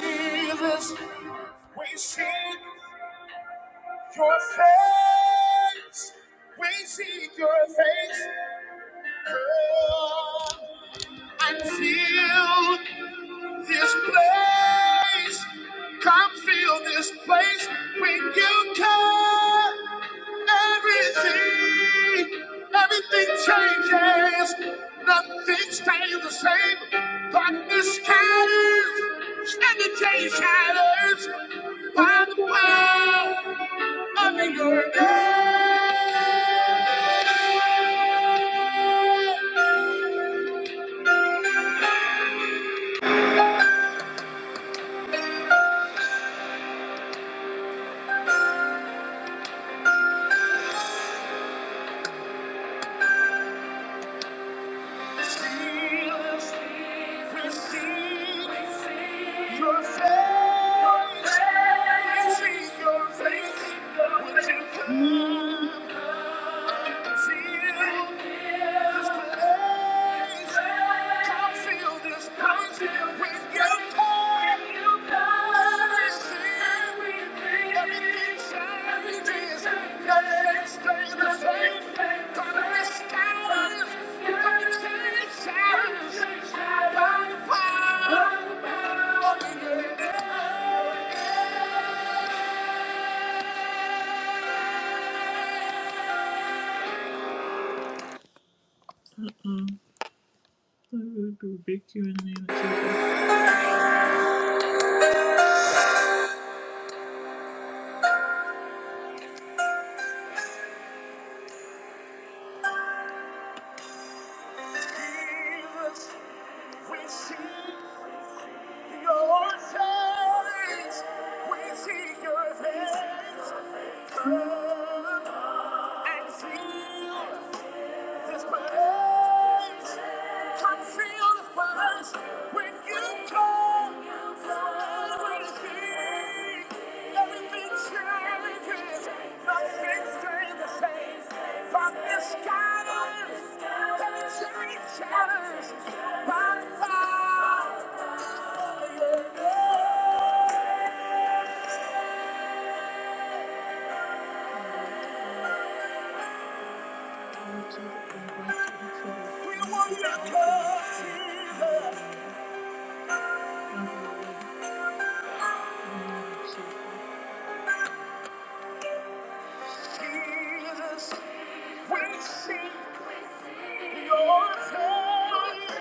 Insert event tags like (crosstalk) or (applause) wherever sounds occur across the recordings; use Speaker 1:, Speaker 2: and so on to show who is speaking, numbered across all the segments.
Speaker 1: Jesus, we seek your face. We seek your face. Come and fill this place. Come fill this place when you come. Everything, everything changes. Nothing stays the same. Darkness scatters, and the day shatters by the power of your name. Receive, receive your faith. Receive your faith. Would you come? Jesus, we see. Your face, we see your hand and feel this place. Come feel the fires when you come. Everything, everything changes. Nothing stays the same. From the scatters, every chain shatters by fire. We worship God, Jesus. Jesus, we seek your face.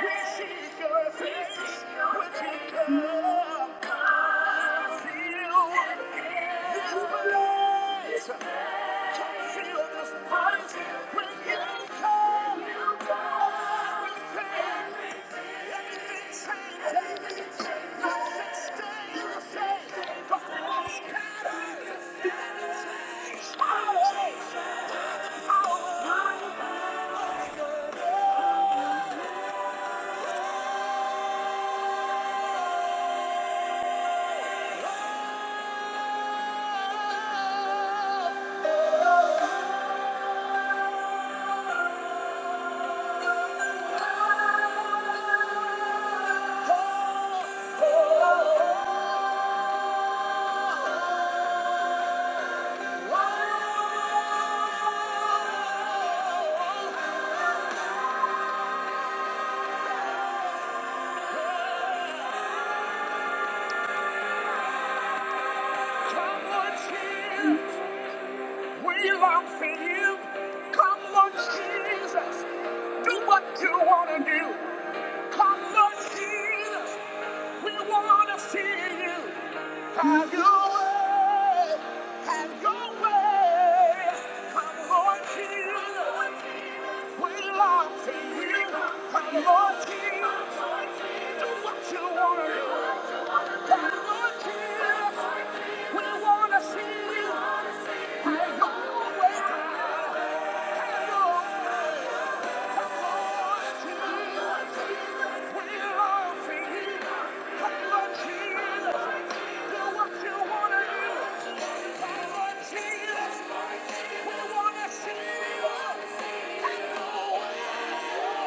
Speaker 1: We seek your face. We seek your Oh! We wanna see you. Have your way. Have your way. Come Lord Jesus. We love to you. Come Lord Jesus. Do what you wanna do. Come Lord Jesus. We wanna see you. Have your way. Have your way. We wanna see you.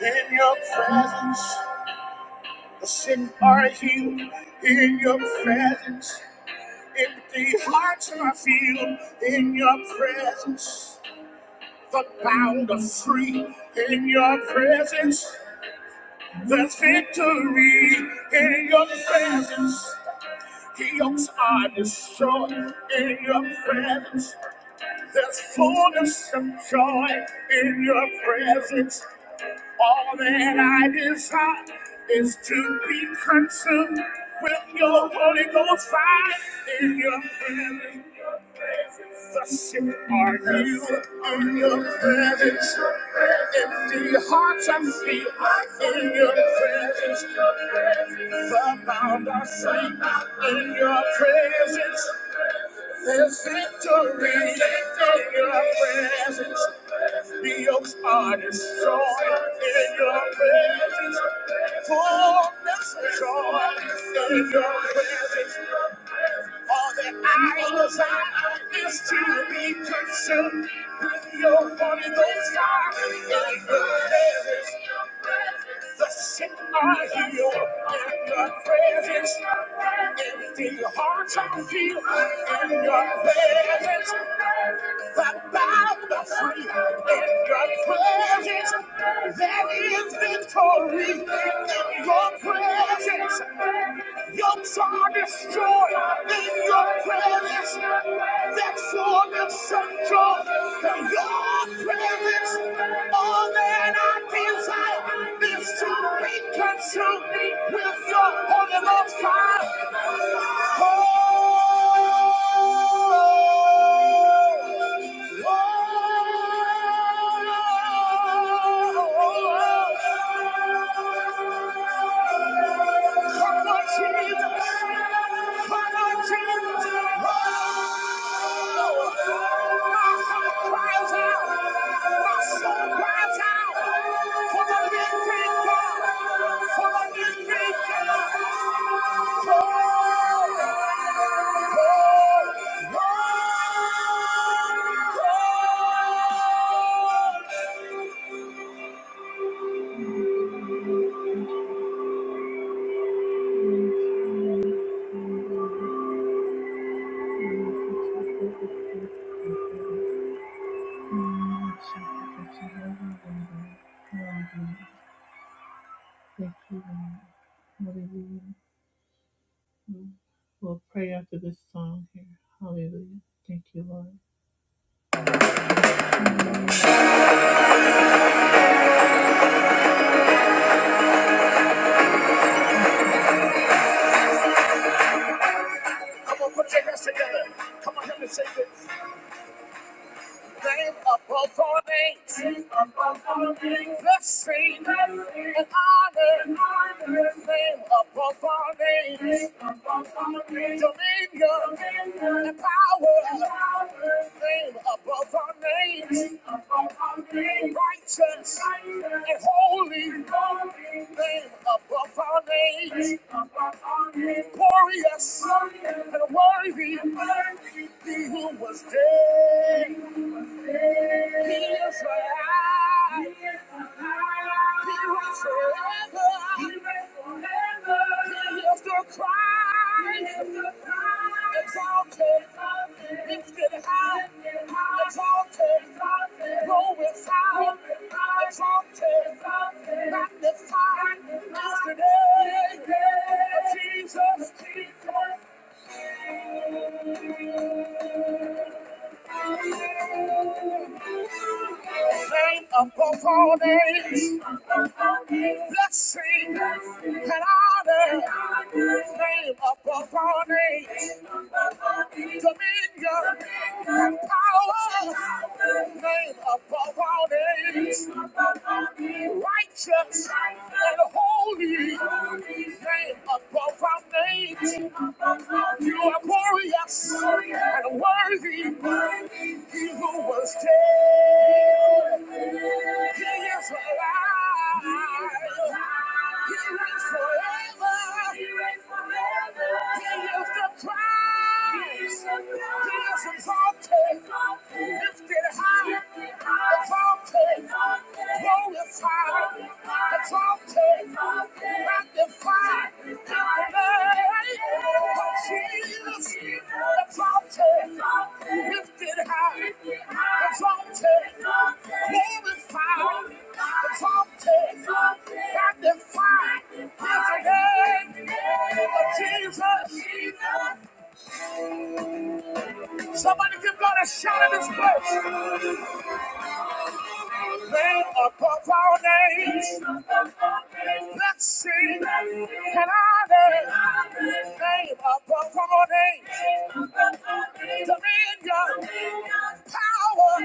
Speaker 1: In your presence, the sin are healed. In your presence, empty hearts are filled. In your presence, the bound are free. In your presence. There's victory in your presence. Yokes are destroyed in your presence. There's fullness of joy in your presence. All that I desire is to be consumed with your Holy Ghost fire in your presence. The sick are healed in your presence. Empty hearts are filled in your presence. The bound are free in your presence. There's victory in your presence. The yokes are destroyed in your presence. Fullness of joy in your presence. All that I desire is to be consumed with your Holy Ghost fire in your presence. The sick are healed, and your presence, empty hearts are healed, and your presence, the bound are free, in your presence, there is victory, in your presence. Your time destroyed in your prayer is that's all that's central. And your prayer is all that I desire is to be consumed with your holy love's fire. Oh, Lord Jesus, Lord Jesus, oh. Thank you, Lord. Hallelujah. We'll pray after this song here. Hallelujah. Thank you, Lord. Put your hands together above all names, dominion, power, name above all names. righteous and holy name above our names, glorious and worthy, he who was dead. He is alive. He is alive. He lives forever. He lives forever. He is the Christ. He is the Christ. Exalted. Exalted. Lifted high. Lifted high. Exalted. Exalted. Glorified. Glorified. Exalted. Exalted. Magnified. Magnified. Yesterday. Yesterday. Jesus. Jesus. name above all names. Blessing and honor, name above all names. Dominion and power, name above all names. Righteous and holy, name above all names. You are glorious and worthy. He who was dead, he is alive. He reigns forever. He is the Christ. Jesus, Somebody give God a shout in this place. Name above all names, blessing and honor. Name above all names, dominion, power.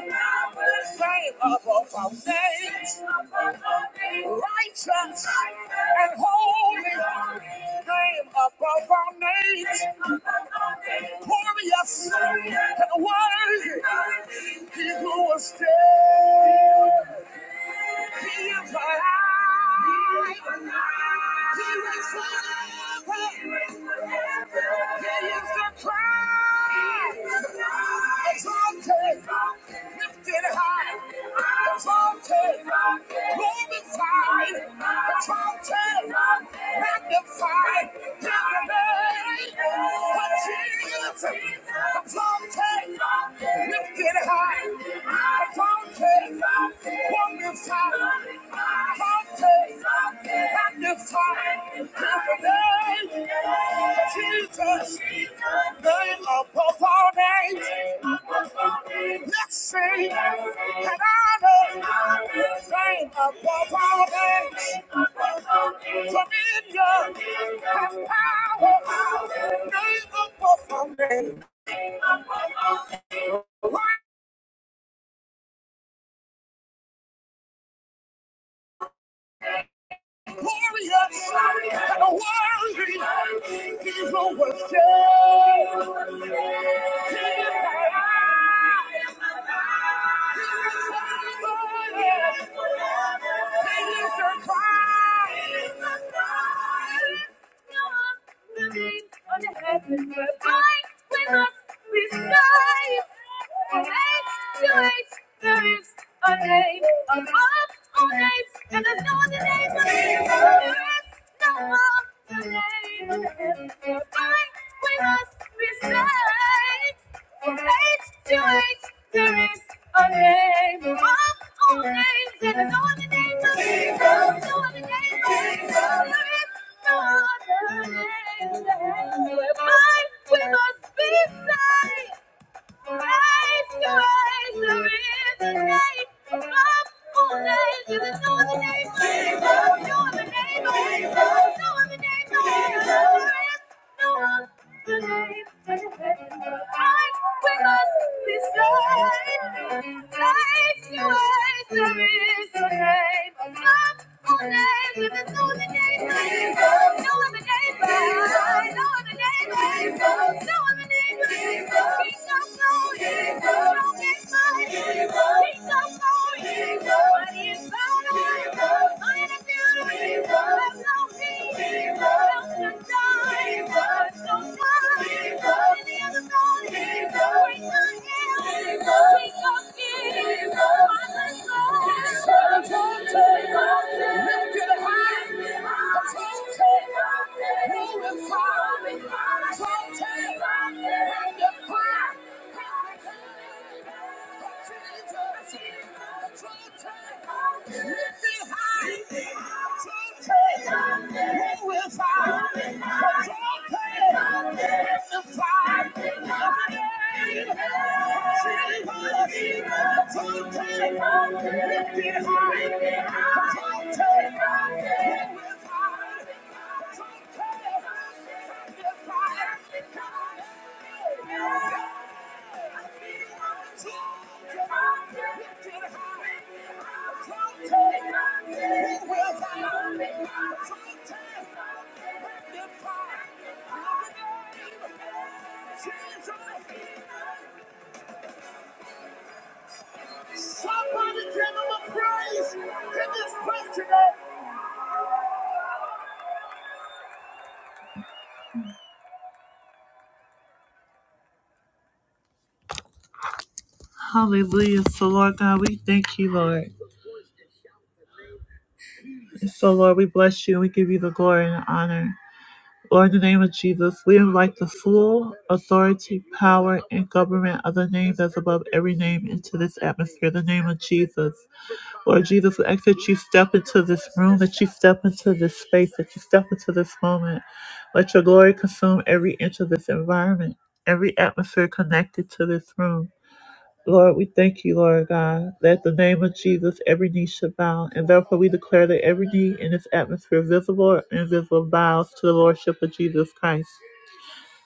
Speaker 1: Name above all names, righteous and holy. Name above all names, glorious and worthy. He who was dead. He is alive. He is forever. He is the Christ. Exalted, lifted high. Exalted, glorified. Exalted, magnified. In the name of lifted high. Jesus, name above all names. Let's sing and honor, name above all names. Dominion and power, name above all names. Warriors, and a warrior, he's overshadowed. It is a crime. With my eyes, with my respect, from age to age, a name, a love, a name, there's no other name but Jesus. Bye. We must be saved. No other name. Lift it high. Take Somebody give him a praise. Give this question up. Hallelujah. So, Lord God, we thank you, Lord. And so, Lord, we bless you and we give you the glory and the honor. Lord, in the name of Jesus, we invite the full authority, power, and government of the name that's above every name into this atmosphere, the name of Jesus. Lord Jesus, we ask that you step into this room, that you step into this space, that you step into this moment. Let your glory consume every inch of this environment, every atmosphere connected to this room. Lord, we thank you, Lord God, that the name of Jesus every knee shall bow, and therefore we declare that every knee in this atmosphere, visible and invisible, bows to the Lordship of Jesus Christ.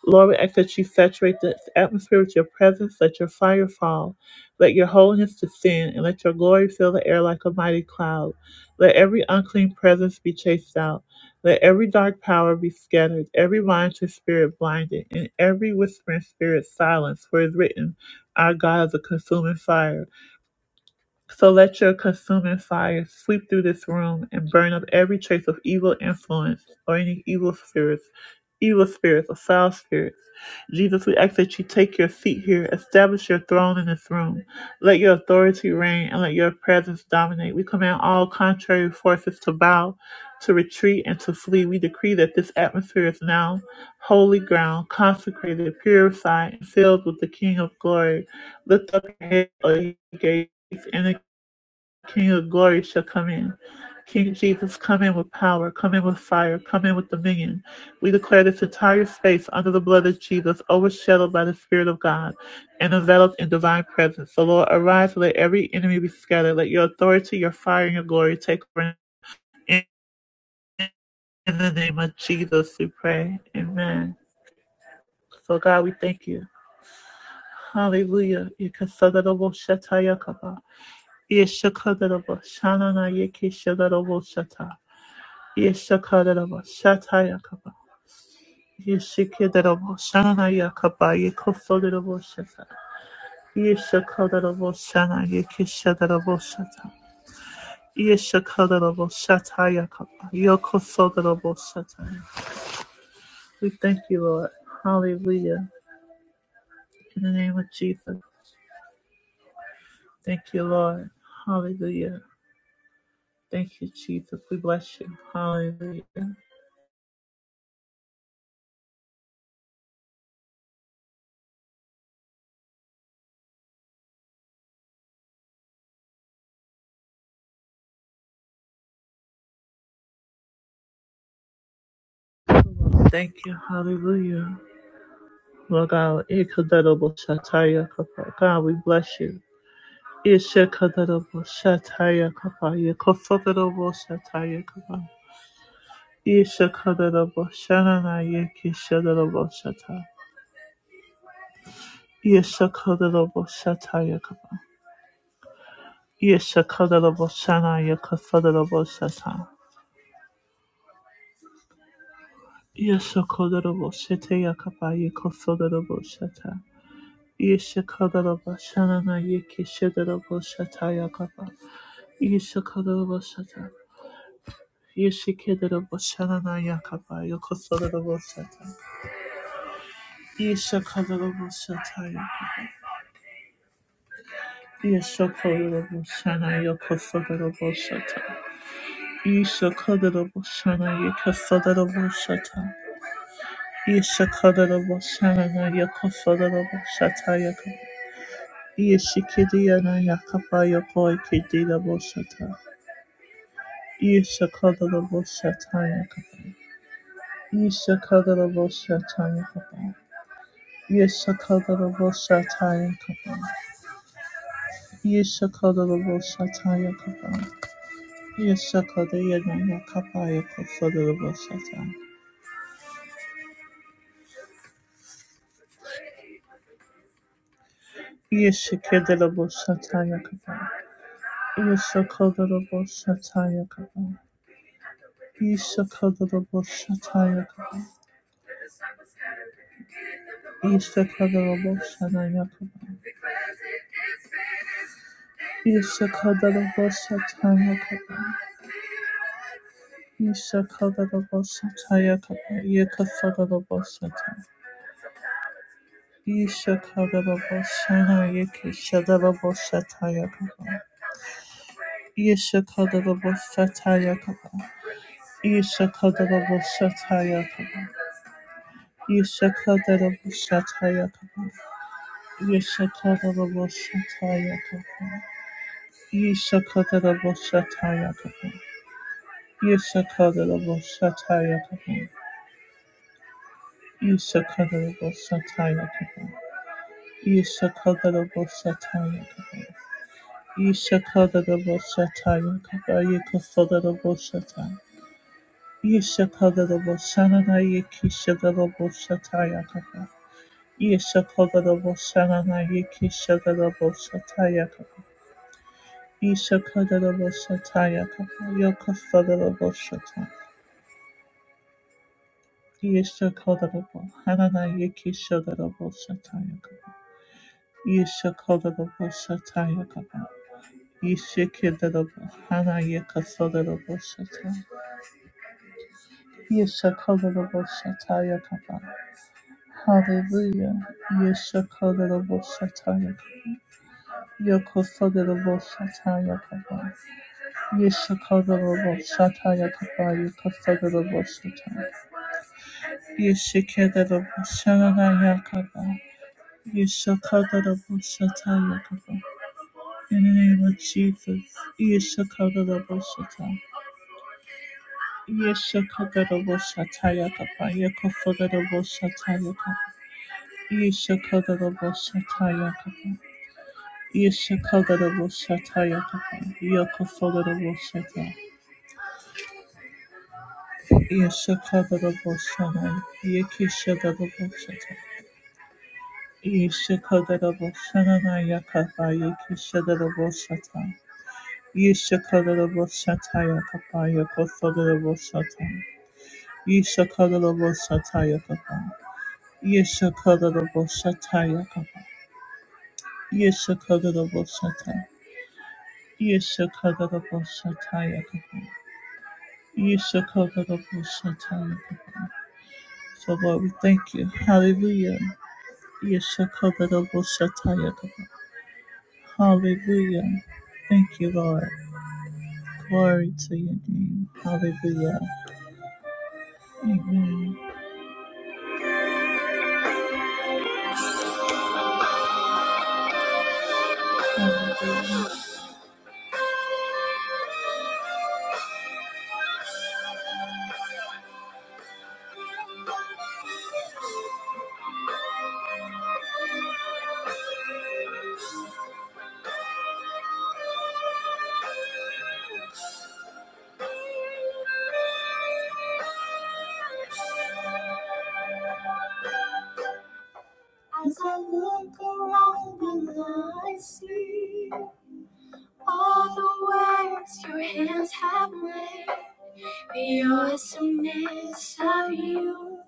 Speaker 1: Lord, we ask that you saturate this atmosphere with your presence. Let your fire fall. Let your holiness descend, and let your glory fill the air like a mighty cloud. Let every unclean presence be chased out. Let every dark power be scattered, every monitoring spirit blinded, and every whispering spirit silenced. For it is written, Our God is a consuming fire. So let your consuming fire sweep through this room and burn up every trace of evil influence or any evil spirits, evil spirits or foul spirits. Jesus, we ask that you take your seat here, establish your throne in this room. Let your authority reign and let your presence dominate. We command all contrary forces to bow, to retreat, and to flee. We decree that this atmosphere is now holy ground, consecrated, purified, and filled with the King of glory. Lift up your head, O ye gates, and King of glory shall come in. King Jesus, come in with power, come in with fire, come in with dominion. We declare this entire space under the blood of Jesus, overshadowed by the Spirit of God and enveloped in divine presence. So, Lord, arise, let every enemy be scattered. Let your authority, your fire, and your glory take over. In the name of Jesus, we pray. Amen. So, God, we thank you. Hallelujah. Yekasadadabo Yeshakadaraba Shatayakaba. Yeshikadaraba Shanayakaba Yekosodaraba Shata. Yeshakadaraba Shana Yekishadaraba Shata. Yeshakadaraba Shatayakaba Yokosodaraba Shata. We thank you, Lord. Hallelujah. In the name of Jesus. Thank you, Lord. Hallelujah. Thank you, Jesus. We bless you. Hallelujah. Thank you. Hallelujah. Lord God, Yekadarobo Shatayakaba. God, we bless you. Ishakadarabo Shataya Kapa Yakosadarabo Shataya Kapa Ishakadarabo Shanana Yakishadarabo Shata Ishakadarabo Shataya Kapa Ishakadarabo Shana Yakosadarabo Shata Ishakadarabo Shataya Kapa Yakosadarabo Shata Ishakadarabo Shanana Yakishadarabo Shataya Kapa Ishakadarabo Shata Yeshikadarabo Shanana Yakapa Yakosadarabo Shata Ishakadalabosataya. Ishakadalabosana yakasadalabosata. Ishakadalabosana yakasadalabosata. Ishakadalabosana yakasadalabosata yaka. Ishikidiyana yakapa yakoikidilabosata. Ishakadalabosata yakapa. Ishakadalabosata yakapa. Ishakadalabosata yakapa. Ishakadalabosata yakapa. Yeshakada Yadaya Kapaya Kofodabo Satan. Yeshakadabo Sataya Kapa. Yeshakadabo Sataya Kapa. Yeshakadabo Sataya Kapa. Yeshakadabo Sanaya Kapa. Yeshakadabo Sataya Kapa. Yeshakadabo Sataya Kapa. Yekafadabo Satan. Yeshakadabo Sanaya Kishadabo Sataya Kapa. Yeshakadabo Sataya Kapa. Yeshakadabashatayakaba. Yeshakadabashatayakaba. Yeshakadabashatayakaba. Yeshakadabashatayakaba. Yeshakadabashatayakaba. Yeshakadabashatayakaba. Yeshakadabashatayakaba. Yeshakadabashatayakaba. Yekasadabashatay. Yeshakadabashananayekishadabashatayakaba. Yeshakadaboshanana Yikishakadaboshatayakaba. Yishakadaboshatayakaba. Yokafadaboshatayakaba. Yesha Kodabo, Hanana Yiki Shodarabo Satayakaba, Yesha Kodabo Satayakaba, Yeshikidabo, Hana Yaka Sodarabo Sata, Yesha Kodabo Satayakaba, Hallelujah, Yesha Kodabo Satayakaba, Yoko Sodarabo Satayakaba, Yeshakarobo Shataya Kabaya Kasarobo Shata. Yeshakarobo Shanaya Kaba. Yeshakarobo Shataya Kaba. In the name of Jesus. Yeshakarobo Shata. Yeshakarobo Shataya Kaba. Yakasarobo Shataya Kaba. Yeshakarobo Shataya Kaba. Yeshakarobo Shataya Kaba. Yakasarobo Shata. Yeshakadaraboshana, Yekishadaraboshata, Yeshakadaraboshana Yakapa, Yekishadaraboshata, Yeshakadaraboshata Yakapa, Yakosodaraboshata, Yeshakadaraboshata Yakapa, Yeshakadaraboshata Yakapa, Yeshakadaraboshata, Yeshakadaraboshata Yakapa, Yeshakadaraboshata Yakapa. So Lord, we thank you. Hallelujah. Yeshakabadaboshatayadaba. Hallelujah. Thank you, Lord. Glory to your name. Hallelujah. Amen. As I look around and I see all the words your hands have made, the awesomeness of you.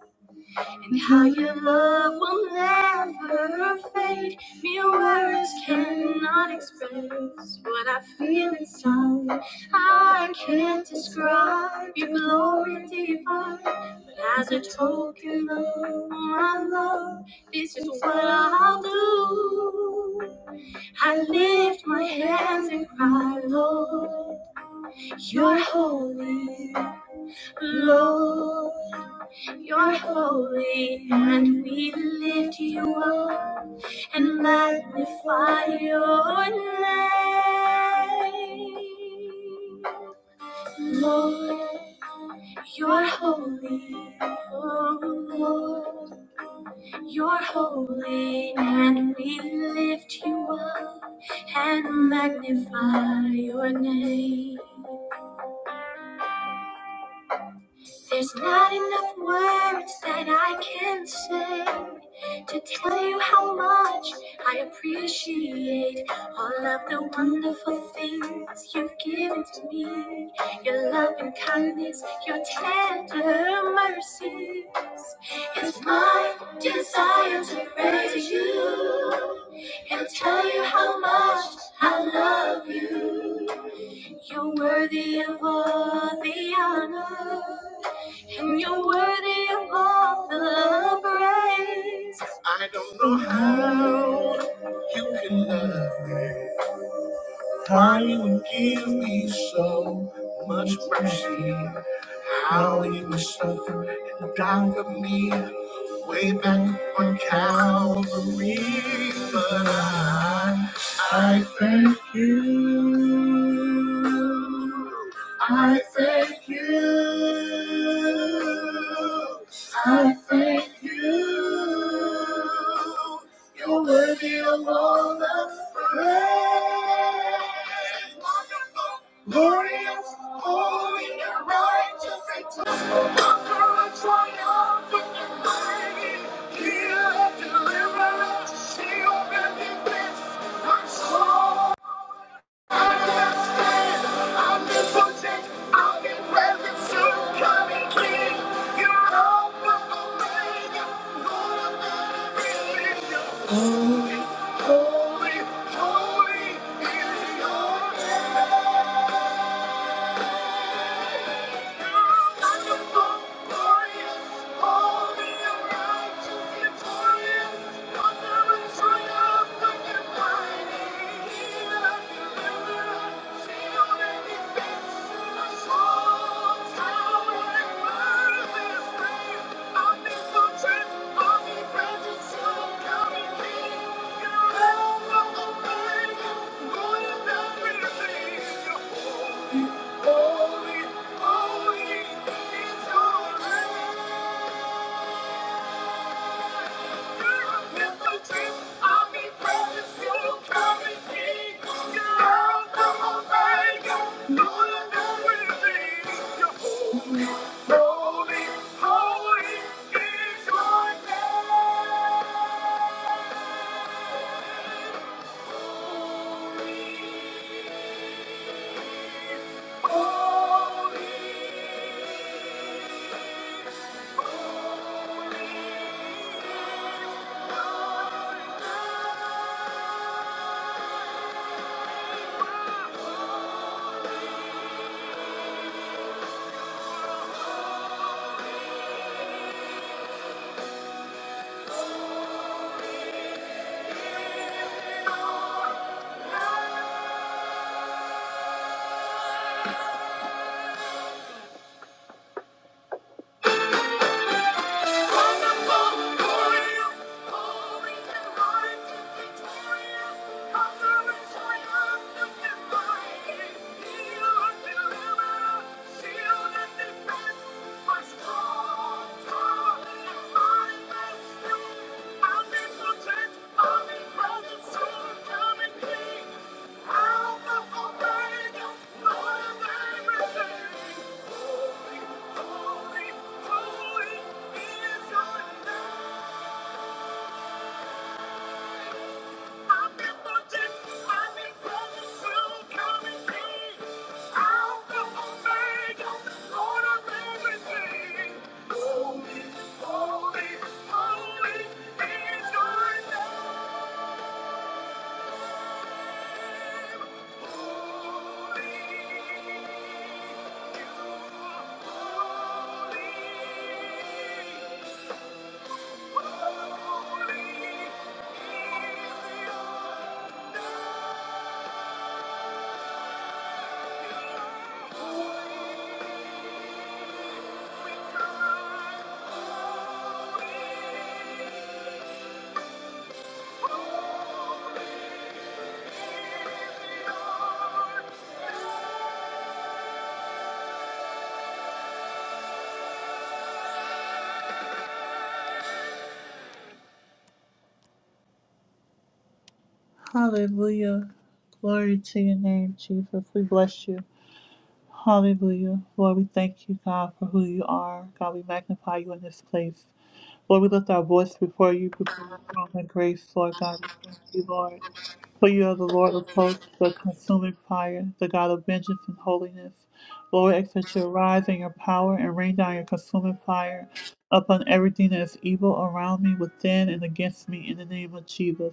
Speaker 1: And how your love will never fade. Mere words cannot express what I feel inside. I can't describe your glory divine. But as a token of my love, this is what I'll do. I lift my hands and cry, Lord. You're holy, Lord. You're holy, and we lift you up and magnify your name. Lord, you're holy, oh Lord. You're holy, and we lift you up and magnify your name. There's not enough words that I can say to tell you how much I appreciate all of the wonderful things you've given to me. Your love and kindness, your tender mercies. It's my desire to praise you and tell you how much I love you. You're worthy of all the honor, and you're worthy of all the praise. I don't know how you can love me. How you give me so much mercy. How you suffer and die for me way back on Calvary. But I, I thank you. I thank you. I'll be present soon, coming King. You're all the Omega, Lord of the way. Holy, holy is your name. Wonderful, glorious, holy and righteous, victorious, wonder and triumphant and mighty. Healer, precious, you coming King. You're Alpha, Omega, Lord of everything. You're holy, holy is your name. Hallelujah. Glory to your name, Jesus. We bless you. Hallelujah. Lord, we thank you, God, for who you are. God, we magnify you in this place. Lord, we lift our voice before you, before your throne and grace, Lord God. We thank you, Lord. For you are the Lord of hosts, the consuming fire, the God of vengeance and holiness. Lord, ask that you arise in your power and rain down your consuming fire upon everything that is evil around me, within, and against me, in the name of Jesus.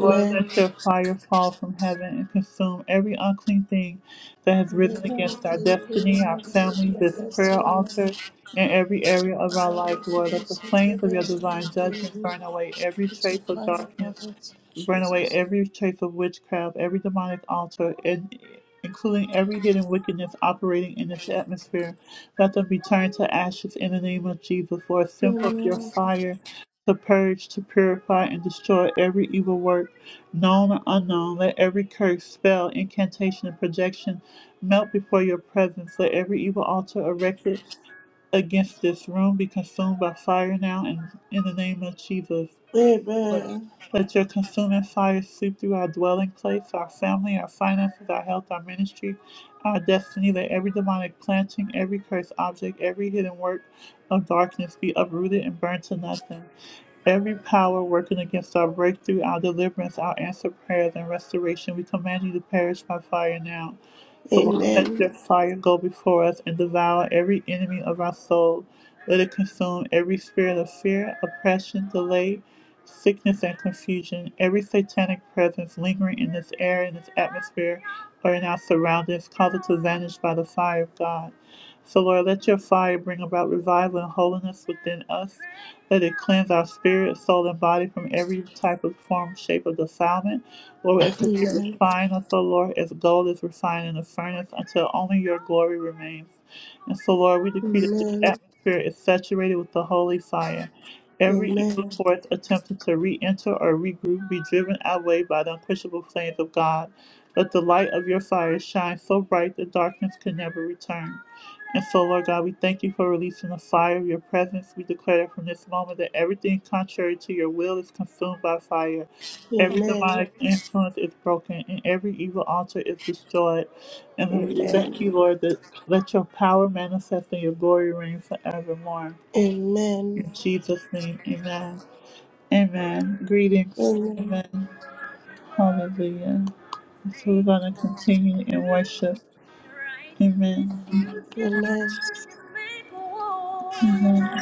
Speaker 1: Lord, let your fire fall from heaven and consume every unclean thing that has
Speaker 2: And then I
Speaker 1: risen
Speaker 2: now
Speaker 1: against our
Speaker 2: pray for
Speaker 1: destiny, our
Speaker 2: Lord, with
Speaker 1: family,
Speaker 2: my
Speaker 1: this prayer
Speaker 2: destiny,
Speaker 1: altar, and every area of our
Speaker 2: my
Speaker 1: life, Lord. Let the
Speaker 2: residence,
Speaker 1: flames of
Speaker 2: certainly I
Speaker 1: your divine
Speaker 2: pray, they
Speaker 1: judgment
Speaker 2: remove
Speaker 1: burn away every
Speaker 2: with a
Speaker 1: trace of
Speaker 2: fire
Speaker 1: darkness
Speaker 2: bottles in
Speaker 1: Burn away
Speaker 2: Jesus.
Speaker 1: every trace of witchcraft, every demonic altar, and including every hidden wickedness operating in this atmosphere. Let them be turned to ashes in the name of Jesus, Lord. Send forth your
Speaker 2: Amen.
Speaker 1: fire to purge, to purify, and destroy every evil work, known or unknown. Let every curse, spell, incantation, and projection melt before your presence. Let every evil altar erected against this room be consumed by fire now and in the name of Jesus. Lord.
Speaker 2: Amen.
Speaker 1: Let your consuming fire sweep through our dwelling place, our family, our finances, our health, our ministry, our destiny. Let every demonic planting, every cursed object, every hidden work of darkness be uprooted and burned to nothing. Every power working against our breakthrough, our deliverance, our answered prayers, and restoration, we command you to perish by fire now. So, Lord,
Speaker 2: Amen.
Speaker 1: let your fire go before us and devour every enemy of our soul. Let it consume every spirit of fear, oppression, delay, sickness, and confusion. Every satanic presence lingering in this air, in this atmosphere, or in our surroundings, cause it to vanish by the fire of God. So, Lord, let your fire bring about revival and holiness within us. Let it cleanse our spirit, soul, and body from every type of form, shape of defilement. Lord, we ask that you refine us, O Lord, as gold is refined in the furnace until only your glory remains. And so, Lord, we decree that this
Speaker 2: Amen.
Speaker 1: atmosphere is saturated with the holy fire.
Speaker 2: Amen.
Speaker 1: Every
Speaker 2: Amen.
Speaker 1: evil force attempting to re enter or regroup be driven away by the unquenchable flames of God. Let the light of your fire shine so bright that darkness can never return. And so, Lord God, we thank you for releasing the fire of your presence. We declare that from this moment that everything contrary to your will is consumed by fire. Every demonic influence is broken and every evil altar is destroyed.
Speaker 2: Amen.
Speaker 1: And
Speaker 2: Amen. Amen.
Speaker 1: then
Speaker 2: Amen.
Speaker 1: we thank you, Lord, that let your power manifest and your glory reign forevermore. In Jesus' name, amen. Amen. Greetings.
Speaker 2: Amen.
Speaker 1: Amen. Hallelujah. So we're going to continue in worship. Amen. Amen.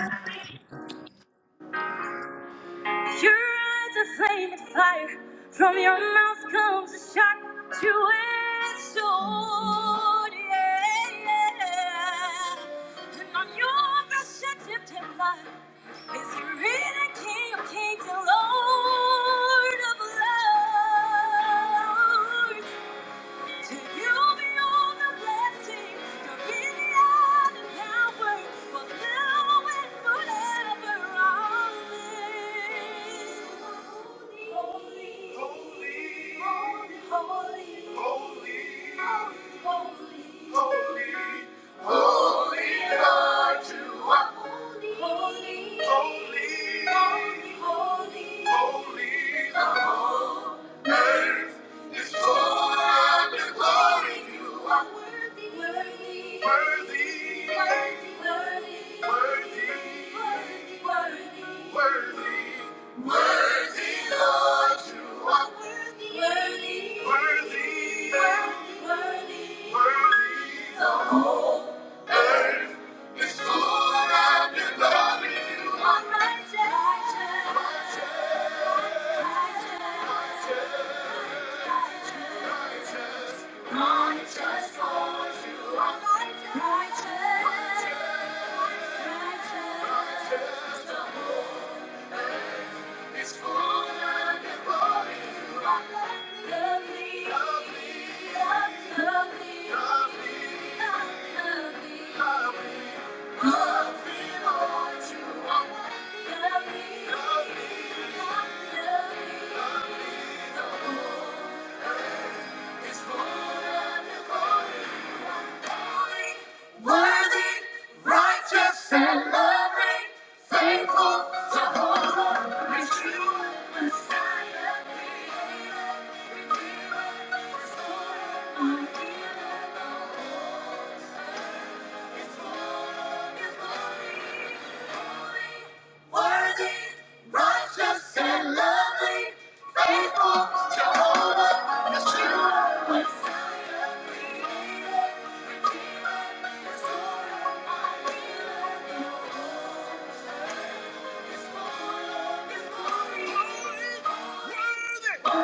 Speaker 1: Your eyes are flaming fire. From your mouth comes a sharp, two-edged sword. Yeah, yeah. And on your breast, a tempting fire is your inner King of Kings and Lord of Lords. To you be all the blessings, dominion and power, for now and forever. Amen. holy, holy, holy, holy, holy. Holy are you, holy, holy, holy, holy, holy. The whole earth is full of the glory. You are worthy, worthy, worthy, worthy, worthy, worthy, worthy. It's full of the glory. You are righteous, righteous, righteous. Righteous, righteous, righteous, the whole earth is full of your glory. You are lovely, lovely, lovely, lovely, lovely, Lord. You are lovely, lovely, lovely. The whole is full of your glory. Worthy, righteous, and loving, faithful, Jehovah, true, Messiah, Creator, Redeemer, Restorer, Unhealed, Is holy, is holy, holy. Worthy, righteous, and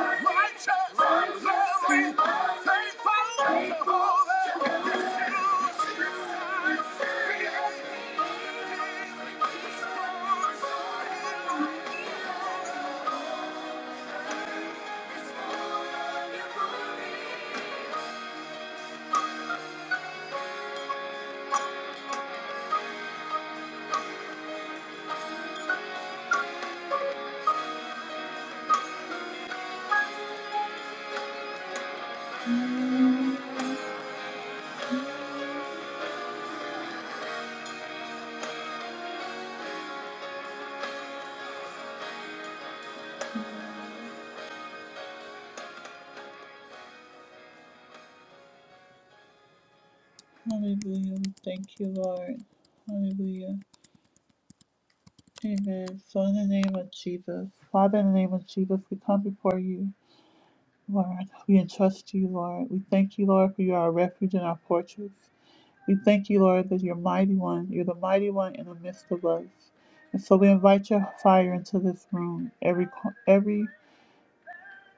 Speaker 1: righteous, righteous, and faithful, faithful, Jehovah. Hallelujah. Thank you, Lord. Hallelujah. Amen. So in the name of Jesus, Father, in the name of Jesus, we come before you, Lord. We entrust you, Lord. We thank you, Lord, for you are our refuge and our fortress. We thank you, Lord, that you're mighty one. You're the mighty one in the midst of us. And so we invite your fire into this room. Every co- every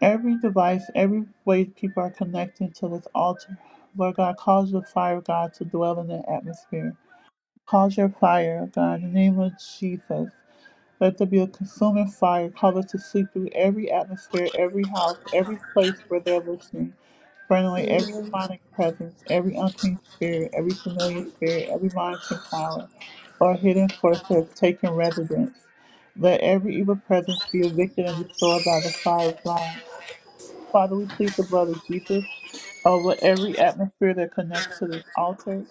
Speaker 1: every device, every way people are connected to this altar. Lord God, cause your fire, God, to dwell in the atmosphere. Cause your fire, God, in the name of Jesus. Let there be a consuming fire, cause it to sweep through every atmosphere, every house, every place where they're listening, burn away every demonic presence, every unclean spirit, every familiar spirit, every monitoring power, or hidden force that has taken residence. Let every evil presence be evicted and destroyed by the fire of God. Father, we plead the blood of Jesus over every atmosphere that connects to this altar,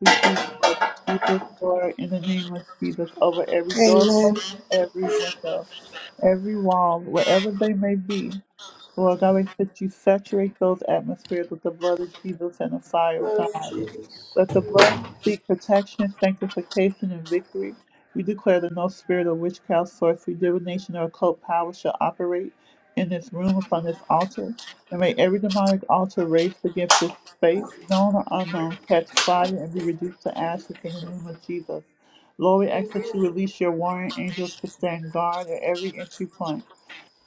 Speaker 1: we plead the blood of Jesus, Lord, in the name of Jesus, over every doorpost, every window, every wall, wherever they may be. Lord God, we ask that you saturate those atmospheres with the blood of Jesus and the fire of God. Let the blood seek protection, sanctification, and victory. We declare that no spirit of witchcraft, sorcery, divination, or occult power shall operate in this room upon this altar. And may every demonic altar raised against this space, known or unknown, catch fire and be reduced to ashes in the name of Jesus. Lord, we ask that you release your warring angels to stand guard at every entry point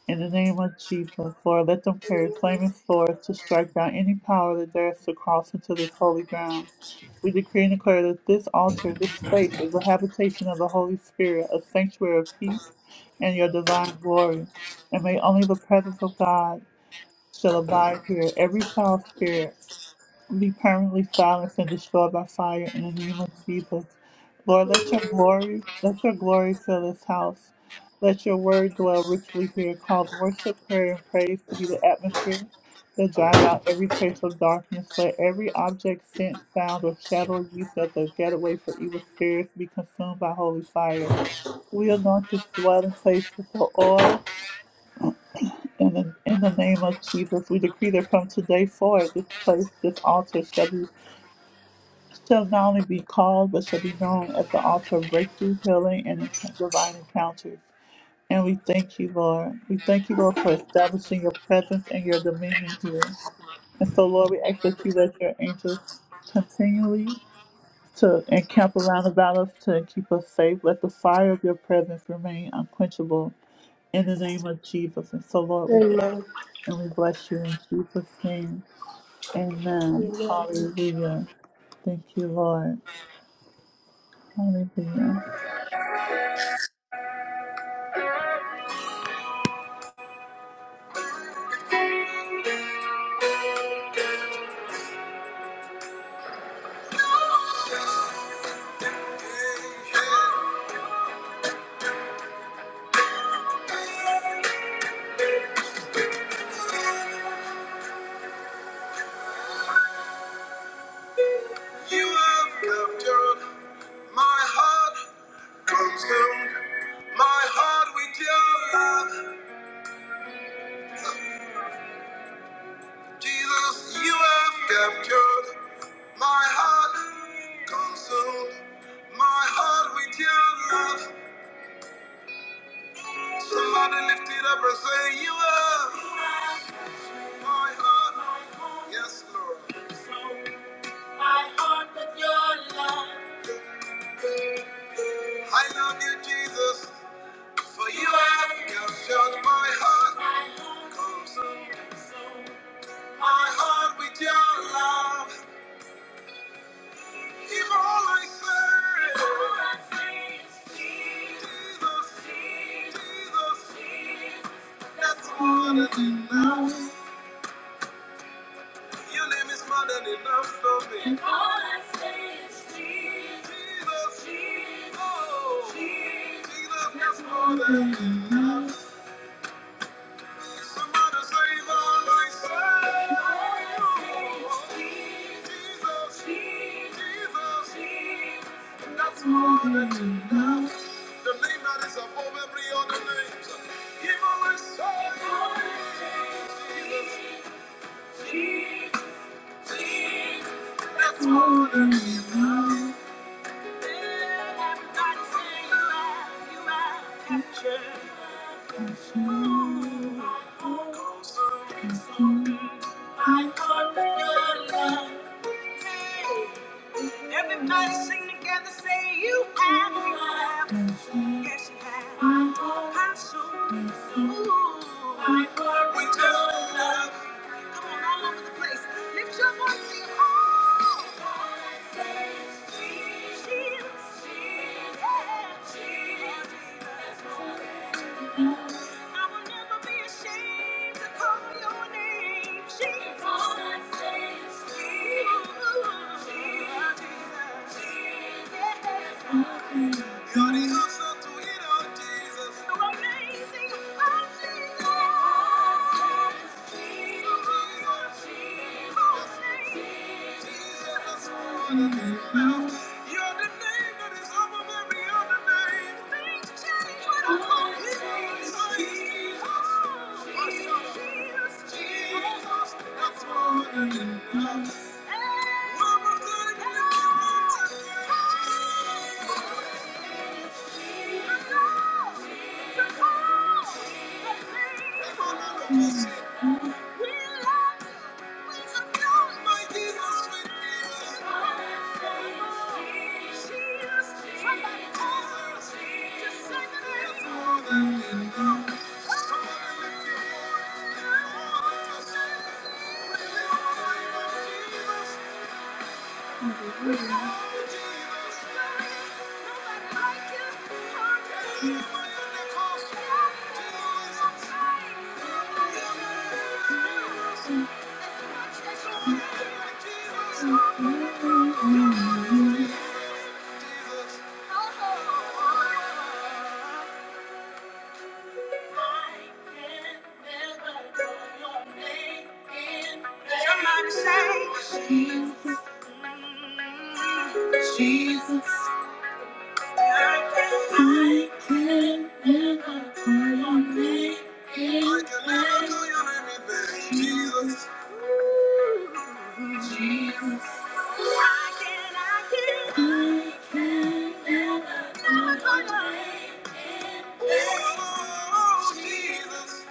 Speaker 1: in the name of Jesus, Lord, let them carry flaming swords to strike down any power that dares to cross into this holy ground. We decree and declare that this altar, this space, is a habitation of the Holy Spirit, a sanctuary of peace and your divine glory. And may only the presence of God shall abide here. Every foul spirit, be permanently silenced and destroyed by fire in the name of Jesus. Lord, let your glory, let your glory fill this house. Let your word dwell richly here. Cause worship, prayer, and praise to be the atmosphere that drives out every trace of darkness. Let every object, scent, sound, or shadow used as a getaway for evil spirits be consumed by holy fire. We anoint this dwelling place with the oil in the, in the name of Jesus. We decree that from today forward, this place, this altar shall be shall not only be called, but shall be known as the altar of breakthrough, healing, and enc- divine encounters. And we thank you, Lord. We thank you, Lord, for establishing your presence and your dominion here. And so, Lord, we ask that you let your angels continually to encamp around about us to keep us safe. Let the fire of your presence remain unquenchable in the name of Jesus. And so,
Speaker 2: Amen. Amen.
Speaker 1: Lord, we
Speaker 2: Amen.
Speaker 1: and we bless you in Jesus' name. Amen.
Speaker 2: Amen.
Speaker 1: Hallelujah. Thank you, Lord. Hallelujah. You have captured my heart, consumed my heart with your love. Jesus, you have captured my heart, consumed my heart with your love. Somebody lift it up and say, You have my heart. Yes, Lord. I love you, Jesus, for you have captured my heart, consumed my heart with your love. Give all I serve. Jesus, Jesus, that's more than enough. Your name is more than enough for me. Jesus, Jesus, Jesus, that's more than Somebody save all I serve." Jesus, Jesus, the name that is above every other name. Give all I serve. Jesus, Jesus. That's more than you really can share. I can't realize. Everybody sing together, say you have, you have, yes you have. My heart has so Ooh, my heart we just love. you. Come on, all over the place. Lift your voice, sing oh. Jesus, Jesus, Jesus. I will never be ashamed to call your name, Jesus. All I say is Jesus, Jesus, Jesus. You're so sweet, oh Jesus. So amazing, oh Jesus. All I say is Jesus, Jesus, Jesus. Jesus. You're the name that is above every other name. Things change when I call you Jesus. Jesus, Jesus, that's more than enough. One more time, let me hear it. Jesus.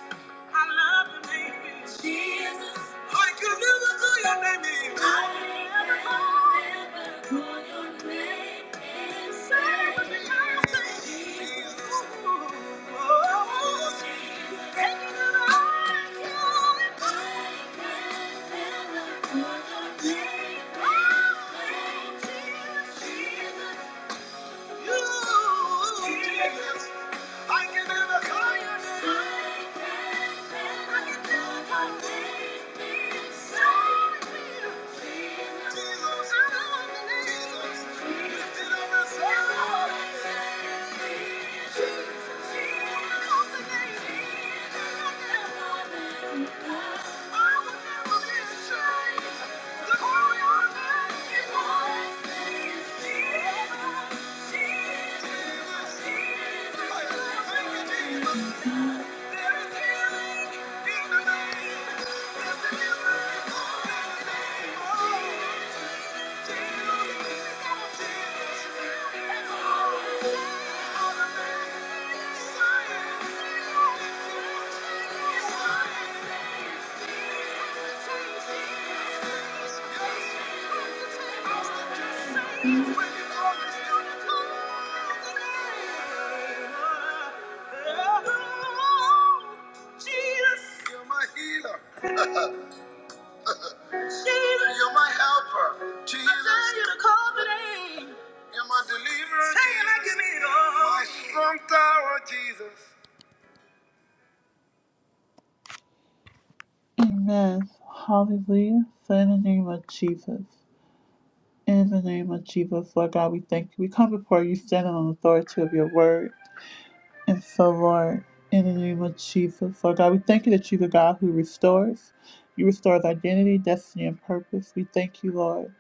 Speaker 1: I love the name of Jesus. I could never call your name. in vain. I can never call your name. in vain. Jesus. I can never call your name. in vain. Jesus. You're my healer. You're my helper. Jesus, you're my deliverer. Say like My strong Jesus. Amen. Hallelujah. So in the name of Jesus. In the name of Jesus, Lord God, we thank you. We come before you standing on the authority of your word. And so, Lord, in the name of Jesus, Lord God, we thank you that you're the God who restores. You restore identity, destiny, and purpose. We thank you, Lord.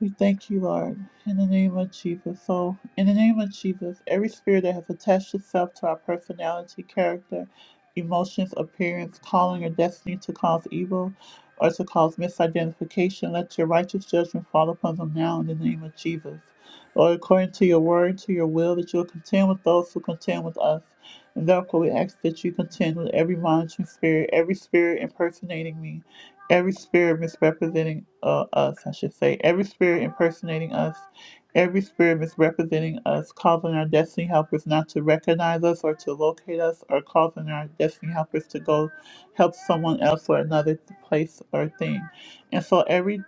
Speaker 1: We thank you, Lord, in the name of Jesus. So, in the name of Jesus, every spirit that has attached itself to our personality, character, emotions, appearance, calling, or destiny to cause evil or to cause misidentification, let your righteous judgment fall upon them now in the name of Jesus. Lord, according to your word, to your will, that you will contend with those who contend with us. And therefore, we ask that you contend with every monitoring spirit, every spirit impersonating me every spirit misrepresenting uh, us, I should say, every spirit impersonating us, every spirit misrepresenting us, causing our destiny helpers not to recognize us or to locate us, or causing our destiny helpers to go help someone else or another place or thing. And so every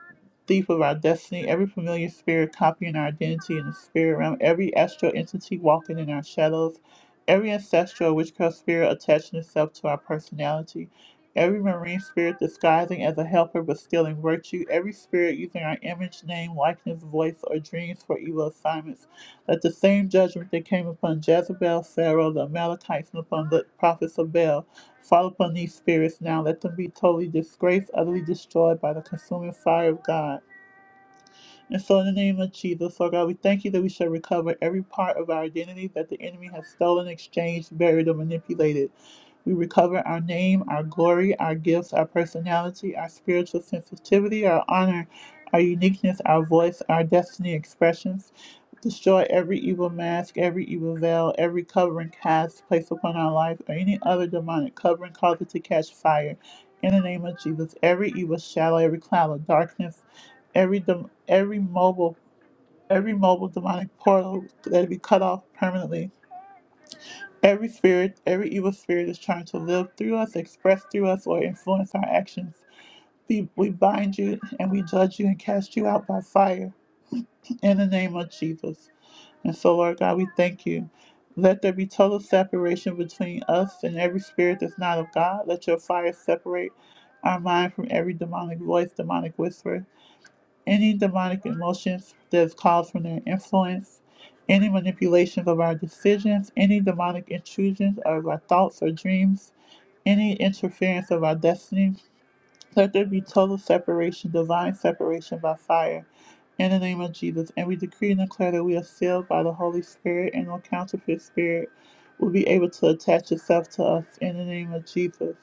Speaker 1: thief of our destiny, every familiar spirit copying our identity in the spirit realm, every astral entity walking in our shadows, every ancestral witchcraft spirit attaching itself to our personality Every marine spirit disguising as a helper but stealing virtue, every spirit using our image, name, likeness, voice, or dreams for evil assignments. Let the same judgment that came upon Jezebel, Pharaoh, the Amalekites, and upon the prophets of Baal fall upon these spirits now. Let them be totally disgraced, utterly destroyed by the consuming fire of God. And so, in the name of Jesus, Lord God, we thank you that we shall recover every part of our identity that the enemy has stolen, exchanged, buried, or manipulated. We recover our name, our glory, our gifts, our personality, our spiritual sensitivity, our honor, our uniqueness, our voice, our destiny expressions. Destroy every evil mask, every evil veil, every covering cast placed upon our life, or any other demonic covering cause it to catch fire. In the name of Jesus, every evil shadow, every cloud of darkness Every dem- every mobile every mobile demonic portal let it be cut off permanently. Every spirit, every evil spirit is trying to live through us, express through us, or influence our actions. We, we bind you and we judge you and cast you out by fire in the name of Jesus. And so, Lord God, we thank you. Let there be total separation between us and every spirit that's not of God. Let your fire separate our mind from every demonic voice, demonic whisper. any demonic emotions that is caused from their influence, any manipulations of our decisions, any demonic intrusions of our thoughts or dreams, any interference of our destiny. Let there be total separation, divine separation by fire. In the name of Jesus, and we decree and declare that we are sealed by the Holy Spirit, and no counterfeit spirit will be able to attach itself to us. In the name of Jesus,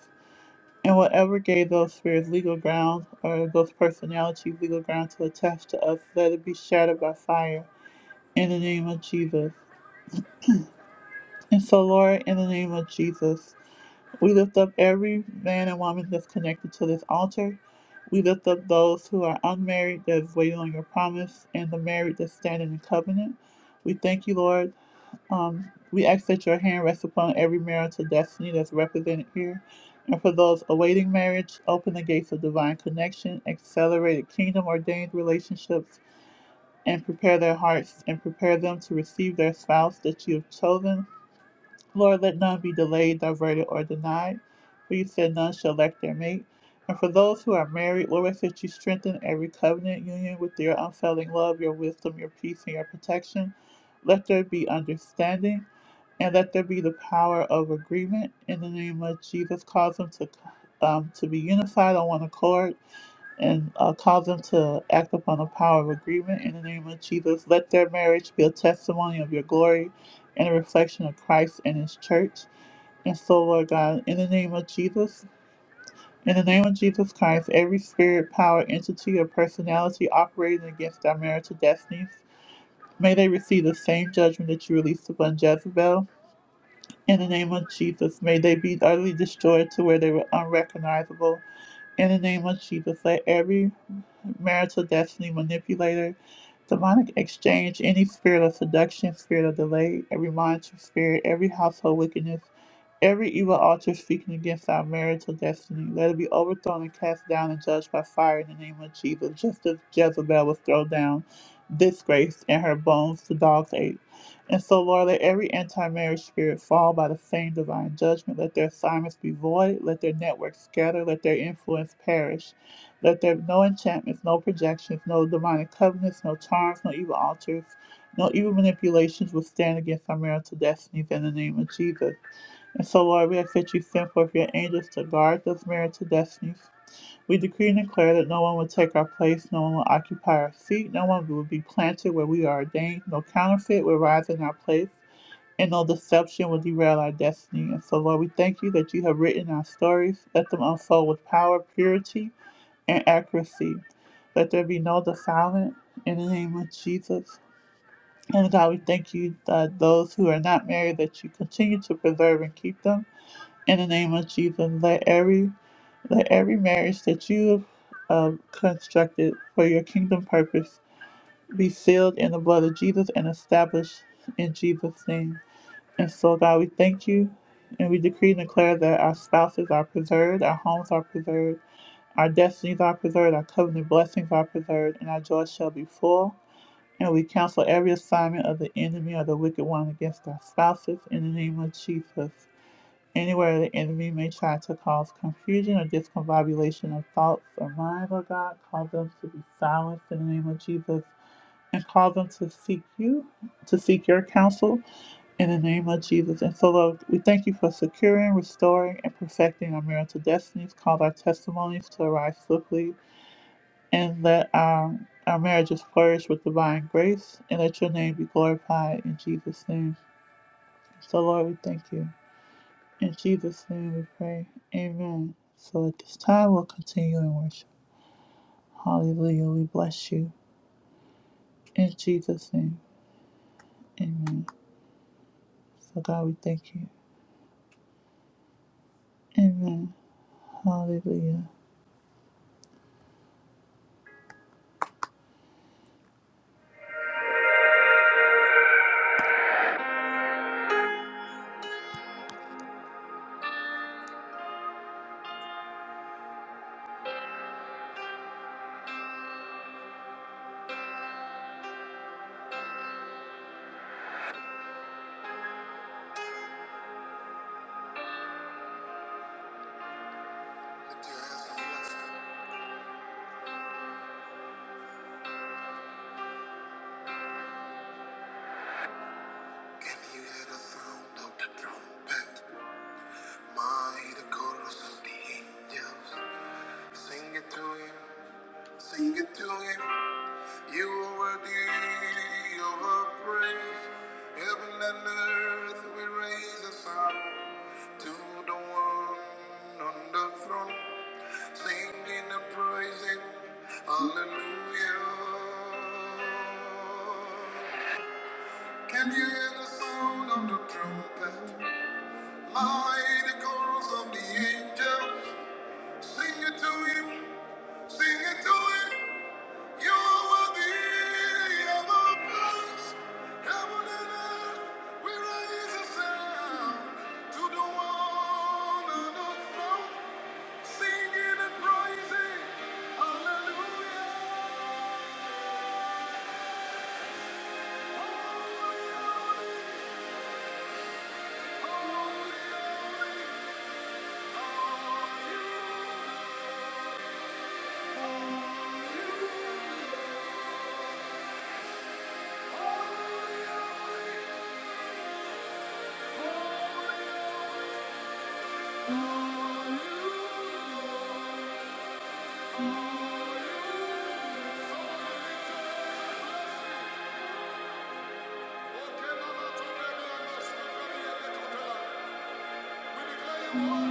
Speaker 1: and whatever gave those spirits legal grounds or those personalities legal ground to attach to us, let it be shattered by fire in the name of Jesus. And so, Lord, in the name of Jesus, we lift up every man and woman that's connected to this altar. We lift up those who are unmarried that's waiting on your promise and the married that's standing in covenant. We thank you, Lord, um, we ask that your hand rest upon every marital destiny that's represented here. And for those awaiting marriage, open the gates of divine connection, accelerated kingdom ordained relationships, and prepare their hearts and prepare them to receive their spouse that you have chosen. Lord, let none be delayed, diverted, or denied, for you said none shall lack their mate. And for those who are married, Lord, ask that you strengthen every covenant union with your unfailing love, your wisdom, your peace, and your protection. Let there be understanding and let there be the power of agreement in the name of Jesus. Cause them to um, to be unified on one accord, and uh, cause them to act upon the power of agreement in the name of Jesus. Let their marriage be a testimony of your glory and a reflection of Christ and His church. And so, Lord God, in the name of Jesus. In the name of Jesus Christ, every spirit, power, entity, or personality operating against our marital destinies, may they receive the same judgment that you released upon Jezebel. In the name of Jesus, may they be utterly destroyed to where they were unrecognizable. In the name of Jesus, let every marital destiny manipulator, demonic exchange, any spirit of seduction, spirit of delay, every monitoring spirit, every household wickedness, Every evil altar speaking against our marital destiny, let it be overthrown and cast down and judged by fire in the name of Jesus, just as Jezebel was thrown down, disgraced, and her bones the dogs ate. And so, Lord, let every anti marriage spirit fall by the same divine judgment. Let their assignments be void. Let their networks scatter. Let their influence perish. Let there be no enchantments, no projections, no demonic covenants, no charms, no evil altars, no evil manipulations withstand against our marital destinies in the name of Jesus. And so, Lord, we ask that you send forth your angels to guard those marital destinies. We decree and declare that no one will take our place, no one will occupy our seat, no one will be planted where we are ordained, no counterfeit will rise in our place, and no deception will derail our destiny. And so, Lord, we thank you that you have written our stories. Let them unfold with power, purity, and accuracy. Let there be no defilement in the name of Jesus. And God, we thank you that those who are not married, that you continue to preserve and keep them in the name of Jesus. Let every let every marriage that you have uh, constructed for your kingdom purpose be sealed in the blood of Jesus and established in Jesus' name. And so, God, we thank you, and we decree and declare that our spouses are preserved, our homes are preserved, our destinies are preserved, our covenant blessings are preserved, and our joy shall be full. And we cancel every assignment of the enemy or the wicked one against our spouses in the name of Jesus. Anywhere the enemy may try to cause confusion or discombobulation of thoughts or mind, Lord God, cause them to be silenced in the name of Jesus and cause them to seek you, to seek your counsel in the name of Jesus. And so, Lord, we thank you for securing, restoring, and perfecting our marital destinies. Cause our testimonies to arise swiftly and let our, our marriages flourish with divine grace and let your name be glorified in Jesus' name. So, Lord, we thank you. In Jesus' name we pray. Amen. So at this time, we'll continue in worship. Hallelujah. We bless you. In Jesus' name. Amen. So God, we thank you. Amen. Hallelujah. Can you hear the sound of the trumpet? My, the chorus of the angels. Sing it to him. Sing it to him. You are worthy of our praise. Heaven and earth, we raise a sound to the one on the throne, singing and praising, hallelujah. Can you hear the sound of the trumpet? Mighty chorus of the angels, sing it to him, sing it to him. You will be above us, heaven and We raise a sound to the one on the throne, singing and praising. Hallelujah. Holy, holy, holy are you, Lord.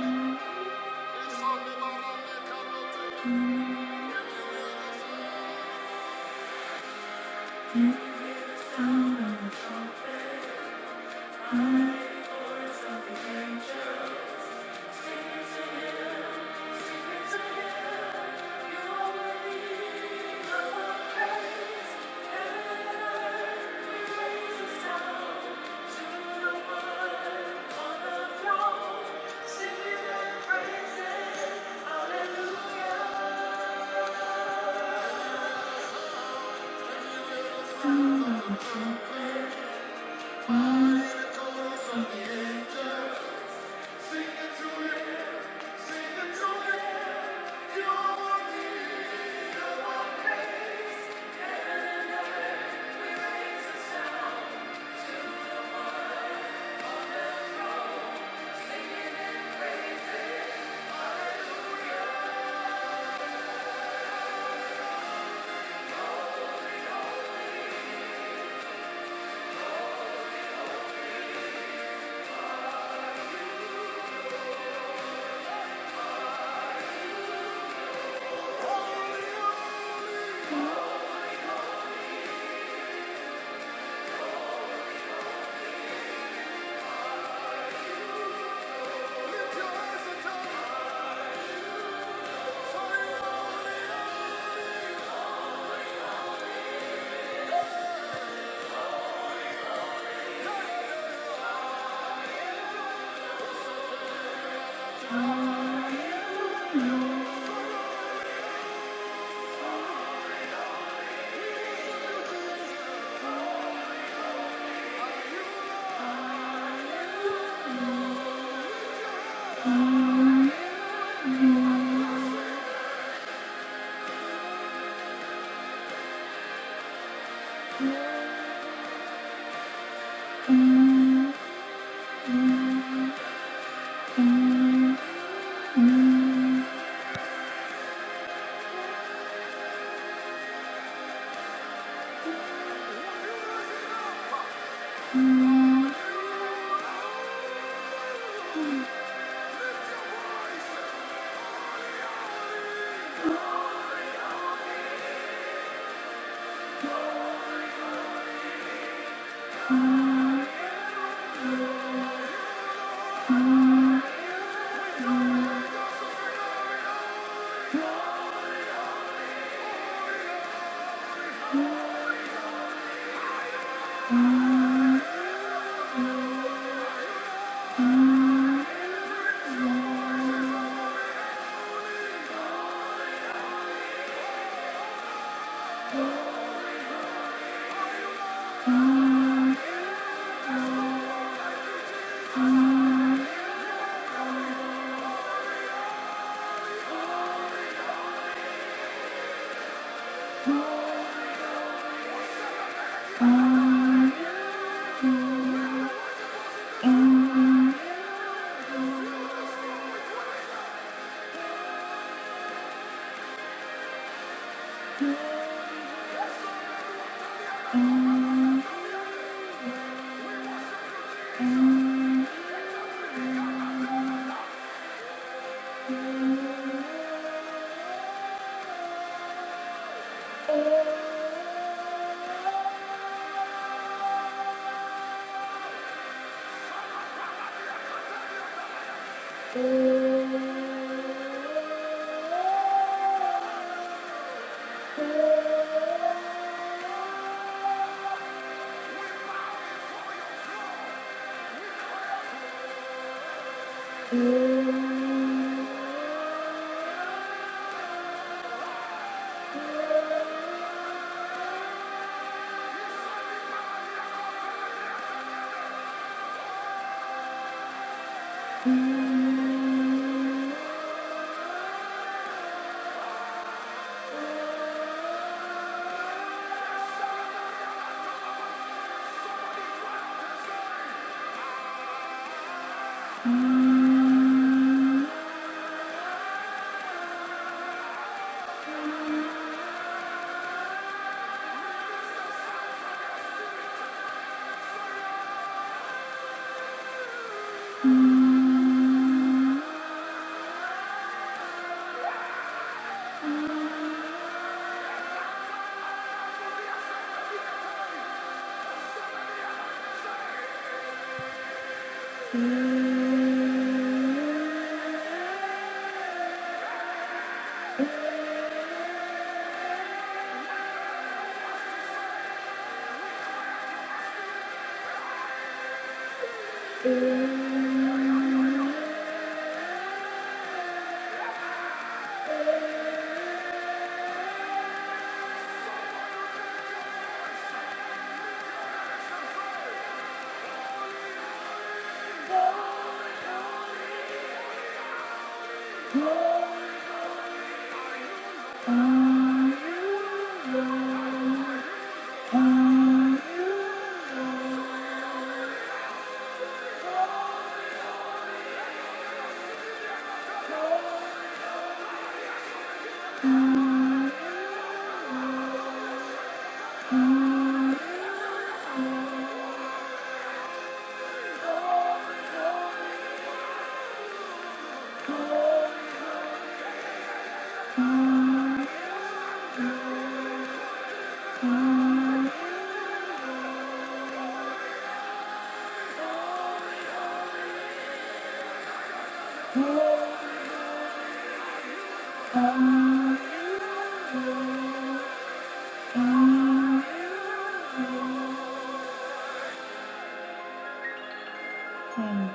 Speaker 1: Amen.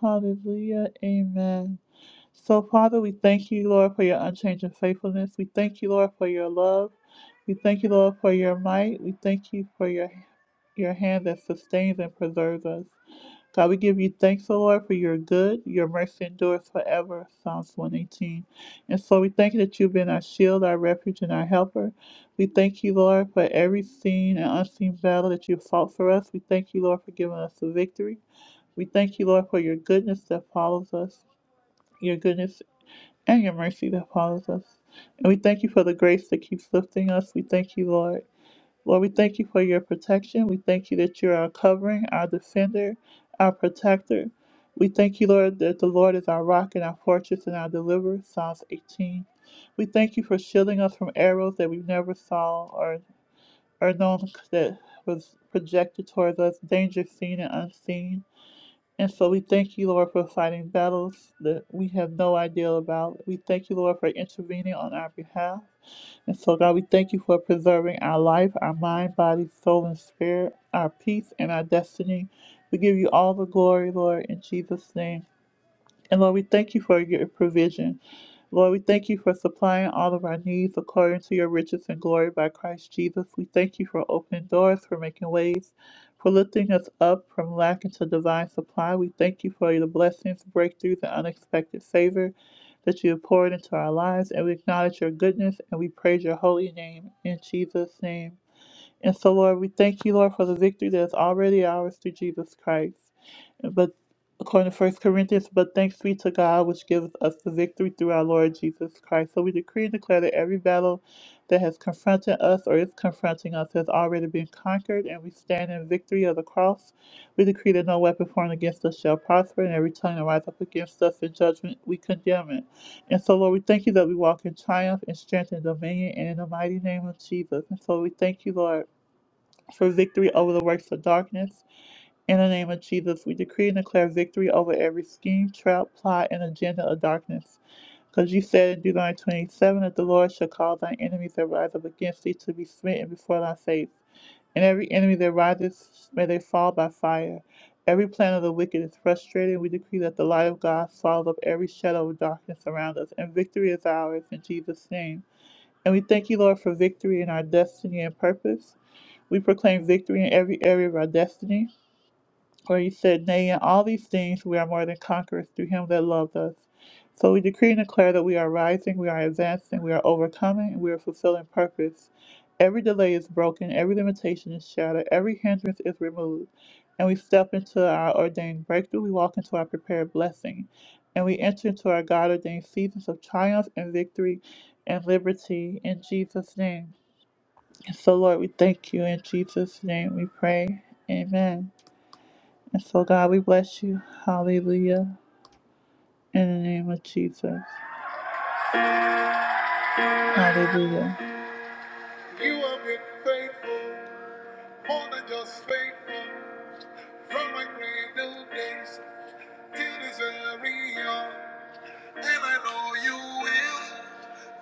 Speaker 1: Hallelujah. Amen. So, Father, we thank you, Lord, for your unchanging faithfulness. We thank you, Lord, for your love. We thank you, Lord, for your might. We thank you for your your hand that sustains and preserves us. God, we give you thanks, O Lord, for your good. Your mercy endures forever. Psalms 118. And so we thank you that you've been our shield, our refuge, and our helper. We thank you, Lord, for every seen and unseen battle that you fought for us. We thank you, Lord, for giving us the victory. We thank you, Lord, for your goodness that follows us, your goodness and your mercy that follows us. And we thank you for the grace that keeps lifting us. We thank you, Lord. Lord, we thank you for your protection. We thank you that you're our covering, our defender, our protector. We thank you, Lord, that the Lord is our rock and our fortress and our deliverer. Psalms 18. We thank you for shielding us from arrows that we never saw or, or known that was projected towards us, danger seen and unseen. And so we thank you, Lord, for fighting battles that we have no idea about. We thank you, Lord, for intervening on our behalf. And so, God, we thank you for preserving our life, our mind, body, soul, and spirit, our peace, and our destiny. We give you all the glory, Lord, in Jesus' name. And Lord, we thank you for your provision. Lord, we thank you for supplying all of our needs according to your riches and glory by Christ Jesus. We thank you for opening doors, for making ways, for lifting us up from lack into divine supply. We thank you for your blessings, breakthroughs, and unexpected favor that you have poured into our lives. And we acknowledge your goodness and we praise your holy name. In Jesus' name. And so, Lord, we thank you, Lord, for the victory that is already ours through Jesus Christ. But according to First Corinthians, but thanks be to God, which gives us the victory through our Lord Jesus Christ. So we decree and declare that every battle that has confronted us or is confronting us has already been conquered, and we stand in victory of the cross. We decree that no weapon formed against us shall prosper, and every tongue that rise up against us in judgment, we condemn it. And so, Lord, we thank you that we walk in triumph and strength and dominion, and in the mighty name of Jesus. And so we thank you, Lord for victory over the works of darkness. In the name of Jesus, we decree and declare victory over every scheme, trap, plot, and agenda of darkness. Because you said in Deuteronomy 27 that the Lord shall cause thy enemies that rise up against thee to be smitten before thy face. And every enemy that rises, may they fall by fire. Every plan of the wicked is frustrated. We decree that the light of God swallows up every shadow of darkness around us, and victory is ours in Jesus' name. And we thank you, Lord, for victory in our destiny and purpose. We proclaim victory in every area of our destiny. For you said, Nay, in all these things we are more than conquerors through him that loved us. So we decree and declare that we are rising, we are advancing, we are overcoming, and we are fulfilling purpose. Every delay is broken, every limitation is shattered, every hindrance is removed. And we step into our ordained breakthrough, we walk into our prepared blessing, and we enter into our God ordained seasons of triumph and victory and liberty in Jesus' name. And So, Lord, we thank you. In Jesus' name we pray. Amen. And so, God, we bless you. Hallelujah. In the name of Jesus. Hallelujah. You have been faithful, more than just faithful, from my cradle days till this very hour. And I know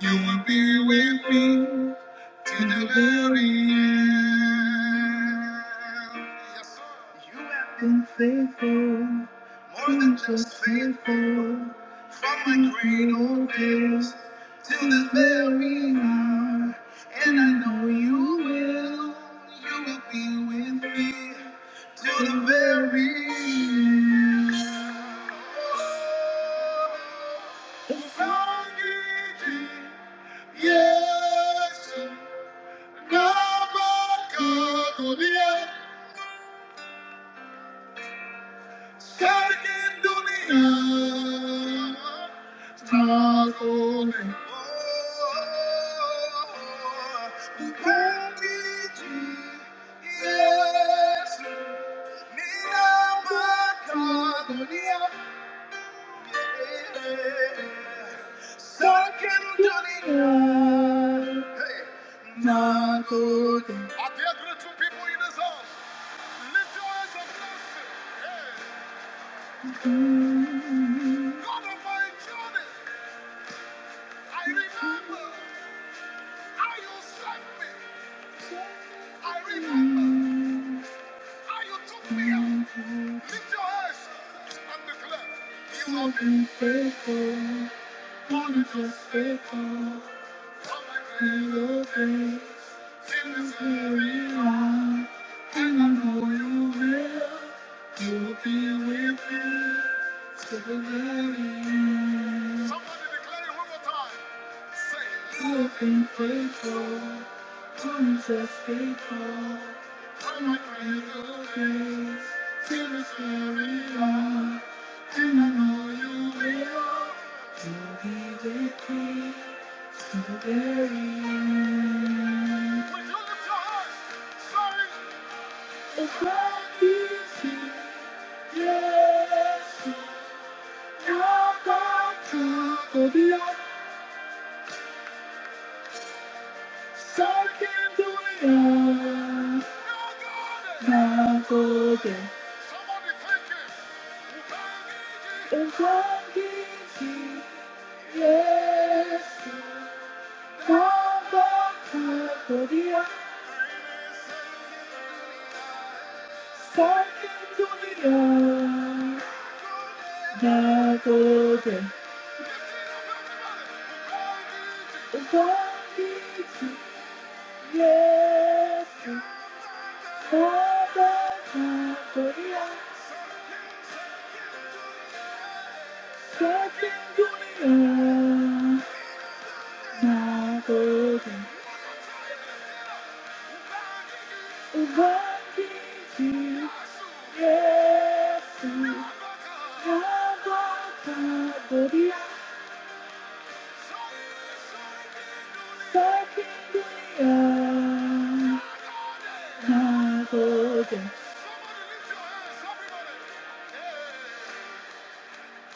Speaker 1: you will. You will be with me. to the very end. Yes, sir. You have been faithful, more than just faithful, from my great old days till the very hour. And I know you will, you will be with me till the very end. Oh, Sangiji, Yes, are there grateful people in this house? Lift your hands and bless Him. Hey, God of my journey, I remember. How you saved me, I remember. How you took me out. Lift your hands and declare, You have been faithful. God is just faithful. You have been in this very life. And I know you will. You will be with me. to the very end. Somebody declare it one more time. Say, You have been faithful. Jesus faithful. I'm not grateful. to you lift your heart, sorry.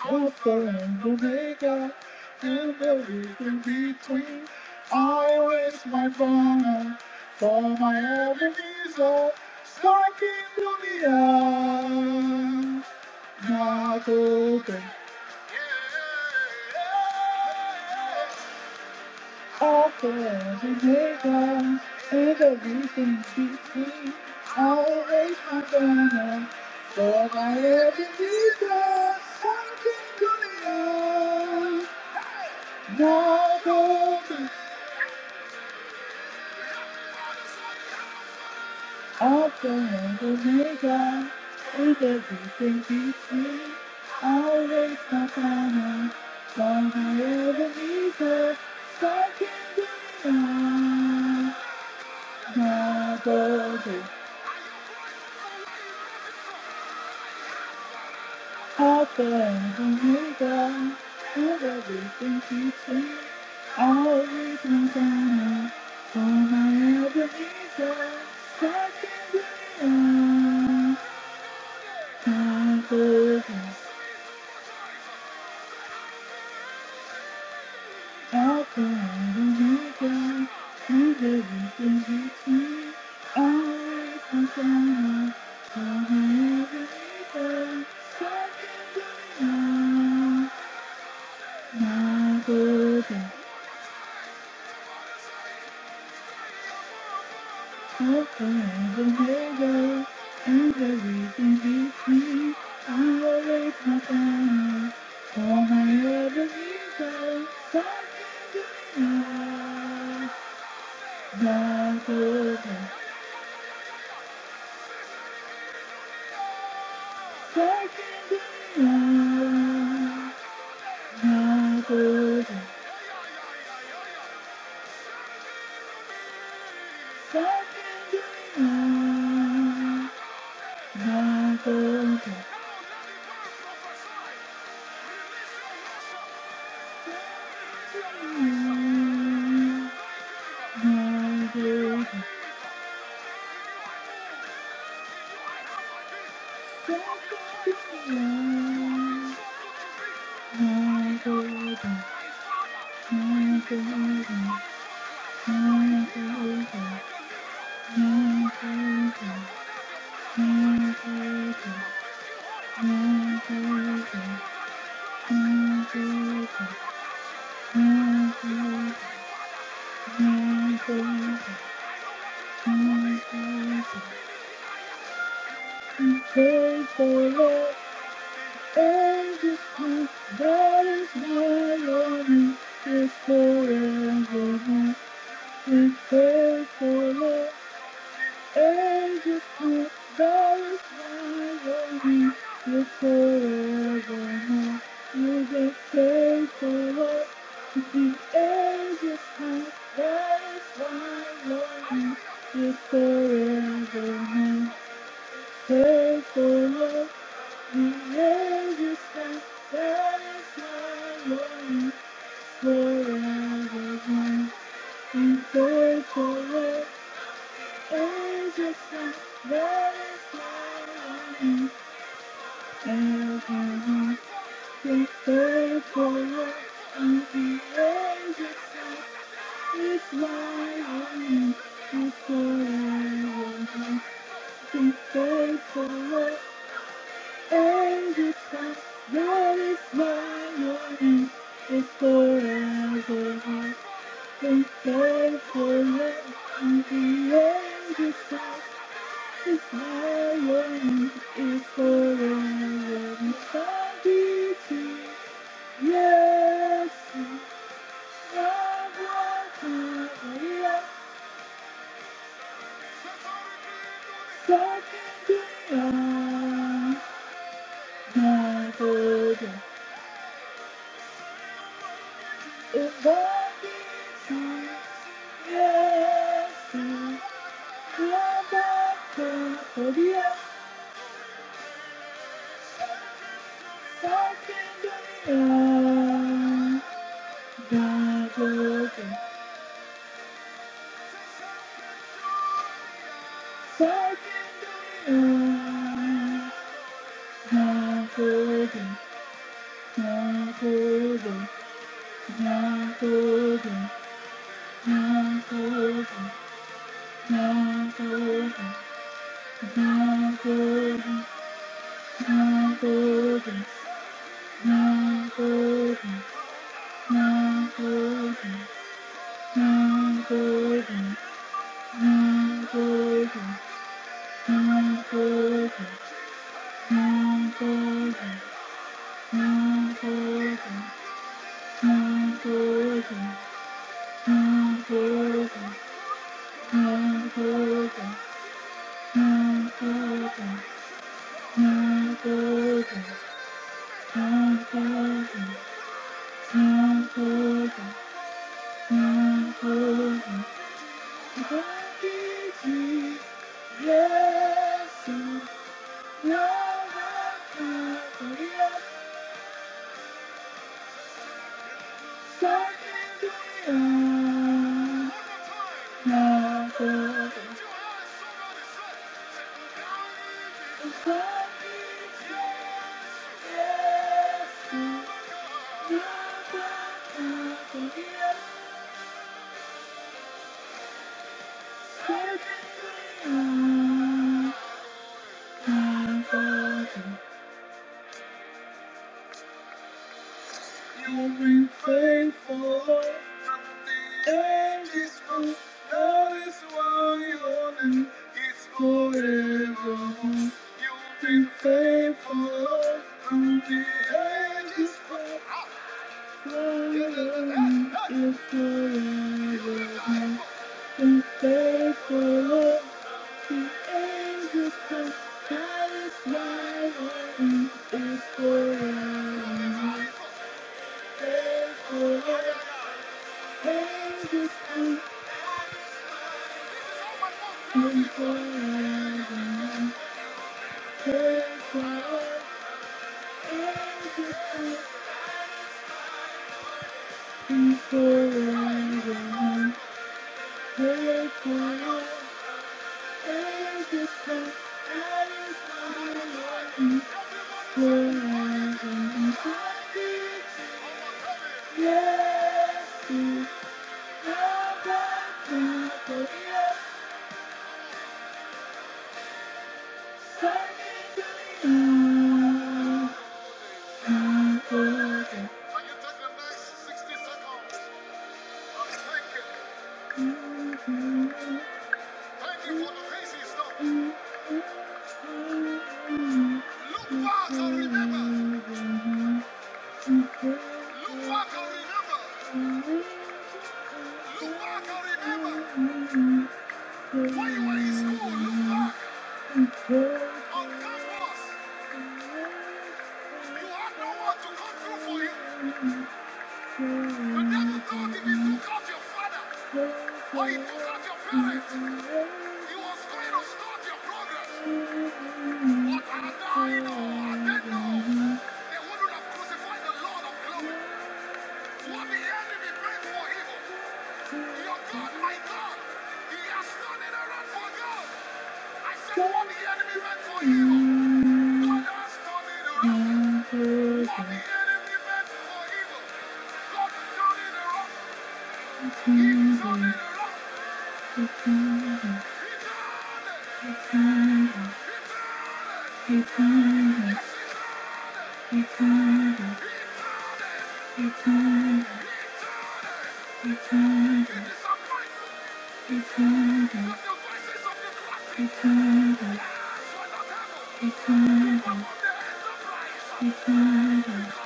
Speaker 1: Alpha and Omega, and everything between. I waste my banner for my enemies are striking to the earth. Now go and everything between. Always my final, longer Ebenezer, second Daniel. My burden, Alpha and Omega, and everything between. Always my final, for my Ebenezer, second Daniel. My burden. Thank you. I can do it all. Not broken. I can do it all. Not broken. Not broken. I can do it all. Not broken. Not broken. Thank you, Jesus. Love Thank you. And you take the next 60 seconds and thank you Thank Him for the things He's done. Look back and remember. Look back and remember. Look back and remember. When you were in school, look back on campus. You had no one to come through for you. The devil thought if he took out your father or he took out your parents, he was going to stop your progress. But I know, I didn't know. They wouldn't have crucified the Lord of glory. What the enemy meant for evil, your God, my God, He has turned it around for God. I said, what the enemy meant for evil, God has turned it around. What the enemy meant for evil, God turned it around. He turned it around. Just love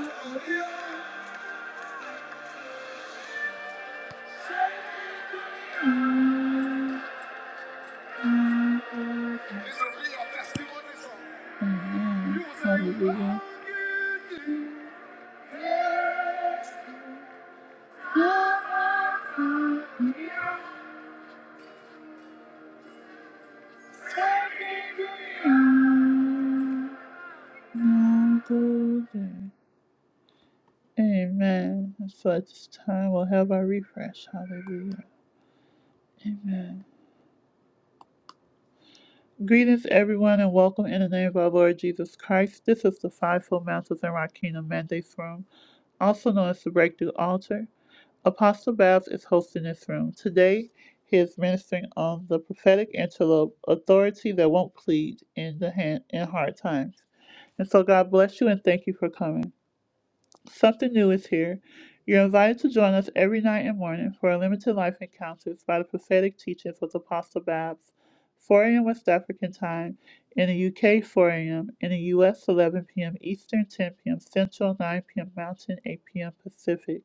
Speaker 1: God. Hallelujah. Hallelujah. Amen. And So at this time, we'll have our refresh. Hallelujah. Amen. Greetings, everyone, and welcome in the name of our Lord Jesus Christ. This is the Fivefold Mount of Kingdom Mandates Room, also known as the Breakthrough Altar. Apostle Babs is hosting this room. Today, he is ministering on the prophetic antelope, authority that won't plead in the hand in hard times. And so God bless you and thank you for coming. Something new is here. You're invited to join us every night and morning for limited life encounters by the prophetic teachings with Apostle Babs, 4 a.m. West African time, in the UK 4 a.m., in the US 11 p.m. Eastern, 10 p.m. Central, 9 p.m. Mountain, 8 p.m. Pacific.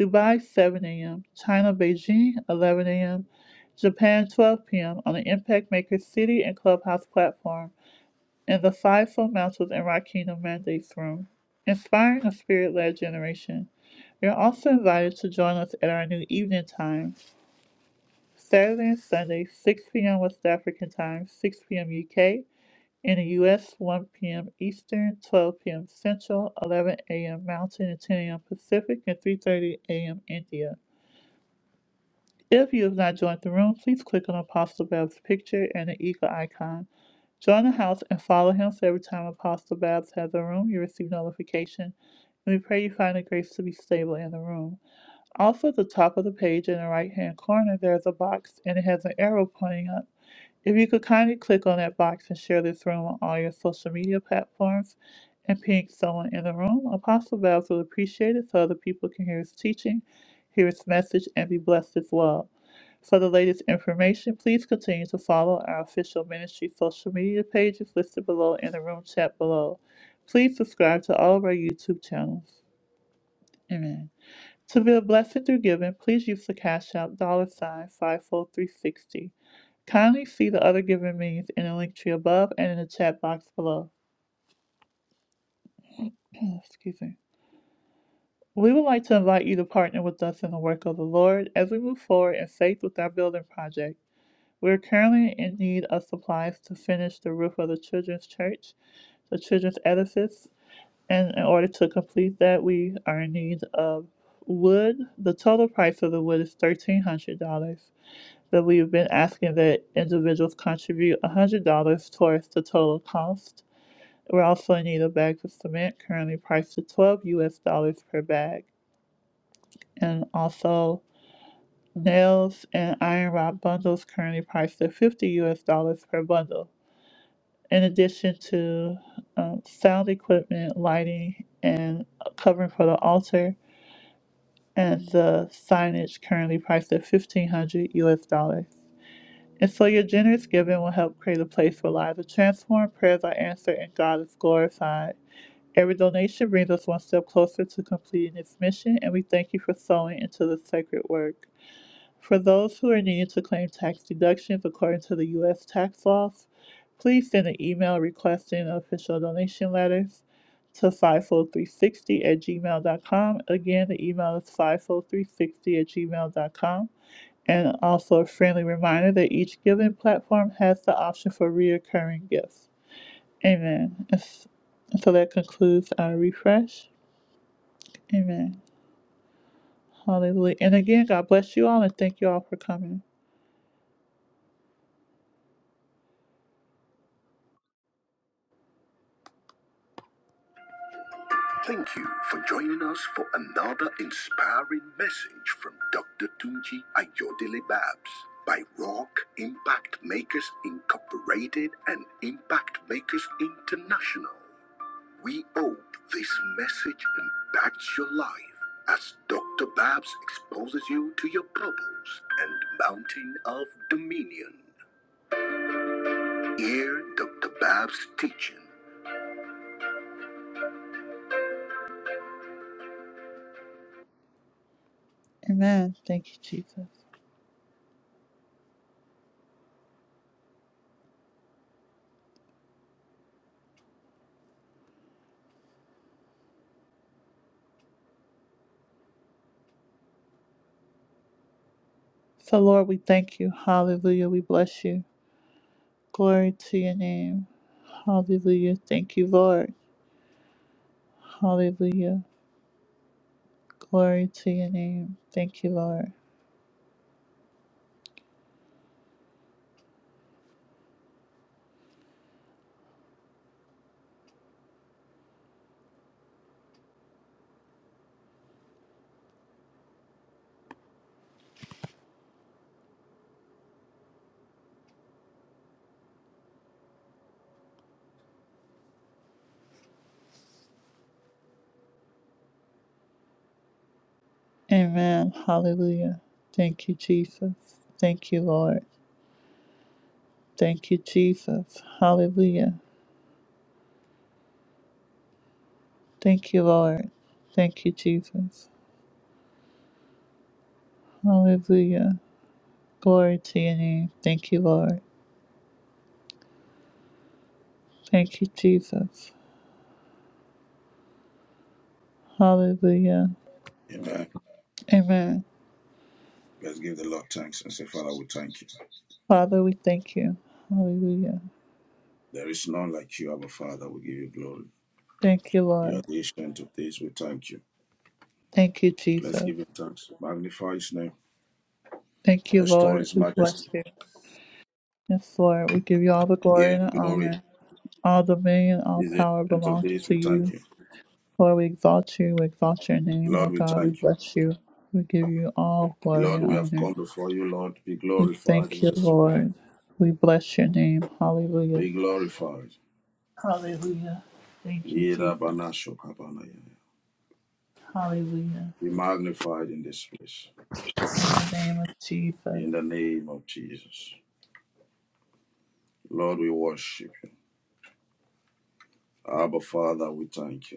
Speaker 1: Dubai, 7 a.m. China, Beijing, 11 a.m. Japan, 12 p.m. on the Impact Maker City and Clubhouse platform in the Fivefold Mantles and Rock Kingdom Mandates Room. Inspiring a spirit led generation. You're also invited to join us at our new evening time, Saturday and Sunday, 6 p.m. West African time, 6 p.m. UK, in the US, 1 p.m. Eastern, 12 p.m. Central, 11 a.m. Mountain, and 10 a.m. Pacific, and 3.30 a.m. India. If you have not joined the room, please click on Apostle Babs' picture and the eagle icon. Join the house and follow him so every time Apostle Babs has a room, you receive notification. And we pray you find the grace to be stable in the room. Also, at the top of the page in the right hand corner, there's a box and it has an arrow pointing up. If you could kindly click on that box and share this room on all your social media platforms and ping someone in the room, Apostle Babs will appreciate it so other people can hear his teaching, hear his message, and be blessed as well. For the latest information, please continue to follow our official ministry social media pages listed below in the room chat below. Please subscribe to all of our YouTube channels. Amen. To be a blessing through giving, please use the Cash App dollar sign 54360. Kindly see the other giving means in the link tree above and in the chat box below. (clears throat) Excuse me. We would like to invite you to partner with us in the work of the Lord as we move forward in faith with our building project. We're currently in need of supplies to finish the roof of the children's church, the children's edifice, and in order to complete that, we are in need of wood. The total price of the wood is $1,300, but we've been asking that individuals contribute $100 towards the total cost. We're also in need of bags of cement, currently priced at 12 US dollars per bag, and also nails and iron rod bundles, currently priced at 50 US dollars per bundle. in addition to um, sound equipment, lighting, and covering for the altar, and the signage currently priced at fifteen hundred U.S. dollars. And so your generous giving will help create a place where lives are transformed, prayers are answered, and God is glorified. Every donation brings us one step closer to completing its mission, and we thank you for sowing into the sacred work. For those who are needing to claim tax deductions according to the U.S. tax laws, please send an email requesting official donation letters to 50360 at gmail dot com. Again, the email is 50360 at gmail dot com. And also a friendly reminder that each giving platform has the option for reoccurring gifts. Amen. So that concludes our refresh. Amen. Hallelujah. And again, God bless you all and thank you all for coming. Thank you for joining us for another inspiring message from Dr. Tunji Ayodele Babs by Rock Impact Makers Incorporated and Impact Makers International. We hope this message impacts your life as Dr. Babs exposes you to your bubbles and mountain of dominion. Hear Dr. Babs' teaching. Amen. Thank you, Jesus. So, Lord, we thank you. Hallelujah. We bless you. Glory to your name. Hallelujah. Thank you, Lord. Hallelujah. Glory to your name. Thank you, Lord. Amen. Hallelujah. Thank you, Jesus. Thank you, Lord. Thank you, Jesus. Hallelujah. Thank you, Lord. Thank you, Jesus. Hallelujah. Glory to your name. Thank you, Lord. Thank you, Jesus. Hallelujah.
Speaker 3: Amen.
Speaker 1: Amen.
Speaker 3: Let's give the Lord thanks and say, Father, we thank you.
Speaker 1: Father, we thank you. Hallelujah.
Speaker 3: There is none like you, our Father. We give you glory.
Speaker 1: Thank you,
Speaker 3: You are
Speaker 1: Lord.
Speaker 3: the ancient of days. We thank you.
Speaker 1: Thank you,
Speaker 3: Let's
Speaker 1: Jesus.
Speaker 3: give him thanks. Magnify his name.
Speaker 1: Thank you,
Speaker 3: Extol
Speaker 1: Lord.
Speaker 3: his
Speaker 1: We bless
Speaker 3: majesty.
Speaker 1: you. Yes, Lord. We give you all the
Speaker 3: Give
Speaker 1: glory and
Speaker 3: him
Speaker 1: the
Speaker 3: glory.
Speaker 1: honor. All dominion, all
Speaker 3: He's the
Speaker 1: power
Speaker 3: ancient of
Speaker 1: belongs
Speaker 3: days.
Speaker 1: to
Speaker 3: We thank
Speaker 1: you.
Speaker 3: you.
Speaker 1: Lord, we exalt you. We exalt your name,
Speaker 3: Lord,
Speaker 1: Lord
Speaker 3: we
Speaker 1: God. We
Speaker 3: thank you.
Speaker 1: bless you. We give you all glory
Speaker 3: Lord,
Speaker 1: and
Speaker 3: we have
Speaker 1: honor.
Speaker 3: come before you, Lord. Be
Speaker 1: We
Speaker 3: glorified
Speaker 1: thank
Speaker 3: in
Speaker 1: you,
Speaker 3: this place.
Speaker 1: Lord. We bless your name. Hallelujah.
Speaker 3: Be glorified.
Speaker 1: Hallelujah. Thank you, Jesus. Hallelujah. In
Speaker 3: Be magnified in this place.
Speaker 1: the name of Jesus.
Speaker 3: In the name of Jesus. Lord, we worship you. Abba, Father, we thank you.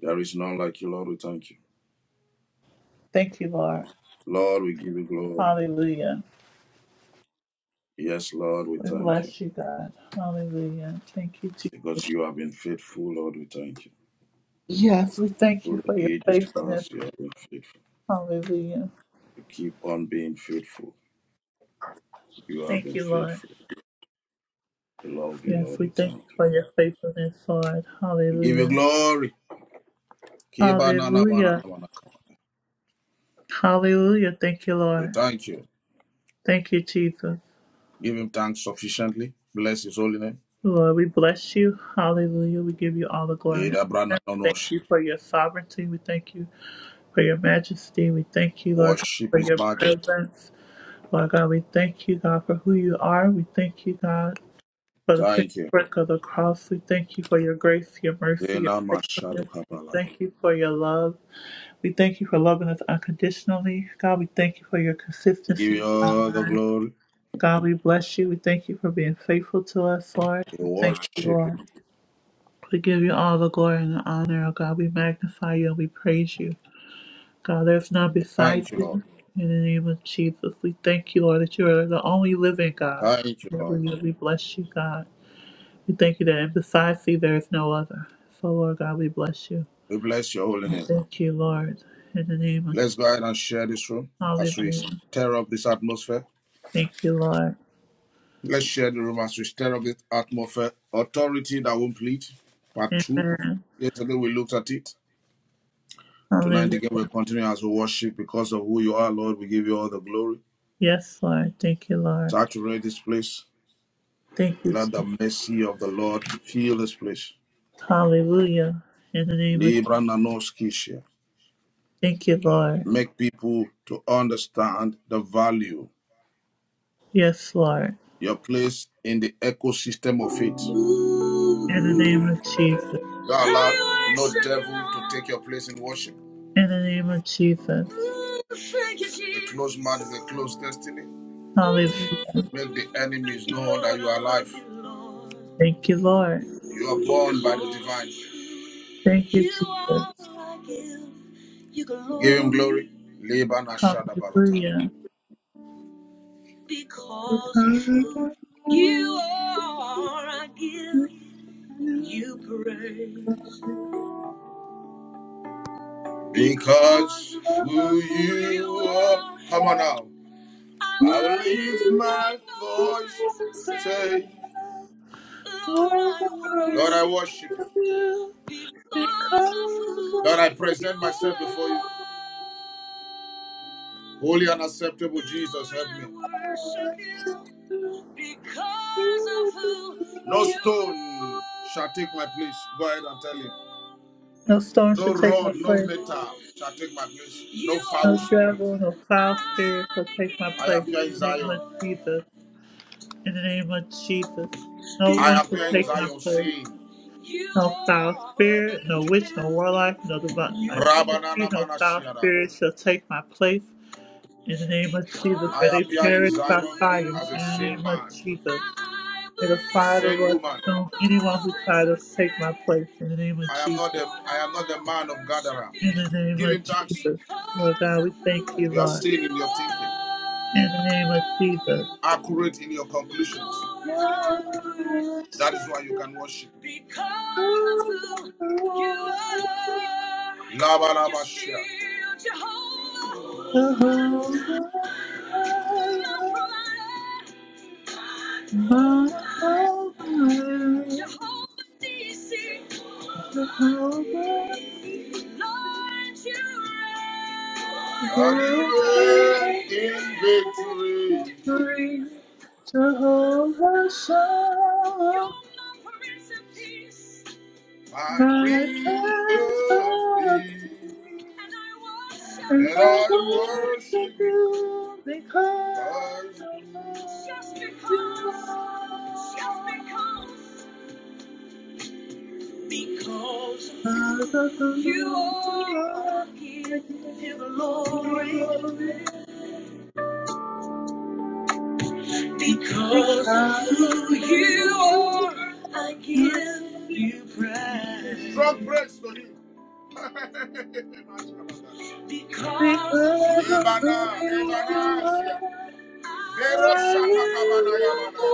Speaker 3: There is none like you, Lord. We thank you.
Speaker 1: Thank you, Lord.
Speaker 3: Lord, we give you glory.
Speaker 1: Hallelujah.
Speaker 3: Yes, Lord, we
Speaker 1: We
Speaker 3: thank you.
Speaker 1: bless you, God. Hallelujah. Thank you, Jesus.
Speaker 3: Because you have been faithful, Lord, we thank you.
Speaker 1: Yes, we thank you
Speaker 3: Through
Speaker 1: for your
Speaker 3: the ages
Speaker 1: faithfulness.
Speaker 3: past, you have been faithful.
Speaker 1: Hallelujah.
Speaker 3: You keep on being faithful. You have
Speaker 1: Thank
Speaker 3: been
Speaker 1: you, Lord.
Speaker 3: faithful. We love you,
Speaker 1: Yes,
Speaker 3: Lord.
Speaker 1: we
Speaker 3: We
Speaker 1: thank you
Speaker 3: thank you.
Speaker 1: for your faithfulness, Lord.
Speaker 3: We give you
Speaker 1: Hallelujah.
Speaker 3: glory. Kiba na na wa na na
Speaker 1: Hallelujah.
Speaker 3: wa na ka.
Speaker 1: Hallelujah. Thank you,
Speaker 3: We
Speaker 1: Lord.
Speaker 3: thank you.
Speaker 1: Thank you, Jesus.
Speaker 3: Give him thanks sufficiently. Bless his holy name.
Speaker 1: Lord, we bless you. Hallelujah. We give you all the glory.
Speaker 3: Leader Brana
Speaker 1: Thank
Speaker 3: Nonosh.
Speaker 1: you for your sovereignty. We thank you for your majesty. We thank you, Lord, God,
Speaker 3: Worship
Speaker 1: for
Speaker 3: his
Speaker 1: your
Speaker 3: majesty.
Speaker 1: presence. Lord God, we thank you, God, for who you are. We thank you, God. For the finished
Speaker 3: Thank you.
Speaker 1: work of the cross, we thank you for your grace, your mercy, your
Speaker 3: Zena Mashado
Speaker 1: goodness. We
Speaker 3: Kapalaya.
Speaker 1: thank you for your love. We thank you for loving us unconditionally. God, we thank you for your
Speaker 3: We give you
Speaker 1: consistency.
Speaker 3: all the glory.
Speaker 1: God, we bless you. We thank you for being faithful to us, Lord.
Speaker 3: We
Speaker 1: We thank you,
Speaker 3: worship you.
Speaker 1: Lord. We give you all the glory and the honor, oh God. We magnify you and we praise you. God, there's none
Speaker 3: We
Speaker 1: beside
Speaker 3: Thank you,
Speaker 1: you.
Speaker 3: Lord.
Speaker 1: In the name of Jesus, we thank you, Lord, that you are the only living God.
Speaker 3: Thank you, Lord.
Speaker 1: Hallelujah. We bless you, God. We thank you that in besides thee there is no other. So, Lord God, we bless you.
Speaker 3: We bless your holy name.
Speaker 1: Thank you, Lord. In the name of
Speaker 3: Let's
Speaker 1: Jesus.
Speaker 3: go ahead and share this room as we
Speaker 1: Hallelujah.
Speaker 3: stir up this atmosphere.
Speaker 1: Thank you, Lord.
Speaker 3: Let's share the room as we stir up this atmosphere. Authority that won't plead. Part two.
Speaker 1: Amen.
Speaker 3: Yesterday we looked at it. Tonight
Speaker 1: Hallelujah.
Speaker 3: again we'll continue as we worship because of who you are, Lord. We give you all the glory.
Speaker 1: Yes, Lord. Thank you, Lord.
Speaker 3: Saturate this place.
Speaker 1: Thank you. Jesus.
Speaker 3: Let the mercy of the Lord fill this place.
Speaker 1: Hallelujah. In the name of
Speaker 3: Libra
Speaker 1: Jesus.
Speaker 3: Nanoskisha.
Speaker 1: Thank you, Lord.
Speaker 3: Make people to understand the value.
Speaker 1: Yes, Lord.
Speaker 3: your place in the ecosystem of it. You
Speaker 1: In the name of Jesus.
Speaker 3: allow no devil to take your place in worship.
Speaker 1: In the name of Jesus.
Speaker 3: A closed mouth is a closed destiny.
Speaker 1: Hallelujah.
Speaker 3: Make the enemies know that you are alive.
Speaker 1: Thank you, Lord.
Speaker 3: You are born by the divine.
Speaker 1: Thank you, Jesus.
Speaker 3: Give him glory.
Speaker 1: Hallelujah.
Speaker 3: Because of who you are, I give you praise. Because who you are. Come on now. I will lift my voice say,
Speaker 1: Lord,
Speaker 3: Lord,
Speaker 1: I
Speaker 3: I
Speaker 1: worship
Speaker 3: worship
Speaker 1: you
Speaker 3: you.
Speaker 1: because of
Speaker 3: Lord, I
Speaker 1: you.
Speaker 3: present
Speaker 1: I
Speaker 3: myself
Speaker 1: worship
Speaker 3: before you. Holy and acceptable Jesus, help me.
Speaker 1: you, worship
Speaker 3: No
Speaker 1: you.
Speaker 3: stone shall take my place. Go ahead and tell him.
Speaker 1: No storm
Speaker 3: No
Speaker 1: shall take my
Speaker 3: rod, no
Speaker 1: place.
Speaker 3: metal shall take my place. No
Speaker 1: No
Speaker 3: foul spirit.
Speaker 1: devil, no foul spirit shall take my
Speaker 3: I
Speaker 1: place.
Speaker 3: appear
Speaker 1: In
Speaker 3: in
Speaker 1: the name of
Speaker 3: Zion.
Speaker 1: Jesus. In the name of Jesus. No one
Speaker 3: I
Speaker 1: shall
Speaker 3: appear in
Speaker 1: take my
Speaker 3: Zion
Speaker 1: place.
Speaker 3: saying,
Speaker 1: No foul spirit, no witch, no warlock, no divine like entity,
Speaker 3: Rabanana
Speaker 1: no foul
Speaker 3: Manashiarara.
Speaker 1: spirit shall take my place. In the name of Jesus, may
Speaker 3: I
Speaker 1: they
Speaker 3: appear
Speaker 1: perish
Speaker 3: in
Speaker 1: by
Speaker 3: Zion
Speaker 1: fire.
Speaker 3: as a
Speaker 1: In the
Speaker 3: sane
Speaker 1: name of
Speaker 3: man,
Speaker 1: Jesus, may the
Speaker 3: a
Speaker 1: fire of the
Speaker 3: sane
Speaker 1: Lord
Speaker 3: woman.
Speaker 1: consume anyone who tries to take my place. In the name of
Speaker 3: I am not
Speaker 1: Jesus,
Speaker 3: the I am not the man of gatherer.
Speaker 1: in the name
Speaker 3: Give
Speaker 1: of
Speaker 3: him thanks.
Speaker 1: Jesus, Lord God, we thank you,
Speaker 3: You are
Speaker 1: Lord.
Speaker 3: sane in your thinking,
Speaker 1: In the name of Jesus.
Speaker 3: accurate in your conclusions. That is why you can worship. Laba, laba, shia.
Speaker 1: Jehovah, my
Speaker 3: Jehovah DC, Lord, you
Speaker 1: Jehovah,
Speaker 3: reign. Lord, you reign in victory. You're my Prince of Peace. My Prince of Peace. And I worship. And I worship you, because. Just because. Just because. Because of who
Speaker 1: Thank you.
Speaker 3: you are,
Speaker 1: I
Speaker 3: I
Speaker 1: I I.
Speaker 3: give you
Speaker 1: give
Speaker 3: glory.
Speaker 1: you
Speaker 3: Because of
Speaker 1: because
Speaker 3: who you are, I give you praise. Strong praise to him. (laughs) because of who
Speaker 1: of who
Speaker 3: Ebana, you
Speaker 1: you
Speaker 3: are,
Speaker 1: are.
Speaker 3: Vero shata kabana
Speaker 1: Hallelujah,
Speaker 3: yamana.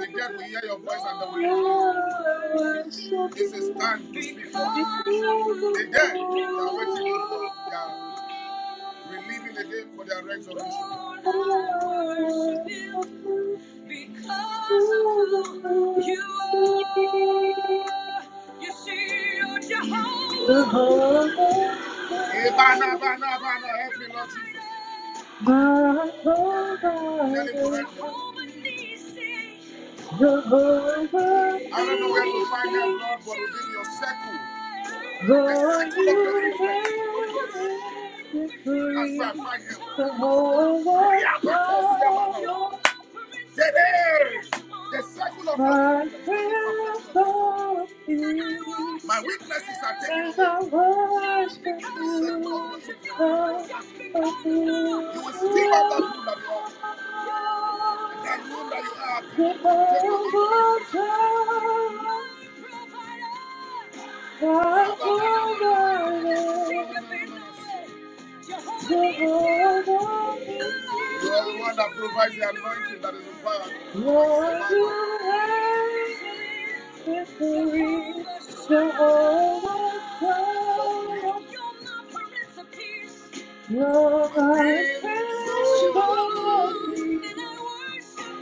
Speaker 3: The dead will hear your voice and they
Speaker 1: Lord,
Speaker 3: will live
Speaker 1: I
Speaker 3: with you.
Speaker 1: worship
Speaker 3: This is
Speaker 1: you
Speaker 3: time to speak forth.
Speaker 1: because of
Speaker 3: The
Speaker 1: who
Speaker 3: dead, they
Speaker 1: you
Speaker 3: are waiting you
Speaker 1: are.
Speaker 3: for They are relieving the again for their resurrection.
Speaker 1: Lord, I worship
Speaker 3: you
Speaker 1: you
Speaker 3: because of
Speaker 1: because of
Speaker 3: who you
Speaker 1: who you are.
Speaker 3: are. You see, you're
Speaker 1: I my philosophy,
Speaker 3: Jehovah. Ibana, bana, bana, bana. help me, Lord Jesus. Tell him to help you. I don't know where to find that blood, but within your circle, the circle of your influence, Holy Ghost, that's where I find him. Riabakosiabana. Today, the circle of your influence, my imperfections are gone. My weaknesses are taken
Speaker 1: and
Speaker 3: away.
Speaker 1: I
Speaker 3: Not
Speaker 1: Worship
Speaker 3: because of
Speaker 1: you
Speaker 3: you
Speaker 1: because of
Speaker 3: of the love.
Speaker 1: who
Speaker 3: You will
Speaker 1: you
Speaker 3: still up that room that you are. And that
Speaker 1: are.
Speaker 3: room that you are cannot contain the
Speaker 1: Jehovah
Speaker 3: influence of the Spirit.
Speaker 1: Jireh,
Speaker 3: You
Speaker 1: my provider, Lord,
Speaker 3: are the one that provides the anointing that is required for my survival.
Speaker 1: you have victory.
Speaker 3: Jehovah Shalom.
Speaker 1: Jehovah Shalom,
Speaker 3: You're my Prince of Peace.
Speaker 1: you're
Speaker 3: My
Speaker 1: my
Speaker 3: Prince of
Speaker 1: Prince of
Speaker 3: Peace. And
Speaker 1: Peace,
Speaker 3: I worship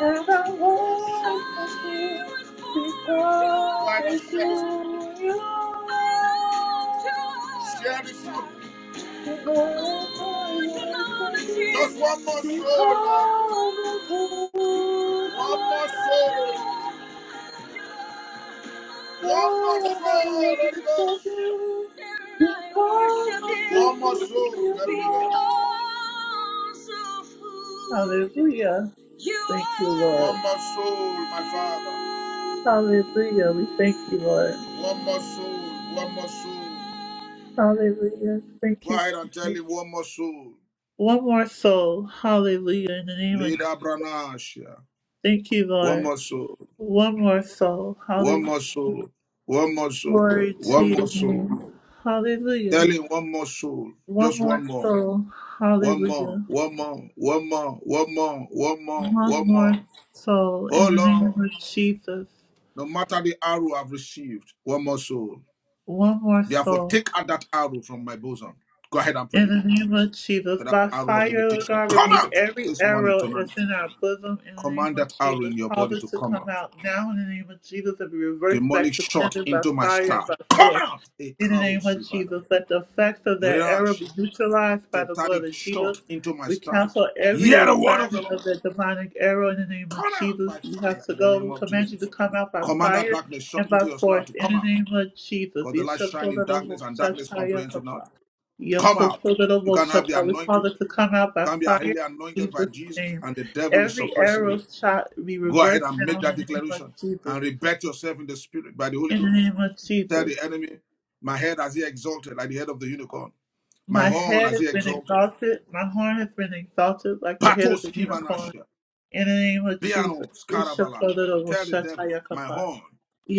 Speaker 1: and I worship you
Speaker 3: I was born to
Speaker 1: because of
Speaker 3: worship.
Speaker 1: who you
Speaker 3: I love to worship.
Speaker 1: are.
Speaker 3: Share this one.
Speaker 1: Oh, I
Speaker 3: Oh, it's an honor
Speaker 1: worship
Speaker 3: to- you.
Speaker 1: you
Speaker 3: Just one more soul, Lord.
Speaker 1: because of who you
Speaker 3: One more soul.
Speaker 1: are.
Speaker 3: One more
Speaker 1: Oh,
Speaker 3: soul,
Speaker 1: I worship
Speaker 3: Holy Ghost.
Speaker 1: you because of
Speaker 3: One more
Speaker 1: who
Speaker 3: soul, help me, Lord.
Speaker 1: you are. Hallelujah. Thank you, Lord.
Speaker 3: One more soul, my Father.
Speaker 1: Hallelujah. We thank you, Lord.
Speaker 3: One more soul, one more soul.
Speaker 1: Hallelujah. Thank
Speaker 3: Go
Speaker 1: you,
Speaker 3: ahead and tell
Speaker 1: Jesus.
Speaker 3: him one more soul.
Speaker 1: One more soul. Hallelujah. In the name of Jesus.
Speaker 3: Leader Branasha.
Speaker 1: Thank you,
Speaker 3: One
Speaker 1: Lord.
Speaker 3: more soul,
Speaker 1: One more soul.
Speaker 3: one
Speaker 1: Hallelujah.
Speaker 3: more soul, one more soul,
Speaker 1: Glory to
Speaker 3: one
Speaker 1: your
Speaker 3: more soul.
Speaker 1: name. Hallelujah.
Speaker 3: Tell him one more soul,
Speaker 1: One
Speaker 3: just
Speaker 1: more
Speaker 3: one more.
Speaker 1: soul.
Speaker 3: One more,
Speaker 1: Hallelujah.
Speaker 3: one more, one more, one more, one more, one more,
Speaker 1: One
Speaker 3: one
Speaker 1: more
Speaker 3: more.
Speaker 1: soul in
Speaker 3: Oh
Speaker 1: the name
Speaker 3: Lord,
Speaker 1: of Jesus.
Speaker 3: no matter the arrow I've received, one more soul.
Speaker 1: One more
Speaker 3: Therefore,
Speaker 1: soul.
Speaker 3: take out that arrow from my bosom. Go ahead and
Speaker 1: In
Speaker 3: pray.
Speaker 1: the name of Jesus,
Speaker 3: Let That
Speaker 1: by
Speaker 3: arrow of
Speaker 1: fire, Lord
Speaker 3: limitation
Speaker 1: God,
Speaker 3: come
Speaker 1: remove
Speaker 3: out
Speaker 1: every
Speaker 3: this morning,
Speaker 1: arrow that's
Speaker 3: tonight.
Speaker 1: in our bosom. In the name
Speaker 3: Command
Speaker 1: of
Speaker 3: that arrow
Speaker 1: Jesus,
Speaker 3: in your
Speaker 1: cause
Speaker 3: body
Speaker 1: it
Speaker 3: to
Speaker 1: to
Speaker 3: come
Speaker 1: come
Speaker 3: out.
Speaker 1: out now. In the name of Jesus, and be reversed back
Speaker 3: Demonic
Speaker 1: to
Speaker 3: shot
Speaker 1: sender by
Speaker 3: into my
Speaker 1: fire and
Speaker 3: star.
Speaker 1: by
Speaker 3: Come
Speaker 1: force.
Speaker 3: out! A
Speaker 1: In the
Speaker 3: caro
Speaker 1: name of
Speaker 3: sivara.
Speaker 1: Jesus, let the effects of that arrow
Speaker 3: Rush.
Speaker 1: be neutralized by the blood
Speaker 3: Satanic
Speaker 1: of Jesus.
Speaker 3: shot into my
Speaker 1: We
Speaker 3: star.
Speaker 1: cancel every
Speaker 3: Hear the word of the
Speaker 1: assignment
Speaker 3: Lord.
Speaker 1: of that demonic arrow in the name of
Speaker 3: Come out
Speaker 1: Jesus.
Speaker 3: by
Speaker 1: You
Speaker 3: fire
Speaker 1: have to
Speaker 3: in the
Speaker 1: go.
Speaker 3: name
Speaker 1: We
Speaker 3: of
Speaker 1: command you to
Speaker 3: Jesus.
Speaker 1: come out by
Speaker 3: Command that
Speaker 1: fire
Speaker 3: darkness shot
Speaker 1: and by
Speaker 3: into your star
Speaker 1: force.
Speaker 3: to
Speaker 1: In
Speaker 3: come
Speaker 1: the
Speaker 3: out.
Speaker 1: name of Jesus,
Speaker 3: Because the light
Speaker 1: Yeshua
Speaker 3: shine in
Speaker 1: Kola Robo
Speaker 3: darkness and darkness
Speaker 1: Shataya
Speaker 3: comprehends it
Speaker 1: Kapa.
Speaker 3: not. Come out. You can have the
Speaker 1: Yokosotorobosata, we
Speaker 3: anointing.
Speaker 1: cause
Speaker 3: You
Speaker 1: it to come out by
Speaker 3: can be
Speaker 1: fire in
Speaker 3: highly anointed by
Speaker 1: Jesus'
Speaker 3: Jesus,
Speaker 1: name.
Speaker 3: and the devil is
Speaker 1: Every
Speaker 3: suppressing
Speaker 1: arrow
Speaker 3: you.
Speaker 1: shot be
Speaker 3: Go ahead
Speaker 1: reversed
Speaker 3: and
Speaker 1: now
Speaker 3: make
Speaker 1: in
Speaker 3: that
Speaker 1: the name of
Speaker 3: declaration
Speaker 1: Jesus.
Speaker 3: and rebet yourself in the spirit by the Holy
Speaker 1: In the
Speaker 3: Ghost.
Speaker 1: name of
Speaker 3: Tell
Speaker 1: Jesus.
Speaker 3: the enemy, my head has he exalted like the head of the unicorn. My
Speaker 1: My
Speaker 3: horn
Speaker 1: head
Speaker 3: has
Speaker 1: has
Speaker 3: he
Speaker 1: been
Speaker 3: exalted.
Speaker 1: exalted, my horn has been exalted like the head of
Speaker 3: Patos
Speaker 1: the unicorn.
Speaker 3: kivanasha.
Speaker 1: In the name of Jesus.
Speaker 3: Biano scarabala. Tell the
Speaker 1: Ishakotorobosata
Speaker 3: devil, my
Speaker 1: yakapa.
Speaker 3: horn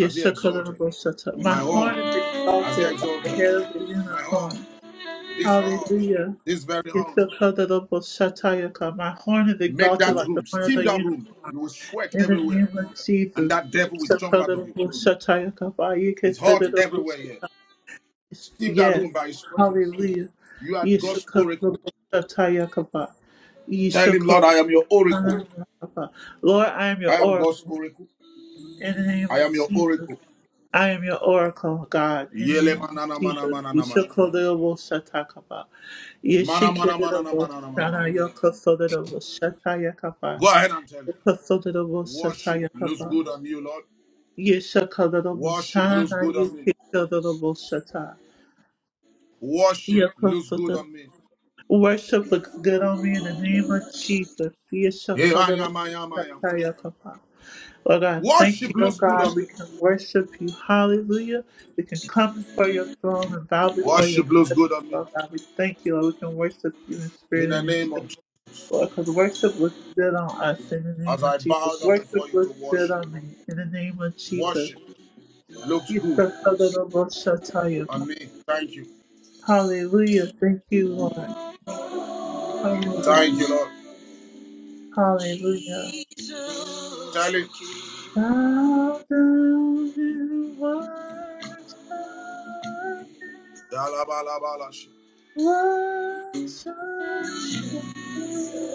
Speaker 3: has he exalted.
Speaker 1: My
Speaker 3: My
Speaker 1: horn is
Speaker 3: horn has he
Speaker 1: exalted like the head
Speaker 3: exalted.
Speaker 1: of the
Speaker 3: My horn,
Speaker 1: unicorn.
Speaker 3: this horn,
Speaker 1: Hallelujah.
Speaker 3: this very
Speaker 1: You
Speaker 3: horn.
Speaker 1: still held it up My horn is
Speaker 3: Make
Speaker 1: exalted
Speaker 3: that
Speaker 1: like the
Speaker 3: room,
Speaker 1: horn of
Speaker 3: steam
Speaker 1: the
Speaker 3: that room.
Speaker 1: unicorn.
Speaker 3: You will sweat
Speaker 1: In the
Speaker 3: everywhere.
Speaker 1: name of
Speaker 3: and
Speaker 1: Jesus.
Speaker 3: that
Speaker 1: You
Speaker 3: devil will
Speaker 1: still
Speaker 3: jump
Speaker 1: held
Speaker 3: out
Speaker 1: it
Speaker 3: of
Speaker 1: up
Speaker 3: you.
Speaker 1: with you can
Speaker 3: It's
Speaker 1: set
Speaker 3: hot
Speaker 1: it up
Speaker 3: everywhere here. Steam that
Speaker 1: Yes.
Speaker 3: room by his presence.
Speaker 1: Hallelujah.
Speaker 3: You are
Speaker 1: You still
Speaker 3: God's
Speaker 1: held it up
Speaker 3: oracle.
Speaker 1: with You
Speaker 3: Tell
Speaker 1: still
Speaker 3: him, Lord,
Speaker 1: held
Speaker 3: I
Speaker 1: it
Speaker 3: am your
Speaker 1: up
Speaker 3: oracle.
Speaker 1: Lord, I am your
Speaker 3: I am God's
Speaker 1: oracle.
Speaker 3: oracle.
Speaker 1: In the name
Speaker 3: I
Speaker 1: of
Speaker 3: am your
Speaker 1: Jesus.
Speaker 3: oracle.
Speaker 1: I am your oracle, God, in the
Speaker 3: Yele
Speaker 1: name of
Speaker 3: manana mana
Speaker 1: Jesus.
Speaker 3: mana mana mana.
Speaker 1: Yeshokolobo shatakaba.
Speaker 3: Mana mana mana mana
Speaker 1: Yeshikolobo shana yokosolobo shatayakaba.
Speaker 3: Go ahead and tell him.
Speaker 1: Yokosolobo
Speaker 3: Worship looks
Speaker 1: shatayakaba.
Speaker 3: good on you, Lord.
Speaker 1: Yeshokolobo
Speaker 3: Worship looks good
Speaker 1: shana
Speaker 3: on me.
Speaker 1: yokosolobo shata.
Speaker 3: Worship looks good
Speaker 1: Yokosolobo.
Speaker 3: on me.
Speaker 1: Worship looks good on me in the name of Jesus.
Speaker 3: Hey, I
Speaker 1: Yeshokolobo
Speaker 3: am, I am, I am.
Speaker 1: shatayakaba. Lord God, thank
Speaker 3: Worship
Speaker 1: you, Lord
Speaker 3: looks good
Speaker 1: God.
Speaker 3: on
Speaker 1: We
Speaker 3: me.
Speaker 1: can worship you. Hallelujah. We can come before your throne and bow before your
Speaker 3: Worship looks good
Speaker 1: presence,
Speaker 3: on me.
Speaker 1: Lord God. We thank you, Lord. We can worship you in
Speaker 3: In
Speaker 1: spirit
Speaker 3: the
Speaker 1: and in
Speaker 3: name of
Speaker 1: truth, Lord, because worship was good on us in the
Speaker 3: As
Speaker 1: name of
Speaker 3: I
Speaker 1: Jesus.
Speaker 3: bow down
Speaker 1: Worship
Speaker 3: before you
Speaker 1: was
Speaker 3: to
Speaker 1: good
Speaker 3: worship,
Speaker 1: on me in the name of Jesus.
Speaker 3: worship looks
Speaker 1: You
Speaker 3: good
Speaker 1: shall tell the Lord, shall tell you.
Speaker 3: on me. Thank you.
Speaker 1: Hallelujah. Thank you, Lord. Hallelujah.
Speaker 3: Thank you, Lord.
Speaker 1: Hallelujah.
Speaker 3: Tell him.
Speaker 1: Bow down and worship.
Speaker 3: Yalabalabalash.
Speaker 1: Worship you,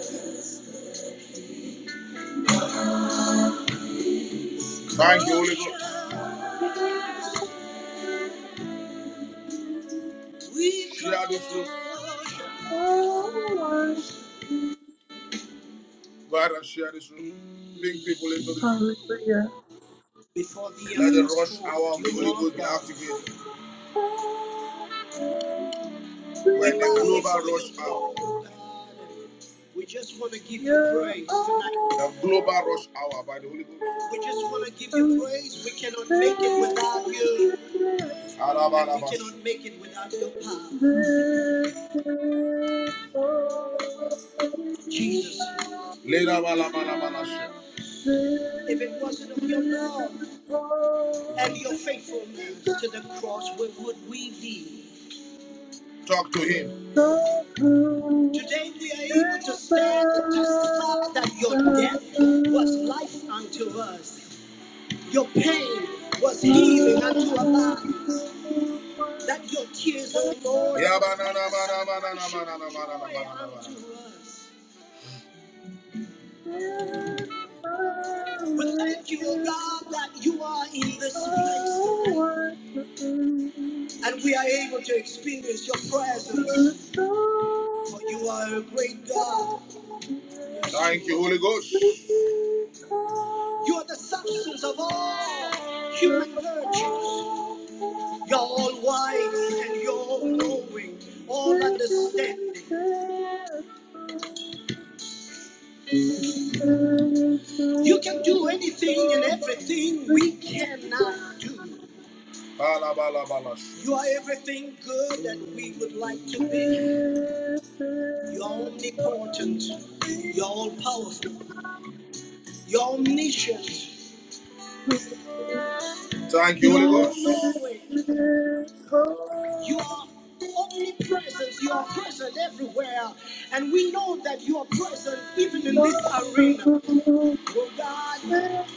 Speaker 3: Thank you, Holy Ghost.
Speaker 1: we
Speaker 3: Share this room.
Speaker 1: always be.
Speaker 3: Go ahead and share this room. Bring people into this room.
Speaker 1: Hallelujah.
Speaker 3: Before the Let the rush hour of the Holy Ghost be activated. We're in a global rush hour. We just want to give you
Speaker 1: You're
Speaker 3: praise tonight. The global rush hour by the Holy Ghost. We just want to give you
Speaker 1: awesome.
Speaker 3: praise. We cannot make it without you. And we cannot make it without your power, Jesus. If it wasn't of your love and your faithfulness to the cross, where would we be? Talk to him. Today we are able to stand and testify that your death was life unto us, your pain was healing unto our bodies. That your tears, O Lord, were joy unto us. We thank you, oh God, that you are in this place tonight and we are able to experience your presence. For you are a great God. Yes, Thank you, Holy Ghost. You are the substance of all human virtues. You're all wise and you're all knowing, all understanding. You can do anything and everything we cannot do. Bala, bala, You are everything good that we would like to be. You're omnipotent. You're all powerful. You're omniscient. Thank you, Holy Ghost. You're all knowing. You are omnipresent. You are present everywhere. And we know that you are present even in this arena. Oh God,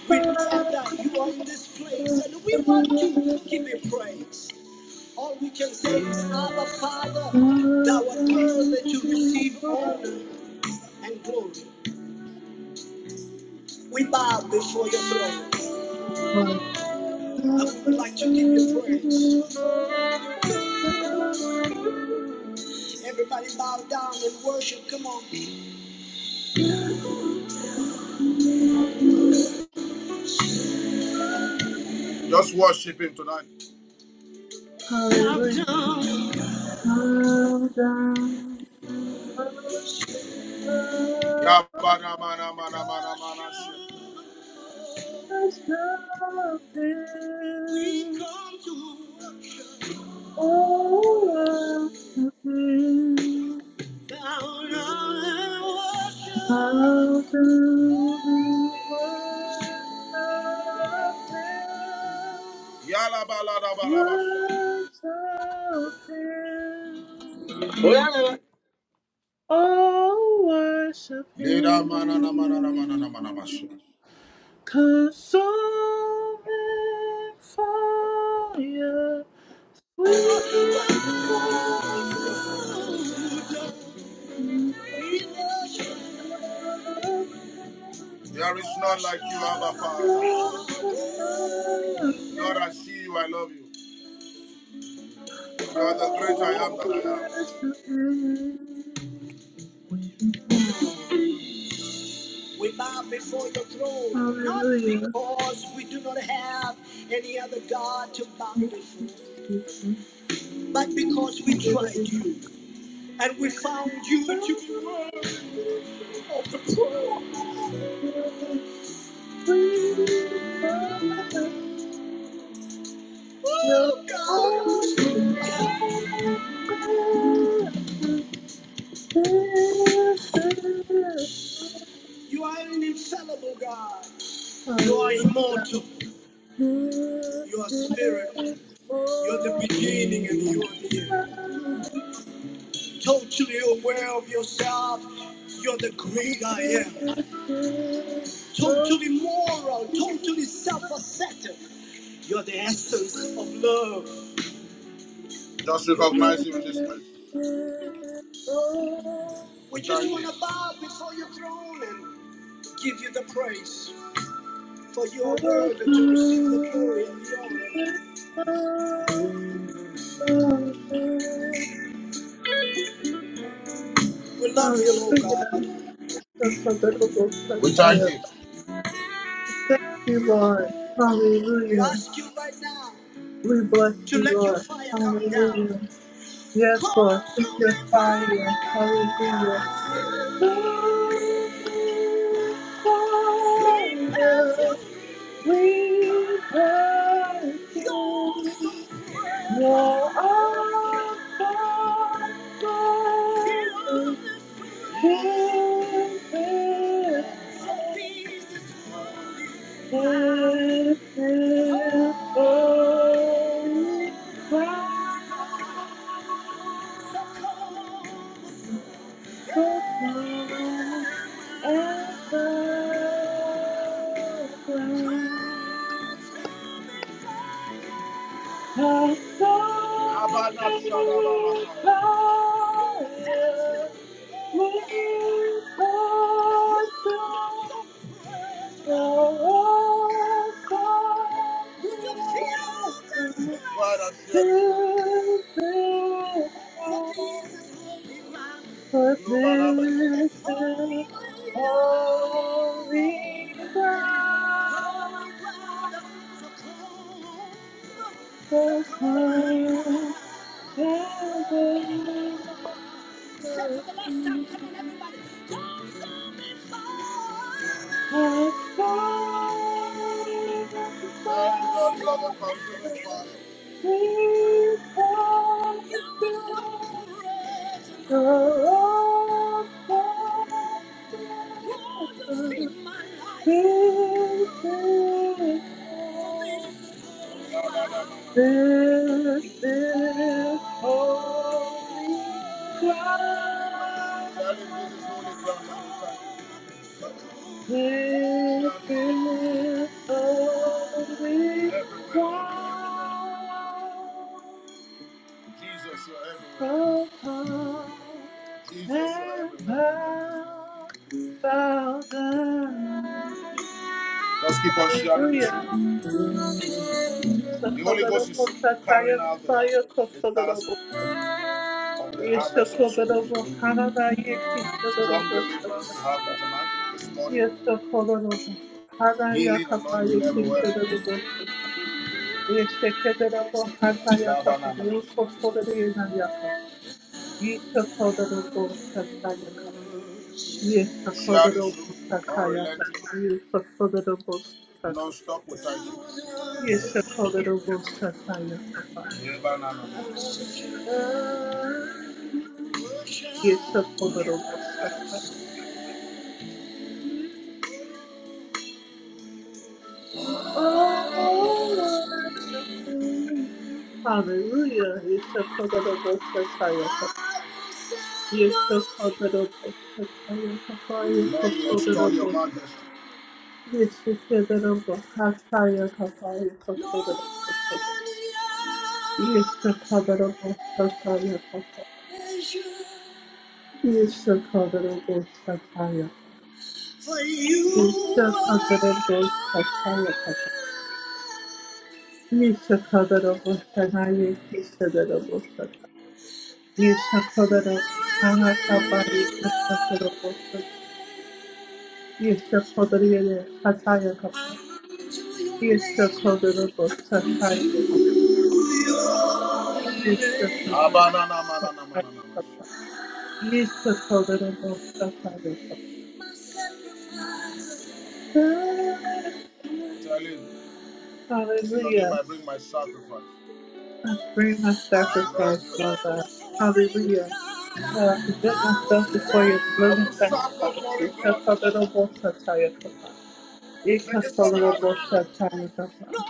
Speaker 3: we know that you are in this place and we want to give you praise. All we can say is, Abba Father, thou art worthy to receive honor and glory. We bow before your throne. And we would like to give you
Speaker 1: Hallelujah.
Speaker 3: praise. Everybody bow down and worship. Come on. Just worship him tonight.
Speaker 1: Hallelujah.
Speaker 3: Yabanamanamanamanamanasi. We've come to worship. Bow down and worship. Yalabalabalabashi.
Speaker 1: Worship him. Oh, worship him.
Speaker 3: Lidamananamananamanamanashi.
Speaker 1: Consuming fire. We worship
Speaker 3: There is none like you, Abba Father. Lord, I see you. I love you. You're the great I am that I am.
Speaker 1: worship Him, Him. oh, worship him.
Speaker 3: We bow before your throne, not
Speaker 1: Hallelujah.
Speaker 3: because we do not have any other God to bow
Speaker 1: Thank
Speaker 3: before,
Speaker 1: you, Jesus.
Speaker 3: but because we tried
Speaker 1: Hallelujah.
Speaker 3: you and we found you
Speaker 1: Hallelujah.
Speaker 3: to be worthy of the throne. Oh God, you are an infallible God. You are immortal. You are spirit. You're the beginning and you are the end. Totally aware of yourself. You're the great I am. totally moral, totally self-assertive. You're the essence of love. Just recognize you in this place. We just want to bow before your throne and give you the praise, for you are worthy to receive the glory and the honor. We love you, Lord God.
Speaker 1: Thank you, Lord.
Speaker 3: We
Speaker 1: Hallelujah.
Speaker 3: ask you right now
Speaker 1: We bless
Speaker 3: to
Speaker 1: you,
Speaker 3: let your
Speaker 1: Lord.
Speaker 3: fire come down.
Speaker 1: Hallelujah. Yes, Lord. Send your
Speaker 3: Consuming
Speaker 1: fire.
Speaker 3: fire,
Speaker 1: Hallelujah. Fire. We thank you. You're our Father.
Speaker 3: fill this place,
Speaker 1: This
Speaker 3: for this is holy ground.
Speaker 1: this is holy and golden. A song
Speaker 3: Abana
Speaker 1: is
Speaker 3: Shadabalakaya.
Speaker 1: fire. But this is
Speaker 3: Glad I shared this with you. For this is holy No balabe. It's holy
Speaker 1: holy
Speaker 3: ground.
Speaker 1: ground.
Speaker 3: Holy ground. So
Speaker 1: The
Speaker 3: come and
Speaker 1: sun and the moon
Speaker 3: set for the last time. Come on, everybody. Come so before.
Speaker 1: has
Speaker 3: Very Lord, you are the fountain of
Speaker 1: fallen.
Speaker 3: fire.
Speaker 1: This is holy
Speaker 3: Your awesome
Speaker 1: ground.
Speaker 3: presence. Lord, you feed my life.
Speaker 1: This is
Speaker 3: For this no, no, no. no. Tell him this is holy ground. You are
Speaker 1: holy
Speaker 3: everywhere, Lord,
Speaker 1: ground.
Speaker 3: you're everywhere. Jesus, you're everywhere.
Speaker 1: The
Speaker 3: Jesus, you're
Speaker 1: and
Speaker 3: everywhere tonight this morning.
Speaker 1: bow, bow down.
Speaker 3: Let's keep on sharing this
Speaker 1: Hallelujah.
Speaker 3: room. The Holy Ghost is
Speaker 1: Shakodobo Shataya
Speaker 3: carrying out the,
Speaker 1: Tataya
Speaker 3: the task
Speaker 1: Kosodobo.
Speaker 3: of the harvest of souls.
Speaker 1: Yeshakodobo Hananaya
Speaker 3: Strong
Speaker 1: Kishodobo
Speaker 3: deliverance
Speaker 1: Shataya.
Speaker 3: to happen tonight, this morning.
Speaker 1: Yeshakodobo Hanaya
Speaker 3: Healing,
Speaker 1: Kapaya
Speaker 3: anointing everywhere.
Speaker 1: Kishodobo Shataya. Yeshakodobo Hanaya
Speaker 3: Love and anonymous.
Speaker 1: Kapaya Kosodobo Yakapa. Yeshakodobo Shataya Kapaya. Yes, the
Speaker 3: Share
Speaker 1: covenant
Speaker 3: this room.
Speaker 1: of Satya,
Speaker 3: Unrelenting,
Speaker 1: the covenant of Satya.
Speaker 3: non-stop without you.
Speaker 1: Yes, I call it a Sataya Papa.
Speaker 3: Love and
Speaker 1: Yes, I call it a Sataya. Oh, what a thing. Hallelujah. Yes, I call it a Sataya Papa. Yes, I call it
Speaker 3: anonymous.
Speaker 1: a Sataya Papa. Yes,
Speaker 3: Lord,
Speaker 1: I call it
Speaker 3: restore
Speaker 1: a
Speaker 3: your
Speaker 1: ghost.
Speaker 3: majesty.
Speaker 1: Yes, I call it a Sataya Papa.
Speaker 3: No any
Speaker 1: Yes, I
Speaker 3: other
Speaker 1: call it a ghost satire.
Speaker 3: treasure.
Speaker 1: Yes, I call it a Sataya Papa. Yes, I call it a Sataya
Speaker 3: You are my
Speaker 1: Yeshakadaraboshakayakata.
Speaker 3: desire.
Speaker 1: Yeshakadaraboshanayekisadaraboshata.
Speaker 3: There's nowhere without
Speaker 1: Yeshakadaraboshakakabayekasataraboshata.
Speaker 3: measure.
Speaker 1: Yeshakadariyakatayakapa.
Speaker 3: I run to your name.
Speaker 1: Yeshakadaraboshakayakapa.
Speaker 3: Abananamanamanamanaman.
Speaker 1: Yeshakadaraboshakayakapa. Yeshakadaraboshakayakapa.
Speaker 3: Tell him, to your name
Speaker 1: Hallelujah.
Speaker 3: I bring my sacrifice.
Speaker 1: I bring my
Speaker 3: I will
Speaker 1: sacrifice, Lord
Speaker 3: love
Speaker 1: God.
Speaker 3: you,
Speaker 1: Hallelujah.
Speaker 3: God.
Speaker 1: God, I
Speaker 3: I
Speaker 1: present myself before you as a living
Speaker 3: will serve the
Speaker 1: sacrifice.
Speaker 3: foreign God.
Speaker 1: Ikatoloroboshatayakopa.
Speaker 3: Make a covenant with me.
Speaker 1: Ikatoloroboshatayakopa.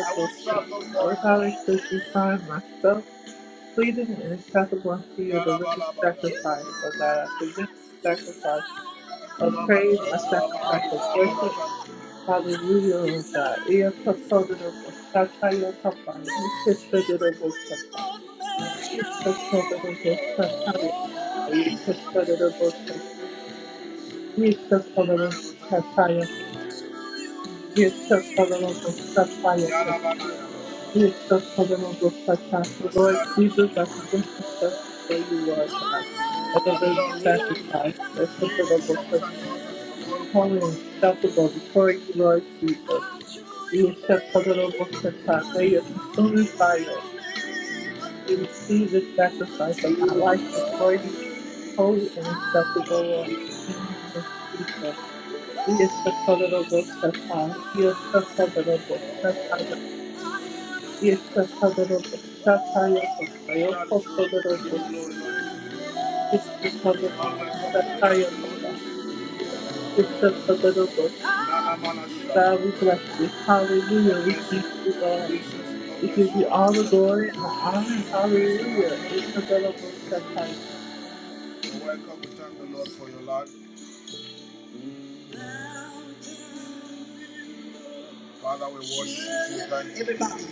Speaker 3: I will serve the
Speaker 1: Lord
Speaker 3: foreign
Speaker 1: God, I should you find
Speaker 3: God.
Speaker 1: myself pleading and acceptable unto you as a living
Speaker 3: You are
Speaker 1: sacrifice. Lord God, I
Speaker 3: my
Speaker 1: present
Speaker 3: heart's
Speaker 1: my sacrifice
Speaker 3: desire.
Speaker 1: of
Speaker 3: my
Speaker 1: praise, my
Speaker 3: treasure, my heart
Speaker 1: sacrifice of
Speaker 3: desire, my
Speaker 1: worship.
Speaker 3: heart's
Speaker 1: Hallelujah, O
Speaker 3: desire.
Speaker 1: God. Ea kakodoro bo sataya kapaya.
Speaker 3: That's
Speaker 1: Ike
Speaker 3: me
Speaker 1: sodoro
Speaker 3: when
Speaker 1: bo
Speaker 3: we
Speaker 1: kapaya.
Speaker 3: don't measure.
Speaker 1: Ike sodoro bo sataya kapaya. Ike sodoro bo sataya. Ike sodoro
Speaker 3: Amen. We
Speaker 1: bo sataya kapaya. Ike sodoro bo sataya kapaya.
Speaker 3: Thank you. Yarabalabaya.
Speaker 1: Ike sodoro bo sataya.
Speaker 3: Yes,
Speaker 1: Lord Jesus, I forgive myself
Speaker 3: Lord.
Speaker 1: before you,
Speaker 3: As
Speaker 1: Lord
Speaker 3: the
Speaker 1: God. I don't really
Speaker 3: Lord
Speaker 1: sacrifice. Ike
Speaker 3: rules, lead
Speaker 1: sodoro
Speaker 3: his
Speaker 1: bo
Speaker 3: sons and daughters
Speaker 1: sataya.
Speaker 3: of all
Speaker 1: holy
Speaker 3: across
Speaker 1: and
Speaker 3: the nation.
Speaker 1: acceptable before you, Lord
Speaker 3: God is true.
Speaker 1: Jesus.
Speaker 3: We
Speaker 1: We accept the little book of God. May your consuming fire we receive the sacrifice of
Speaker 3: Give
Speaker 1: my life before you, holy and acceptable, Lord. In the name of Jesus. We accept the little book of God. We accept the little book of God. We accept the little book of God. We accept the little book of God.
Speaker 3: you glory, Lord.
Speaker 1: We accept the little book of God. We accept
Speaker 3: Always come to the Lord.
Speaker 1: the little book of God.
Speaker 3: Na, na, na, na, shala.
Speaker 1: God, we bless you. Hallelujah. We thank you, Lord. We give you all the glory and the honor. Hallelujah. It's a beautiful Shakai.
Speaker 3: Father, we worship you. Thank you. Everybody.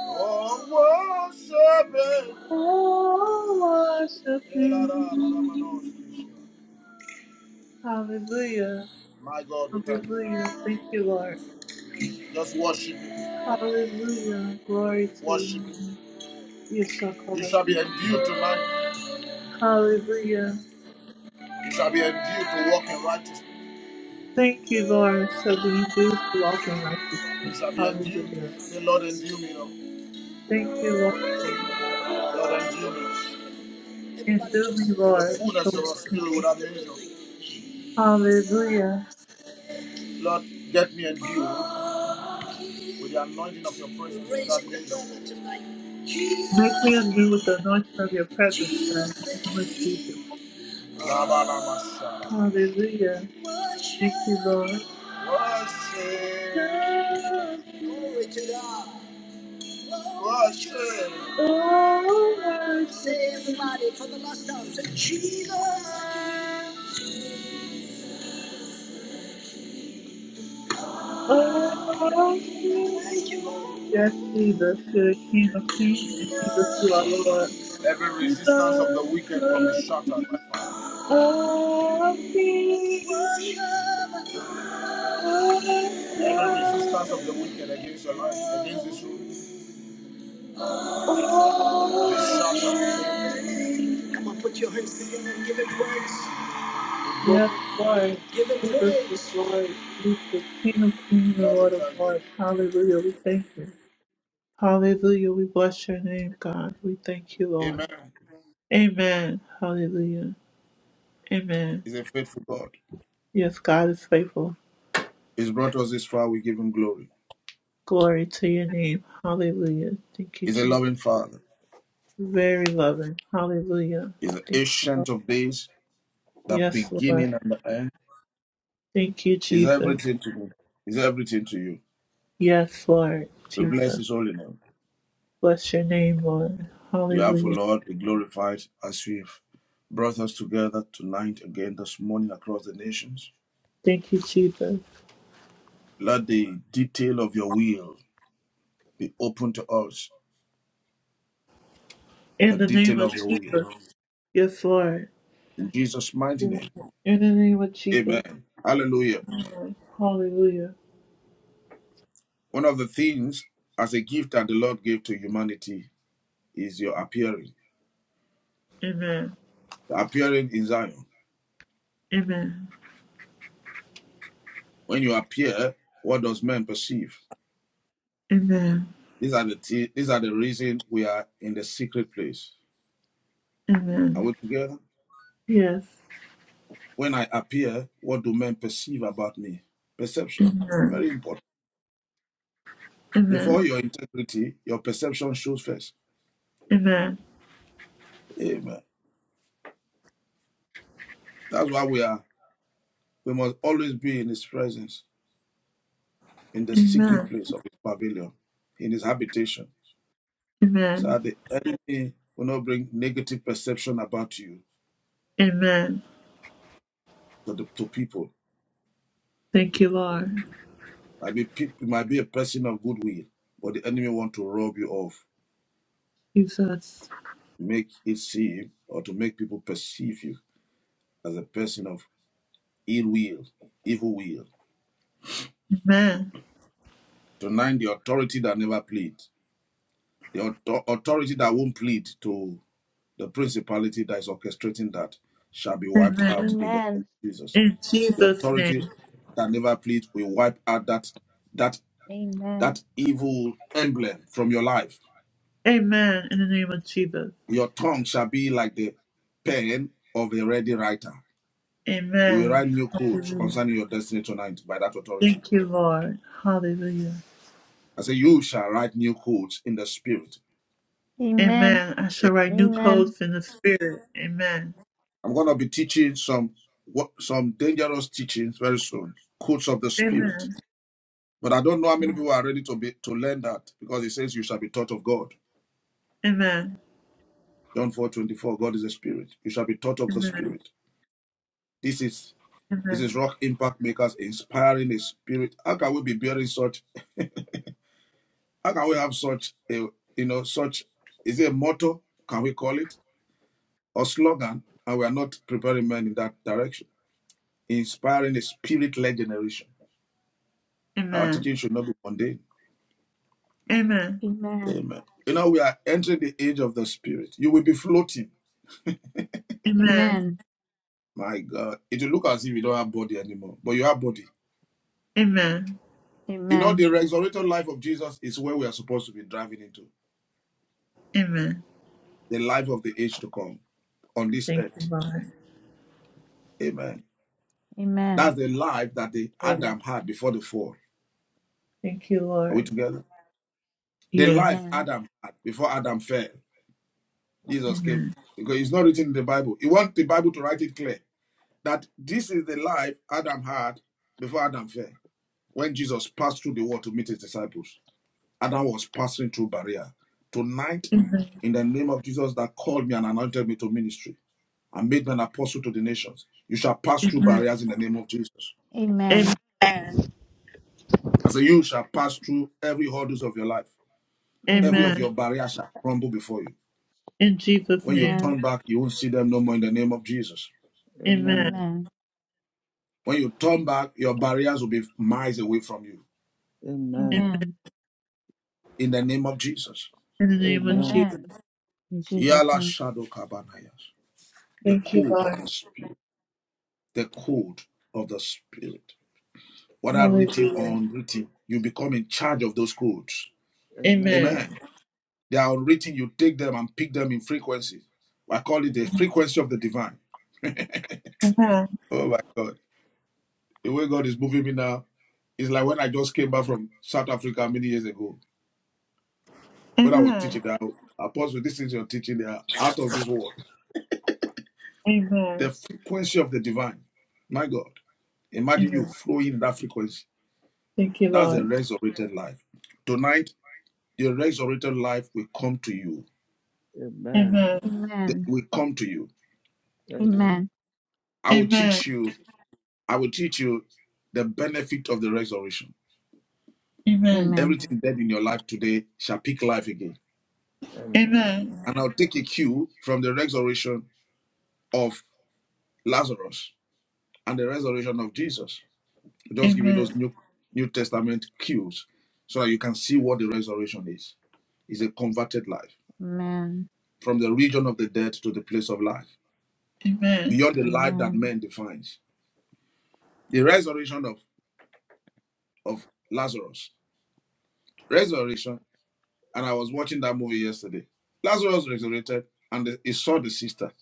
Speaker 3: Oh, worship it.
Speaker 1: Oh, worship you. Hallelujah.
Speaker 3: My God, we thank you.
Speaker 1: Hallelujah. Thank you, Lord.
Speaker 3: Just worship Him.
Speaker 1: Hallelujah. Glory to your
Speaker 3: Worship Him.
Speaker 1: name. Yes, shall call
Speaker 3: You
Speaker 1: that
Speaker 3: shall
Speaker 1: up.
Speaker 3: be endued tonight.
Speaker 1: Hallelujah.
Speaker 3: You shall be endued to walk in righteousness.
Speaker 1: Thank you, Lord, for being beautiful, walk in righteousness.
Speaker 3: You shall be
Speaker 1: Hallelujah.
Speaker 3: endued. Say, Lord, endue me, Lord.
Speaker 1: Thank you, Lord.
Speaker 3: Lord, endue me.
Speaker 1: And do me,
Speaker 3: with the
Speaker 1: Lord,
Speaker 3: fullness
Speaker 1: so
Speaker 3: of your spirit
Speaker 1: much.
Speaker 3: without the angel.
Speaker 1: Hallelujah.
Speaker 3: Lord, get me and you with the anointing of your presence without the angel.
Speaker 1: Make me anew with
Speaker 3: Jesus,
Speaker 1: the anointing of your presence, God.
Speaker 3: Jesus
Speaker 1: In
Speaker 3: the
Speaker 1: the name of Jesus.
Speaker 3: King.
Speaker 1: Hallelujah. Thank you, Lord.
Speaker 3: Worship. Worship.
Speaker 1: Thank you.
Speaker 3: Glory to God. Worship.
Speaker 1: Oh, worship
Speaker 3: Say
Speaker 1: you.
Speaker 3: everybody for the last time. Say Jesus.
Speaker 1: Oh, King.
Speaker 3: Thank you, Lord.
Speaker 1: Yes, Jesus, you're the King of Kings, and Jesus, you are Lord.
Speaker 3: Every resistance of the
Speaker 1: Jesus,
Speaker 3: wicked will be
Speaker 1: you're the
Speaker 3: shattered
Speaker 1: King
Speaker 3: by fire.
Speaker 1: of Kings. Worship
Speaker 3: Every resistance of the
Speaker 1: you.
Speaker 3: wicked against your life, against this room, is
Speaker 1: Oh,
Speaker 3: shattered.
Speaker 1: worship you.
Speaker 3: Come on, put your hands together and give him praise.
Speaker 1: Yes, Lord.
Speaker 3: Give him
Speaker 1: Jesus is
Speaker 3: praise.
Speaker 1: Lord. Jesus is King of kings and
Speaker 3: Lord, we
Speaker 1: Lord of
Speaker 3: thank
Speaker 1: lords.
Speaker 3: you.
Speaker 1: Hallelujah. We thank you. Hallelujah. We bless your name, God. We thank you, Lord.
Speaker 3: Amen.
Speaker 1: Amen. Hallelujah. Amen.
Speaker 3: He's a faithful God.
Speaker 1: Yes, God is faithful.
Speaker 3: He's brought us this far. We give him glory.
Speaker 1: Glory to your name. Hallelujah. Thank you,
Speaker 3: He's a
Speaker 1: Jesus.
Speaker 3: loving Father.
Speaker 1: Very loving. Hallelujah.
Speaker 3: He's the
Speaker 1: Thank
Speaker 3: ancient of days,
Speaker 1: you.
Speaker 3: the
Speaker 1: Yes, Lord.
Speaker 3: beginning and the end.
Speaker 1: Thank you,
Speaker 3: He's
Speaker 1: Jesus.
Speaker 3: everything to me. He's everything to you.
Speaker 1: Yes, Lord.
Speaker 3: We bless
Speaker 1: Jesus.
Speaker 3: his holy name.
Speaker 1: Bless your name, Lord.
Speaker 3: Therefore,
Speaker 1: Hallelujah.
Speaker 3: Lord, be glorified as we have brought us together tonight again this morning across the nations.
Speaker 1: Thank you, Jesus.
Speaker 3: Let the detail of your will be open to us,
Speaker 1: In
Speaker 3: the
Speaker 1: the name
Speaker 3: detail
Speaker 1: of
Speaker 3: of your will.
Speaker 1: Jesus. Yes, Lord.
Speaker 3: In Jesus' mighty name,
Speaker 1: In the name of Jesus.
Speaker 3: amen. Hallelujah.
Speaker 1: Lord. Hallelujah.
Speaker 3: One of the things as a gift that the Lord gave to humanity is your appearing.
Speaker 1: Amen.
Speaker 3: The appearing in Zion.
Speaker 1: Amen.
Speaker 3: When you appear, what does man perceive?
Speaker 1: Amen.
Speaker 3: These are the, t- these are the reason we are in the secret place. Are
Speaker 1: Amen.
Speaker 3: we together?
Speaker 1: Yes.
Speaker 3: When I appear, what do men perceive about me? Perception.
Speaker 1: Amen.
Speaker 3: Very important. Before
Speaker 1: Amen.
Speaker 3: your integrity, your perception shows first.
Speaker 1: Amen.
Speaker 3: Amen. That's why we are. We must always be in his presence, in the secret
Speaker 1: Amen.
Speaker 3: place of his pavilion, in his habitation. So
Speaker 1: Amen.
Speaker 3: that the enemy will not bring negative perception about you
Speaker 1: Amen.
Speaker 3: to the to people.
Speaker 1: Thank you, Lord.
Speaker 3: Might be peop might be a person of goodwill, but the enemy want to rob you of,
Speaker 1: Jesus.
Speaker 3: make it seem or to make people perceive you as a person of ill will, evil will.
Speaker 1: Amen.
Speaker 3: To nine, the authority that never plead, the authority that won't plead to the principality that is orchestrating that shall be wiped out
Speaker 1: Amen.
Speaker 3: in the name of
Speaker 4: Amen.
Speaker 3: Jesus.
Speaker 1: In
Speaker 3: The
Speaker 1: Jesus'
Speaker 3: authority
Speaker 1: name.
Speaker 3: that never plead will wipe out that that
Speaker 4: Amen.
Speaker 3: that evil emblem from your life.
Speaker 1: Amen. In the name of Jesus.
Speaker 3: Your tongue shall be like the pen of a ready writer. You will
Speaker 1: Amen.
Speaker 3: write new codes
Speaker 1: Hallelujah.
Speaker 3: concerning your destiny tonight by that authority.
Speaker 1: Thank you, Lord. Hallelujah.
Speaker 3: I say you shall write new codes in the spirit
Speaker 4: Amen.
Speaker 1: Amen. I shall write new
Speaker 4: Amen.
Speaker 1: codes in the spirit. Amen.
Speaker 3: I'm going to be teaching some what some dangerous teachings very soon, codes of the spirit.
Speaker 1: Amen.
Speaker 3: But I don't know how many people are ready to be to learn that because it says you shall be taught of God.
Speaker 1: Amen.
Speaker 3: John 4 24. God is a spirit. You shall be taught of the
Speaker 1: Amen.
Speaker 3: spirit. This is this is
Speaker 1: Amen.
Speaker 3: rock impact makers inspiring a spirit. How can we be bearing such how can we have such a you know such is it a motto, can we call it? Or slogan, and we are not preparing men in that direction. Inspiring a spirit led generation. Our
Speaker 1: Amen.
Speaker 3: teaching should not be mundane
Speaker 1: Amen.
Speaker 4: Amen.
Speaker 3: Amen. You know, we are entering the age of the spirit. You will be floating.
Speaker 1: Amen.
Speaker 4: Amen.
Speaker 3: My God. It will look as if you don't have body anymore, but you have body.
Speaker 1: Amen.
Speaker 3: You know,
Speaker 4: Amen.
Speaker 3: the resurrected life of Jesus is where we are supposed to be driving into
Speaker 1: Amen.
Speaker 3: the life of the age to come on this
Speaker 1: Thank you,
Speaker 3: earth.
Speaker 1: Lord.
Speaker 3: Amen.
Speaker 4: Amen.
Speaker 3: That's the life that the Adam had before the fall.
Speaker 1: Thank you,
Speaker 3: Are we
Speaker 1: Lord.
Speaker 3: together? The
Speaker 1: Yes.
Speaker 3: life
Speaker 4: Amen.
Speaker 3: Adam had before Adam fell. Jesus came.
Speaker 1: Amen.
Speaker 3: Because it's not written in the Bible. You want the Bible to write it clear that this is the life Adam had before Adam fell. when Jesus passed through the world to meet his disciples. Adam was passing through barrier. Tonight,
Speaker 1: Amen.
Speaker 3: in the name of Jesus that called me and anointed me to ministry and made me an apostle to the nations, you shall pass through
Speaker 1: Amen.
Speaker 3: barriers in the name of Jesus.
Speaker 1: Amen.
Speaker 4: Amen. Amen.
Speaker 1: Amen.
Speaker 3: As a you shall pass through every hurdles of your life. Every of
Speaker 4: Amen.
Speaker 3: your barriers shall crumble before you.
Speaker 1: In Jesus'
Speaker 3: When you
Speaker 1: name.
Speaker 3: turn back, you won't see them no more in the name of Jesus.
Speaker 1: Amen.
Speaker 4: Amen.
Speaker 3: When you turn back, your barriers will be miles away from you
Speaker 4: Amen.
Speaker 3: in the name of Jesus.
Speaker 1: In the name of Jesus.
Speaker 4: Amen. In Jesus'
Speaker 3: Yala
Speaker 4: name.
Speaker 3: shadow kabanayas. The
Speaker 1: Thank you,
Speaker 3: code of
Speaker 1: Lord.
Speaker 3: the spirit. the code of the spirit, whether written or
Speaker 1: Hallelujah.
Speaker 3: unwritten. You become in charge of those codes.
Speaker 1: Amen.
Speaker 3: Amen. They are unwritten. You take them and pick them in frequency. I call it the frequency of the divine. (laughs)
Speaker 1: Amen.
Speaker 3: oh my God. The way God is moving me now is like when I just came back from South Africa many years ago. When I was
Speaker 1: Amen.
Speaker 3: teaching that, Apostle, this is your teaching, they are out of this world.
Speaker 1: Amen.
Speaker 3: The frequency of the divine. My God. Imagine you
Speaker 1: Amen.
Speaker 3: flowing in that frequency.
Speaker 1: Thank you,
Speaker 3: That's a
Speaker 1: Lord.
Speaker 3: resurrected life. Tonight. your resurrected life will come to you.
Speaker 1: Amen.
Speaker 3: That
Speaker 4: Amen.
Speaker 3: will come to you.
Speaker 4: Amen.
Speaker 3: I will
Speaker 1: Amen.
Speaker 3: teach you. I will teach you the benefit of the resurrection.
Speaker 1: Amen.
Speaker 4: Amen.
Speaker 3: Everything dead in your life today shall pick life again.
Speaker 1: Amen.
Speaker 3: And I'll take a cue from the resurrection of Lazarus and the resurrection of Jesus. Just give you those
Speaker 1: Amen.
Speaker 3: new New Testament cues so that you can see what the resurrection is. It's a converted life
Speaker 4: Amen.
Speaker 3: from the region of the dead to the place of life,
Speaker 1: Amen.
Speaker 3: beyond the life that
Speaker 4: Amen.
Speaker 3: man defines. The resurrection of, of Lazarus resurrection, and I was watching that movie yesterday. Lazarus resurrected, and he saw the sister,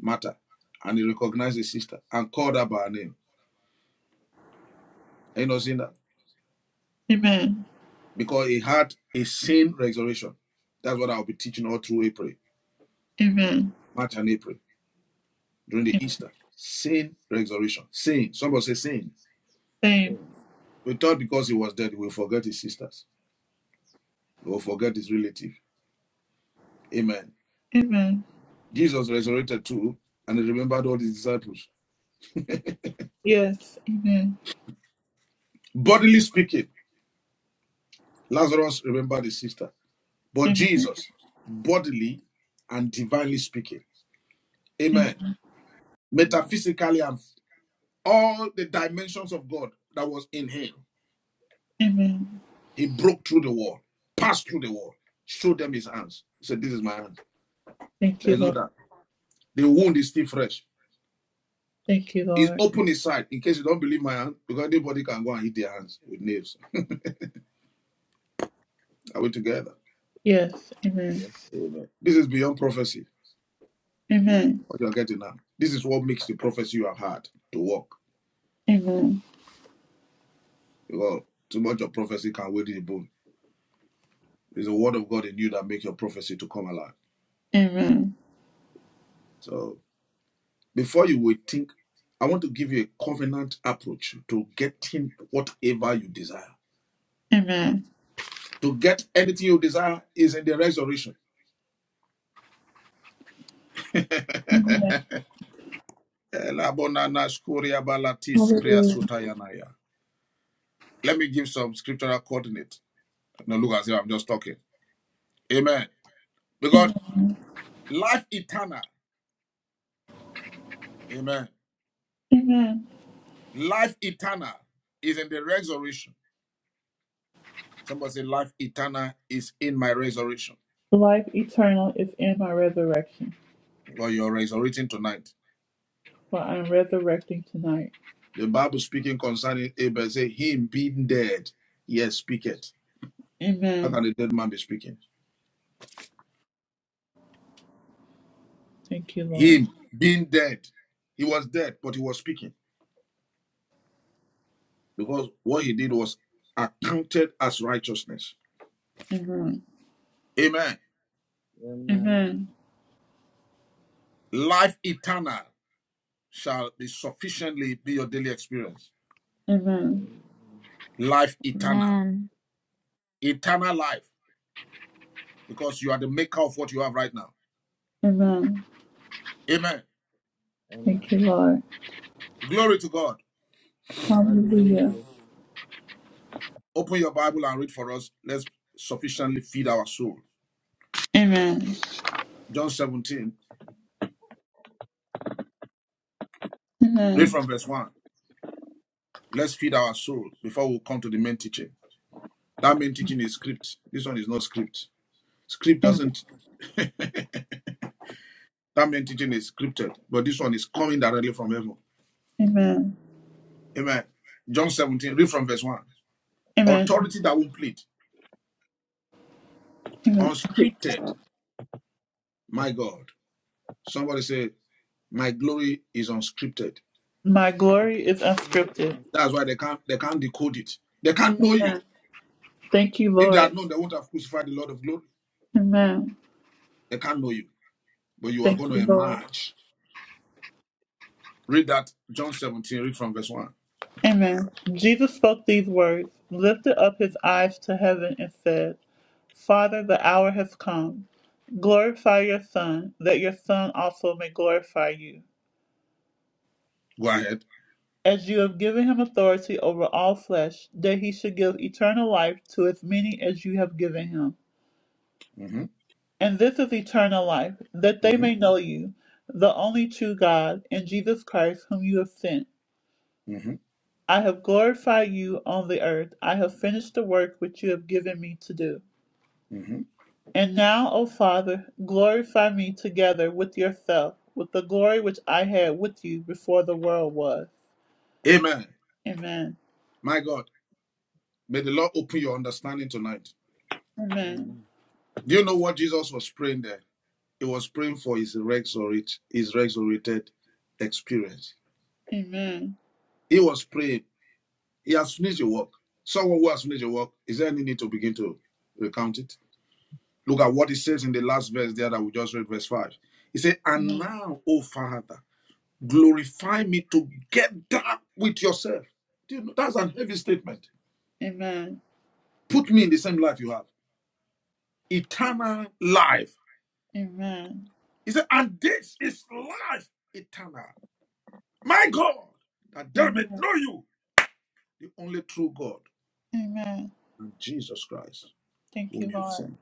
Speaker 3: Martha, and he recognized his sister and called her by her name. Have you not seen that?
Speaker 1: Amen.
Speaker 3: Because he had a same resurrection. That's what I'll be teaching all through April,
Speaker 1: Amen.
Speaker 3: March and April, during
Speaker 1: Yes,
Speaker 3: the Easter. Same resurrection. Same. Somebody say same.
Speaker 1: Same.
Speaker 3: We thought because he was dead, he will forget his sisters. He will forget his relative. Amen.
Speaker 1: Amen.
Speaker 3: Jesus resurrected too, and he remembered all his disciples.
Speaker 1: Yes. Amen.
Speaker 3: Bodily speaking, Lazarus remembered his sister, but
Speaker 1: Amen.
Speaker 3: Jesus, bodily and divinely speaking,
Speaker 1: Amen.
Speaker 3: amen, metaphysically and all the dimensions of God that was in him,
Speaker 1: Amen.
Speaker 3: he broke through the wall, passed through the wall, showed them his hands. He said, This is my hand.
Speaker 1: Thank you,
Speaker 3: There's no
Speaker 1: Lord.
Speaker 3: doubt. The wound is still fresh.
Speaker 1: Thank you,
Speaker 3: He
Speaker 1: Lord.
Speaker 3: opened his side in case you don't believe my hand, because anybody can go and hit their hands with nails. Are we together?
Speaker 1: Yes. Amen.
Speaker 3: Amen. This is beyond prophecy.
Speaker 1: Amen.
Speaker 3: What you're getting now. This is what makes the prophecy you have had to work.
Speaker 1: Amen.
Speaker 3: Because too much of prophecy can wither the bone. It's the word of God in you that makes your prophecy to come alive.
Speaker 1: Amen.
Speaker 3: So before you would think, I want to give you a covenant approach to getting whatever you desire.
Speaker 1: Amen.
Speaker 3: To get anything you desire is in the resurrection.
Speaker 1: Amen.
Speaker 3: (laughs)
Speaker 1: Hallelujah.
Speaker 3: Let me give some scriptural coordinate. Now look as if I'm just talking. Amen. Because
Speaker 1: Amen.
Speaker 3: life eternal, amen.
Speaker 1: Amen.
Speaker 3: Life eternal is in the resurrection. Somebody say, Life eternal is in my resurrection.
Speaker 1: Life eternal is in my resurrection,
Speaker 3: Or you're resurrecting tonight.
Speaker 1: for I am resurrecting tonight.
Speaker 3: The Bible speaking concerning Abel, say, Him being dead, yes, speaketh. How
Speaker 1: Amen.
Speaker 3: can a dead man be speaking?
Speaker 1: Thank you, Lord.
Speaker 3: Him being dead. He was dead, but he was speaking because what he did was accounted as righteousness.
Speaker 1: Amen.
Speaker 3: Amen.
Speaker 1: Amen.
Speaker 3: Life eternal shall be sufficiently be your daily experience.
Speaker 1: Amen.
Speaker 3: Life eternal,
Speaker 4: Amen.
Speaker 3: eternal life, because you are the maker of what you have right now.
Speaker 1: Amen.
Speaker 3: Amen.
Speaker 1: Thank you, Lord.
Speaker 3: Glory to God.
Speaker 1: Hallelujah.
Speaker 3: Open your Bible and read for us. Let's sufficiently feed our soul.
Speaker 1: Amen.
Speaker 3: John 17, read
Speaker 1: Amen.
Speaker 3: from verse 1. Let's feed our soul before we come to the main teaching. That main teaching is script. This one is not script. Script
Speaker 1: Amen.
Speaker 3: doesn't, (laughs) that main teaching is scripted, but this one is coming directly from heaven.
Speaker 1: Amen.
Speaker 3: Amen. John 17, read from verse 1.
Speaker 1: Amen.
Speaker 3: Authority that won't plead,
Speaker 1: Amen.
Speaker 3: unscripted. My God. Somebody say, My glory is unscripted.
Speaker 1: My glory is unscripted.
Speaker 3: That's why they can't they can't decode it. They can't know you.
Speaker 1: Amen. Thank you,
Speaker 3: If they
Speaker 1: Lord.
Speaker 3: had known, they would have crucified the Lord of glory.
Speaker 1: Amen.
Speaker 3: They can't know you, but you are
Speaker 1: Thank
Speaker 3: going to
Speaker 1: you, Lord.
Speaker 3: emerge. Read that, John 17, read from verse 1.
Speaker 1: Amen. Jesus spoke these words, lifted up his eyes to heaven, and said, Father, the hour has come. Glorify your Son, that your Son also may glorify you.
Speaker 3: Go ahead.
Speaker 1: As you have given him authority over all flesh, that he should give eternal life to as many as you have given him.
Speaker 3: hmm
Speaker 1: And this is eternal life, that they
Speaker 3: hmm
Speaker 1: may know you, the only true God, and Jesus Christ, whom you have sent.
Speaker 3: hmm
Speaker 1: I have glorified you on the earth. I have finished the work which you have given me to do.
Speaker 3: hmm
Speaker 1: And now, O Father, glorify me together with yourself, with the glory which I had with you before the world was.
Speaker 3: Amen.
Speaker 1: Amen.
Speaker 3: My God, may the Lord open your understanding tonight.
Speaker 1: Amen.
Speaker 3: Do you know what Jesus was praying there? He was praying for his, resurrect, his resurrected experience.
Speaker 1: Amen.
Speaker 3: He was praying. He has finished the work. Someone who has finished the work, is there any need to begin to recount it? Look at what it says in the last verse there that we just read, verse 5. It said, And
Speaker 1: Amen.
Speaker 3: now, O Father, glorify me together with yourself. Do that's an heavy statement.
Speaker 1: Amen.
Speaker 3: Put me in the same life you have. Eternal life.
Speaker 1: Amen.
Speaker 3: He said, And this is life eternal. My God, that they may
Speaker 1: Amen.
Speaker 3: know you, the only true God,
Speaker 1: Amen.
Speaker 3: and Jesus Christ,
Speaker 1: Thank you,
Speaker 3: whom you've
Speaker 1: Lord.
Speaker 3: sent.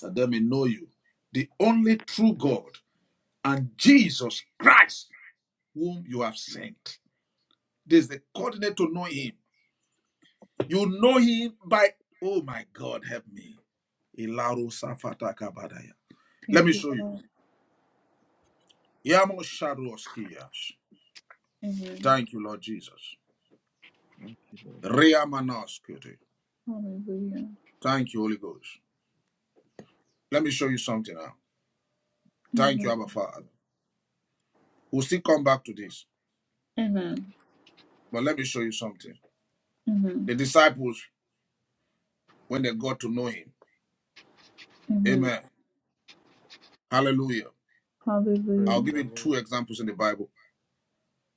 Speaker 3: That they may know you, the only true God, and Jesus Christ, whom you have sent. There's the coordinate to know him. You know him by, oh my God, help me. Ilaro Safata Kabadaya. Let
Speaker 1: Thank
Speaker 3: me
Speaker 1: you,
Speaker 3: show you.
Speaker 1: Lord.
Speaker 3: Yamo Shadoskias.
Speaker 1: Amen.
Speaker 3: Thank you, Lord Jesus. Ria Manaskete.
Speaker 1: Hallelujah.
Speaker 3: Thank you, Holy Ghost. Let me show you something now. Thank you,
Speaker 1: Amen.
Speaker 3: Abba Father. We'll still come back to this,
Speaker 1: Amen.
Speaker 3: but let me show you something.
Speaker 1: Amen.
Speaker 3: The disciples, when they got to know him,
Speaker 1: Amen.
Speaker 3: amen. Hallelujah. I'll
Speaker 1: Hallelujah.
Speaker 3: give you two examples in the Bible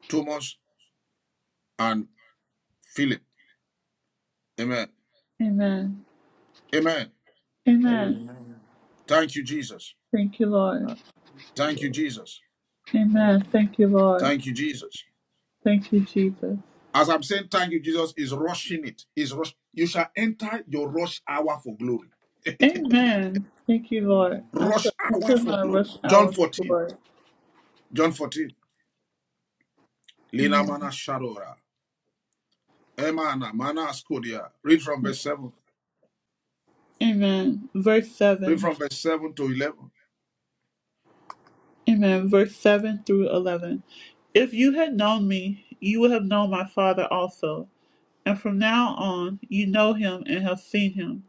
Speaker 3: Thomas and Philip. Amen.
Speaker 1: Amen.
Speaker 3: Amen.
Speaker 1: Amen.
Speaker 3: Thank you, Jesus.
Speaker 1: Thank you, Lord.
Speaker 3: Thank you, Jesus.
Speaker 1: Amen. Thank you, Lord.
Speaker 3: Thank you, Jesus.
Speaker 1: Thank you, Jesus.
Speaker 3: As I'm saying, thank you, Jesus, is rushing it. Is rush. You shall enter your rush hour for glory.
Speaker 1: Amen. Thank you, Lord. I shall
Speaker 3: Rush hour
Speaker 1: enter
Speaker 3: for
Speaker 1: my
Speaker 3: glory.
Speaker 1: rush
Speaker 3: John
Speaker 1: hour for
Speaker 3: 14.
Speaker 1: glory.
Speaker 3: John 14. Lina
Speaker 1: Amen.
Speaker 3: mana shadora. Emana mana skodia. Read from verse 7.
Speaker 1: Amen. Verse
Speaker 3: Read
Speaker 1: 7.
Speaker 3: from verse 7 to 11.
Speaker 1: Amen. Verse 7 through 11. If you had known me, you would have known my Father also. And from now on, you know him and have seen him.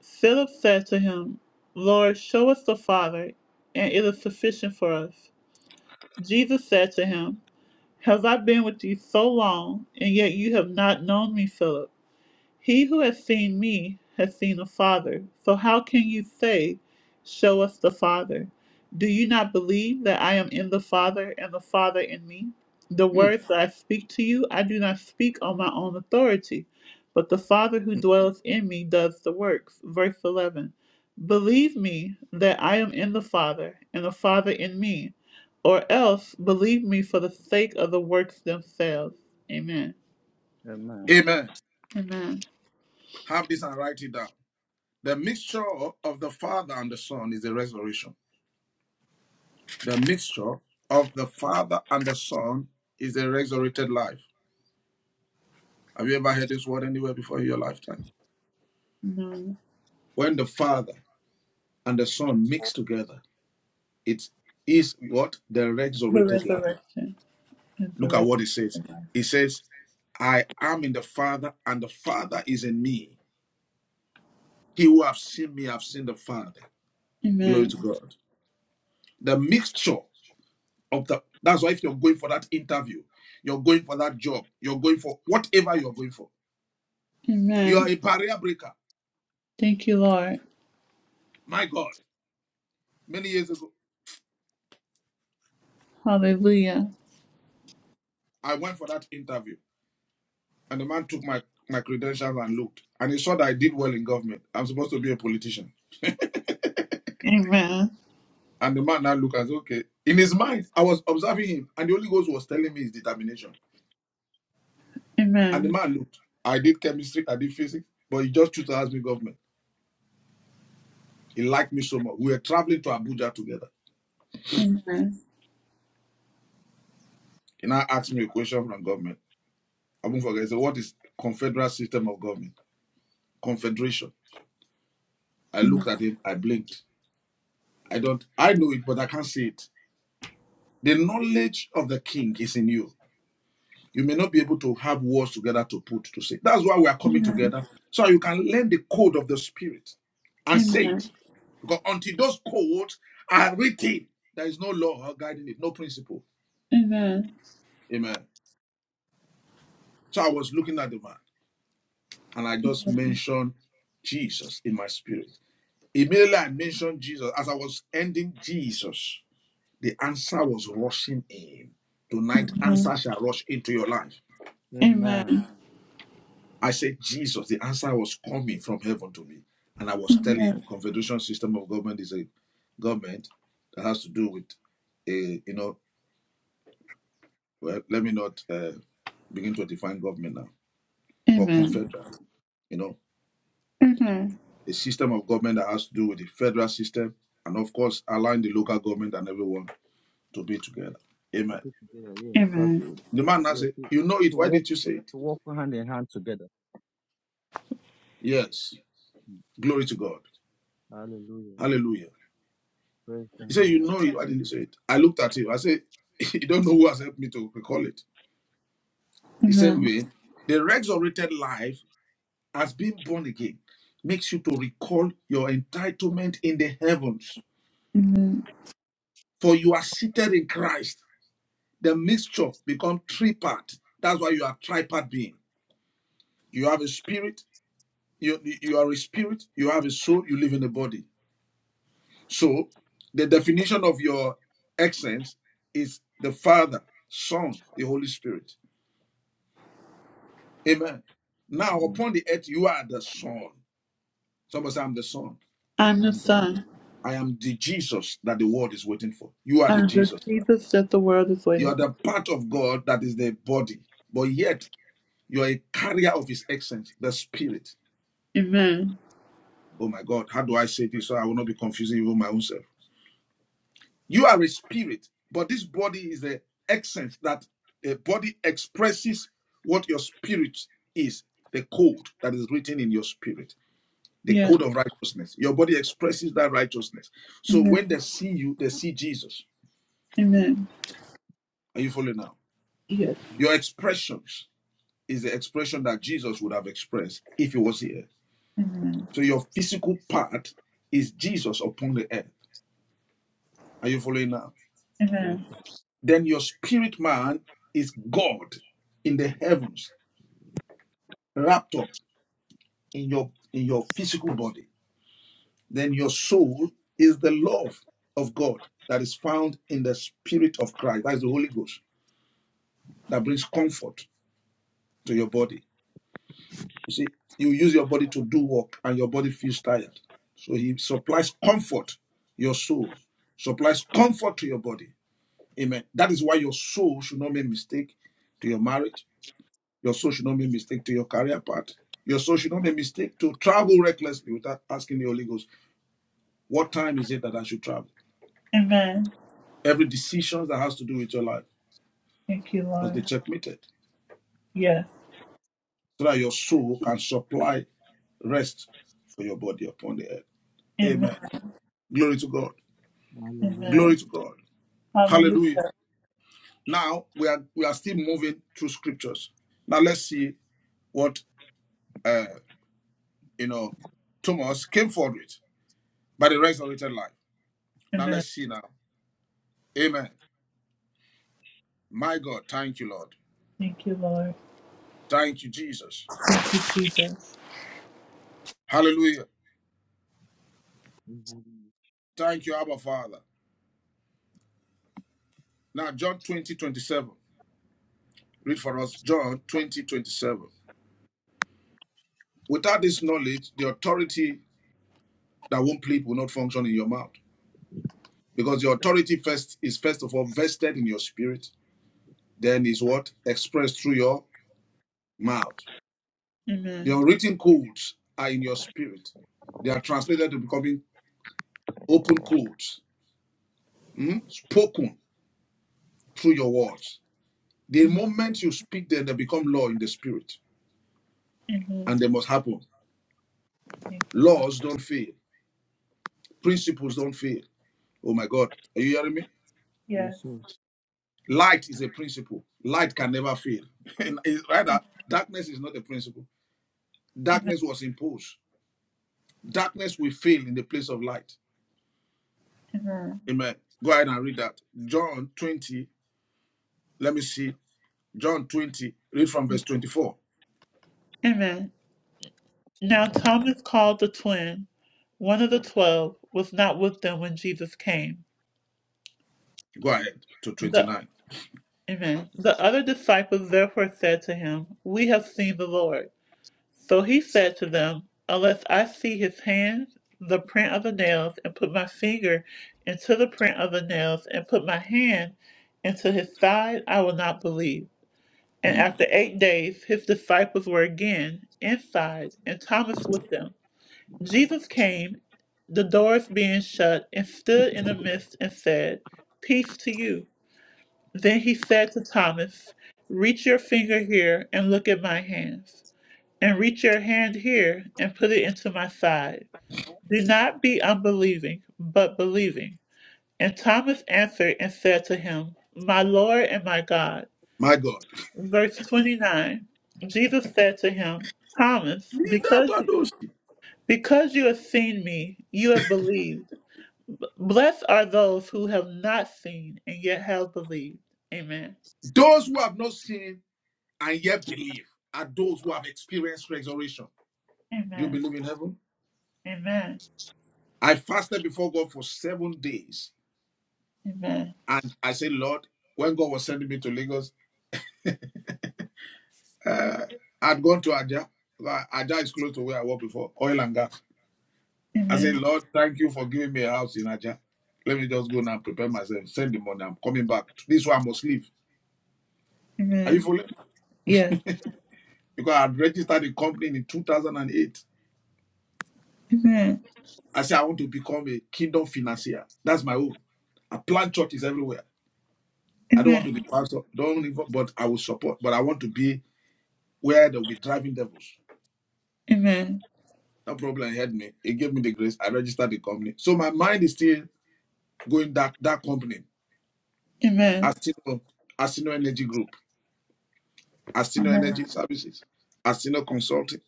Speaker 1: Philip said to him, Lord, show us the Father, and it is sufficient for us. Jesus said to him, Has I been with you so long, and yet you have not known me, Philip? He who has seen me has seen the Father. So how can you say, Show us the Father? Do you not believe that I am in the Father and the Father in me? The
Speaker 3: Hmm.
Speaker 1: words that I speak to you, I do not speak on my own authority, but the Father who dwells in me does the works. Verse 11 Believe me that I am in the Father and the Father in me, or else believe me for the sake of the works themselves. Amen.
Speaker 3: Amen.
Speaker 1: Amen.
Speaker 3: Have this and write it down. The mixture of the Father and the Son is the resurrection. The mixture of the Father and the Son is the resurrected life. Have you ever heard this word anywhere before in your lifetime?
Speaker 1: Amen.
Speaker 3: When the Father and the Son mix together, it is what? The
Speaker 1: the
Speaker 3: resurrected life.
Speaker 1: resurrection and the
Speaker 3: Look at
Speaker 1: res-
Speaker 3: what it says. It says, I am in the Father, and the Father is in me. He who have seen me have seen the Father. Glory
Speaker 1: Amen.
Speaker 3: to God. The mixture of the that's why if you're going for that interview, you're going for that job, you're going for whatever you're going for. You are
Speaker 1: Amen.
Speaker 3: a barrier breaker.
Speaker 1: Thank you, Lord.
Speaker 3: My God. Many years ago,
Speaker 1: Hallelujah.
Speaker 3: I went for that interview. And the man took my, my credentials and looked. And he saw that I did well in government. I'm supposed to be a politician.
Speaker 1: Amen.
Speaker 3: And the man now looked and said, okay. In his mind, I was observing him. And the Holy Ghost was telling me his determination. And the
Speaker 1: Amen.
Speaker 3: man looked. I did chemistry, I did physics, but he just chose to ask me government. He liked me so much. We were traveling to Abuja together.
Speaker 1: Amen.
Speaker 3: He now asked me a question from government. I won't forget. He said, what is confederal system of government? Confederation. I looked
Speaker 1: Amen.
Speaker 3: at him. I blinked. I don't, I know it, but I can't see it. The knowledge of the king is in you. you may not be able to have words together to put to say. That's why we are coming
Speaker 1: Amen.
Speaker 3: together so you can learn the code of the spirit and say
Speaker 1: Amen.
Speaker 3: it. Because until those codes are written, there is no law guiding it, no principle.
Speaker 1: Amen.
Speaker 3: Amen. So I was looking at the man and I just mentioned Jesus in my spirit. Immediately I mentioned Jesus. As I was ending Jesus, the answer was rushing in. Tonight,
Speaker 1: Amen.
Speaker 3: answer shall rush into your life.
Speaker 1: Amen. Amen.
Speaker 3: I said, Jesus, the answer was coming from heaven to me. And I was telling him, Confederation system of government is a government that has to do with a, you know, well, let me not uh, begin to define government now, but
Speaker 1: Amen.
Speaker 3: confederal, you know,
Speaker 1: Amen. Amen.
Speaker 3: a system of government that has to do with the federal system and, of course, allowing the local government and everyone to be together. Amen. The man now said, You know it. Why didn't you say it? Yes. Glory to God. Hallelujah. He said, You know it. Why didn't you say it? I looked at him. I said, (laughs) You don't know who has helped me to recall it. The same
Speaker 1: Amen.
Speaker 3: way, The resurrected life has been born again, makes you to recall your entitlement in the heavens.
Speaker 1: Amen.
Speaker 3: For you are seated in Christ. The mixture become three part. That's why you are tripart being. You have a spirit, you, you are a spirit, you have a soul, you live in a body. So the definition of your essence is the Father, Son, the Holy Spirit. Amen. Now, upon the earth, you are the Son. Somebody say, I'm the Son.
Speaker 1: I'm the Son.
Speaker 3: I am the Jesus that the world is waiting for. You are the
Speaker 1: I'm the
Speaker 3: Jesus. Christ.
Speaker 1: Jesus that the world is
Speaker 3: You
Speaker 1: waiting
Speaker 3: are the part of God that is the body, but yet you are a carrier of His essence, the Spirit.
Speaker 1: for. Amen.
Speaker 3: Oh my God, how do I say this so I will not be confusing even my own self? You are a spirit, but this body is the essence that a body expresses what your spirit is, the code that is written in your spirit. the
Speaker 1: Yes.
Speaker 3: code of righteousness. Your body expresses that righteousness. So
Speaker 1: Amen.
Speaker 3: when they see you, they see Jesus.
Speaker 1: Amen.
Speaker 3: Are you following now?
Speaker 1: Yes.
Speaker 3: Your expressions is the expression that Jesus would have expressed if he was here.
Speaker 1: Amen.
Speaker 3: So your physical part is Jesus upon the earth. Are you following now?
Speaker 1: Amen.
Speaker 3: Then your spirit man is God in the heavens, wrapped up in your in your physical body. Then your soul is the love of God that is found in the spirit of Christ. That is the Holy Ghost that brings comfort to your body. You see, you use your body to do work and your body feels tired. So he supplies comfort, your soul supplies comfort to your body. Amen. That is why your soul should not make mistake to your marriage. Your soul should not make mistake to your career path. Your soul should not make mistake to travel recklessly without asking the Holy Ghost, what time is it that I should travel?
Speaker 1: Amen.
Speaker 3: Every decision that has to do with your life
Speaker 1: Thank you,
Speaker 3: must be
Speaker 1: Lord.
Speaker 3: checkmated
Speaker 1: Yes.
Speaker 3: so that your soul can supply rest for your body upon the earth.
Speaker 1: Amen.
Speaker 3: Amen. Glory to God.
Speaker 1: Amen.
Speaker 3: Glory to God.
Speaker 1: Hallelujah.
Speaker 3: Hallelujah. Now we are we are still moving through scriptures. Now let's see what uh you know Thomas came forward with by the resurrected life. Now
Speaker 1: Amen.
Speaker 3: let's see now. Amen. My God, thank you, Lord.
Speaker 1: Thank you, Lord.
Speaker 3: Thank you, Jesus.
Speaker 1: Thank you, Jesus.
Speaker 3: Hallelujah. Thank you, Abba Father. Now John 20 27. Read for us John 20 27. Without this knowledge, the authority that won't plead will not function in your mouth. because your authority first is first of all vested in your spirit then is what expressed through your mouth the
Speaker 1: Amen.
Speaker 3: unwritten codes are in your spirit they are translated to becoming open codes mm, spoken through your words the moment you speak them they become law in the spirit
Speaker 1: Amen.
Speaker 3: and they must happen
Speaker 1: Thank you.
Speaker 3: laws don't fail principles don't fail oh my god are you hearing me
Speaker 1: Yes.
Speaker 3: light is a principle light can never fail (laughs) rather darkness is not a principle
Speaker 1: Amen.
Speaker 3: darkness was imposed Darkness will fail in the place of light. Amen. Go ahead and read that. John 20. Let me see. John 20. Read from verse 24.
Speaker 1: Amen. Now Thomas called the twin, one of the twelve, was not with them when Jesus came.
Speaker 3: Go ahead to
Speaker 1: The
Speaker 3: 29.
Speaker 1: Amen. The other disciples therefore said to him, We have seen the Lord. So he said to them, Unless I see his hands, the print of the nails, and put my finger into the print of the nails, and put my hand into his side, I will not believe. And
Speaker 3: Mm.
Speaker 1: after eight days, his disciples were again inside, and Thomas with them. Jesus came, the doors being shut, and stood in the midst and said, Peace to you. Then he said to Thomas, Reach your finger here and look at my hands, and reach your hand here and put it into my side. Do not be unbelieving, but believing. And Thomas answered and said to him, My Lord and my God.
Speaker 3: My God.
Speaker 1: Verse 29 Jesus said to him, Thomas, because,
Speaker 3: Those
Speaker 1: because you have seen me, you have believed. Blessed are those who have not seen and yet have believed. Amen.
Speaker 3: who have not seen and yet believe are those who have experienced resurrection. Do you
Speaker 1: Amen.
Speaker 3: believe in heaven?
Speaker 1: Amen.
Speaker 3: I fasted before God for seven days.
Speaker 1: Amen.
Speaker 3: And I said, Lord, when God was sending me to Lagos, I'd gone to Ajah. Ajah is close to where I was before, oil and gas. I said,
Speaker 1: Amen.
Speaker 3: Lord, thank you for giving me a house in Aja. Let me just go now and prepare myself, send the money. I'm coming back. This one I must leave. Are you
Speaker 1: Amen.
Speaker 3: following?
Speaker 1: Yes.
Speaker 3: Because I had registered a company in 2008.
Speaker 1: Amen.
Speaker 3: I said, I want to become a kingdom financier. That's my own. I plant churches everywhere. I don't want to be
Speaker 1: Amen.
Speaker 3: pastor, don't even, but I will support. But I want to be where they'll be driving devils.
Speaker 1: Amen.
Speaker 3: No problem, he me. He gave me the grace. I registered the company. So my mind is still going that that company,
Speaker 1: Amen.
Speaker 3: Asino, Asino Energy Group. Astino
Speaker 1: Amen.
Speaker 3: Energy Services, Astino Consulting,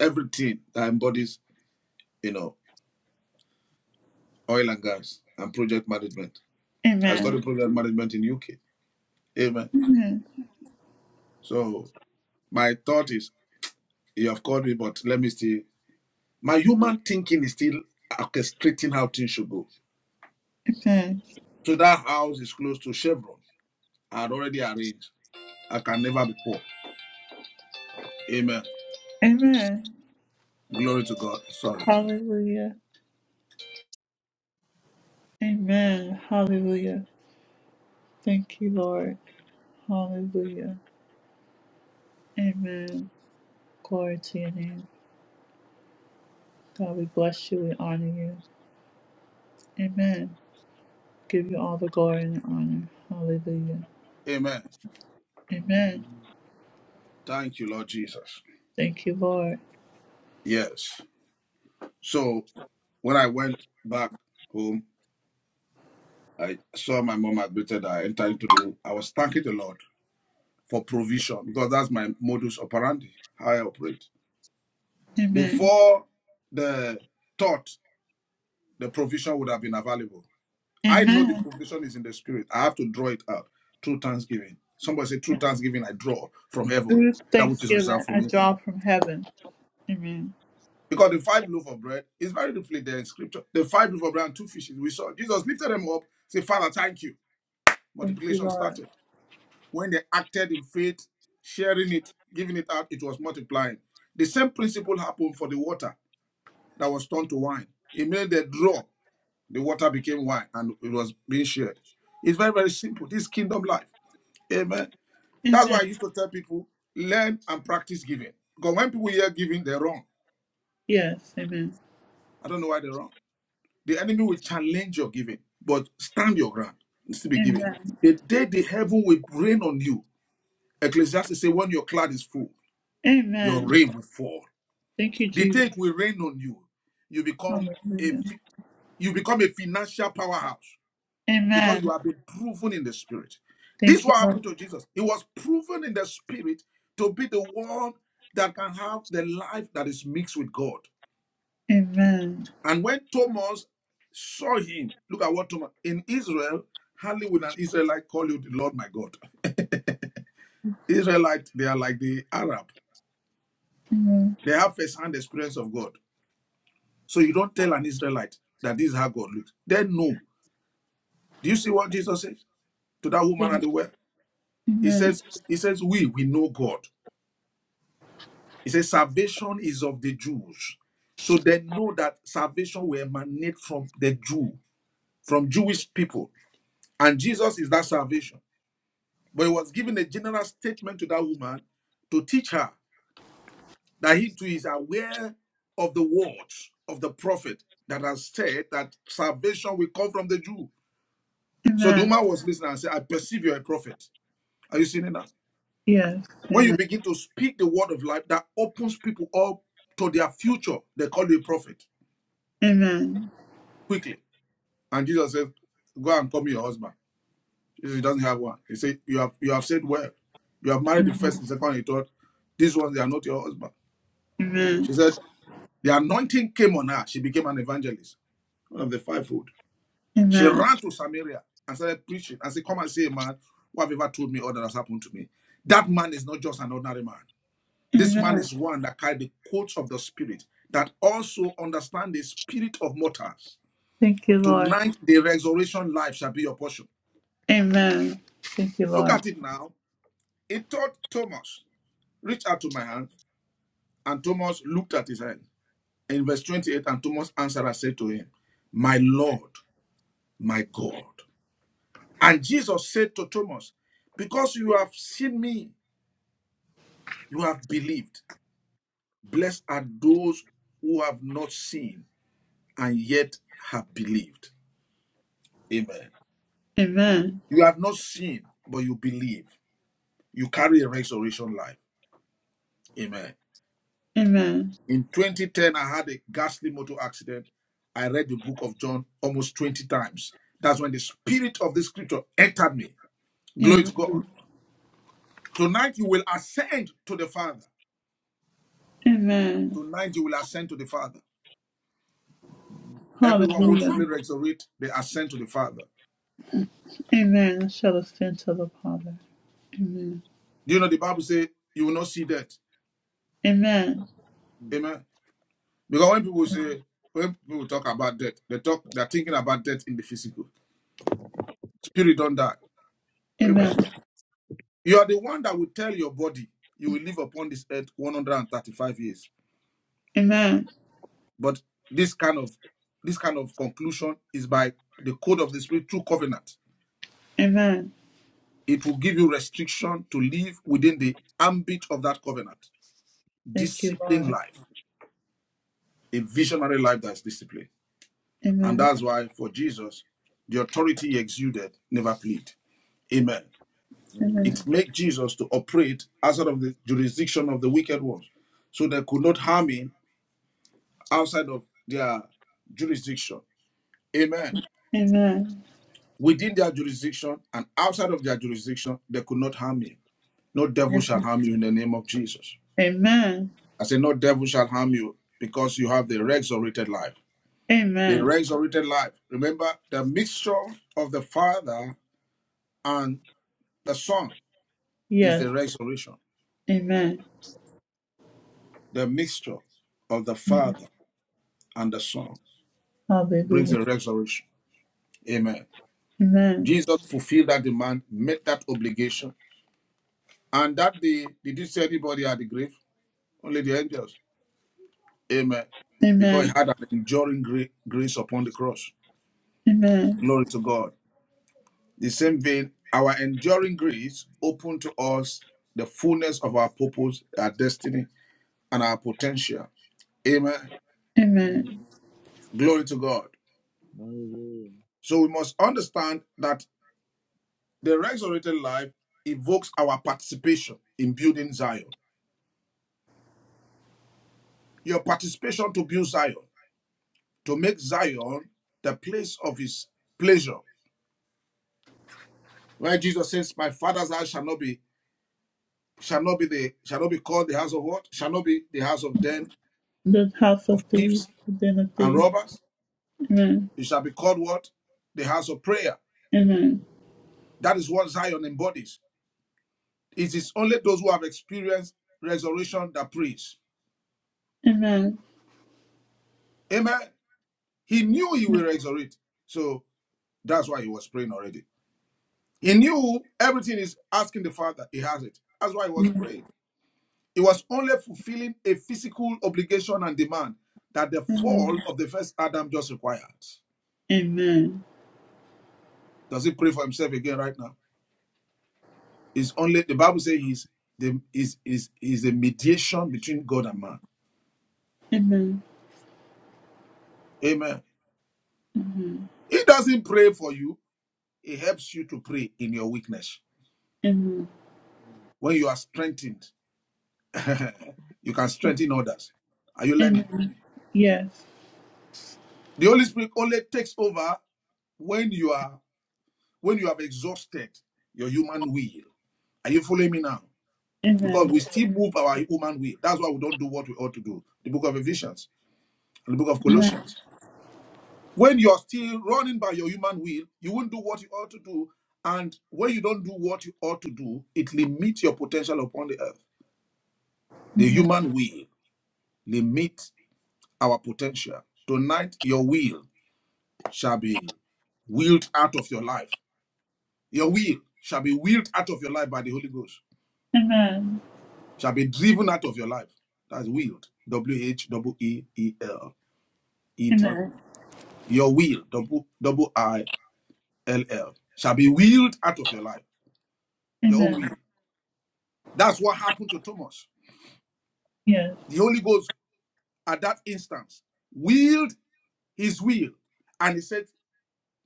Speaker 3: everything that embodies, you know, oil and gas and project management. I
Speaker 1: Amen.
Speaker 3: studied project management in UK. Amen.
Speaker 1: Amen.
Speaker 3: So my thought is, you have called me, but let me still. My human thinking is still orchestrating how things should go.
Speaker 1: Amen.
Speaker 3: So that house is close to Chevron. I had already arranged. I can never be poor. Amen.
Speaker 1: Amen.
Speaker 3: Glory to God. Sorry.
Speaker 1: Hallelujah. Amen. Hallelujah. Thank you, Lord. Hallelujah. Amen. Glory to your name. God, we bless you. We honor you. Amen. Give you all the glory and the honor. Hallelujah.
Speaker 3: Amen.
Speaker 1: Amen.
Speaker 3: Thank you, Lord Jesus.
Speaker 1: Thank you, Lord.
Speaker 3: Yes. So when I went back home, I saw my mom admitted I entered into the. I was thanking the Lord for provision because that's my modus operandi, how I operate.
Speaker 1: Amen.
Speaker 3: Before the thought, the provision would have been available. I know the
Speaker 1: Amen.
Speaker 3: provision is in the spirit. I have to draw it out through thanksgiving. Somebody say, through thanksgiving, I draw from heaven
Speaker 1: Through
Speaker 3: that which is
Speaker 1: thanksgiving,
Speaker 3: reserved for
Speaker 1: I
Speaker 3: me.
Speaker 1: draw from heaven. Amen.
Speaker 3: Because the five loaf of bread is very briefly there in scripture. The five loaf of bread and two fishes we saw. Jesus lifted them up, said, Father, thank you.
Speaker 1: Thank you,
Speaker 3: Multiplication
Speaker 1: Lord.
Speaker 3: started. When they acted in faith, sharing it, giving it out, it was multiplying. The same principle happened for the water that was turned to wine. It made the draw, the water became wine, and it was being shared. It's very, very simple. This is kingdom life. Amen. That's why I
Speaker 1: Amen.
Speaker 3: used to tell people learn and practice giving. Because when people hear giving, they're wrong.
Speaker 1: Yes. Amen.
Speaker 3: I don't know why they're wrong. The enemy will challenge your giving, but stand your ground. It's to be given.
Speaker 1: Amen.
Speaker 3: The day the heaven will rain on you, Ecclesiastes say, when your cloud is full, your
Speaker 1: Amen.
Speaker 3: rain will fall.
Speaker 1: Thank you,
Speaker 3: The
Speaker 1: Jesus.
Speaker 3: day it will rain on you, you become a
Speaker 1: Hallelujah.
Speaker 3: fi- you become a financial powerhouse because you
Speaker 1: Amen.
Speaker 3: have been proven in the spirit. This is
Speaker 1: Thank you,
Speaker 3: what
Speaker 1: Lord.
Speaker 3: happened to Jesus. He was proven in the spirit to be the one that can have the life that is mixed with God.
Speaker 1: Amen.
Speaker 3: And when Thomas saw him, look at what Thomas in Israel, hardly would an Israelite call you the Lord my God. (laughs) Israelite, they are like the Arab.
Speaker 1: Amen.
Speaker 3: They have first-hand experience of God. So you don't tell an Israelite that this is how God looks. They know. Do you see what Jesus says to that
Speaker 1: Yes.
Speaker 3: woman at the well? He
Speaker 1: Amen.
Speaker 3: says, He says, We we know God. He says, Salvation is of the Jews. So they know that salvation will emanate from the Jew, from Jewish people. And Jesus is that salvation. But he was giving a general statement to that woman to teach her that he too is aware of the words of the prophet that has said that salvation will come from the Jew. So the
Speaker 1: Amen.
Speaker 3: woman was listening and said, I perceive you're a prophet. Are you seeing it now?
Speaker 1: Yes.
Speaker 3: When you
Speaker 1: Amen.
Speaker 3: begin to speak the word of life, that opens people up to their future. They call you a prophet
Speaker 1: Amen.
Speaker 3: quickly. And Jesus says, Go and call me your husband. He says, he doesn't have one. He said, You have you have said well. You have married the first,
Speaker 1: Amen.
Speaker 3: the second, the third. These ones they are not your husband.
Speaker 1: Amen.
Speaker 3: She said, The anointing came on her. She became an evangelist, one of the fivefold. She
Speaker 1: Amen.
Speaker 3: ran to Samaria and started preaching and said, Come and see a man who have ever told me all that has happened to me. That man is not just an ordinary man. This man
Speaker 1: Amen.
Speaker 3: is one that carried the coats of the spirit, that also understand the spirit of mortals.
Speaker 1: Thank you, Lord.
Speaker 3: Tonight, the resurrection life shall be your portion.
Speaker 1: Amen. Thank you,
Speaker 3: Look
Speaker 1: Lord.
Speaker 3: at it now. It taught Thomas, reach out to my hand. And Thomas looked at his hand. In verse 28, and Thomas answered and said to him, My Lord, my God. And Jesus said to Thomas, Because you have seen me, you have believed. Blessed are those who have not seen and yet have believed. Amen.
Speaker 1: Amen.
Speaker 3: You have not seen, but you believe. You carry a resurrection life. Amen.
Speaker 1: Amen.
Speaker 3: In 2010, I had a ghastly motor accident. I read the book of John almost 20 times. That's when the spirit of the scripture entered me. Glory to God.
Speaker 1: Amen.
Speaker 3: Tonight you will ascend to the Father.
Speaker 1: Amen.
Speaker 3: Tonight you will ascend to the Father. Everyone who truly
Speaker 1: Hallelujah.
Speaker 3: resurrect, they ascend to the Father.
Speaker 1: Amen. I Shall us stand to the Father. Amen.
Speaker 3: Do you know the Bible says you will not see death?
Speaker 1: Amen.
Speaker 3: Amen. Because when people say, when people talk about death, they talk, they're thinking about death in the physical. Spirit don't die. Amen.
Speaker 1: Amen.
Speaker 3: You are the one that will tell your body you will live upon this earth 135 years.
Speaker 1: Amen.
Speaker 3: But this kind of this kind of conclusion is by the code of the spirit through covenant.
Speaker 1: Amen.
Speaker 3: It will give you restriction to live within the ambit of that covenant.
Speaker 1: Thank you,
Speaker 3: Disciplined
Speaker 1: Lord.
Speaker 3: life, a visionary life that's disciplined. And
Speaker 1: Amen.
Speaker 3: that's why for Jesus, the authority he exuded never plead. Amen.
Speaker 1: Amen.
Speaker 3: It makes Jesus to operate outside of the jurisdiction of the wicked ones. So they could not harm him outside of their jurisdiction. Amen.
Speaker 1: Amen.
Speaker 3: Within their jurisdiction and outside of their jurisdiction, they could not harm you. No devil shall harm you in the name of Jesus.
Speaker 1: Amen.
Speaker 3: I say, no devil shall harm you because you have the resurrected life. The
Speaker 1: Amen.
Speaker 3: resurrected life. Remember, the mixture of the Father and the Son is
Speaker 1: Yes.
Speaker 3: the resurrection.
Speaker 1: Amen.
Speaker 3: The mixture of the Father and the Son brings
Speaker 1: Hallelujah.
Speaker 3: the resurrection. Amen.
Speaker 1: Amen.
Speaker 3: Jesus fulfilled that demand, met that obligation And that day, did you see anybody at the grave? Only the angels. Amen. Because he
Speaker 1: Amen.
Speaker 3: had an enduring gra- grace upon the cross.
Speaker 1: Amen.
Speaker 3: Glory to God. The same vein, our enduring grace opened to us the fullness of our purpose, our destiny, and our potential. Amen.
Speaker 1: Amen.
Speaker 3: Glory to God. So we must understand that the resurrected life evokes our participation in building Zion. Your participation to build Zion, to make Zion the place of his pleasure Where Jesus says, My father's house shall not be shall not be the shall not be called the house of what? Shall not be the house of den
Speaker 1: The house of
Speaker 3: of
Speaker 1: thieves,
Speaker 3: thieves
Speaker 1: the den of
Speaker 3: and
Speaker 1: thieves.
Speaker 3: robbers.
Speaker 1: Amen.
Speaker 3: It shall be called what? The house of prayer.
Speaker 1: Amen.
Speaker 3: That is what Zion embodies. It is only those who have experienced resurrection that praise.
Speaker 1: Amen.
Speaker 3: Amen. He knew he will resurrect. So that's why he was praying already. He knew everything is asking the Father. He has it. That's why he was praying. It was only fulfilling a physical obligation and demand that the
Speaker 1: Amen.
Speaker 3: fall of the first Adam just required.
Speaker 1: Amen.
Speaker 3: Does he pray for himself again right now? It's only the Bible says he's the is is is a mediation between God and man.
Speaker 1: Amen.
Speaker 3: Amen.
Speaker 1: Amen.
Speaker 3: He doesn't pray for you, he helps you to pray in your weakness.
Speaker 1: Amen.
Speaker 3: When you are strengthened, you can strengthen others. Are you learning?
Speaker 1: Amen. Yes.
Speaker 3: The Holy Spirit only takes over when you are when you have exhausted your human will. Are you following me now? because
Speaker 1: Amen.
Speaker 3: we still move our human way. That's why we don't do what we ought to do. The book of Ephesians and the book of Colossians. When you're still running by your human will, you won't do what you ought to do. And when you don't do what you ought to do, it limits your potential upon the earth. The
Speaker 1: Amen.
Speaker 3: human will limits our potential. Tonight, your will shall be wheeled out of your life. Your will shall be wheeled out of your life by the Holy Ghost,
Speaker 1: Amen.
Speaker 3: shall be driven out of your life. That's willed. W H E E L E D
Speaker 1: Amen.
Speaker 3: Your will, double double I L L, shall be willed out of your life, your own
Speaker 1: Amen.
Speaker 3: will. That's what happened to Thomas.
Speaker 1: Yes.
Speaker 3: The Holy Ghost at that instance willed his will, and he said,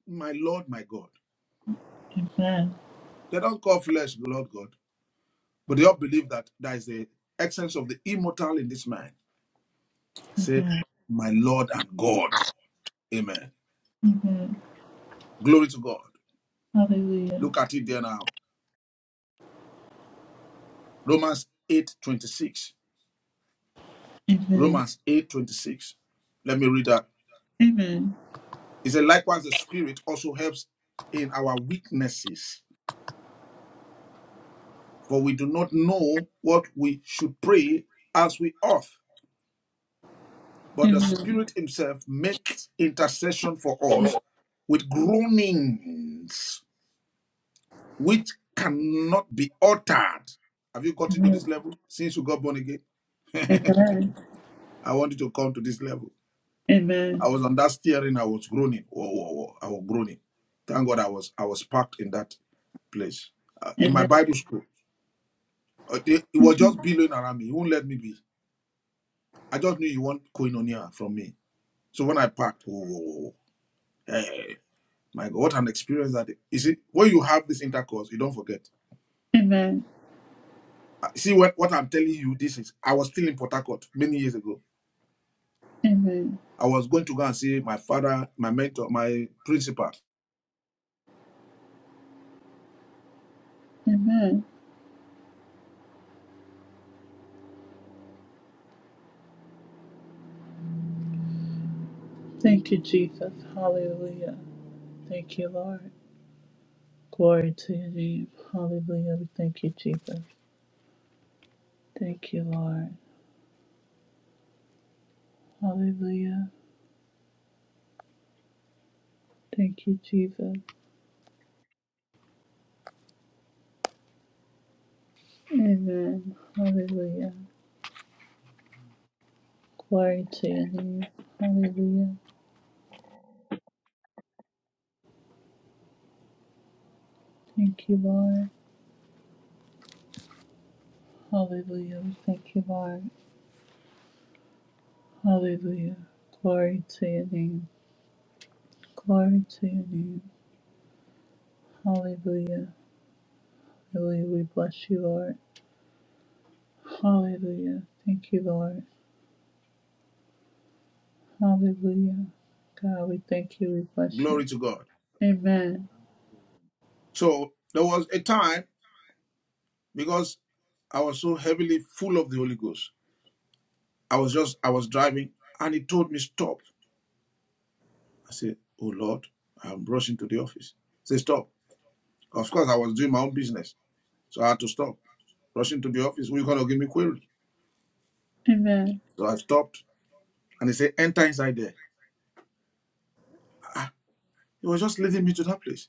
Speaker 3: "My Lord, my God."
Speaker 1: Amen.
Speaker 3: They don't call flesh the Lord God, but they all believe that there is the essence of the immortal in this man. Say,
Speaker 1: Amen.
Speaker 3: "My Lord and God." Amen.
Speaker 1: Amen.
Speaker 3: Glory to God.
Speaker 1: Hallelujah.
Speaker 3: Look at it there now. Romans eight twenty six.
Speaker 1: Amen.
Speaker 3: Romans eight twenty six. Let me read that.
Speaker 1: Amen.
Speaker 3: He said, likewise, the Spirit also helps in our weaknesses, for we do not know what we should pray as we ought. But the
Speaker 1: Amen.
Speaker 3: Spirit Himself makes intercession for us with groanings which cannot be uttered. Have you gotten to this
Speaker 1: Amen.
Speaker 3: level since you got born again? (laughs)
Speaker 1: Amen.
Speaker 3: I wanted to come to this level. I
Speaker 1: Amen.
Speaker 3: was on that steering, I was groaning. Whoa, whoa, whoa. I was groaning. Thank God I was I was parked in that place. Uh, in my
Speaker 1: Amen.
Speaker 3: Bible school, Uh, they- It was just billowing around me. He won't let me be. I just knew he want koinonia from me. So when I parked, whoa, whoa, whoa, hey, my God, what an experience that is. You see, when you have this intercourse, you don't forget.
Speaker 1: Amen.
Speaker 3: Uh, See what, what I'm telling you, this is, I was still in Port Harcourt many years ago.
Speaker 1: Amen.
Speaker 3: I was going to go and see my father, my mentor, my principal.
Speaker 1: Amen. Thank you, Jesus. Hallelujah. Thank you, Lord. Glory to your name. Hallelujah. We thank you, Jesus. Thank you, Lord. Hallelujah. Thank you, Jesus. Amen. Hallelujah. Glory to your name. Hallelujah. Thank you, Lord. Hallelujah. We Thank you, Lord. Hallelujah. Glory to your name. Glory to your name. Hallelujah. Hallelujah. We bless you, Lord. Hallelujah. Thank you, Lord. Hallelujah. God, we thank you. We bless you.
Speaker 3: Glory to God.
Speaker 1: Amen.
Speaker 3: So there was a time because I was so heavily full of the Holy Ghost. I was just, I was driving and he told me, stop. I said, Oh Lord, I'm rushing to the office. Say, stop. Of course, I was doing my own business. So I had to stop. Rushing to the office. Who are you gonna give me query?
Speaker 1: Amen.
Speaker 3: So I stopped and he said, Enter inside there. He was just leading me to that place.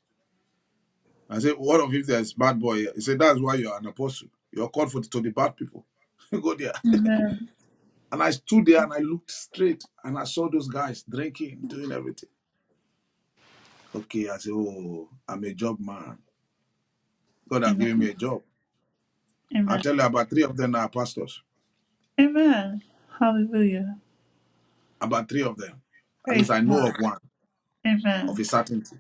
Speaker 3: I said, What of if there's bad boy here? He said, That's why you're an apostle. You're called for the, to the bad people. (laughs) go there.
Speaker 1: Amen.
Speaker 3: And I stood there and I looked straight and I saw those guys drinking, doing everything. Okay, I said, Oh, I'm a job man. God has given me
Speaker 1: Amen.
Speaker 3: a job. I
Speaker 1: Amen.
Speaker 3: tell you about three of them are pastors.
Speaker 1: Amen. Hallelujah.
Speaker 3: about three of them. At
Speaker 1: Praise
Speaker 3: least I know
Speaker 1: God.
Speaker 3: of one of
Speaker 1: Amen.
Speaker 3: a certainty.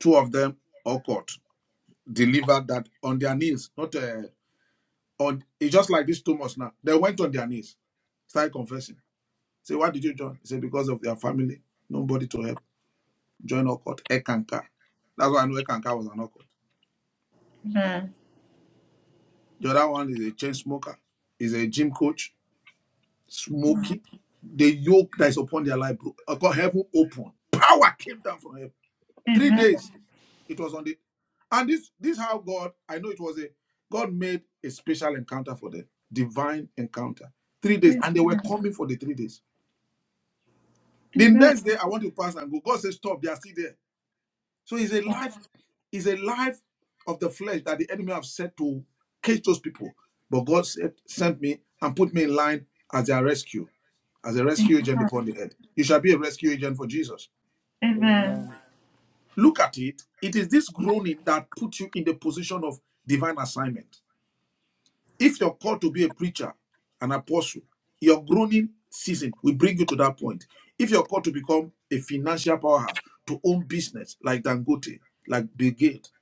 Speaker 3: Two of them all caught, delivered that on their knees, not uh, on. It's just like this Thomas now. They went on their knees, started confessing. Say, why did you join? He said, because of their family, nobody to help. Join Okot, Ekanka. That's why I know Ekanka was an Okot.
Speaker 1: Amen.
Speaker 3: The other one is a chain smoker, is a gym coach, smoky. The yoke that is upon their life, bro. Heaven opened. Power came down from heaven. Three
Speaker 1: Amen.
Speaker 3: days It was on the and this this how God, I know it was a God made a special encounter for them, divine encounter. Three days, and they were coming for the three days. The next day I want to pass and go. God says, Stop, they are still there. So it's a life, it's a life of the flesh that the enemy have set to catch those people. But God said, sent me and put me in line as their rescue, as a rescue agent upon the earth. You shall be a rescue agent for Jesus.
Speaker 1: Amen.
Speaker 3: Look at it. It is this groaning that puts you in the position of divine assignment If you're called to be a preacher, an apostle, your groaning season will bring you to that point. If you're called to become a financial powerhouse, to own business like Dangote, like Bill Gates,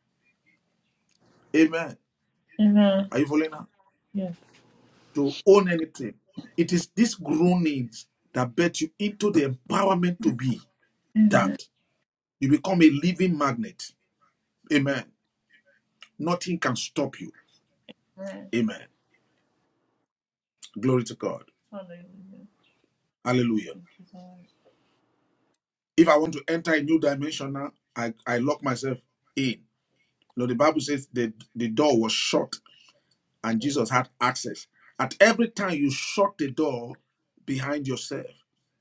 Speaker 3: amen.
Speaker 1: Amen.
Speaker 3: Are you following now?
Speaker 1: Yes.
Speaker 3: To own anything, it is these groanings that bet you into the empowerment to be
Speaker 1: Amen.
Speaker 3: that. You become a living magnet, amen. Nothing can stop you,
Speaker 1: Amen.
Speaker 3: amen. Glory to God,
Speaker 1: Hallelujah.
Speaker 3: hallelujah.
Speaker 1: Thank you, Lord.
Speaker 3: If I want to enter a new dimension now, I, I lock myself in. No, the Bible says the, the door was shut and Jesus had access. At every time you shut the door behind yourself,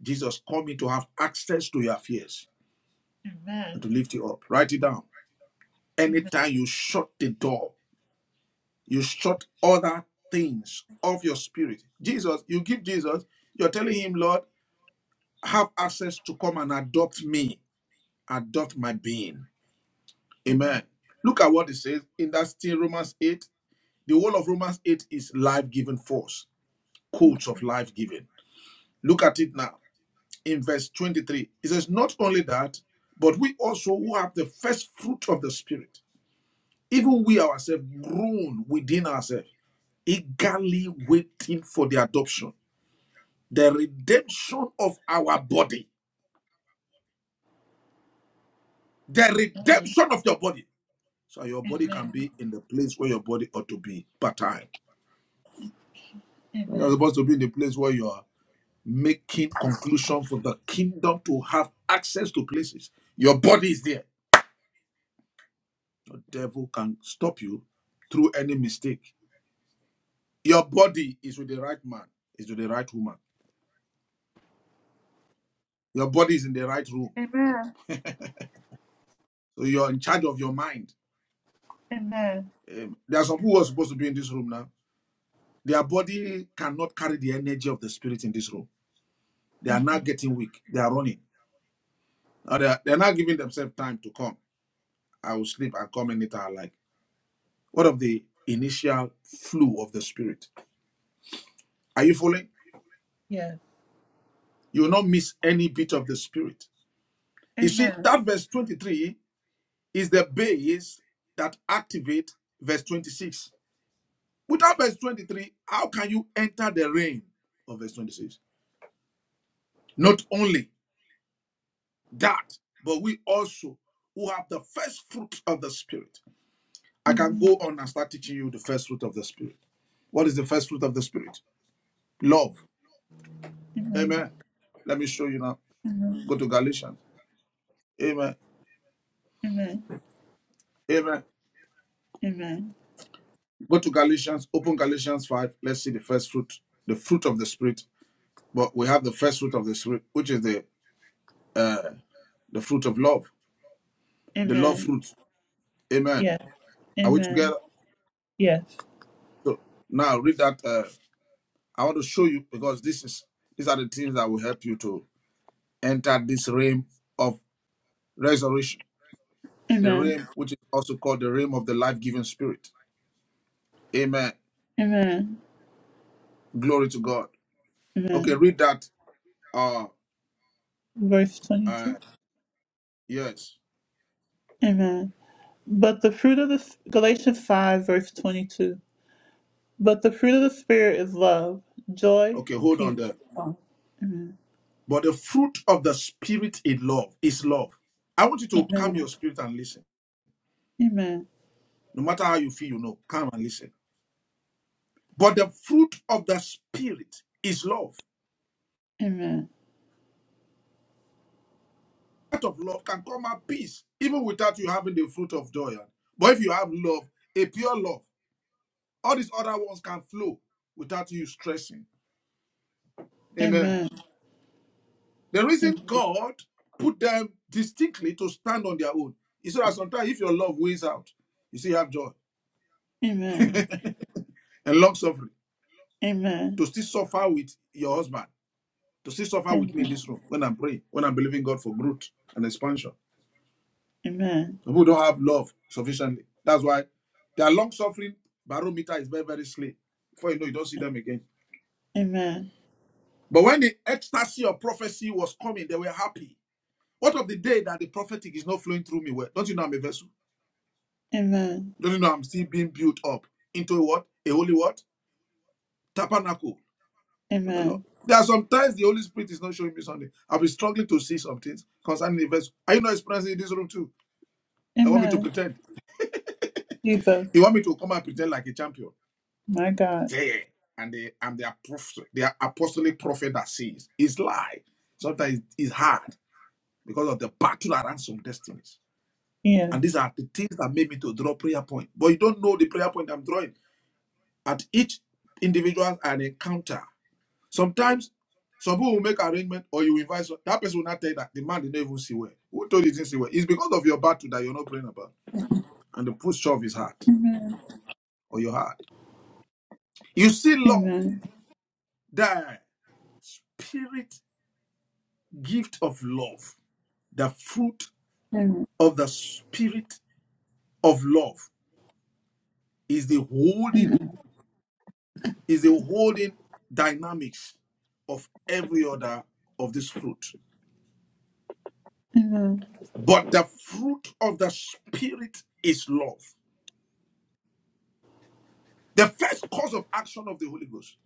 Speaker 3: Jesus coming to have access to your affairs and
Speaker 1: Amen.
Speaker 3: to lift you up. Write it down.
Speaker 1: Amen.
Speaker 3: Anytime you shut the door, you shut other things of your spirit. Jesus, you give Jesus, you're telling him, Lord, have access to come and adopt me, adopt my being.
Speaker 1: Amen.
Speaker 3: Amen. Look at what it says in that still Romans 8. The whole of Romans 8 is life giving force coach of life giving. Look at it now in verse 23. It says, Not only that, but we also who have the first fruit of the Spirit, even we ourselves groan within ourselves, eagerly waiting for the adoption, the redemption of our body, the redemption of your body. So your body can be in the place where your body ought to be part time. You're
Speaker 1: Amen. Amen.
Speaker 3: supposed to be in the place where you are making conclusion for the kingdom to have access to places. Your body is there. The devil can stop you through any mistake. Your body is with the right man, is with the right woman. Your body is in the right room.
Speaker 1: Amen.
Speaker 3: So you're in charge of your mind.
Speaker 1: Amen.
Speaker 3: Um, there are some people who are supposed to be in this room now. Their body cannot carry the energy of the spirit in this room. They are
Speaker 1: Amen.
Speaker 3: now getting weak. They are running. they are, they're not giving themselves time to come. I will sleep and come anytime I like. What of the initial flu of the spirit? Are you following?
Speaker 1: Yes.
Speaker 3: You will not miss any bit of the spirit. You see,
Speaker 1: Amen.
Speaker 3: that verse 23 is the base that activate verse 26. Without verse 23, how can you enter the reign of verse 26? Not only that, but we also who have the first fruit of the spirit. I can
Speaker 1: Amen.
Speaker 3: go on and start teaching you the first fruit of the spirit. What is the first fruit of the spirit? Love.
Speaker 1: Amen.
Speaker 3: Amen. Let me show you now.
Speaker 1: Amen.
Speaker 3: Go to Galatians. Amen.
Speaker 1: Amen.
Speaker 3: Amen.
Speaker 1: Amen.
Speaker 3: Go to Galatians, open Galatians 5. Let's see the first fruit, the fruit of the spirit. But we have the first fruit of the spirit, which is the uh, the fruit of love, the love
Speaker 1: Amen.
Speaker 3: fruit. Amen.
Speaker 1: Yes.
Speaker 3: Are we
Speaker 1: Amen.
Speaker 3: together?
Speaker 1: Yes.
Speaker 3: So now read that. Uh, I want to show you because this is these are the things that will help you to enter this realm of resurrection, the
Speaker 1: Amen.
Speaker 3: realm which is also called the realm of the life-giving spirit. Amen.
Speaker 1: Amen.
Speaker 3: Glory to God. Okay,
Speaker 1: Amen.
Speaker 3: read that. Uh,
Speaker 1: Verse
Speaker 3: uh,
Speaker 1: 22.
Speaker 3: yes.
Speaker 1: Amen. But the fruit of the Galatians 5, verse 22. But the fruit of the Spirit is love, joy,
Speaker 3: Okay, hold
Speaker 1: peace.
Speaker 3: on there.
Speaker 1: Amen.
Speaker 3: But the fruit of the spirit is love. Is love. I want you to calm your spirit and listen.
Speaker 1: Amen.
Speaker 3: No matter how you feel, you know, calm and listen But the fruit of the spirit is love. Out of love can come out peace, even without you having the fruit of joy. But if you have love, a pure love, all these other ones can flow without you stressing. Amen.
Speaker 1: Amen.
Speaker 3: The reason
Speaker 1: Amen.
Speaker 3: God put them distinctly to stand on their own is so that sometimes if your love weighs out, you still have joy (laughs)
Speaker 1: Amen.
Speaker 3: and long suffering.
Speaker 1: Amen.
Speaker 3: To still suffer with your husband, to still suffer with me in
Speaker 1: Amen.
Speaker 3: this room when I'm praying, when I'm believing God for growth and expansion.
Speaker 1: Amen.
Speaker 3: Some people don't have love sufficiently. That's why their long suffering barometer is very, very slim. Before you know, you don't see them again.
Speaker 1: Amen.
Speaker 3: But when the ecstasy of prophecy was coming, they were happy. What of the day that the prophetic is not flowing through me? Well, don't you know I'm a vessel?
Speaker 1: Amen.
Speaker 3: Don't you know I'm still being built up into a what? A holy what? Tabernacle for the
Speaker 1: Amen.
Speaker 3: Lord. There are sometimes the Holy Spirit is not showing me something. I'll be struggling to see some things concerning the vessel. Are you not experiencing in this room too? I want me to
Speaker 1: Amen.
Speaker 3: pretend.
Speaker 1: Jesus,
Speaker 3: You want me to come and pretend like a champion?
Speaker 1: my God.
Speaker 3: Yeah, yeah. And they I'm the apostle, the apostolic prophet that says it's lie. Sometimes it's hard because of the battle around some destinies.
Speaker 1: Yes.
Speaker 3: And these are the things that made me to draw prayer point. But you don't know the prayer point I'm drawing. At each individual an encounter. Sometimes some people will make arrangement or you invite some- that person will not tell you that the man did not even see well. Who told you he didn't see well? It's because of your battle that you're not praying about. And the push of his heart
Speaker 1: Amen.
Speaker 3: or your heart. You see love,
Speaker 1: Amen.
Speaker 3: the spirit gift of love the fruit
Speaker 1: Amen.
Speaker 3: of the spirit of love is the
Speaker 1: Amen.
Speaker 3: holding is the holding dynamics of every other of this fruit
Speaker 1: Amen.
Speaker 3: but the fruit of the spirit is love the first cause of action of the holy ghost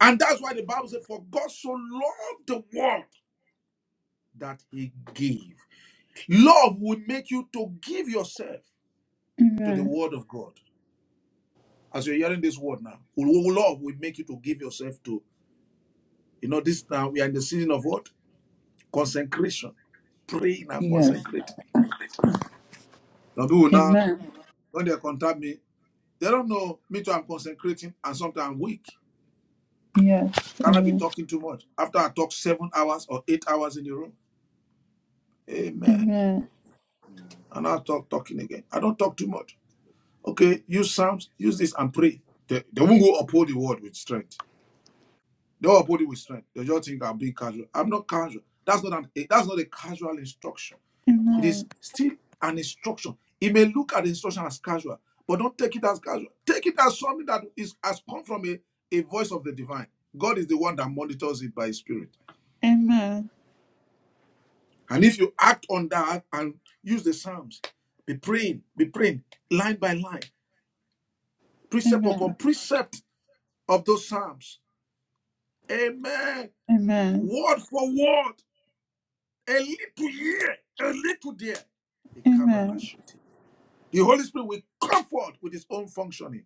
Speaker 3: and that's why the bible says for god so loved the world that he gave love will make you to give yourself to the
Speaker 1: amen,
Speaker 3: word of god as you're hearing this word now love will make you to give yourself to. You know, this now we are in the season of what? Consecration. Praying and
Speaker 1: Yes.
Speaker 3: consecrating. Some people now,
Speaker 1: Amen.
Speaker 3: when they contact me, they don't know me too. I'm consecrating and sometimes I'm weak.
Speaker 1: Yes.
Speaker 3: Can I be
Speaker 1: Amen.
Speaker 3: talking too much? After I talk seven hours or eight hours in the room. Amen.
Speaker 1: Amen.
Speaker 3: And I'll talk talking again. I don't talk too much. Okay, use Psalms, use this and pray. They, they won't go uphold the word with strength. They'll uphold it with strength. They just think I'm being casual. I'm not casual. That's not an, that's not a casual instruction. It is
Speaker 1: Amen.
Speaker 3: still an instruction. He may look at the instruction as casual, but don't take it as casual. Take it as something that is has come from a, a voice of the divine. God is the one that monitors it by his spirit.
Speaker 1: Amen.
Speaker 3: And if you act on that and use the Psalms, be praying, be praying, line by line, precept upon
Speaker 1: Amen.
Speaker 3: precept of those Psalms. Amen. Word for word, a little here, a little there. A cabernet.
Speaker 1: Amen.
Speaker 3: The Holy Spirit will comfort with his own functioning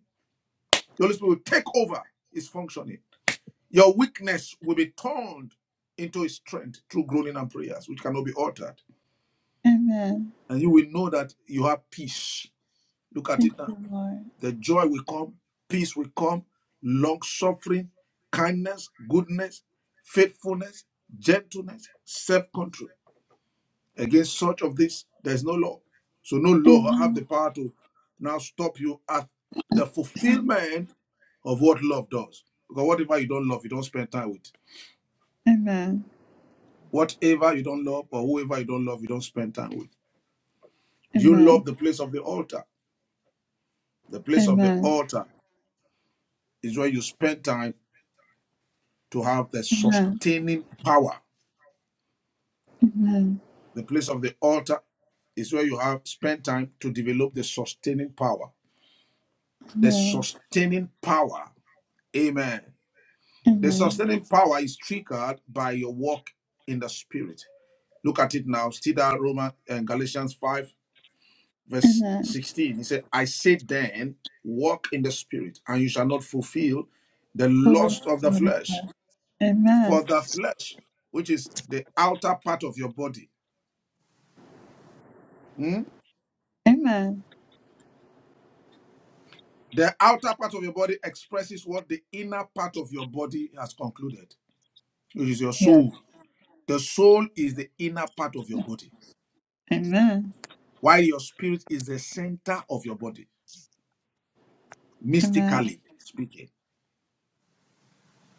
Speaker 3: The Holy Spirit will take over his functioning. Your weakness will be turned into his strength through groaning and prayers, which cannot be altered.
Speaker 1: Amen.
Speaker 3: And you will know that you have peace. Look at it now.
Speaker 1: Amen. Lord.
Speaker 3: The joy will come, peace will come, long suffering, kindness, goodness, faithfulness, gentleness, self control. Against such of this, there is no law. So no law
Speaker 1: amen.
Speaker 3: have the power to now stop you at the fulfillment of what love does. Because whatever you don't love, you don't spend time with.
Speaker 1: Amen.
Speaker 3: Whatever you don't love or whoever you don't love, you don't spend time with. You
Speaker 1: Amen.
Speaker 3: love the place of the altar. The place of the
Speaker 1: Amen.
Speaker 3: altar is where you spend time to have the
Speaker 1: Amen.
Speaker 3: sustaining power.
Speaker 1: Amen.
Speaker 3: The place of the altar is where you have spent time to develop the sustaining power. The
Speaker 1: Amen.
Speaker 3: sustaining power. Amen. The
Speaker 1: Amen.
Speaker 3: sustaining power is triggered by your walk in the spirit. Look at it now. Still that Roman and Galatians 5, verse
Speaker 1: Amen.
Speaker 3: 16. He said, I say then, walk in the spirit, and you shall not fulfill the
Speaker 1: Father,
Speaker 3: lust of the
Speaker 1: Father.
Speaker 3: flesh.
Speaker 1: Amen.
Speaker 3: For the flesh, which is the outer part of your body, hmm,
Speaker 1: Amen.
Speaker 3: the outer part of your body expresses what the inner part of your body has concluded, which is your
Speaker 1: Yeah.
Speaker 3: soul. The soul is the inner part of your body.
Speaker 1: Amen.
Speaker 3: while your spirit is the center of your body,
Speaker 1: Amen.
Speaker 3: mystically speaking.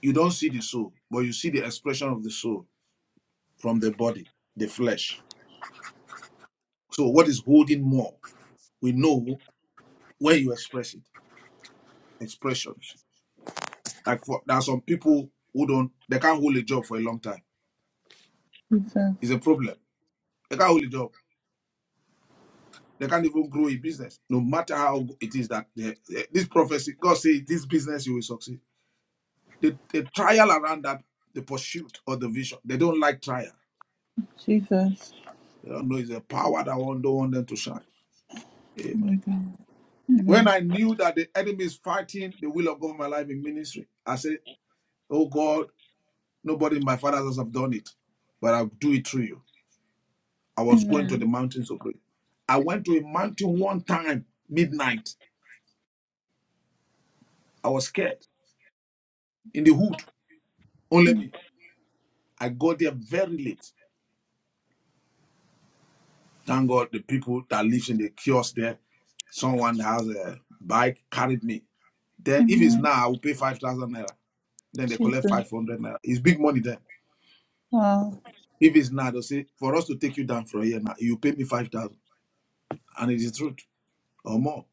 Speaker 3: You don't see the soul, but you see the expression of the soul from the body, the flesh. So, what is holding more? We know where you express it, expressions. Like for, there are some people who don't, they can't hold a job for a long time.
Speaker 1: Jesus.
Speaker 3: It's a problem. They can't hold a job. They can't even grow a business. No matter how it is that they, eh, this prophecy, God says, this business you will succeed. The, the trial around that, the pursuit or the vision, they don't like trial
Speaker 1: Jesus.
Speaker 3: They don't know it's a power that won't- don't want them to shine.
Speaker 1: Oh my
Speaker 3: Amen.
Speaker 1: God.
Speaker 3: When
Speaker 1: Amen.
Speaker 3: I knew that the enemy is fighting the will of God in my life in ministry, I said, Oh God, nobody in my father's house have done it, but I'll do it through you. I was going to the
Speaker 1: Amen.
Speaker 3: mountains of prayer. I went to a mountain one time, midnight. I was scared in the hood, only
Speaker 1: Mm.
Speaker 3: me. I got there very late. Thank God the people that lives in the kiosk there, someone has a bike carried me. Then if it's
Speaker 1: Amen.
Speaker 3: now, I will pay 5,000 naira. Then they collect
Speaker 1: Jesus.
Speaker 3: 500 naira. It's big money then.
Speaker 1: Wow.
Speaker 3: If it's now, they'll say, for us to take you down from here now, you pay me 5,000. And it is truth or more.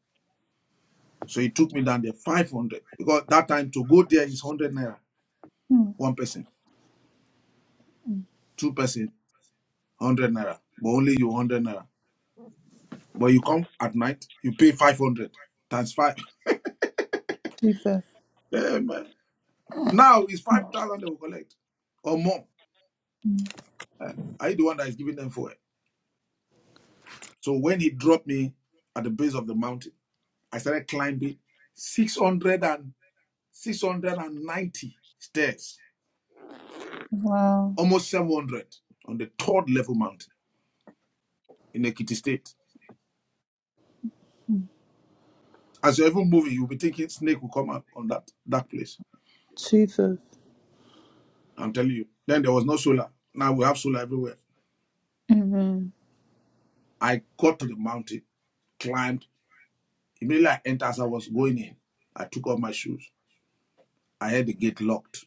Speaker 3: So he took me down there 500. Because that time to go there is 100 naira.
Speaker 1: Mm.
Speaker 3: One person, two person, 100 naira. But only you 100 naira. But you come at night, you pay 500 times five. (laughs)
Speaker 1: Jesus.
Speaker 3: Eh, man. Now it's 5,000 they will collect or more. Eh, Are you the one that is giving them for it? So when he dropped me at the base of the mountain, I started climbing six hundred 690 stairs,
Speaker 1: Wow.
Speaker 3: almost 700 on the third level mountain in Ekiti State. As you're even moving, you'll be thinking snake will come out on that, that place.
Speaker 1: Jesus.
Speaker 3: I'm telling you. Then there was no solar. Now we have solar everywhere.
Speaker 1: Amen.
Speaker 3: I got to the mountain, climbed. Immediately I entered as I was going in. I took off my shoes. I had the gate locked.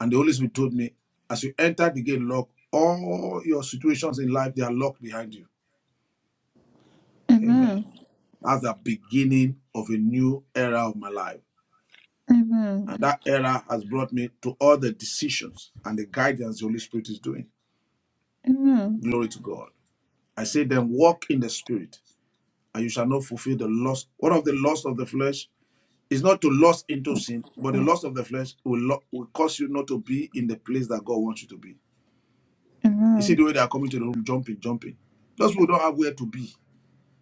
Speaker 3: And the Holy Spirit told me, as you enter the gate locked, all your situations in life, they are locked behind you. Amen.
Speaker 1: Amen.
Speaker 3: That's the beginning of a new era of my life.
Speaker 1: Amen.
Speaker 3: And that error has brought me to all the decisions and the guidance the Holy Spirit is doing.
Speaker 1: Amen.
Speaker 3: Glory to God. I say then walk in the spirit, and you shall not fulfill the lust. One of the lusts of the flesh is not to lust into sin, but the lust of the flesh will, lo- will cause you not to be in the place that God wants you to be. You see
Speaker 1: Amen.
Speaker 3: the way they are coming to the room, jumping, jumping. Those who don't have where to be,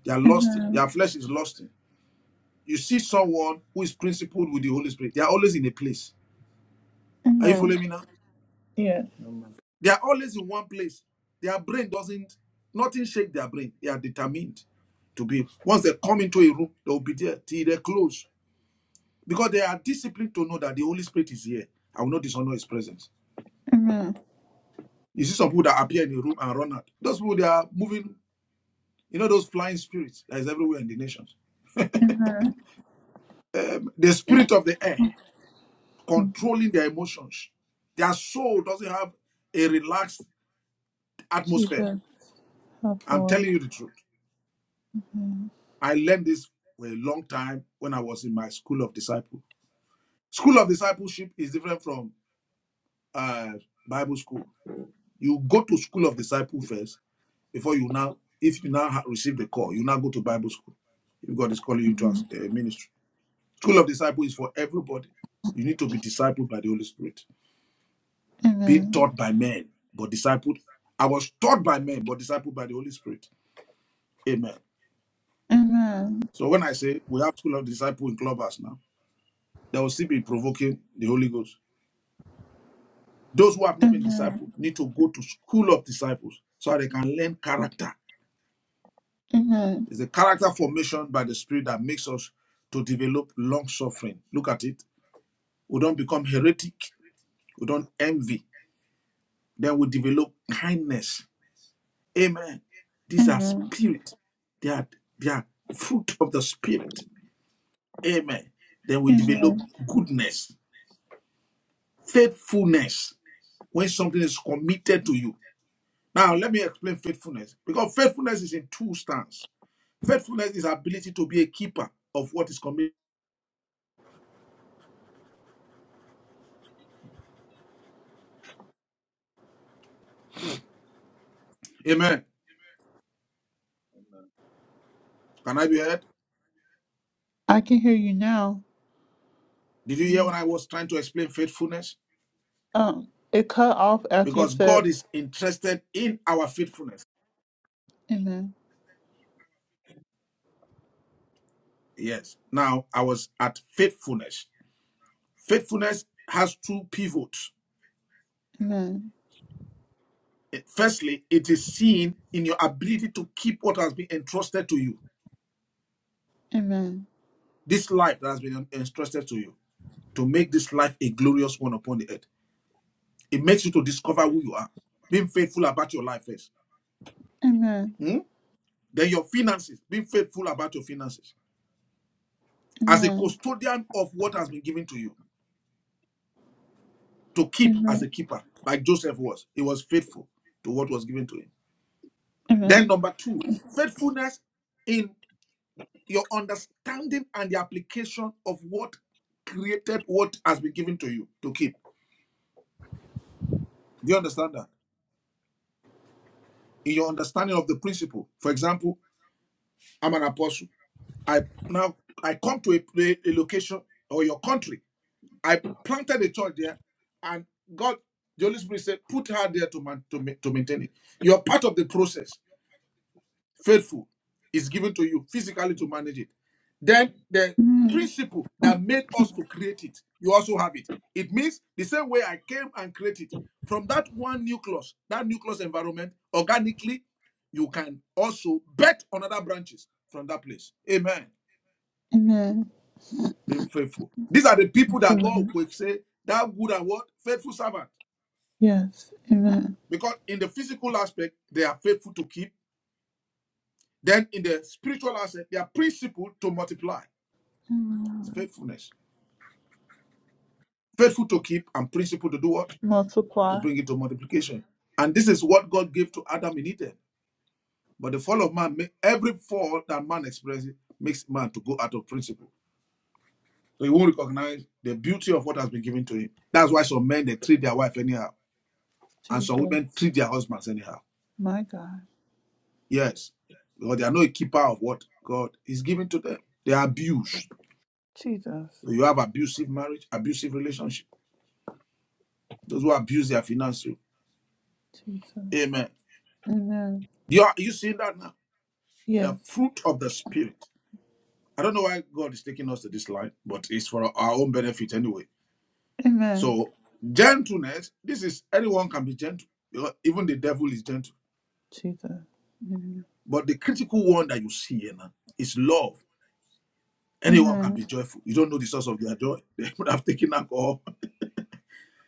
Speaker 3: they are lost.
Speaker 1: Amen.
Speaker 3: Their flesh is lost. You see someone who is principled with the Holy Spirit, they are always in a place. Are you
Speaker 1: Amen.
Speaker 3: following me now?
Speaker 1: Yes.
Speaker 3: They are always in one place. Their brain doesn't, nothing shake their brain. They are determined to be. Once they come into a room, they will be there till they close. Because they are disciplined to know that the Holy Spirit is here. I will not dishonor his presence.
Speaker 1: Amen.
Speaker 3: You see some people that appear in a room and run out. Those people, they are moving, you know, those flying spirits that is everywhere in the nations.
Speaker 1: Amen.
Speaker 3: The spirit of the air
Speaker 1: Mm.
Speaker 3: controlling their emotions. Their soul doesn't have a relaxed atmosphere.
Speaker 1: Jesus. Oh
Speaker 3: I'm
Speaker 1: boy.
Speaker 3: telling you the truth.
Speaker 1: Amen.
Speaker 3: I learned this for a long time when I was in my school of disciple. School of discipleship is different from uh, Bible school. You go to school of disciple first before you now, if you now ha- receive the call, you now go to Bible school. If God is calling you to as
Speaker 1: Mhm.
Speaker 3: a ministry, school of disciple is for everybody. You need to be discipled by the Holy Spirit, being
Speaker 1: Amen.
Speaker 3: taught by men, but discipled. I was taught by men, but discipled by the Holy Spirit. Amen.
Speaker 1: Amen.
Speaker 3: So when I say we have school of disciple in clubhouse now, there will still be provoking the Holy Ghost. Those who have not been
Speaker 1: Amen.
Speaker 3: discipled need to go to school of disciples so they can learn character.
Speaker 1: Amen.
Speaker 3: It's the character formation by the Spirit that makes us to develop long suffering. Look at it. We don't become heretic. We don't envy. Then we develop kindness. Amen. These are
Speaker 1: Amen.
Speaker 3: spirit. They are they are fruit of the spirit. Amen. Then we develop
Speaker 1: Amen.
Speaker 3: goodness, faithfulness. When something is committed to you. Now let me explain faithfulness because faithfulness is in two stands. Faithfulness is ability to be a keeper of what is committed. Amen. Can I be heard?
Speaker 1: I can hear you now.
Speaker 3: Did you hear when
Speaker 1: Mhm.
Speaker 3: I was trying to explain faithfulness?
Speaker 1: Um, it cut off after you
Speaker 3: Because God
Speaker 1: said,
Speaker 3: is interested in our faithfulness.
Speaker 1: Amen.
Speaker 3: Yes. Now I was at faithfulness. Faithfulness has two pivots.
Speaker 1: Amen.
Speaker 3: It- Firstly, it is seen in your ability to keep what has been entrusted to you.
Speaker 1: Amen.
Speaker 3: This life that has been en- entrusted to you to make this life a glorious one upon the earth. It makes you to discover who you are. Being faithful about your life first.
Speaker 1: Amen.
Speaker 3: Hmm? Then your finances, be faithful about your finances. As a
Speaker 1: Amen.
Speaker 3: custodian of what has been given to you, to keep as a
Speaker 1: Amen.
Speaker 3: keeper, like Joseph was. He was faithful to what was given to him. Then
Speaker 1: Amen.
Speaker 3: number two, faithfulness in your understanding and the application of what created what has been given to you to keep. Do you understand that? In your understanding of the principle. For example, I'm an apostle. I now I come to a, a location or your country I planted a church there, and God, the Holy Spirit said, put her there to, man, to, ma- to maintain it. You're part of the process. Faithful is given to you physically to manage it. Then the
Speaker 1: Amen.
Speaker 3: principle that made us to create it, you also have it. It means the same way I came and created it. From that one nucleus, that nucleus environment, organically, you can also bet on other branches from that place. Amen.
Speaker 1: Amen.
Speaker 3: Being faithful. These are the
Speaker 1: Thank
Speaker 3: people
Speaker 1: you,
Speaker 3: that God
Speaker 1: Lord.
Speaker 3: will say, that good and what? Faithful servant.
Speaker 1: Yes. Amen.
Speaker 3: Because in the physical aspect, they are faithful to keep. Then in the spiritual aspect, they are principled to multiply.
Speaker 1: Amen.
Speaker 3: It's faithfulness. Faithful to keep and principled to do what? To
Speaker 1: Multiply.
Speaker 3: bring it to multiplication. And this is what God gave to Adam in Eden. But the fall of man, every fall that man experiences makes man to go out of principle. So he won't recognize the beauty of what has been given to him. That's why some men, they treat their wife anyhow. And some women
Speaker 1: Jesus.
Speaker 3: treat their husbands anyhow.
Speaker 1: My God.
Speaker 3: Yes. Because they are not a keeper of what God is giving to them. They are abused.
Speaker 1: Jesus.
Speaker 3: You have abusive marriage, abusive relationship. Those who abuse their finances.
Speaker 1: Jesus.
Speaker 3: Amen.
Speaker 1: Amen.
Speaker 3: You are you see that now?
Speaker 1: Yes.
Speaker 3: The fruit of the spirit. I don't know why God is taking us to this line, but it's for our own benefit anyway.
Speaker 1: Amen.
Speaker 3: So gentleness. This is anyone can be gentle. You know, Even the devil is gentle.
Speaker 1: Jesus.
Speaker 3: But the critical one that you see here now is love. Anyone can be
Speaker 1: Amen.
Speaker 3: joyful. You don't know the source of their joy. (laughs) They would have taken alcohol.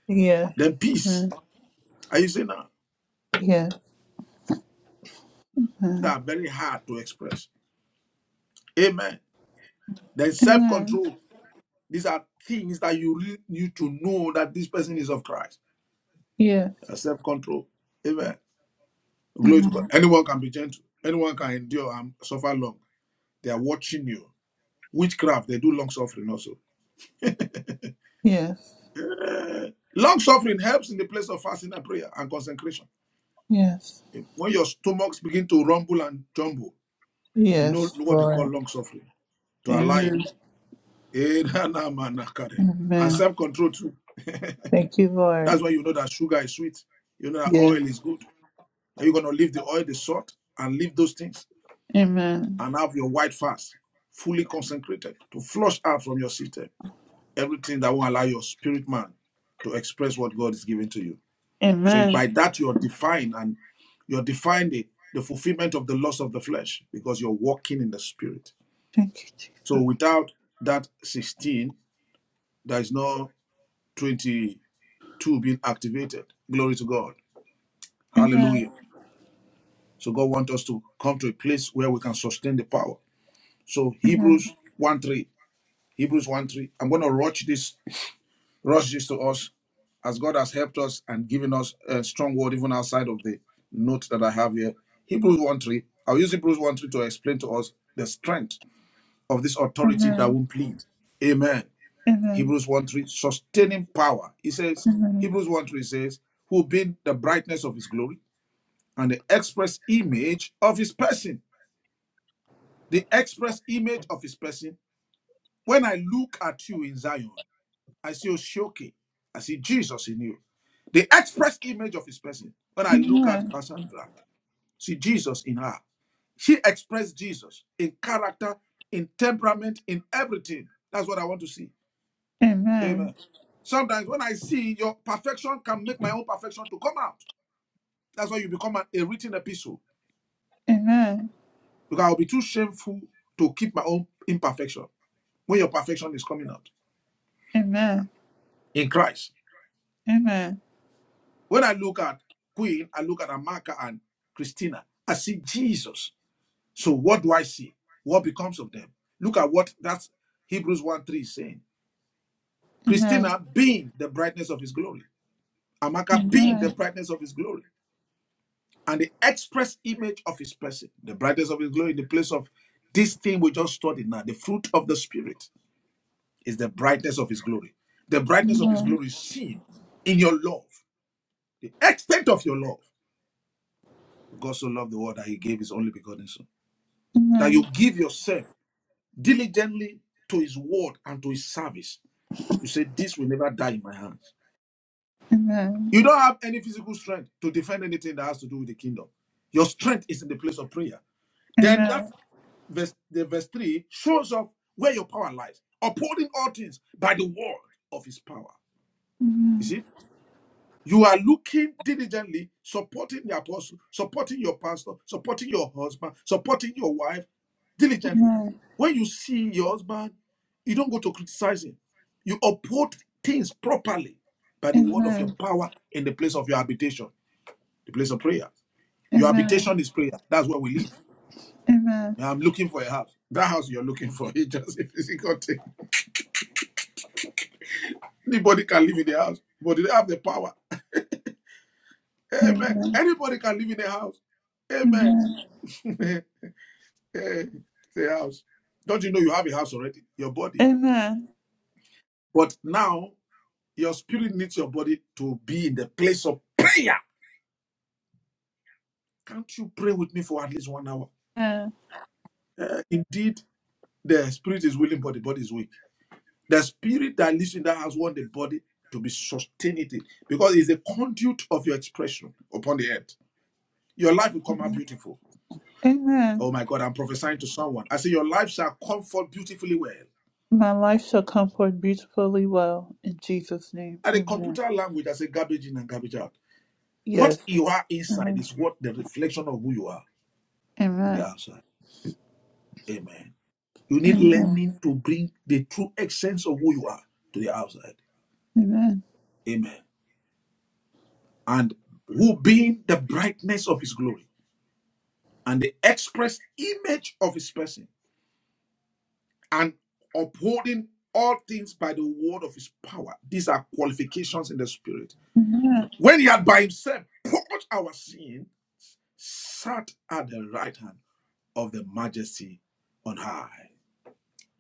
Speaker 1: Yes.
Speaker 3: Then peace.
Speaker 1: Amen.
Speaker 3: Are you seeing now?
Speaker 1: Yes. Amen.
Speaker 3: That are very hard to express. Amen. Then self
Speaker 1: Amen.
Speaker 3: control. These are things that you re- need to know that this person is of Christ.
Speaker 1: Yes.
Speaker 3: Self control. Amen. Glory to
Speaker 1: Amen.
Speaker 3: God. Anyone can be gentle. Anyone can endure and suffer long. They are watching you. Witchcraft, they do long suffering also.
Speaker 1: Yes.
Speaker 3: Long suffering helps in the place of fasting and prayer and consecration.
Speaker 1: Yes.
Speaker 3: When your stomachs begin to rumble and jumble, you know
Speaker 1: Yes,
Speaker 3: what they call
Speaker 1: Lord.
Speaker 3: long suffering to allow it.
Speaker 1: Amen.
Speaker 3: Eh, na, na, ma, na, kare. (laughs) And
Speaker 1: Amen.
Speaker 3: self control too.
Speaker 1: Thank you, Lord.
Speaker 3: That's why you know that sugar is sweet. You know that
Speaker 1: Yes.
Speaker 3: oil is good. Are you going to leave the oil, the salt, and leave those things
Speaker 1: Amen.
Speaker 3: and have your white fast fully consecrated to flush out from your system everything that will allow your spirit man to express what God is giving to you. So by
Speaker 1: Amen.
Speaker 3: that, you're defined and you're defined the, the fulfillment of the loss of the flesh because you're walking in the spirit.
Speaker 1: Thank you,
Speaker 3: So
Speaker 1: Jesus.
Speaker 3: without that 16, there is no 22 being activated. Glory to God.
Speaker 1: Amen.
Speaker 3: Hallelujah. So God wants us to come to a place where we can sustain the power. So
Speaker 1: Amen.
Speaker 3: Hebrews 1 3. Hebrews 1 3. I'm going to rush this, rush this to us as God has helped us and given us a strong word even outside of the note that I have here. Hebrews 1 3. I'll use Hebrews 1 3 to explain to us the strength of this authority that
Speaker 1: Amen.
Speaker 3: won't plead. Amen. Hebrews 1 3, sustaining power. He says,
Speaker 1: Amen.
Speaker 3: Hebrews 1 3 says, who being the brightness of his glory and the express image of his person. The express image of his person. When I look at you in Zion, I see Oshoke. I see Jesus in you. The express image of his person. When I look at
Speaker 1: Amen.
Speaker 3: Cassandra, see Jesus in her. She expressed Jesus in character, in temperament, in everything. That's what I want to see.
Speaker 1: Amen.
Speaker 3: Amen. Sometimes when I see your perfection can make my own perfection to come out. That's why you become an, a written epistle.
Speaker 1: Amen.
Speaker 3: Because I'll be too shameful to keep my own imperfection when your perfection is coming out
Speaker 1: Amen.
Speaker 3: in Christ.
Speaker 1: Amen.
Speaker 3: When I look at Queen, I look at Amaka and Christina. I see Jesus. So what do I see? What becomes of them? Look at what that's Hebrews 1 3 is saying.
Speaker 1: Amen.
Speaker 3: Christina being the brightness of his glory.
Speaker 1: Amen.
Speaker 3: Amaka being
Speaker 1: Amen.
Speaker 3: the brightness of his glory. And the express image of his person, the brightness of his glory, in the place of this thing we just studied now, the fruit of the spirit is the brightness of his glory. The brightness of his
Speaker 1: Amen.
Speaker 3: glory is seen in your love, the extent of your love. God so loved the world that he gave his only begotten son. That
Speaker 1: Amen.
Speaker 3: you give yourself diligently to his word and to his service. You say, This will never die in my hands.
Speaker 1: Amen.
Speaker 3: You don't have any physical strength to defend anything that has to do with the kingdom. Your strength is in the place of prayer. Then that
Speaker 1: Amen.
Speaker 3: verse, the verse 3 shows off where your power lies, upholding all things by the word of his power. You
Speaker 1: Amen.
Speaker 3: see? You are looking diligently, supporting the apostle, supporting your pastor, supporting your husband, supporting your wife diligently.
Speaker 1: Amen.
Speaker 3: When you see your husband, you don't go to criticize him. You uphold things properly by the word of your
Speaker 1: Amen.
Speaker 3: power in the place of your habitation, the place of prayer. Your
Speaker 1: Amen.
Speaker 3: habitation is prayer. That's where we live.
Speaker 1: Amen.
Speaker 3: Yeah, I'm looking for a house. That house you're looking for (laughs) is just a physical thing. Anybody can live in the house, but they have the power. Amen.
Speaker 1: Amen.
Speaker 3: Anybody can live in the house. Amen.
Speaker 1: Amen.
Speaker 3: (laughs) Hey, the house. Don't you know you have a house already? Your body.
Speaker 1: Amen.
Speaker 3: But now your spirit needs your body to be in the place of prayer. Can't you pray with me for at least one hour?
Speaker 1: Amen.
Speaker 3: Indeed, the spirit is willing, but the body is weak. The spirit that lives in that house wants the body to be sustained it, because it's a conduit of your expression upon the earth. Your life will come out beautiful.
Speaker 1: Amen.
Speaker 3: Oh my God, I'm prophesying to someone. I say your life shall come forth beautifully well.
Speaker 1: My life shall come forth beautifully well in Jesus' name.
Speaker 3: At a
Speaker 1: Amen.
Speaker 3: computer language, I say garbage in and garbage out.
Speaker 1: Yes.
Speaker 3: What you are inside
Speaker 1: Amen.
Speaker 3: is what the reflection of who you are on the
Speaker 1: Amen.
Speaker 3: outside. Amen. You need
Speaker 1: Amen.
Speaker 3: learning to bring the true essence of who you are to the outside. Amen. And who being the brightness of his glory and the express image of his person and upholding all things by the word of his power. These are qualifications in the spirit.
Speaker 1: Amen.
Speaker 3: When he had by himself purged our sin, sat at the right hand of the majesty on high.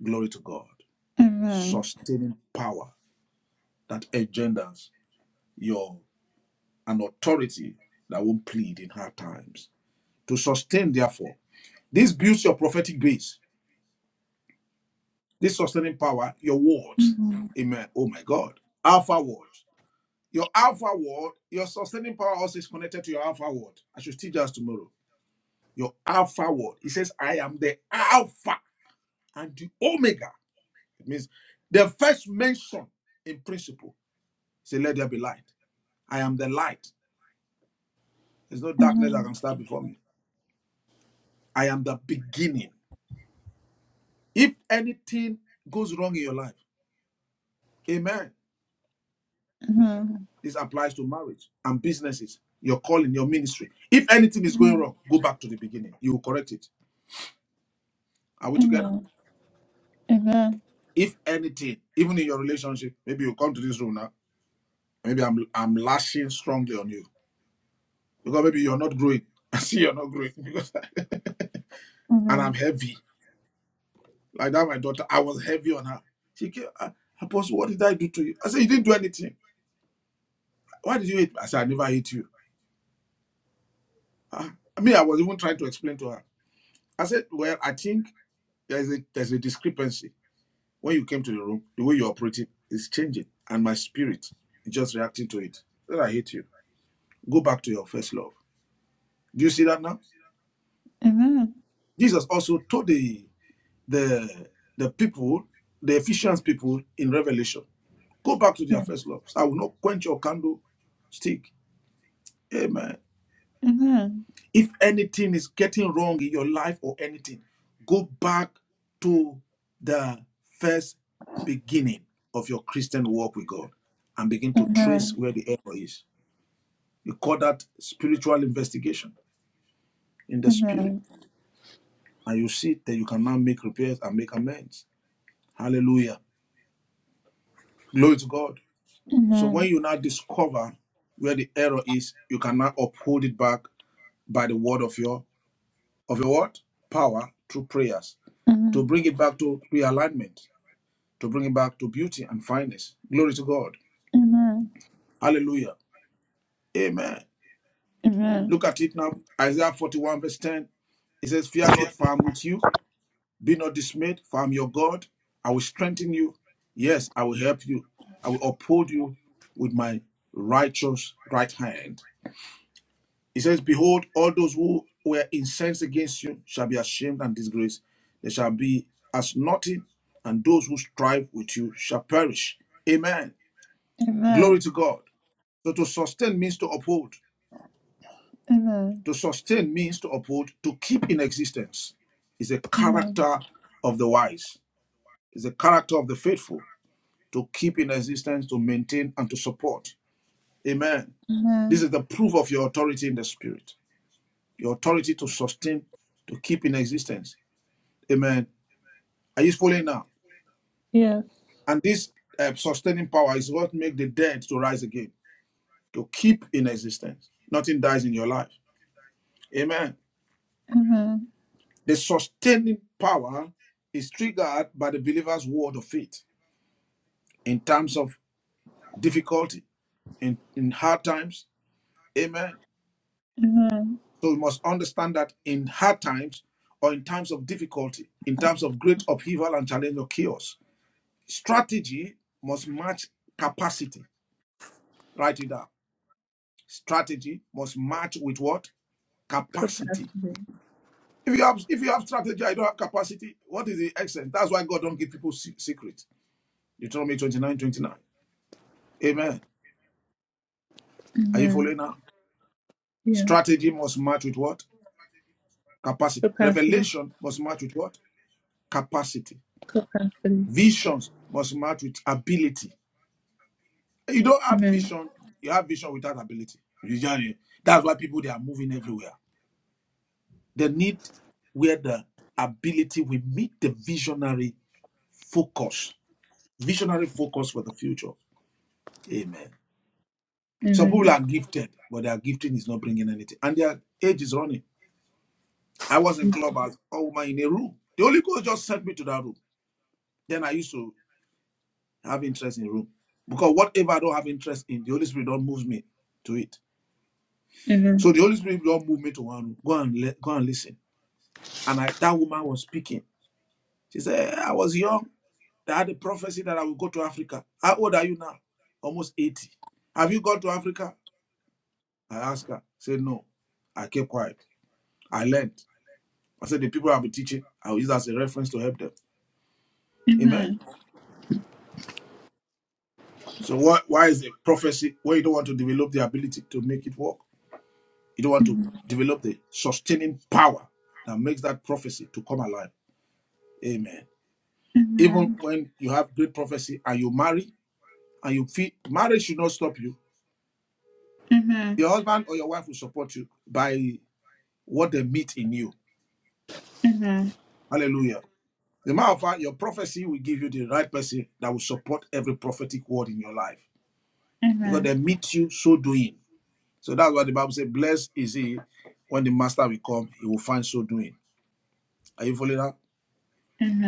Speaker 3: Glory to God.
Speaker 1: Amen.
Speaker 3: sustaining power that engenders your an authority that won't plead in hard times. To sustain, therefore, this builds your prophetic base. This sustaining power, your words. Amen. Oh my God. Alpha word. Your alpha word, your sustaining power also is connected to your alpha word. I should teach us tomorrow. Your alpha word. It says, I am the alpha and the omega. It means the first mention in principle. Say, let there be light. I am the light There's no
Speaker 1: Amen.
Speaker 3: darkness that
Speaker 1: Amen.
Speaker 3: can stand before me. I am the beginning. If anything goes wrong in your life, amen.
Speaker 1: Amen.
Speaker 3: This applies to marriage and businesses, your calling, your ministry. If anything is going wrong, go back to the beginning. You will correct it. Are we together?
Speaker 1: Amen. Amen.
Speaker 3: If anything, even in your relationship, maybe you come to this room now. Maybe I'm I'm lashing strongly on you because maybe you're not growing. (laughs) I see you're not growing because (laughs)
Speaker 1: Amen. Amen.
Speaker 3: and
Speaker 1: Amen.
Speaker 3: I'm heavy. Like that, my daughter, I was heavy on her. She came, "Ah, Apostle, what did I do to you? I said, You didn't do anything. Why did you hate me? I said, I never hate you. Ah, me, I was even trying to explain to her. I said, Well, I think there's a there's a discrepancy. When you came to the room, the way you're operating is changing, and my spirit is just reacting to it. Then I hate you. Go back to your first love. Do you see that now?
Speaker 1: Amen.
Speaker 3: Jesus also told the the the people, the Ephesians people in Revelation, go back to their
Speaker 1: Yes.
Speaker 3: first love. I will not quench your candle stick. Amen.
Speaker 1: Amen.
Speaker 3: If anything is getting wrong in your life or anything, go back to the first beginning of your Christian walk with God and begin to trace
Speaker 1: Amen.
Speaker 3: where the error is. You call that spiritual investigation in the spirit.
Speaker 1: Amen.
Speaker 3: And you see that you can now make repairs and make amends. Hallelujah. Glory to God. So when you now discover where the error is, you can now uphold it back by the word of your of your what? Power through prayers to
Speaker 1: Amen. Amen.
Speaker 3: bring it back to realignment, to bring it back to beauty and fineness. Glory to God. Hallelujah. Amen.
Speaker 1: Amen.
Speaker 3: Look at it now. Isaiah 41, verse 10. It says, Fear not, for I am with you. Be not dismayed, for I am your God. I will strengthen you. Yes, I will help you. I will uphold you with my righteous right hand. It says, Behold, all those who were incensed against you shall be ashamed and disgraced. They shall be as nothing, and those who strive with you shall perish. Amen. Glory
Speaker 1: Amen. Amen.
Speaker 3: to God. So to sustain means to uphold.
Speaker 1: Amen.
Speaker 3: To sustain means to uphold, to keep in existence. Is a
Speaker 1: Amen.
Speaker 3: character of the wise, is a character of the faithful, to keep in existence, to maintain, and to support. Amen. This
Speaker 1: Mm-hmm.
Speaker 3: is the proof of your authority in the spirit. Your authority to sustain, to keep in existence. Amen. Are you following now?
Speaker 1: Yes.
Speaker 3: And this uh, sustaining power is what makes the dead to rise again, to keep in existence. Nothing dies in your life. Amen.
Speaker 1: Mm-hmm.
Speaker 3: The sustaining power is triggered by the believer's word of faith in times of difficulty, in, in hard times. Amen.
Speaker 1: Mm-hmm.
Speaker 3: So we must understand that in hard times or in times of difficulty, in times of great upheaval and challenge or chaos, strategy must match capacity. Write it down. Strategy must match with what? Capacity. If you have if you have strategy, I don't have capacity. What is the excellence? That's why God don't give people se- secret. Deuteronomy 29, 29. Amen. Are you
Speaker 1: Mm-hmm.
Speaker 3: following now?
Speaker 1: Yeah.
Speaker 3: Strategy must match with what? Capacity.
Speaker 1: Capacity.
Speaker 3: Revelation must match with what? Capacity.
Speaker 1: Capacity.
Speaker 3: Visions must match with ability. You don't have
Speaker 1: Amen.
Speaker 3: vision, you have vision without ability. You get it? That's why people they are moving everywhere. They need where the ability will meet the visionary focus. Visionary focus for the future. Amen. Some people
Speaker 1: Amen.
Speaker 3: are gifted, but their gifting is not bringing anything. And their age is running. I was in clubhouse, all woman in a room. The Holy Ghost just sent me to that room. Then I used to have interest in room. Because whatever I don't have interest in, the Holy Spirit don't move me to it.
Speaker 1: Amen.
Speaker 3: So the Holy Spirit don't move me to one room. Go and le- go and listen. And I, that woman was speaking. She said, I was young. I had a prophecy that I would go to Africa. How old are you now? Almost 80. Have you gone to Africa? I asked her. She said, No. I kept quiet. I learned. I said, The people I'll be teaching, I'll use that as a reference to help them. Amen.
Speaker 1: Amen.
Speaker 3: So why, why is a prophecy where you don't want to develop the ability to make it work? You don't want to develop the sustaining power that makes that prophecy to come alive. Amen. Even
Speaker 1: Amen.
Speaker 3: when you have great prophecy and you marry and you feel marriage should not stop you.
Speaker 1: Amen.
Speaker 3: Your husband or your wife will support you by what they meet in you.
Speaker 1: Amen.
Speaker 3: Hallelujah. The matter of fact, your prophecy will give you the right person that will support every prophetic word in your life because
Speaker 1: Amen.
Speaker 3: they meet you so doing. So that's why the Bible says, Blessed is he when the master will come, he will find so doing. Are you following that?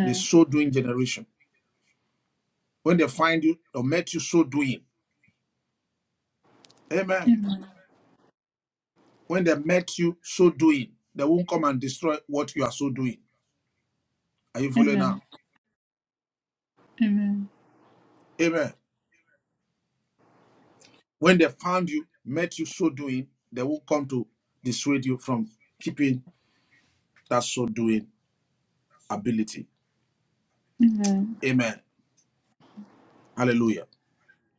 Speaker 3: The so doing generation. When they find you or met you so doing. Amen.
Speaker 1: Amen.
Speaker 3: When they met you so doing, they won't come and destroy what you are so doing. Are you following
Speaker 1: Amen.
Speaker 3: now?
Speaker 1: Amen.
Speaker 3: Amen. When they found you, met you so doing, they won't come to dissuade you from keeping that so doing ability.
Speaker 1: Amen.
Speaker 3: Amen. Hallelujah.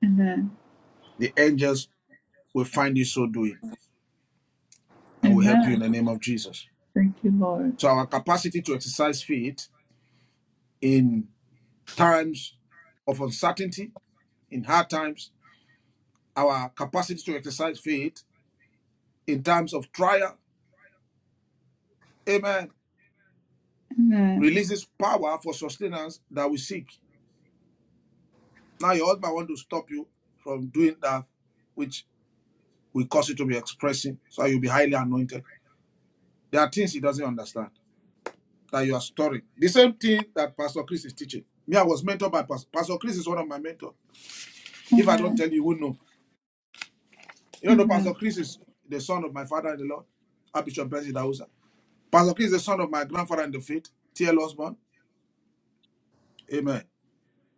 Speaker 1: Amen.
Speaker 3: The angels will find you so doing and will help you in
Speaker 1: Amen.
Speaker 3: the name of Jesus.
Speaker 1: Thank you, Lord.
Speaker 3: So our capacity to exercise faith in times of uncertainty, in hard times, our capacity to exercise faith in times of trial. Amen.
Speaker 1: Amen.
Speaker 3: Releases power for sustenance that we seek. Now your husband want to stop you from doing that which will cause you to be expressing, so you'll be highly anointed. There are things he doesn't understand that you are storing. The same thing that Pastor Chris is teaching. Me, I was mentored by Pastor, Pastor Chris is one of my mentors. If I don't
Speaker 1: Amen.
Speaker 3: tell you, you won't know. You don't know Pastor
Speaker 1: Amen.
Speaker 3: Chris is the son of my father in the Lord, Archbishop Benzi Dausa. Pastor Chris is the son of my grandfather in the faith, T.L. Osborne. Amen.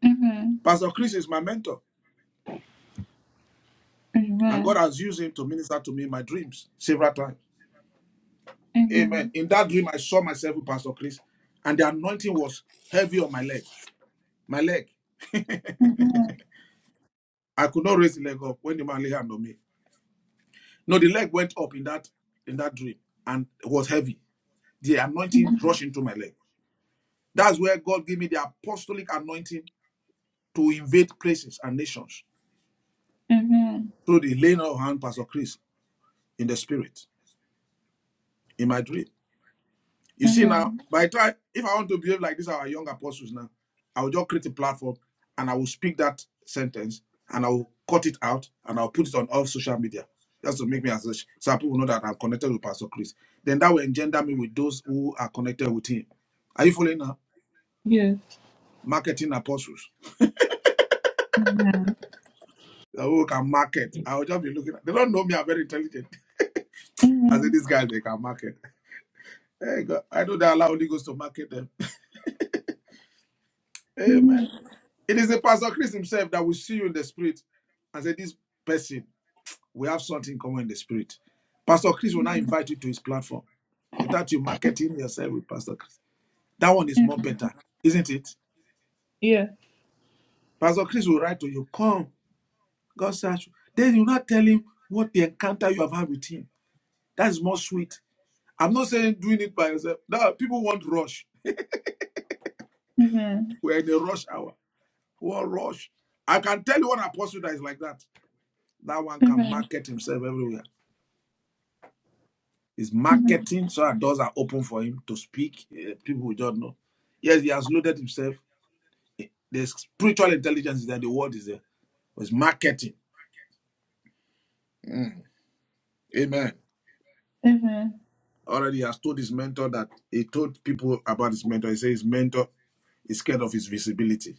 Speaker 1: Amen.
Speaker 3: Pastor Chris is my mentor, and
Speaker 1: Amen.
Speaker 3: God has used him to minister to me in my dreams several times. Amen.
Speaker 1: Amen.
Speaker 3: In that dream, I saw myself with Pastor Chris, and the anointing was heavy on my leg. My leg. I could not raise the leg up when the man laid hand on me. No, the leg went up in that in that dream and it was heavy. The anointing
Speaker 1: Amen.
Speaker 3: rushed into my leg. That's where God gave me the apostolic anointing to invade places and nations
Speaker 1: Amen.
Speaker 3: through the laying of hand, Pastor Chris, in the spirit, in my dream. You see now,
Speaker 1: Amen.
Speaker 3: by the time if I want to behave like these are our young apostles now, I will just create a platform and I will speak that sentence and I will cut it out and I'll put it on all social media. Just to make me as such so people know that I'm connected with Pastor Chris. Then that will engender me with those who are connected with him. Are you following now?
Speaker 1: Yes.
Speaker 3: Marketing apostles.
Speaker 1: Amen.
Speaker 3: They Who can market. I will just be looking at they don't know me, I'm very intelligent. (laughs) I say
Speaker 1: Amen.
Speaker 3: these guys they can market. Hey God, I know they allow Holy Ghost to market them. (laughs) Amen.
Speaker 1: Amen.
Speaker 3: It is the Pastor Chris himself that will see you in the spirit and say, This person, we have something common in the spirit. Pastor Chris will now invite you to his platform without you marketing yourself with Pastor Chris. That one is more
Speaker 1: Amen.
Speaker 3: better, isn't it?
Speaker 1: Yes.
Speaker 3: Pastor Chris will write to you, Come, God search you. Then you not tell him what the encounter you have had with him. That is more sweet. I'm not saying doing it by yourself. No, people want rush.
Speaker 1: Amen.
Speaker 3: We're in a rush hour. What rush? I can tell you one apostle that is like that. That one can
Speaker 1: Amen.
Speaker 3: market himself everywhere. He's
Speaker 1: Amen.
Speaker 3: marketing so that doors are open for him to speak. Eh, People who don't know. Yes, he has loaded himself. Eh, The spiritual intelligence is there, the word is there. But it's marketing. Mm. Amen.
Speaker 1: Amen.
Speaker 3: Already he has told his mentor that he told people about his mentor. He said his mentor is scared of his visibility.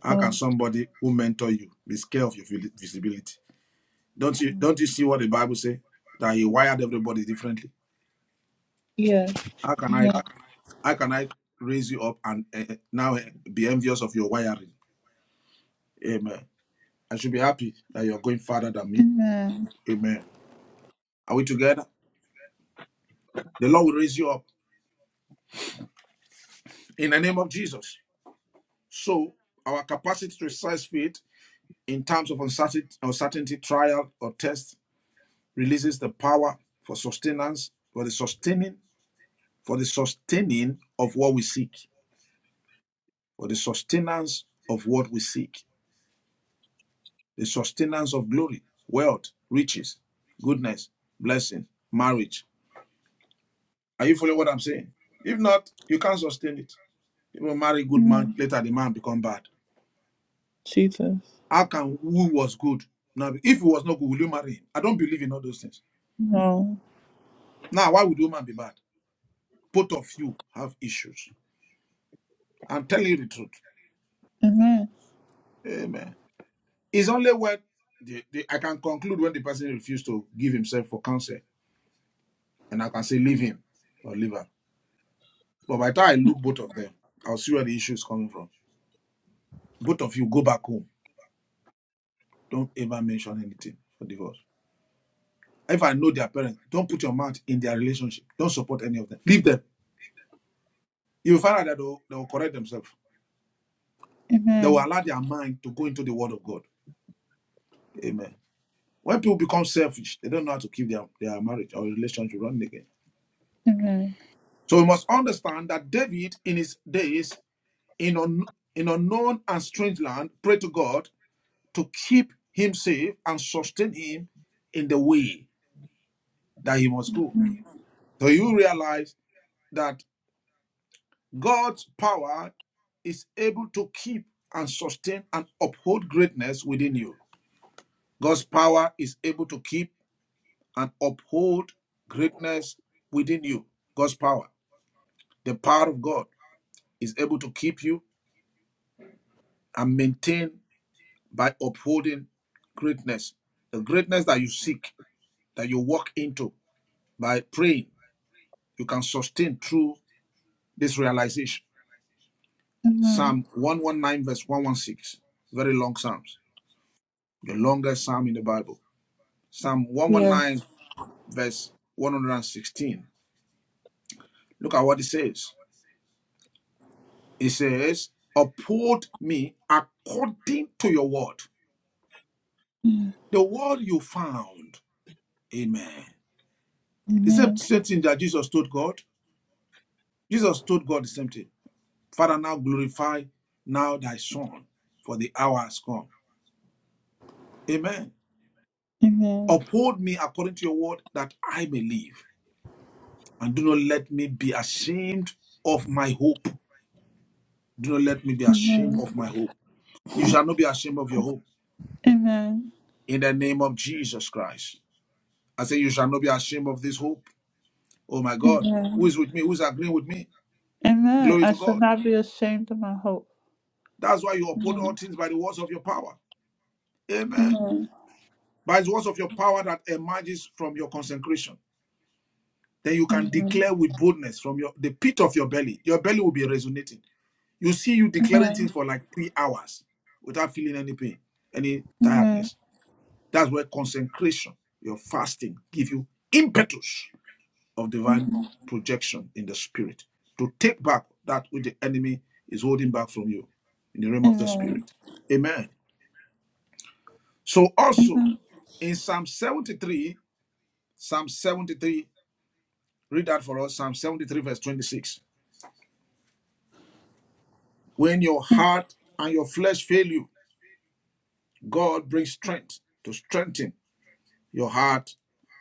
Speaker 3: How can
Speaker 1: Oh,
Speaker 3: somebody who mentor you be scared of your visibility? Don't you don't you see what the Bible say that he wired everybody differently?
Speaker 1: yeah.
Speaker 3: How can I
Speaker 1: Amen.
Speaker 3: how can I raise you up and eh, now eh, be envious of your wiring? Amen. I should be happy that you're going farther than me.
Speaker 1: Amen.
Speaker 3: Amen. Are we together? The Lord will raise you up in the name of Jesus. So, our capacity to exercise faith in times of uncertainty, uncertainty trial, or test releases the power for sustenance, for the sustaining, for the sustaining of what we seek, for the sustenance of what we seek, the sustenance of glory, wealth, riches, goodness, blessing, marriage. Are you following what I'm saying? If not, you can't sustain it. People marry good man,
Speaker 1: Amen.
Speaker 3: later the man become bad.
Speaker 1: Jesus.
Speaker 3: How can who was good? Now, if he was not good, will you marry him? I don't believe in all those things.
Speaker 1: No.
Speaker 3: Now, why would woman be bad? Both of you have issues. I'm telling you the truth.
Speaker 1: Amen.
Speaker 3: Amen. It's only when the, the, I can conclude when the person refused to give himself for counsel, and I can say leave him or leave her. But by the time I look both of them, I'll see where the issue is coming from. Both of you go back home. Don't ever mention anything for divorce. If I know their parents, don't put your mouth in their relationship. Don't support any of them. Leave them. You will find out that they will, they will correct themselves. They will
Speaker 1: Amen.
Speaker 3: allow their mind to go into the word of God. Amen. When people become selfish, they don't know how to keep their, their marriage or relationship running again.
Speaker 1: Amen.
Speaker 3: So we must understand that David, in his days, in, un, in unknown and strange land, prayed to God to keep him safe and sustain him in the way that he must go. So you realize that God's power is able to keep and sustain and uphold greatness within you. God's power is able to keep and uphold greatness within you. God's power, the power of God, is able to keep you and maintain by upholding greatness. The greatness that you seek, that you walk into by praying, you can sustain through this realization.
Speaker 1: Amen.
Speaker 3: Psalm 119, verse 116. Very long Psalms, the longest Psalm in the Bible. Psalm
Speaker 1: Yes.
Speaker 3: 119, verse 116. Look at what it says. It says, Uphold me according to your word.
Speaker 1: Amen.
Speaker 3: The word you found. Amen. The same,
Speaker 1: Amen.
Speaker 3: same thing that Jesus told God. Jesus told God the same thing. Father, now glorify now thy son, for the hour has come. Amen. Uphold me according to your word that I may live. And do not let me be ashamed of my hope. Do not let me be ashamed
Speaker 1: Amen. Amen.
Speaker 3: of my hope. You shall not be ashamed of your hope.
Speaker 1: Amen.
Speaker 3: In the name of Jesus Christ. I say, You shall not be ashamed of this hope Oh my God, who
Speaker 1: Amen.
Speaker 3: is with me? Who's agreeing with me?
Speaker 1: Amen.
Speaker 3: Glory
Speaker 1: I
Speaker 3: to
Speaker 1: shall
Speaker 3: God.
Speaker 1: not be ashamed of my hope.
Speaker 3: That's why you uphold all things by the words of your power. Amen.
Speaker 1: Amen.
Speaker 3: By the words of your power that emerges from your consecration. Then you can
Speaker 1: Amen.
Speaker 3: declare with boldness from your the pit of your belly. Your belly will be resonating. You see you declaring
Speaker 1: Amen.
Speaker 3: things for like three hours without feeling any pain, any
Speaker 1: Amen.
Speaker 3: tiredness. That's where consecration, your fasting, give you impetus of divine projection in the spirit to take back that which the enemy is holding back from you in the realm of the
Speaker 1: Amen.
Speaker 3: spirit. Amen. So also
Speaker 1: Amen.
Speaker 3: in Psalm 73, Psalm 73, read that for us, Psalm 73, verse 26. When your heart and your flesh fail you, God brings strength to strengthen your heart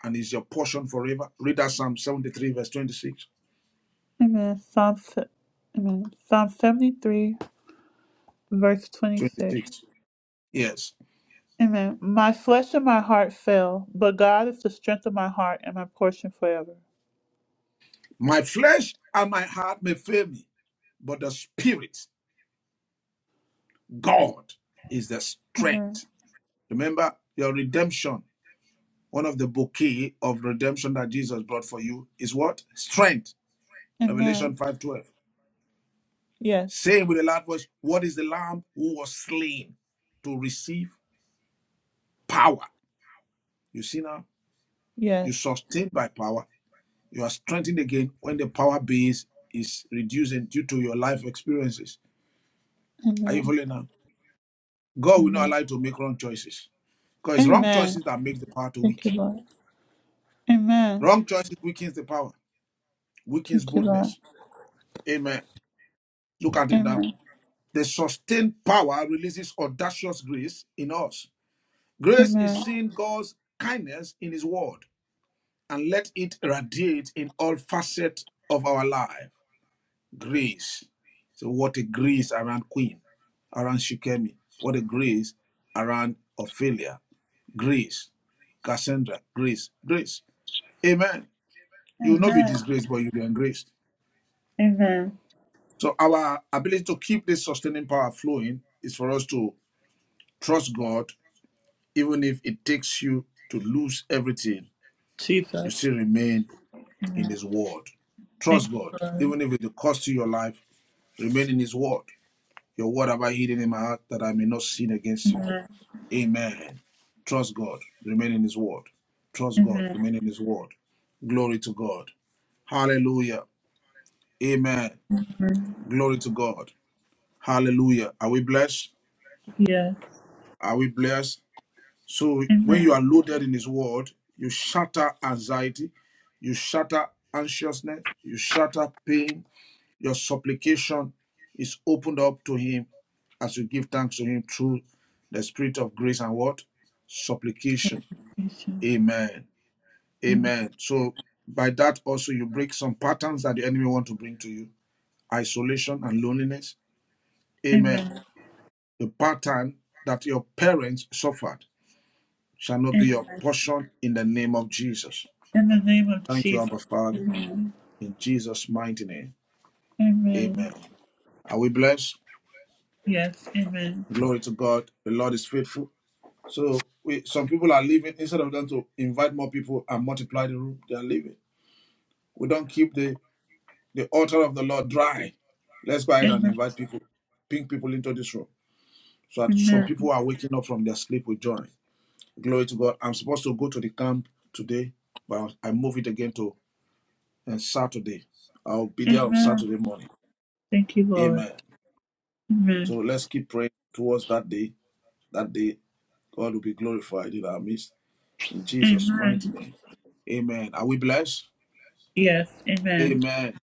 Speaker 3: and is your portion forever. Read that Psalm 73, verse 26.
Speaker 1: Amen. Psalm, se- Amen. Psalm 73, verse 26.
Speaker 3: 26. Yes.
Speaker 1: Amen. My flesh and my heart fail, but God is the strength of my heart and my portion forever.
Speaker 3: My flesh and my heart may fail me, but the spirit God is the
Speaker 1: Amen.
Speaker 3: strength. Remember your redemption. One of the bouquet of redemption that Jesus brought for you is what? Strength.
Speaker 1: Amen.
Speaker 3: Revelation 5:12.
Speaker 1: Yes.
Speaker 3: Saying with a loud voice, What is the lamb who was slain to receive power? You see now, you
Speaker 1: Yes.
Speaker 3: sustained by power. You are strengthened again when the power base is reducing due to your life experiences. Are you
Speaker 1: Amen.
Speaker 3: following now? God will not
Speaker 1: Amen.
Speaker 3: allow you to make wrong choices. Because it's wrong
Speaker 1: Amen.
Speaker 3: choices that make the power to
Speaker 1: Thank you,
Speaker 3: weak.
Speaker 1: Lord. Amen.
Speaker 3: Wrong choices weakens the power. weakens
Speaker 1: Thank you, Lord.
Speaker 3: boldness. Amen. Look at it now.
Speaker 1: Amen.
Speaker 3: The sustained power releases audacious grace in us. Grace is
Speaker 1: Amen.
Speaker 3: seeing God's kindness in His word and let it radiate in all facets of our life. Grace. So, what a grace around Queen, around Shikemi. What a grace around Ophelia. Grace. Cassandra. Grace. Grace. Amen. You will not be
Speaker 1: Amen.
Speaker 3: disgraced, but you'll be engraced.
Speaker 1: Amen.
Speaker 3: So our ability to keep this sustaining power flowing is for us to trust God, even if it takes you to lose everything, you
Speaker 1: Jesus.
Speaker 3: still remain in
Speaker 1: Amen.
Speaker 3: His word.
Speaker 1: Thank
Speaker 3: Trust
Speaker 1: you,
Speaker 3: God,
Speaker 1: Lord.
Speaker 3: even if it costs you your life, remain in His word. Your word have I hidden in my heart that I may not sin against you.
Speaker 1: Amen.
Speaker 3: Amen. Trust God, remain in His word. Trust God,
Speaker 1: Amen.
Speaker 3: remain in His word. Glory to God. Hallelujah. Amen.
Speaker 1: Amen.
Speaker 3: Glory to God. Hallelujah. Are we blessed?
Speaker 1: Yes.
Speaker 3: Are we blessed? So when you are
Speaker 1: Amen.
Speaker 3: loaded in His Word, you shatter anxiety, you shatter anxiousness, you shatter pain. Your supplication is opened up to Him as you give thanks to Him through the Spirit of grace and what? Supplication.
Speaker 1: Patience.
Speaker 3: Amen.
Speaker 1: Amen.
Speaker 3: Amen. So by that also you break some patterns that the enemy want to bring to you. Isolation and loneliness. Amen.
Speaker 1: Amen.
Speaker 3: The pattern that your parents suffered shall not be
Speaker 1: In
Speaker 3: your portion in the name of Jesus.
Speaker 1: in the name of
Speaker 3: Thank you, Abba
Speaker 1: Jesus.
Speaker 3: Father.
Speaker 1: Amen.
Speaker 3: In Jesus' mighty name. Amen.
Speaker 1: Amen.
Speaker 3: Are we blessed?
Speaker 1: Yes. Amen.
Speaker 3: Glory to God. The Lord is faithful. So we some people are leaving. Instead of them to invite more people and multiply the room, they are leaving. We don't keep the, the altar of the Lord dry. Let's go ahead and invite people, bring people into this room. So that some
Speaker 1: Amen.
Speaker 3: people who are waking up from their sleep will join. Glory to God. I'm supposed to go to the camp today, but I move it again to uh, Saturday. I'll be there on
Speaker 1: Amen.
Speaker 3: Saturday morning.
Speaker 1: Thank you, Lord.
Speaker 3: Amen. So
Speaker 1: Amen.
Speaker 3: let's keep praying towards that day. That day, God will be glorified in our midst. In Jesus' mighty
Speaker 1: Amen.
Speaker 3: name. Amen. Are we blessed?
Speaker 1: Yes. Amen.
Speaker 3: Amen.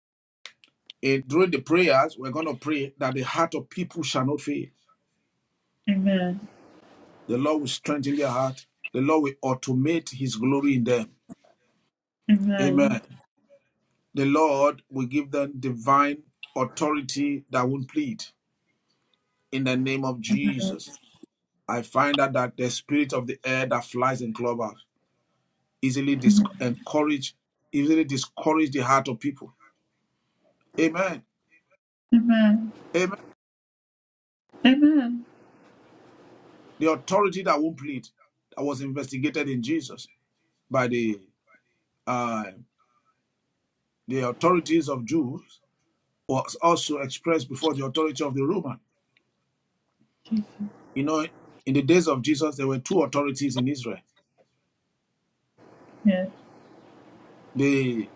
Speaker 3: And during the prayers, we're going to pray that the heart of people shall not fail.
Speaker 1: Amen.
Speaker 3: The Lord will strengthen their heart. The Lord will automate his glory in them.
Speaker 1: Amen.
Speaker 3: Amen. The Lord will give them divine authority that won't plead. In the name of Jesus. I find out that the spirit of the air that flies in clubhouse. easily dis-
Speaker 1: Amen.
Speaker 3: encourage, easily discourage the heart of people. Amen.
Speaker 1: Amen.
Speaker 3: Amen.
Speaker 1: Amen.
Speaker 3: The authority that won't plead, that was investigated in Jesus by the uh, the authorities of Jews, was also expressed before the authority of the Roman. You know, in the days of Jesus, there were two authorities in Israel:
Speaker 1: Yes.
Speaker 3: the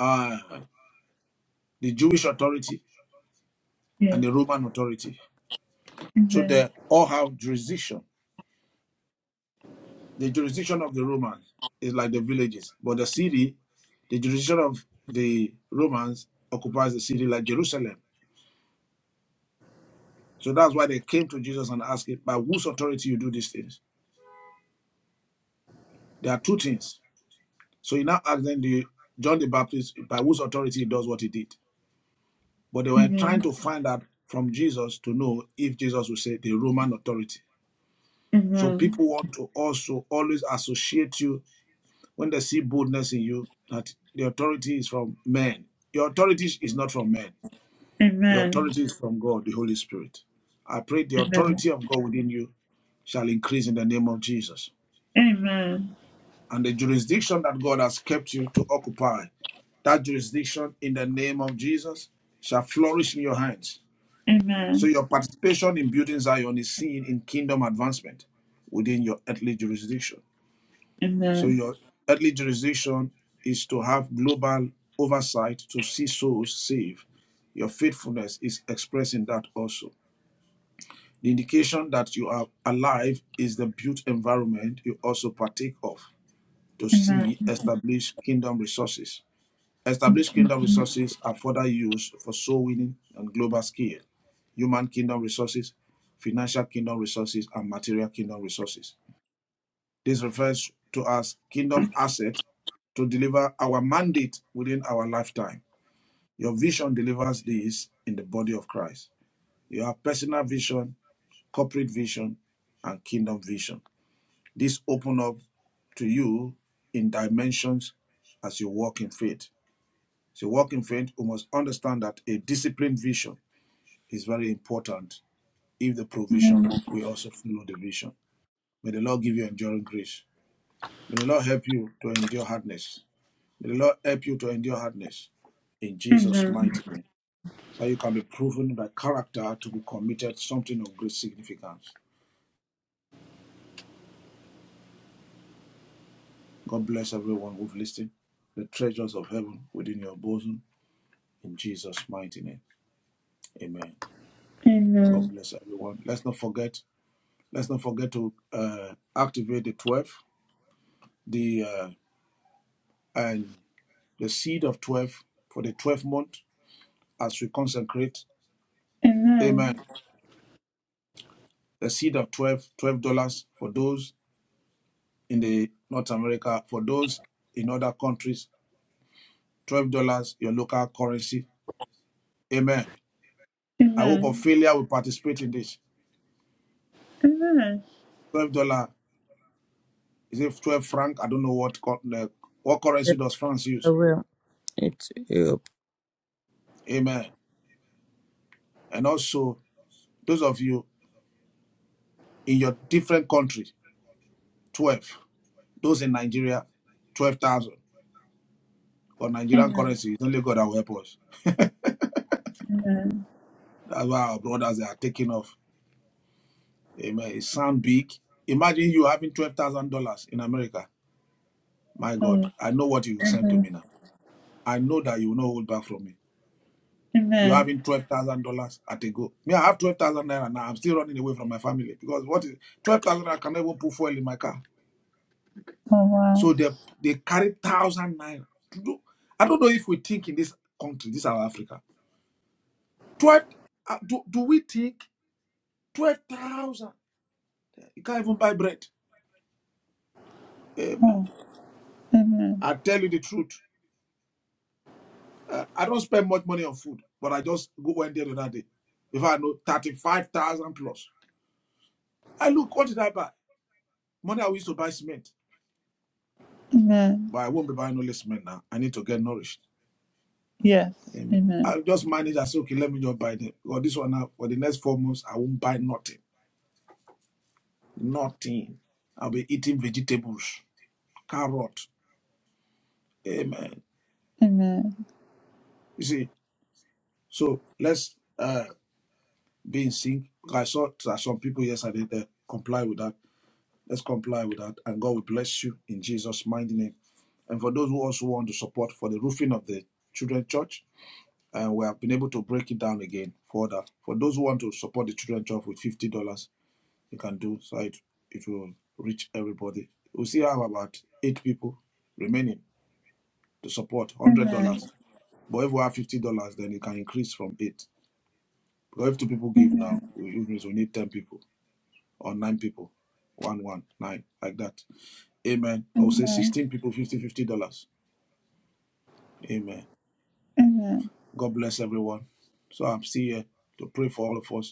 Speaker 3: uh, the Jewish authority and
Speaker 1: Yes.
Speaker 3: the Roman authority. So
Speaker 1: Amen.
Speaker 3: they all have jurisdiction The jurisdiction of the Romans is like the villages, but the city, the jurisdiction of the Romans occupies the city like Jerusalem. So that's why they came to Jesus and asked him, by whose authority you do these things? There are two things. So he now asked them, do you- John the Baptist, by whose authority he does what he did. But they were trying
Speaker 1: Amen.
Speaker 3: to find out from Jesus to know if Jesus would say the Roman authority. So
Speaker 1: Amen.
Speaker 3: people want to also always associate you When they see boldness in you, that the authority is from men. Your authority is not from men. Your
Speaker 1: Amen.
Speaker 3: authority is from God, the Holy Spirit. I pray the
Speaker 1: Amen.
Speaker 3: authority of God within you shall increase in the name of Jesus.
Speaker 1: Amen.
Speaker 3: And the jurisdiction that God has kept you to occupy, that jurisdiction in the name of Jesus shall flourish in your hands. So
Speaker 1: Amen.
Speaker 3: your participation in building Zion is seen in kingdom advancement within your earthly jurisdiction. So
Speaker 1: Amen.
Speaker 3: your earthly jurisdiction is to have global oversight to see souls saved. Your faithfulness is expressing that also. The indication that you are alive is the built environment you also partake of to see
Speaker 1: Amen.
Speaker 3: established kingdom resources. Established kingdom resources are further used for soul winning on global scale, human kingdom resources, financial kingdom resources, and material kingdom resources. This refers to us kingdom asset to deliver our mandate within our lifetime. Your vision delivers this in the body of Christ. You have personal vision, corporate vision, and kingdom vision. This open up to you in dimensions as you walk in faith. As you walk in faith, we must understand that a disciplined vision is very important if the provision will also follow the vision. May the Lord give you enduring grace. May the Lord help you to endure hardness. May the Lord help you to endure hardness in Jesus'
Speaker 1: Amen.
Speaker 3: mighty name. That you can be proven by character to be committed something of great significance. God bless everyone who've listened. The treasures of heaven within your bosom in Jesus' mighty name. Amen.
Speaker 1: Amen.
Speaker 3: God
Speaker 1: Amen.
Speaker 3: bless everyone. Let's not forget. Let's not forget to uh, activate the 12, the uh, and the seed of 12 for the 12th month as we consecrate. Amen. The seed of twelve, twelve dollars for those in the North America. For those in other countries, twelve dollars your local currency. Amen.
Speaker 1: Amen. Amen.
Speaker 3: I hope
Speaker 1: Amen.
Speaker 3: Ophelia will participate in this. Twelve dollar is it twelve franc? I don't know what uh, what currency
Speaker 5: Yes,
Speaker 3: does France
Speaker 5: I
Speaker 3: use.
Speaker 5: will. It's up.
Speaker 3: Amen. And also those of you in your different countries, twelve. Those in Nigeria, twelve thousand. Or Nigerian
Speaker 1: Amen.
Speaker 3: currency, it's only God that will help us.
Speaker 1: Amen.
Speaker 3: That's why our brothers they are taking off. Amen. It sound big. Imagine you having twelve thousand dollars in America. My God,
Speaker 1: Oh,
Speaker 3: I know what you will send to
Speaker 1: amen.
Speaker 3: me now. I know that you will not hold back from me. You're
Speaker 1: Amen.
Speaker 3: having twelve thousand dollars at a go. Me, I have twelve thousand naira now. I'm still running away from my family because what is twelve thousand? I can never put fuel in my car.
Speaker 1: Oh, wow.
Speaker 3: So they they carry thousand naira. Do- do- I don't know if we think in this country, this our Africa. Twelve? uh, Do, do we think twelve thousand? You can't even buy bread. Amen.
Speaker 1: Oh, amen.
Speaker 3: I tell you the truth. Uh, I don't spend much money on food, but I just go one day the other day. If I know thirty-five thousand plus. I look, what did I buy? Money I used to buy cement,
Speaker 1: Amen.
Speaker 3: but I won't be buying all this cement now. I need to get nourished.
Speaker 1: Yes.
Speaker 3: Amen.
Speaker 1: amen.
Speaker 3: I'll just manage. I say, okay, let me just buy them. Because this one now, for the next four months, I won't buy nothing. Nothing. I'll be eating vegetables, carrot. Amen.
Speaker 1: Amen.
Speaker 3: You see, so let's uh, be in sync. Because I saw that some people yesterday they comply with that. Let's comply with that, and God will bless you in Jesus' mighty name. And for those who also want to support for the roofing of the children church, and we have been able to break it down again further. For those who want to support the children's job with fifty dollars, you can do so. It, it will reach everybody. We still have about eight people remaining to support one hundred
Speaker 1: Amen.
Speaker 3: dollars. But if we have fifty dollars, then it can increase from eight. Because if two people give
Speaker 1: Amen.
Speaker 3: now, it means we need ten people or nine people, one one nine like that. Amen. I will say
Speaker 1: Amen.
Speaker 3: sixteen people, 50 fifty dollars. Amen.
Speaker 1: Amen.
Speaker 3: God bless everyone. So I'm still here to pray for all of us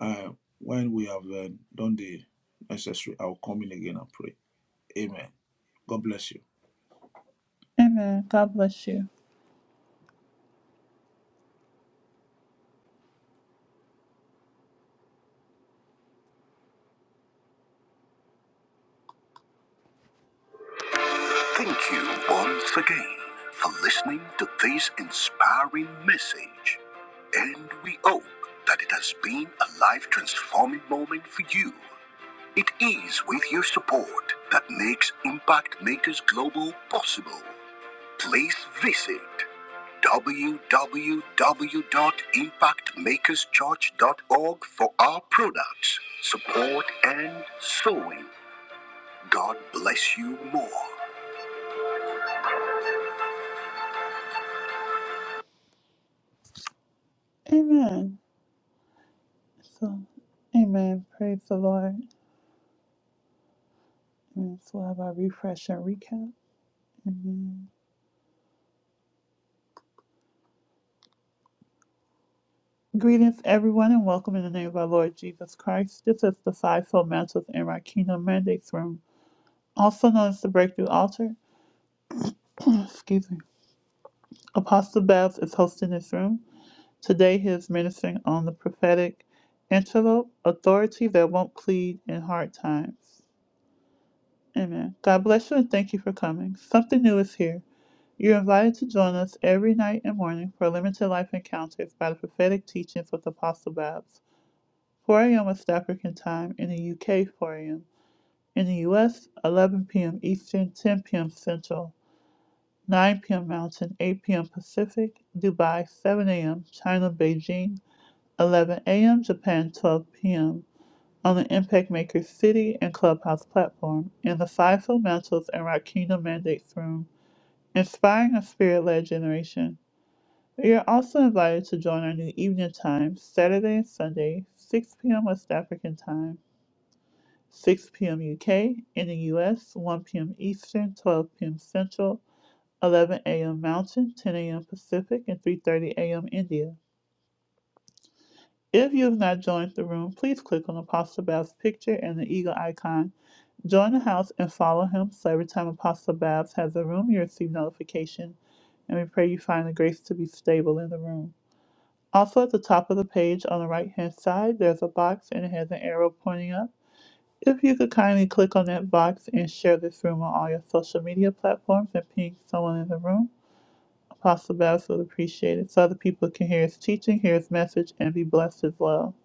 Speaker 3: Uh, when we have uh, done the necessary, I will come in again and pray. Amen. God bless you.
Speaker 1: Amen. God bless you. Thank you once again for listening to this inspiring message. And we hope that it has been a life transforming moment for you. It is with your support that makes Impact Makers Global possible. please visit www.impactmakerschurch.org for our products, support, and sewing. God bless you more. Amen. So, amen. Praise the Lord. And so we'll have our refresh and recap. Amen. Greetings, everyone, and welcome in the name of our Lord Jesus Christ. This is the Five Soul Mantles and Our Kingdom Mandates Room, also known as the Breakthrough Altar. (clears throat) Excuse me. Apostle Babs is hosting this room. Today he is ministering on the prophetic antelope, authority that won't plead in hard times. Amen. God bless you and thank you for coming. Something new is here. You're invited to join us every night and morning for limited life encounters by the prophetic teachings with Apostle Babs. 4 a.m. West African time in the UK, 4 a.m. In the US, 11 p.m. Eastern, 10 p.m. Central. 9 p.m. Mountain, 8 p.m. Pacific, Dubai, 7 a.m., China, Beijing, 11 a.m., Japan, 12 p.m., on the Impact Maker City and Clubhouse platform, in the Fivefold Mantles and Rock Kingdom Mandates Room, inspiring a spirit led generation. You are also invited to join our new evening time, Saturday and Sunday, 6 p.m. West African time. 6 p.m. UK in the US, 1 p.m. Eastern, 12 p.m. Central, 11 a.m. Mountain, 10 a.m. Pacific, and 3:30 a.m. India. If you have not joined the room, please click on Apostle Babs' picture and the eagle icon. Join the house and follow him so every time Apostle Babs has a room, you receive notification. And we pray you find the grace to be stable in the room. Also, at the top of the page on the right hand side, there's a box and it has an arrow pointing up. If you could kindly click on that box and share this room on all your social media platforms and ping someone in the room. Apostle Babs would appreciate it so other people can hear his teaching, hear his message, and be blessed as well.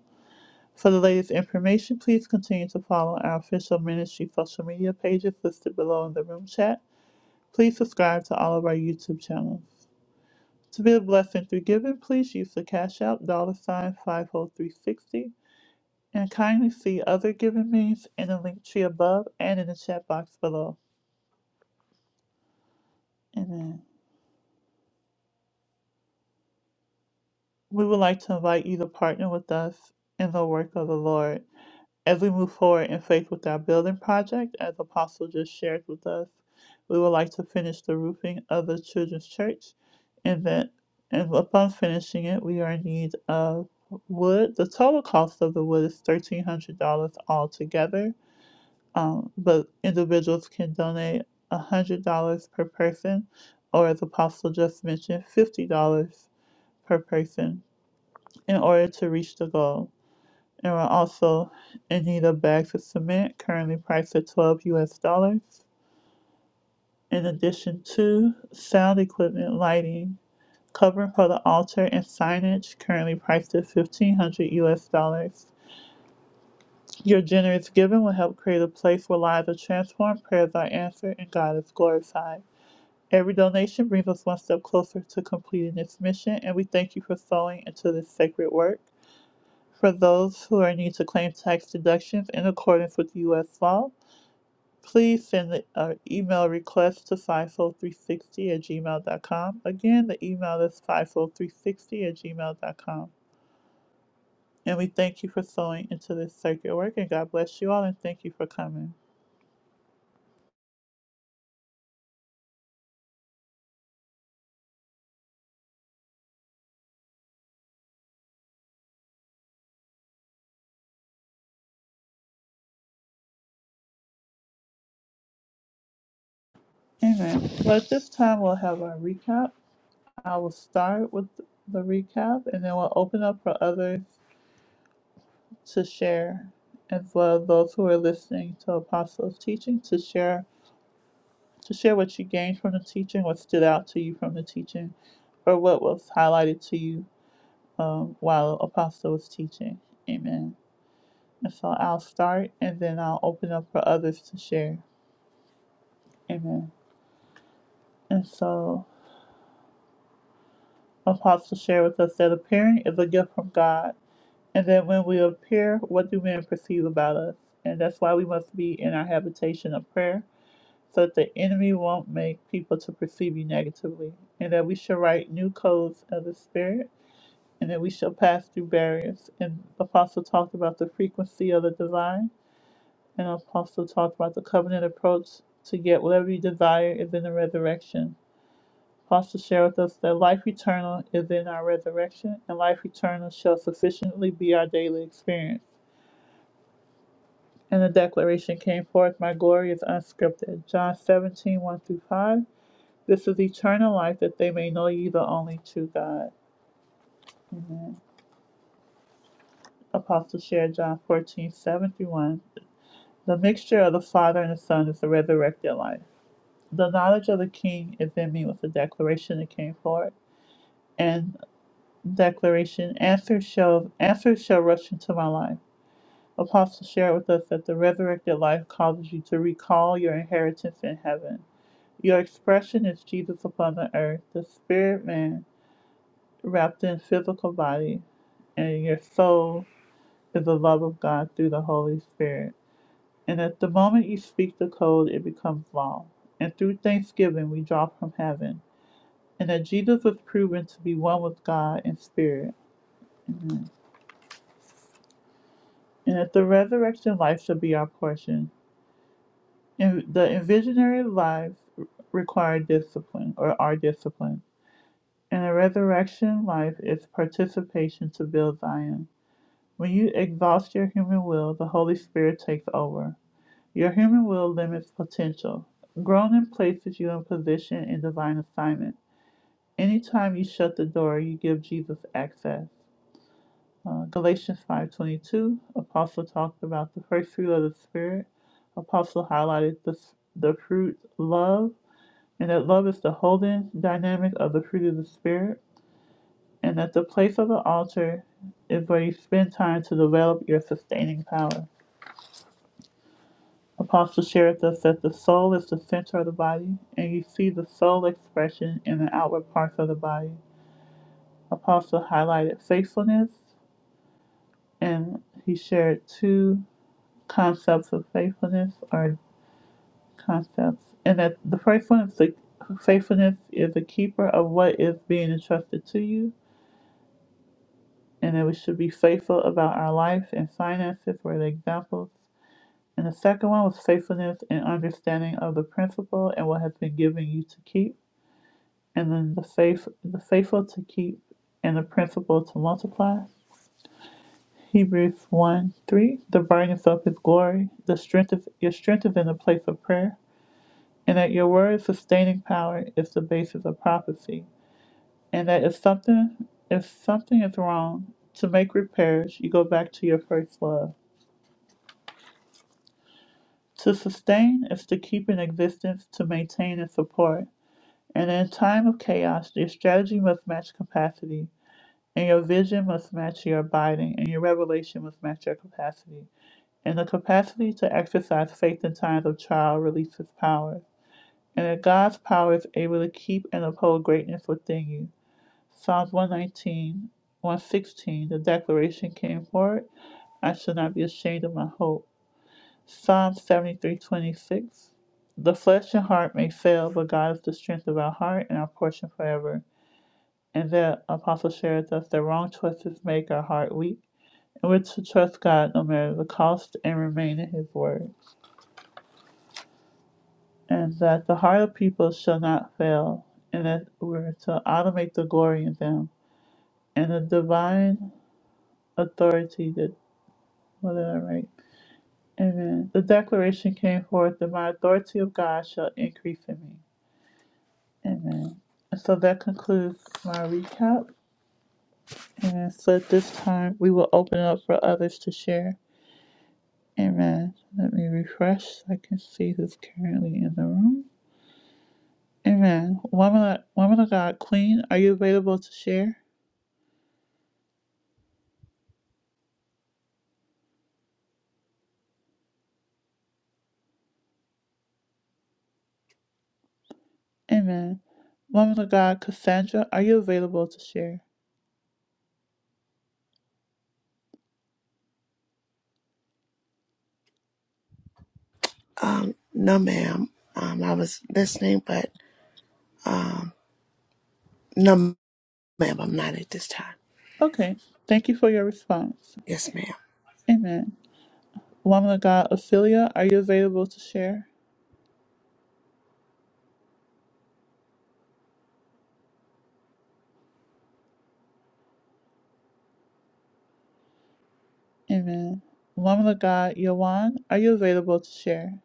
Speaker 1: For the latest information, please continue to follow our official ministry social media pages listed below in the room chat. Please subscribe to all of our YouTube channels. To be a blessing through giving, please use the Cash App dollar sign 50360 and kindly see other giving means in the link tree above and in the chat box below. Amen. We would like to invite you to partner with us in the work of the Lord. As we move forward in faith with our building project, as Apostle just shared with us, we would like to finish the roofing of the children's church. And that, and upon finishing it, we are in need of wood. The total cost of the wood is thirteen hundred dollars altogether. Um, but individuals can donate one hundred dollars per person, or as Apostle just mentioned, fifty dollars per person in order to reach the goal. And we're also in need of bags of cement, currently priced at 12 US dollars. In addition to sound equipment, lighting, covering for the altar, and signage, currently priced at 1500 US dollars. Your generous giving will help create a place where lives are transformed, prayers are answered, and God is glorified. Every donation brings us one step closer to completing this mission, and we thank you for sowing into this sacred work. For those who are in need to claim tax deductions in accordance with U.S. law, please send the uh, email request to 50360 at gmail dot com. Again, the email is 50360 at gmail dot com, And we thank you for sewing into this circuit work, and God bless you all, and thank you for coming. Amen. Well, at this time, we'll have our recap. I will start with the recap, and then we'll open up for others to share, as well as those who are listening to Apostles' teaching to share to share what you gained from the teaching, what stood out to you from the teaching, or what was highlighted to you um, while Apostle was teaching. Amen. And so I'll start and then I'll open up for others to share. Amen. And so Apostle shared with us that appearing is a gift from God. And that when we appear, what do men perceive about us? And that's why we must be in our habitation of prayer so that the enemy won't make people to perceive you negatively. And that we should write new codes of the Spirit and that we shall pass through barriers. And Apostle talked about the frequency of the divine, and Apostle talked about the covenant approach to get whatever you desire is in the resurrection. Apostle shared with us that life eternal is in our resurrection, and life eternal shall sufficiently be our daily experience. And the declaration came forth, My glory is unscripted. John 17, one through 5. This is eternal life that they may know you, the only true God. Apostle shared John 14:7 through 1. The mixture of the Father and the Son is the resurrected life. The knowledge of the King is in me with the declaration that came forward. And declaration, answers shall, answers shall rush into my life. Apostle shared with us that the resurrected life causes you to recall your inheritance in heaven. Your expression is Jesus upon the earth, the spirit man wrapped in physical body, and your soul is the love of God through the Holy Spirit. And at the moment you speak the code, it becomes law. And through thanksgiving, we drop from heaven. And that Jesus was proven to be one with God in spirit. And that the resurrection life shall be our portion. And the envisionary lives require discipline, or are disciplined. And the resurrection life is participation to build Zion. When you exhaust your human will, the Holy Spirit takes over. Your human will limits potential. Grown in places you in position in divine assignment. Anytime you shut the door, you give Jesus access. Uh, Galatians 5:22, Apostle talked about the first fruit of the Spirit. Apostle highlighted the, the fruit love, and that love is the holding dynamic of the fruit of the Spirit, and that the place of the altar is where you spend time to develop your sustaining power. Apostle shared with us that the soul is the center of the body, and you see the soul expression in the outward parts of the body. Apostle highlighted faithfulness. and he shared two concepts of faithfulness or concepts and that the first one is the faithfulness is a keeper of what is being entrusted to you and that we should be faithful about our life and finances were the examples and the second one was faithfulness and understanding of the principle and what has been given you to keep and then the faith the faithful to keep and the principle to multiply Hebrews 1 3 The brightness of his glory, the strength of your strength is in the place of prayer, and that your word sustaining power is the basis of prophecy. And that if something if something is wrong, to make repairs, you go back to your first love. To sustain is to keep in existence, to maintain and support. And in time of chaos, your strategy must match capacity, and your vision must match your abiding, and your revelation must match your capacity. and the capacity to exercise faith in times of trial releases power. And that God's power is able to keep and uphold greatness within you. Psalms 119, 116, the declaration came forward, I shall not be ashamed of my hope. Psalm 73:26. the flesh and heart may fail, but God is the strength of our heart and our portion forever. And that apostle shares us that wrong choices make our heart weak, and we're to trust God no matter the cost and remain in His word. and that the heart of people shall not fail, and that we're to automate the glory in them and the divine authority that what did I write? Amen. The declaration came forth that my authority of God shall increase in me. Amen. And so that concludes my recap. And so at this time we will open it up for others to share. Amen. Let me refresh so I can see who's currently in the room. Amen. Woman, of- woman of God, Queen, are you available to share? Amen. Woman of God, Cassandra, are you available to share?
Speaker 6: Um, no, ma'am. Um, I was listening, but um, no, ma'am. I'm not at this time.
Speaker 1: Okay. Thank you for your response.
Speaker 6: Yes, ma'am.
Speaker 1: Amen. Woman of God, Ophelia, are you available to share? Amen. Woman of God, Yawan, are you available to share?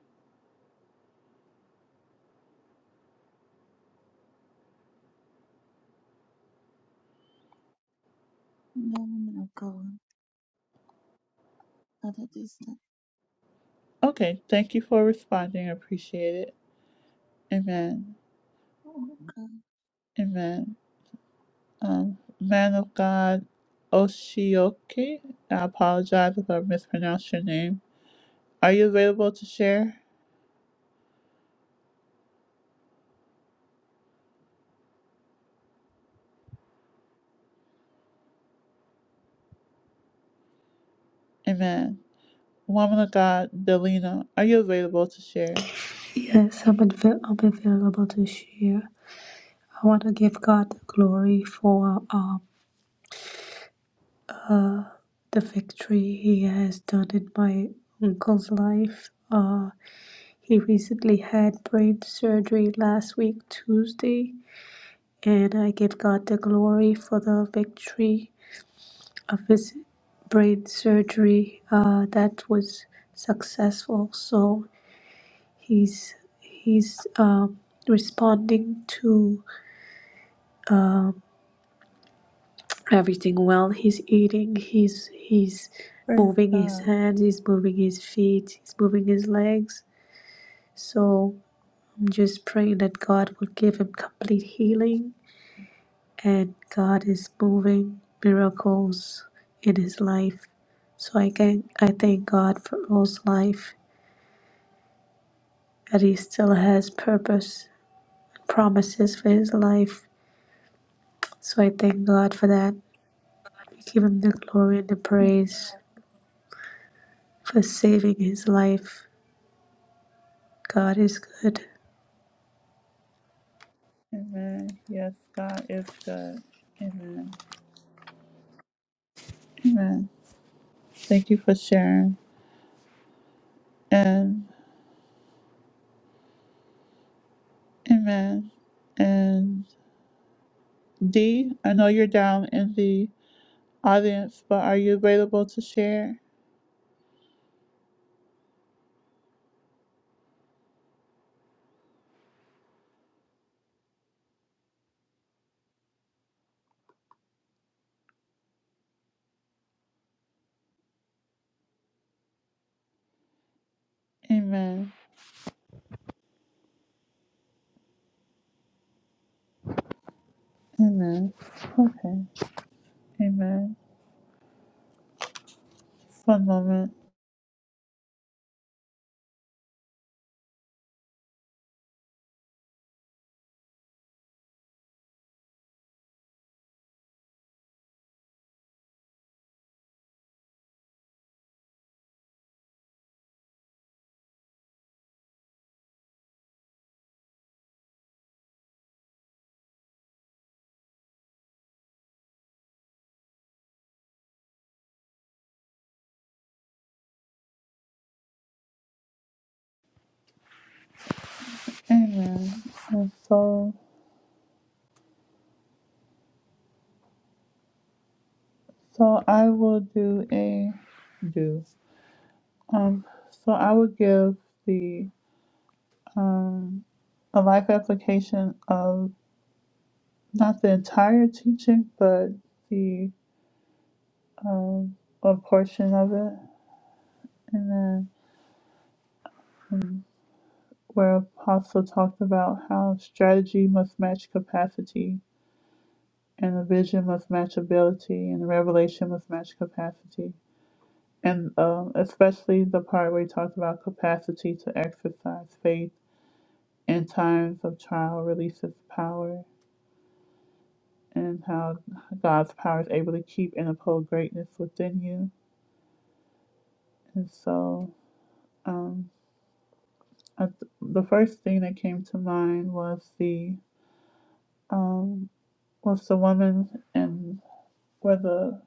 Speaker 7: No woman of God, not at this time.
Speaker 1: Okay. Thank you for responding. I appreciate it. Amen.
Speaker 7: Oh my God.
Speaker 1: Amen. Um, man of God, Oshioke, I apologize if I mispronounced your name. Are you available to share? Amen. Woman of God, Delina, are you available to share?
Speaker 8: Yes, I am avail. i am available to share. I want to give God the glory for um, uh, the victory He has done in my uncle's life. Uh, he recently had brain surgery last week, Tuesday, and I give God the glory for the victory of his brain surgery uh, that was successful. So he's he's um, responding to. Um, everything well. He's eating, he's he's
Speaker 1: Praise
Speaker 8: moving his
Speaker 1: God.
Speaker 8: hands, he's moving his feet, he's moving his legs. So I'm just praying that God will give him complete healing and God is moving miracles in his life. So I can I thank God for Earl's life that he still has purpose and promises for his life. So I thank God for that. We give him the glory and the praise for saving his life God is good.
Speaker 1: Amen. Yes, God is good. Amen. Amen. Thank you for sharing. And amen. And D, I know you're down in the audience, but are you available to share? Amen. Amen. Okay. Amen. One moment. Amen. And so, so I will do a do. Um, so I would give the um, a life application of not the entire teaching, but the um, a portion of it, and then where Apostle talked about how strategy must match capacity, and the vision must match ability, and the revelation must match capacity, and um, especially the part where he talked about capacity to exercise faith in times of trial releases power and how God's power is able to keep and uphold greatness within you. And so, um, I th- the first thing that came to mind was the um, was the woman and where the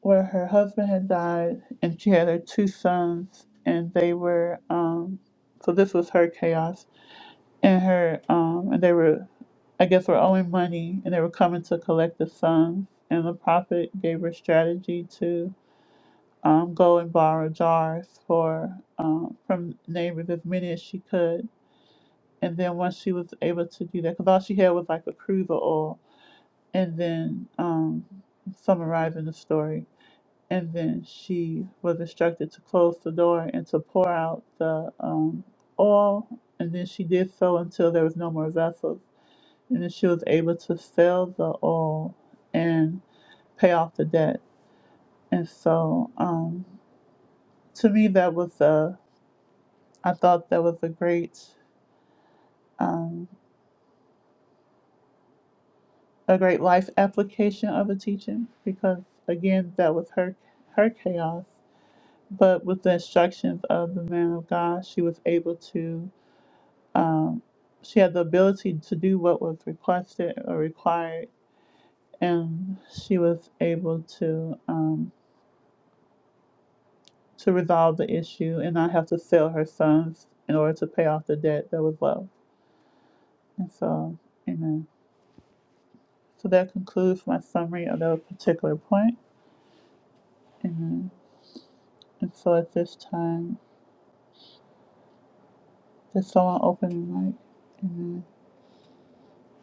Speaker 1: where her husband had died, and she had her two sons, and they were um, so this was her chaos, and her um, and they were, I guess, were owing money, and they were coming to collect the sons, and the prophet gave her strategy to um, go and borrow jars for um, from neighbors as many as she could. And then once she was able to do that, because all she had was like a cruise of oil, and then um, summarizing the story. And then she was instructed to close the door and to pour out the um, oil. And then she did so until there was no more vessels. And then she was able to sell the oil and pay off the debt. And so um, to me, that was the I thought that was a great, um, a great life application of a teaching because again, that was her her chaos. But with the instructions of the man of God, she was able to, um, she had the ability to do what was requested or required, and she was able to um, to resolve the issue and not have to sell her sons in order to pay off the debt that was left. And so, amen. So that concludes my summary of that particular point. Amen. And so at this time, there's someone open the mic? Amen.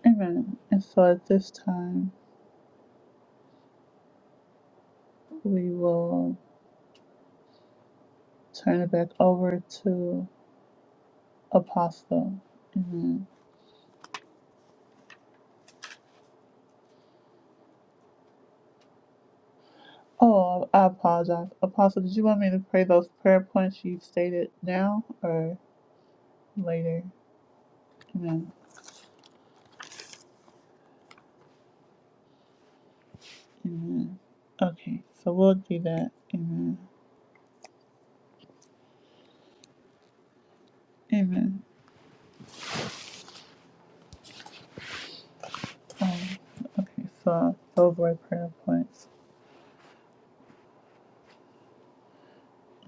Speaker 1: Amen. And so at this time, we will turn it back over to Apostle. Amen. Oh, I apologize. Apostle, did you want me to pray those prayer points you stated now or later? Amen. Amen. Okay, so we'll do that. Amen. Amen. Okay, so those were prayer points.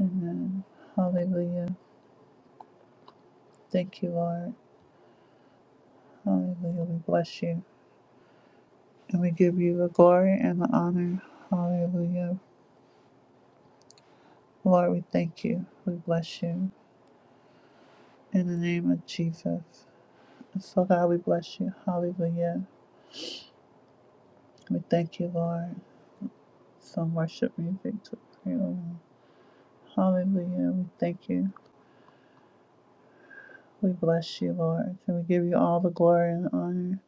Speaker 1: Amen. Hallelujah. Thank you, Lord. Hallelujah. We bless you and we give you the glory and the honor. Hallelujah. Lord, we thank you. We bless you in the name of Jesus. So, God, we bless you. Hallelujah. We thank you, Lord. Some worship music to pray over. Hallelujah. We thank you. We bless you, Lord. And we give you all the glory and honor.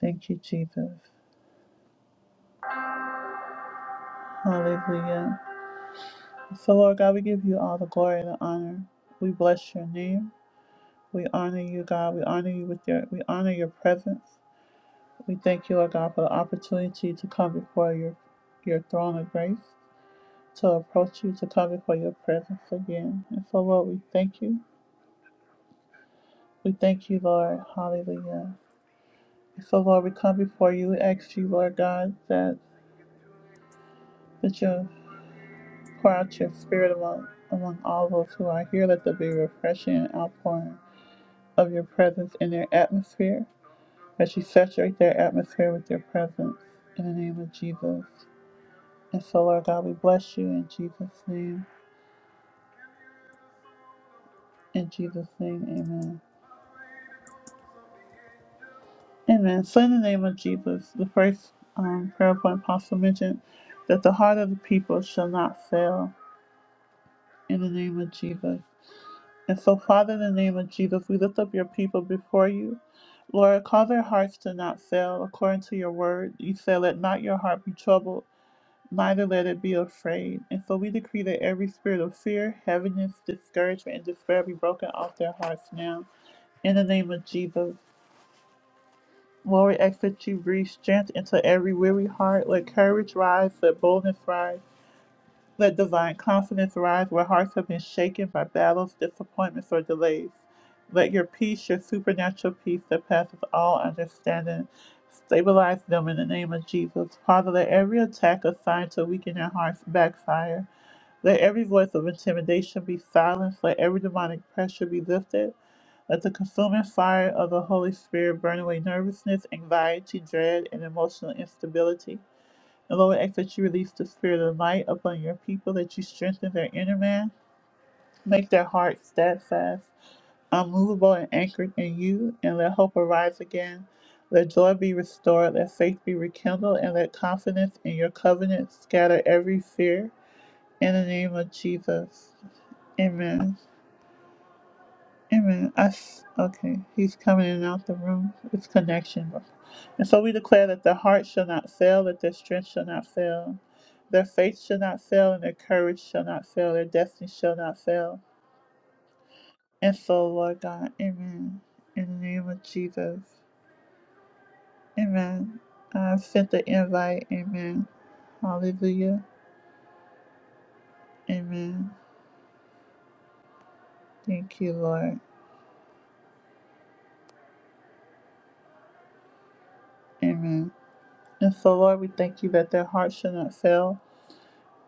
Speaker 1: Thank you, Jesus. Hallelujah. So, Lord God, we give you all the glory and the honor. We bless your name. We honor you, God. We honor you with your we honor your presence. We thank you, Lord God, for the opportunity to come before your your throne of grace, to approach you, to come before your presence again. And so Lord, we thank you. We thank you, Lord. Hallelujah. And so Lord, we come before you, we ask you, Lord God, that that you pour out your spirit among among all those who are here. Let there be refreshing and outpouring of your presence in their atmosphere. As you saturate their atmosphere with your presence in the name of Jesus. And so, Lord God, we bless you in Jesus' name. In Jesus' name, amen. Amen. So, in the name of Jesus, the first um, prayer point Apostle mentioned that the heart of the people shall not fail in the name of Jesus. And so, Father, in the name of Jesus, we lift up your people before you. Lord, cause their hearts to not fail according to your word. You said, Let not your heart be troubled neither let it be afraid. And so we decree that every spirit of fear, heaviness, discouragement, and despair be broken off their hearts now. In the name of Jesus. Lord, we ask that you breathe strength into every weary heart. Let courage rise, let boldness rise, let divine confidence rise where hearts have been shaken by battles, disappointments, or delays. Let your peace, your supernatural peace that passes all understanding, stabilize them in the name of Jesus. Father, let every attack assigned to weaken their hearts backfire. Let every voice of intimidation be silenced. Let every demonic pressure be lifted. Let the consuming fire of the Holy Spirit burn away nervousness, anxiety, dread, and emotional instability. And Lord, we ask that you release the spirit of light upon your people, that you strengthen their inner man, make their heart steadfast, unmovable, and anchored in you, and let hope arise again. Let joy be restored, let faith be rekindled, and let confidence in your covenant scatter every fear. In the name of Jesus. Amen. Amen. I s okay, he's coming in and out the room. It's connection. And so we declare that their heart shall not fail, that their strength shall not fail, their faith shall not fail, and their courage shall not fail, their destiny shall not fail. And so, Lord God, amen. In the name of Jesus, amen. I sent the invite, amen. Hallelujah, amen. Thank you, Lord, amen. And so, Lord, we thank you that their heart shall not fail,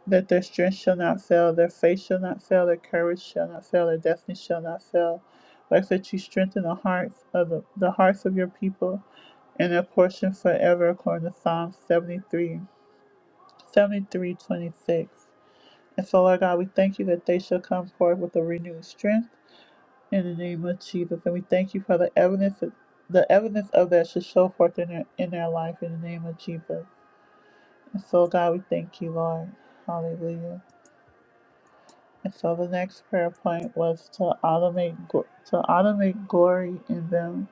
Speaker 1: that their strength shall not fail, their faith shall not fail, their courage shall not fail, their destiny shall not fail. I ask that you strengthen the hearts of the, the hearts of your people and their portion forever, according to Psalm 73, 73 26. And so, Lord God, we thank you that they shall come forth with a renewed strength in the name of Jesus. And we thank you for the evidence of, the evidence of that should show forth in their, in their life in the name of Jesus. And so, God, we thank you, Lord. Hallelujah. And so the next prayer point was to automate gl- to automate glory in them.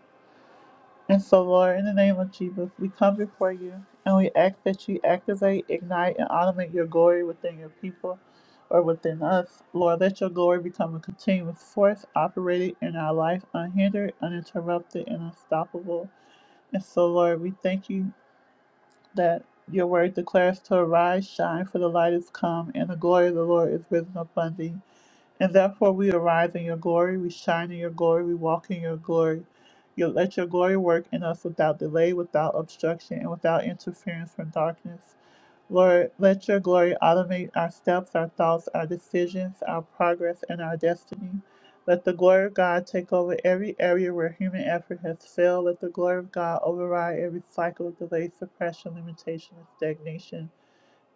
Speaker 1: And so, Lord, in the name of Jesus, we come before you and we ask that you activate, ignite, and automate your glory within your people or within us. Lord, let your glory become a continuous force operating in our life, unhindered, uninterrupted, and unstoppable. And so, Lord, we thank you that your word declares to arise, shine, for the light is come, and the glory of the Lord is risen upon thee. And therefore we arise in your glory, we shine in your glory, we walk in your glory. You let your glory work in us without delay, without obstruction, and without interference from darkness. Lord, let your glory automate our steps, our thoughts, our decisions, our progress, and our destiny. Let the glory of God take over every area where human effort has failed. Let the glory of God override every cycle of delay, suppression, limitation, and stagnation.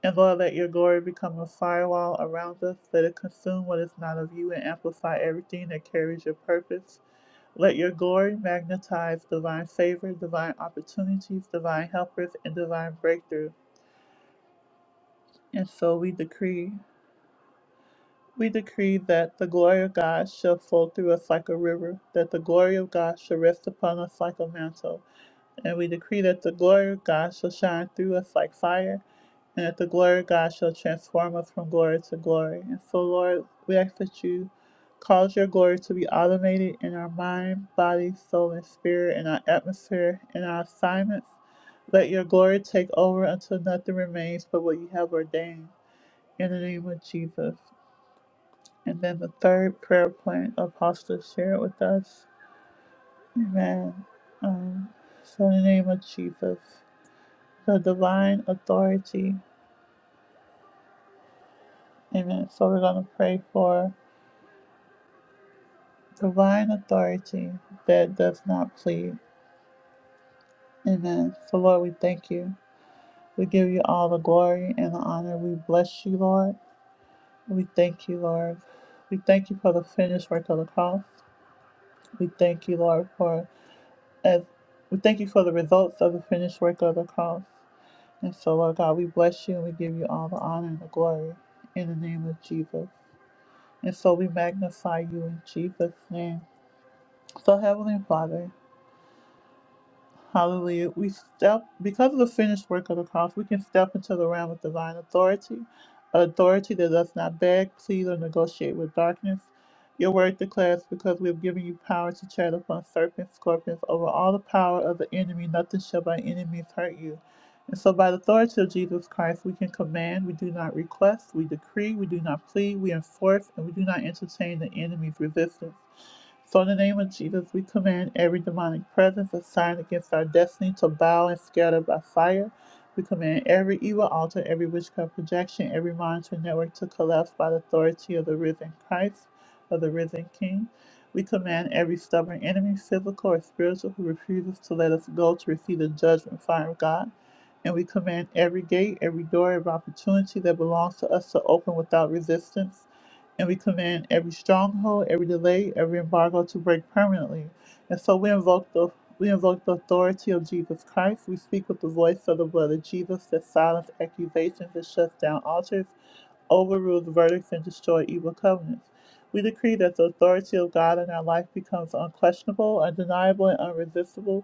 Speaker 1: And Lord, let your glory become a firewall around us. Let it consume what is not of you and amplify everything that carries your purpose. Let your glory magnetize divine favor, divine opportunities, divine helpers, and divine breakthrough. And so we decree. We decree that the glory of God shall flow through us like a river, that the glory of God shall rest upon us like a mantle, And we decree that the glory of God shall shine through us like fire, and that the glory of God shall transform us from glory to glory. And so, Lord, we ask that you cause your glory to be automated in our mind, body, soul, and spirit, in our atmosphere, in our assignments. Let your glory take over until nothing remains but what you have ordained. In the name of Jesus. And then the third prayer point, Apostle, share it with us. Amen. Um, so, in the name of Jesus. the divine authority. Amen. So we're going to pray for divine authority that does not plead. Amen. So, Lord, we thank you. We give you all the glory and the honor. We bless you, Lord. We thank you, Lord. We thank you for the finished work of the cross. We thank you, Lord, for as we thank you for the results of the finished work of the cross. And so, Lord God, we bless you and we give you all the honor and the glory in the name of Jesus. And so we magnify you in Jesus' name. So, Heavenly Father, hallelujah, we step, because of the finished work of the cross, we can step into the realm of divine authority, authority that does not beg, plead, or negotiate with darkness. Your word declares, because we have given you power to tread upon serpents, scorpions, over all the power of the enemy, nothing shall by enemies hurt you. And so, by the authority of Jesus Christ, we can command, we do not request, we decree, we do not plead, we enforce, and we do not entertain the enemy's resistance. So, in the name of Jesus, we command every demonic presence assigned against our destiny to bow and scatter by fire. We command every evil altar, every witchcraft projection, every monitoring network to collapse by the authority of the risen Christ, of the risen King. We command every stubborn enemy, physical or spiritual, who refuses to let us go to receive the judgment fire of God and we command every gate, every door, every opportunity that belongs to us to open without resistance. And we command every stronghold, every delay, every embargo to break permanently. And so we invoke the we invoke the authority of Jesus Christ. We speak with the voice of the blood of Jesus that silence accusations that shuts down altars, overrules verdicts, and destroy evil covenants. We decree that the authority of God in our life becomes unquestionable, undeniable, and unresistible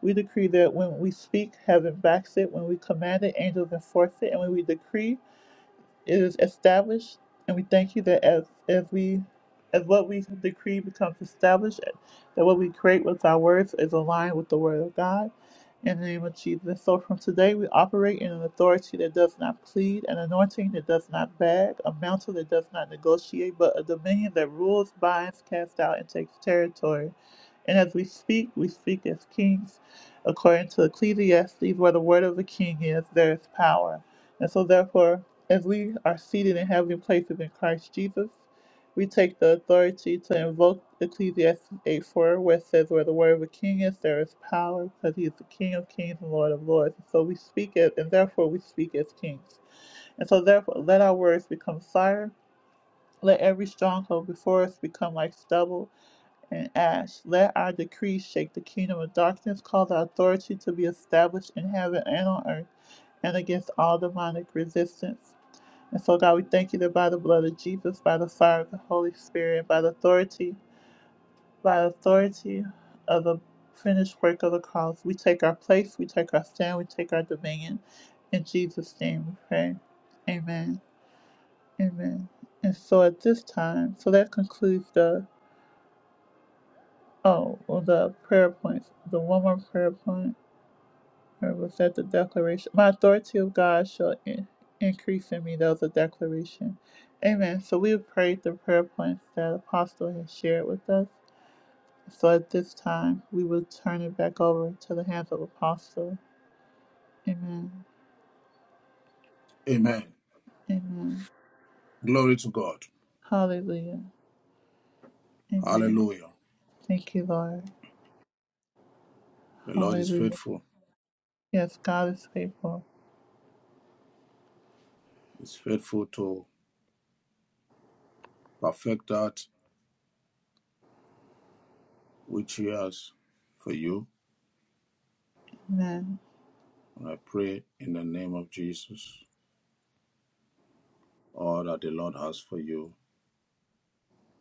Speaker 1: we decree that when we speak, heaven backs it. When we command it, angels enforce it. And when we decree, it is established, and we thank you that as as we as what we decree becomes established, that what we create with our words is aligned with the word of God. In the name of Jesus. So from today, we operate in an authority that does not plead, an anointing that does not beg, a mantle that does not negotiate, but a dominion that rules, binds, casts out, and takes territory. And as we speak, we speak as kings. According to Ecclesiastes, where the word of the king is, there is power. And so, therefore, as we are seated in heavenly places in Christ Jesus, we take the authority to invoke Ecclesiastes 8 4, where it says, Where the word of a king is, there is power, because he is the King of kings and Lord of lords. So we speak it, and therefore we speak as kings. And so, therefore, let our words become fire. Let every stronghold before us become like stubble and ash. Let our decrees shake the kingdom of darkness, cause our authority to be established in heaven and on earth, and against all demonic resistance. And so, God, we thank you that by the blood of Jesus, by the fire of the Holy Spirit, by the authority, by the authority of the finished work of the cross, we take our place, we take our stand, we take our dominion. In Jesus' name we pray. Amen. Amen. And so at this time, so that concludes the oh well, the prayer points. The one more prayer point. Or was that the declaration? My authority of God shall in- increase in me. That was a declaration. Amen. So we have prayed the prayer points that Apostle has shared with us. So at this time, we will turn it back over to the hands of Apostle. Amen.
Speaker 3: Amen.
Speaker 1: Amen.
Speaker 3: Glory to God.
Speaker 1: Hallelujah. Amen.
Speaker 3: Hallelujah.
Speaker 1: Thank you, Lord.
Speaker 3: The Lord is
Speaker 1: Hallelujah.
Speaker 3: faithful.
Speaker 1: Yes, God is faithful.
Speaker 3: He's faithful to perfect that which He has for you.
Speaker 1: Amen.
Speaker 3: And I pray in the name of Jesus, all that the Lord has for you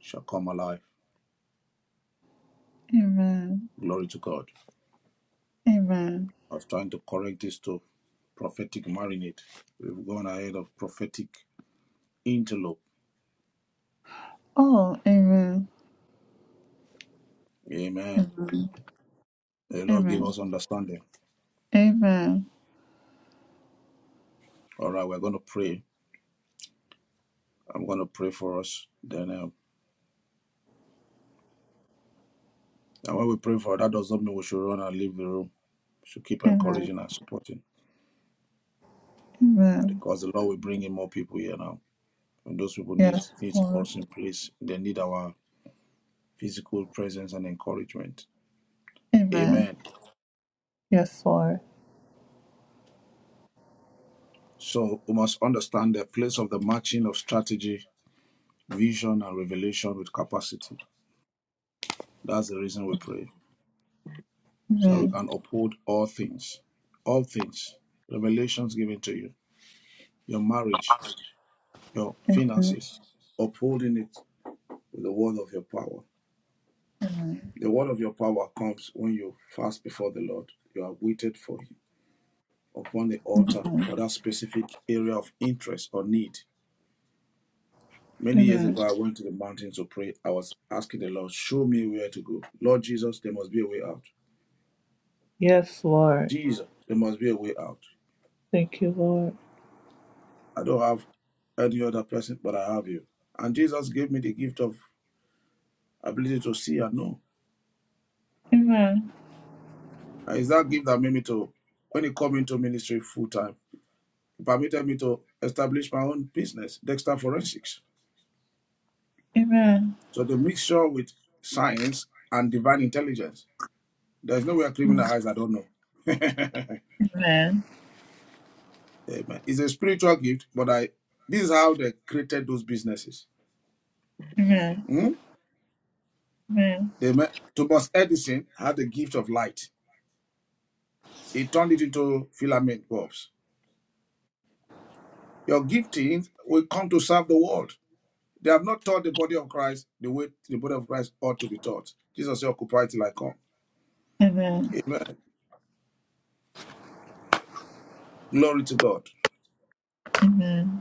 Speaker 3: shall come alive.
Speaker 1: Amen.
Speaker 3: Glory to God.
Speaker 1: Amen.
Speaker 3: I was trying to correct this to prophetic marinade. We've gone ahead of prophetic interlope.
Speaker 1: Oh, amen.
Speaker 3: Amen.
Speaker 1: Amen.
Speaker 3: The Lord give
Speaker 1: Amen.
Speaker 3: us understanding.
Speaker 1: Amen.
Speaker 3: All right, we're going to pray. I'm going to pray for us. Then, uh, and when we pray for her, that, does not mean we should run and leave the room. We should keep
Speaker 1: Amen.
Speaker 3: encouraging and supporting
Speaker 1: Amen.
Speaker 3: because the Lord will bring in more people here now. And those people need
Speaker 1: Yes,
Speaker 3: need
Speaker 1: Lord.
Speaker 3: us in place. They need our physical presence and encouragement.
Speaker 1: Amen.
Speaker 3: Amen.
Speaker 1: Yes, Lord.
Speaker 3: So we must understand the place of the matching of strategy, vision, and revelation with capacity. That's the reason we pray, so we
Speaker 1: Amen.
Speaker 3: can uphold all things all things, revelations given to you, your marriage, your
Speaker 1: Amen.
Speaker 3: finances, upholding it with the word of your power.
Speaker 1: Amen.
Speaker 3: The word of your power comes when you fast before the Lord. You are waited for Him upon the altar for that specific area of interest or need. Many years
Speaker 1: Amen.
Speaker 3: ago, I went to the mountains to pray. I was asking the Lord, Show me where to go. Lord Jesus, there must be a way out.
Speaker 1: Yes, Lord.
Speaker 3: Jesus, there must be a way out.
Speaker 1: Thank you, Lord.
Speaker 3: I don't have any other person, but I have you. And Jesus gave me the gift of ability to see and know.
Speaker 1: Amen.
Speaker 3: And It's that gift that made me to, when he come into ministry full time, permitted me to establish my own business, Dexter Forensics.
Speaker 1: Amen.
Speaker 3: So the mixture with science and divine intelligence. There's no way I criminalize, I don't know.
Speaker 1: Amen.
Speaker 3: (laughs) Amen. It's a spiritual gift, but I this is how they created those businesses.
Speaker 1: Amen.
Speaker 3: Hmm?
Speaker 1: Amen.
Speaker 3: They Thomas Edison had the gift of light. He turned it into filament bulbs. Your gifting will come to serve the world. They have not taught the body of Christ the way the body of Christ ought to be taught. Jesus said, Occupy till I come.
Speaker 1: Amen.
Speaker 3: Amen. Glory to God.
Speaker 1: Amen.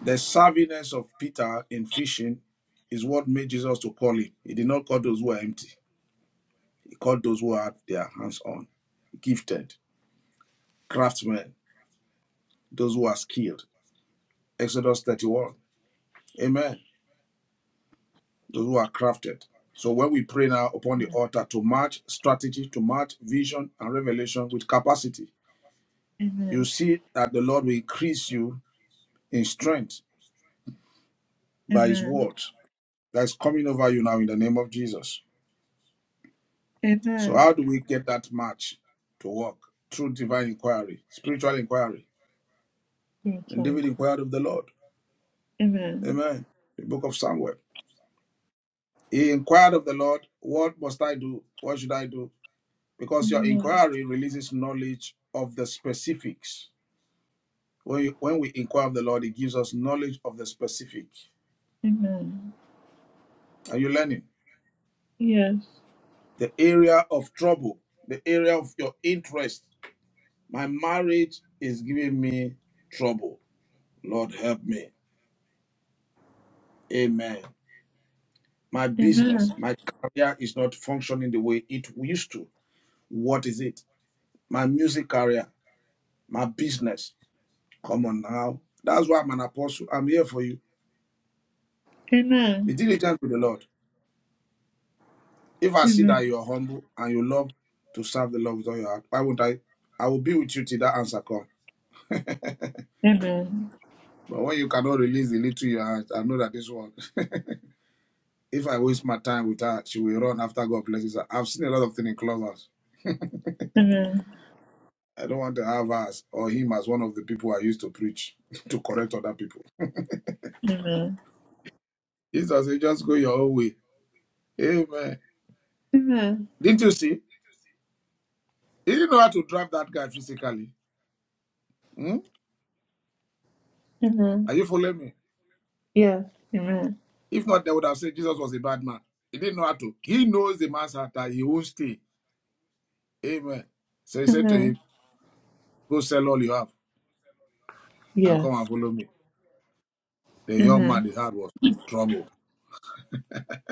Speaker 3: The savviness of Peter in fishing is what made Jesus to call him. He did not call those who were empty. He called those who had their hands on, gifted, craftsmen, those who are skilled. Exodus 31. Amen. Those who are crafted. So when we pray now upon the altar to match strategy, to match vision and revelation with capacity, you see that the Lord will increase you in strength by his
Speaker 1: Amen.
Speaker 3: word that's coming over you now in the name of Jesus.
Speaker 1: Amen.
Speaker 3: So
Speaker 1: Amen.
Speaker 3: how do we get that match to work? Through divine inquiry, spiritual inquiry.
Speaker 1: Yes,
Speaker 3: And
Speaker 1: Lord.
Speaker 3: David inquired of the Lord.
Speaker 1: Amen.
Speaker 3: Amen. The book of Samuel. He inquired of the Lord, What must I do? What should I do? Because your
Speaker 1: Amen.
Speaker 3: inquiry releases knowledge of the specifics. When, you, when we inquire of the Lord, He gives us knowledge of the specific.
Speaker 1: Amen.
Speaker 3: Are you learning?
Speaker 1: Yes.
Speaker 3: The area of trouble, the area of your interest. My marriage is giving me trouble. Lord, help me. Amen. My business,
Speaker 1: Amen.
Speaker 3: my career is not functioning the way it used to. What is it? My music career, my business. Come on now. That's why I'm an apostle. I'm here for you. Be
Speaker 1: Amen.
Speaker 3: diligent with the Lord. If I see
Speaker 1: Amen.
Speaker 3: that you're humble and you love to serve the Lord with all your heart, why won't I? I will be with you till that answer comes.
Speaker 1: Amen.
Speaker 3: But when you cannot release the little you have, I know that this one, (laughs) if I waste my time with her, she will run after God blesses her. I've seen a lot of things in clubhouse.
Speaker 1: Amen.
Speaker 3: I don't want to have us or him as one of the people I used to preach (laughs) to correct other people.
Speaker 1: Amen.
Speaker 3: Jesus said, just go your own way. Amen. Didn't you see? He didn't know how to drive that guy physically. Hmm?
Speaker 1: Amen. Amen.
Speaker 3: Are you following me?
Speaker 1: Yes. Amen.
Speaker 3: If not, they would have said Jesus was a bad man. He didn't know how to. He knows the man's heart that he won't stay. Amen. So he said to
Speaker 1: Amen.
Speaker 3: him, Go sell all you have and come
Speaker 1: Yes.
Speaker 3: and follow me. The young man,
Speaker 1: Amen.
Speaker 3: his heart was trouble.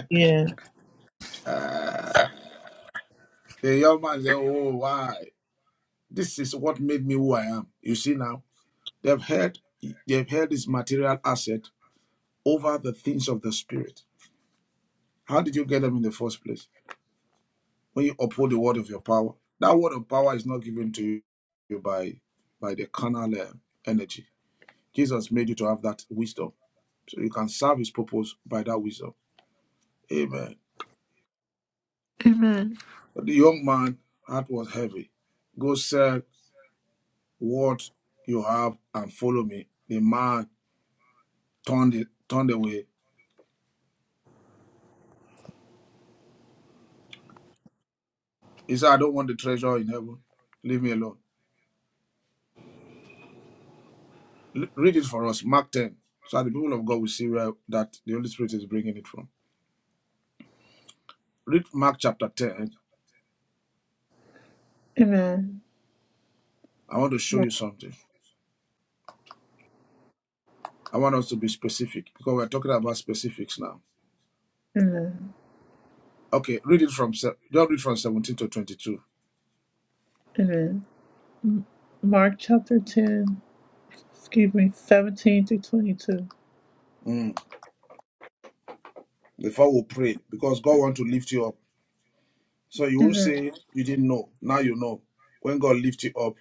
Speaker 1: Yes.
Speaker 3: Uh, the young man said, Oh, why? This is what made me who I am. You see now? They've held they've held this material asset over the things of the spirit. How did you get them in the first place? When you uphold the word of your power. That word of power is not given to you by by the carnal uh, energy. Jesus made you to have that wisdom. So you can serve his purpose by that wisdom. Amen.
Speaker 1: Amen.
Speaker 3: But the young man heart was heavy. Go sell what you have and follow me. The man turned it, turned away. He said, I don't want the treasure in heaven. Leave me alone. L- Read it for us, Mark 10, so that the people of God will see where that the Holy Spirit is bringing it from. Read Mark chapter 10.
Speaker 1: Amen.
Speaker 3: I want to show you something. I want us to be specific because we're talking about specifics now.
Speaker 1: Amen.
Speaker 3: Okay, read it from se- don't read from 17 to 22.
Speaker 1: Amen. Mark chapter 10, excuse me, 17 through 22.
Speaker 3: Mm, Before we pray, because God want to lift you up. So you won't
Speaker 1: Amen.
Speaker 3: say you didn't know. Now you know. When God lifts you up,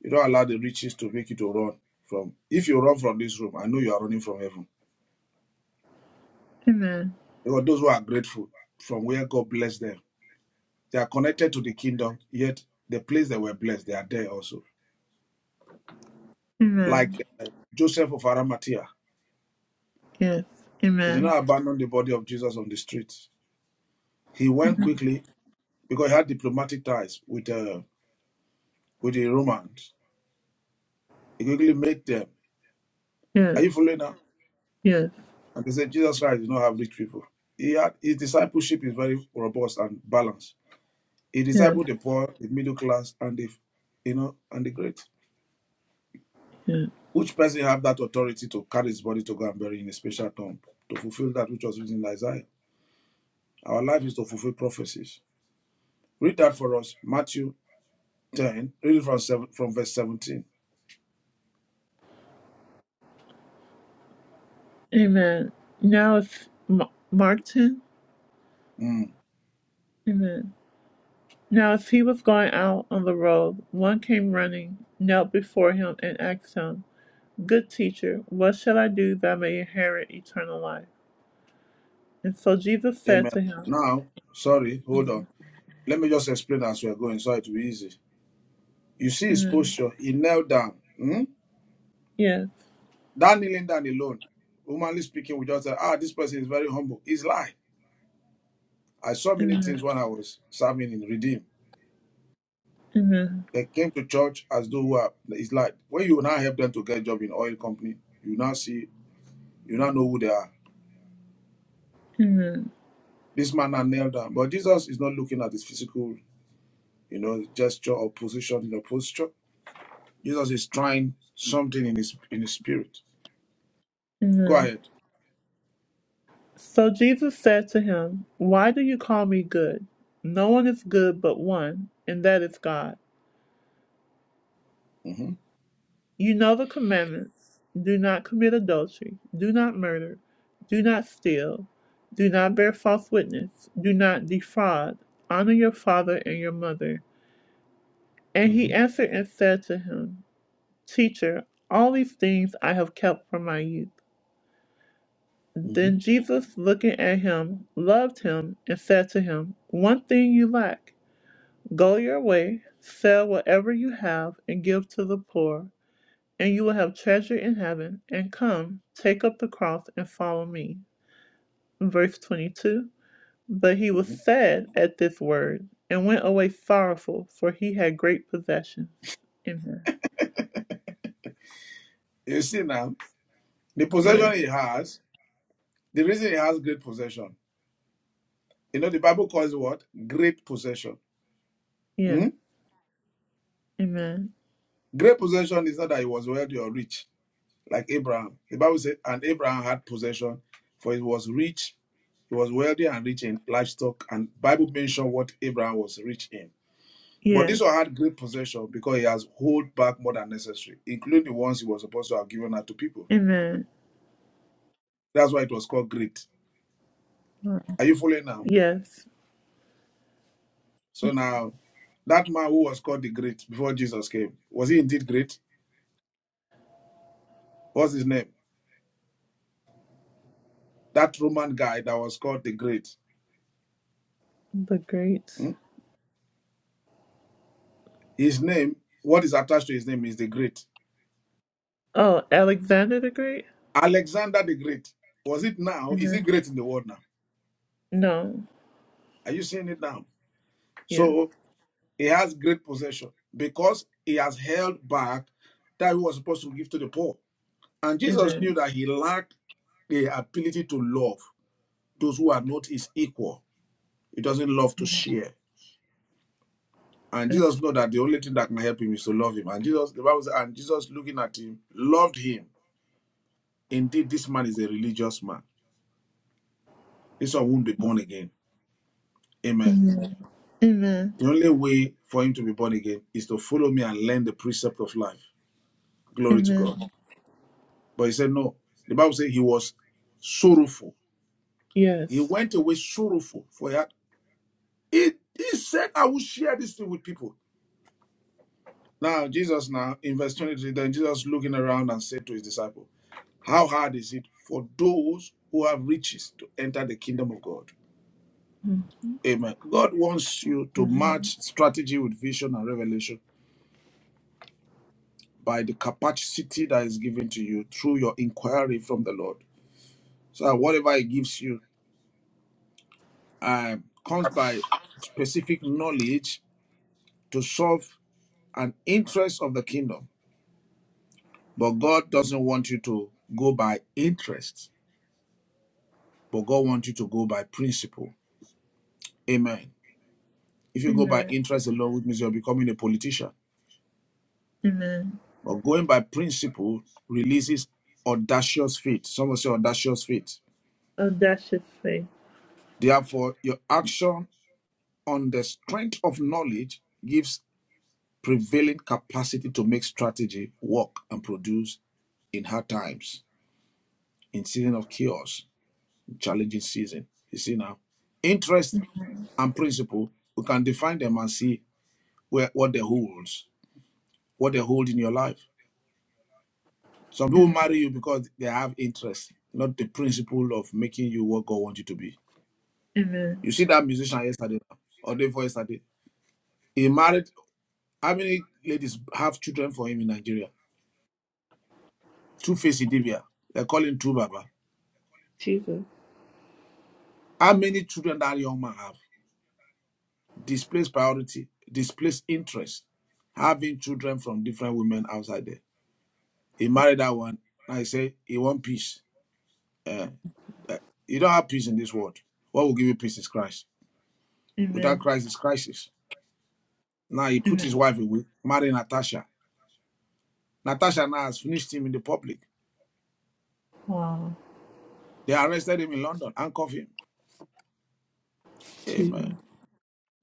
Speaker 3: you don't allow the riches to make you to run from. If you run from this room, I know you are running from heaven.
Speaker 1: Amen.
Speaker 3: There are those who are grateful from where God bless them. They are connected to the kingdom, yet the place they were blessed, they are there also.
Speaker 1: Amen.
Speaker 3: Like uh, Joseph of Arimathea,
Speaker 1: Yes.
Speaker 3: he did
Speaker 1: Amen.
Speaker 3: not abandon the body of Jesus on the streets. He went quickly because he had diplomatic ties with uh, with the Romans. He quickly met them.
Speaker 1: Yes.
Speaker 3: Are you following now?
Speaker 1: Yes.
Speaker 3: And they said Jesus Christ did not have rich people. He had, his discipleship is very robust and balanced. He
Speaker 1: Yes.
Speaker 3: discipled the poor, the middle class, and the you know and the great.
Speaker 1: Yes.
Speaker 3: Which person have that authority to carry his body to go and bury in a special tomb to fulfill that which was written in Isaiah? Our life is to fulfill prophecies. Read that for us, Matthew 10, read it from, seven, from verse 17.
Speaker 1: Amen. Now it's Ma- Mark 10.
Speaker 3: Mm,
Speaker 1: Amen. Now as he was going out on the road, one came running, knelt before him, and asked him, Good teacher, what shall I do that I may inherit eternal life? And so Jesus said
Speaker 3: amen.
Speaker 1: to him,
Speaker 3: Now, sorry, hold on. Let me just explain as we're going so it will be easy. You see his
Speaker 1: Amen.
Speaker 3: posture, he knelt down. Mm?
Speaker 1: Yes.
Speaker 3: That kneeling down alone, humanly speaking, we just say, ah, this person is very humble. He's lying. I saw many
Speaker 1: Mhm,
Speaker 3: things when I was serving in Redeem.
Speaker 1: mhm,
Speaker 3: They came to church as though who are, it's like when you now help them to get a job in oil company, you now see, you now know who they are.
Speaker 1: mhm,
Speaker 3: This man now knelt down, but Jesus is not looking at his physical, you know, gesture or position in the posture. Jesus is trying something in his in his spirit. Go
Speaker 1: mhm.
Speaker 3: ahead.
Speaker 1: So Jesus said to him, Why do you call me good? No one is good but one, and that is God.
Speaker 3: hmm
Speaker 1: You know the commandments do not commit adultery, do not murder, do not steal, do not bear false witness, do not defraud, honor your father and your mother. And
Speaker 3: hmm
Speaker 1: he answered and said to him, Teacher, all these things I have kept from my youth.
Speaker 3: hmm
Speaker 1: Then Jesus, looking at him, loved him and said to him, One thing you lack. Go your way, sell whatever you have, and give to the poor, and you will have treasure in heaven. And come, take up the cross and follow me. Verse 22 But he was
Speaker 3: hmm
Speaker 1: sad at this word and went away sorrowful, for he had great possessions. Amen.
Speaker 3: You see now the possession
Speaker 1: Yes.
Speaker 3: he has, the reason he has great possession. You know the Bible calls it what great possession.
Speaker 1: Yes.
Speaker 3: Hmm?
Speaker 1: Amen.
Speaker 3: Great possession is not that he was wealthy or rich. like Abraham. The Bible said, and Abraham had possession, for he was rich, he was wealthy and rich in livestock. And Bible mentioned what Abraham was rich in. But this one
Speaker 1: Yes.
Speaker 3: had great possession because he has hold back more than necessary, including the ones he was supposed to have given out to people.
Speaker 1: Amen.
Speaker 3: That's why it was called great. Are you following now?
Speaker 1: Yes.
Speaker 3: So now, that man who was called the great before Jesus came, was he indeed great? What's his name? That Roman guy that was called the great.
Speaker 1: The great.
Speaker 3: hmm? His name, what is attached to his name is the great.
Speaker 1: Oh, Alexander the Great?
Speaker 3: Alexander the Great. Was it now? Is he
Speaker 1: hmm
Speaker 3: great in the world now?
Speaker 1: No.
Speaker 3: Are you seeing it now?
Speaker 1: Yes.
Speaker 3: So he has great possession because he has held back that he was supposed to give to the poor. And Jesus
Speaker 1: Amen.
Speaker 3: knew that he lacked the ability to love those who are not his equal. He doesn't love to share. And
Speaker 1: Yes.
Speaker 3: Jesus know that the only thing that can help him is to love him. And Jesus, the Bible says, and Jesus looking at him, loved him. Indeed, this man is a religious man. This one won't be born again. Amen.
Speaker 1: Amen. Amen.
Speaker 3: The only way for him to be born again is to follow me and learn the precept of life. Glory to
Speaker 1: Amen.
Speaker 3: God. But he said, No. The Bible says he was sorrowful. He
Speaker 1: Yes.
Speaker 3: went away sorrowful for that. He, he said, I will share this thing with people. Now, Jesus, now in verse 23, then Jesus looking around and said to his disciple, How hard is it for those who have riches to enter the kingdom of God?
Speaker 1: Mhm.
Speaker 3: Amen. God wants you to
Speaker 1: Amen.
Speaker 3: match strategy with vision and revelation by the capacity that is given to you through your inquiry from the Lord. So that whatever He gives you uh, comes by specific knowledge to solve an interest of the kingdom. But God doesn't want you to go by interest, but God wants you to go by principle. Amen. If you go by
Speaker 1: Amen.
Speaker 3: interest alone, which means you're becoming a politician.
Speaker 1: Amen.
Speaker 3: But going by principle releases audacious faith. Some will say audacious faith.
Speaker 1: Audacious faith.
Speaker 3: Therefore, your action on the strength of knowledge gives prevailing capacity to make strategy work and produce in hard times, in season of chaos, challenging season. You see now, interest and principle we can define them and see where what they hold, what they hold in your life. Some people
Speaker 1: Amen.
Speaker 3: marry you because they have interest, not the principle of making you what God wants you to be.
Speaker 1: Amen.
Speaker 3: You see that musician yesterday or day before yesterday. He married how many ladies have children for him in Nigeria? Two Face Idibia. They are calling Two Baba.
Speaker 1: Jesus.
Speaker 3: How many children that young man have? Displaced priority, displaced interest, having children from different women outside there. He married that one. Now he say he want peace. Eh, you don't have peace in this world. What will give you peace is Christ. Without
Speaker 1: Amen.
Speaker 3: Christ is crisis. Now he put
Speaker 1: Amen.
Speaker 3: his wife away, marry Natasha. Natasha now has finished him in the public.
Speaker 1: Wow.
Speaker 3: They arrested him in London and cuffed him. Amen.
Speaker 1: Jesus.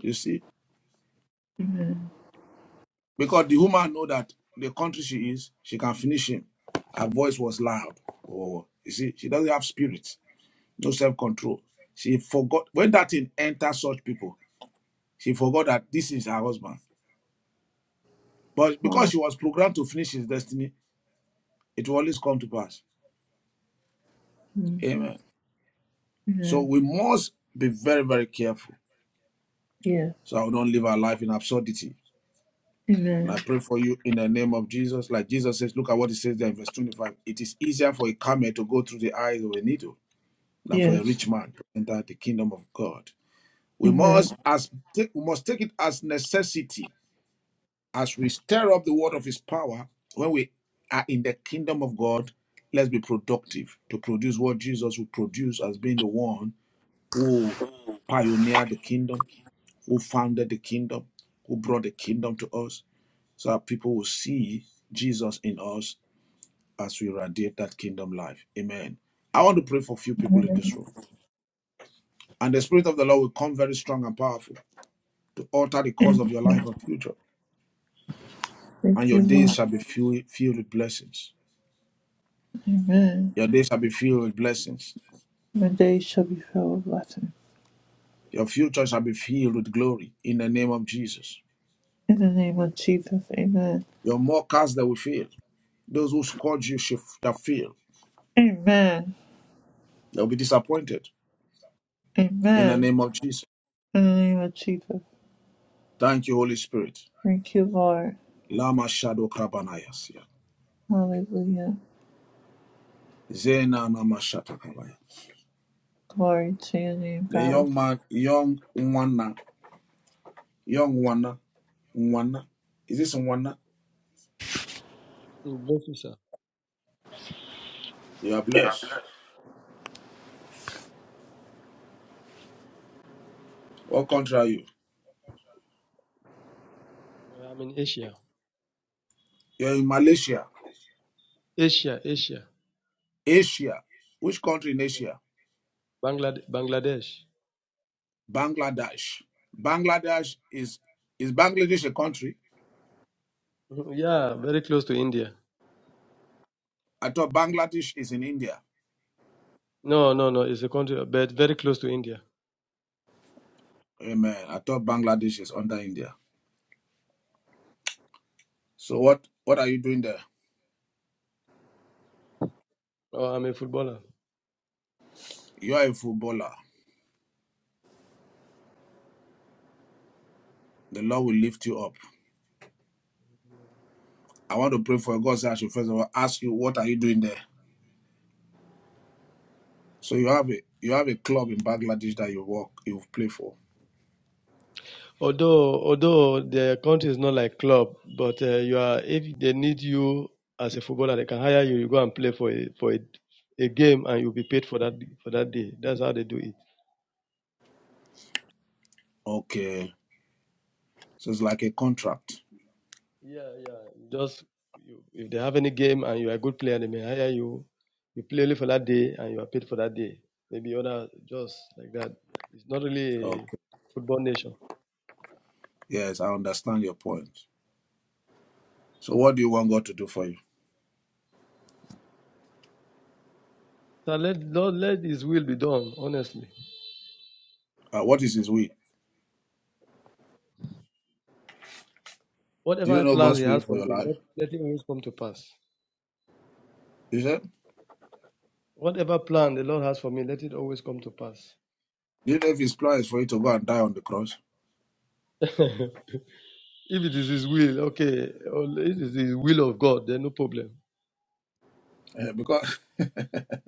Speaker 3: You see?
Speaker 1: Amen.
Speaker 3: Because the woman know that the country she is, she can finish him. Her voice was loud. Oh, you see, she doesn't have spirit, no self-control. She forgot when that thing enters such people, she forgot that this is her husband. But
Speaker 1: Wow.
Speaker 3: because she was programmed to finish his destiny, it will always come to pass.
Speaker 1: Mm.
Speaker 3: Amen. So
Speaker 1: Amen.
Speaker 3: we must be very, very careful
Speaker 1: Yes.
Speaker 3: so we don't live our life in absurdity. And
Speaker 1: Amen.
Speaker 3: I pray for you in the name of Jesus. Like Jesus says, look at what he says there in verse 25. It is easier for a camel to go through the eyes of a needle than for a
Speaker 1: Yes.
Speaker 3: rich man to enter the kingdom of God. We
Speaker 1: Amen.
Speaker 3: must as take, we must take it as necessity as we stir up the word of His power. When we are in the kingdom of God, let's be productive to produce what Jesus would produce as being the one who pioneered the kingdom, who founded the kingdom, who brought the kingdom to us, so that people will see Jesus in us as we radiate that kingdom life. Amen. I want to pray for a few people in this room. And the Spirit of the Lord will come very strong and powerful to alter the course
Speaker 1: And
Speaker 3: of your life and future. And
Speaker 1: thank
Speaker 3: your
Speaker 1: you,
Speaker 3: days
Speaker 1: Lord.
Speaker 3: shall be filled, filled with blessings.
Speaker 1: Amen.
Speaker 3: Your days shall be filled with blessings.
Speaker 1: My days shall be filled with blessings.
Speaker 3: Your future shall be filled with glory in the name of Jesus.
Speaker 1: In the name of Jesus. Amen.
Speaker 3: Your mockers, they will fail. Those who scourge you shall shall fail.
Speaker 1: Amen.
Speaker 3: They'll be disappointed in the
Speaker 1: Amen.
Speaker 3: name of Jesus.
Speaker 1: In the name of Jesus.
Speaker 3: Thank you, Holy Spirit.
Speaker 1: Thank you, Lord.
Speaker 3: Lama Shadow Krabanayasia.
Speaker 1: Hallelujah.
Speaker 3: Zena Namashata Kabaya.
Speaker 1: Glory to your name,
Speaker 3: The
Speaker 1: God. We-
Speaker 3: young man, young Nwana, young Nwana, Nwana. Is this Nwana?
Speaker 9: in places,
Speaker 3: You are
Speaker 1: Yeah.
Speaker 3: blessed. What country are you?
Speaker 9: uh, I am in Asia,
Speaker 3: You're in Malaysia,
Speaker 9: Asia, Asia,
Speaker 3: Asia. Which country in
Speaker 9: yeah.
Speaker 3: Asia?
Speaker 9: Bangladesh, Bangladesh.
Speaker 3: Bangladesh. Bangladesh is is Bangladesh a country?
Speaker 9: Mhm. (laughs) Yeah, very close to India.
Speaker 3: I thought Bangladesh is in India.
Speaker 9: No, no, no, it's a country, but very close to India.
Speaker 3: Amen. I thought Bangladesh is under India. So what what are you doing there?
Speaker 9: Oh, I'm a footballer.
Speaker 3: You are a footballer. The Lord will lift you up. I want to pray for God's said I should first of all ask you what are you doing there? So you have a you have a club in Bangladesh that you work you play for.
Speaker 9: Although, although the country is not like club, but uh, you are. If they need you as a footballer, they can hire you. You go and play for a, for a, a game, and you'll be paid for that for that day. That's how they do it.
Speaker 3: Okay. So it's like a contract.
Speaker 9: Yeah, yeah. Just you, if they have any game and you are a good player, they may hire you. You play only for that day and you are paid for that day. Maybe other just like that. It's not really a football nation.
Speaker 3: Yes, I understand your point. So, what do you want God to do for you?
Speaker 9: So let Lord let His will be done. Honestly,
Speaker 3: Uh, what is His will? Do you
Speaker 9: whatever
Speaker 3: know
Speaker 9: plans He
Speaker 3: God's will
Speaker 9: has for
Speaker 3: for
Speaker 9: me,
Speaker 3: your life?
Speaker 9: let, let it always come to pass.
Speaker 3: Is it?
Speaker 9: Whatever plan the Lord has for me, let it always come to pass.
Speaker 3: Do you know if His plan is for you to go and die on the cross?
Speaker 9: (laughs) if it is His will, okay. Or if it is His will of God, then no problem.
Speaker 3: Eh, because, (laughs)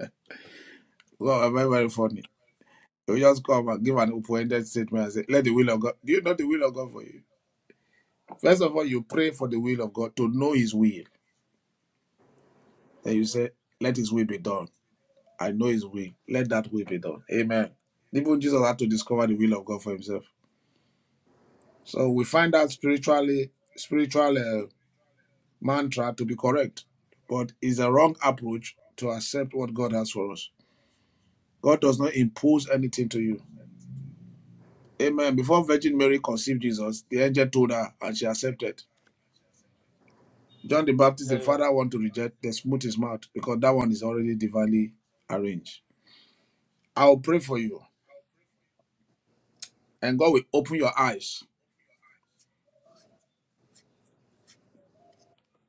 Speaker 3: well, I'm very, very funny. You just come and give an open-ended statement and say, "Let the will of God." Do you know the will of God for you? First of all, you pray for the will of God to know His will. Then you say, "Let His will be done." I know His will. Let that will be done. Amen. Even Jesus had to discover the will of God for Himself. So we find out spiritually, spiritual. uh, mantra to be correct, but it's a wrong approach to accept what God has for us. God does not impose anything to you. Amen. Before Virgin Mary conceived Jesus, the angel told her and she accepted. John the Baptist,
Speaker 9: Yeah, yeah,
Speaker 3: the
Speaker 9: yeah.
Speaker 3: father want to reject, then smooth his mouth because that one is already divinely arranged. I'll pray for you and God will open your eyes.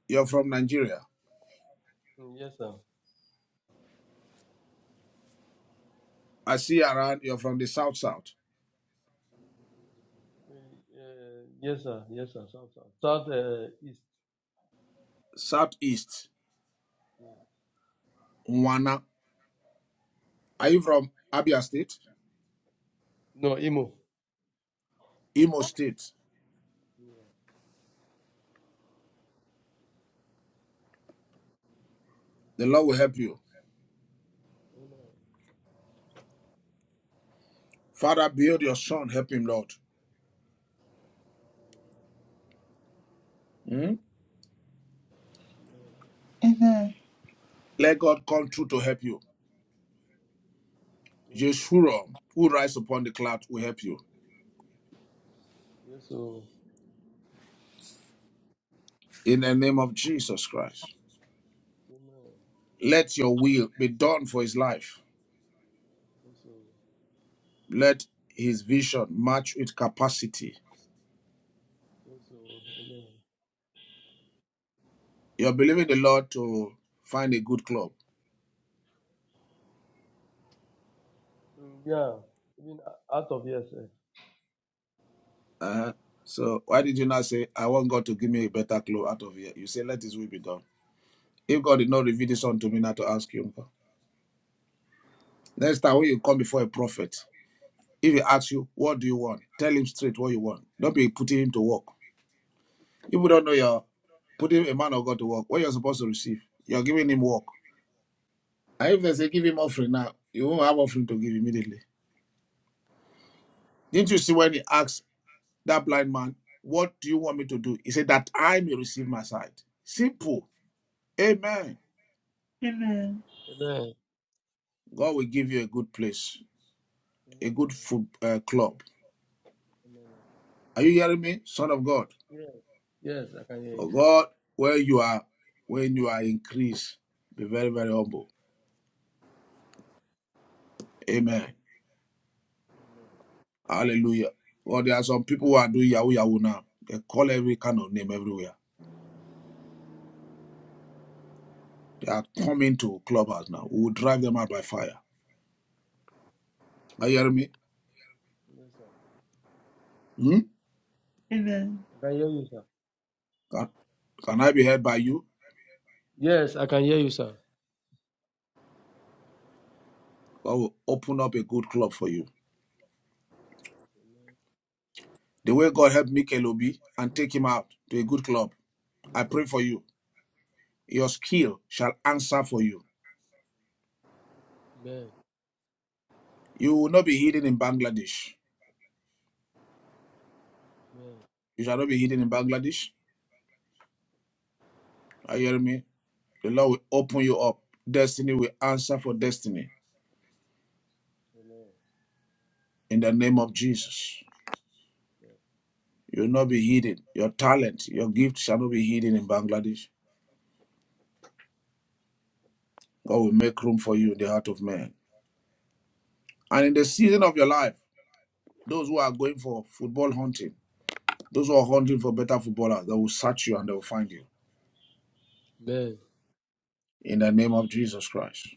Speaker 3: You're from Nigeria.
Speaker 9: Mm, Yes, sir.
Speaker 3: I see around you're from the south, south,
Speaker 9: Uh, yes, sir. Yes, sir. South, south, south uh, east.
Speaker 3: southeast,
Speaker 9: Yeah.
Speaker 3: Mwana. Are you from Abia State?
Speaker 9: No, Imo.
Speaker 3: Imo State.
Speaker 9: Yeah.
Speaker 3: The Lord will help you.
Speaker 9: Amen.
Speaker 3: Father, build your son. Help him, Lord. Hmm?
Speaker 9: Amen.
Speaker 1: Amen.
Speaker 3: Let God come through to help you.
Speaker 9: Yes, sir.
Speaker 3: Yeshua, who rides upon the cloud, will help you.
Speaker 9: Yes, sir.
Speaker 3: In the name of Jesus Christ.
Speaker 9: Amen.
Speaker 3: Let your will be done for his life.
Speaker 9: Yes, sir.
Speaker 3: Let his vision match with capacity.
Speaker 9: Yes, sir. Amen.
Speaker 3: You're believing the Lord to find a good club.
Speaker 9: Mm, yeah. Even o- out of yes, sir.
Speaker 3: Uh-huh. So why did you not say, I want God to give me a better club out of here? You say, let his will be done. If God did not reveal this unto me, not to ask you. Next time when you come before a prophet, If he asks you, what do you want? Tell him straight what you want. Don't be putting him to work. If you don't know you're putting a man of God to work, what you're supposed to receive, you're giving him work. And if they say, give him offering now, you won't have offering to give immediately. Didn't you see when he asked that blind man, what do you want me to do? He said, that I may receive my sight. Simple. Amen.
Speaker 1: Amen.
Speaker 9: Amen.
Speaker 3: God will give you a good place, a
Speaker 9: Amen.
Speaker 3: good
Speaker 9: oh.
Speaker 3: food uh, club.
Speaker 9: Amen. oh.
Speaker 3: Are you hearing me, son of God?
Speaker 9: Yes. Yes, I can hear you,
Speaker 3: Oh
Speaker 9: sir.
Speaker 3: God, where you are, when you are increased, be very, very humble Amen.
Speaker 9: Amen.
Speaker 3: Hallelujah. Well, there are some people who are doing Yahoo Yahoo now. They call every kind of name everywhere. They are coming to clubhouse now. We will drive them out by fire. Are you hearing me?
Speaker 9: Yes, sir.
Speaker 3: Hmm?
Speaker 1: Amen.
Speaker 9: I can hear you, sir.
Speaker 3: Can, can I be helped by you?
Speaker 9: Yes, I can hear you, sir.
Speaker 3: God will open up a good club for you. The way God helped Mikel Obi and take him out to a good club, I pray for you. Your skill shall answer for you.
Speaker 9: Amen.
Speaker 3: You will not be hidden in Bangladesh.
Speaker 9: Amen.
Speaker 3: You shall not be hidden in Bangladesh. Are you hearing me? The Lord will open you up. Destiny will answer for destiny.
Speaker 9: Amen.
Speaker 3: in the name of Jesus. You will not be hidden. Your talent, your gift shall not be hidden in Bangladesh. God will make room for you in the heart of man. And in the
Speaker 9: Amen.
Speaker 3: season of your life, those who are going for football hunting, those who are hunting for better footballers, they will search you and they will find you.
Speaker 9: Amen.
Speaker 3: In the name of Jesus Christ.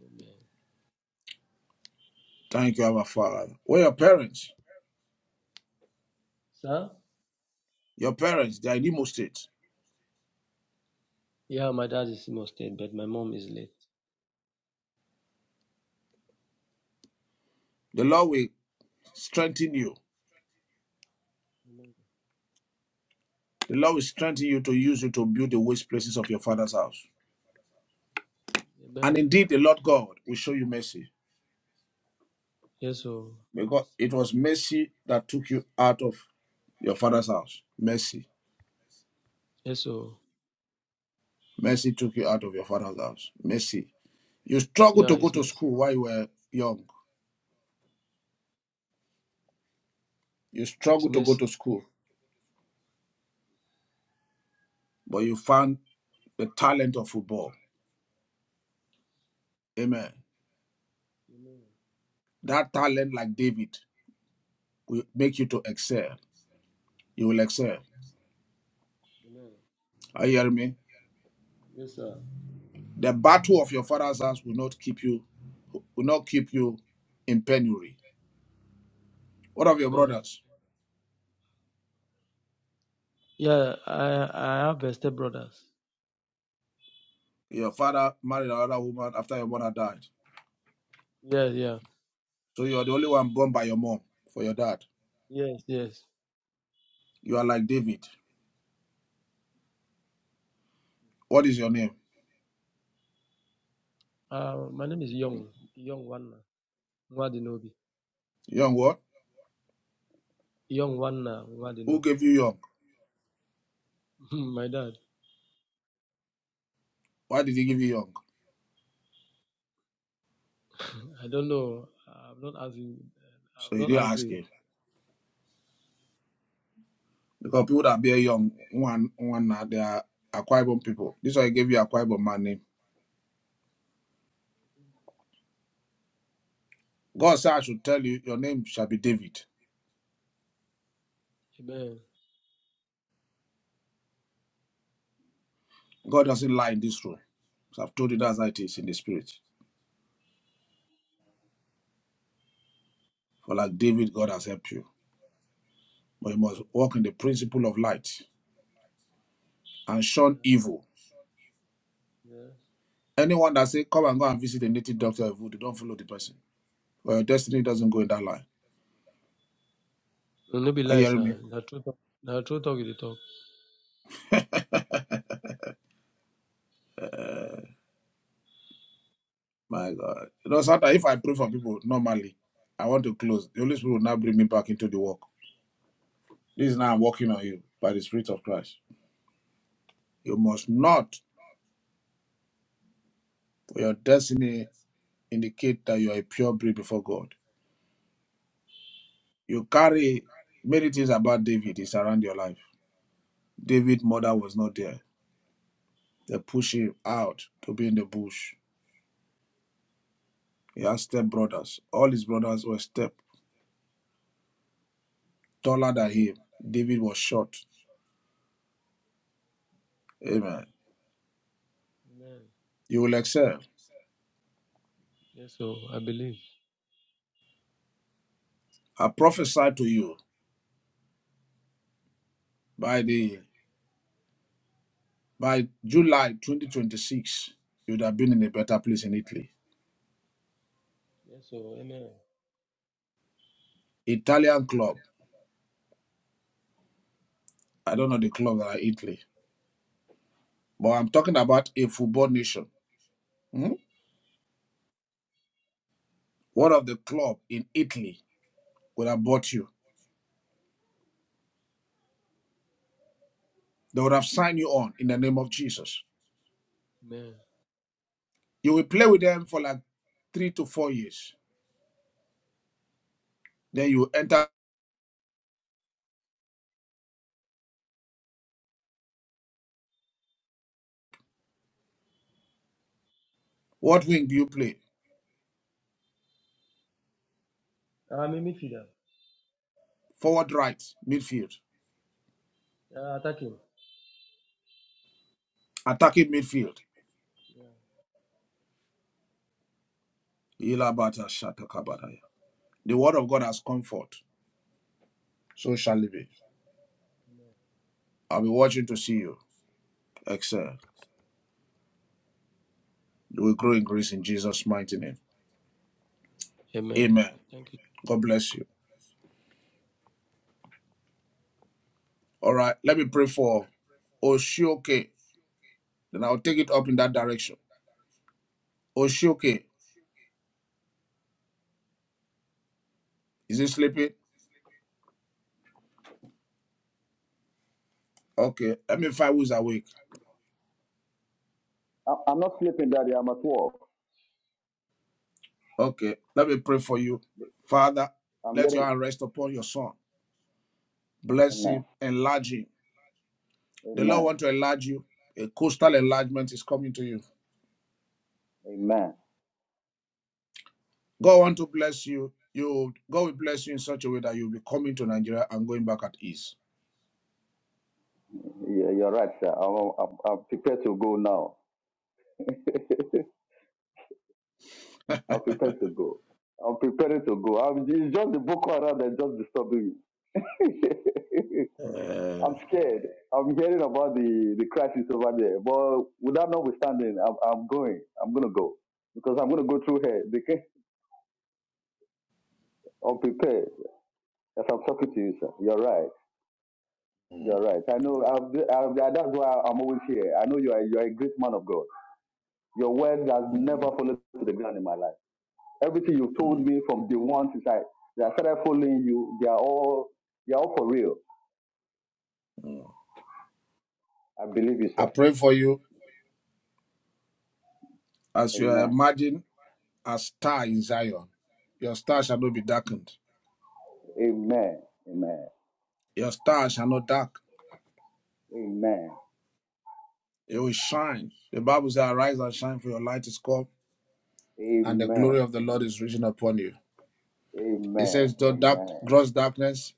Speaker 9: Amen.
Speaker 3: Thank you, our Father. Where your parents,
Speaker 9: Sir?
Speaker 3: your parents, they are in Imo State.
Speaker 9: Yeah, my dad is still upstairs, but my mom is late.
Speaker 3: The Lord will strengthen you.
Speaker 9: Amen.
Speaker 3: The Lord will strengthen you to use you to build the waste places of your father's house. And
Speaker 9: Amen.
Speaker 3: indeed, the Lord God will show you mercy
Speaker 9: Yes, oh,
Speaker 3: because
Speaker 9: mercy.
Speaker 3: it was mercy that took you out of your father's house. Mercy.
Speaker 9: Yes, oh,
Speaker 3: Mercy took you out of your father's house. Mercy. You struggled
Speaker 9: yeah,
Speaker 3: to go
Speaker 9: it's
Speaker 3: to
Speaker 9: mercy.
Speaker 3: school while you were young. You
Speaker 9: It's
Speaker 3: struggled to go
Speaker 9: mercy.
Speaker 3: to school, but you found the talent of football. Amen.
Speaker 9: Amen.
Speaker 3: That talent, like David, will make you to excel. You will excel.
Speaker 9: Amen.
Speaker 3: Are you hearing me?
Speaker 9: Yes, sir.
Speaker 3: The battle of your father's house will not keep you, will not keep you in penury. What of your
Speaker 9: Amen.
Speaker 3: brothers?
Speaker 9: Yeah, I I have a step brothers.
Speaker 3: Your father married another woman after your mother died.
Speaker 9: Yes, yeah.
Speaker 3: So you are the only one born by your mom for your dad.
Speaker 9: Yes, yes.
Speaker 3: You are like David. What is your name?
Speaker 9: Uh, my name is Young Young Wanna Mwadinobi.
Speaker 3: Young what?
Speaker 9: Young Wanna
Speaker 3: Who
Speaker 9: Mwadinobi.
Speaker 3: gave you young?
Speaker 9: (laughs) my dad.
Speaker 3: Why did he give you young?
Speaker 9: I don't know. I'm not asking. I'm
Speaker 3: So you
Speaker 9: not
Speaker 3: didn't ask
Speaker 9: asking.
Speaker 3: him. Because people that bear young, one one now, they are Aquaibon people. This is why I gave you Aquaibon man name. God said I should tell you your name shall be David.
Speaker 9: Amen.
Speaker 3: God doesn't lie in this room. So I've told you that's how it is in the spirit. For like David, God has helped you. But you
Speaker 9: Amen.
Speaker 3: must walk in the principle of light and shun
Speaker 9: Yeah.
Speaker 3: evil.
Speaker 9: Yes.
Speaker 3: Anyone that say come and go and visit a native doctor of they don't follow the person. But your destiny doesn't go in that line.
Speaker 9: No no be
Speaker 3: Are you
Speaker 9: lies,
Speaker 3: hearing me?
Speaker 9: sir. The truth. The truth true talk. You dey talk.
Speaker 3: My God. You know, sometimes if I pray for people normally, I want to close. The Holy Spirit will now bring me back into the work. This is now I'm working on you by the Spirit of Christ. You must not, for your destiny, indicate that you are a pure breed before God. You carry many things about David is around your life. David's mother was not there. They push him out to be in the bush. He has step brothers. All his brothers were step taller than him. David was short. Amen.
Speaker 9: Amen.
Speaker 3: You will excel.
Speaker 9: Yes, so I believe.
Speaker 3: I prophesy to you by the by July 2026, you would have been in a better place in Italy.
Speaker 9: Yes, so amen.
Speaker 3: Italian club. I don't know the club that are in Italy, but I'm talking about a football nation. Hmm? What of the club in Italy would have bought you? They would have signed you on in the name of Jesus.
Speaker 9: Amen.
Speaker 3: You will play with them for like three to four years. Then you enter. What wing do you play?
Speaker 9: I'm a midfielder.
Speaker 3: Forward, right, midfield,
Speaker 9: Uh, attacking.
Speaker 3: attacking midfield.
Speaker 9: Yeah.
Speaker 3: Ilabata shatakabadaya. The word of God has comfort. So shall it be.
Speaker 9: Amen.
Speaker 3: I'll be watching to see you excel. You will grow in
Speaker 9: Thank
Speaker 3: grace in
Speaker 9: you.
Speaker 3: Jesus' mighty name.
Speaker 9: Amen.
Speaker 3: Amen.
Speaker 9: Thank you.
Speaker 3: God bless you. All right, let me pray for Oshioke. Then I'll take it up in that direction. Oshioke, is he sleeping? Okay, let me find who's awake.
Speaker 10: I- I'm not sleeping, Daddy. I'm at work.
Speaker 3: Okay, let me pray for you. Father,
Speaker 10: I'm
Speaker 3: let your
Speaker 10: getting.
Speaker 3: hand rest upon your son. Bless
Speaker 10: Amen.
Speaker 3: him, enlarge him. The Lord
Speaker 10: Amen.
Speaker 3: want to enlarge you. A coastal enlargement is coming to you.
Speaker 10: Amen.
Speaker 3: God want to bless you. You God will bless you in such a way that you'll be coming to Nigeria and going back at ease.
Speaker 10: Yeah, you're right, sir. I'm, I'm, I'm prepared to go now. (laughs) I'm prepared to go. I'm preparing to go. I'm, it's just the Boko Haram that's just disturbing me. (laughs)
Speaker 3: Uh,
Speaker 10: I'm scared. I'm hearing about the, the crisis over there. But without notwithstanding, I'm, I'm going. I'm going to go. Because I'm going to go through here. They can, (laughs) I'm prepared. As I'm talking to you, sir. You're right. You're right. I know. I've, I've, that's why I'm always here. I know you are. You are a great man of God. Your word has never fallen to the ground in my life. Everything you told me from the one since I, since I started following you, they are all they are all for real. I believe you,
Speaker 3: I
Speaker 10: sir.
Speaker 3: pray for you as you
Speaker 10: Amen.
Speaker 3: imagine a star in Zion. Your star shall not be darkened.
Speaker 10: Amen. Amen.
Speaker 3: Your star shall not dark.
Speaker 10: Amen.
Speaker 3: It will shine. The Bible says, Arise and shine, for your light is come, and the
Speaker 10: Amen.
Speaker 3: glory of the Lord is risen upon you. It
Speaker 10: Amen.
Speaker 3: says, Though dark,
Speaker 10: Amen.
Speaker 3: gross darkness,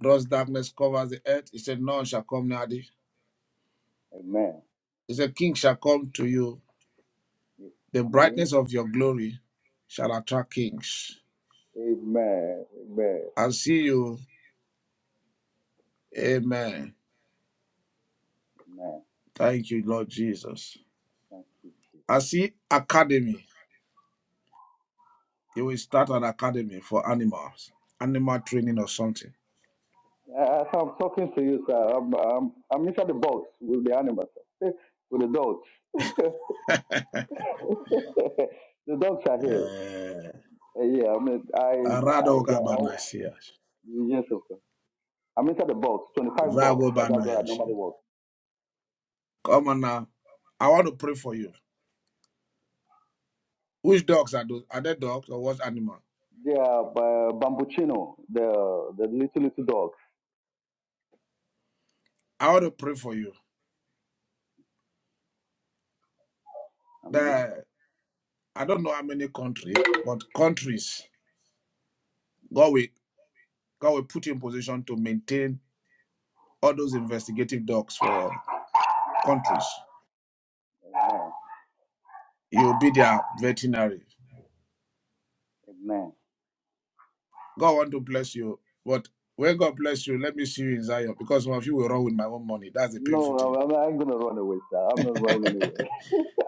Speaker 3: gross darkness covers the earth. It said, None shall come near thee.
Speaker 10: Amen.
Speaker 3: It said, King shall come to you
Speaker 10: Yes.
Speaker 3: The
Speaker 10: Amen.
Speaker 3: brightness of your glory shall attract kings.
Speaker 10: Amen. Amen.
Speaker 3: I see you. Amen.
Speaker 10: Amen.
Speaker 3: Thank you, Lord Jesus.
Speaker 10: Thank you, Jesus.
Speaker 3: I see academy. You will start an academy for animals, animal training or something.
Speaker 10: As I'm talking to you, sir, I'm, I'm, I'm inside the box with the animals, sir. (laughs) with the dogs. (laughs) the dogs are here.
Speaker 3: Eh,
Speaker 10: Uh, yeah, I mean, I, I,
Speaker 3: Aradoga
Speaker 10: I,
Speaker 3: Banasias.
Speaker 10: yes, of course. I'm inside the box, 25 box.
Speaker 3: Vago
Speaker 10: and That's what I normally
Speaker 3: Banayasi.
Speaker 10: work.
Speaker 3: Come on now. I want to pray for you. Which dogs are those? Are they dogs or what animal?
Speaker 10: They are uh, bambuchino, the the little little dogs.
Speaker 3: I want to pray for you.
Speaker 10: I mean,
Speaker 3: The I don't know how many countries, but countries. God will God will put you in position to maintain all those investigative dogs for countries.
Speaker 10: amen.
Speaker 3: You'll be their veterinary.
Speaker 10: amen.
Speaker 3: God want to bless you, but when God bless you, let me see you in Zion because some of you will run with my own money. That's the painful
Speaker 10: No,
Speaker 3: thing.
Speaker 10: I'm, I'm not going to run away, sir. I'm not running anywhere.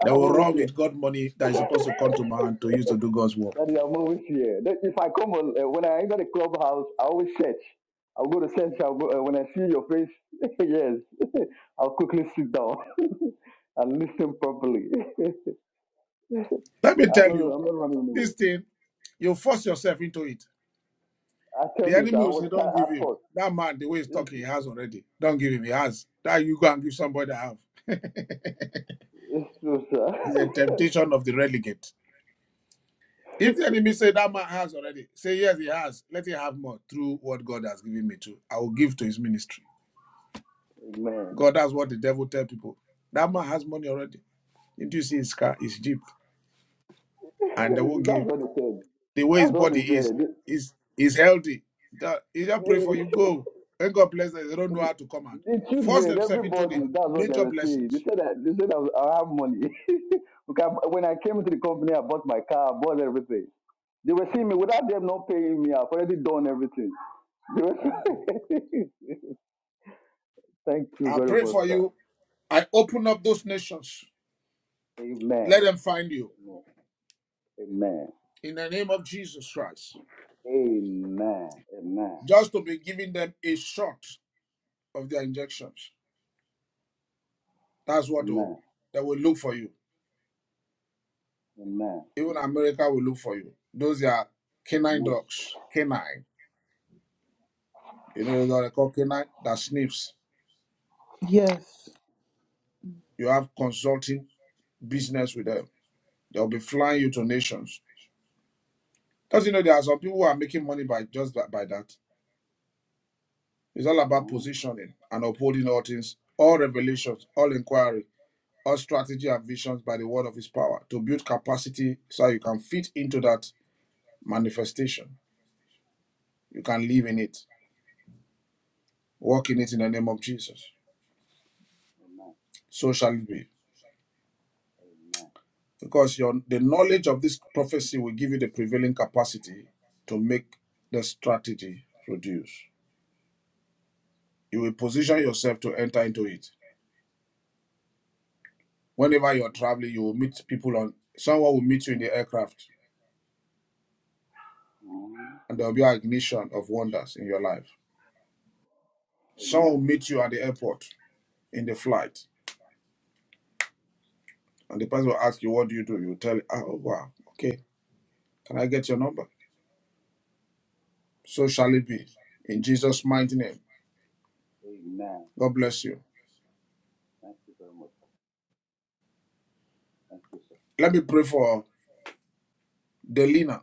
Speaker 3: They
Speaker 10: I'm
Speaker 3: will
Speaker 10: always
Speaker 3: run
Speaker 10: here.
Speaker 3: with God money that is supposed to come to my hand to use to do God's work.
Speaker 10: That is I'm always here. That if I come on, uh, when I enter the clubhouse, I always search. I'll go to search. I'll go, uh, when I see your face, (laughs) yes, (laughs) I'll quickly sit down (laughs) and listen properly. (laughs)
Speaker 3: Let me
Speaker 10: I'm
Speaker 3: tell
Speaker 10: not,
Speaker 3: you,
Speaker 10: I'm not running
Speaker 3: this
Speaker 10: anywhere.
Speaker 3: thing, you force yourself into it.
Speaker 10: I tell
Speaker 3: The
Speaker 10: you, sir,
Speaker 3: enemy
Speaker 10: I
Speaker 3: will say,
Speaker 10: was tired
Speaker 3: Don't give
Speaker 10: at
Speaker 3: him.
Speaker 10: first.
Speaker 3: That man, the way he's
Speaker 10: It's,
Speaker 3: talking, he has already. Don't give him, he has. That you go and give somebody that have. (laughs)
Speaker 10: it's true, sir.
Speaker 3: it's a
Speaker 10: (laughs)
Speaker 3: temptation of the relegate. If the enemy say that man has already, say yes, he has. Let him have more through what God has given me to. I will give to his ministry.
Speaker 10: Man,
Speaker 3: God, that's what the devil tell people. That man has money already. Didn't you see his car, his jeep,
Speaker 10: (laughs)
Speaker 3: and they won't
Speaker 10: that's
Speaker 3: give.
Speaker 10: what they said.
Speaker 3: The way
Speaker 10: That's
Speaker 3: his
Speaker 10: what
Speaker 3: body
Speaker 10: they
Speaker 3: is,
Speaker 10: said.
Speaker 3: is is healthy. That, he just pray
Speaker 10: (laughs)
Speaker 3: for you. Go. When God bless them, they don't know how to come out.
Speaker 10: The
Speaker 3: Force
Speaker 10: children,
Speaker 3: themselves into the
Speaker 10: everybody, that's what they
Speaker 3: major
Speaker 10: were saying. They
Speaker 3: blessings.
Speaker 10: said that they said I, I have money. (laughs) because when I came to the company, I bought my car, I bought everything. They were seeing me without them not paying me. I've already done everything. They were- (laughs) Thank you
Speaker 3: I
Speaker 10: very
Speaker 3: pray
Speaker 10: much,
Speaker 3: for
Speaker 10: sir.
Speaker 3: you. I open up those nations.
Speaker 10: Amen.
Speaker 3: Let them find you
Speaker 10: Amen. Amen.
Speaker 3: in the name of Jesus Christ.
Speaker 10: Amen.
Speaker 3: Just to be giving them a shot. of their injections. That's what oh,
Speaker 10: Amen.
Speaker 3: they will look for you.
Speaker 10: Amen. Amen.
Speaker 3: Even America will look for you. Those are canine dogs, canine. You know what they call canine? That sniffs.
Speaker 1: Yes.
Speaker 3: You have consulting business with them. They'll be flying you to nations. Because you know there are some people who are making money by just that, by that. It's all about
Speaker 10: Mm.
Speaker 3: positioning and upholding all things, all revelations, all inquiry, all strategy and visions by the word of his power to build capacity so you can fit into that manifestation. You can live in it. Walk in it in the name of Jesus.
Speaker 10: Amen.
Speaker 3: So shall it be.
Speaker 10: Amen.
Speaker 3: Because your the knowledge of this prophecy will give you the prevailing capacity to make the strategy produce. You will position
Speaker 10: Amen.
Speaker 3: yourself to enter into it. Whenever you're traveling, you will meet people on someone will meet you in the aircraft
Speaker 10: Mm.
Speaker 3: and there will be an ignition of wonders in your life. Someone
Speaker 10: Amen.
Speaker 3: will meet you at the airport in the flight. And the person will ask you, What do you do? You will tell, "Ah, Oh wow, okay, can I get your number? So shall it be. In Jesus' mighty name.
Speaker 10: Amen.
Speaker 3: God bless you.
Speaker 10: Thank you very much. Thank you, sir.
Speaker 3: Let me pray for Delina.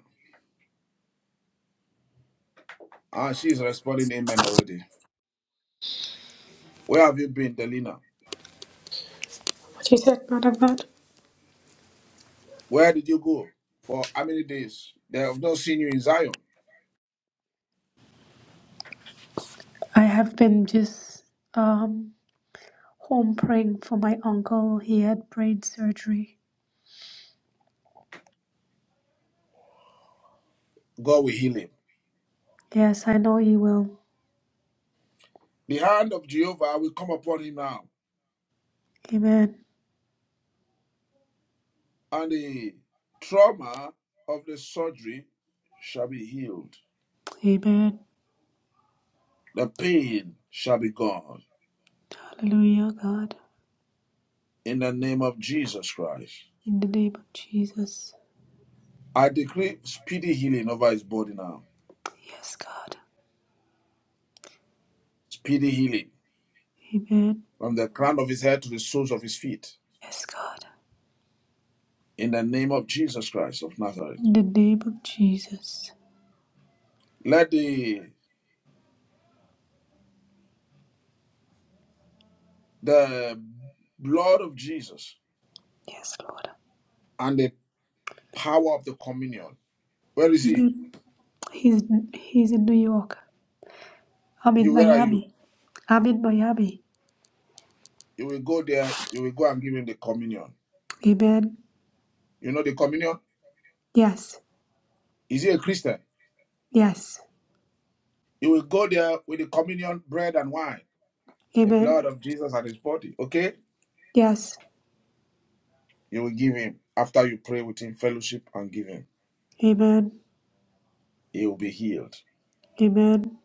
Speaker 3: Ah, she is responding amen already. Where have you been, Delina?
Speaker 8: What you said, man of God?
Speaker 3: Where did you go? For how many days? They have not seen you in Zion.
Speaker 8: I have been just um, home praying for my uncle. He had brain surgery.
Speaker 3: God will heal him.
Speaker 8: Yes, I know he will.
Speaker 3: The hand of Jehovah will come upon him now,
Speaker 8: Amen.
Speaker 3: and the trauma of the surgery shall be healed.
Speaker 8: Amen.
Speaker 3: The pain shall be gone.
Speaker 8: Hallelujah, God.
Speaker 3: In the name of Jesus Christ,
Speaker 8: In the name of Jesus.
Speaker 3: I decree speedy healing over his body now.
Speaker 8: Yes, God.
Speaker 3: Speedy healing
Speaker 8: Amen.
Speaker 3: from the crown of his head to the soles of his feet
Speaker 8: Yes, God.
Speaker 3: in the name of Jesus Christ of Nazareth.
Speaker 8: In the name of Jesus.
Speaker 3: Let the the blood of Jesus
Speaker 8: Yes, Lord.
Speaker 3: and the power of the communion. Where is he?
Speaker 8: Amen. He's he's in New York. I'm in
Speaker 3: You where are you?
Speaker 8: Miami. I'm in Miami.
Speaker 3: You will go there, you will go and give him the communion.
Speaker 8: Amen.
Speaker 3: You know the communion?
Speaker 8: Yes.
Speaker 3: Is he a Christian?
Speaker 8: Yes.
Speaker 3: You will go there with the communion, bread and wine, the
Speaker 8: Amen.
Speaker 3: blood of Jesus and his body. Okay?
Speaker 8: Yes.
Speaker 3: You will give him after you pray with him, fellowship and give him.
Speaker 8: Amen.
Speaker 3: He will be healed.
Speaker 8: Amen.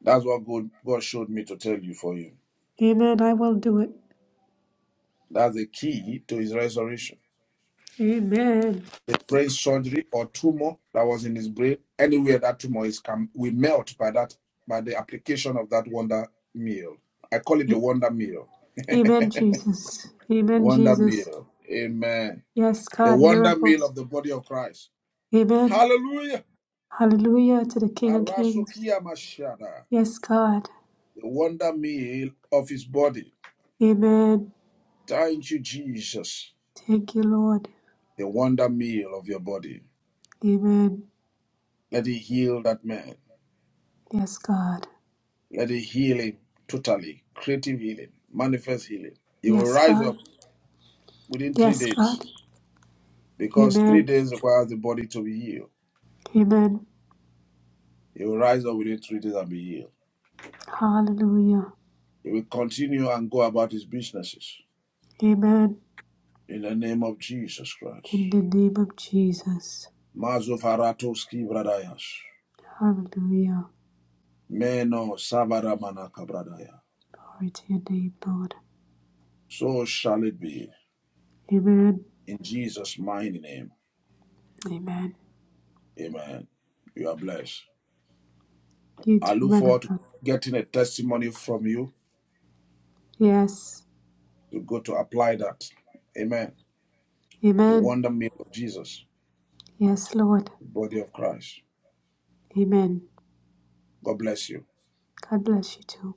Speaker 3: That's what God, God showed me to tell you for you.
Speaker 8: Amen. I will do it.
Speaker 3: That's the key to his resurrection
Speaker 8: Amen.
Speaker 3: the brain surgery or tumor that was in his brain, anywhere that tumor is, can we melt by that by the application of that wonder meal. I call it the
Speaker 8: A-
Speaker 3: wonder meal.
Speaker 8: Amen, Jesus. Amen,
Speaker 3: Wonder
Speaker 8: Jesus.
Speaker 3: meal. Amen.
Speaker 8: Yes,
Speaker 3: The
Speaker 8: God,
Speaker 3: wonder meal
Speaker 8: miracles.
Speaker 3: of the body of Christ.
Speaker 8: Amen.
Speaker 3: Hallelujah.
Speaker 8: Hallelujah to the King of Kings.
Speaker 3: Arasukia Mashada.
Speaker 8: Yes, God.
Speaker 3: The wonder meal of his body.
Speaker 8: Amen.
Speaker 3: Thank you, Jesus.
Speaker 8: Thank you, Lord.
Speaker 3: The wonder meal of your body.
Speaker 8: Amen.
Speaker 3: Let it heal that man.
Speaker 8: Yes, God.
Speaker 3: Let it heal him totally. Creative healing. Manifest healing. He will
Speaker 8: Yes,
Speaker 3: rise up
Speaker 8: God.
Speaker 3: within three
Speaker 8: Yes,
Speaker 3: days
Speaker 8: God.
Speaker 3: because three
Speaker 8: Amen.
Speaker 3: days requires the body to be healed.
Speaker 8: Amen.
Speaker 3: He will rise up within three days and be healed.
Speaker 8: Hallelujah.
Speaker 3: He will continue and go about his businesses
Speaker 8: Amen.
Speaker 3: in the name of Jesus Christ.
Speaker 8: In the name of Jesus.
Speaker 3: Mazofaratoski bradayas.
Speaker 8: Hallelujah.
Speaker 3: Meno savaramanaka bradaya.
Speaker 8: Glory to your name, Lord.
Speaker 3: So shall it be
Speaker 8: Amen.
Speaker 3: in Jesus' mighty name.
Speaker 8: Amen.
Speaker 3: Amen. You are blessed.
Speaker 8: You
Speaker 3: I
Speaker 8: too,
Speaker 3: look
Speaker 8: man
Speaker 3: forward
Speaker 8: of
Speaker 3: to
Speaker 8: God.
Speaker 3: getting a testimony from you
Speaker 8: Yes.
Speaker 3: to go to apply that. Amen. The
Speaker 8: Amen.
Speaker 3: wonder made of Jesus,
Speaker 8: Yes, Lord.
Speaker 3: the body of Christ.
Speaker 8: Amen.
Speaker 3: God bless you.
Speaker 8: God bless you too.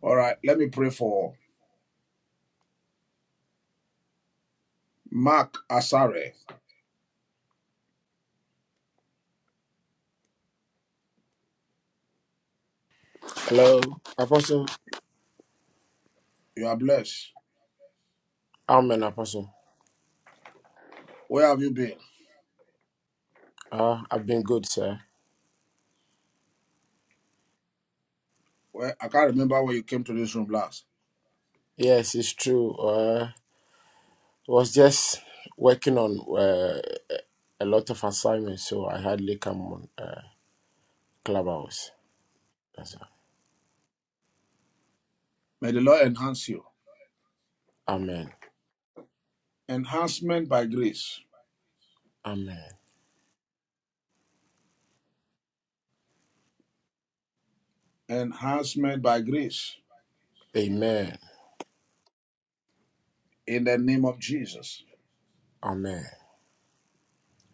Speaker 3: All right, let me pray for Mark Asare.
Speaker 11: Hello, Apostle.
Speaker 3: You are blessed.
Speaker 11: I'm an apostle.
Speaker 3: Where have you been?
Speaker 11: Uh, I've been good, sir.
Speaker 3: Where I can't remember where you came to this room last.
Speaker 11: Yes, it's true. Uh, was just working on uh, a lot of assignments, so I hardly come on uh, Clubhouse. That's
Speaker 3: May the Lord enhance you.
Speaker 11: all. Amen.
Speaker 3: Enhancement by grace.
Speaker 11: Amen.
Speaker 3: Enhancement by grace.
Speaker 11: Amen.
Speaker 3: In the name of Jesus.
Speaker 11: Amen.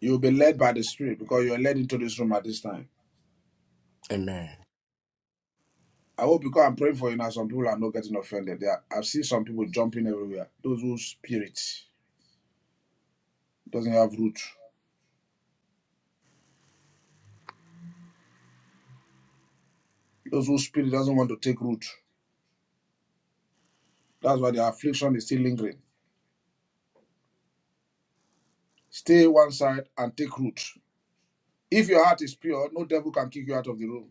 Speaker 3: You'll be led by the Spirit because you are led into this room at this time.
Speaker 11: Amen.
Speaker 3: I hope because I'm praying for you now, some people are not getting offended. They are, I've seen some people jumping everywhere. Those whose spirit doesn't have root. Those whose spirit doesn't want to take root. That's why their affliction is still lingering. Stay one side and take root. If your heart is pure, no devil can kick you out of the room.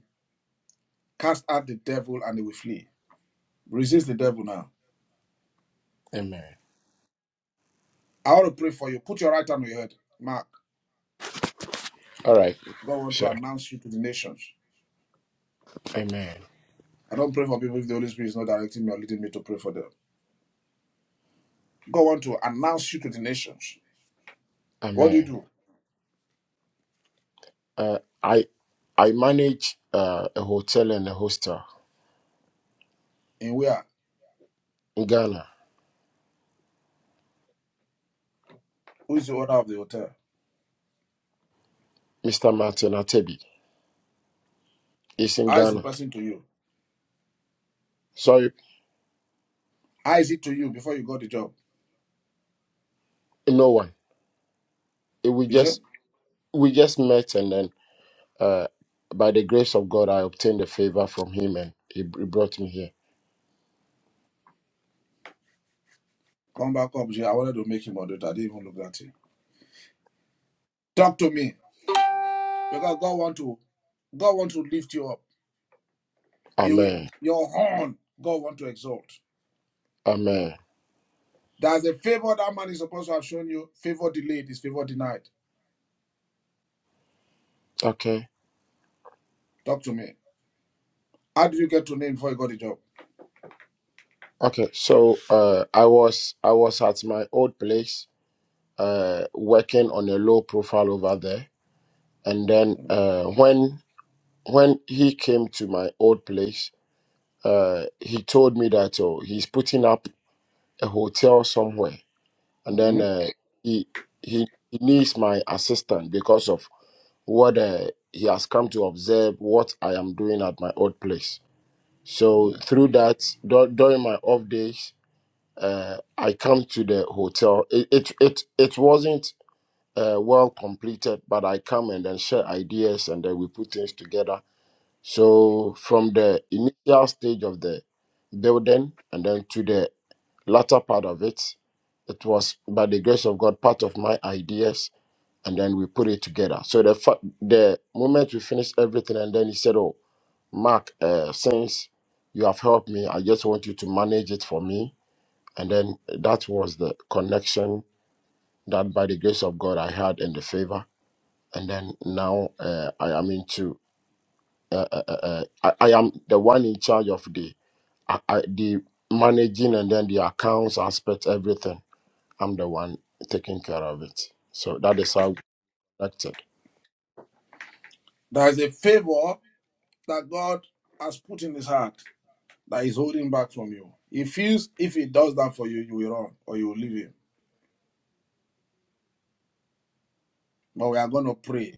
Speaker 3: Cast out the devil and he will flee. Resist the devil now.
Speaker 11: Amen.
Speaker 3: I want to pray for you. Put your right hand on your head. Mark,
Speaker 11: All right,
Speaker 3: God want to
Speaker 11: sir.
Speaker 3: announce you to the nations.
Speaker 11: Amen.
Speaker 3: I don't pray for people if the Holy Spirit is not directing me or leading me to pray for them. God want to announce you to the nations. What do you
Speaker 11: Amen.
Speaker 3: do?
Speaker 11: Uh, I I manage uh, a hotel and a hostel
Speaker 3: In where?
Speaker 11: in Ghana.
Speaker 3: Who is the owner of the hotel?
Speaker 11: Mr. Martin Atebi is in
Speaker 3: How is the
Speaker 11: Ghana.
Speaker 3: person to you?
Speaker 11: Sorry,
Speaker 3: How is it to you before you got the job?
Speaker 11: no one. It will
Speaker 3: You
Speaker 11: just
Speaker 3: say,
Speaker 11: we just met and then uh by the grace of god i obtained a favor from him and he, he brought me here
Speaker 3: come back up. Jay. I wanted to make him a daughter. I didn't even look at him. Talk to me. because God want to God want to lift you up. He will,
Speaker 11: amen
Speaker 3: your horn, God want to exalt.
Speaker 11: amen
Speaker 3: There's a favor that man is supposed to have shown you. Favor delayed is favor denied.
Speaker 11: okay
Speaker 3: Talk to me. How did you get to name before you got the job?
Speaker 11: okay so uh i was i was at my old place uh working on a low profile over there and then uh when when he came to my old place uh he told me that oh he's putting up a hotel somewhere and then
Speaker 3: Mhm.
Speaker 11: uh, he he he needs my assistant because of what uh, he has come to observe what I am doing at my old place. So through that, dur- during my off days, uh, I come to the hotel. It it it, it wasn't uh, well completed, but I come and then share ideas, and then we put things together. So from the initial stage of the building, and then to the latter part of it, it was by the grace of God part of my ideas and then we put it together. So the fa- the moment we finished everything, and then he said, "Oh, Mark, uh, since you have helped me, I just want you to manage it for me." And then that was the connection that, by the grace of God, I had in the favor. And then now uh, I am into uh, uh, uh, uh, I, I am the one in charge of the I, I, the managing and then the accounts aspect, everything. I'm the one taking care of it. So that is how we connected.
Speaker 3: There is a favor that God has put in his heart that is holding back from you. He feels if he does that for you, you will run or you will leave him. But we are going to pray.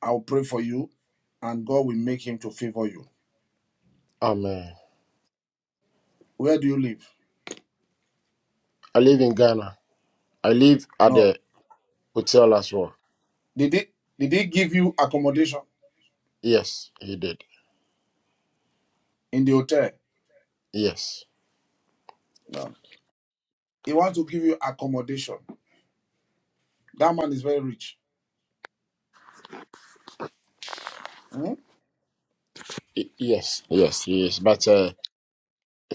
Speaker 3: I will pray for you, and God will make him to favor you.
Speaker 11: Amen.
Speaker 3: Where do you live?
Speaker 11: I live in Ghana. I live at
Speaker 3: No.
Speaker 11: the hotel as well.
Speaker 3: Did he did he give you accommodation?
Speaker 11: Yes, he did.
Speaker 3: in the hotel.
Speaker 11: Yes,
Speaker 3: No. He wants to give you accommodation. That man is very rich. Hmm?
Speaker 11: Y- yes, yes, yes. But uh,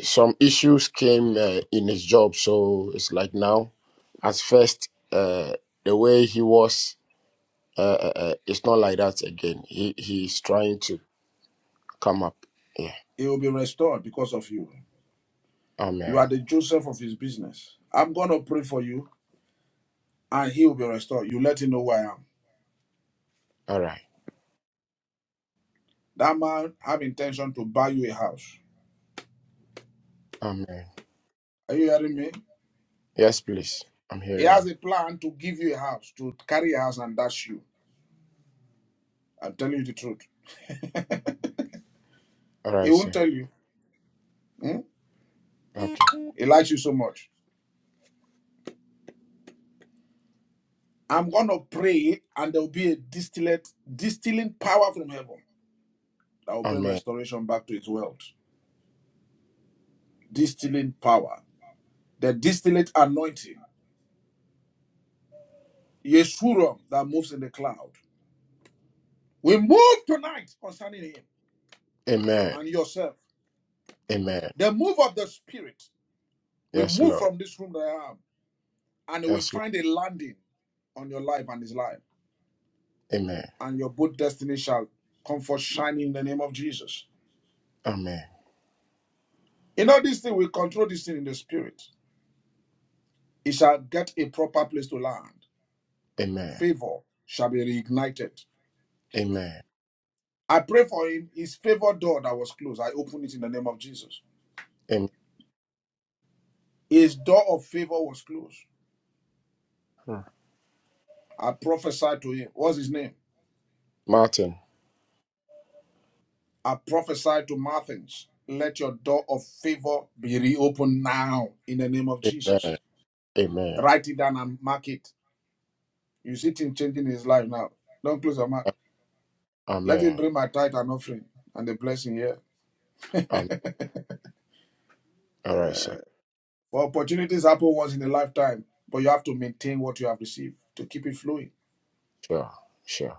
Speaker 11: some issues came uh, in his job, so it's like now. At first, uh, the way he was, uh, uh, uh, it's not like that again. He he's trying to come up. Yeah.
Speaker 3: He will be restored because of you. You
Speaker 11: Amen.
Speaker 3: are the Joseph of his business. I'm going to pray for you and he will be restored. You let him know where I am.
Speaker 11: All right.
Speaker 3: That man have intention to buy you a house.
Speaker 11: Amen.
Speaker 3: Are you hearing me?
Speaker 11: Yes, please. I'm
Speaker 3: He
Speaker 11: hearing. you.
Speaker 3: has a plan to give you a house, to carry a house and dash you. I'm telling you the truth.
Speaker 11: All
Speaker 3: (laughs) he
Speaker 11: right,
Speaker 3: won't
Speaker 11: sir.
Speaker 3: tell you. Hmm?
Speaker 11: Okay.
Speaker 3: He likes you so much. I'm going to pray and there will be a distillate, distilling power from heaven that will bring
Speaker 11: Amen.
Speaker 3: restoration back to its world. Distilling power, the distillate anointing, Yeshurun that moves in the cloud. We move tonight concerning him
Speaker 11: Amen.
Speaker 3: and yourself.
Speaker 11: Amen.
Speaker 3: The move of the spirit. We
Speaker 11: Yes,
Speaker 3: move
Speaker 11: Lord.
Speaker 3: from this room that I am, and we will
Speaker 11: Yes, Lord.
Speaker 3: find a landing on your life and his life,
Speaker 11: Amen.
Speaker 3: and your good destiny shall come forth shining in the name of Jesus.
Speaker 11: Amen.
Speaker 3: In all this thing, we control this thing in the spirit. It shall get a proper place to land.
Speaker 11: Amen.
Speaker 3: Favor shall be reignited.
Speaker 11: Amen.
Speaker 3: I pray for him. His favor door that was closed, I open it in the name of Jesus.
Speaker 11: Amen.
Speaker 3: His door of favor was closed.
Speaker 11: Hmm.
Speaker 3: I prophesy to him. What's his name?
Speaker 11: Martin.
Speaker 3: I prophesy to Martins. Let your door of favor be reopened now in the name of
Speaker 11: Amen.
Speaker 3: Jesus.
Speaker 11: Amen.
Speaker 3: Write it down and mark it. You see him changing his life now. Don't close your mouth.
Speaker 11: A-
Speaker 3: Let him
Speaker 11: Amen.
Speaker 3: bring my tithe and offering and the blessing here.
Speaker 11: Um, all right, sir.
Speaker 3: For opportunities happen once in a lifetime, but you have to maintain what you have received to keep it flowing.
Speaker 11: Sure. Sure.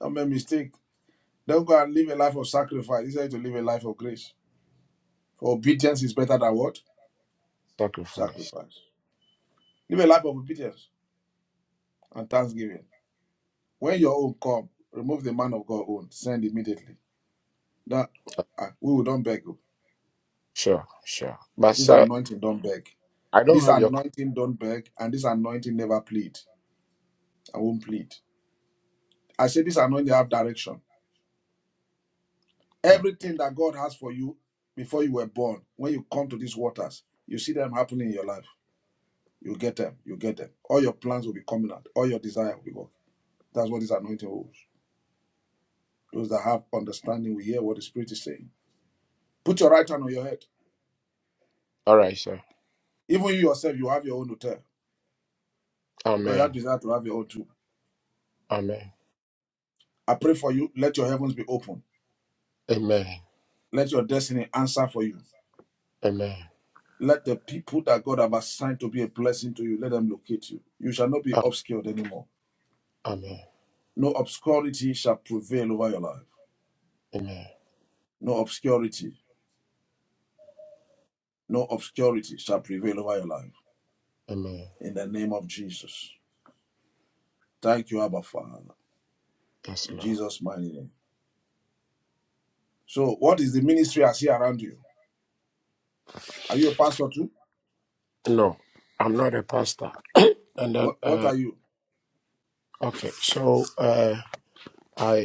Speaker 3: Don't make a mistake. Don't go and live a life of sacrifice. He said to live a life of grace. For obedience is better than what?
Speaker 11: Sacrifice.
Speaker 3: Sacrifice. Live a life of obedience and thanksgiving. When your own come, remove the man of God own. Send immediately. That ah, we don't beg. oh.
Speaker 11: Sure. Sure. But,
Speaker 3: This
Speaker 11: sir,
Speaker 3: anointing don't beg.
Speaker 11: I don't
Speaker 3: This
Speaker 11: have your
Speaker 3: anointing don't beg, and this anointing never plead. I won't plead. I say this anointing have direction.
Speaker 11: contact.
Speaker 3: Everything that God has for you before you were born, when you come to these waters, you see them happening in your life. You get them. You get them. All your plans will be coming out. All your desire will be working. That's what this anointing holds. Those that have understanding will hear what the Spirit is saying. Put your right hand on your head.
Speaker 11: All right, sir.
Speaker 3: Even you yourself, you have your own hotel because you have
Speaker 11: Amen.
Speaker 3: desire to have your own too.
Speaker 11: Amen.
Speaker 3: I pray for you. Let your heavens be open.
Speaker 11: Amen.
Speaker 3: Let your destiny answer for you.
Speaker 11: Amen.
Speaker 3: Let the people that God have assigned to be a blessing to you, let them locate you. You shall not be
Speaker 11: Um,
Speaker 3: obscured anymore.
Speaker 11: Amen.
Speaker 3: No obscurity shall prevail over your life.
Speaker 11: Amen.
Speaker 3: No obscurity. No obscurity shall prevail over your life.
Speaker 11: Amen.
Speaker 3: In the name of Jesus. Thank you, Abba Father.
Speaker 11: Yes,
Speaker 3: In
Speaker 11: Lord.
Speaker 3: Jesus' mighty name. So, what is the ministry I see around you? Are you a pastor too?
Speaker 11: No, I'm not a pastor. And then,
Speaker 3: What What
Speaker 11: uh,
Speaker 3: are you?
Speaker 11: okay. So, uh, I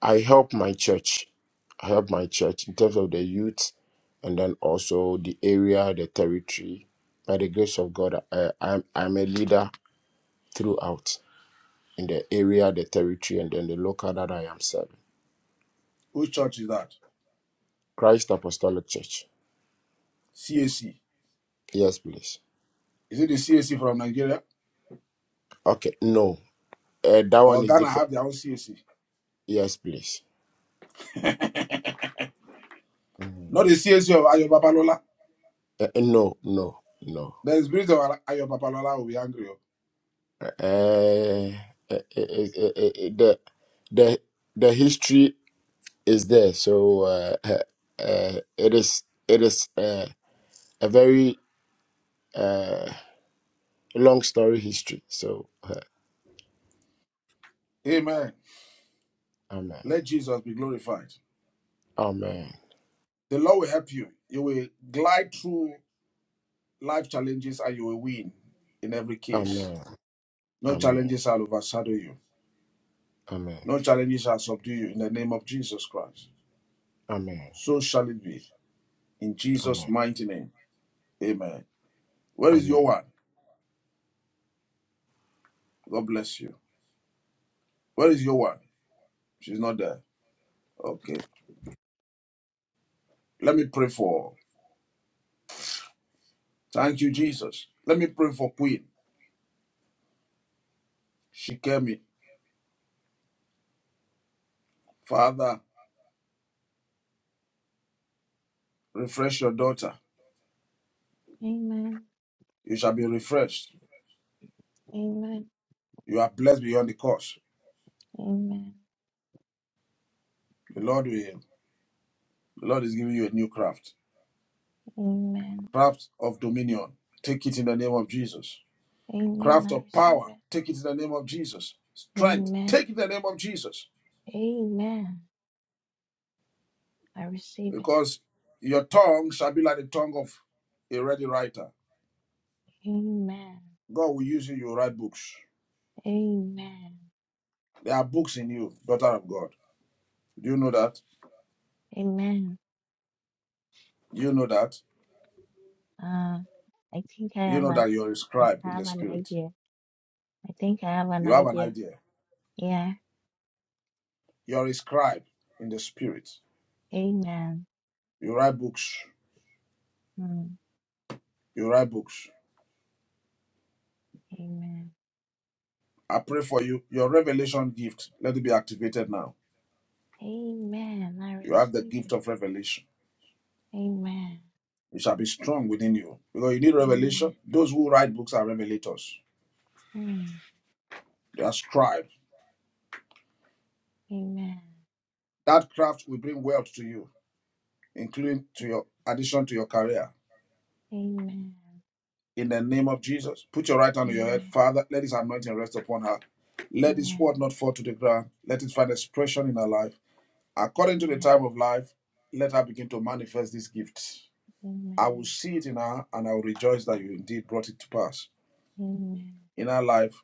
Speaker 11: I help my church. I help my church in terms of the youth and then also the area, the territory. By the grace of God, I, I'm, I'm a leader throughout in the area, the territory, and then the local that I am serving.
Speaker 3: Which church is that?
Speaker 11: Christ Apostolic Church.
Speaker 3: CAC.
Speaker 11: Yes, please.
Speaker 3: Is it the CAC from Nigeria?
Speaker 11: Okay, no. Uh, that one
Speaker 3: Or
Speaker 11: is
Speaker 3: Ghana
Speaker 11: different.
Speaker 3: have their own CAC?
Speaker 11: Yes, please. Mhm.
Speaker 3: Not the CAC of Ayo Babalola.
Speaker 11: Uh, uh, no, no, no.
Speaker 3: The spirit of Ayo Babalola will be angry. oh.
Speaker 11: Uh, uh, uh, uh, uh, uh, the, the, the history is there. So uh, uh, uh, it is it is uh, a very uh, long story history. So uh,
Speaker 3: Amen.
Speaker 11: amen,
Speaker 3: Let Jesus be glorified.
Speaker 11: amen,
Speaker 3: The Lord will help you. You will glide through life challenges and you will win in every case.
Speaker 11: amen,
Speaker 3: No
Speaker 11: amen,
Speaker 3: challenges shall overshadow you.
Speaker 11: amen,
Speaker 3: No challenges shall subdue you in the name of Jesus Christ.
Speaker 11: amen,
Speaker 3: So shall it be. In Jesus'
Speaker 11: amen,
Speaker 3: mighty name. Amen. Where is your
Speaker 11: amen.
Speaker 3: one? God bless you. Where is your one? She's not there. Okay. Let me pray for. Thank you, Jesus. Let me pray for Queen. She came in. Father, refresh your daughter.
Speaker 4: Amen.
Speaker 3: You shall be refreshed.
Speaker 4: Amen.
Speaker 3: You are blessed beyond the curse. The Lord will. The Lord is giving you a new craft.
Speaker 4: Amen.
Speaker 3: Craft of dominion. Take it in the name of Jesus.
Speaker 4: Amen. Amen.
Speaker 3: Craft
Speaker 4: I
Speaker 3: of
Speaker 4: receive
Speaker 3: power.
Speaker 4: it.
Speaker 3: Take it in the name of Jesus. Strength.
Speaker 4: Amen.
Speaker 3: Take it in the name of Jesus.
Speaker 4: Amen. I receive it.
Speaker 3: because your tongue shall be like the tongue of a ready writer.
Speaker 4: Amen.
Speaker 3: God will use you, you write books.
Speaker 4: Amen.
Speaker 3: There are books in you, daughter of God. Do you know that?
Speaker 4: Amen.
Speaker 3: Do you know that?
Speaker 4: Uh, I think I
Speaker 3: Do you
Speaker 4: have
Speaker 3: know
Speaker 4: an,
Speaker 3: that you're a
Speaker 4: an
Speaker 3: scribe
Speaker 4: I
Speaker 3: in the
Speaker 4: have an
Speaker 3: spirit?
Speaker 4: idea. I think I have an
Speaker 3: You have an
Speaker 4: idea.
Speaker 3: idea.
Speaker 4: Yeah.
Speaker 3: You're a scribe in the spirit.
Speaker 4: Amen.
Speaker 3: You write books.
Speaker 4: Mm,
Speaker 3: You write books.
Speaker 4: amen.
Speaker 3: I pray for you. Your revelation gift, let it be activated now.
Speaker 4: Amen. I
Speaker 3: You have the
Speaker 4: receive
Speaker 3: gift
Speaker 4: it.
Speaker 3: of revelation.
Speaker 4: Amen.
Speaker 3: It shall be strong within you. Because you need revelation.
Speaker 4: Amen.
Speaker 3: Those who write books are revelators.
Speaker 4: Mm,
Speaker 3: They are scribes.
Speaker 4: amen.
Speaker 3: That craft will bring wealth to you, including to your addition to your career.
Speaker 4: Amen.
Speaker 3: In the name of Jesus, put your right hand on your head.
Speaker 4: Amen.
Speaker 3: Father, let this anointing rest upon her. Let this
Speaker 4: Amen.
Speaker 3: word not fall to the ground. Let it find expression in her life. According to the time
Speaker 4: Amen.
Speaker 3: of life, let her begin to manifest this gift. I will
Speaker 4: Amen.
Speaker 3: see it in her and I will rejoice that you indeed brought it to pass.
Speaker 4: Amen.
Speaker 3: In her life,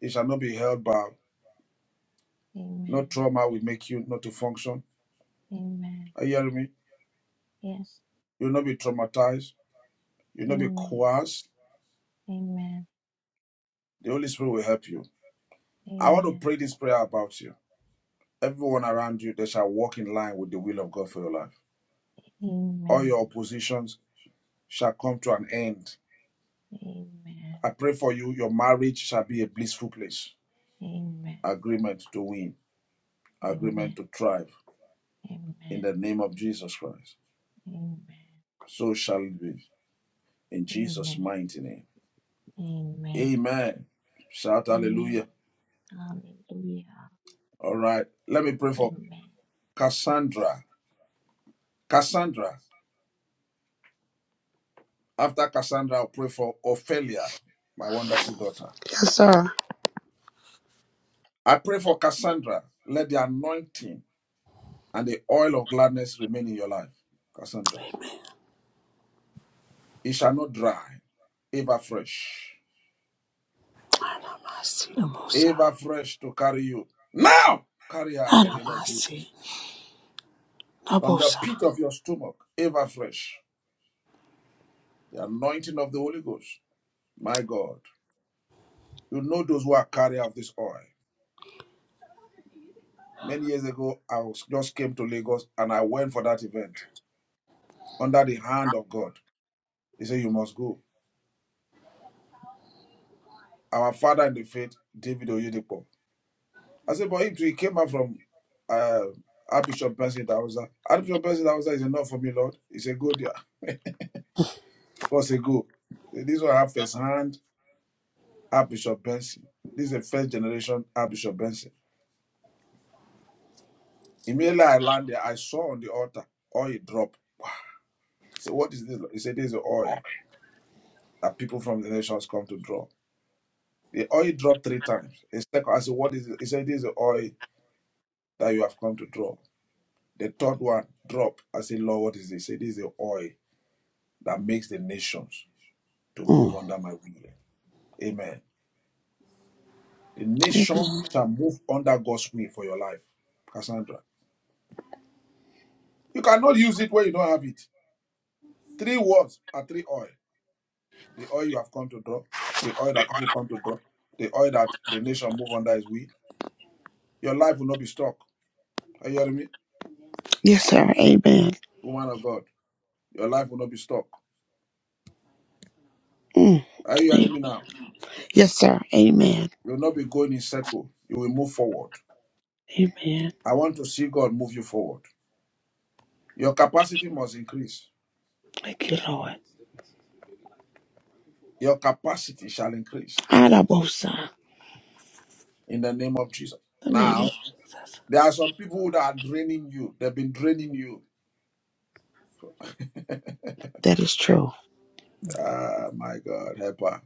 Speaker 3: it shall not be held back. No
Speaker 4: Amen.
Speaker 3: trauma will make you not to function.
Speaker 4: Amen.
Speaker 3: Are you hearing me?
Speaker 4: Yes.
Speaker 3: You'll not be traumatized. You'll not be
Speaker 4: Amen.
Speaker 3: coerced.
Speaker 4: Amen.
Speaker 3: The Holy Spirit will help you. I want to
Speaker 4: Amen.
Speaker 3: pray this prayer about you. Everyone around you, they shall walk in line with the will of God for your life. All your
Speaker 4: Amen.
Speaker 3: oppositions shall come to an end.
Speaker 4: Amen.
Speaker 3: I pray for you, your marriage shall be a blissful place.
Speaker 4: Amen.
Speaker 3: Agreement to win, agreement
Speaker 4: Amen.
Speaker 3: to thrive in
Speaker 4: Amen.
Speaker 3: the name of Jesus Christ.
Speaker 4: Amen.
Speaker 3: So shall it be in Jesus'
Speaker 4: Amen.
Speaker 3: mighty name.
Speaker 4: Amen.
Speaker 3: Amen. Shout
Speaker 4: Amen.
Speaker 3: hallelujah.
Speaker 4: Hallelujah.
Speaker 3: All right. Let me pray for
Speaker 4: Amen.
Speaker 3: Cassandra. Cassandra. After Cassandra, I'll pray for Ophelia, my wonderful daughter.
Speaker 6: Yes, sir.
Speaker 3: I pray for Cassandra. Let the anointing and the oil of gladness remain in your life, Cassandra. It shall not dry, ever fresh,
Speaker 6: I don't mind see the bosa.
Speaker 3: ever fresh to carry you. Now, carry her in
Speaker 6: I
Speaker 3: the
Speaker 6: don't
Speaker 3: name of
Speaker 6: mind see
Speaker 3: Jesus.
Speaker 6: the
Speaker 3: From the
Speaker 6: bosa.
Speaker 3: pit of your stomach, ever fresh, the anointing of the Holy Ghost. My God, you know those who are carrier of this oil. Many years ago, I was, just came to Lagos and I went for that event under the hand of God. He said, You must go. Our father in the faith, David Oyedepo I said, but him too, he came out from uh, Archbishop Benson Dawza. Archbishop Benson Dawza is enough for me, Lord. He said, go there. God said, go. He said, This one I have first hand Archbishop Benson. This is the first generation Archbishop Benson. Immediately I landed, I saw on the altar oil drop. He said, what is this? Lord? He said, this is the oil that people from the nations come to draw. The oil dropped three times. A second, I said, what is it? He said, this is the oil that you have come to draw. The third one dropped. I said, Lord, what is this? He said, this is the oil that makes the nations to move
Speaker 6: Mm.
Speaker 3: under my will. Amen. The nation
Speaker 6: Amen.
Speaker 3: shall move under God's will for your life, Cassandra. You cannot use it where you don't have it. Three words are three oil. The oil you have come to draw, the oil that people come to draw, the oil that the nation move under his will. Your life will not be stuck. Are you hearing me?
Speaker 6: Yes, sir. Amen.
Speaker 3: Woman of God, your life will not be stuck.
Speaker 6: Mm.
Speaker 3: Are you
Speaker 6: A-
Speaker 3: hearing me now?
Speaker 6: Yes, sir. Amen.
Speaker 3: You will not be going in circle. You will move forward.
Speaker 6: Amen.
Speaker 3: I want to see God move you forward. Your capacity must increase.
Speaker 6: Thank you, Lord.
Speaker 3: Your capacity shall increase
Speaker 6: Adabosa.
Speaker 3: in the name of Jesus.
Speaker 6: The name of-
Speaker 3: Now, there are some people that are draining you. They've been draining you.
Speaker 6: that is true.
Speaker 3: Ah, my God, help her.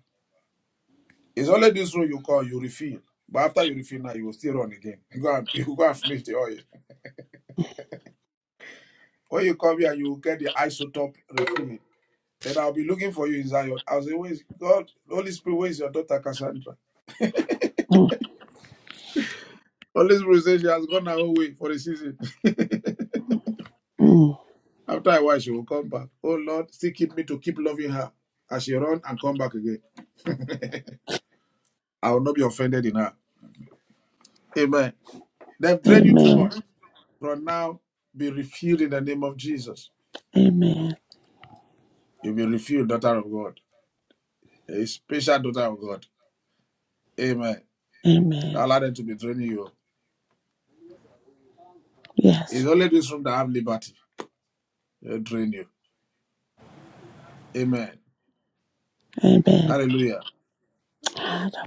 Speaker 3: It's only this room you call, you refill. But after you refill now, you will still run again. (laughs) You go and, (laughs) you go and finish the oil. When you come here, you will get the isotope refilling. Then I'll be looking for you in Zion. I'll say, Where is God? Holy Spirit, where is your daughter Cassandra?
Speaker 6: Mm.
Speaker 3: Holy Spirit says she has gone her own way for a season. (laughs)
Speaker 6: Mm.
Speaker 3: After a while, she will come back. Oh Lord, still keep me to keep loving her as she run and come back again. I will not be offended in her. Amen. They've drained you too
Speaker 6: Amen.
Speaker 3: much. From now, be refilled in the name of Jesus.
Speaker 6: Amen.
Speaker 3: You'll be refilled, daughter of God. A special daughter of God. Amen. Don't
Speaker 6: Amen.
Speaker 3: allow them to be draining you. It's
Speaker 6: Yes.
Speaker 3: only this room that have liberty. They'll drain you. Amen.
Speaker 6: Amen.
Speaker 3: Hallelujah.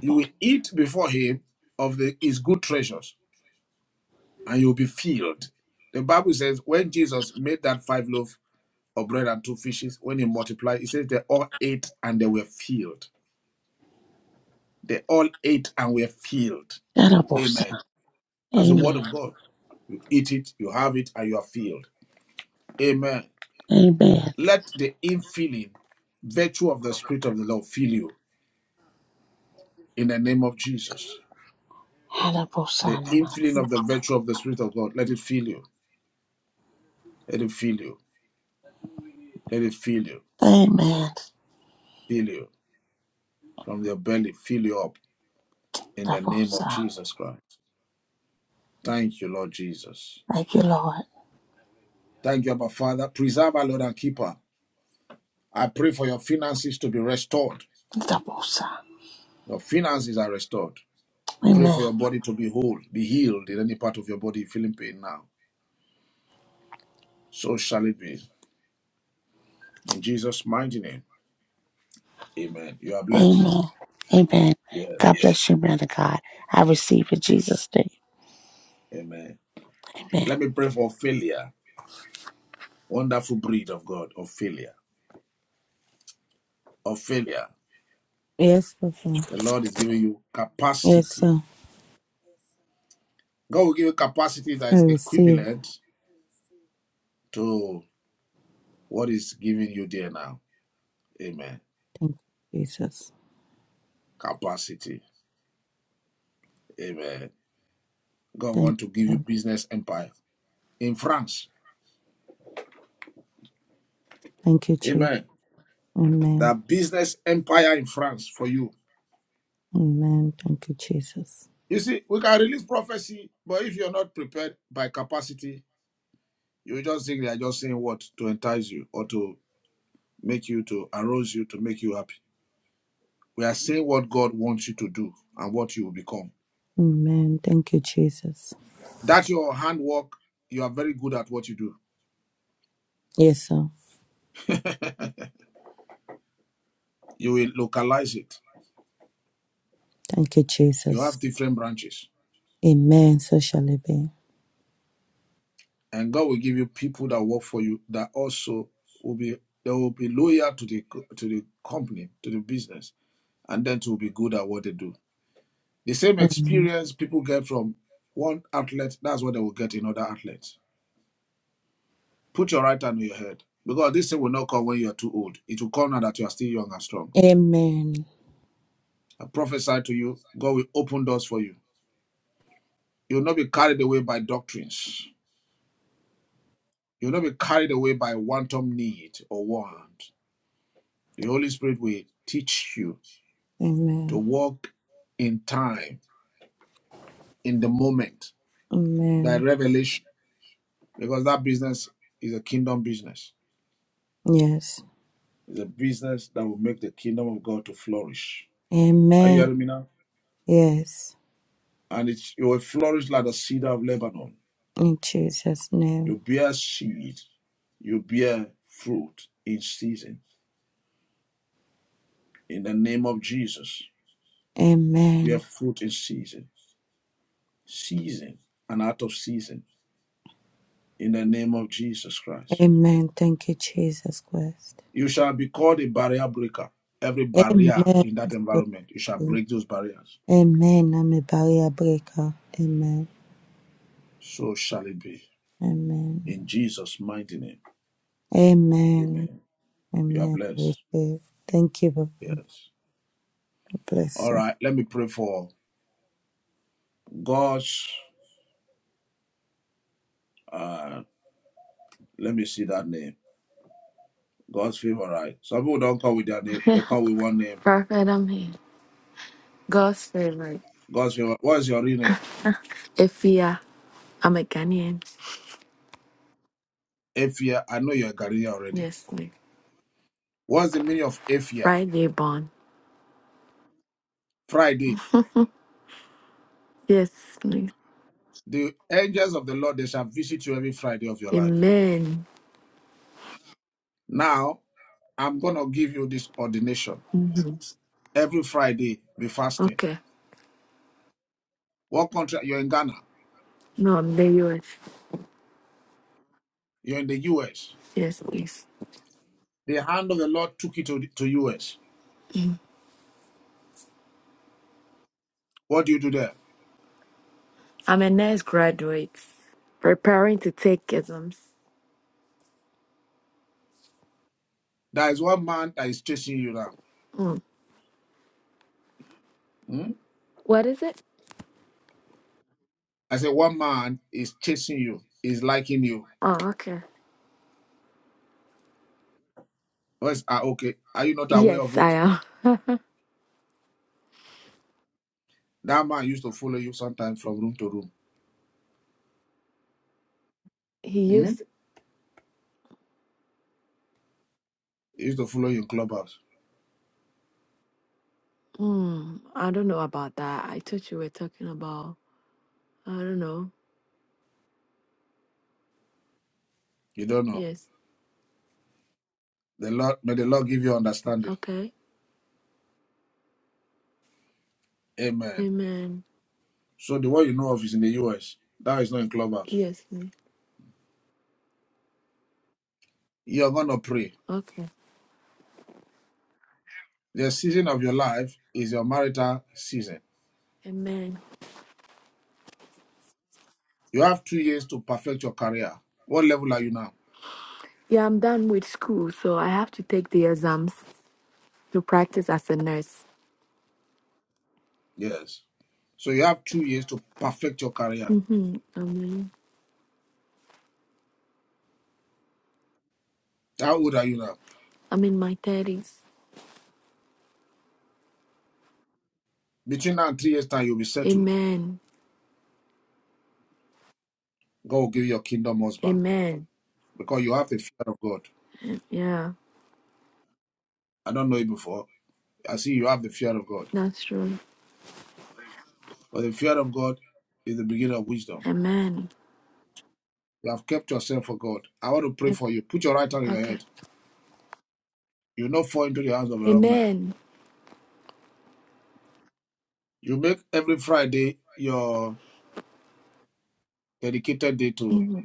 Speaker 3: You will eat before him of the his good treasures, and you'll be filled. The Bible says when Jesus made that five loaves of bread and two fishes, when he multiplied, it says they all ate and they were filled. They all ate and were filled. Amen. That's the word
Speaker 6: Amen.
Speaker 3: of God. You eat it, you have it, and you are filled. Amen.
Speaker 6: Amen.
Speaker 3: Let the infilling virtue of the Spirit of the Lord fill you in the name of Jesus. The
Speaker 6: Hadabosanama.
Speaker 3: infilling of the virtue of the Spirit of God, let it fill you. Let it fill you. Let it fill you.
Speaker 6: Amen.
Speaker 3: Fill you. From your belly, fill you up in the name of
Speaker 6: Dabosa.
Speaker 3: Jesus Christ. Thank you, Lord Jesus.
Speaker 6: Thank you, Lord.
Speaker 3: Thank you, Abba Father. Preserve our Lord and keep her. I pray for your finances to be restored
Speaker 6: Dabosa.
Speaker 3: Your finances are restored. Pray for
Speaker 6: Amen.
Speaker 3: your body to be whole, be healed in any part of your body feeling pain now. So shall it be. In Jesus' mighty name. Amen. You are blessed.
Speaker 6: Amen. Amen.
Speaker 3: Yes.
Speaker 6: God bless you, man of God. I receive in Jesus' name.
Speaker 3: Amen.
Speaker 6: Amen.
Speaker 3: Let me pray for failure. Wonderful breed of God, of failure. Of failure.
Speaker 5: Yes, Papa.
Speaker 3: The Lord is giving you
Speaker 5: Yes,
Speaker 3: capacity.
Speaker 5: sir.
Speaker 3: God will give you capacity that
Speaker 5: I
Speaker 3: is
Speaker 5: receive.
Speaker 3: equivalent to what is giving you there now. Amen.
Speaker 5: Thank you, Jesus.
Speaker 3: Capacity. Amen. God
Speaker 5: Thank you,
Speaker 3: want to give you
Speaker 5: Lord.
Speaker 3: business empire in France.
Speaker 5: Thank you, Jesus.
Speaker 3: Amen. the
Speaker 5: Amen.
Speaker 3: business empire in France for you.
Speaker 5: Amen. Thank you, Jesus.
Speaker 3: You see, we can release prophecy, but if you're not prepared by capacity, you just think they are just saying what to entice you or to make you to arouse you to make you happy. We are saying what God wants you to do and what you will become.
Speaker 5: Amen. Thank you, Jesus.
Speaker 3: That your handwork, you are very good at what you do.
Speaker 5: Yes, sir.
Speaker 3: You will localize it.
Speaker 5: Thank you,
Speaker 3: You
Speaker 5: Jesus.
Speaker 3: have different branches,
Speaker 5: Amen. So shall it be.
Speaker 3: and God will give you people that work for you that also will be they will be loyal to the to the company to the business and then to be good at what they do. The same
Speaker 5: Amen.
Speaker 3: experience people get from one outlet, that's what they will get in other outlets. Put your right hand on your head because this thing will not come when you are too old. It will come now that you are still young and strong.
Speaker 5: Amen.
Speaker 3: I prophesy to you, God will open doors for you. You will not be carried away by doctrines. You will not be carried away by wanton need or want. The Holy Spirit will teach you to
Speaker 5: Amen.
Speaker 3: walk in time, in the moment, by
Speaker 5: Amen.
Speaker 3: revelation, because that business is a kingdom business
Speaker 5: Yes.
Speaker 3: It's a business that will make the kingdom of God to flourish. Are you
Speaker 5: Amen.
Speaker 3: hearing me now?
Speaker 5: Yes.
Speaker 3: And it you will flourish like the cedar of Lebanon.
Speaker 5: In Jesus' name.
Speaker 3: You bear seed, you bear fruit in season. In the name of Jesus, bear
Speaker 5: Amen.
Speaker 3: fruit in season, season and out of season. In the name of Jesus Christ,
Speaker 5: Amen. Thank you, Jesus Christ.
Speaker 3: you shall be called a barrier breaker. Every barrier
Speaker 5: Amen.
Speaker 3: in that
Speaker 5: So
Speaker 3: environment, you shall
Speaker 5: true.
Speaker 3: break those barriers.
Speaker 5: Amen. I'm a barrier breaker. Amen.
Speaker 3: So shall it be.
Speaker 5: Amen.
Speaker 3: In Jesus' mighty name,
Speaker 5: Amen.
Speaker 3: Amen. You are
Speaker 5: Amen.
Speaker 3: blessed.
Speaker 5: Receive. Thank you. Lord.
Speaker 3: Yes.
Speaker 5: Bless
Speaker 3: All
Speaker 5: you.
Speaker 3: right, let me pray for God's. Uh, let me see that name. God's favor, right? Some people don't come with their name;
Speaker 12: Yeah,
Speaker 3: they come with one name.
Speaker 12: Prophet, I'm here. God's favorite.
Speaker 3: God's favor. What is your real name?
Speaker 12: Ifia, I'm a Ghanaian.
Speaker 3: Ephia. I know you're a Ghanaian already.
Speaker 12: Yes, please.
Speaker 3: What's the meaning of Ephia?
Speaker 12: Friday born.
Speaker 3: Friday.
Speaker 12: (laughs) yes, please.
Speaker 3: The angels of the Lord they shall visit you every Friday of your life.
Speaker 12: Amen.
Speaker 3: Now I'm gonna give you this ordination.
Speaker 12: hmm
Speaker 3: Every Friday, be fasting.
Speaker 12: Okay.
Speaker 3: What country? You're in Ghana.
Speaker 12: No, I'm the US.
Speaker 3: You're in the U.S.
Speaker 12: Yes, please.
Speaker 3: The hand of the Lord took you to the to U.S. What do you do there?
Speaker 12: I'm a nurse graduate, preparing to take exams.
Speaker 3: There is one man that is chasing you now.
Speaker 12: Mm.
Speaker 3: Mm?
Speaker 12: What is it?
Speaker 3: I said, one man is chasing you, is liking you.
Speaker 12: Oh, okay.
Speaker 3: Yes, ah, okay. Are you not aware of
Speaker 12: Yes,
Speaker 3: it?
Speaker 12: I am.
Speaker 3: That man used to follow you sometimes from room to room.
Speaker 12: (laughs) he
Speaker 3: Mm?
Speaker 12: used.
Speaker 3: He used to follow you in clubhouse.
Speaker 12: Mm, I don't know about that. I thought you were talking about. I don't know.
Speaker 3: You don't know.
Speaker 12: Yes.
Speaker 3: The Lord, may the Lord give you understanding.
Speaker 12: Okay.
Speaker 3: Amen.
Speaker 12: Amen.
Speaker 3: So the one you know of is in the US. That is not in clubhouse.
Speaker 12: Yes.
Speaker 3: You're gonna pray.
Speaker 12: Okay.
Speaker 3: The season of your life is your marital season.
Speaker 12: Amen.
Speaker 3: You have two years to perfect your career. What level are you now?
Speaker 12: Yeah, I'm done with school, so I have to take the exams to practice as a nurse.
Speaker 3: Yes. So you have two years to perfect your career.
Speaker 12: Mm-hmm. Amen.
Speaker 3: How old are you now?
Speaker 12: I'm in my thirties.
Speaker 3: Between now and three years' time, you'll be settled.
Speaker 12: Amen.
Speaker 3: God will give you your kingdom husband
Speaker 12: Amen.
Speaker 3: because you have the fear of God.
Speaker 12: Yeah,
Speaker 3: I don't know it before. I see you have the fear of God.
Speaker 12: that's true.
Speaker 3: But the fear of God is the beginning of wisdom.
Speaker 12: Amen.
Speaker 3: You have kept yourself for God. I want to pray
Speaker 12: Yep.
Speaker 3: for you. Put your right hand on your
Speaker 12: Okay.
Speaker 3: head. You will not fall into the hands of a wrong man.
Speaker 12: Amen.
Speaker 3: You make every Friday your dedicated day to
Speaker 12: hmm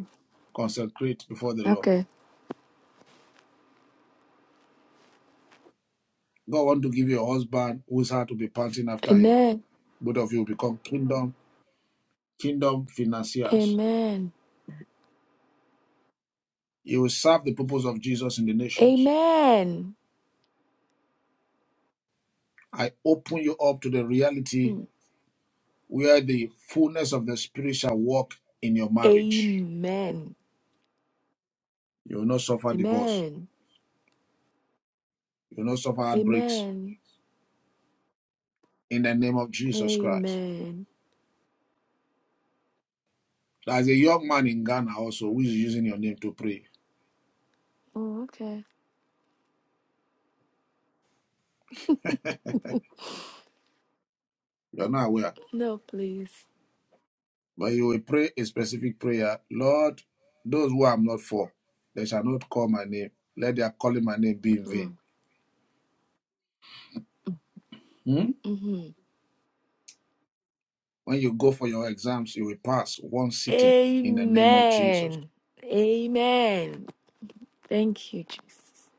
Speaker 3: consecrate before the Lord.
Speaker 12: Okay.
Speaker 3: God want to give you a husband whose heart will be panting after him.
Speaker 12: Amen.
Speaker 3: Both of you will become kingdom kingdom financiers.
Speaker 12: Amen.
Speaker 3: You will serve the purpose of Jesus in the nations.
Speaker 12: Amen.
Speaker 3: I open you up to the reality
Speaker 12: Mm.
Speaker 3: where the fullness of the Spirit shall walk in your marriage.
Speaker 12: Amen.
Speaker 3: You will not suffer divorce.
Speaker 12: Amen.
Speaker 3: You will not suffer heartbreaks
Speaker 12: Amen.
Speaker 3: in the name of Jesus Christ.
Speaker 12: Amen.
Speaker 3: There's a young man in Ghana also who is using your name to pray.
Speaker 12: Oh, okay. (laughs)
Speaker 3: You are not aware,
Speaker 12: no, please.
Speaker 3: but you will pray a specific prayer Lord, those who I'm not for, they shall not call my name. Let their calling my name be in
Speaker 12: Oh.
Speaker 3: vain. Hmm?
Speaker 12: hmm
Speaker 3: When you go for your exams, you will pass one sitting in the name of Jesus.
Speaker 12: Amen. Amen. Thank you, Jesus.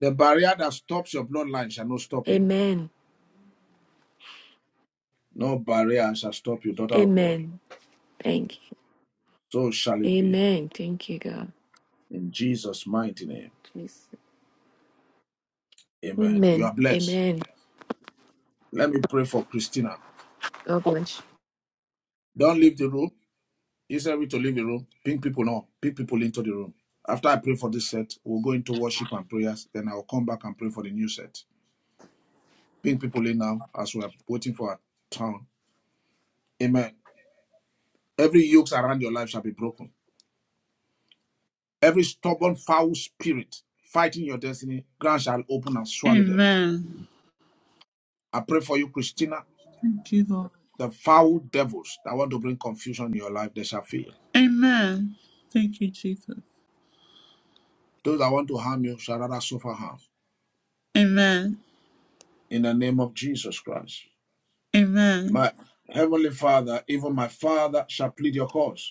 Speaker 3: The barrier that stops your bloodline shall not stop you.
Speaker 12: Amen.
Speaker 3: No barrier shall stop you, daughter of God.
Speaker 12: Amen. Thank you.
Speaker 3: So shall it be.
Speaker 12: Amen. Thank you, God.
Speaker 3: In Jesus' mighty name.
Speaker 12: Jesus.
Speaker 3: Amen. You
Speaker 12: Amen.
Speaker 3: are blessed.
Speaker 12: Amen.
Speaker 3: Let me pray for Christina.
Speaker 12: God bless you.
Speaker 3: Don't leave the room. Is there a way to leave the room? Bring people on. Bring people into the room. After I pray for this set, we'll go into worship and prayers. Then I'll come back and pray for the new set. Bring people in now as we are waiting for our town. Amen. Every yoke around your life shall be broken. Every stubborn, foul spirit fighting your destiny, ground shall open and swallow them.
Speaker 1: Amen.
Speaker 3: I pray for you, Christina.
Speaker 1: Thank you, Lord.
Speaker 3: The foul devils that want to bring confusion in your life, they shall fail.
Speaker 1: Amen. Thank you, Jesus.
Speaker 3: Those that want to harm you shall rather suffer harm.
Speaker 1: Amen.
Speaker 3: In the name of Jesus Christ.
Speaker 1: Amen.
Speaker 3: My heavenly Father, even my Father, shall plead your cause.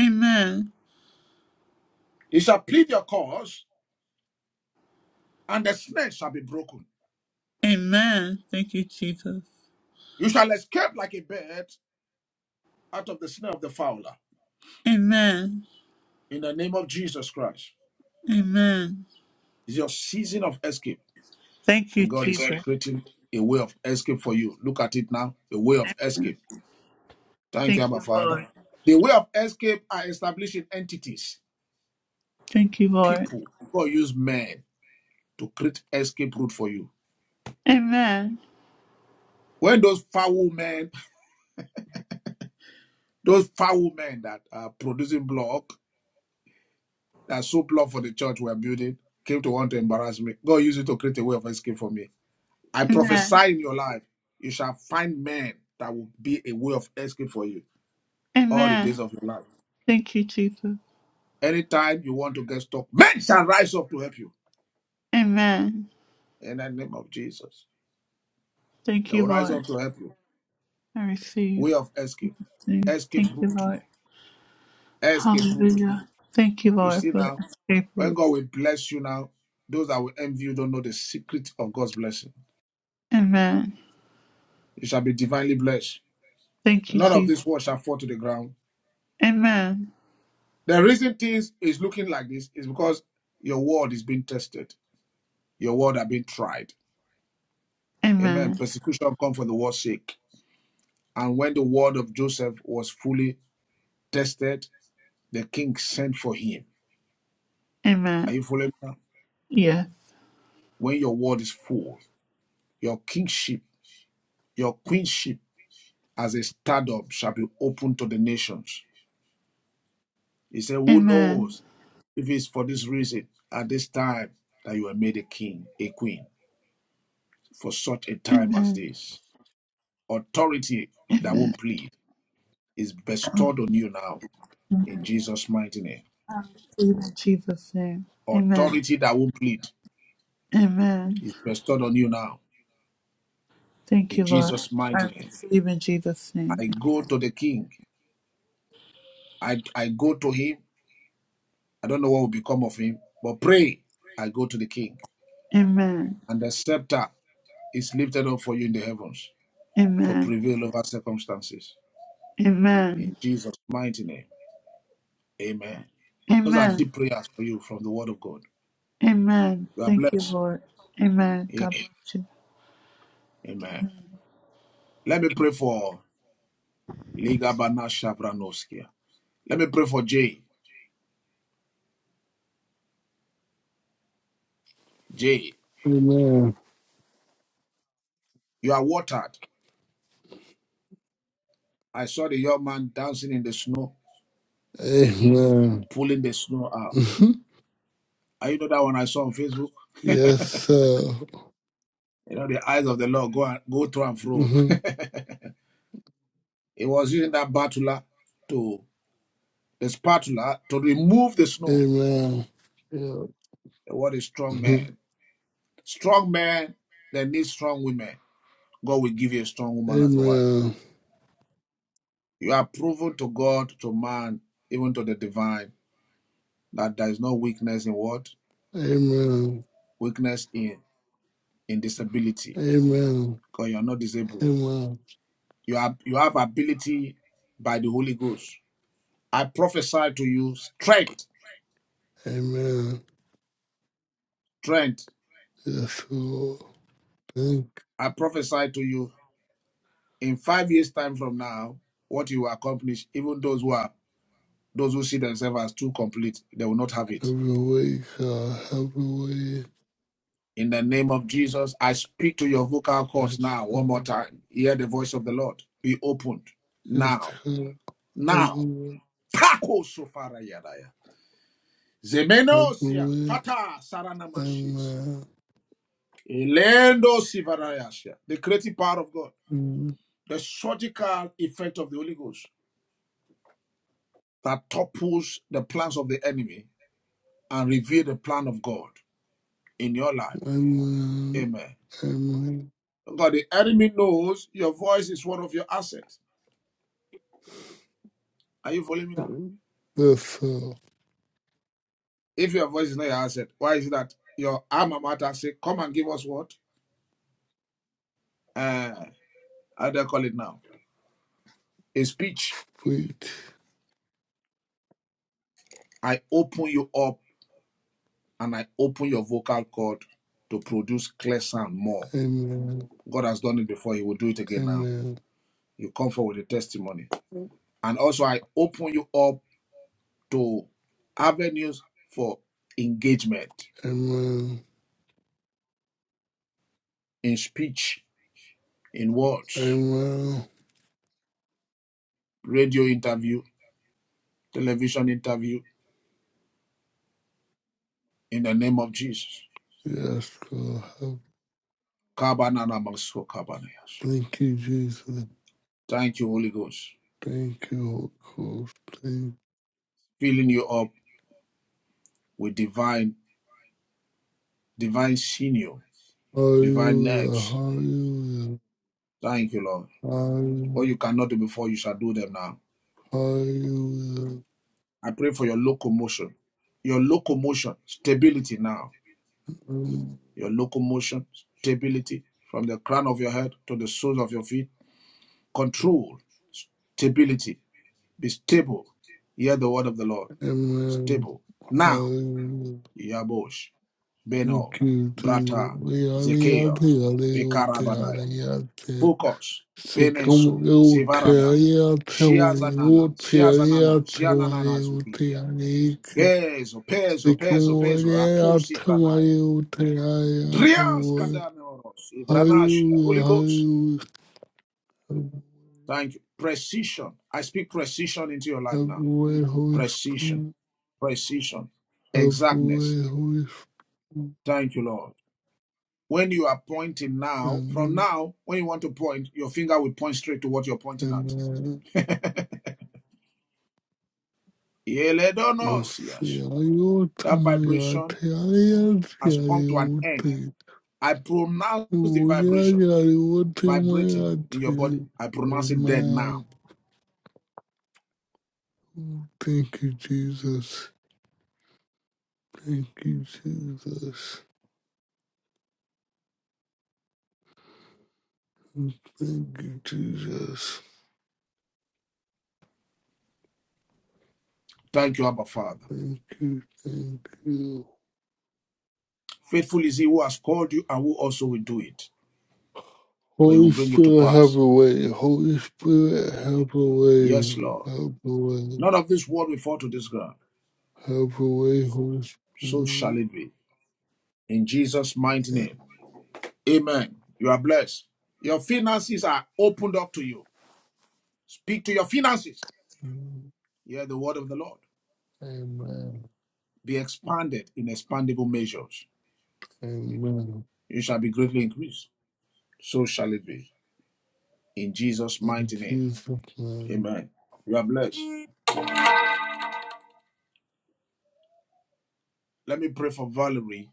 Speaker 1: Amen.
Speaker 3: He shall plead your cause, and the snare shall be broken.
Speaker 1: Amen. Thank you, Jesus.
Speaker 3: You shall escape like a bird out of the snare of the fowler.
Speaker 1: Amen.
Speaker 3: In the name of Jesus Christ.
Speaker 1: Amen.
Speaker 3: It's your season of escape.
Speaker 1: Thank you,
Speaker 3: and God is
Speaker 1: Jesus.
Speaker 3: creating a way of escape for you. Look at it now, a way of escape. Thank you,
Speaker 1: Thank
Speaker 3: Abba
Speaker 1: you,
Speaker 3: Father.
Speaker 1: Lord.
Speaker 3: The way of escape are establishing entities,
Speaker 1: Thank you, Lord.
Speaker 3: people. God use men to create escape route for you.
Speaker 1: Amen.
Speaker 3: When those foul men, those foul men that are producing block, that so block for the church we're building, came to want to embarrass me. God used it to create a way of escape for me. I
Speaker 1: Amen.
Speaker 3: prophesy in your life, you shall find men that will be a way of escape for you all the
Speaker 1: Amen.
Speaker 3: days of your life.
Speaker 1: Thank you, Jesus.
Speaker 3: Anytime you want to get stuck, men shall rise up to help you.
Speaker 1: Amen.
Speaker 3: In the name of Jesus,
Speaker 1: Thank
Speaker 3: they
Speaker 1: you,
Speaker 3: will rise up
Speaker 1: Lord.
Speaker 3: to help you.
Speaker 1: I receive.
Speaker 3: Way of
Speaker 1: In
Speaker 3: escape,
Speaker 1: Jesus' name.
Speaker 3: escape
Speaker 1: Thank you,
Speaker 3: route,
Speaker 1: Lord.
Speaker 3: escape route.
Speaker 1: Hallelujah. Thank you,
Speaker 3: You
Speaker 1: Lord,
Speaker 3: see
Speaker 1: for the
Speaker 3: now,
Speaker 1: escape
Speaker 3: when
Speaker 1: route.
Speaker 3: God will bless you now, those that will envy you don't know the secret of God's blessing.
Speaker 1: Amen.
Speaker 3: You shall be divinely blessed.
Speaker 1: Thank you,
Speaker 3: None of
Speaker 1: Jesus.
Speaker 3: this world shall fall to the ground.
Speaker 1: Amen.
Speaker 3: The reason things is looking like this is because your word is being tested. Your word are being tried. Amen.
Speaker 1: Amen.
Speaker 3: Persecution come for the word's sake. And when the word of Joseph was fully tested, the king sent for him. Are
Speaker 1: Amen.
Speaker 3: you following me?
Speaker 1: Yes.
Speaker 3: When your word is full, your kingship, your queenship as a stardom shall be open to the nations. He said, Who
Speaker 1: Amen.
Speaker 3: knows if it's for this reason at this time that you are made a king, a queen, for such a time as
Speaker 1: Amen.
Speaker 3: this? Authority that
Speaker 1: Amen.
Speaker 3: won't plead is bestowed on you now in Jesus' mighty name.
Speaker 1: Receive in Jesus' name. Amen.
Speaker 3: Authority that won't plead
Speaker 1: Amen.
Speaker 3: is bestowed on you now
Speaker 1: Thank
Speaker 3: in
Speaker 1: you, Lord.
Speaker 3: Jesus' mighty name.
Speaker 1: Receive in Jesus' name.
Speaker 3: I go to the king I, I go to him. I don't know what will become of him, but pray. I go to the king.
Speaker 1: Amen.
Speaker 3: And the scepter is lifted up for you in the heavens to
Speaker 1: Amen.
Speaker 3: prevail over circumstances. In
Speaker 1: Amen.
Speaker 3: Jesus' mighty name. Amen. Those are
Speaker 1: Amen.
Speaker 3: deep prayers for you from the word of God.
Speaker 1: Amen.
Speaker 3: You are
Speaker 1: Thank you,
Speaker 3: blessed.
Speaker 1: Lord. Amen.
Speaker 3: Yes.
Speaker 1: God bless you.
Speaker 3: Amen. Let me pray for Liga Bana Shavranoskia. Let me pray for Jay. Jay,
Speaker 13: Amen.
Speaker 3: you are watered. I saw the young man dancing in the snow,
Speaker 13: Amen.
Speaker 3: pulling the snow out.
Speaker 13: Mhm.
Speaker 3: I you know that one I saw on Facebook?
Speaker 13: yes, sir.
Speaker 3: You know, the eyes of the Lord go and, go to and fro.
Speaker 13: Mhm.
Speaker 3: (laughs) he was using that batula to the spatula to remove the snow.
Speaker 13: Amen. Yeah.
Speaker 3: The word is strong
Speaker 13: Mhm.
Speaker 3: man. Strong man that needs strong women. God will give you a strong woman as a wife.
Speaker 13: Amen.
Speaker 3: You are proven to God, to man, even to the divine, that there is no weakness in what?
Speaker 13: Amen.
Speaker 3: Weakness in, in disability.
Speaker 13: Amen.
Speaker 3: Because you are not disabled.
Speaker 13: Amen.
Speaker 3: You have you have ability by the Holy Ghost. I prophesy to you strength.
Speaker 13: Amen.
Speaker 3: Strength.
Speaker 13: Yes, Lord. Thank
Speaker 3: I prophesy to you in five years time from now what you accomplish even those who are those who see themselves as too complete they will not have it
Speaker 13: every way, God. Every way.
Speaker 3: in the name of jesus i speak to your vocal cords
Speaker 13: Yes,
Speaker 3: now one more
Speaker 13: God.
Speaker 3: time hear the voice of the lord be opened
Speaker 13: Yes,
Speaker 3: now
Speaker 13: God.
Speaker 3: now
Speaker 13: Every way.
Speaker 3: Pako sofara yadaya.
Speaker 13: Every
Speaker 3: Zemenosia
Speaker 13: way.
Speaker 3: fata saranamashis.
Speaker 13: Amen.
Speaker 3: Elendo sivarayasha. The creative power of God,
Speaker 13: Mhm.
Speaker 3: the surgical effect of the Holy Ghost that topples the plans of the enemy and reveal the plan of God. in your life.
Speaker 13: Amen.
Speaker 3: Amen.
Speaker 13: Amen.
Speaker 3: God, the enemy knows your voice is one of your assets. Are you following me now?
Speaker 13: Yes, sir.
Speaker 3: If your voice is not your asset, why is it that your alma mater say, come and give us what? Uh, how do I call it now? A speech.
Speaker 13: Preach.
Speaker 3: I open you up and I open your vocal cord to produce clear sound more.
Speaker 13: Amen.
Speaker 3: God has done it before. He will do it again now.
Speaker 13: Amen.
Speaker 3: You come forward with a testimony. And also, I open you up to avenues for engagement
Speaker 13: Amen.
Speaker 3: in speech in words,
Speaker 13: Amen.
Speaker 3: radio interview, television interview, in the name of Jesus.
Speaker 13: Yes, God.
Speaker 3: Kabanana maso kabanayas.
Speaker 13: Thank you, Jesus.
Speaker 3: Thank you, Holy Ghost.
Speaker 13: Thank you, Holy Ghost. Thank
Speaker 3: Filling you up with divine, divine sinew, divine
Speaker 13: Hallelujah.
Speaker 3: nerves.
Speaker 13: Hallelujah.
Speaker 3: Thank you, Lord. What you
Speaker 13: Hallelujah.
Speaker 3: cannot do before, you shall do them now.
Speaker 13: Hallelujah.
Speaker 3: I pray for your locomotion, your locomotion, stability now. Your locomotion, stability from the crown of your head to the soles of your feet. Control, stability. Be stable. Hear the word of the Lord.
Speaker 13: Amen.
Speaker 3: Stable. Now,
Speaker 13: Hallelujah.
Speaker 3: Yabosh, Beno,
Speaker 13: Thank you, Jesus.
Speaker 3: Brata,
Speaker 13: We are the
Speaker 3: Zekeos,
Speaker 13: ante, are the ante,
Speaker 3: Pekarabanaya.
Speaker 13: the ante.
Speaker 3: Focus.
Speaker 13: Se
Speaker 3: Beneso,
Speaker 13: como eu te
Speaker 3: Sevarada,
Speaker 13: haría, te maría,
Speaker 3: Shiazanana,
Speaker 13: te
Speaker 3: Shiazanana,
Speaker 13: haría, te
Speaker 3: Shianana
Speaker 13: maría,
Speaker 3: Zukibia. Peso, peso, peso, peso,
Speaker 13: സിഖമോരെ
Speaker 3: Apusi
Speaker 13: ആട്ടമായി
Speaker 3: Franaya.
Speaker 13: ഊട്ടയായ
Speaker 3: Drias
Speaker 13: ആട്ടമോയ
Speaker 3: Kadameoros, Ivranashia,
Speaker 13: hallelujah
Speaker 3: Holy Ghost.
Speaker 13: Hallelujah
Speaker 3: Thank you. Precision. I speak precision into your life
Speaker 13: Have
Speaker 3: now.
Speaker 13: way, Holy
Speaker 3: Precision.
Speaker 13: Spirit.
Speaker 3: precision,
Speaker 13: Have way,
Speaker 3: exactness.
Speaker 13: Holy Spirit.
Speaker 3: Thank you, Lord. When you are pointing now, from
Speaker 13: Amen.
Speaker 3: now, when you want to point, your finger will point straight to what you're pointing at.
Speaker 13: Amen.
Speaker 3: Eledonos,
Speaker 13: മസിയായ
Speaker 3: That
Speaker 13: ഓട്ടമായ
Speaker 3: vibration
Speaker 13: ആട്ടയായ
Speaker 3: has
Speaker 13: ആട്ടയായ
Speaker 3: come to an end.
Speaker 13: ഊട്ടി.
Speaker 3: I pronounce the vibration
Speaker 13: ഊയായായ ഓട്ടമായ
Speaker 3: vibrating in your
Speaker 13: ആട്ടയായ.
Speaker 3: body. I pronounce it dead
Speaker 13: Amen.
Speaker 3: now.
Speaker 13: Thank you, Jesus. Thank you, Jesus. Thank you, Jesus.
Speaker 3: Thank you, Abba Father.
Speaker 13: Thank you, thank you.
Speaker 3: Faithful is he who has called you and who also will do it, for he will
Speaker 13: Holy
Speaker 3: bring it to
Speaker 13: Spirit, have
Speaker 3: pass.
Speaker 13: a way. Holy Spirit, have a way.
Speaker 3: Yes, Lord.
Speaker 13: Have a way.
Speaker 3: None of this world will fall to this ground.
Speaker 13: Have a way, Holy
Speaker 3: So shall
Speaker 13: Spirit.
Speaker 3: it be. In Jesus' mighty
Speaker 13: Amen.
Speaker 3: name. Amen. You are blessed. Your finances are opened up to you. Speak to your finances. Hear the word of the Lord.
Speaker 13: Amen.
Speaker 3: Be expanded in expandable measures.
Speaker 13: Amen.
Speaker 3: You shall be greatly increased. So shall it be. In Jesus'
Speaker 13: In
Speaker 3: mighty name.
Speaker 13: Jesus' name.
Speaker 3: Amen. You are blessed. Let me pray for Valerie.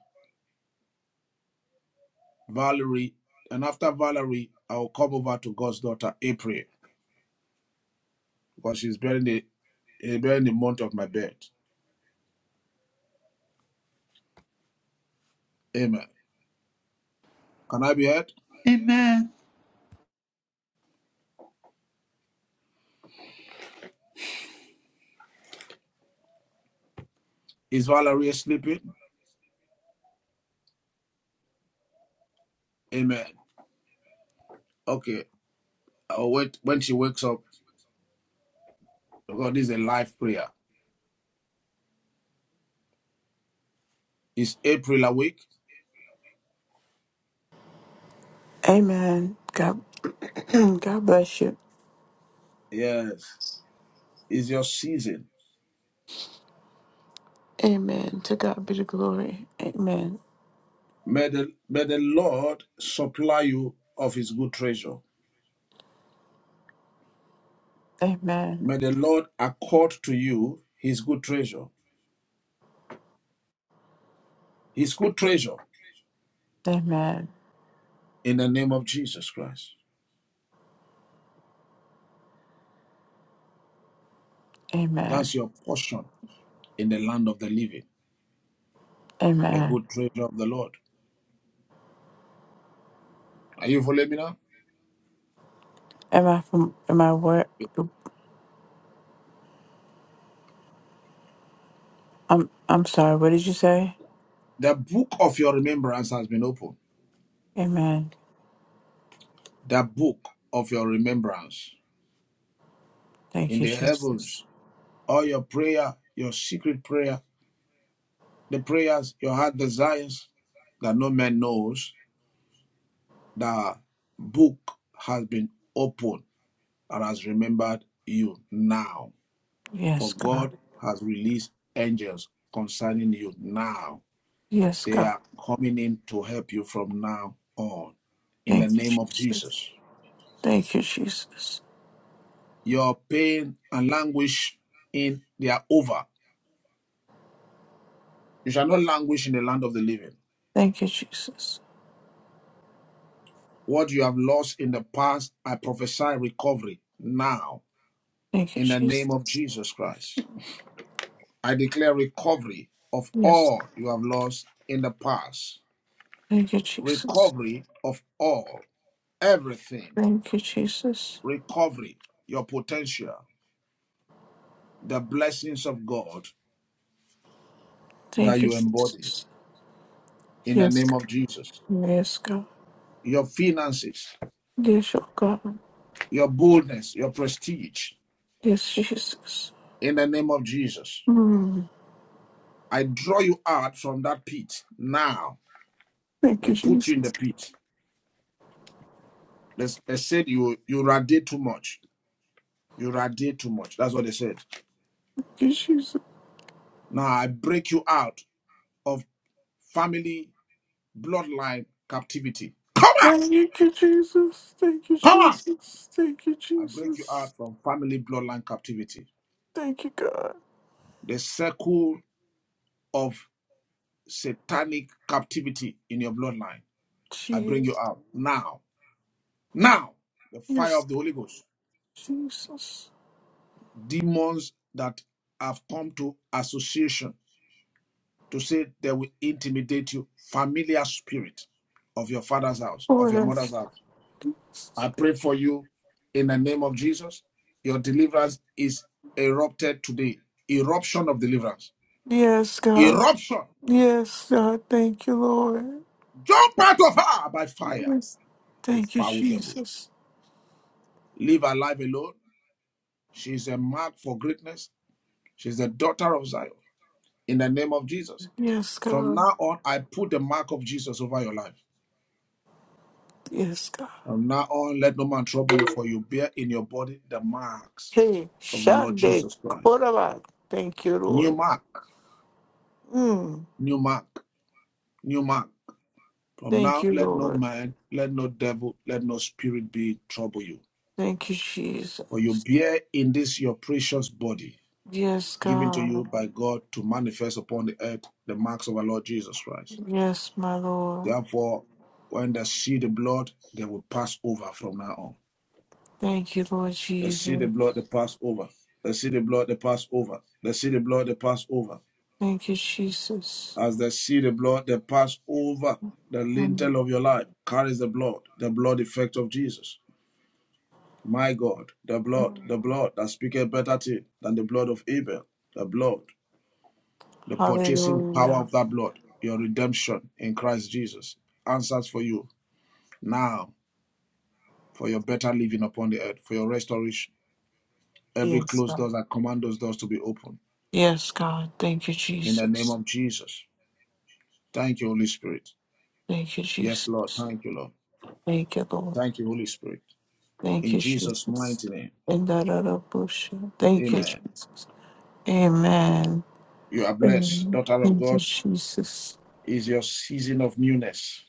Speaker 3: Valerie. And after Valerie, I will come over to God's daughter, April, because she's bearing the, eh, bearing the month of my birth. Amen. Can I be heard?
Speaker 1: Amen.
Speaker 3: Is Valerie sleeping? Amen. Okay. or when, when she wakes up, God this is a life prayer. Is April awake?
Speaker 14: Amen. God, (clears throat) God bless you.
Speaker 3: Yes. Is your season.
Speaker 14: Amen. To God be the glory. Amen.
Speaker 3: May the, may the Lord supply you of his good treasure.
Speaker 14: Amen.
Speaker 3: May the Lord accord to you his good treasure. His good treasure
Speaker 14: Amen.
Speaker 3: in the name of Jesus Christ.
Speaker 14: Amen.
Speaker 3: That's your portion in the land of the living, the
Speaker 14: Amen.
Speaker 3: good treasure of the Lord. Are you following me now?
Speaker 14: Am I from? Am I where? I'm. I'm sorry. What did you say?
Speaker 3: The book of your remembrance has been opened.
Speaker 14: Amen.
Speaker 3: The book of your remembrance
Speaker 14: Thank
Speaker 3: in
Speaker 14: you,
Speaker 3: the heavens
Speaker 14: Jesus.
Speaker 3: all your prayer, your secret prayer, the prayers your heart desires that no man knows, the book has been opened and has remembered you now.
Speaker 14: Yes,
Speaker 3: For
Speaker 14: God.
Speaker 3: God has released angels concerning you now.
Speaker 14: Yes,
Speaker 3: They
Speaker 14: God.
Speaker 3: are coming in to help you from now on. In the
Speaker 14: Thank you,
Speaker 3: name of
Speaker 14: Jesus.
Speaker 3: Jesus.
Speaker 14: Thank you, Jesus.
Speaker 3: Your pain and languish in they are over. You shall not languish in the land of the living.
Speaker 14: Thank you, Jesus.
Speaker 3: What you have lost in the past, I prophesy recovery now
Speaker 14: Thank you,
Speaker 3: in the name of
Speaker 14: Jesus.
Speaker 3: Jesus Christ. I declare recovery of
Speaker 14: Yes.
Speaker 3: all you have lost in the past.
Speaker 14: Thank you, Jesus.
Speaker 3: Recovery of all, everything.
Speaker 14: Thank you, Jesus.
Speaker 3: Recovery, your potential, the blessings of God that
Speaker 14: Thank you,
Speaker 3: you embody
Speaker 14: Jesus.
Speaker 3: in the
Speaker 14: Yes,
Speaker 3: name
Speaker 14: God.
Speaker 3: of Jesus.
Speaker 14: Yes, God.
Speaker 3: Your finances,
Speaker 14: Yes, oh God.
Speaker 3: your boldness, your prestige
Speaker 14: Yes, Jesus.
Speaker 3: in the name of Jesus.
Speaker 14: Mm.
Speaker 3: I draw you out from that pit now
Speaker 14: Thank
Speaker 3: They
Speaker 14: you,
Speaker 3: put you in the
Speaker 14: Jesus.
Speaker 3: pit. They, they said you you radiate too much. You radiate too much. That's what they said.
Speaker 14: Thank you, Jesus.
Speaker 3: Now I break you out of family bloodline captivity. Come out!
Speaker 14: Thank you, Jesus. Thank you,
Speaker 3: Come out!
Speaker 14: Jesus. Thank you,
Speaker 3: I break you
Speaker 14: Jesus.
Speaker 3: out from family bloodline captivity.
Speaker 14: Thank you, God.
Speaker 3: The circle of satanic captivity in your bloodline. I bring you
Speaker 14: Jesus.
Speaker 3: out now. Now, the fire
Speaker 14: Yes,
Speaker 3: of the Holy Ghost.
Speaker 14: Jesus.
Speaker 3: Demons that have come to association to say they will intimidate you, familiar spirit of your father's house, of
Speaker 14: Lord.
Speaker 3: your mother's
Speaker 14: yes.
Speaker 3: house. I pray for you in the name of Jesus. Your deliverance is erupted today. Eruption of deliverance.
Speaker 14: Yes, God.
Speaker 3: Eruption.
Speaker 14: Yes, God. Thank you, Lord.
Speaker 3: Jump out of her by fire,
Speaker 14: Yes.
Speaker 3: you
Speaker 14: Thank you,
Speaker 3: foul devil.
Speaker 14: Jesus.
Speaker 3: Leave her life alone. She's a mark for greatness. She's the daughter of Zion. In the name of Jesus.
Speaker 14: Yes,
Speaker 3: From
Speaker 14: God.
Speaker 3: now on, I put the mark of Jesus over your life.
Speaker 14: Yes, God.
Speaker 3: From now on, let no man trouble you, for you bear in your body the marks
Speaker 14: Hey,
Speaker 3: of the Lord
Speaker 14: Shande
Speaker 3: Jesus Christ.
Speaker 14: Koraba. Thank you,
Speaker 3: New
Speaker 14: Lord.
Speaker 3: mark,
Speaker 14: Mm.
Speaker 3: new mark, new mark. From
Speaker 14: Thank
Speaker 3: now,
Speaker 14: you,
Speaker 3: let no
Speaker 14: Lord.
Speaker 3: man, let no devil, let no spirit be trouble you.
Speaker 14: Thank you,
Speaker 3: For you
Speaker 14: Jesus.
Speaker 3: bear in this your precious body,
Speaker 14: Yes,
Speaker 3: given to
Speaker 14: God.
Speaker 3: you by God to manifest upon the earth the marks of our Lord Jesus Christ.
Speaker 14: Yes, my Lord.
Speaker 3: Therefore, when they see the blood, they will pass over from now on.
Speaker 14: Thank you, Lord
Speaker 3: They see the
Speaker 14: Jesus.
Speaker 3: blood They pass over. They see the blood They pass over. They see the blood They pass over.
Speaker 14: Thank you, Jesus.
Speaker 3: As they see the blood they pass over the
Speaker 14: Mm.
Speaker 3: lintel of your life carries the blood, the blood effect of Jesus. My God, the blood, the blood that speaketh better thing than the blood of Abel, the blood, the purchasing power
Speaker 14: Hallelujah.
Speaker 3: of that blood, your redemption in Christ Jesus answers for you now for your better living upon the earth, for your restoration. Every
Speaker 14: Yes,
Speaker 3: closed
Speaker 14: God.
Speaker 3: door, I command those doors to be open
Speaker 14: Yes, God. Thank you,
Speaker 3: in the name
Speaker 14: Jesus.
Speaker 3: of Jesus. Thank you, Holy Spirit.
Speaker 14: Thank you,
Speaker 3: Yes, Lord.
Speaker 14: Jesus.
Speaker 3: Thank you, Lord.
Speaker 14: Thank you, Lord.
Speaker 3: Thank you, Holy Spirit.
Speaker 14: Thank
Speaker 3: In
Speaker 14: you,
Speaker 3: Jesus'
Speaker 14: Jesus.
Speaker 3: mighty name.
Speaker 14: And that other bush. Thank you,
Speaker 3: Amen.
Speaker 14: Jesus. Amen.
Speaker 3: You are blessed,
Speaker 14: Amen.
Speaker 3: daughter of
Speaker 14: Thank you,
Speaker 3: God.
Speaker 14: Jesus.
Speaker 3: Is your season of newness.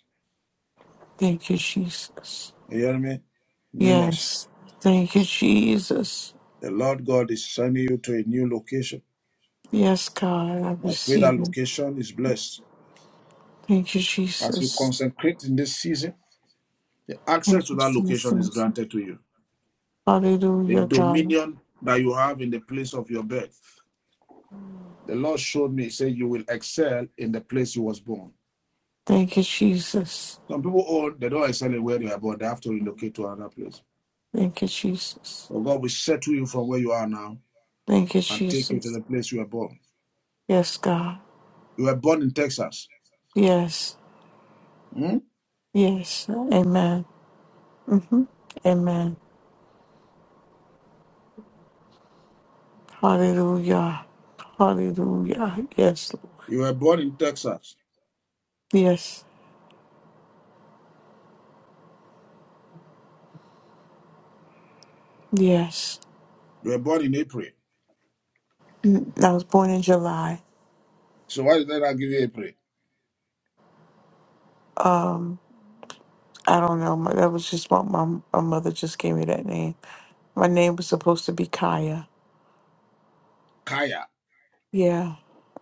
Speaker 14: Thank you, Jesus.
Speaker 3: You hear me? Newness.
Speaker 14: Yes. Thank you, Jesus.
Speaker 3: The Lord God is sending you to a new location.
Speaker 14: Yes, God, I
Speaker 3: I pray that
Speaker 14: receive it.
Speaker 3: location is blessed.
Speaker 14: Thank you,
Speaker 3: As you
Speaker 14: Jesus.
Speaker 3: consecrate in this season, the access
Speaker 14: Thank
Speaker 3: to
Speaker 14: you,
Speaker 3: that location is
Speaker 14: Jesus.
Speaker 3: granted to you. The
Speaker 14: Hallelujah, God.
Speaker 3: dominion that you have in the place of your birth. The Lord showed me, he said, you will excel in the place you was born.
Speaker 14: Thank you, Jesus.
Speaker 3: Some people own, they don't excel in where they are born, they have to relocate to another place.
Speaker 14: Thank you, Jesus.
Speaker 3: But God will settle you from where you are now
Speaker 14: Thank you,
Speaker 3: and take you to
Speaker 14: Jesus.
Speaker 3: the place you were born.
Speaker 14: Yes, God.
Speaker 3: You were born in Texas.
Speaker 14: Yes.
Speaker 3: Hmm?
Speaker 14: Yes. Amen. hmm Amen. Hallelujah. Hallelujah. Yes, Lord.
Speaker 3: You were born in Texas.
Speaker 14: Yes. Yes.
Speaker 3: You were born in April.
Speaker 14: Mm, I was born in July.
Speaker 3: So why did they not give you April?
Speaker 14: Um, I don't know. My, that was just what my, my mother just gave me that name. My name was supposed to be Kaya
Speaker 3: Kaya.
Speaker 14: Yeah,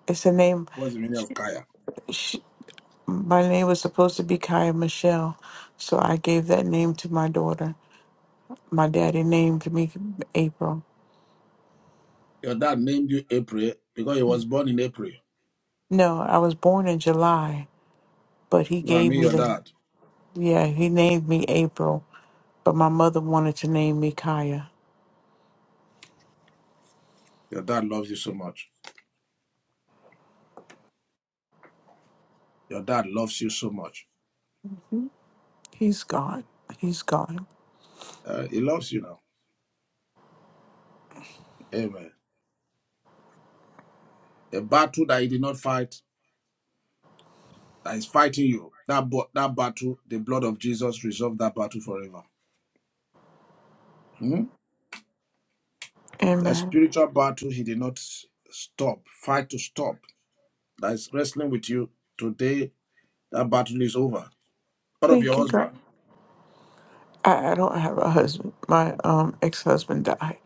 Speaker 14: it's a name.
Speaker 3: What's the meaning
Speaker 14: sh
Speaker 3: of Kaya?
Speaker 14: sh my name was supposed to be Kaya Michelle, so I gave that name to my daughter. My daddy named me April.
Speaker 3: Your dad named you April because he was born in April.
Speaker 14: No, I was born in July, but he
Speaker 3: You know what I
Speaker 14: gave
Speaker 3: mean?
Speaker 14: me
Speaker 3: Your
Speaker 14: the
Speaker 3: dad.
Speaker 14: yeah. He named me April, but my mother wanted to name me Kaya.
Speaker 3: Your dad loves you so much. Your dad loves you so much.
Speaker 14: Mm-hmm. He's gone. He's gone.
Speaker 3: Uh, he loves you now. Amen. A battle that he did not fight, that is fighting you. That that battle, the blood of Jesus resolved that battle forever. Hmm? The
Speaker 14: Amen.
Speaker 3: spiritual battle, he did not stop, fight to stop. That is wrestling with you today. That battle is over. What of
Speaker 14: Thank
Speaker 3: your
Speaker 14: you, God.
Speaker 3: husband?
Speaker 14: I, I don't have a husband. My um ex husband died.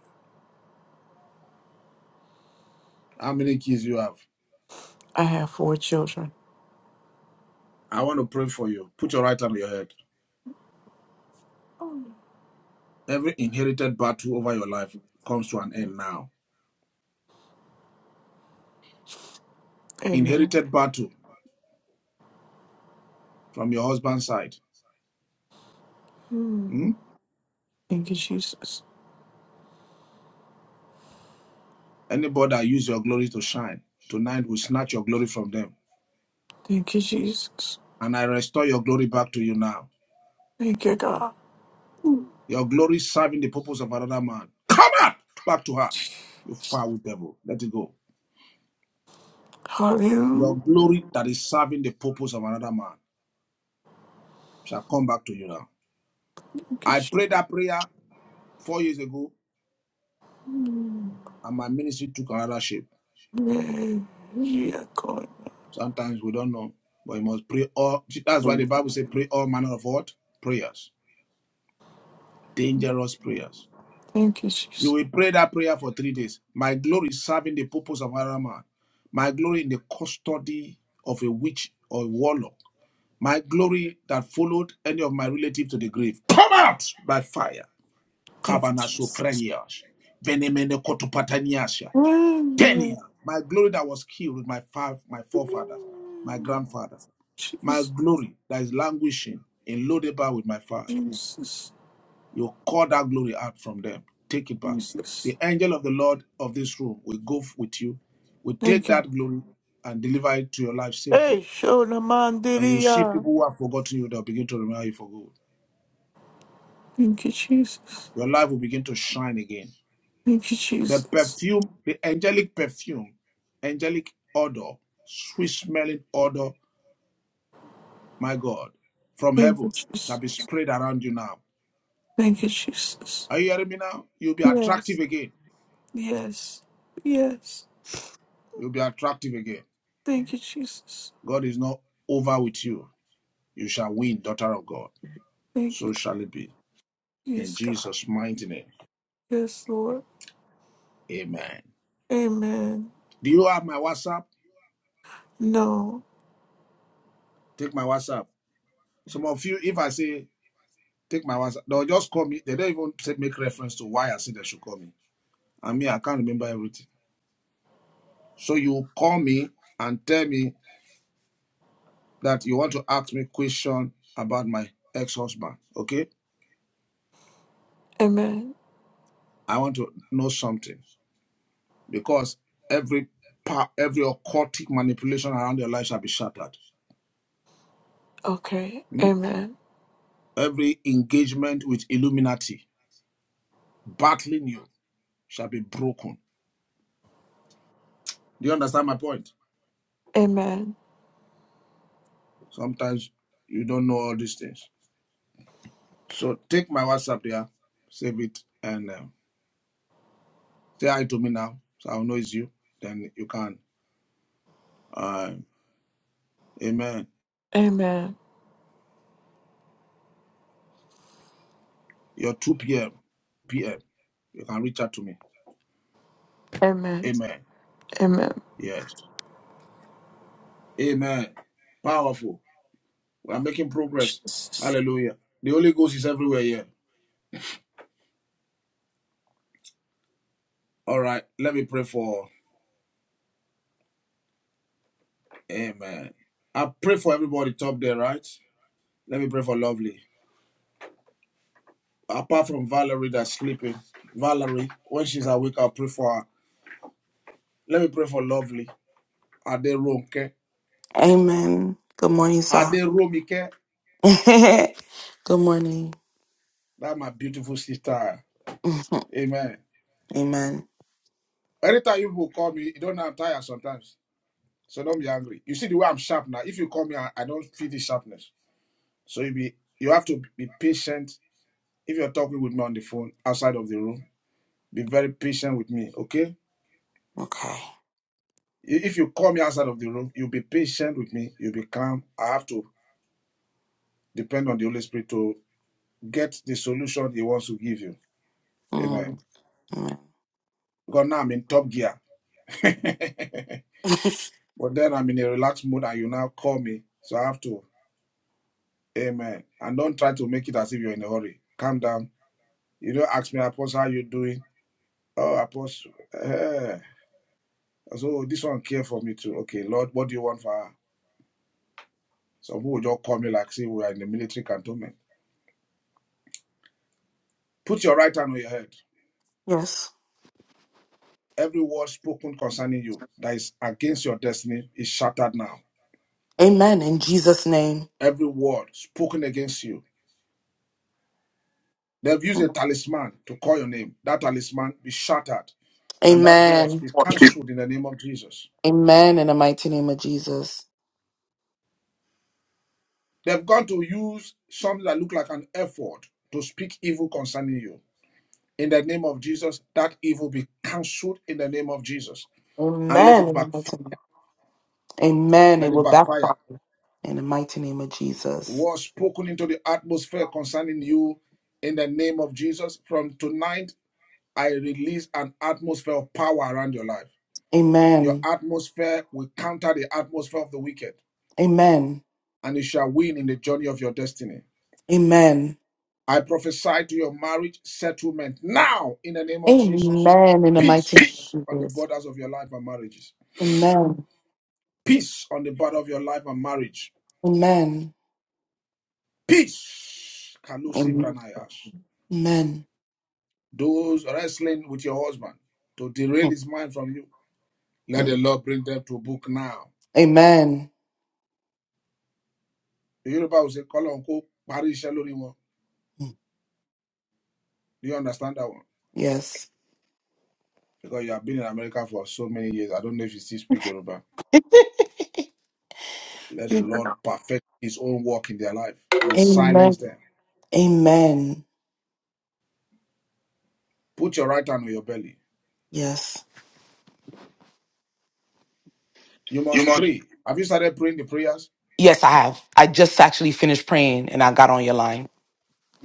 Speaker 3: How many kids you have?
Speaker 14: I have four children.
Speaker 3: I want to pray for you. Put your right hand on your head. Every inherited battle over your life comes to an end now.
Speaker 14: Amen.
Speaker 3: Inherited battle from your husband's side.
Speaker 14: Thank
Speaker 3: Hmm?
Speaker 14: you, Jesus.
Speaker 3: Anybody that use your glory to shine tonight will snatch your glory from them,
Speaker 14: Thank you, Jesus.
Speaker 3: and I restore your glory back to you now
Speaker 14: Thank you, God.
Speaker 3: Your glory is serving the purpose of another man. Come out back to her, you foul devil. Let it go.
Speaker 14: Hallelujah.
Speaker 3: Your glory that is serving the purpose of another man shall come back to you now.
Speaker 14: Thank you,
Speaker 3: I
Speaker 14: Jesus.
Speaker 3: prayed that prayer four years ago, and my ministry took another shape.
Speaker 14: Yeah, yeah, God.
Speaker 3: Sometimes we don't know, but you must pray all. That's why the Bible says, pray all manner of what? Prayers. Dangerous prayers.
Speaker 14: Thank you,
Speaker 3: You
Speaker 14: Jesus.
Speaker 3: will pray that prayer for three days. My glory is serving the purpose of another man. My glory in the custody of a witch or a warlock My glory that followed any of my relatives to the grave, come out by fire.
Speaker 14: Thank you,
Speaker 3: Kabanasho
Speaker 14: Jesus.
Speaker 3: Kabanasofrenias, venemene kotopataniasia,
Speaker 14: Yeah,
Speaker 3: Tenia, my glory that was killed with my five, my forefathers, my grandfather, my
Speaker 14: Jesus,
Speaker 3: glory that is languishing in Lodeba with my father.
Speaker 14: Jesus,
Speaker 3: You call that glory out from them. Take it back.
Speaker 14: Jesus.
Speaker 3: The angel of the Lord of this room will go with you, will take
Speaker 14: Thank you.
Speaker 3: that glory and deliver it to your life safely.
Speaker 14: Hey, Shona
Speaker 3: And you see
Speaker 14: Mandiria.
Speaker 3: people who have forgotten you, they'll begin to remember you for good.
Speaker 14: Thank you, Jesus.
Speaker 3: Your life will begin to shine again.
Speaker 14: Thank you,
Speaker 3: The
Speaker 14: Jesus.
Speaker 3: perfume, the angelic perfume, angelic odor, sweet smelling odor, my God, from
Speaker 14: Thank you,
Speaker 3: heaven shall
Speaker 14: Jesus.
Speaker 3: be spread around you now.
Speaker 14: Thank you, Jesus.
Speaker 3: Are you hearing me now? You'll be attractive
Speaker 14: Yes.
Speaker 3: again.
Speaker 14: Yes. Yes.
Speaker 3: You'll be attractive again.
Speaker 14: Thank you, Jesus.
Speaker 3: God is not over with you. You shall win, daughter of God.
Speaker 14: Thank you.
Speaker 3: So shall it be. In
Speaker 14: Yes, God.
Speaker 3: Jesus' mighty name.
Speaker 14: Yes, Lord.
Speaker 3: Amen.
Speaker 14: Amen.
Speaker 3: Do you have my WhatsApp?
Speaker 14: No.
Speaker 3: Take my WhatsApp. Some of you, if I say Take my WhatsApp. They'll just call me. They don't even say, make reference to why I said they should call me. I mean, I can't remember everything. So you call me and tell me that you want to ask me question about my ex-husband. Okay,
Speaker 14: Amen.
Speaker 3: I want to know something because every pa- every occultic manipulation around your life shall be shattered.
Speaker 14: Okay.
Speaker 3: Hmm?
Speaker 14: Amen.
Speaker 3: Every engagement with Illuminati battling you shall be broken. Do you understand my point?
Speaker 14: Amen.
Speaker 3: Sometimes you don't know all these things. So take my WhatsApp there, save it, and um, say hi to me now. So I'll know it's you. Then you can. Uh, amen.
Speaker 14: Amen.
Speaker 3: Your 2 p.m. p.m. You can reach out to me.
Speaker 14: Amen.
Speaker 3: Amen.
Speaker 14: Amen.
Speaker 3: Yes. Amen. Powerful. We are making progress.
Speaker 14: Jesus.
Speaker 3: Hallelujah. The Holy Ghost is everywhere here. All right. Let me pray for. Amen. I pray for everybody top there, right? Let me pray for lovely. Apart from Valerie that's sleeping, Valerie, when she's awake, I'll pray for her. Let me pray for lovely. Aderonke.
Speaker 15: Amen. Good morning, sir.
Speaker 3: Aderomike.
Speaker 15: (laughs) Good morning.
Speaker 3: That's my beautiful sister.
Speaker 15: (laughs)
Speaker 3: Amen.
Speaker 15: Amen.
Speaker 3: Anytime you will call me, you don't know I'm tired sometimes. So don't be angry. You see the way I'm sharp now. If you call me, I, I don't feel the sharpness. So you be you have to be patient if you're talking with me on the phone outside of the room. Be very patient with me, okay?
Speaker 15: Okay.
Speaker 3: If you call me outside of the room, you'll be patient with me. You'll be calm. I have to depend on the Holy Spirit to get the solution He wants to give you. Amen.
Speaker 15: Mm, Amen.
Speaker 3: Because now I'm in top gear. (laughs)
Speaker 15: (laughs)
Speaker 3: But then I'm in a relaxed mood and you now call me. So I have to. Amen. And don't try to make it as if you're in a hurry. Calm down. You don't ask me, Apostle, how you doing? Oh, Apostle. Eh. So this one care for me too. Okay, Lord, what do you want for her? Some people will just call me like, say we are in the military cantonment. Put your right hand on your head.
Speaker 15: Yes.
Speaker 3: Every word spoken concerning you that is against your destiny is shattered now.
Speaker 15: Amen. In Jesus' name.
Speaker 3: Every word spoken against you They've used
Speaker 15: Hmm.
Speaker 3: a talisman to call your name. That talisman be shattered and that words
Speaker 15: Amen.
Speaker 3: be cancelled in the name of Jesus.
Speaker 15: Amen. In the mighty name of Jesus.
Speaker 3: They've gone to use something that look like an effort to speak evil concerning you. In the name of Jesus, that evil be cancelled in the name of Jesus. And let
Speaker 15: Amen.
Speaker 3: it
Speaker 15: In the
Speaker 3: backfire.
Speaker 15: mighty name. Amen. It
Speaker 3: Let it
Speaker 15: will
Speaker 3: backfire.
Speaker 15: backfire. In the mighty name of Jesus.
Speaker 3: Words spoken into the atmosphere concerning you in the name of Jesus. From tonight, I release an atmosphere of power around your life. Your
Speaker 15: Amen.
Speaker 3: atmosphere will counter the atmosphere of the wicked
Speaker 15: Amen.
Speaker 3: and you shall win in the journey of your destiny.
Speaker 15: Amen.
Speaker 3: I prophesy to your marriage settlement now in the name of Jesus.
Speaker 15: Amen. In the mighty name
Speaker 3: Peace
Speaker 15: of
Speaker 3: on the
Speaker 15: Jesus.
Speaker 3: borders of your life and marriages.
Speaker 15: Amen.
Speaker 3: Peace on the border of your life and marriage.
Speaker 15: Amen.
Speaker 3: Peace. Kalusi
Speaker 15: Amen.
Speaker 3: Vranayash. Those wrestling with your husband to derail his mind from you, let
Speaker 15: Amen.
Speaker 3: the Lord bring them to book now.
Speaker 15: Amen.
Speaker 3: The Yoruba will say, Call on Cook, Parish Do you understand that one?
Speaker 15: Yes.
Speaker 3: Because you have been in America for so many years. I don't know if you still speak Yoruba.
Speaker 15: (laughs)
Speaker 3: Let the Lord perfect his own work in their life and
Speaker 15: Amen.
Speaker 3: silence them.
Speaker 15: Amen.
Speaker 3: Put your right hand on your belly.
Speaker 15: Yes.
Speaker 3: You
Speaker 15: You
Speaker 3: must
Speaker 15: must.
Speaker 3: pray. Have you started praying the prayers?
Speaker 15: Yes, I have. I just actually finished praying and I got on your line.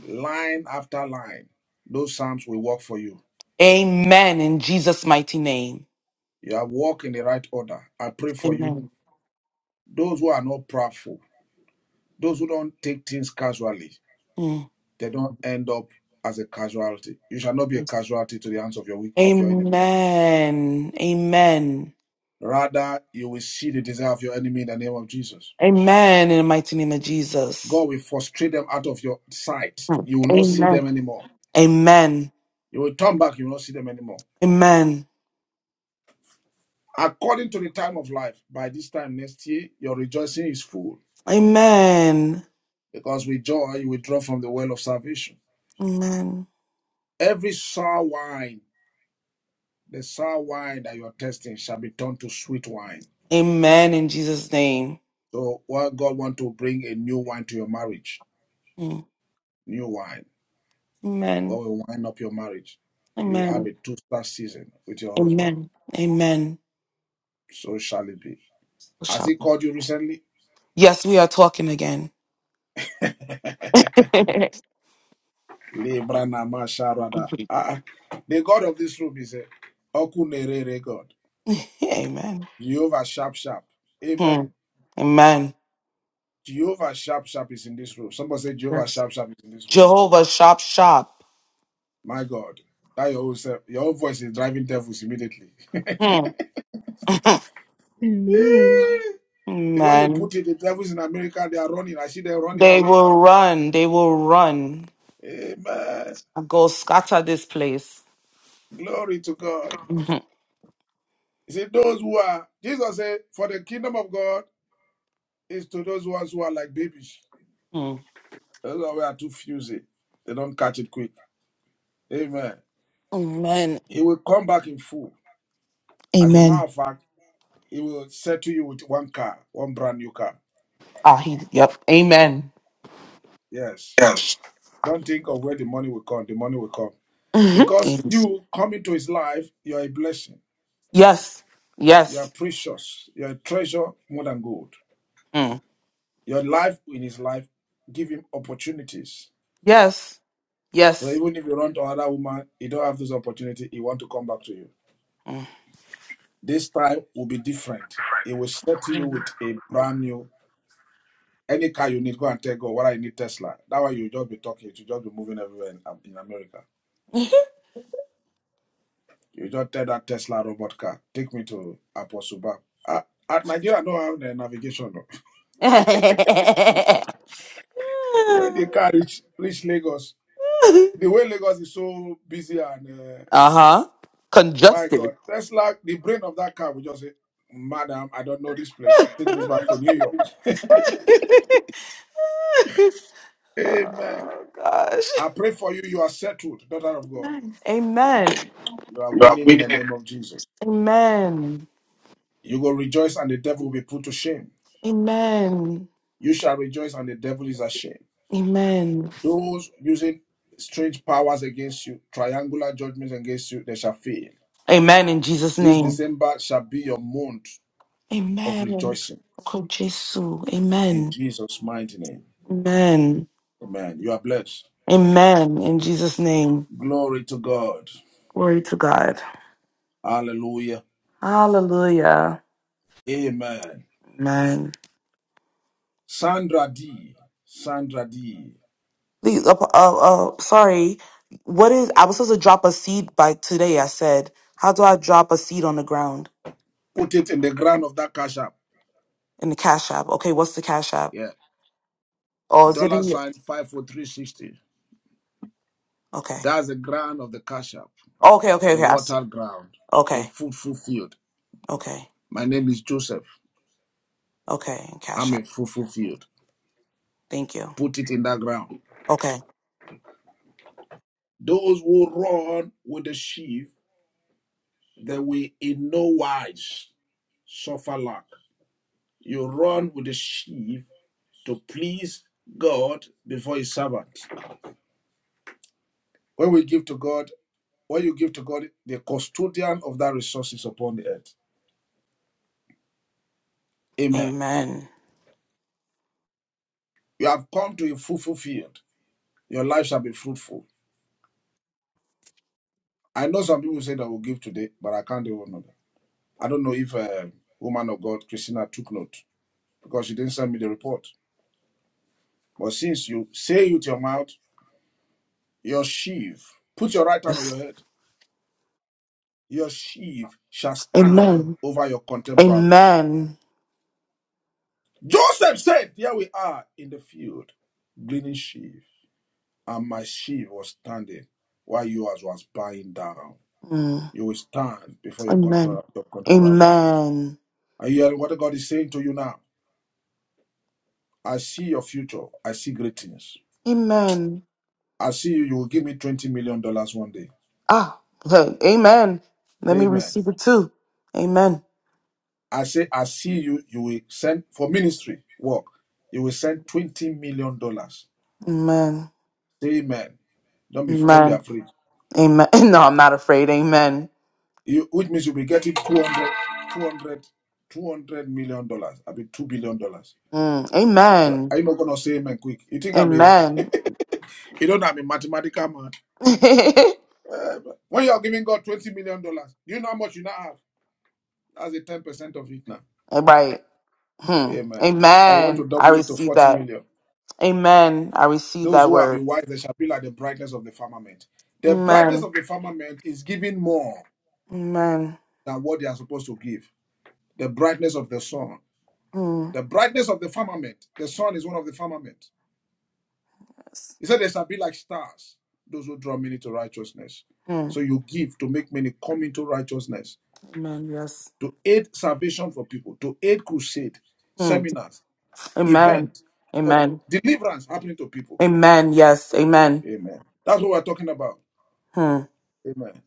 Speaker 3: Line after line. Those psalms will work for you.
Speaker 15: Amen. In Jesus' mighty name.
Speaker 3: You have walked in the right order. I pray for you.
Speaker 15: Amen.
Speaker 3: Those who are not proudful, those who don't take things casually,
Speaker 15: Mm.
Speaker 3: they don't end up as a casualty. You shall not be a
Speaker 15: Yes.
Speaker 3: casualty to the hands of your of your enemy.
Speaker 15: Amen. Amen.
Speaker 3: Rather, you will see the desire of your enemy in the name of Jesus.
Speaker 15: Amen. In the mighty name of Jesus.
Speaker 3: God will frustrate them out of your sight.
Speaker 15: Mm.
Speaker 3: You will not see them
Speaker 15: Amen.
Speaker 3: anymore.
Speaker 15: Amen.
Speaker 3: You will turn back, you will not see them anymore.
Speaker 15: Amen.
Speaker 3: According to the time of life, by this time next year, your rejoicing is full
Speaker 15: Amen.
Speaker 3: because with joy you withdraw from the well of salvation.
Speaker 15: Amen.
Speaker 3: Every sour wine, the sour wine that you are tasting, shall be turned to sweet wine.
Speaker 15: Amen. In Jesus' name.
Speaker 3: So, what God want to bring a new wine to your marriage,
Speaker 15: Mm.
Speaker 3: new wine. God
Speaker 15: Amen.
Speaker 3: will wind up your marriage. You will have
Speaker 15: Amen.
Speaker 3: a two-star season with your husband.
Speaker 15: Amen. Amen.
Speaker 3: So shall it be. Has
Speaker 15: Shout-
Speaker 3: He called you recently?
Speaker 15: Yes, we are talking again. (laughs) Amen.
Speaker 3: Libra na masharada. Ah, ah. the God of this room is a Okunerere God. Jehovah Sharp Sharp.
Speaker 15: Hmm.
Speaker 3: Amen.
Speaker 15: Amen.
Speaker 3: Jehovah Sharp Sharp is in this room. Somebody say Jehovah
Speaker 15: Yes.
Speaker 3: Sharp Sharp is in this room.
Speaker 15: Jehovah, shop, shop.
Speaker 3: My God. That your own self, your own voice is driving devils immediately. (laughs)
Speaker 15: Hmm. (laughs)
Speaker 1: Amen.
Speaker 3: Eh, The way you
Speaker 15: Amen.
Speaker 3: put it, the devils in America, they are running. I see them running
Speaker 15: They
Speaker 3: away.
Speaker 15: will run. They will run.
Speaker 3: Amen.
Speaker 15: Go scatter this place. (laughs)
Speaker 3: Glory to God.
Speaker 15: Mhm.
Speaker 3: He said, those who are, Jesus said, for the kingdom of God is to those ones who are like babies.
Speaker 15: Hmm.
Speaker 3: Those who are too fusy, they don't catch it quick. Amen.
Speaker 15: Amen.
Speaker 3: He will come back in full. As a matter
Speaker 15: Amen.
Speaker 3: of fact, he will settle you with one car, one brand new car.
Speaker 15: Ah, he, yep. Amen.
Speaker 3: Yes.
Speaker 15: Yes.
Speaker 3: Don't think of where the money will come. The money will come.
Speaker 15: (laughs) Mhm.
Speaker 3: Because
Speaker 15: Amen.
Speaker 3: you come into his life, you are a blessing.
Speaker 15: Yes.
Speaker 3: You are
Speaker 15: Yes.
Speaker 3: precious. You are a treasure more than gold.
Speaker 15: Mm.
Speaker 3: Your life in his life give him opportunities.
Speaker 15: Yes.
Speaker 3: So
Speaker 15: Yes.
Speaker 3: even if you run to another woman, he don't have this opportunity, he want to come back to you. This time will be different. It will settle you
Speaker 15: Mm.
Speaker 3: with a brand new any car you need, go and tell God, what I need Tesla. That way you just be talking, you just be moving everywhere in, um, in America.
Speaker 15: (laughs)
Speaker 3: You just tell that Tesla robot car, take me to Apostle Bab. Ah, At Nigeria, no have the navigation. no. (laughs)
Speaker 15: (laughs) uh
Speaker 3: When the car reach reach Lagos, the way Lagos is so busy and uh,
Speaker 15: huh.
Speaker 3: my
Speaker 15: Congested.
Speaker 3: God, Tesla, the brain of that car will just say, Madam, I don't know this
Speaker 15: (laughs)
Speaker 3: place. Take me back to New York. Amen.
Speaker 15: oh gosh.
Speaker 3: I pray for you. You are settled, daughter of God.
Speaker 15: Amen.
Speaker 3: You are
Speaker 15: Y'all,
Speaker 3: winning
Speaker 15: we
Speaker 3: in the name of Jesus.
Speaker 15: Amen.
Speaker 3: You will rejoice and the devil will be put to shame.
Speaker 15: Amen.
Speaker 3: You shall rejoice and the devil is ashamed.
Speaker 15: Amen.
Speaker 3: Those using strange powers against you, triangular judgments against you, they shall fail.
Speaker 15: Amen in Jesus'
Speaker 3: This
Speaker 15: name.
Speaker 3: December shall be your month of
Speaker 15: Amen.
Speaker 3: rejoicing
Speaker 15: Oh, Jesus.
Speaker 3: in
Speaker 15: Amen.
Speaker 3: Jesus' mighty name.
Speaker 15: Amen.
Speaker 3: Amen. You are blessed.
Speaker 15: Amen in Jesus' name.
Speaker 3: Glory to God.
Speaker 15: Glory to God.
Speaker 3: Hallelujah.
Speaker 15: Hallelujah.
Speaker 3: Amen.
Speaker 15: Amen.
Speaker 3: Sandra D. Sandra D.
Speaker 15: The uh, uh, uh, sorry, what is? I was supposed to drop a seed by today. I said, how do I drop a seed on the ground
Speaker 3: Put it in the ground of that cash app.
Speaker 15: in the cash app? Okay, what's the cash app?
Speaker 3: Yeah.
Speaker 15: Oh, is it
Speaker 3: Dollar
Speaker 15: in your?
Speaker 3: sign 54360.
Speaker 15: Okay,
Speaker 3: That's the ground of the kashap,
Speaker 15: okay, okay,
Speaker 3: a
Speaker 15: okay. I see.
Speaker 3: watered ground, a
Speaker 15: Okay,
Speaker 3: fruitful field.
Speaker 15: okay,
Speaker 3: My name is Joseph.
Speaker 15: okay. Cash
Speaker 3: I'm a
Speaker 15: app.
Speaker 3: fruitful field.
Speaker 15: Thank you.
Speaker 3: Put it in that ground.
Speaker 15: Okay.
Speaker 3: Those who run with the sheep, they will in no wise suffer lack. You run with the sheep to please God before his servant. When we give to God, when you give to God, the custodian of that resources upon the earth. Amen.
Speaker 15: Amen.
Speaker 3: You have come to a fruitful field. Your life shall be fruitful I know some people say that will give today, but I can't do one of them. I don't know if uh, woman of God Christina took note because she didn't send me the report. But since you say with your mouth, your sheaf, put your right hand on
Speaker 15: Yes.
Speaker 3: your head, your sheaf shall stand
Speaker 15: Amen.
Speaker 3: over your contemporaries.
Speaker 15: Amen.
Speaker 3: Joseph said, Here we are in the field, gleaning sheaf, and my sheaf was standing while yours was bowing down.
Speaker 15: Mm.
Speaker 3: You will stand before your,
Speaker 15: Amen.
Speaker 3: contra- your contemporaries.
Speaker 15: Amen.
Speaker 3: Are you hearing what God is saying to you now? I see your future. I see great things.
Speaker 15: Amen.
Speaker 3: I see you. You will give me twenty million dollars one day.
Speaker 15: Ah, (laughs) look, amen. Let
Speaker 3: Say
Speaker 15: me
Speaker 3: amen.
Speaker 15: receive it too. Amen.
Speaker 3: I say I see you. You will send for ministry work. You will send twenty million dollars.
Speaker 15: Amen.
Speaker 3: Say amen. Don't be don't be
Speaker 15: Amen.
Speaker 3: afraid.
Speaker 15: Amen. (laughs) No, I'm not afraid. Amen.
Speaker 3: You, which means you'll be getting two hundred, two hundred, two hundred million dollars. I mean two billion dollars.
Speaker 15: Mm,
Speaker 3: Are
Speaker 15: amen.
Speaker 3: you not gonna say amen quick? You think I'm a
Speaker 15: Amen.
Speaker 3: (laughs) you don't know I'm a mathematical man.
Speaker 15: (laughs)
Speaker 3: When you are giving God twenty million dollars, do you know how much you now have? That's a ten percent of it now.
Speaker 15: right. Hmm.
Speaker 3: Amen. I want
Speaker 15: Amen.
Speaker 3: to
Speaker 15: I
Speaker 3: double it to
Speaker 15: receive
Speaker 3: 40
Speaker 15: that.
Speaker 3: million.
Speaker 15: Amen. I receive
Speaker 3: Those
Speaker 15: that
Speaker 3: who have
Speaker 15: word.
Speaker 3: been wise, they shall be like the brightness of the firmament. The brightness
Speaker 15: Amen.
Speaker 3: of the firmament is giving more
Speaker 15: Amen.
Speaker 3: than what they are supposed to give. The brightness of the sun.
Speaker 15: Hmm.
Speaker 3: The brightness of the firmament. The sun is one of the firmament.
Speaker 15: Yes.
Speaker 3: He said they shall be like stars, those who draw many to righteousness.
Speaker 15: Hmm.
Speaker 3: So you give to make many come into righteousness,
Speaker 15: Amen. Yes.
Speaker 3: to aid salvation for people, to aid crusade,
Speaker 15: Hmm.
Speaker 3: seminars,
Speaker 15: Amen.
Speaker 3: event of
Speaker 15: Amen.
Speaker 3: deliverance happening to people.
Speaker 15: Amen. Yes. Amen.
Speaker 3: Amen. That's what we're talking about.
Speaker 15: Hmm.
Speaker 3: Amen.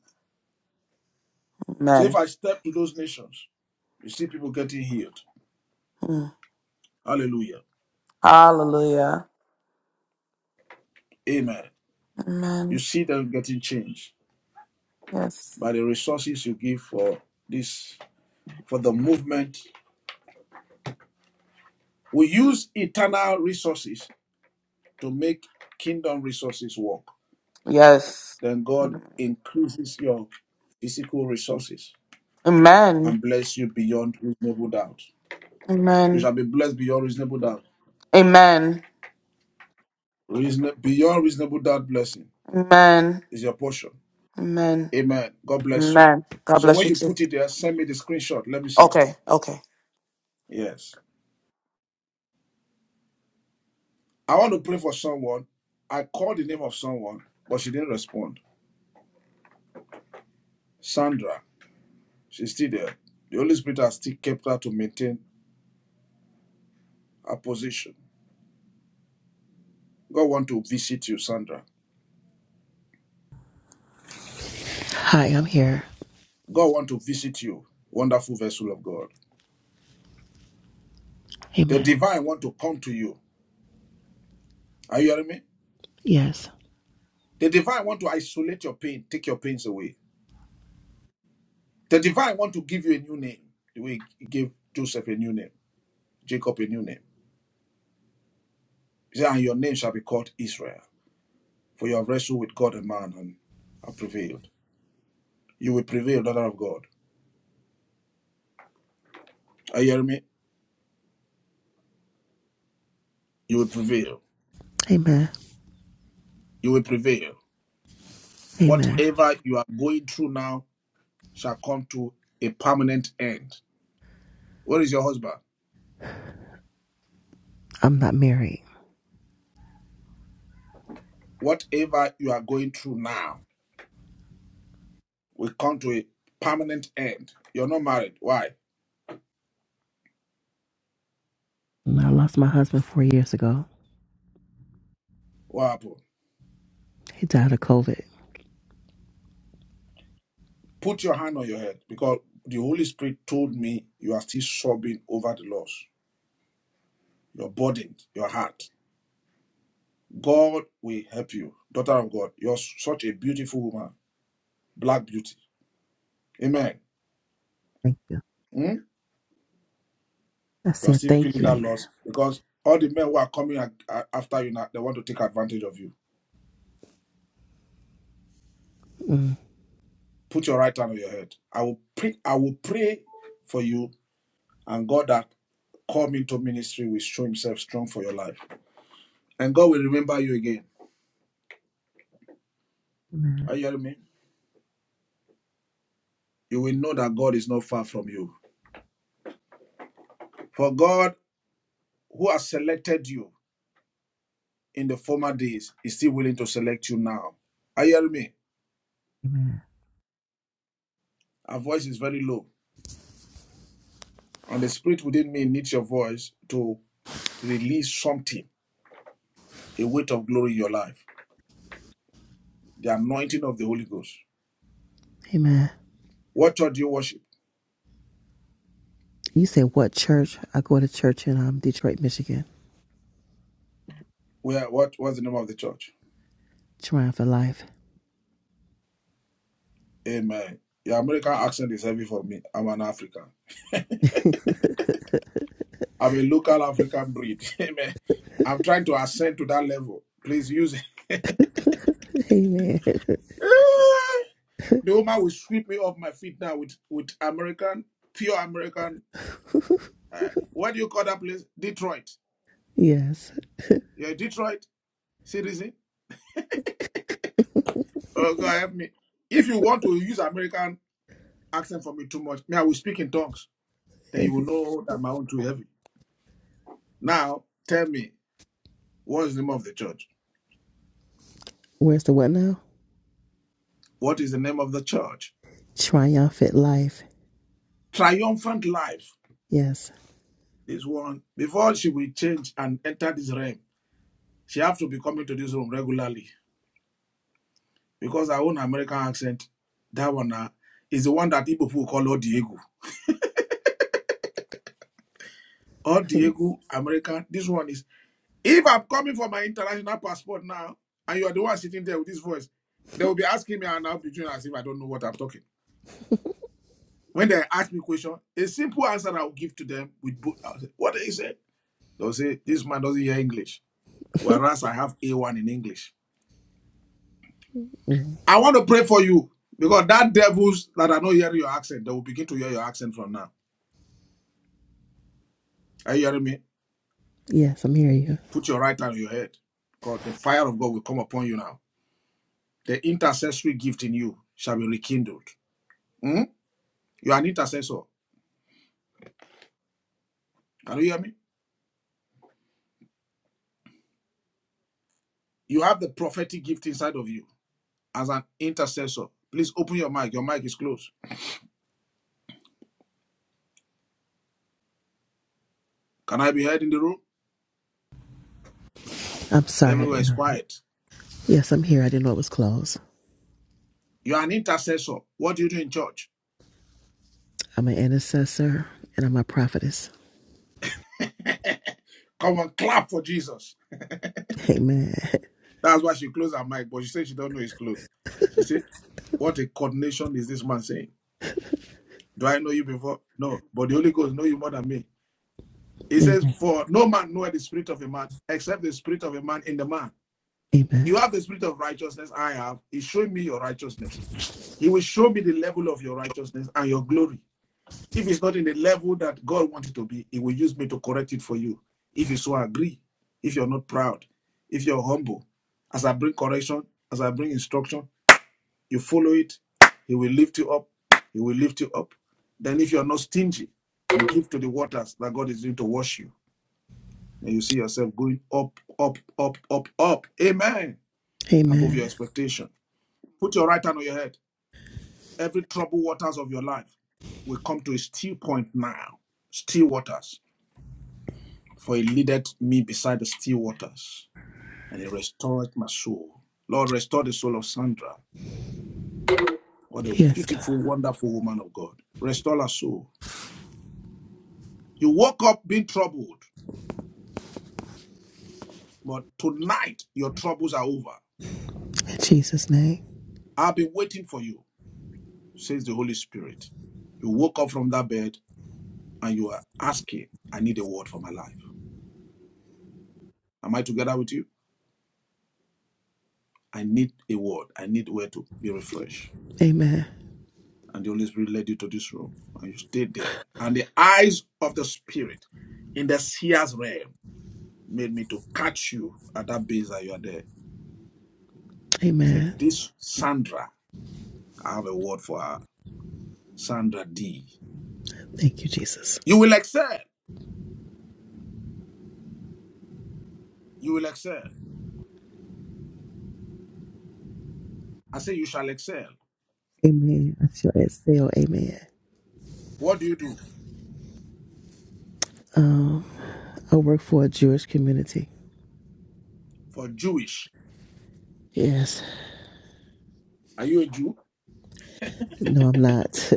Speaker 3: So if
Speaker 15: Amen.
Speaker 3: I step to those nations, you see people getting healed.
Speaker 15: Hmm.
Speaker 3: Hallelujah.
Speaker 15: Hallelujah.
Speaker 3: Amen. You
Speaker 15: Amen.
Speaker 3: see them getting changed
Speaker 15: Yes.
Speaker 3: by the resources you give for this, for the movement. We use eternal resources to make kingdom resources work.
Speaker 15: Yes.
Speaker 3: Then God increases your physical resources
Speaker 15: Amen.
Speaker 3: and bless you beyond reasonable doubt. You
Speaker 15: Amen.
Speaker 3: shall be blessed beyond reasonable doubt.
Speaker 15: Amen.
Speaker 3: Reason, beyond reasonable doubt blessing
Speaker 15: Amen.
Speaker 3: is your portion.
Speaker 15: Amen.
Speaker 3: Amen. God bless you.
Speaker 15: Amen. God
Speaker 3: So
Speaker 15: bless
Speaker 3: when
Speaker 15: you
Speaker 3: you
Speaker 15: too.
Speaker 3: put it there, send me the screenshot. Let me see.
Speaker 15: Okay. Okay.
Speaker 3: Yes. I want to pray for someone. I called the name of someone, but she didn't respond. Sandra, she's still there. The Holy Spirit has still kept her to maintain her position. God want to visit you, Sandra.
Speaker 16: Hi, I'm here.
Speaker 3: God want to visit you, wonderful vessel of God. The
Speaker 16: Amen.
Speaker 3: divine want to come to you. Are you hearing me?
Speaker 16: Yes.
Speaker 3: The divine want to isolate your pain, take your pains away. The divine want to give you a new name, the way he gave Joseph a new name, Jacob a new name. He said, And your name shall be called Israel, for you have wrestled with God and man and have prevailed. You will prevail, daughter of God. Are you hearing me? You will prevail.
Speaker 16: Amen.
Speaker 3: You will prevail.
Speaker 16: Amen.
Speaker 3: Whatever you are going through now shall come to a permanent end. Where is your husband?
Speaker 16: I'm not married.
Speaker 3: Whatever you are going through now will come to a permanent end. You're not married. Why?
Speaker 16: I lost my husband four years ago.
Speaker 3: What happened?
Speaker 16: He died of COVID.
Speaker 3: Put your hand on your head because the Holy Spirit told me you are still sobbing over the loss. You're burdened, your heart. God will help you. Daughter of God, you're such a beautiful woman, black beauty. Amen.
Speaker 16: Thank you.
Speaker 3: Hmm?
Speaker 16: I
Speaker 3: You're
Speaker 16: said
Speaker 3: still
Speaker 16: thank
Speaker 3: feeling
Speaker 16: you.
Speaker 3: that
Speaker 16: Amen.
Speaker 3: loss because all the men who are coming a- a- after you now, they want to take advantage of you.
Speaker 16: Mm.
Speaker 3: Put your right hand on your head. I will pray, I will pray for you, and God that come into ministry will show himself strong for your life. And God will remember you again.
Speaker 16: Amen.
Speaker 3: Are you hearing me? You will know that God is not far from you. For God, who has selected you, in the former days is still willing to select you now. Are you hearing me?
Speaker 16: Amen.
Speaker 3: Our voice is very low. And the spirit within me needs your voice to release something, a weight of glory in your life. The anointing of the Holy Ghost.
Speaker 16: Amen.
Speaker 3: What church do you worship?
Speaker 16: You said what church? I go to church in um, Detroit, Michigan.
Speaker 3: Where what was the name of the church?
Speaker 16: Triumphant Life.
Speaker 3: Amen. Your American accent is heavy for me. I'm an African. I'm a local African breed. (laughs) Amen. I'm trying to ascend to that level. Please use it.
Speaker 16: Amen. (laughs)
Speaker 3: (laughs) the woman will sweep me off my feet now with, with American, pure American Uh, what do you call that place? Detroit.
Speaker 16: Yes.
Speaker 3: You're a Detroit citizen? Oh, God help me. If you want to use American accent for me too much, me, I will speak in tongues. Then
Speaker 16: Hey.
Speaker 3: you will know that my own too heavy. Now, tell me, what is the name of the church?
Speaker 16: Where's the what now?
Speaker 3: What is the name of the church?
Speaker 16: Triumphant Life.
Speaker 3: Triumphant life.
Speaker 16: Yes. (laughs)
Speaker 3: This one, before she will change and enter this realm, she have to be coming to this room regularly. Because her own American accent, that one uh, is the one that people call Odiego. Diego. Diego, American. This one is If I'm coming for my international passport now, and you are the one sitting there with this voice, they will be asking me, and I'll be doing as if I don't know what I'm talking. When they ask me a question, a simple answer I will give to them with both. I'll say, "What is it?" They'll say, "This man doesn't hear English," whereas I have A1 in English.
Speaker 16: Mm.
Speaker 3: I want to pray for you because that devils that are not hearing your accent, they will begin to hear your accent from now. Are you hearing me?
Speaker 16: Yes, I'm here. You.
Speaker 3: Put your right hand on your head, because the fire of God will come upon you now. The intercessory gift in you shall be rekindled. Hmm? You are an intercessor. Can you hear me? You have the prophetic gift inside of you as an intercessor. Please open your mic. Your mic is closed. Can I be heard in the room?
Speaker 16: I'm sorry I
Speaker 3: Everywhere
Speaker 16: didn't
Speaker 3: is
Speaker 16: know
Speaker 3: quiet.
Speaker 16: that. Yes, I'm here. I didn't know it was closed.
Speaker 3: You're an intercessor. What do you do in church?
Speaker 16: I'm an intercessor and I'm a prophetess.
Speaker 3: (laughs) Come on, clap for Jesus.
Speaker 16: Amen.
Speaker 3: That's why she closed her mic, but she said she don't know it's closed. She said, What a coordination is this man saying? Do I know you before? No, but the Holy Ghost knows you more than me. He says,
Speaker 16: Amen.
Speaker 3: For no man knoweth the spirit of a man except the spirit of a man in the man.
Speaker 16: Amen.
Speaker 3: You have the spirit of righteousness, I have. He's showing me your righteousness. He will show me the level of your righteousness and your glory. If it's not in the level that God wants it to be, He will use me to correct it for you. If you so agree, if you're not proud, if you're humble, as I bring correction, as I bring instruction, you follow it, He will lift you up. He will lift you up. Then, if you're not stingy, you give to the waters that God is doing to wash you. And you see yourself going up, up, up, up, up. Amen. Above your
Speaker 16: Amen.
Speaker 3: expectation. Put your right hand on your head. Every troubled waters of your life will come to a still point now. Still waters. For he leadeth me beside the still waters, and he restored my soul. Lord, restore the soul of Sandra. What a
Speaker 16: Yes, God.
Speaker 3: beautiful, wonderful woman of God. Restore her soul. You woke up being troubled, but tonight your troubles are over.
Speaker 16: In Jesus' name.
Speaker 3: I've been waiting for you, says the Holy Spirit. You woke up from that bed and you are asking, I need a word for my life. Am I together with you? I need a word. I need where to be refreshed.
Speaker 16: Amen.
Speaker 3: And the Holy Spirit led you to this room. And you stayed there. And the eyes of the Spirit in the seer's realm made me to catch you at that base that you are there. Said,
Speaker 16: Amen.
Speaker 3: This Sandra, I have a word for her. Sandra D.
Speaker 16: Thank you, Jesus.
Speaker 3: You will excel. You will excel. I say, You shall excel.
Speaker 16: Amen. I shall excel. Amen.
Speaker 3: What do you do?
Speaker 16: Um, I work for a Jewish community.
Speaker 3: For Jewish.
Speaker 16: Yes.
Speaker 3: Are you a Jew? (laughs)
Speaker 16: No, I'm not.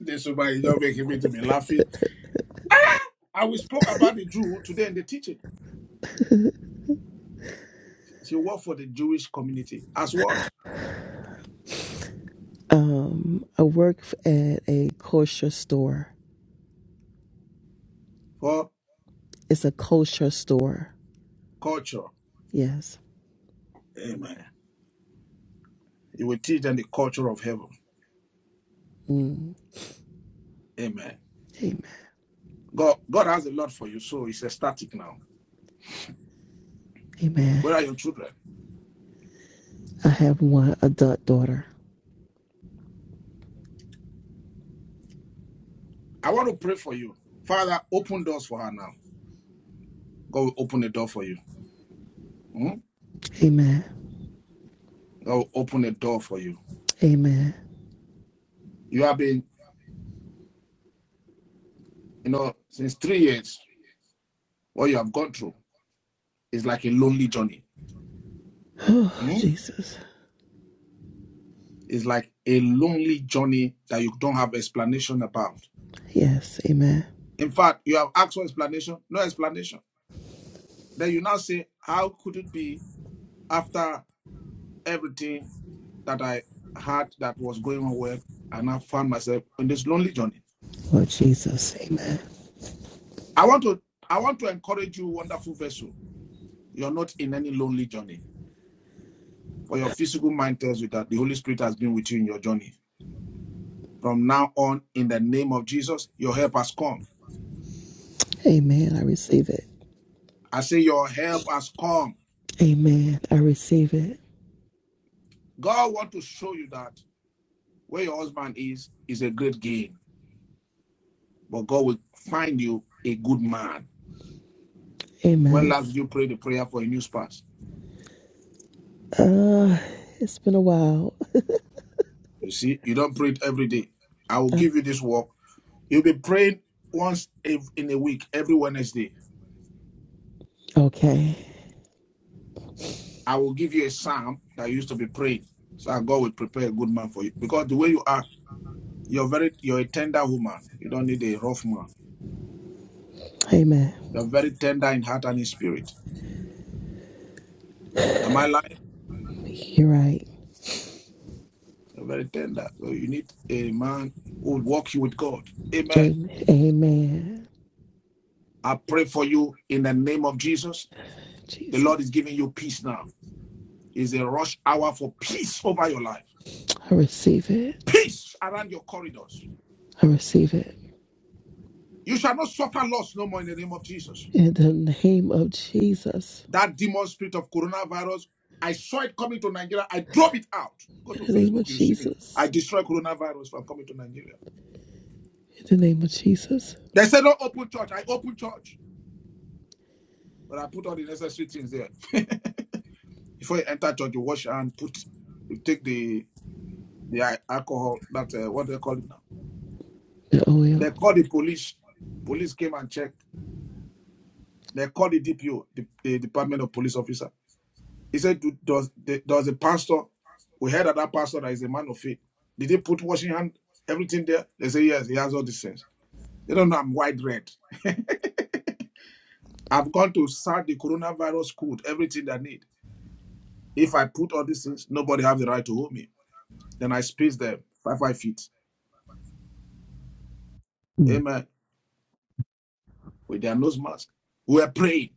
Speaker 3: This woman is not making me to be laughing. I we spoke about the Jew today in the teaching. She worked for the Jewish community. As what?
Speaker 16: (laughs) um, I work at a kosher store.
Speaker 3: for
Speaker 16: It's a kosher store.
Speaker 3: culture.
Speaker 16: Yes.
Speaker 3: Amen. He will teach them the culture of heaven.
Speaker 16: Mm.
Speaker 3: Amen.
Speaker 16: Amen.
Speaker 3: God, God has a lot for you, so it's ecstatic now.
Speaker 16: Amen.
Speaker 3: Where are your children?
Speaker 16: I have one adult daughter.
Speaker 3: I want to pray for you. Father, open doors for her now. God will open a door for you. Hmm?
Speaker 16: Amen.
Speaker 3: God will open a door for you.
Speaker 16: Amen.
Speaker 3: You have been, you know, since three years, what you have gone through is like a lonely journey.
Speaker 16: (sighs) Oh,
Speaker 3: Hmm?
Speaker 16: Jesus.
Speaker 3: It's like a lonely journey that you don't have explanation about.
Speaker 16: Yes, amen.
Speaker 3: In fact, you have asked for explanation, no explanation. Then you now say, How could it be after everything that I had that was going on well, and I found myself on this lonely journey.
Speaker 16: Lord Jesus, amen.
Speaker 3: I want to I want to encourage you, wonderful vessel. You're not in any lonely journey. For your physical mind tells you that the Holy Spirit has been with you in your journey. From now on, in the name of Jesus, your help has come.
Speaker 16: Amen. I receive it.
Speaker 3: I say your help has come.
Speaker 16: Amen. I receive it.
Speaker 3: God wants to show you that where your husband is is a great gain, but God will find you a good man. When
Speaker 16: Amen.
Speaker 3: last did you pray the prayer for a new spouse?
Speaker 16: Uh, it's been a while.
Speaker 3: You see, you don't pray it every day. I will
Speaker 16: I-
Speaker 3: give you this work. You'll be praying once ev- in a week, every Wednesday.
Speaker 16: okay.
Speaker 3: I will give you a psalm that you used to be praying. So that God will prepare a good man for you. Because the way you are, you're very you're a tender woman. You don't need a rough man.
Speaker 16: Amen.
Speaker 3: You're very tender in heart and in spirit. Am I lying?
Speaker 16: You're right.
Speaker 3: You're very tender. So you need a man who will walk you with God. Amen.
Speaker 16: Amen. Amen.
Speaker 3: I pray for you in the name of Jesus. The
Speaker 16: Jesus.
Speaker 3: Lord is giving you peace now. It's a rush hour for peace over your life
Speaker 16: I receive it.
Speaker 3: peace around your corridors.
Speaker 16: I receive it.
Speaker 3: You shall not suffer loss no more in the name of Jesus.
Speaker 16: In the name of Jesus.
Speaker 3: That demon spirit of coronavirus, I saw it coming to Nigeria. I drove it out. Go to
Speaker 16: In the name
Speaker 3: Facebook,
Speaker 16: of
Speaker 3: you see me. I
Speaker 16: Jesus.
Speaker 3: destroy coronavirus from coming to Nigeria.
Speaker 16: In the name of Jesus.
Speaker 3: They said, don't open church. I open church. But I put all the necessary things there. (laughs) Before you enter church, you wash your hand, put, you take the the alcohol, that, uh, what they call it now.
Speaker 16: The
Speaker 3: They
Speaker 16: oil.
Speaker 3: called the police. Police came and checked. They called the DPO, the the Department of Police Officer. He said, "Do- does the, does the pastor, we heard that that pastor that is a man of faith, did he put washing hand, everything there? They say, yes, he has all these things. They don't know I'm wide red. I've gone to start the coronavirus code, everything they need. If I put all these things, nobody have the right to hold me. Then I space them five, five feet.
Speaker 16: Mm.
Speaker 3: Amen. With their nose mask. We are praying.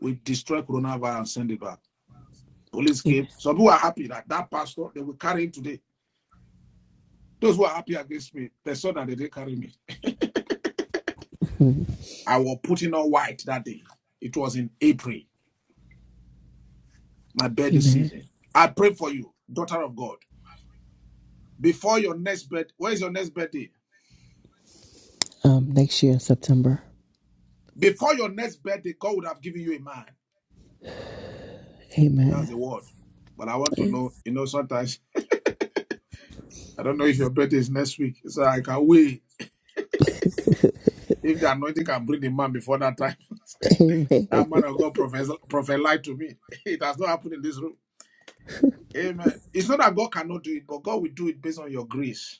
Speaker 3: We destroy coronavirus and send it back. Police
Speaker 16: Amen.
Speaker 3: came. Some who are happy that that pastor, they will carry him today. Those who are happy against me, they saw that they didn't carry me.
Speaker 16: Mm.
Speaker 3: I was putting on white that day. It was in April, my birthday
Speaker 16: Amen.
Speaker 3: season. I pray for you, daughter of God. Before your next birthday, where is your next birthday?
Speaker 16: Um, next year in September.
Speaker 3: Before your next birthday, God would have given you a man.
Speaker 16: Amen.
Speaker 3: That's the word. But I want to
Speaker 16: something.
Speaker 3: know, you know, sometimes I don't know if your birthday is next week, so I can wait. If the anointing can bring the man before that time, (laughs)
Speaker 16: Amen.
Speaker 3: that
Speaker 16: (laughs)
Speaker 3: man of God professor prophet lied to me. (laughs) It has not happened in this room. Amen. It's not that God cannot do it, but God will do it based on your grace.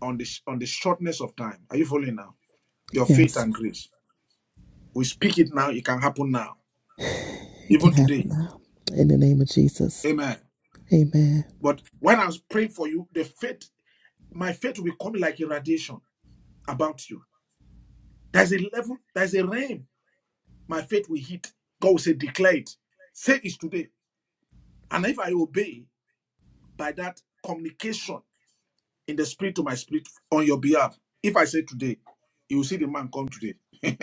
Speaker 3: on the sh- on the shortness of time. Are you following now? Your faith
Speaker 16: Yes,
Speaker 3: and grace. We speak it now. It can happen now,
Speaker 16: it can
Speaker 3: even
Speaker 16: happen
Speaker 3: today.
Speaker 16: now. In the name of Jesus.
Speaker 3: Amen.
Speaker 16: Amen.
Speaker 3: But when I was praying for you, the faith, my faith will come like a radiation about you. There's a level. There's a realm. My faith will hit. God will say, declare it. Say it today. And if I obey by that communication in the spirit to my spirit on your behalf, if I say today, you will see the man come today. (laughs)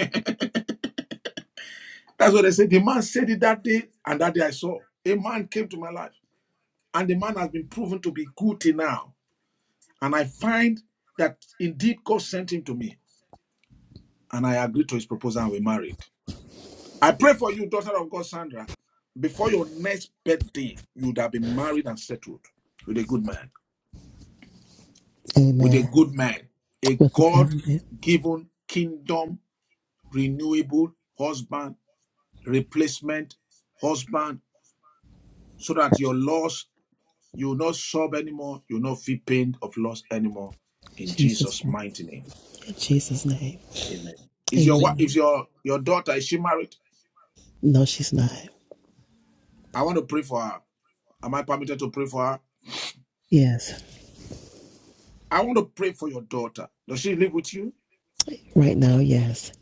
Speaker 3: That's what I said. The man said it that day, and that day I saw a man came to my life, and the man has been proven to be good till now. And I find that indeed God sent him to me, and I agreed to his proposal, and we married. I pray for you, daughter of God, Sandra. Before your next birthday, you would have been married and settled with a good man, with a
Speaker 16: Amen.
Speaker 3: good man, a
Speaker 16: With the government.
Speaker 3: God-given kingdom renewable husband, replacement husband, so that your loss You will not sob anymore. You will not feel pain of loss anymore.
Speaker 16: In
Speaker 3: In
Speaker 16: Jesus'
Speaker 3: Jesus'
Speaker 16: name.
Speaker 3: mighty name.
Speaker 16: In Jesus' name.
Speaker 3: Amen. Is your wife, is
Speaker 16: Amen.
Speaker 3: your your daughter, is she married?
Speaker 16: No, she's not.
Speaker 3: I want to pray for her. Am I permitted to pray for her?
Speaker 16: Yes.
Speaker 3: I want to pray for your daughter. Does she live with you?
Speaker 16: Right now, yes.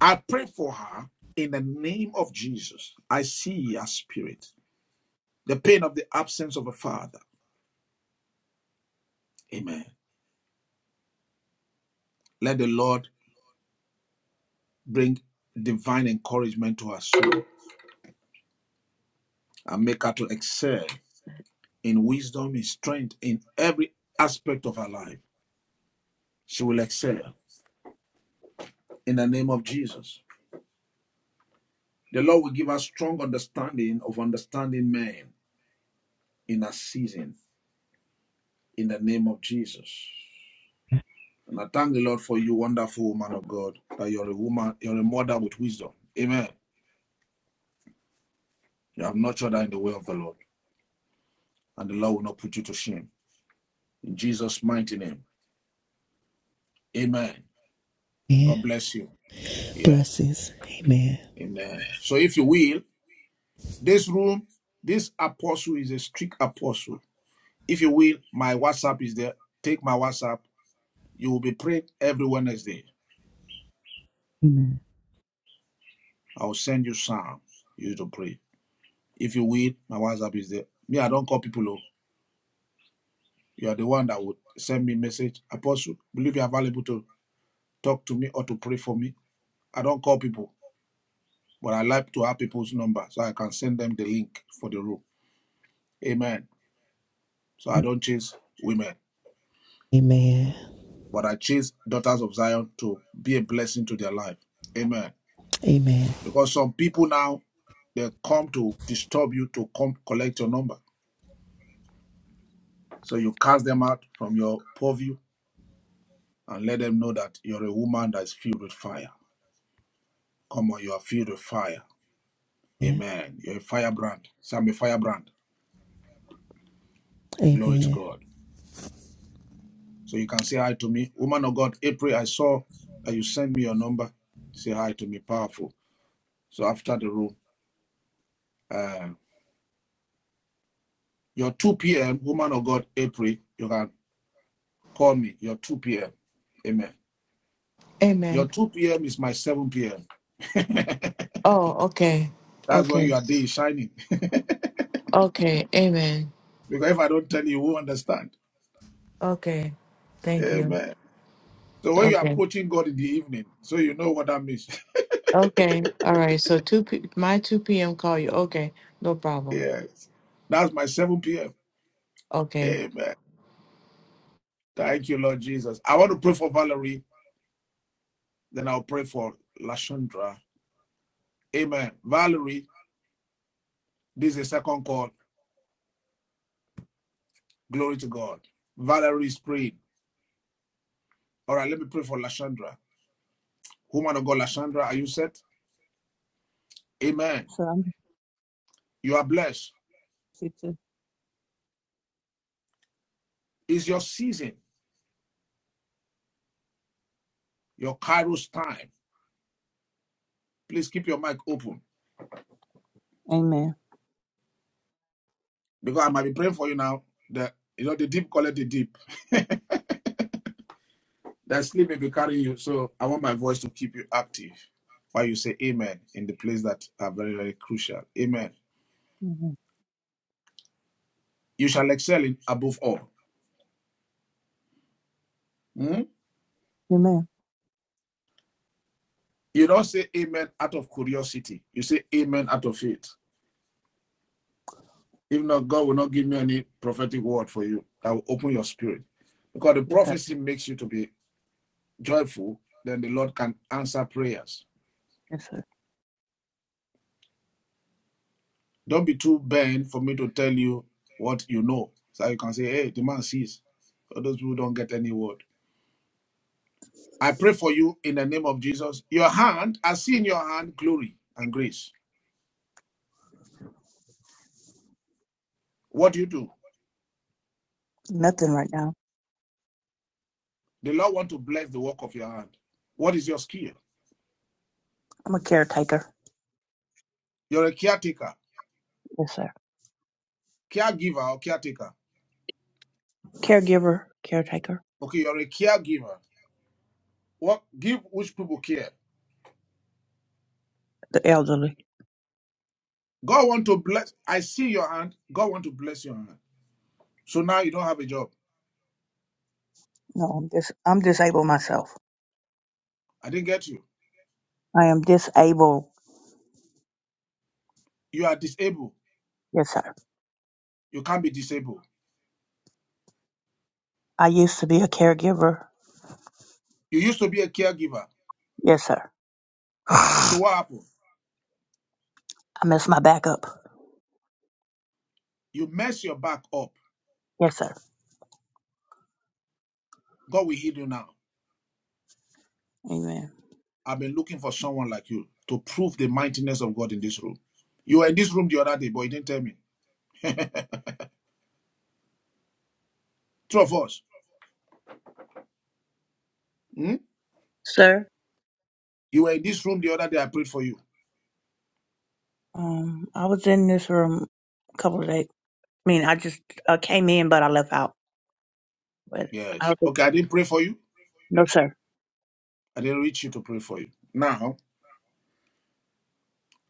Speaker 3: I pray for her in the name of Jesus. I see her spirit. The pain of the absence of a father. Amen. Let the Lord bring divine encouragement to her soul and make her to excel in wisdom, in strength, in every aspect of her life. She will excel in the name of Jesus. The Lord will give us strong understanding of understanding men in a season in the name of Jesus. And I thank the Lord for you, wonderful woman of God, that you're a woman, you're a mother with wisdom. Amen. You have nurtured her in the way of the Lord, and the Lord will not put you to shame. In Jesus' mighty name. Amen.
Speaker 16: Yeah.
Speaker 3: God bless you. Yes.
Speaker 16: Blessings. Amen.
Speaker 3: Amen. So if you will, this room, this apostle is a strict apostle. If you will, my WhatsApp is there. Take my WhatsApp. You will be prayed every Wednesday.
Speaker 16: Amen.
Speaker 3: I will send you psalms. You to pray. If you will, my WhatsApp is there. Me, I don't call people. oh. You are the one that would send me a message. Apostle, believe you are available to talk to me or to pray for me. I don't call people, but I like to have people's number so I can send them the link for the room. Amen. So I don't chase women,
Speaker 16: Amen.
Speaker 3: but I chase daughters of Zion to be a blessing to their life. Amen.
Speaker 16: Amen.
Speaker 3: Because some people now they come to disturb you to come collect your number. So you cast them out from your purview and let them know that you're a woman that's filled with fire. Come on, you are filled with fire.
Speaker 16: Yeah.
Speaker 3: Amen. You're a firebrand. So I'm a firebrand. Glory to
Speaker 16: Amen.
Speaker 3: God. So you can say hi to me. Woman of God, April, I saw that you sent me your number. Say hi to me. Powerful. So after the room, uh, your 2 p.m., woman of God, April, you can call me. Your 2 p.m. Amen. Your
Speaker 14: Amen.
Speaker 3: 2 p.m. is my 7 p.m. (laughs)
Speaker 14: Oh, okay.
Speaker 3: That's when
Speaker 14: Okay.
Speaker 3: your day is shining. (laughs) because
Speaker 14: Okay. Amen.
Speaker 3: if I don't tell you, you won't understand.
Speaker 14: Okay. Thank you.
Speaker 3: Amen. So when you're
Speaker 14: Okay.
Speaker 3: approaching God in the evening, so you know what that means. (laughs)
Speaker 14: Okay. All right. So two p- my two p.m. call you. Okay. No problem.
Speaker 3: yes. That's my 7 p.m.
Speaker 14: Okay.
Speaker 3: Amen. Thank you, Lord Jesus. I want to pray for Valerie, then I'll pray for Lashundra. Amen. Valerie, this is a second call. Glory to God. Valerie is praying. All right, let me pray for Lashandra. Woman of God, Lashandra, are you set? Amen.
Speaker 17: So I'm
Speaker 3: You are blessed.
Speaker 17: happy to.
Speaker 3: It's your season. your Kairos time. Please keep your mic open
Speaker 17: Amen.
Speaker 3: because I might be praying for you now. That you know the deep call it the deep. (laughs) that sleep may be carrying you. So I want my voice to keep you active while you say amen in the place that are very, very crucial. Amen.
Speaker 17: Amen.
Speaker 3: You shall excel in above all. Hmm?
Speaker 17: Amen.
Speaker 3: You don't say amen out of curiosity. You say amen out of faith. If not, God will not give me any prophetic word for you that will open your spirit. Because the
Speaker 17: Yes, sir.
Speaker 3: prophecy makes you to be joyful, then the Lord can answer prayers.
Speaker 17: Yes, sir.
Speaker 3: Don't be too bent for me to tell you what you know. So you can say, hey, the man sees. All those people don't get any word. I pray for you in the name of Jesus. Your hand, I see in your hand glory and grace. What do you do?
Speaker 17: Nothing right now.
Speaker 3: The Lord want to bless the work of your hand. What is your skill?
Speaker 17: I'm a caretaker.
Speaker 3: You're a caretaker,
Speaker 17: Yes, sir.
Speaker 3: caregiver or caretaker.
Speaker 17: Caregiver, caretaker,
Speaker 3: Okay, you're a caregiver. What give which people care?
Speaker 17: the elderly.
Speaker 3: God want to bless. I see your hand. God want to bless your hand. So now you don't have a job.
Speaker 17: No, I'm dis- I'm disabled myself.
Speaker 3: I didn't get you.
Speaker 17: I am disabled.
Speaker 3: You are disabled.
Speaker 17: Yes, sir.
Speaker 3: You can't be disabled.
Speaker 17: I used to be a caregiver.
Speaker 3: You used to be a caregiver.
Speaker 17: Yes, sir. (sighs) I
Speaker 3: So what happened?
Speaker 17: messed my back up.
Speaker 3: You mess your back up.
Speaker 17: Yes, sir.
Speaker 3: God will heal you now.
Speaker 17: Amen.
Speaker 3: I've been looking for someone like you to prove the mightiness of God in this room. You were in this room the other day, but you didn't tell me. Two of us. Hmm?
Speaker 17: Sir,
Speaker 3: You were in this room the other day. I prayed for you.
Speaker 17: um, I was in this room a couple of days. I mean, I just uh, came in, but I left out. But I
Speaker 3: Yes.
Speaker 17: don't think,
Speaker 3: Okay, I didn't pray for you.
Speaker 17: no, sir.
Speaker 3: I didn't reach you to pray for you. Now,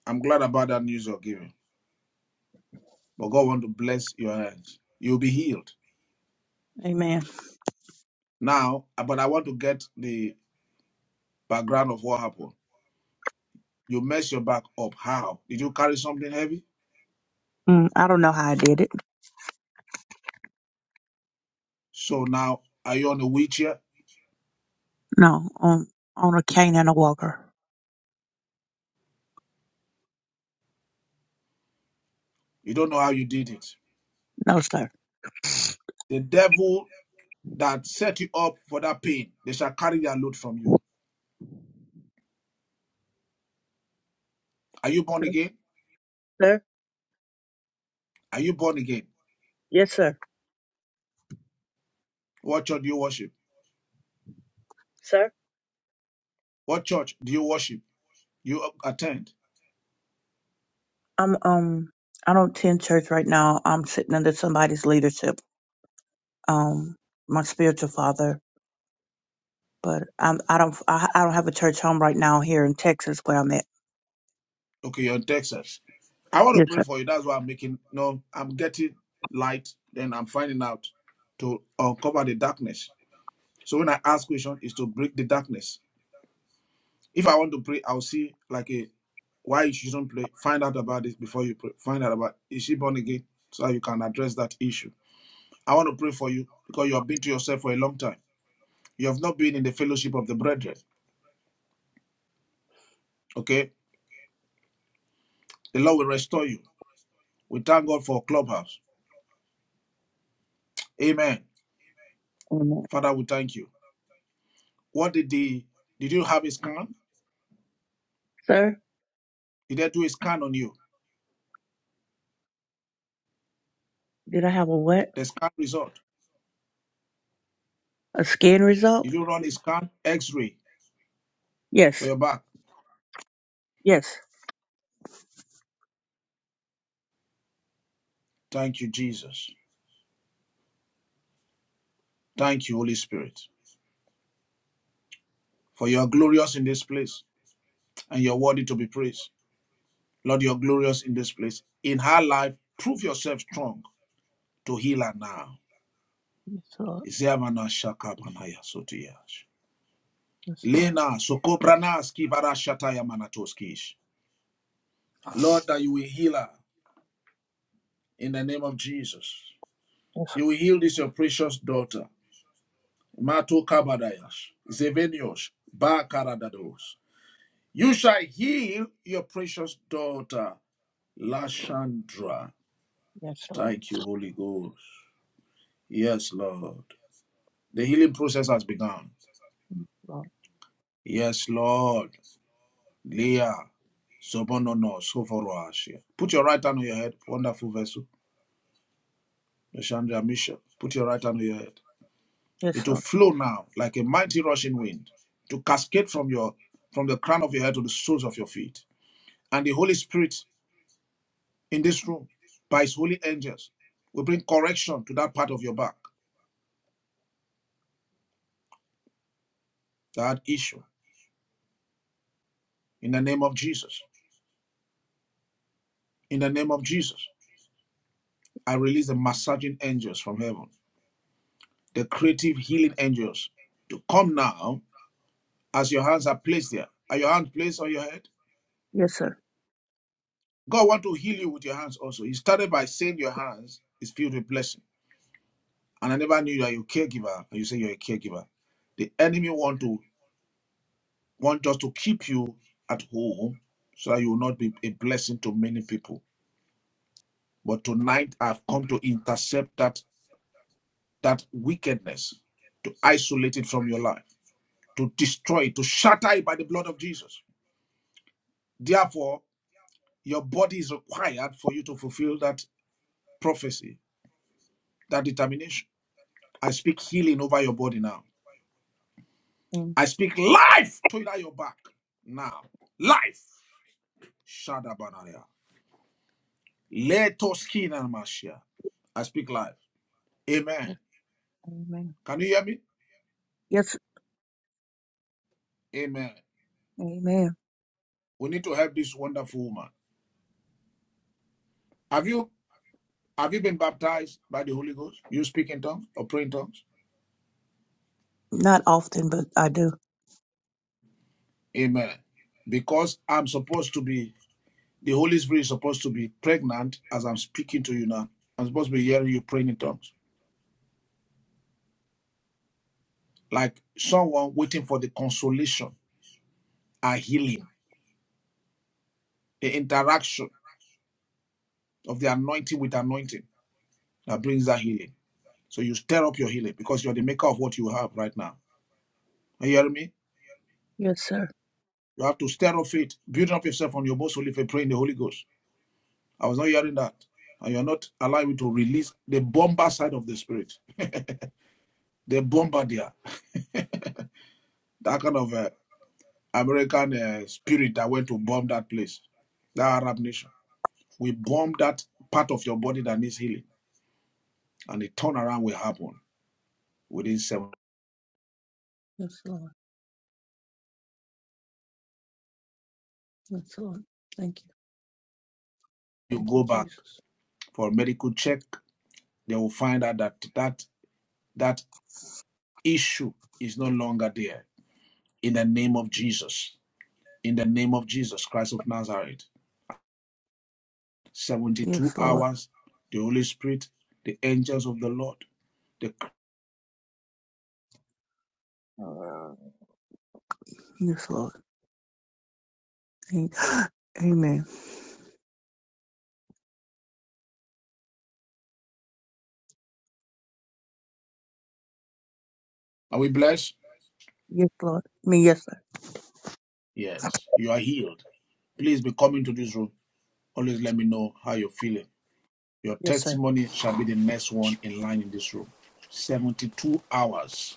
Speaker 3: I'm glad about that news you're giving. But God want to bless your hands. You'll be healed.
Speaker 17: Amen.
Speaker 3: Now, uh, but I want to get the background of what happened. You messed your back up. How? Did you carry something heavy?
Speaker 17: Mm, I don't know how I did it.
Speaker 3: So now, are you on a wheelchair?
Speaker 17: No, on on a cane and a walker.
Speaker 3: You don't know how you did it.
Speaker 17: No, sir.
Speaker 3: The devil that set you up for that pain, they shall carry their load from you. Are you born
Speaker 17: Yes,
Speaker 3: again?
Speaker 17: Sir?
Speaker 3: Are you born again?
Speaker 17: Yes, sir.
Speaker 3: What church do you worship?
Speaker 17: Sir?
Speaker 3: What church do you worship? You attend?
Speaker 17: I'm um I don't attend church right now. I'm sitting under somebody's leadership. Um my spiritual father. But I'm I don't I, I don't have a church home right now here in Texas where I'm at.
Speaker 3: Okay, you're in Texas. I want to
Speaker 17: Yes,
Speaker 3: pray
Speaker 17: sir.
Speaker 3: for you. That's why I'm making. No, I'm getting light. Then I'm finding out to uncover the darkness. So when I ask question, is to break the darkness. If I want to pray, I'll see like a Why you shouldn't pray? Find out about this before you pray. Find out about is she born again so you can address that issue. I want to pray for you because you have been to yourself for a long time. You have not been in the fellowship of the brethren. Okay, the Lord will restore you. We thank God for clubhouse. Amen.
Speaker 17: Amen.
Speaker 3: Father, we thank you. What did the did you have a scan?
Speaker 17: Sir,
Speaker 3: Did they do a scan on you?
Speaker 17: did I have a what?
Speaker 3: The scan result.
Speaker 17: A scan result?
Speaker 3: Did you run a scan? X-ray for
Speaker 17: Yes.
Speaker 3: your back.
Speaker 17: Yes.
Speaker 3: Thank you, Jesus. Thank you, Holy Spirit, for you are glorious in this place and you're worthy to be praised. Lord, you're glorious in this place. In her life, prove yourself strong to heal her now.
Speaker 17: Yes, sir.
Speaker 3: Izemana shakabanaya sotiyash.
Speaker 17: Yes, sir.
Speaker 3: Lena sokobrana skivara shataya manatoskish. Lord, that you will heal her in the name of Jesus.
Speaker 17: Yes,
Speaker 3: You will heal this your precious daughter. Mato kabadayash. Zevenios. Bakaradados. You shall heal your precious daughter, Lashandra.
Speaker 17: yes, sir.
Speaker 3: Thank you, Holy Ghost. Yes, Lord. The healing process has begun.
Speaker 17: Lord.
Speaker 3: Yes, Lord. Leah, Sobonono, Soforoashia. Put your right hand on your head, wonderful vessel. Yeshandra Misha. Put your right hand on your head.
Speaker 17: Yes,
Speaker 3: It will
Speaker 17: sir.
Speaker 3: flow now like a mighty rushing wind to cascade from your from the crown of your head to the soles of your feet. And the Holy Spirit in this room, by his holy angels, will bring correction to that part of your back, that issue. In the name of Jesus. In the name of Jesus. I release the massaging angels from heaven the creative healing angels to come now as your hands are placed there. Are your hands placed on your head?
Speaker 17: Yes, sir.
Speaker 3: God want to heal you with your hands also. He started by saying your hands is filled with blessing. And I never knew that you're a caregiver and you say you're a caregiver. The enemy want to want just to keep you at home so that you will not be a blessing to many people. But tonight I've come to intercept that that wickedness, to isolate it from your life, to destroy it, to shatter it by the blood of Jesus. Therefore, Your body is required for you to fulfill that prophecy, that determination. I speak healing over your body now. I speak life to that your back now. Life. Shadabanaria. Leto I speak life. Amen.
Speaker 17: Amen.
Speaker 3: Can you hear me?
Speaker 17: Yes.
Speaker 3: Amen.
Speaker 17: Amen.
Speaker 3: We need to help this wonderful woman. Have you have you been baptized by the Holy Ghost? You speak in tongues or pray in tongues?
Speaker 17: Not often, but I do.
Speaker 3: Amen. Because I'm supposed to be The Holy Spirit is supposed to be pregnant as I'm speaking to you now. I'm supposed to be hearing you praying in tongues. Like someone waiting for the consolation, a healing, the interaction of the anointing with anointing that brings that healing. So you stir up your healing because you're the maker of what you have right now. Are you hearing me?
Speaker 17: Yes, sir.
Speaker 3: You have to stir up faith, building up yourself on your most holy faith, praying the Holy Ghost. I was not hearing that. And you're not allowing me to release the bomber side of the spirit, the bombardier, (laughs) that kind of uh, American uh, spirit that went to bomb that place, that Arab nation. We bomb that part of your body that needs healing, and the turnaround will happen within seven.
Speaker 17: Yes, Lord. Yes, Lord. Thank you.
Speaker 3: You
Speaker 17: Thank you,
Speaker 3: go back
Speaker 17: Jesus.
Speaker 3: for a medical check, they will find out that that that issue is no longer there. In the name of Jesus, in the name of Jesus Christ of Nazareth,
Speaker 17: Yes,
Speaker 3: seventy-two
Speaker 17: Lord.
Speaker 3: hours, the Holy Spirit, the angels of the Lord. The,
Speaker 17: Uh, Yes, Lord. A- (gasps) Amen.
Speaker 3: are we blessed?
Speaker 17: Yes, Lord. Me, yes, sir.
Speaker 3: Yes, you are healed please be coming to this room. Always let me know how you're feeling. Your
Speaker 17: Yes, sir.
Speaker 3: testimony shall be the next one in line in this room. 72 hours,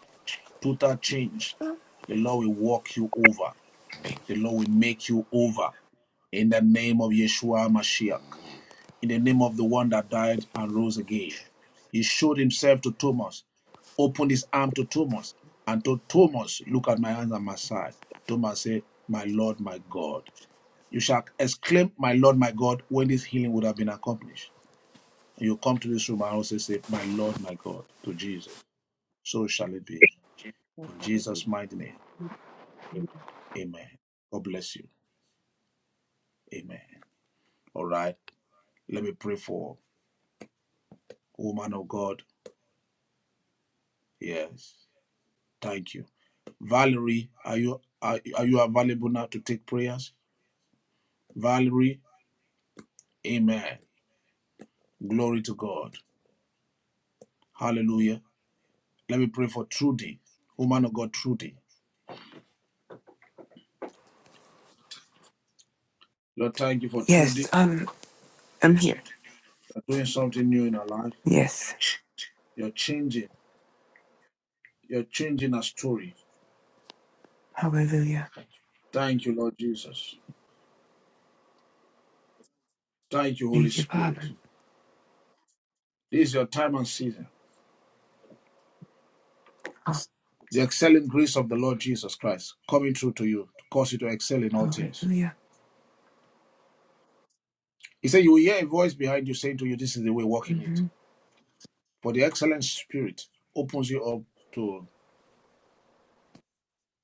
Speaker 3: total change. The Lord will walk you over. The Lord will make you over in the name of Yeshua Mashiach, in the name of the one that died and rose again. He showed himself to Thomas, opened his arm to Thomas, and told Thomas, Look at my hands and my side. Thomas said, My Lord, my God. You shall exclaim, My Lord, my God, when this healing would have been accomplished. You come to this room and also say, My Lord, my God, to Jesus. So shall it be.
Speaker 17: let
Speaker 3: In
Speaker 17: it
Speaker 3: Jesus' mighty name. Amen. God bless you. Amen. All right. Let me pray for woman of God. Yes. Thank you. Valerie, are you are, are you available now to take prayers? Valerie, amen. Glory to God. Hallelujah. Let me pray for Trudy, woman of God, Trudy. Lord, thank you for
Speaker 18: Yes,
Speaker 3: Trudy.
Speaker 18: I'm, I'm here.
Speaker 3: You're doing something new in her life.
Speaker 18: Yes.
Speaker 3: You're changing. You're changing her story.
Speaker 18: Hallelujah.
Speaker 3: Thank you, Lord Jesus. Thank you, Holy
Speaker 18: Thank you,
Speaker 3: Spirit.
Speaker 18: Father.
Speaker 3: This is your time and season.
Speaker 18: Oh,
Speaker 3: The excelling grace of the Lord Jesus Christ coming through to you to cause you to excel in all things.
Speaker 18: Hallelujah.
Speaker 3: He said, You will hear a voice behind you saying to you, This is the way, walk in it.
Speaker 18: hmm
Speaker 3: For the excellent spirit opens you up to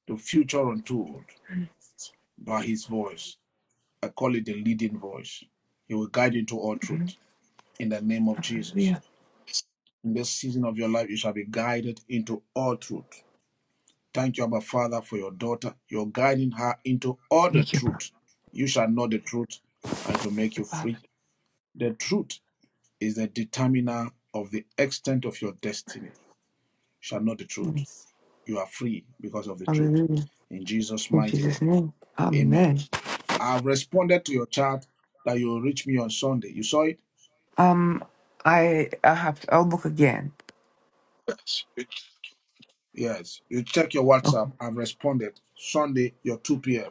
Speaker 3: the future untold by his voice. I call it the leading voice. He will guide you into all truth in the name of Jesus.
Speaker 18: Hallelujah.
Speaker 3: In this season of your life, you shall be guided into all truth Thank you, Abba Father, for your daughter. You're guiding her into all the
Speaker 18: Thank you, Father.
Speaker 3: truth. You shall know the truth, and it will
Speaker 18: Thank
Speaker 3: make
Speaker 18: you,
Speaker 3: you
Speaker 18: Father.
Speaker 3: free. The truth is the determiner of the extent of your destiny. You shall know the truth.
Speaker 18: Yes.
Speaker 3: You are free because of the truth.
Speaker 18: Hallelujah.
Speaker 3: In Jesus'
Speaker 18: In
Speaker 3: mighty
Speaker 18: Jesus'
Speaker 3: name.
Speaker 18: name.
Speaker 3: Amen.
Speaker 18: Amen.
Speaker 3: I've responded to your chat that you will reach me on Sunday. You saw it?
Speaker 18: Um, I, I have to, I'll look again.
Speaker 3: Yes. You check your
Speaker 18: Okay.
Speaker 3: WhatsApp. I've responded. Sunday, your 2 p.m.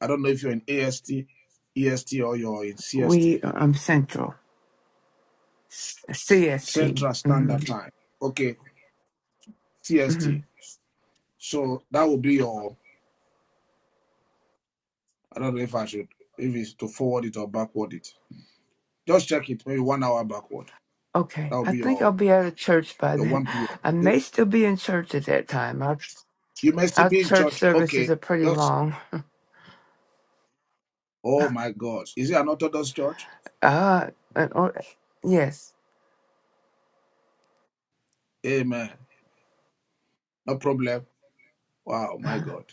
Speaker 3: I don't know if you're in AST, EST, or you're in CST.
Speaker 18: We, um, Central. S- CST.
Speaker 3: Central
Speaker 18: hmm
Speaker 3: Standard Time. Okay,
Speaker 18: hmm
Speaker 3: CST. So that will be your. I don't know if I should, if it's to forward it or backward it. Just check it, maybe one hour backward. That
Speaker 18: Okay.
Speaker 3: will
Speaker 18: I
Speaker 3: be
Speaker 18: think I'll
Speaker 3: your
Speaker 18: be out of church by
Speaker 3: your
Speaker 18: then.
Speaker 3: 1 p.m.
Speaker 18: (laughs) I
Speaker 3: Okay.
Speaker 18: may still be in church at that time. Our,
Speaker 3: You may still
Speaker 18: our
Speaker 3: be in
Speaker 18: church
Speaker 3: church.
Speaker 18: services
Speaker 3: Okay.
Speaker 18: are pretty
Speaker 3: Just.
Speaker 18: long.
Speaker 3: Oh my God. Is it an Orthodox church?
Speaker 18: Ah, and, or, yes,
Speaker 3: Amen. No problem. Wow. My
Speaker 18: (laughs)
Speaker 3: God.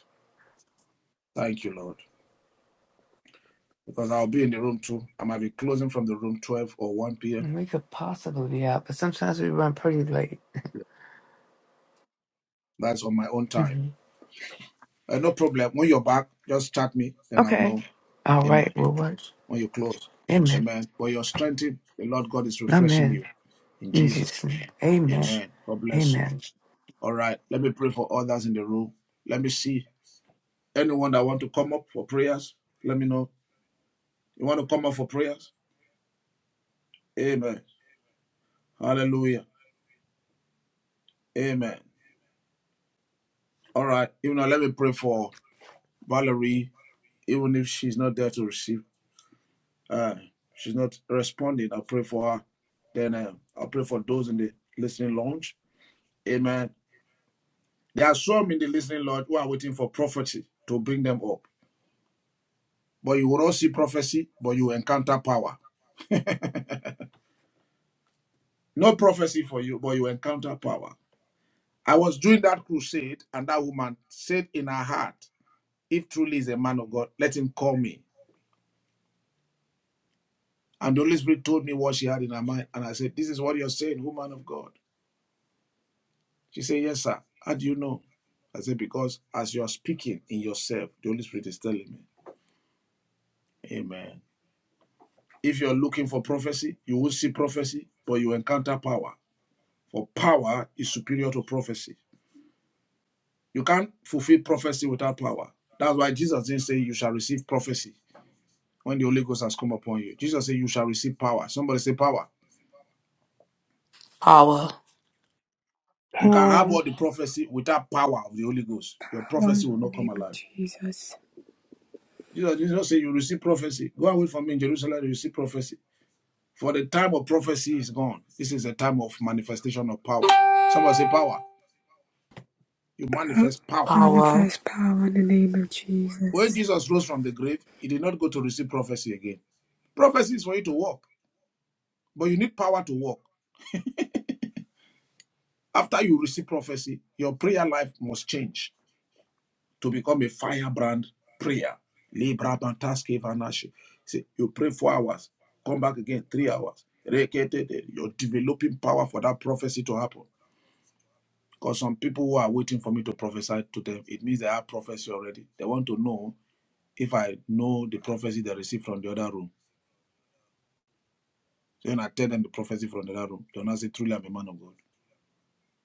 Speaker 3: Thank you, Lord. Because I'll be in the room too. I might be closing from the room 12 or 1 p.m.
Speaker 18: we could possibly be out, but sometimes we run pretty late.
Speaker 3: That's on my own time.
Speaker 18: hmm
Speaker 3: Uh, no problem. When you're back, just chat me, then I'll
Speaker 18: Okay.
Speaker 3: know.
Speaker 18: All right.
Speaker 3: Amen.
Speaker 18: We'll work.
Speaker 3: when you close.
Speaker 18: Amen.
Speaker 3: Amen. But you're strengthened. The Lord God is refreshing
Speaker 18: Amen.
Speaker 3: you. In
Speaker 18: In
Speaker 3: Jesus.
Speaker 18: Jesus' name. Amen.
Speaker 3: Amen. God bless you.
Speaker 18: Amen.
Speaker 3: All right. Let me pray for others in the room. Let me see. Anyone that want to come up for prayers, let me know. You want to come up for prayers? Amen. Hallelujah. Amen. All right. Even now, let me pray for Valerie. Even if she's not there to receive, uh, she's not responding. I pray for her. Then uh, I pray for those in the listening lounge. Amen. There are some in the listening, Lord, who are waiting for prophecy to bring them up. But you will not see prophecy, but you encounter power. No prophecy for you, but you encounter power. I was doing that crusade, and that woman said in her heart, If truly is a man of God, let him call me. And the Holy Spirit told me what she had in her mind. And I said, This is what you're saying, woman of God. She said, Yes, sir. How do you know? I said, Because as you're speaking in yourself, the Holy Spirit is telling me. Amen. If you're looking for prophecy, you will see prophecy, but you encounter power. For power is superior to prophecy. You can't fulfill prophecy without power. That's why Jesus didn't say you shall receive prophecy when the Holy Ghost has come upon you. Jesus said you shall receive power. Somebody say power.
Speaker 15: Power.
Speaker 3: You can have
Speaker 1: Power.
Speaker 3: all the prophecy without power of the Holy Ghost. Your
Speaker 8: Power
Speaker 3: prophecy
Speaker 8: in
Speaker 3: will
Speaker 8: the
Speaker 3: not come
Speaker 8: name of
Speaker 3: alive.
Speaker 8: Jesus.
Speaker 3: Jesus did not say you receive prophecy. Go away from me in Jerusalem, you receive prophecy. For the time of prophecy is gone. This is a time of manifestation of power. Somebody say power. You manifest power.
Speaker 15: Power.
Speaker 8: Manifest power in the name of
Speaker 3: When
Speaker 8: Jesus.
Speaker 3: Jesus rose from the grave, he did not go to receive prophecy again. Prophecy is for you to walk, but you need power to walk. After you receive prophecy, your prayer life must change to become a firebrand prayer. Libra bantaske vanashi. See, you pray four hours, come back again three hours. Reketete. You're developing power for that prophecy to happen. Because some people who are waiting for me to prophesy to them, it means they have prophecy already. They want to know if I know the prophecy they received from the other room Then I tell them the prophecy from the other room. They will not say, Truly, I'm a man of God.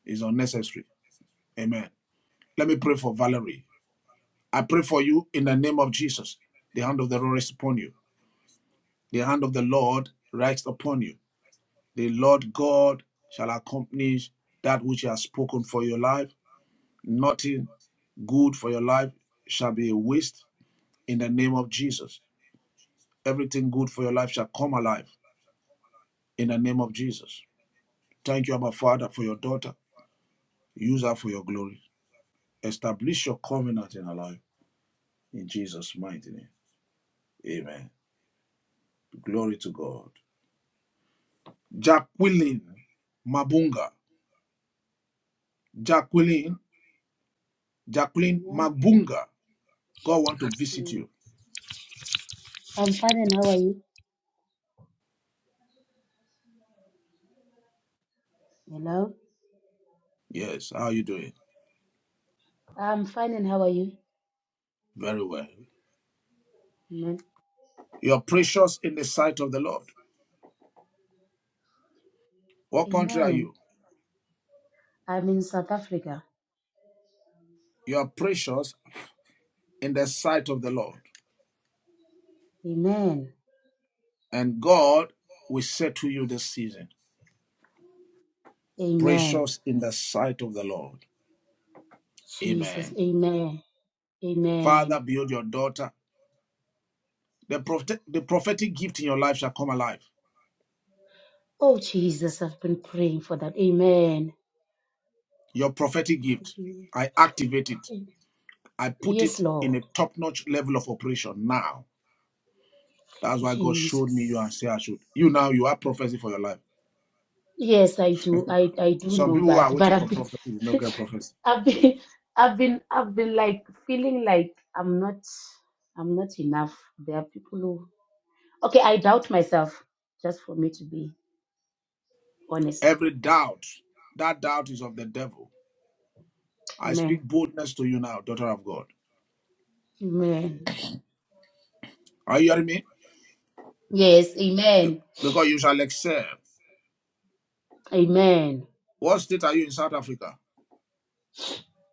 Speaker 3: It's unnecessary. Amen. Let me pray for Valerie. I pray for you in the name of Jesus. The hand of the Lord rests upon you. The hand of the Lord rests upon you. The Lord God shall accomplish that which He has spoken for your life. Nothing good for your life shall be a waste in the name of Jesus. Everything good for your life shall come alive in the name of Jesus. Thank you, Abba Father, for your daughter. Use her for your glory. Establish your covenant in our life in Jesus' mighty name. Amen. Glory to God. Jacqueline Mabunga. Jacqueline, Jacqueline
Speaker 19: Amen.
Speaker 3: Mabunga. God want to visit
Speaker 19: Hey.
Speaker 3: you.
Speaker 19: I'm fine and how are you? Hello?
Speaker 3: Yes, how are you doing?
Speaker 19: I'm fine and how are you?
Speaker 3: Very well.
Speaker 19: Amen.
Speaker 3: You're precious in the sight of the Lord. What country are
Speaker 19: Amen.
Speaker 3: you?
Speaker 19: I'm in South Africa.
Speaker 3: You're precious in the sight of the Lord.
Speaker 19: Amen.
Speaker 3: And God will say to you this season,
Speaker 19: Amen.
Speaker 3: precious in the sight of the Lord.
Speaker 19: Jesus.
Speaker 3: Amen.
Speaker 19: Amen. Amen.
Speaker 3: Father, build your daughter The, prophet, the prophetic gift in your life shall come alive.
Speaker 19: Oh, Jesus, I've been praying for that. Amen.
Speaker 3: Your prophetic gift, I activate it. I put
Speaker 19: Yes,
Speaker 3: it in
Speaker 19: Lord.
Speaker 3: a top-notch level of operation now. That's why God showed me you and
Speaker 19: Jesus.
Speaker 3: say I should. You now, you have prophecy for your life.
Speaker 19: Yes, I do. I, I do
Speaker 3: Some
Speaker 19: know
Speaker 3: people who are
Speaker 19: that. But
Speaker 3: waiting
Speaker 19: I've
Speaker 3: for
Speaker 19: been,
Speaker 3: prophecy will not
Speaker 19: (laughs)
Speaker 3: get prophecy.
Speaker 19: I've been, I've been, I've been like feeling like I'm not, I'm not enough. There are people who Okay, I doubt myself, just for me to be honest.
Speaker 3: Every doubt, that doubt is of the devil. I speak
Speaker 19: Amen.
Speaker 3: boldness to you now, daughter of God.
Speaker 19: Amen.
Speaker 3: Are you hearing me?
Speaker 19: Yes, amen.
Speaker 3: Because you shall excel.
Speaker 19: Amen.
Speaker 3: What state are you in South Africa?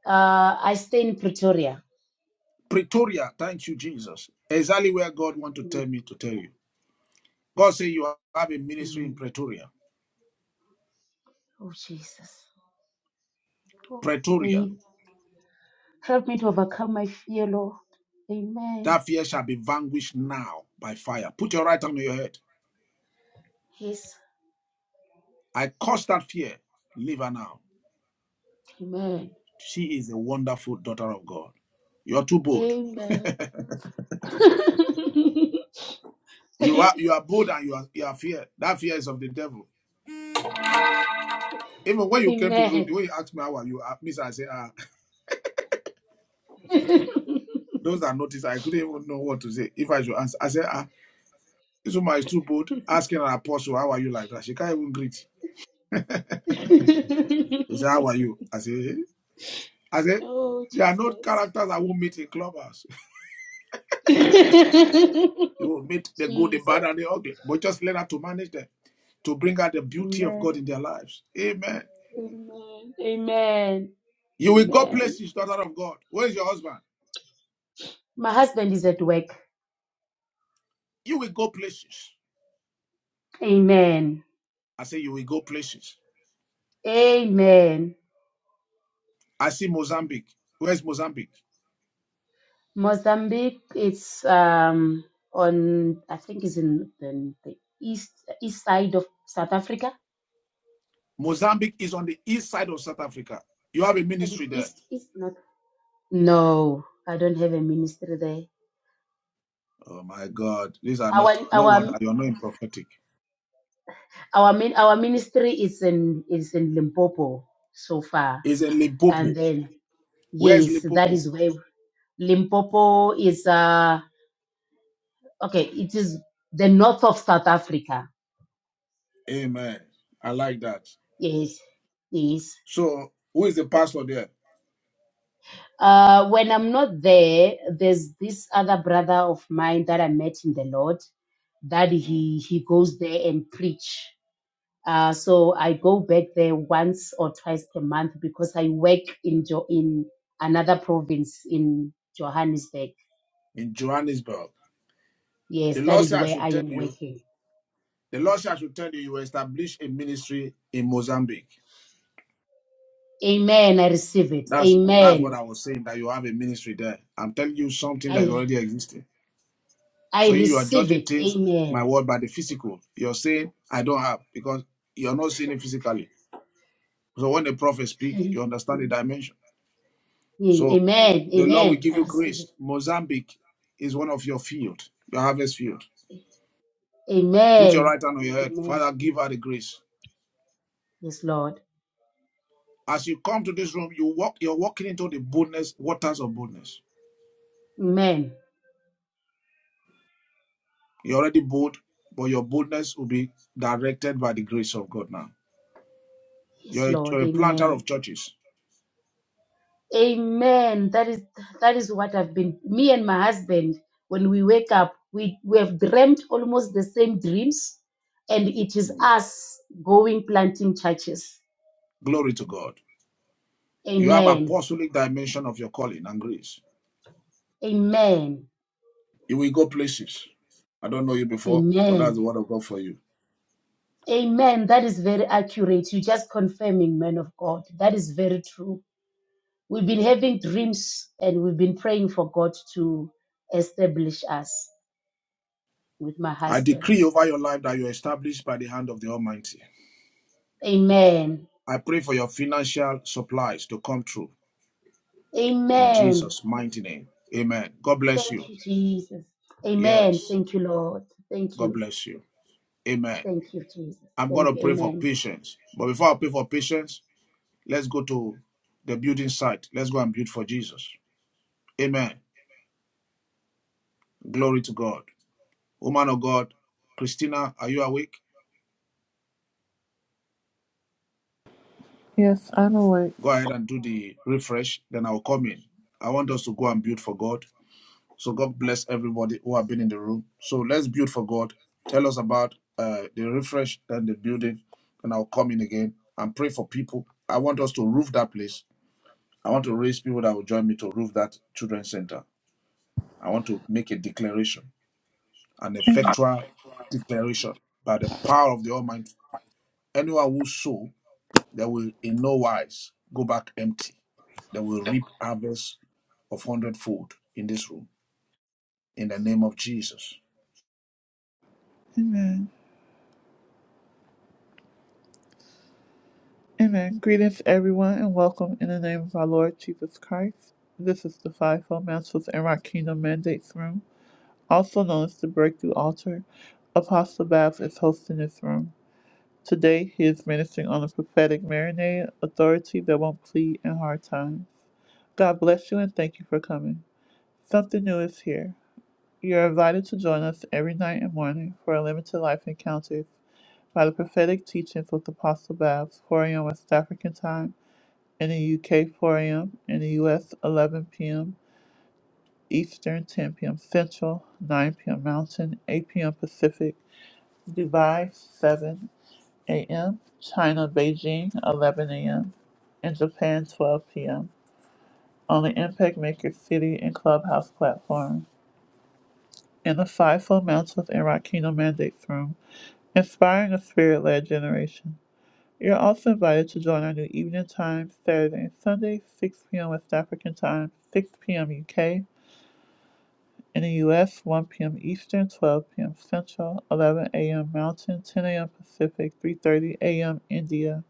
Speaker 19: Uh, I stay in Pretoria.
Speaker 3: Pretoria. Thank you, Jesus. Exactly where God want to tell
Speaker 19: Amen.
Speaker 3: me to tell you. God said, You have a ministry in
Speaker 19: Amen.
Speaker 3: Pretoria.
Speaker 19: Oh, Jesus. Oh, may
Speaker 3: Pretoria,
Speaker 19: He help me to overcome my fear, Lord. Amen.
Speaker 3: that fear shall be vanquished now by fire. Put your right hand on your head.
Speaker 19: Yes.
Speaker 3: I curse that fear. Leave her now.
Speaker 19: Amen.
Speaker 3: She is a wonderful daughter of God. You are too bold.
Speaker 19: Amen. (laughs)
Speaker 3: You are you are bold and you are you are fear. That fear is of the devil. Even when you came to the room,
Speaker 19: amen.
Speaker 3: the way you asked me how are you, uh, Miss, I said, ah, those that noticed, I couldn't even know what to say if I should answer. I said, ah, this woman is too bold. Asking an apostle, how are you like that? She can't even greet.
Speaker 19: (laughs)
Speaker 3: He said, how are you? I said, "Eh?" I said,
Speaker 19: oh,
Speaker 3: there are not
Speaker 19: Jesus.
Speaker 3: characters I won't meet in clubhouse. (laughs)
Speaker 19: (laughs)
Speaker 3: You will meet the good, the bad,
Speaker 19: Jesus.
Speaker 3: and the ugly. But just learn how to manage them, to bring out the beauty of
Speaker 19: Amen.
Speaker 3: God in their lives. Amen.
Speaker 19: Amen. Amen.
Speaker 3: You will go
Speaker 19: Amen.
Speaker 3: places, daughter of God. Where is your husband?
Speaker 19: My husband is at work.
Speaker 3: You will go places.
Speaker 19: Amen.
Speaker 3: I say, you will go places.
Speaker 19: Amen.
Speaker 3: I see Mozambique. Where's Mozambique?
Speaker 19: Mozambique, it's um on I think it's in the, the east east side of South Africa.
Speaker 3: Mozambique is on the east side of South Africa. You have a
Speaker 19: Is it
Speaker 3: ministry there.
Speaker 19: east east not? No, I don't have a ministry there.
Speaker 3: Oh my God. These are
Speaker 19: Our
Speaker 3: not, no wonder
Speaker 19: our
Speaker 3: you're not in prophetic.
Speaker 19: our min, our ministry is in is in Limpopo so far,
Speaker 3: It's in Limpopo.
Speaker 19: and then
Speaker 3: Where's
Speaker 19: yes, that
Speaker 3: Limpopo?
Speaker 19: is where Limpopo is. Uh, okay, it is the north of South Africa.
Speaker 3: Amen. I like that.
Speaker 19: Yes, yes.
Speaker 3: So, who is the pastor there
Speaker 19: Uh, when I'm not there, there's this other brother of mine that I met in the Lord that he he goes there and preach. Uh, so I go back there once or twice per month because I work in jo- in another province in Johannesburg.
Speaker 3: in Johannesburg?
Speaker 19: Yes,
Speaker 3: The
Speaker 19: that
Speaker 3: Lord
Speaker 19: is
Speaker 3: said, I
Speaker 19: where
Speaker 3: should
Speaker 19: I
Speaker 3: tell
Speaker 19: am
Speaker 3: you,
Speaker 19: working.
Speaker 3: the
Speaker 19: Yes.
Speaker 3: Lord said, I should tell you, you will establish a ministry in Mozambique.
Speaker 19: Amen. I receive it.
Speaker 3: That's that's what
Speaker 19: Amen.
Speaker 3: I was saying, that you have a ministry there. I'm telling you something that is
Speaker 19: I
Speaker 3: already existing.
Speaker 19: I
Speaker 3: So, you are
Speaker 19: receive
Speaker 3: judging
Speaker 19: it.
Speaker 3: things, my
Speaker 19: Amen.
Speaker 3: word, by the physical. You're saying, I don't have, because you're not seeing it physically. So, when the prophet speak,
Speaker 19: (laughs)
Speaker 3: you understand the dimension.
Speaker 19: Yeah,
Speaker 3: So,
Speaker 19: Amen.
Speaker 3: the Lord will
Speaker 19: Amen.
Speaker 3: give
Speaker 19: I
Speaker 3: you
Speaker 19: receive
Speaker 3: grace. Mozambique is one of your field, your harvest field.
Speaker 19: it.
Speaker 3: Put your
Speaker 19: Amen.
Speaker 3: right hand on your head.
Speaker 19: Amen.
Speaker 3: Father, give her the grace.
Speaker 19: Yes, Lord.
Speaker 3: As you come to this room, you walk, you're walking into the boldness, waters of boldness.
Speaker 19: Amen.
Speaker 3: You're already bold, but your boldness will be directed by the grace of God now.
Speaker 19: Yes,
Speaker 3: You're a,
Speaker 19: Lord.
Speaker 3: you're a planter
Speaker 19: Amen.
Speaker 3: of churches.
Speaker 19: Amen. That is that is what I've been. Me and my husband, when we wake up, we, we have dreamt almost the same dreams, and it is us going planting churches.
Speaker 3: Glory to God. You have
Speaker 19: Amen.
Speaker 3: apostolic dimension of your calling and grace.
Speaker 19: Amen.
Speaker 3: You will go places. I don't know you before, but that's the
Speaker 19: Amen.
Speaker 3: word of God for you.
Speaker 19: Amen. That is very accurate. You're just confirming, man of God. That is very true. We've been having dreams and we've been praying for God to establish us with my
Speaker 3: I
Speaker 19: husband.
Speaker 3: decree over your life that you're established by the hand of the Almighty.
Speaker 19: Amen.
Speaker 3: I pray for your financial supplies to come true. in
Speaker 19: Amen.
Speaker 3: Jesus' mighty name. Amen. God bless
Speaker 19: Thank
Speaker 3: you.
Speaker 19: you, Jesus. Amen.
Speaker 3: Yes.
Speaker 19: Thank you, Lord. Thank
Speaker 3: God
Speaker 19: you.
Speaker 3: bless you. Amen.
Speaker 19: Thank you, Jesus.
Speaker 3: I'm going
Speaker 19: Thank
Speaker 3: to
Speaker 19: you.
Speaker 3: pray for
Speaker 19: Amen.
Speaker 3: patience. But before I pray for patience, let's go to the building site. Let's go and build for Jesus. Amen. Glory to God. Woman of God, Christina, are you awake?
Speaker 1: Yes, I'm awake.
Speaker 3: Go ahead and do the refresh. Then I'll come in. I want us to go and build for God. So God bless everybody who have been in the room. So let's build for God. Tell us about uh, the refresh and the building, and I'll come in again and pray for people. I want us to roof that place. I want to raise people that will join me to roof that children's center. I want to make a declaration, an effectual declaration by the power of the Almighty. Anyone who sow, they will in no wise go back empty. They will reap harvest of hundredfold in this room. In the name of Jesus.
Speaker 1: Amen. Amen. Greetings, everyone, and welcome in the name of our Lord Jesus Christ. This is the Fivefold Mantles and Rock Kingdom Mandates Room, also known as the Breakthrough Altar. Apostle Babs is hosting this room. Today, he is ministering on the prophetic marinade, authority that won't plead in hard times. God bless you and thank you for coming. Something new is here. You are invited to join us every night and morning for a limited life encounter by the prophetic teachings of Apostle Babs, 4 a.m. West African time, in the UK, 4 a.m., in the US, 11 p.m. Eastern, 10 p.m. Central, 9 p.m. Mountain, 8 p.m. Pacific, Dubai, 7 a.m., China, Beijing, 11 a.m., and Japan, 12 p.m. on the Impact Maker City and Clubhouse platform, in the Fivefold Mountains and Rock Kingdom Mandates Room, inspiring a spirit led generation. You're also invited to join our new evening time Saturday and Sunday, 6 p.m. West African time, 6 p.m. UK. In the US, 1 p.m. Eastern, 12 p.m. Central, 11 a.m. Mountain, 10 a.m. Pacific, 3.30 a.m. India.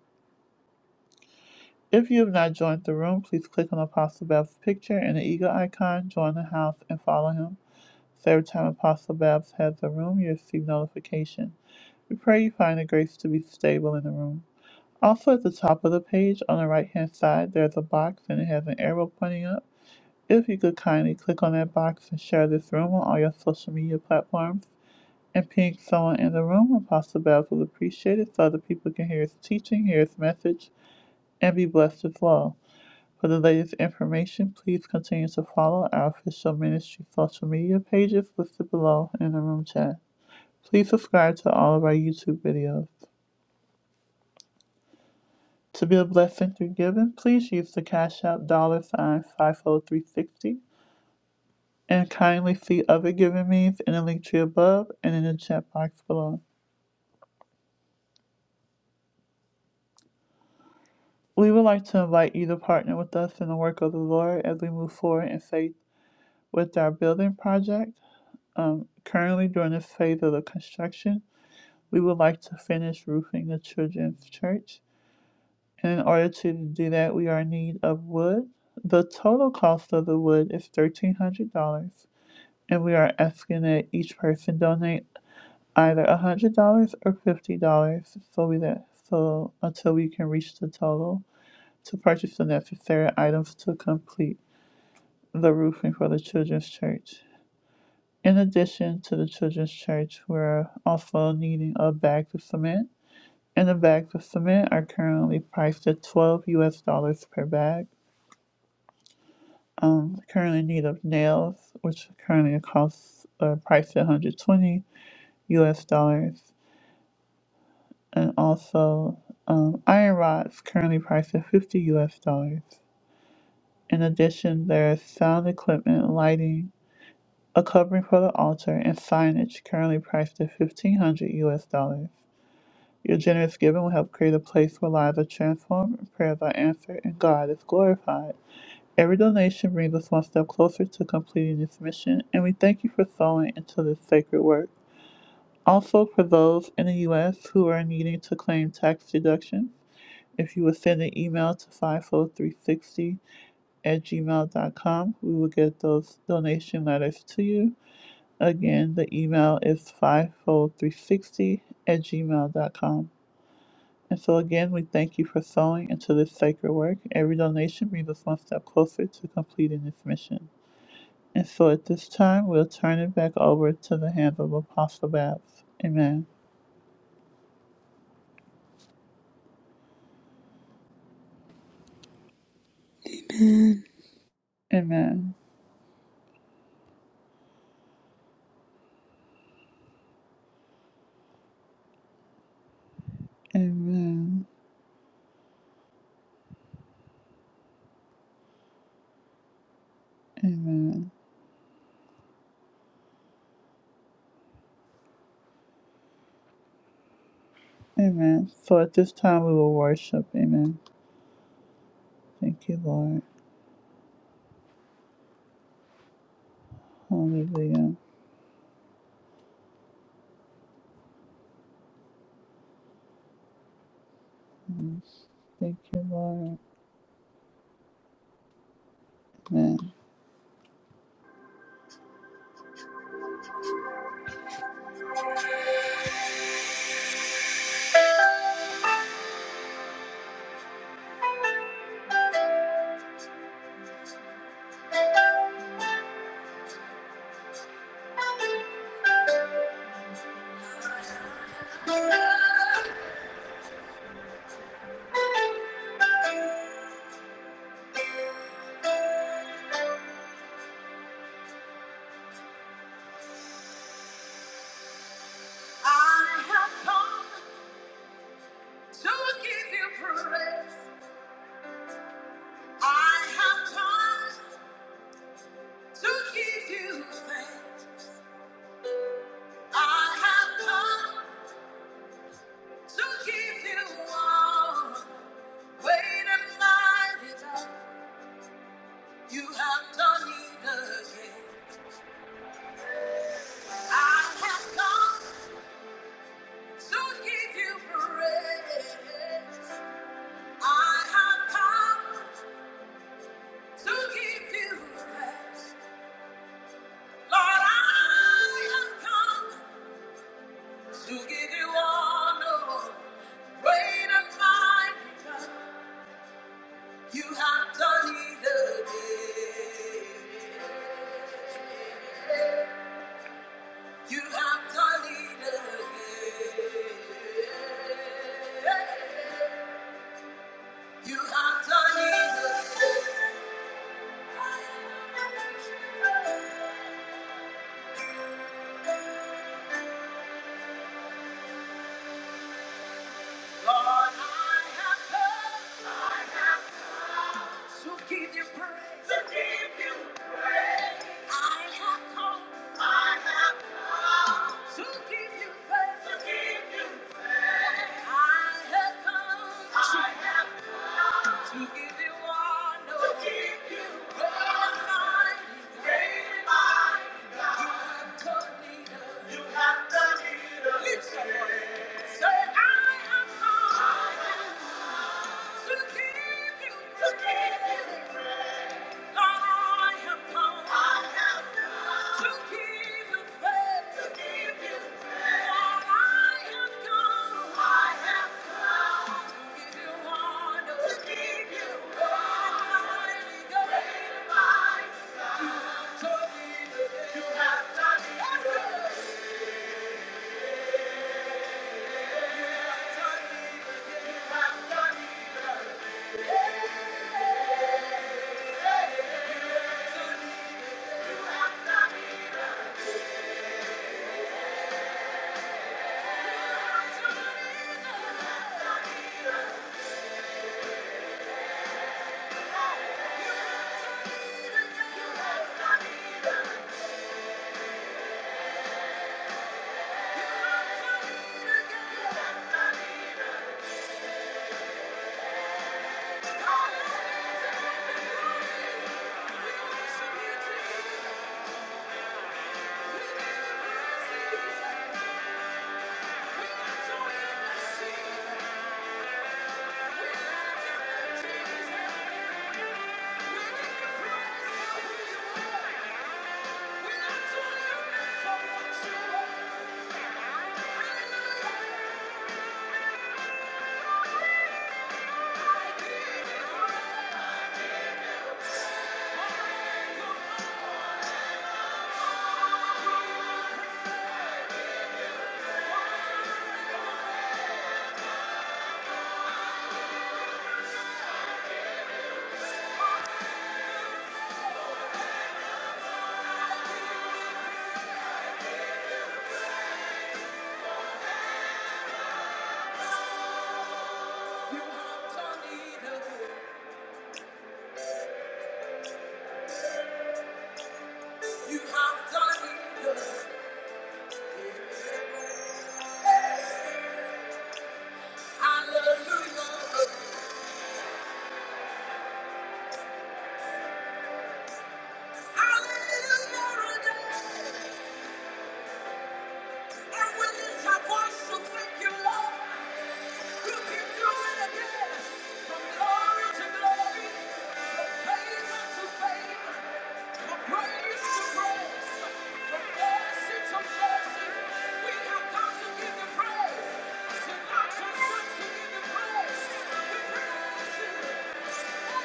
Speaker 1: If you have not joined the room, please click on Apostle Babs' picture and the eagle icon, join the house, and follow him. So every time Apostle Babs has a room, you receive notification. We pray you find the grace to be stable in the room. Also, at the top of the page on the right hand side, there's a box and it has an arrow pointing up. If you could kindly click on that box and share this room on all your social media platforms and ping someone in the room, Apostle Babs will appreciate it so other people can hear his teaching, hear his message, and be blessed as well. For the latest information, please continue to follow our official ministry social media pages listed below in the room chat. Please subscribe to all of our YouTube videos. To be a blessing through giving, please use the Cash App dollar sign 50360 and kindly see other giving means in the link tree above and in the chat box below. We would like to invite you to partner with us in the work of the Lord as we move forward in faith with our building project. Um, currently, during this phase of the construction, we would like to finish roofing the children's church. And in order to do that, we are in need of wood. The total cost of the wood is $1,300. and we are asking that each person donate either one hundred dollars or fifty dollars so we that so until we can reach the total to purchase the necessary items to complete the roofing for the children's church. In addition to the children's church, we're also needing a bag of cement. And the bags of cement are currently priced at twelve US dollars per bag. Um currently in need of nails, which currently costs uh, priced at one hundred twenty US dollars. and also um, iron rods currently priced at 50 US dollars. In addition, there's sound equipment, lighting, a covering for the altar, and signage currently priced at 1500 US dollars. Your generous giving will help create a place where lives are transformed, and prayers are answered, and God is glorified. Every donation brings us one step closer to completing this mission, and we thank you for sowing into this sacred work. Also, for those in the U.S. who are needing to claim tax deductions, If you would send an email to 50360 at gmail dot com, we will get those donation letters to you. Again, the email is 50360 at gmail dot com. And so, again, we thank you for sowing into this sacred work. Every donation brings us one step closer to completing this mission. And so, at this time, we'll turn it back over to the hands of Apostle Babs. Amen. Amen. Amen. Amen. Amen. So at this time we will worship. Amen. Thank you, Lord. Hallelujah. Amen. Thank you, Lord. Amen. I have come to give you praise. I have come to give you thanks. I have come to give you all. Great and mighty God, you have done it again. I have come. To give you praise, I have come to give you praise. Lord, I have come to give you honor. Great and mighty, you have done it again. You have done it again. You have done it again. Lord, I have come to give you praise. To give you praise. I have come, to give you thanks, to give you I have come, to give you honor, to give you great and mighty, great God. You have done it, you have done it. Lift your say I have come to give you, to give you. Thank you. praise you.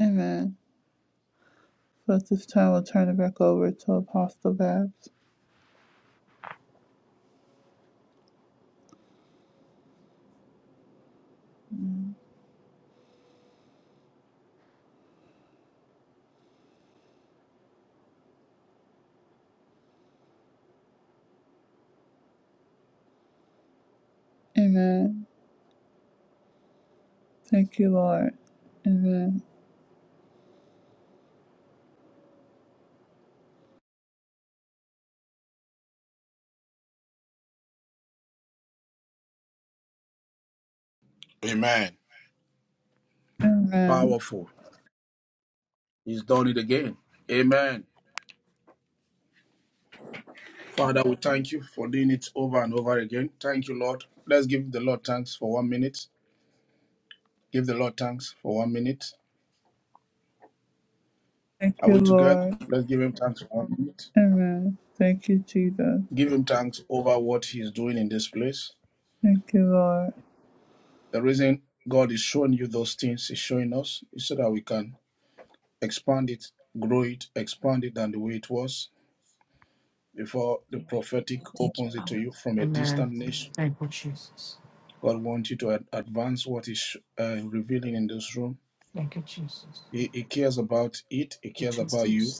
Speaker 1: Amen. So at this time, we'll turn it back over to Apostle Babs. Amen. Thank you, Lord. Amen.
Speaker 3: Amen.
Speaker 1: Amen.
Speaker 3: Powerful. He's done it again. Amen. Father, we thank you for doing it over and over again. Thank you, Lord. Let's give the Lord thanks for one minute. Give the Lord thanks for one minute.
Speaker 1: Thank
Speaker 3: Are
Speaker 1: you,
Speaker 3: we together?
Speaker 1: Lord.
Speaker 3: Let's give him thanks for one minute.
Speaker 1: Amen. Thank you, Jesus.
Speaker 3: Give him thanks over what he's doing in this place.
Speaker 1: Thank you, Lord.
Speaker 3: The reason God is showing you those things, is showing us, is so that we can expand it, grow it, expand it than the way it was before the prophetic
Speaker 20: Thank you,
Speaker 3: opens it to
Speaker 20: Father.
Speaker 3: you from a
Speaker 14: Amen.
Speaker 3: distant nation.
Speaker 14: Thank you, Jesus.
Speaker 3: God wants you to ad- advance what is uh, revealing in this room.
Speaker 14: Thank you, Jesus.
Speaker 3: He, he cares about it. He cares
Speaker 14: Thank you,
Speaker 3: about you.
Speaker 14: Jesus.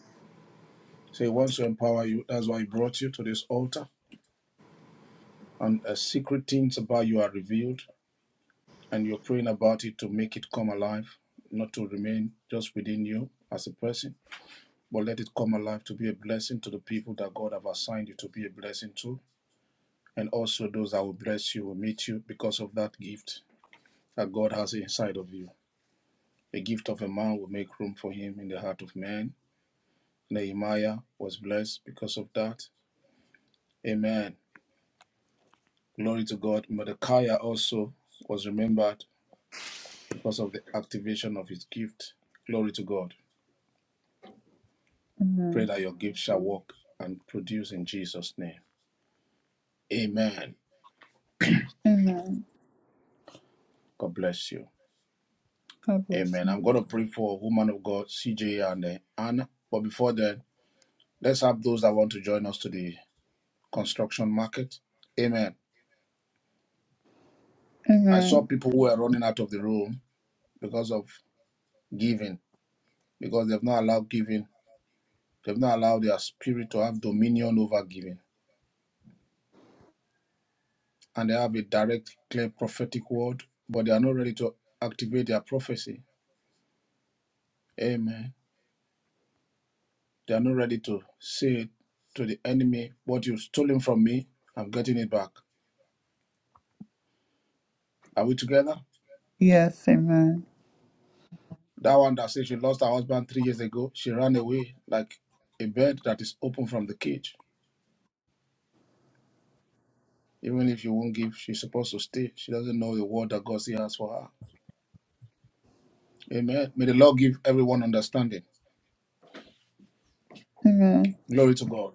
Speaker 3: So he wants to empower you. That's why he brought you to this altar. And uh, secret things about you are revealed, and you're praying about it to make it come alive, not to remain just within you as a person, but let it come alive to be a blessing to the people that God have assigned you to be a blessing to, and also those that will bless you will meet you because of that gift that God has inside of you. The gift of a man will make room for him in the heart of man. Nehemiah was blessed because of that. Amen. Glory to God. Mordecai also was remembered because of the activation of his gift. Glory to God. Pray
Speaker 1: Amen.
Speaker 3: that your gift shall work and produce in Jesus' name. Amen.
Speaker 1: Amen.
Speaker 3: God bless you.
Speaker 1: God bless
Speaker 3: Amen.
Speaker 1: you.
Speaker 3: I'm going to pray for woman of God, CJ and uh, Anna. But before then, let's have those that want to join us to the construction market. Amen. I
Speaker 1: Amen.
Speaker 3: saw people who were running out of the room because of giving, because they've not allowed giving, they've not allowed their spirit to have dominion over giving. And they have a direct, clear prophetic word, but they are not ready to activate their prophecy. Amen. They are not ready to say to the enemy, What you've stolen from me, I'm getting it back. Are we together?
Speaker 1: Yes, amen.
Speaker 3: That one that said she lost her husband three years ago, she ran away like a bird that is open from the cage. Even if you won't give, she's supposed to stay. She doesn't know the word that God still has for her. Amen. May the Lord give everyone understanding.
Speaker 1: Amen.
Speaker 3: Glory to God.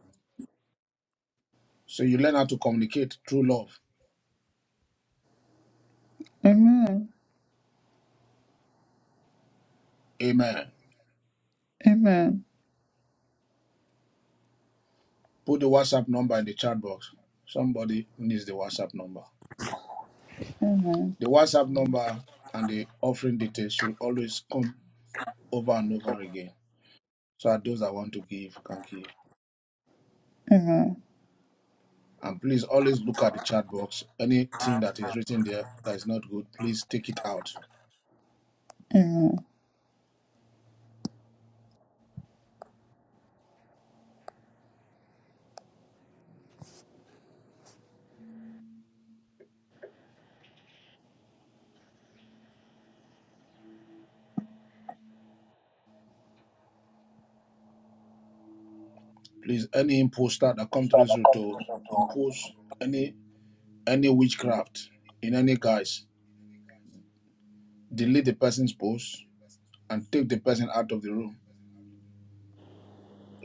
Speaker 3: So you learn how to communicate through love.
Speaker 1: Amen.
Speaker 3: Amen.
Speaker 1: Amen.
Speaker 3: Put the WhatsApp number in the chat box. Somebody needs the WhatsApp number. The WhatsApp number and the offering details should always come over and over again. So that those that want to give can give.
Speaker 1: Amen.
Speaker 3: And please always look at the chat box. Anything that is written there that is not good, please take it out.
Speaker 1: Amen.
Speaker 3: Please, any imposter that comes through to impose any any witchcraft in any guise, delete the person's post and take the person out of the room.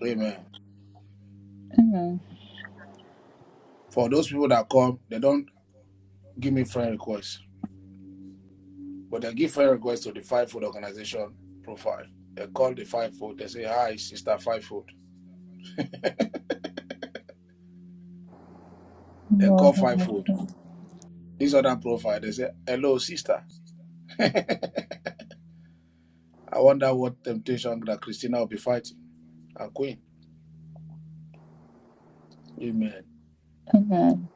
Speaker 3: Amen.
Speaker 1: Amen.
Speaker 3: For those people that come, they don't give me friend requests, but they give friend requests to the Five Food Organization profile. They call the Five Food. They say, "Hi, sister Five Food." (laughs) They
Speaker 1: Lord
Speaker 3: call
Speaker 1: have
Speaker 3: Five
Speaker 1: mercy.
Speaker 3: Food. This other profile, they say, "Hello, sister." (laughs) I wonder what temptation that Christina will be fighting. A queen. Amen.
Speaker 1: Amen.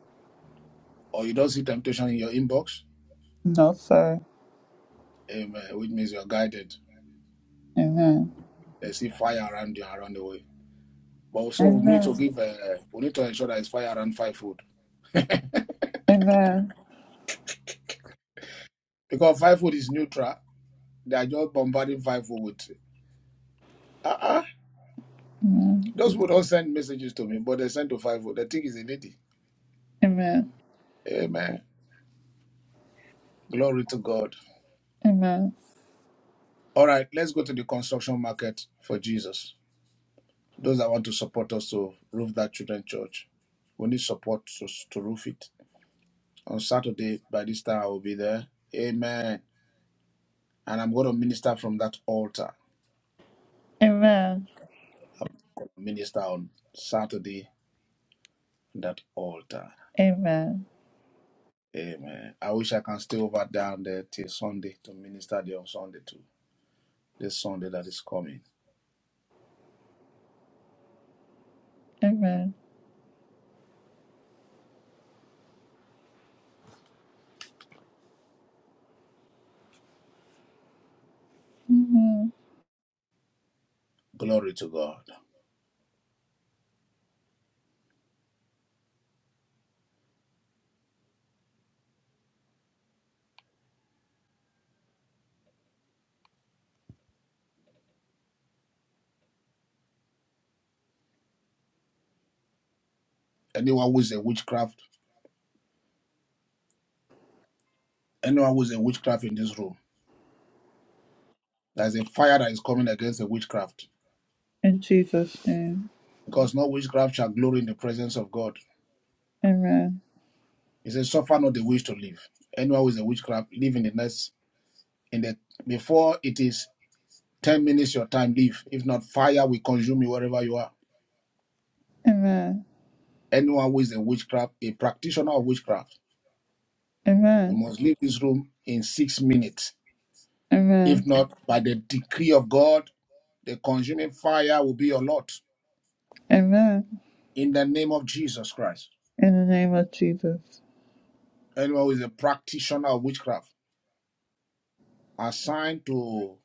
Speaker 3: Or you don't see temptation in your inbox.
Speaker 1: No, sir.
Speaker 3: Amen. Which means you're guided.
Speaker 1: Amen.
Speaker 3: They see fire around you around the way. But also, we need to
Speaker 1: Amen.
Speaker 3: give, uh, we need to ensure that it's fire and five food. (laughs) because
Speaker 1: Amen.
Speaker 3: five food is neutral. They are just bombarding five food with, uh uh
Speaker 1: Amen.
Speaker 3: Those people don't send messages to me, but they send to five food. The thing is a lady.
Speaker 1: Amen.
Speaker 3: Amen. Glory to God.
Speaker 1: Amen.
Speaker 3: All right, let's go to the construction market for Jesus. Those that want to support us to roof that children church, we need support to, to roof it. On Saturday, by this time, I will be there. Amen. And I'm going to minister from that altar.
Speaker 1: Amen.
Speaker 3: I'm going to minister on Saturday that altar.
Speaker 1: Amen.
Speaker 3: Amen. I wish I can stay over down there till Sunday to minister there on Sunday too. This Sunday that is coming.
Speaker 1: Amen. Amen.
Speaker 3: Glory to God. Anyone who is a witchcraft, anyone who is a witchcraft in this room, there's a fire that is coming against the witchcraft.
Speaker 1: In Jesus' name.
Speaker 3: Because no witchcraft shall glory in the presence of God.
Speaker 1: Amen.
Speaker 3: He says, Suffer not the witch to live. Anyone who is a witchcraft, live in the next in the before it is ten minutes your time, leave. If not, fire will consume you wherever you are.
Speaker 1: Amen.
Speaker 3: Anyone who is a witchcraft, a practitioner of witchcraft. You
Speaker 1: Amen.
Speaker 3: must leave this room in six minutes. If
Speaker 1: Amen.
Speaker 3: not, by the decree of God, the consuming fire will be your lot
Speaker 1: Amen.
Speaker 3: in the name of Jesus Christ.
Speaker 1: In the name of Jesus.
Speaker 3: Anyone who is a practitioner of witchcraft assigned to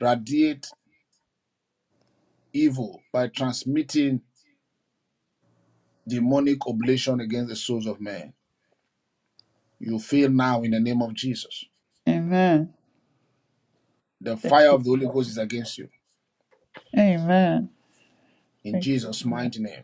Speaker 3: radiate evil by transmitting demonic oblation against the souls of men, you fail now in the name of Jesus.
Speaker 1: Amen.
Speaker 3: The fire of the Holy Ghost is against you
Speaker 1: Amen.
Speaker 3: in
Speaker 1: Thank you.
Speaker 3: Jesus'
Speaker 1: Lord.
Speaker 3: mighty name.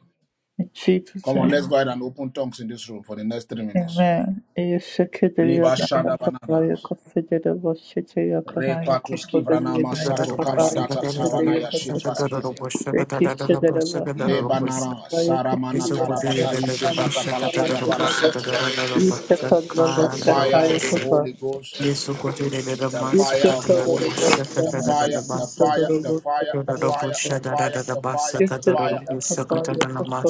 Speaker 1: In Jesus'
Speaker 3: Come on, let's
Speaker 1: name.
Speaker 3: go ahead and open tongues in this room for the next three minutes.
Speaker 1: Amen. Eşekeriye
Speaker 3: Liba
Speaker 1: naya
Speaker 3: shada banana.
Speaker 1: kapaya kafedere başçete yakana yok
Speaker 3: Rekwatuski
Speaker 1: ortada
Speaker 3: vranama
Speaker 14: Yes,
Speaker 1: naya
Speaker 3: sato
Speaker 1: kapaya
Speaker 3: kabadata
Speaker 1: kafedere
Speaker 3: savana ya
Speaker 1: yakasata.
Speaker 3: shitraskizia.
Speaker 1: Peki işçilere var.
Speaker 3: Lebanara
Speaker 1: Kapaya
Speaker 3: saramana
Speaker 1: kafedere naya
Speaker 3: tarabata
Speaker 1: kapaya
Speaker 3: isifrata
Speaker 1: kapaya
Speaker 3: palataya
Speaker 1: kafedere.
Speaker 3: farasitia.
Speaker 1: İşte kadara
Speaker 3: The
Speaker 1: başça
Speaker 3: fire
Speaker 1: kaya
Speaker 3: of the
Speaker 1: kapa.
Speaker 3: Holy Ghost, the fire
Speaker 1: İşte
Speaker 3: of the Holy Ghost, the fire,
Speaker 1: İşte
Speaker 3: the fire, the fire, the fire, the fire, the fire, the
Speaker 1: İşte
Speaker 3: fire.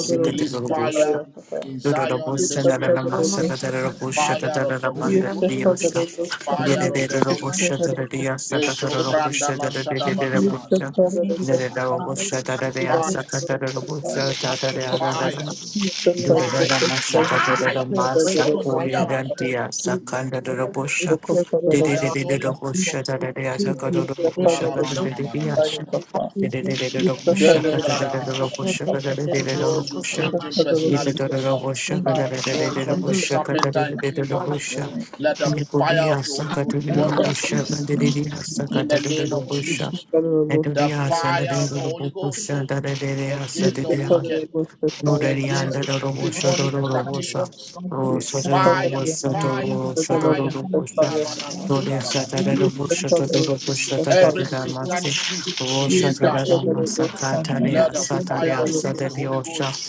Speaker 3: We release fire in Zion in this place.
Speaker 20: Thank you, Father.
Speaker 3: Fire of the Holy
Speaker 1: Yusuf
Speaker 3: Ghost,
Speaker 1: Federal Sama,
Speaker 14: did
Speaker 20: Hallelujah.
Speaker 3: fire of the
Speaker 1: Yusuf
Speaker 3: Holy
Speaker 20: Thank
Speaker 3: Ghost.
Speaker 20: you,
Speaker 1: Federal
Speaker 3: They so brandala shada
Speaker 20: Jesus.
Speaker 3: bananas.
Speaker 1: Yusuf
Speaker 20: Thank
Speaker 1: Federal
Speaker 20: you, Lord.
Speaker 1: Sama,
Speaker 20: Hallelujah.
Speaker 1: Yusuf
Speaker 20: We thank
Speaker 3: Fire,
Speaker 20: for
Speaker 1: Federal
Speaker 20: the glory
Speaker 1: Sama,
Speaker 20: of our Savior, for the
Speaker 3: fire,
Speaker 1: Yusuf
Speaker 20: name of our Savior,
Speaker 21: Father,
Speaker 1: Federal
Speaker 20: our
Speaker 3: Fire.
Speaker 21: we
Speaker 20: Savior.
Speaker 21: thank
Speaker 1: Sama,
Speaker 20: We pray a
Speaker 3: Fire.
Speaker 1: Yusuf Federal
Speaker 20: breakthrough
Speaker 1: Sama,
Speaker 20: right
Speaker 3: Sotoskia
Speaker 20: now. Lord
Speaker 3: mashata.
Speaker 20: Jesus, we thank you. We
Speaker 1: Yusuf
Speaker 20: declare the word
Speaker 1: Federal
Speaker 3: Fire
Speaker 20: God
Speaker 3: of the Holy
Speaker 1: Sama,
Speaker 20: in
Speaker 3: Ghost.
Speaker 20: the name of Jesus. If
Speaker 21: we
Speaker 20: it
Speaker 1: Yusuf Federal Sama, Yusuf
Speaker 20: is of
Speaker 1: Federal Sama,
Speaker 20: the
Speaker 3: Alamana
Speaker 20: Lord,
Speaker 3: na
Speaker 20: if
Speaker 3: mana na mana na.
Speaker 20: it is the kingdom,
Speaker 1: Yusuf
Speaker 3: Their
Speaker 20: Mundo
Speaker 3: name,
Speaker 1: Federal Sama,
Speaker 20: ya baba
Speaker 3: brothers.
Speaker 1: Yusuf
Speaker 20: sekete eterba
Speaker 21: are
Speaker 3: Those
Speaker 21: very
Speaker 3: with
Speaker 20: sakotorma
Speaker 21: passionate.
Speaker 3: changing
Speaker 20: shekita.
Speaker 3: personalities.
Speaker 21: We
Speaker 20: Thank you,
Speaker 21: are
Speaker 20: Father.
Speaker 21: great.
Speaker 3: Those from the
Speaker 20: Hallelujah.
Speaker 3: serpentine
Speaker 21: We are
Speaker 3: kingdoms.
Speaker 21: very
Speaker 3: Let
Speaker 21: worship
Speaker 3: the fire
Speaker 14: Yehudiya
Speaker 3: of the Holy Ghost
Speaker 21: you.
Speaker 20: Thank
Speaker 3: burn
Speaker 14: Sakatero
Speaker 3: their
Speaker 20: you.
Speaker 14: Busha,
Speaker 3: skill.
Speaker 14: and the
Speaker 20: Jesus.
Speaker 14: Didia
Speaker 3: In the
Speaker 21: We
Speaker 3: name
Speaker 14: Sakatero
Speaker 3: of
Speaker 21: are
Speaker 14: Busha,
Speaker 3: Jesus.
Speaker 14: and the
Speaker 3: The
Speaker 1: Federal
Speaker 14: Dia
Speaker 3: fire of the
Speaker 14: Sanadero
Speaker 3: Holy
Speaker 14: Busha,
Speaker 3: Ghost
Speaker 14: the Dia
Speaker 21: we are
Speaker 3: against the
Speaker 1: Este
Speaker 21: very
Speaker 1: padre
Speaker 14: Satidia,
Speaker 21: worship
Speaker 3: wicked,
Speaker 1: lo gusta salir
Speaker 14: Nuria and the
Speaker 3: against
Speaker 1: calle.
Speaker 14: Robosha,
Speaker 3: demonic
Speaker 20: Hallelujah.
Speaker 14: Dorosa,
Speaker 3: practitioners.
Speaker 1: Este
Speaker 14: Rosa,
Speaker 21: you. We are
Speaker 1: padre
Speaker 3: Fire,
Speaker 1: ya no
Speaker 14: Robosa,
Speaker 1: es
Speaker 3: fire,
Speaker 14: Toro,
Speaker 1: este lo
Speaker 3: fire.
Speaker 1: gusta
Speaker 14: Shadoro
Speaker 1: salir a
Speaker 21: very
Speaker 1: la
Speaker 3: Labanana
Speaker 21: praise
Speaker 14: Gloria Satara
Speaker 1: Este
Speaker 14: Bushata
Speaker 1: padre lo
Speaker 14: Dura
Speaker 21: you. We are
Speaker 1: gusta
Speaker 14: Bushata
Speaker 3: Every
Speaker 1: salir.
Speaker 3: satanic
Speaker 14: Damasi,
Speaker 3: priest in
Speaker 21: very
Speaker 14: Rosha
Speaker 21: praise
Speaker 1: Este
Speaker 3: disguise,
Speaker 1: padre lo
Speaker 14: Tadamasa
Speaker 1: gusta salir.
Speaker 14: Kataria
Speaker 3: let the
Speaker 1: Este
Speaker 3: fire
Speaker 14: Sataria
Speaker 1: padre
Speaker 3: of
Speaker 1: lo
Speaker 3: the
Speaker 1: gusta.
Speaker 3: Holy
Speaker 14: Sadatiosha,
Speaker 3: Ghost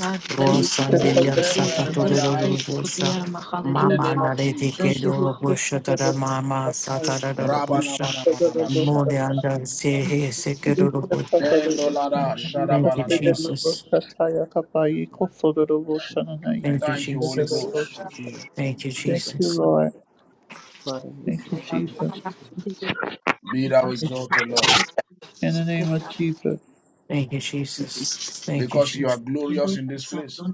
Speaker 1: Este
Speaker 3: expose
Speaker 14: Rosandiria
Speaker 1: padre lo
Speaker 3: them wherever they are hiding.
Speaker 14: Sakaturo Busa,
Speaker 3: In the
Speaker 14: Mama
Speaker 3: name of
Speaker 14: Nareti
Speaker 20: Thank
Speaker 3: Jesus.
Speaker 20: you,
Speaker 14: Kedoro
Speaker 20: Father.
Speaker 1: gusta. Este padre lo
Speaker 14: Bushata Mama
Speaker 1: gusta salir.
Speaker 14: Satara
Speaker 21: you. We
Speaker 1: Este
Speaker 14: Busha,
Speaker 1: padre lo gusta
Speaker 3: Rabanabanabanabashados.
Speaker 1: salir a
Speaker 14: Modianda
Speaker 1: la
Speaker 14: Sehe Sekaduro
Speaker 1: Este
Speaker 14: Busha.
Speaker 1: padre lo gusta salir.
Speaker 3: Endolada
Speaker 1: Este padre
Speaker 14: Thank you,
Speaker 3: shadabaladabas.
Speaker 1: lo
Speaker 14: Jesus.
Speaker 1: gusta salir a la calle. Este padre lo gusta salir.
Speaker 14: Thank you,
Speaker 3: Thank you,
Speaker 1: Este
Speaker 3: Holy
Speaker 1: padre lo
Speaker 14: Jesus.
Speaker 3: Ghost.
Speaker 1: gusta salir.
Speaker 21: are very
Speaker 14: Thank you,
Speaker 1: Thank
Speaker 21: worship
Speaker 1: you,
Speaker 14: Jesus.
Speaker 21: you.
Speaker 1: Lord.
Speaker 21: Father, we
Speaker 1: Thank you,
Speaker 21: thank you.
Speaker 1: Jesus.
Speaker 3: Be thou
Speaker 1: It's
Speaker 3: exalted, Lord,
Speaker 1: in the name of Jesus.
Speaker 14: Thank you, Jesus. Thank you,
Speaker 3: because you are
Speaker 14: Jesus.
Speaker 3: glorious in this place.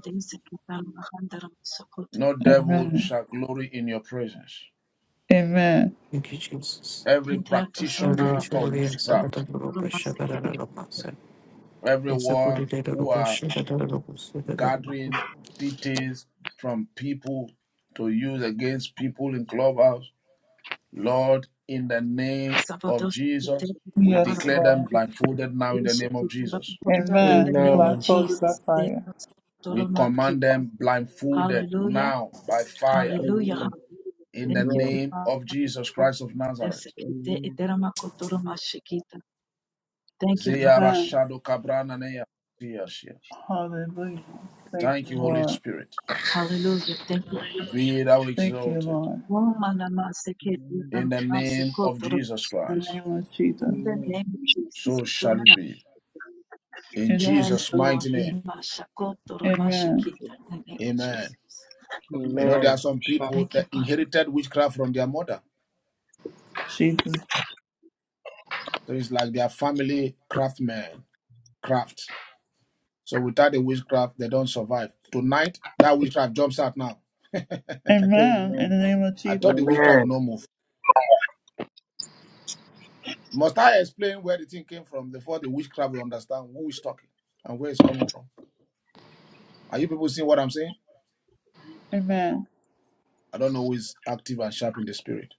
Speaker 3: No devil
Speaker 1: Amen.
Speaker 3: shall glory in your presence.
Speaker 1: Amen.
Speaker 14: Thank you, Jesus.
Speaker 3: Every practitioner of
Speaker 14: Eventually, and Sakata
Speaker 3: witchcraft,
Speaker 14: Rupa Shakadara Rapasa. It's a pretty
Speaker 3: everyone
Speaker 14: data
Speaker 3: who
Speaker 14: Rupa
Speaker 3: are
Speaker 14: Shakadara Rupa Shakadara
Speaker 3: gathering details from people to use against people in clubhouse. Lord, in the name of
Speaker 20: Sabados, we
Speaker 3: Jesus,
Speaker 20: thank you for the
Speaker 3: we
Speaker 20: Bible.
Speaker 1: Yes,
Speaker 3: declare
Speaker 1: Lord.
Speaker 3: them
Speaker 20: We
Speaker 3: blindfolded now in the
Speaker 20: worship
Speaker 3: name of
Speaker 20: you, Dora
Speaker 3: Jesus.
Speaker 20: Mapunda, In the
Speaker 1: Amen.
Speaker 20: name
Speaker 21: Amen.
Speaker 1: Black
Speaker 20: of
Speaker 1: folded by
Speaker 20: Jesus,
Speaker 1: fire.
Speaker 20: Sabados,
Speaker 3: We
Speaker 20: Dora
Speaker 3: command
Speaker 20: Makita.
Speaker 3: them blindfolded
Speaker 20: hallelujah,
Speaker 3: now by fire
Speaker 20: hallelujah,
Speaker 21: Amen.
Speaker 20: hallelujah.
Speaker 3: in the
Speaker 20: Thank you,
Speaker 21: Amen.
Speaker 3: name
Speaker 20: Father.
Speaker 3: of Jesus
Speaker 20: for
Speaker 3: Christ of
Speaker 20: this.
Speaker 3: Nazareth.
Speaker 20: Kite
Speaker 21: Amen.
Speaker 20: etera Thank you, Father.
Speaker 3: Zeyara
Speaker 1: Amen.
Speaker 3: Shado Kabrana Neya Zeyashia.
Speaker 1: Hallelujah. Thank
Speaker 3: Thank
Speaker 1: you,
Speaker 3: you, Holy
Speaker 1: Lord.
Speaker 3: Spirit.
Speaker 20: Hallelujah. Thank you, Jesus.
Speaker 3: Be thou
Speaker 1: Thank you,
Speaker 3: exalted
Speaker 1: Lord.
Speaker 20: Oh, manama seke dora
Speaker 3: in the name of Jesus
Speaker 1: In the
Speaker 3: Christ.
Speaker 1: name of Jesus.
Speaker 20: In the name of Jesus.
Speaker 3: So shall it
Speaker 20: Domena
Speaker 3: be. In
Speaker 1: In
Speaker 20: Yes,
Speaker 3: Jesus'
Speaker 1: Jesus'
Speaker 20: Lord.
Speaker 3: mighty
Speaker 1: name.
Speaker 3: name.
Speaker 20: In Mashakoto
Speaker 1: Amen.
Speaker 20: Romashikita, in the name of
Speaker 3: Amen.
Speaker 20: Jesus.
Speaker 22: Thank
Speaker 3: You
Speaker 22: you.
Speaker 3: know, there
Speaker 21: Amen.
Speaker 3: are some people
Speaker 20: Thank you,
Speaker 3: that
Speaker 20: Father.
Speaker 3: inherited witchcraft from their mother.
Speaker 1: Jesus.
Speaker 3: So it's like their family craftsmen, craft. So without the witchcraft, they don't survive. Tonight, that witchcraft jumps out now.
Speaker 21: Amen.
Speaker 1: Amen.
Speaker 21: Amen.
Speaker 1: In the name of
Speaker 3: I
Speaker 1: Jesus.
Speaker 3: thought
Speaker 21: Amen.
Speaker 3: the witchcraft
Speaker 21: Amen. Amen.
Speaker 3: would not move. Must I explain where the thing came from before the witchcraft will understand who is talking and where it's coming from? Are you people seeing what I'm saying?
Speaker 1: Amen.
Speaker 3: I don't know who is active and sharp in the spirit.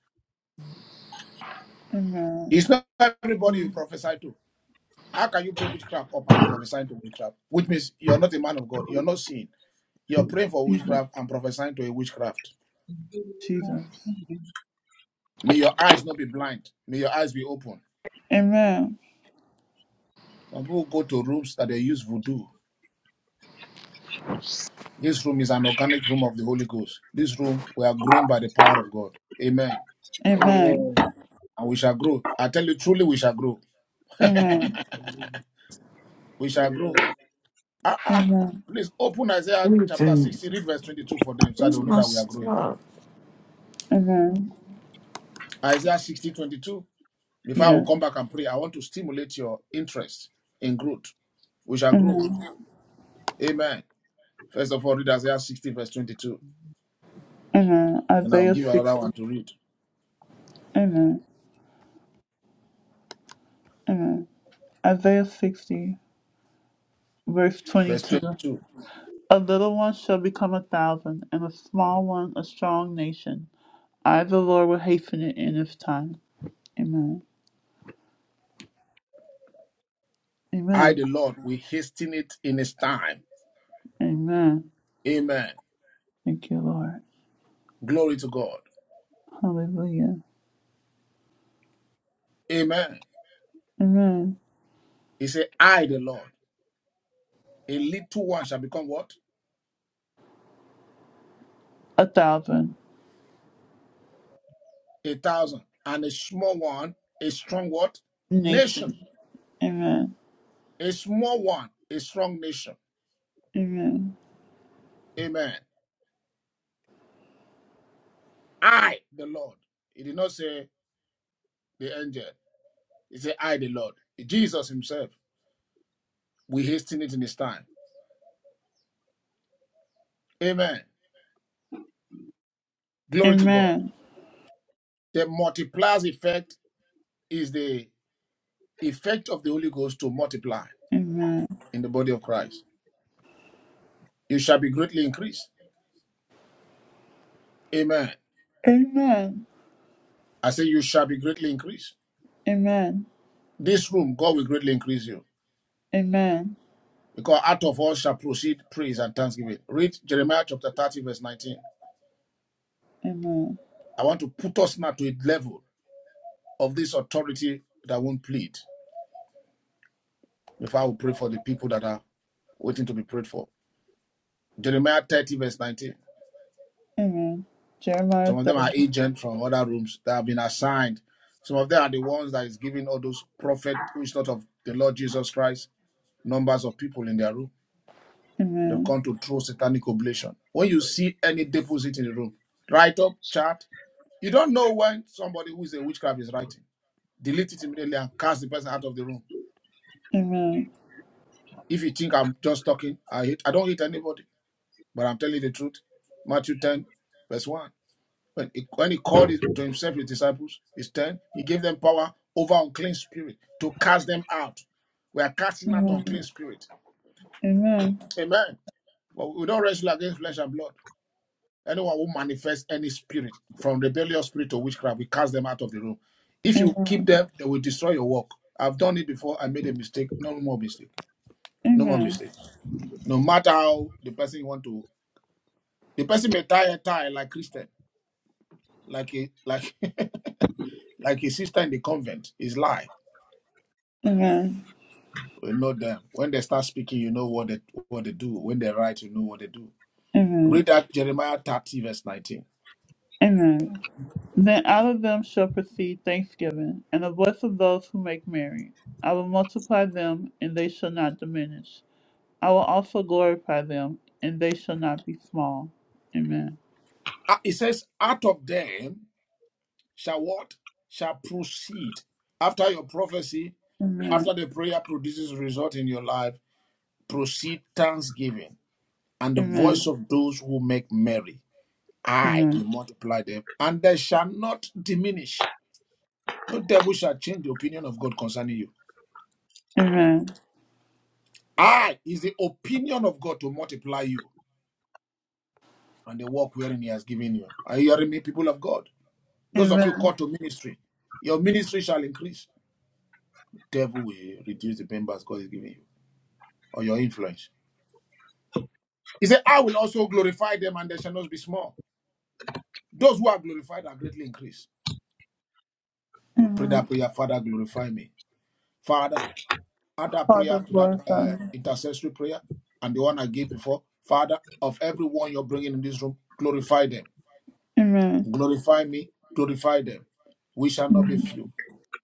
Speaker 1: Amen.
Speaker 3: It's not everybody you prophesy to. How can you bring witchcraft up and be prophesying to witchcraft? Which means you're not a man of God. You're not seeing. You're praying for
Speaker 1: Jesus.
Speaker 3: witchcraft and prophesying to a witchcraft.
Speaker 1: Jesus.
Speaker 3: May your eyes not be blind. May your eyes be open.
Speaker 1: Amen.
Speaker 3: Some people go to rooms that they use voodoo. This room is an organic room of the Holy Ghost. This room, we are growing by the power of God. Amen.
Speaker 1: Amen.
Speaker 3: And we shall grow. I tell you truly, we shall grow.
Speaker 1: Amen.
Speaker 3: We shall grow. Ah, ah.
Speaker 1: Amen.
Speaker 3: Please open Isaiah chapter
Speaker 14: Rupa.
Speaker 3: 60, read verse 22 for them so they
Speaker 14: Where's
Speaker 3: will know
Speaker 14: my
Speaker 3: that we are growing.
Speaker 14: stuff?
Speaker 1: Amen.
Speaker 3: Isaiah 60:22. Before I will
Speaker 1: Yes.
Speaker 3: come back and pray, I want to stimulate your interest in growth. We shall grow.
Speaker 1: Amen.
Speaker 3: Amen. First of all, read Isaiah 60, verse 22.
Speaker 1: Amen.
Speaker 3: And I'll
Speaker 1: Isaiah
Speaker 3: give you
Speaker 1: six.
Speaker 3: another one to read.
Speaker 1: Amen. Amen. Isaiah 60, verse
Speaker 3: Verse
Speaker 1: 22.
Speaker 3: 22.
Speaker 1: A little one shall become a thousand, and a small one a strong nation. I, the Lord, will hasten it in its time. Amen.
Speaker 3: I,
Speaker 1: Amen.
Speaker 3: the Lord, will hasten it in his time.
Speaker 1: Amen.
Speaker 3: Amen.
Speaker 1: Thank you, Lord.
Speaker 3: Glory to God.
Speaker 1: Hallelujah.
Speaker 3: Amen.
Speaker 1: Amen.
Speaker 3: He said, I, the Lord, a little one shall become what?
Speaker 1: A thousand
Speaker 3: A thousand. And a small one, a strong what? Nation.
Speaker 1: nation. Amen.
Speaker 3: A small one, a strong nation.
Speaker 1: Amen.
Speaker 3: Amen. I, the Lord. He did not say the angel. He said, I, the Lord, Jesus himself, we hasten it in his time. Amen. Glory to God.
Speaker 1: Amen.
Speaker 3: The multipliers effect is the effect of the Holy Ghost to multiply
Speaker 1: Amen.
Speaker 3: in the body of Christ. You shall be greatly increased. Amen.
Speaker 1: Amen.
Speaker 3: I say, you shall be greatly increased.
Speaker 1: Amen.
Speaker 3: This room, God will greatly increase you.
Speaker 1: Amen.
Speaker 3: Because out of all shall proceed praise and thanksgiving. Read Jeremiah chapter 30, verse 19.
Speaker 1: Amen.
Speaker 3: I want to put us now to a level of this authority that won't plead. Before I will pray for the people that are waiting to be prayed for. Jeremiah 30, verse 19.
Speaker 1: Amen. Jeremiah
Speaker 3: Some of them are
Speaker 1: 30.
Speaker 3: agents from other rooms that have been assigned. Some of them are the ones that is giving all those prophet who is not of the Lord Jesus Christ numbers of people in their room. They've
Speaker 1: Amen.
Speaker 3: come to throw satanic oblation. When you see any deposit in the room, write up, chart. You don't know when somebody who is a witchcraft is writing. Delete it immediately and cast the person out of the room.
Speaker 1: Amen.
Speaker 3: If you think I'm just talking, I hate I don't hate anybody, but I'm telling you the truth. Matthew 10, verse 1. When he, when he called it to himself his disciples, his ten, he gave them power over unclean spirit to cast them out. We are casting out
Speaker 1: Amen.
Speaker 3: unclean spirit.
Speaker 1: Amen.
Speaker 3: Amen. But we don't wrestle against flesh and blood. Anyone who manifests any spirit, from rebellious spirit to witchcraft, we cast them out of the room. If you keep
Speaker 1: Amen.
Speaker 3: them, they will destroy your work. I've done it before. I made a mistake. No more mistake. No more
Speaker 1: Amen.
Speaker 3: mistake. No matter how the person you want to, the person may tie a tie like Christian, like a like (laughs) like his sister in the convent. Is lie.
Speaker 1: Amen.
Speaker 3: You know them. When they start speaking, you know what they what they do. When they write, you know what they do.
Speaker 1: Amen.
Speaker 3: Read that Jeremiah 30, verse 19.
Speaker 1: Amen. Then out of them shall proceed thanksgiving, and the voice of those who make merry. I will multiply them, and they shall not diminish. I will also glorify them, and they shall not be small. Amen.
Speaker 3: Ah, It says, Out of them shall what? Shall proceed. After your prophecy,
Speaker 1: Amen.
Speaker 3: after the prayer produces result in your life, proceed thanksgiving and the voice
Speaker 1: Amen.
Speaker 3: of those who make merry. I
Speaker 1: Amen.
Speaker 3: will multiply them, and they shall not diminish. No devil shall change the opinion of God concerning you.
Speaker 1: Amen.
Speaker 3: I is the opinion of God to multiply you. and the work wherein He has given you. Are you hearing me, people of God? Those of you
Speaker 1: Amen.
Speaker 3: called to ministry, your ministry shall increase. Devil will reduce the members God is giving you or your influence. He said, I will also glorify them, and they shall not be small. Those who are glorified are greatly increased. You pray
Speaker 1: Amen.
Speaker 3: that prayer, Father, glorify me. Father, add that prayer
Speaker 1: Father,
Speaker 3: to that
Speaker 1: glorify.
Speaker 3: uh,
Speaker 1: me.
Speaker 3: intercessory prayer and the one I gave before. Father, of everyone you're bringing in this room, glorify them.
Speaker 1: Amen.
Speaker 3: Glorify me, glorify them. We shall not be
Speaker 1: Amen.
Speaker 3: few.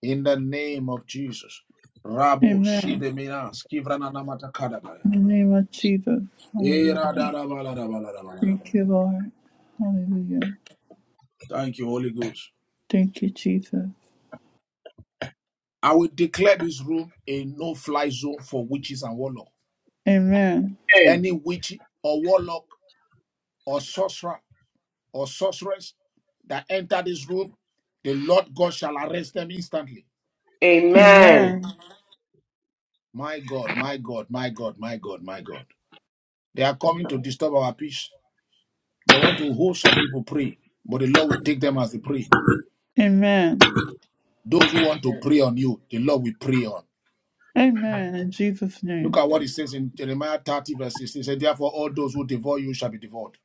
Speaker 3: in the name of Jesus. Rabo
Speaker 1: Amen.
Speaker 3: Shideminas Kivrananamatakadabaya.
Speaker 1: In the name of Jesus. Hallelujah.
Speaker 3: Eradarabalarabalarabalaba.
Speaker 1: Thank you, Lord. Hallelujah.
Speaker 3: Thank you, Holy Ghost.
Speaker 1: Thank you, Jesus.
Speaker 3: I will declare this room a no fly zone for witches and warlock.
Speaker 1: Amen.
Speaker 3: Any witch or warlock or sorcerer or sorceress that enter this room, the Lord God shall arrest them instantly.
Speaker 21: Amen. Amen.
Speaker 1: Amen.
Speaker 21: Amen.
Speaker 3: My God, my God, my God, my God, my God. They are coming to disturb our peace. They want to hold some people pray, but the Lord will take them as they pray.
Speaker 1: Amen.
Speaker 3: Those who want to
Speaker 21: Amen.
Speaker 3: prey on you, the Lord will prey on.
Speaker 1: Amen. In Jesus'
Speaker 3: Look
Speaker 1: name.
Speaker 3: at
Speaker 21: Amen.
Speaker 3: what it says in Jeremiah 30, verse 16. It said, Therefore, all those who devour you shall be devoured,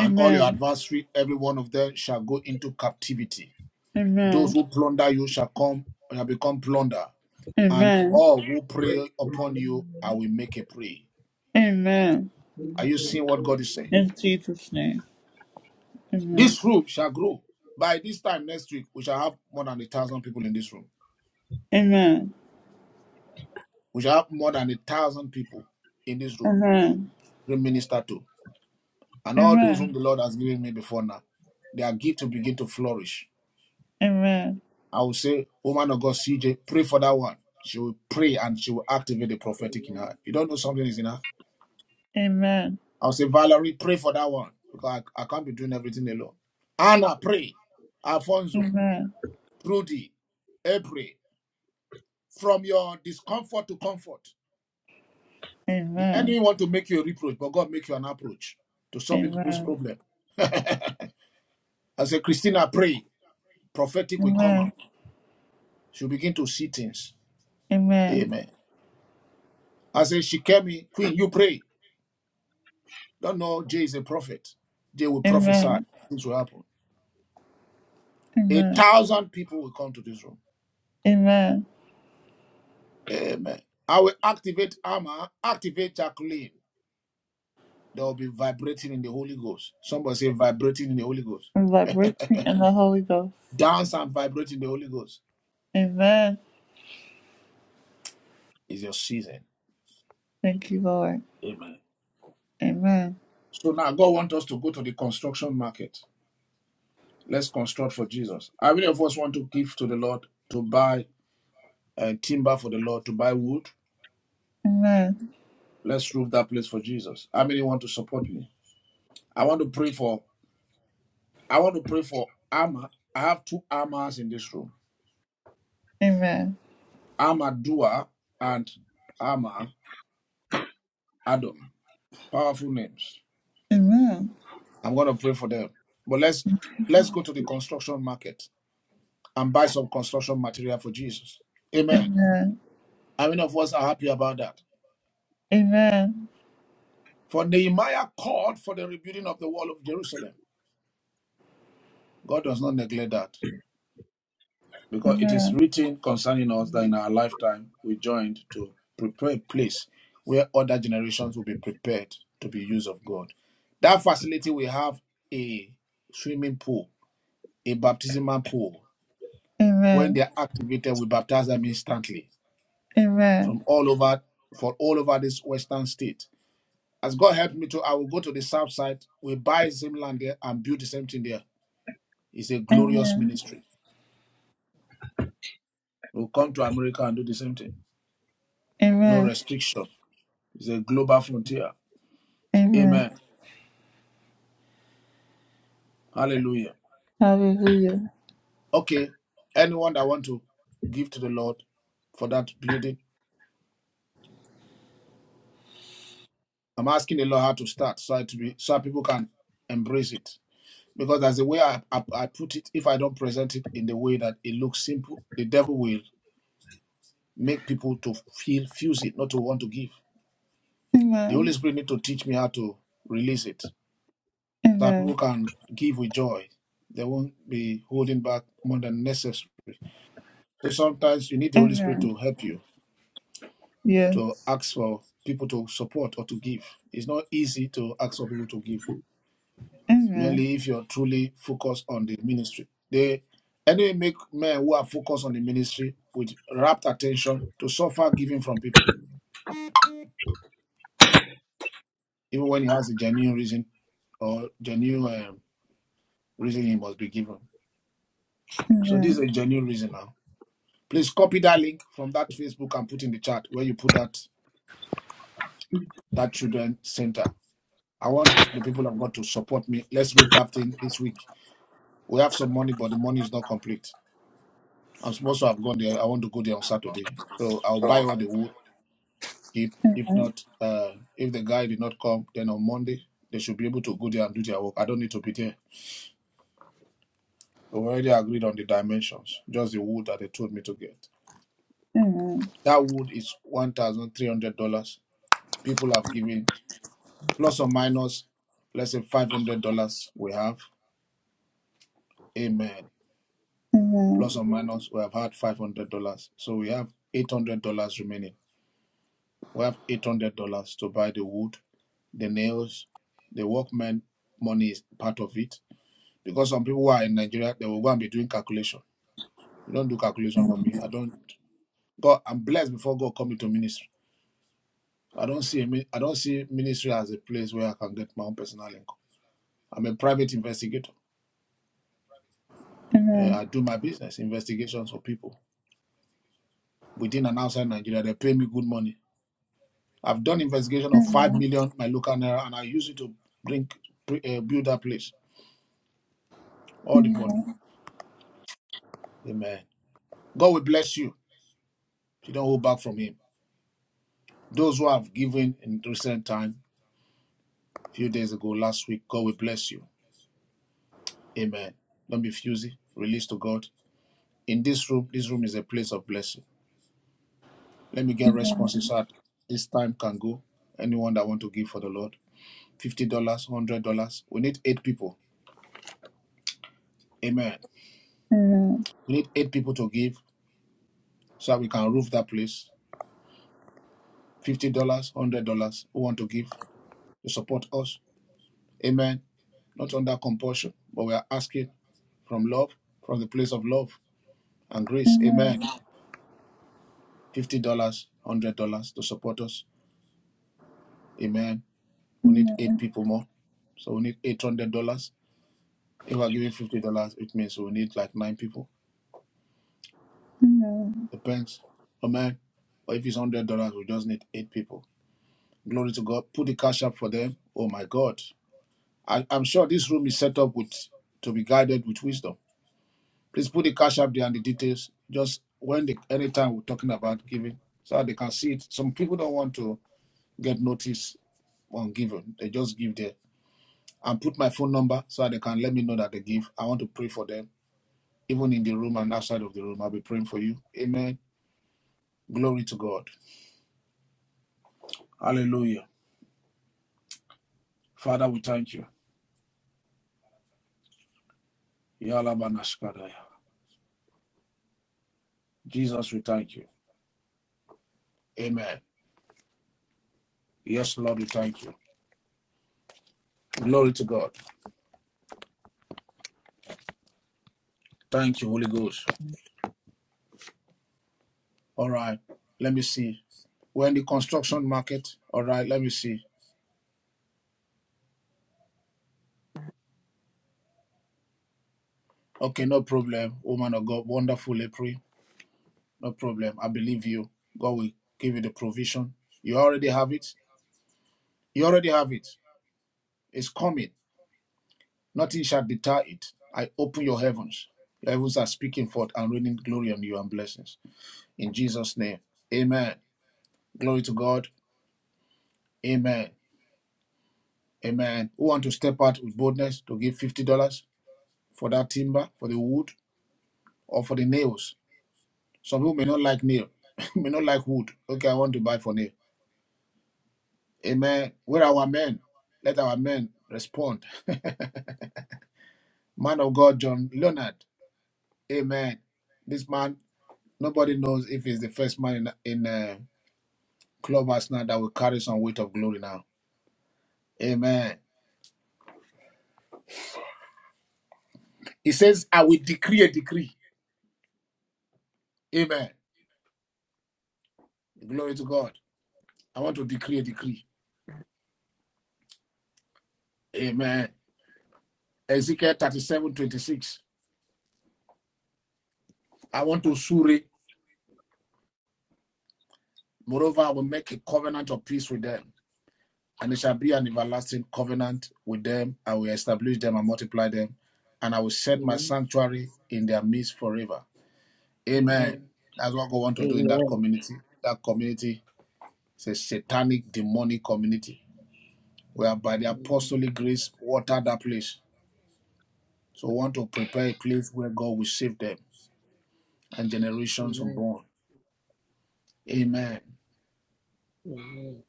Speaker 3: and all your adversaries, every one of them, shall go into captivity.
Speaker 1: Amen.
Speaker 3: Those who plunder you shall come shall become plunder, and
Speaker 1: Amen.
Speaker 3: all who prey upon you, I will make a prey.
Speaker 1: Amen.
Speaker 3: Are you seeing what God is saying?
Speaker 1: In Jesus' name. Amen.
Speaker 3: This room shall grow. By this time next week, we shall have more than a thousand people in this room.
Speaker 1: Amen.
Speaker 3: We shall have more than a thousand people in this room.
Speaker 1: Amen.
Speaker 3: to Minister to. and all those whom
Speaker 1: Amen.
Speaker 3: the Lord has given me before now, their gift will begin to flourish.
Speaker 1: Amen.
Speaker 3: I will say, woman of God, CJ, pray for that one. She will pray and she will activate the prophetic in her.
Speaker 21: Amen.
Speaker 3: You don't know something is in her.
Speaker 1: Amen.
Speaker 3: I'll say, Valerie, pray for that one because I, I can't be doing everything alone. Anna, pray. Alfonso,
Speaker 1: Amen.
Speaker 3: Trudy, April, from your discomfort to comfort. The
Speaker 1: Amen.
Speaker 3: enemy want to make you a reproach, but God make you an approach to solving people's
Speaker 1: Amen. Amen.
Speaker 3: problem. (laughs) I say, Christina, pray. Prophetic will come out. She'll begin to see things.
Speaker 1: Amen.
Speaker 3: Amen. I said, she came in, Queen, you pray. Don't know Jay is a prophet. Jay will prophesy.
Speaker 1: Amen.
Speaker 3: Things will happen. A
Speaker 1: Amen.
Speaker 3: thousand people will come to this room.
Speaker 1: Amen.
Speaker 3: Amen. I will activate Amma, activate Jacqueline. They will be vibrating in the Holy Ghost. Somebody say vibrating in the Holy Ghost.
Speaker 1: And Liberate me in the Holy Ghost.
Speaker 3: Dance and vibrate in the Holy Ghost
Speaker 1: Amen.
Speaker 3: is your season.
Speaker 1: Thank you, Lord.
Speaker 3: Amen.
Speaker 1: Amen.
Speaker 3: So now God wants us to go to the construction market. Let's construct for Jesus. How many of us want to give to the Lord to buy uh, timber for the Lord, to buy wood?
Speaker 1: Amen.
Speaker 3: Let's roof that place for Jesus. How many want to support me? I want to pray for I want to pray for Amma. I have two Ammas in this room.
Speaker 1: Amen.
Speaker 3: Amma Dua and Amma Adam. Powerful names.
Speaker 1: Amen.
Speaker 3: I'm gonna pray for them. But let's let's go to the construction market and buy some construction material for Jesus. Amen.
Speaker 1: Amen.
Speaker 3: How many of us are happy about that?
Speaker 1: Amen.
Speaker 3: For Nehemiah called for the rebuilding of the wall of Jerusalem. God does not neglect that. because it is
Speaker 1: Amen.
Speaker 3: written concerning us that in our lifetime we joined to prepare a place where other generations will be prepared to be used of God. That facility we have a swimming pool, a baptismal pool. When they
Speaker 1: Amen.
Speaker 3: are activated, we baptize them instantly
Speaker 1: Amen.
Speaker 3: from all over for all over this western state. As God helped me to, I will go to the south side. We buy the same land there and build the same thing there. It's a glorious
Speaker 1: Amen.
Speaker 3: ministry. We'll come to America and do the same thing. No
Speaker 1: Amen.
Speaker 3: restriction It's a global frontier.
Speaker 1: Amen.
Speaker 3: Amen. Hallelujah.
Speaker 1: Hallelujah.
Speaker 3: Okay. Anyone that want to give to the Lord for that building, I'm asking the Lord how to start so I to be so people can embrace it. Because that's the way I, I, I put it. If I don't present it in the way that it looks simple, the devil will make people to feel fuse it, not to want to give. The Holy
Speaker 1: Amen.
Speaker 3: Spirit need to teach me how to release it so that
Speaker 1: Amen.
Speaker 3: people can give with joy. They won't be holding back more than necessary. So sometimes you need the Holy Spirit
Speaker 1: Amen.
Speaker 3: to help you to
Speaker 1: Yes.
Speaker 3: ask for people to support or to give. It's not easy to ask for people to give,
Speaker 1: Amen.
Speaker 3: mainly if you're truly focused on the ministry. They anyway make men who are focused on the ministry with rapt attention to suffer giving from people, even when he has a genuine reason or genuine um, reason he must be given. So this is
Speaker 1: Amen.
Speaker 3: a genuine reason now. Please copy that link from that Facebook and put in the chat where you put that that children center I want the people of God to support me. Let's roof that thing this week. We have some money, but the money is not complete. I'm supposed to have gone there. I want to go there on Saturday. So I'll buy all the wood. If if not, uh, if the guy did not come, then on Monday they should be able to go there and do their work. I don't need to be there. We've already agreed on the dimensions, just the wood that they told me to get.
Speaker 1: Amen.
Speaker 3: That wood is one thousand three hundred dollars. People have given plus or minus, let's say five hundred dollars. We have. Amen.
Speaker 1: Amen.
Speaker 3: plus or minus we have had $500 so we have $800 remaining we have $800 to buy the wood the nails the workmen money is part of it because some people who are in nigeria they will go and be doing calculation you don't do calculation for me i don't god i'm blessed before god called me to ministry i don't see a, i don't see ministry as a place where i can get my own personal income i'm a private investigator Uh,
Speaker 1: Amen.
Speaker 3: i do my business investigations for people within and outside nigeria they pay me good money I've done investigation of five million my local naira, and I use it to bring pre- uh, build that place all the money.
Speaker 1: Amen.
Speaker 3: Amen. God will bless you if you don't hold back from Him. Those who have given in recent time, few days ago, last week, God will bless you. Amen. Don't be fusy. Release to God. In this room, this room is a place of blessing. Let me get responses so that this time can go. Anyone that want to give for the Lord, fifty dollars, one hundred dollars. We need eight people. Amen.
Speaker 1: Amen.
Speaker 3: We need eight people to give so that we can roof that place fifty dollars, one hundred dollars, who want to give to support us. Amen. Not under compulsion, but we are asking from love, from the place of love and grace. Amen.
Speaker 1: Amen.
Speaker 3: Fifty dollars, one hundred dollars to support us. Amen. We need eight
Speaker 1: Amen.
Speaker 3: people more. So we need eight hundred dollars. If we're giving fifty dollars, it means we need like nine people.
Speaker 1: Amen. Amen.
Speaker 3: Depends. Amen. Or if it's one hundred dollars, we just need eight people. Glory to God. Put the cash up for them. Oh my God. I, I'm sure this room is set up with to be guided with wisdom. Please put the cash up there and the details. Just when the anytime we're talking about giving, so that they can see it. Some people don't want to get notice on giving; they just give there. And put my phone number so that they can let me know that they give. I want to pray for them, even in the room and outside of the room. I'll be praying for you. Amen. Glory to God. Hallelujah. Father, we thank you. Yalabanashkadaya. Jesus, we thank you. Amen. Yes, Lord, we thank you. Glory to God. Thank you, Holy Ghost. All right. Let me see. We're in the construction market. All right. Let me see. Okay, no problem. Woman of God, wonderful April. No problem. I believe you. God will give you the provision. You already have it. You already have it. It's coming. Nothing shall deter it. I open your heavens. Your heavens are speaking forth and raining glory on you and blessings. In Jesus' name. Amen. Glory to God. Amen. Amen. Who want to step out with boldness to give $50? for that timber, for the wood, or for the nails. Some people may not like nail, (laughs) may not like wood. Okay, I want to buy for nail. Amen. Where are our men? Let our men respond. (laughs) man of God, John Leonard. Amen. This man, nobody knows if he's the first man in, in uh, Clubhouse now that will carry some weight of glory now. Amen. He says, I will decree a decree. Amen. Glory to God. I want to decree a decree. Amen. Ezekiel 37 26. I want to sue. Moreover, I will make a covenant of peace with them, and it shall be an everlasting covenant with them. I will establish them and multiply them, and I will set my
Speaker 21: Amen.
Speaker 3: sanctuary in their midst forever. Amen.
Speaker 21: Amen.
Speaker 3: That's what God want to do in that
Speaker 21: Amen.
Speaker 3: community. That community is a satanic, demonic community, where by the
Speaker 21: Amen.
Speaker 3: apostolic grace, watered that place. So we want to prepare a place where God will save them and generations
Speaker 21: Amen.
Speaker 3: unborn. Amen.
Speaker 21: Amen.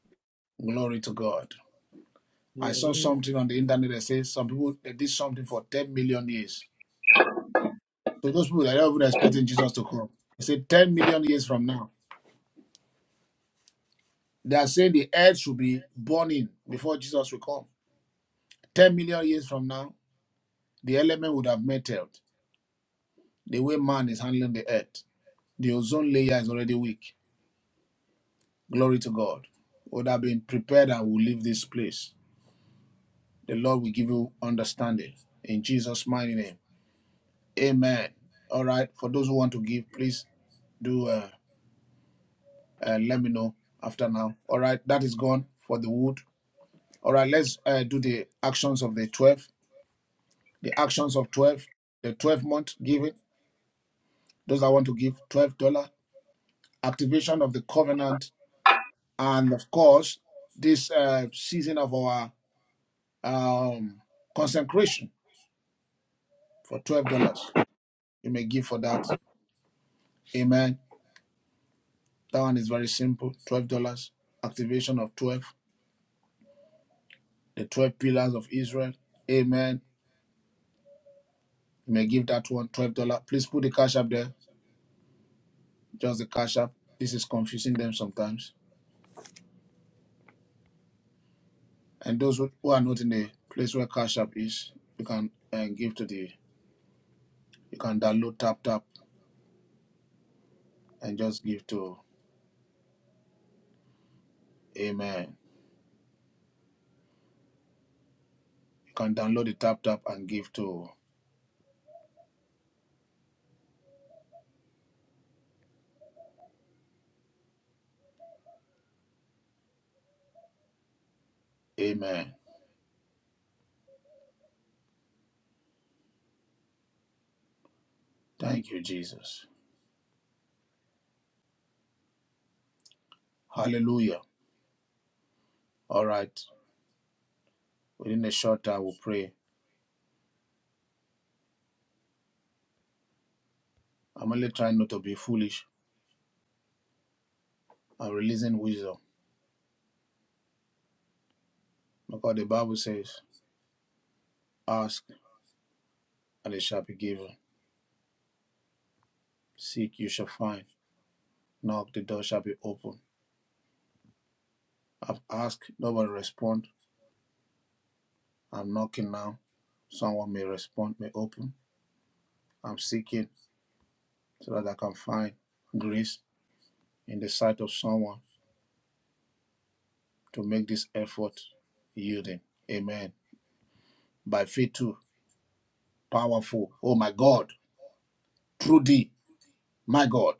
Speaker 3: Glory to God. I saw
Speaker 21: Hallelujah.
Speaker 3: something on the internet that says some people they did something for 10 million years. So those people that are not even expecting Jesus to come, they say 10 million years from now. They are saying the earth should be burning before Jesus will come. 10 million years from now, the element would have melted. The way man is handling the earth, the ozone layer is already weak. Glory to God. Would have been prepared and will leave this place. The Lord will give you understanding. In Jesus' mighty name. Amen. All right. For those who want to give, please do. Uh, uh, let me know after now. All right, that is gone for the wood. All right, let's uh, do the actions of the 12, the actions of 12, the 12 month giving, those that want to give $12, activation of the covenant, and of course, this uh, season of our um, consecration for $12. You may give for that. Amen. That one is very simple $12, activation of 12, the 12 pillars of Israel. Amen. You may give that one twelve dollars Please put the cash up there, just the cash up. This is confusing them sometimes. And those who who are not in the place where cash up is, you can uh, give to the, you can download tap tap and just give to Amen. You can download the tap tap and give to Amen. Thank you, Jesus. Hallelujah. All right. Within a short time, we'll pray. I'm only trying not to be foolish. I'm releasing wisdom because the Bible says, ask and it shall be given. Seek, you shall find. Knock, the door shall be open. I've asked, nobody respond. I'm knocking now. Someone may respond, may open. I'm seeking so that I can find grace in the sight of someone to make this effort yielding. Amen. By faith too, powerful. Oh my God, through thee, my God.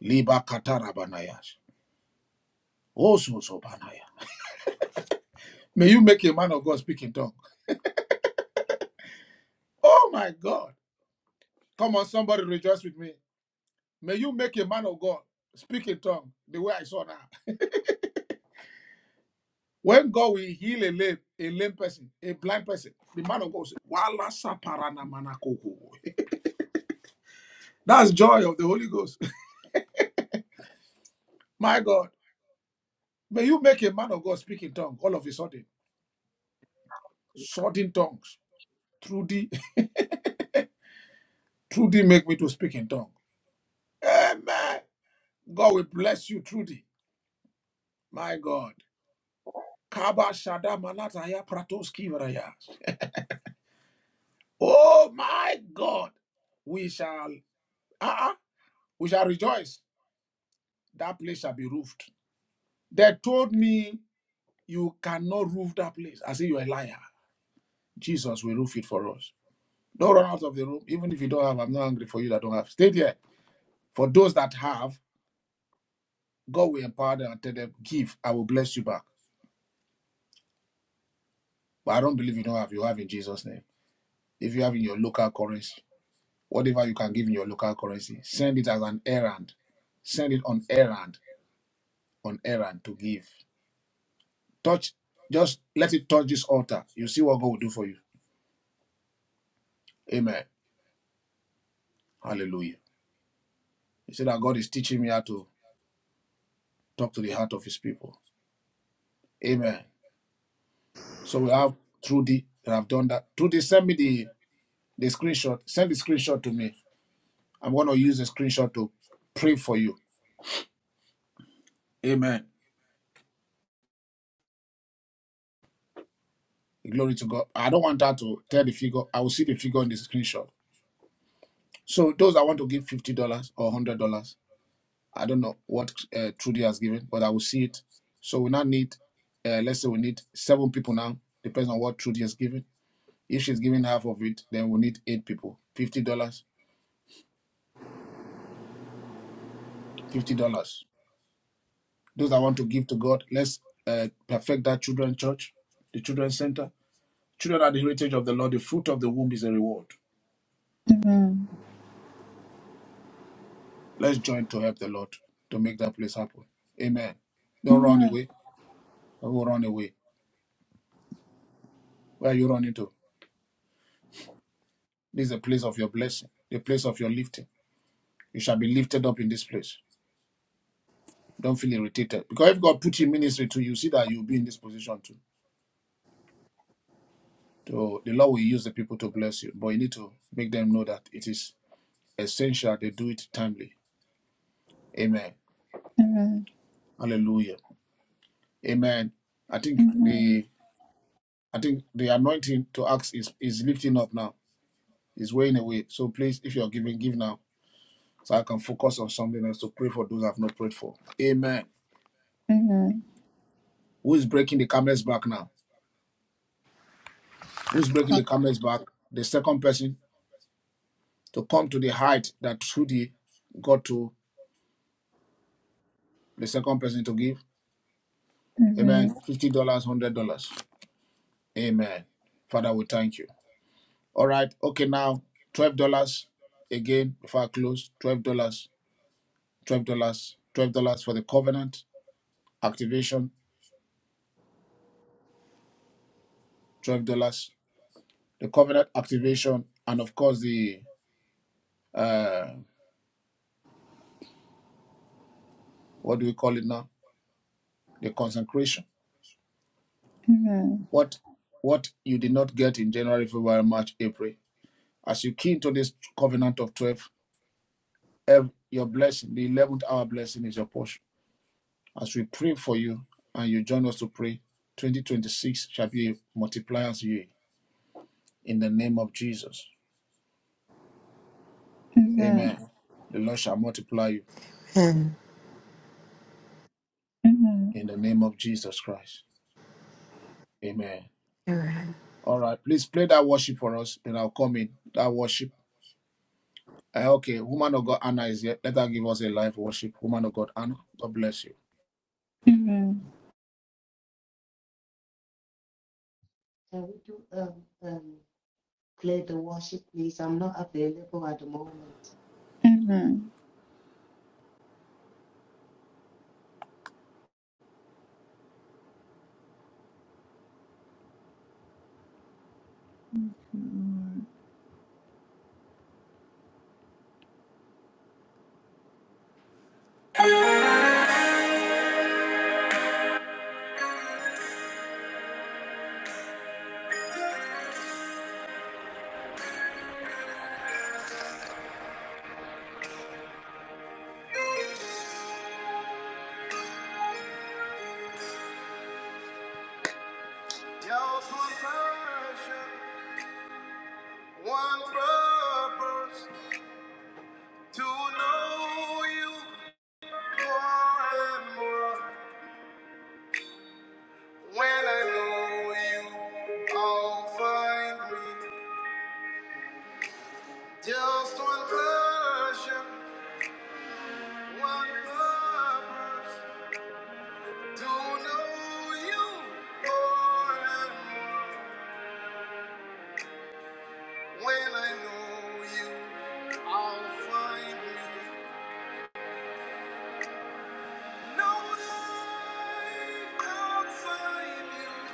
Speaker 3: Liba katarabanayash. Oh so so May you make a man of God speak in tongue. Oh my God. Come on, somebody rejoice with me. May you make a man of God speak in tongue the way I saw now. When God will heal a lame, a lame person, a blind person, the man of God will say, Wala saparana manakoko." (laughs) That's joy of the Holy Ghost. (laughs) My God, may you make a man of God speak in tongue all of a sudden. Sudden tongues. Trudy, (laughs) Trudy make me to speak in tongue. Amen. God will bless you, Trudy. My God. Kaba Shada Manataya Pratoski Varayas. Oh my God. We shall. Ah. We shall rejoice. That place shall be roofed. They told me you cannot roof that place. I say you're a liar. Jesus will roof it for us. Don't run out of the room. Even if you don't have, I'm not angry for you that don't have. Stay there. For those that have, God will empower them and tell them, give, I will bless you back. But I don't believe you don't have. You have in Jesus' name. If you have in your local currency, whatever you can give in your local currency, send it as an errand. Send it on errand, on errand to give. Touch, just let it touch this altar. You see what God will do for you. Amen. Hallelujah. He said that God is teaching me how to talk to the heart of his people. Amen. So we have Trudy that have done that. Trudy, send me the, the screenshot. Send the screenshot to me. I'm going to use the screenshot to pray for you. Amen. Glory to God. I don't want her to tell the figure. I will see the figure in the screenshot. So those that want to give $50 or $100, I don't know what uh, Trudy has given, but I will see it. So we now need, uh, let's say we need seven people now, depends on what Trudy has given If she's giving half of it, then we need eight people. Fifty dollars. Fifty dollars. Those that want to give to God, let's uh, perfect that children's church, the children's center. Children are the heritage of the Lord. The fruit of the womb is a reward.
Speaker 1: Amen. Amen. Amen.
Speaker 3: Let's join to help the Lord to make that place happen. Amen. Don't run away. Don't go run away. Where are you running to? This is the place of your blessing, the place of your lifting. You shall be lifted up in this place. Don't feel irritated. Because if God put in ministry to you, see that you'll be in this position too. So the Lord will use the people to bless you, but you need to make them know that it is essential they do it timely. Amen. Hallelujah. Amen. I think
Speaker 1: Amen.
Speaker 3: the I think the anointing to ask is, is lifting up now. It's weighing away. So please, if you're giving, give now. So I can focus on something else to pray for those I've not prayed for. Amen. Who is breaking the camel's back now? Who's breaking the camel's back? The second person to come to the height that Trudy got to the second person to give. Amen.
Speaker 1: Amen.
Speaker 3: $50, $100. Amen. Father, we thank you. All right. Okay, now $12 again before I close. $12, dollars. $12, dollars. $12 for the covenant activation, $12. The covenant activation, and of course, the uh, what do we call it now? The consecration.
Speaker 1: Amen.
Speaker 3: What what you did not get in January, February, March, April. As you key into this covenant of 12, ev- your blessing, the 11th hour blessing is your portion As we pray for you and you join us to pray, 2026 shall be a multiplier's year in the name of Jesus.
Speaker 1: Amen. Amen.
Speaker 3: Amen. The Lord shall multiply you
Speaker 14: Okay,
Speaker 1: Amen.
Speaker 3: in the name of Jesus Christ. Amen.
Speaker 14: all right.
Speaker 3: All right, please play that worship for us, then I'll come in. That worship. Eh, okay, woman of God Anna is here. Let her give us a live worship. Woman of God Anna, God bless you.
Speaker 1: Amen.
Speaker 23: Can we do um um play the worship, please? I'm not available at the moment.
Speaker 1: Amen. Just one passion, one purpose to know you more and more. When I know you, I'll find me. Passion, one purpose, more and more. When I know you, I'll find me. No life outside you.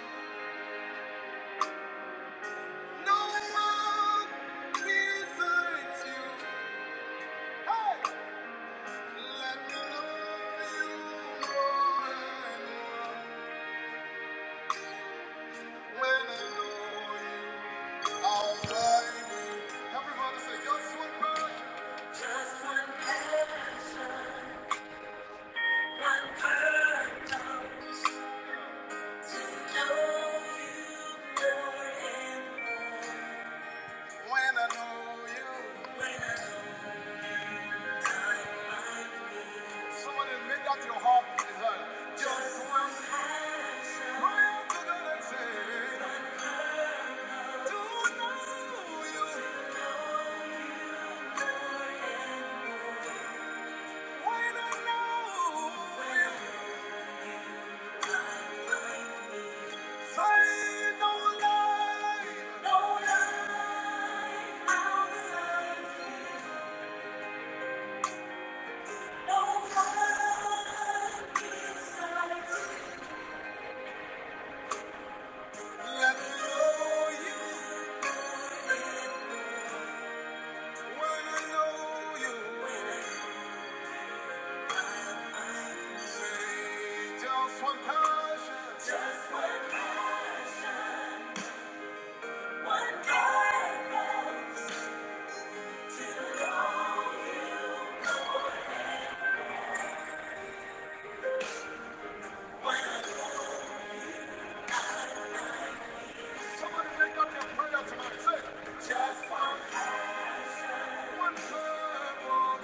Speaker 1: No one besides you. Hey! Let me know you more and more. When I know you, I'll find you. Everybody say, just one person. Just one person. to know you more and more. When I know you. Somebody make that your heart desire. Just one prayer to God and say. Somebody make up your prayer tonight. Say, just one, one prayer.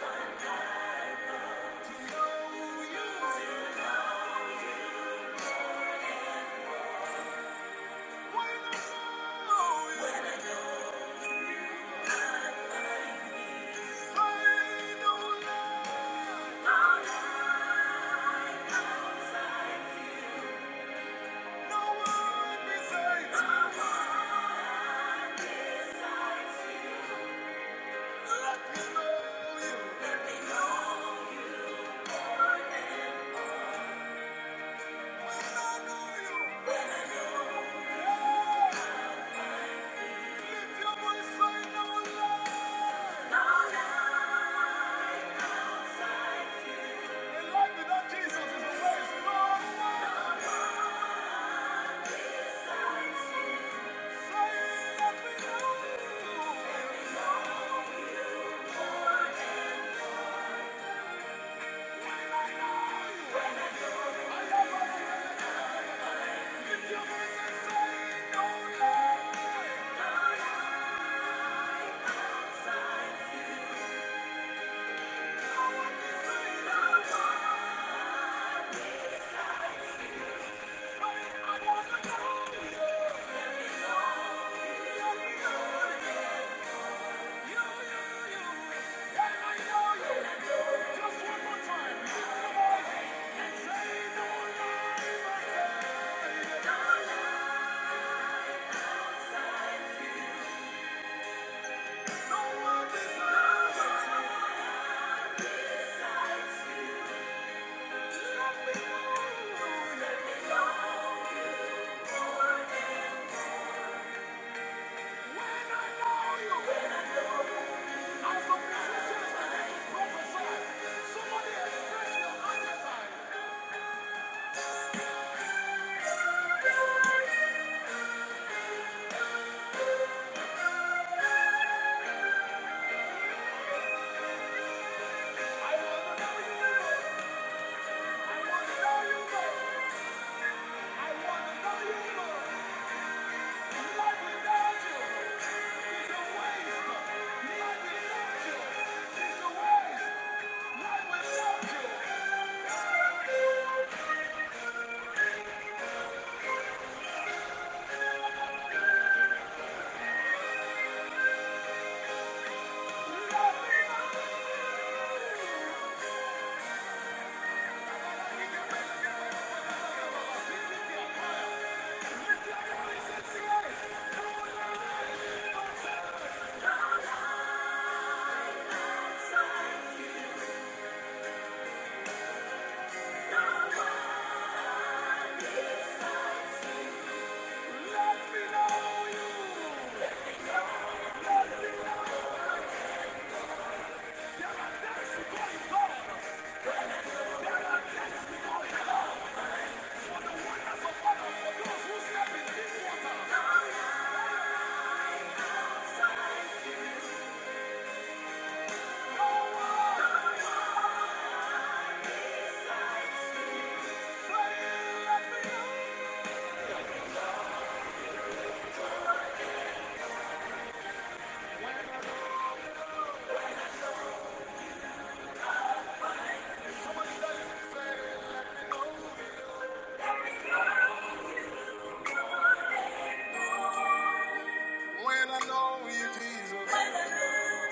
Speaker 1: When I know you,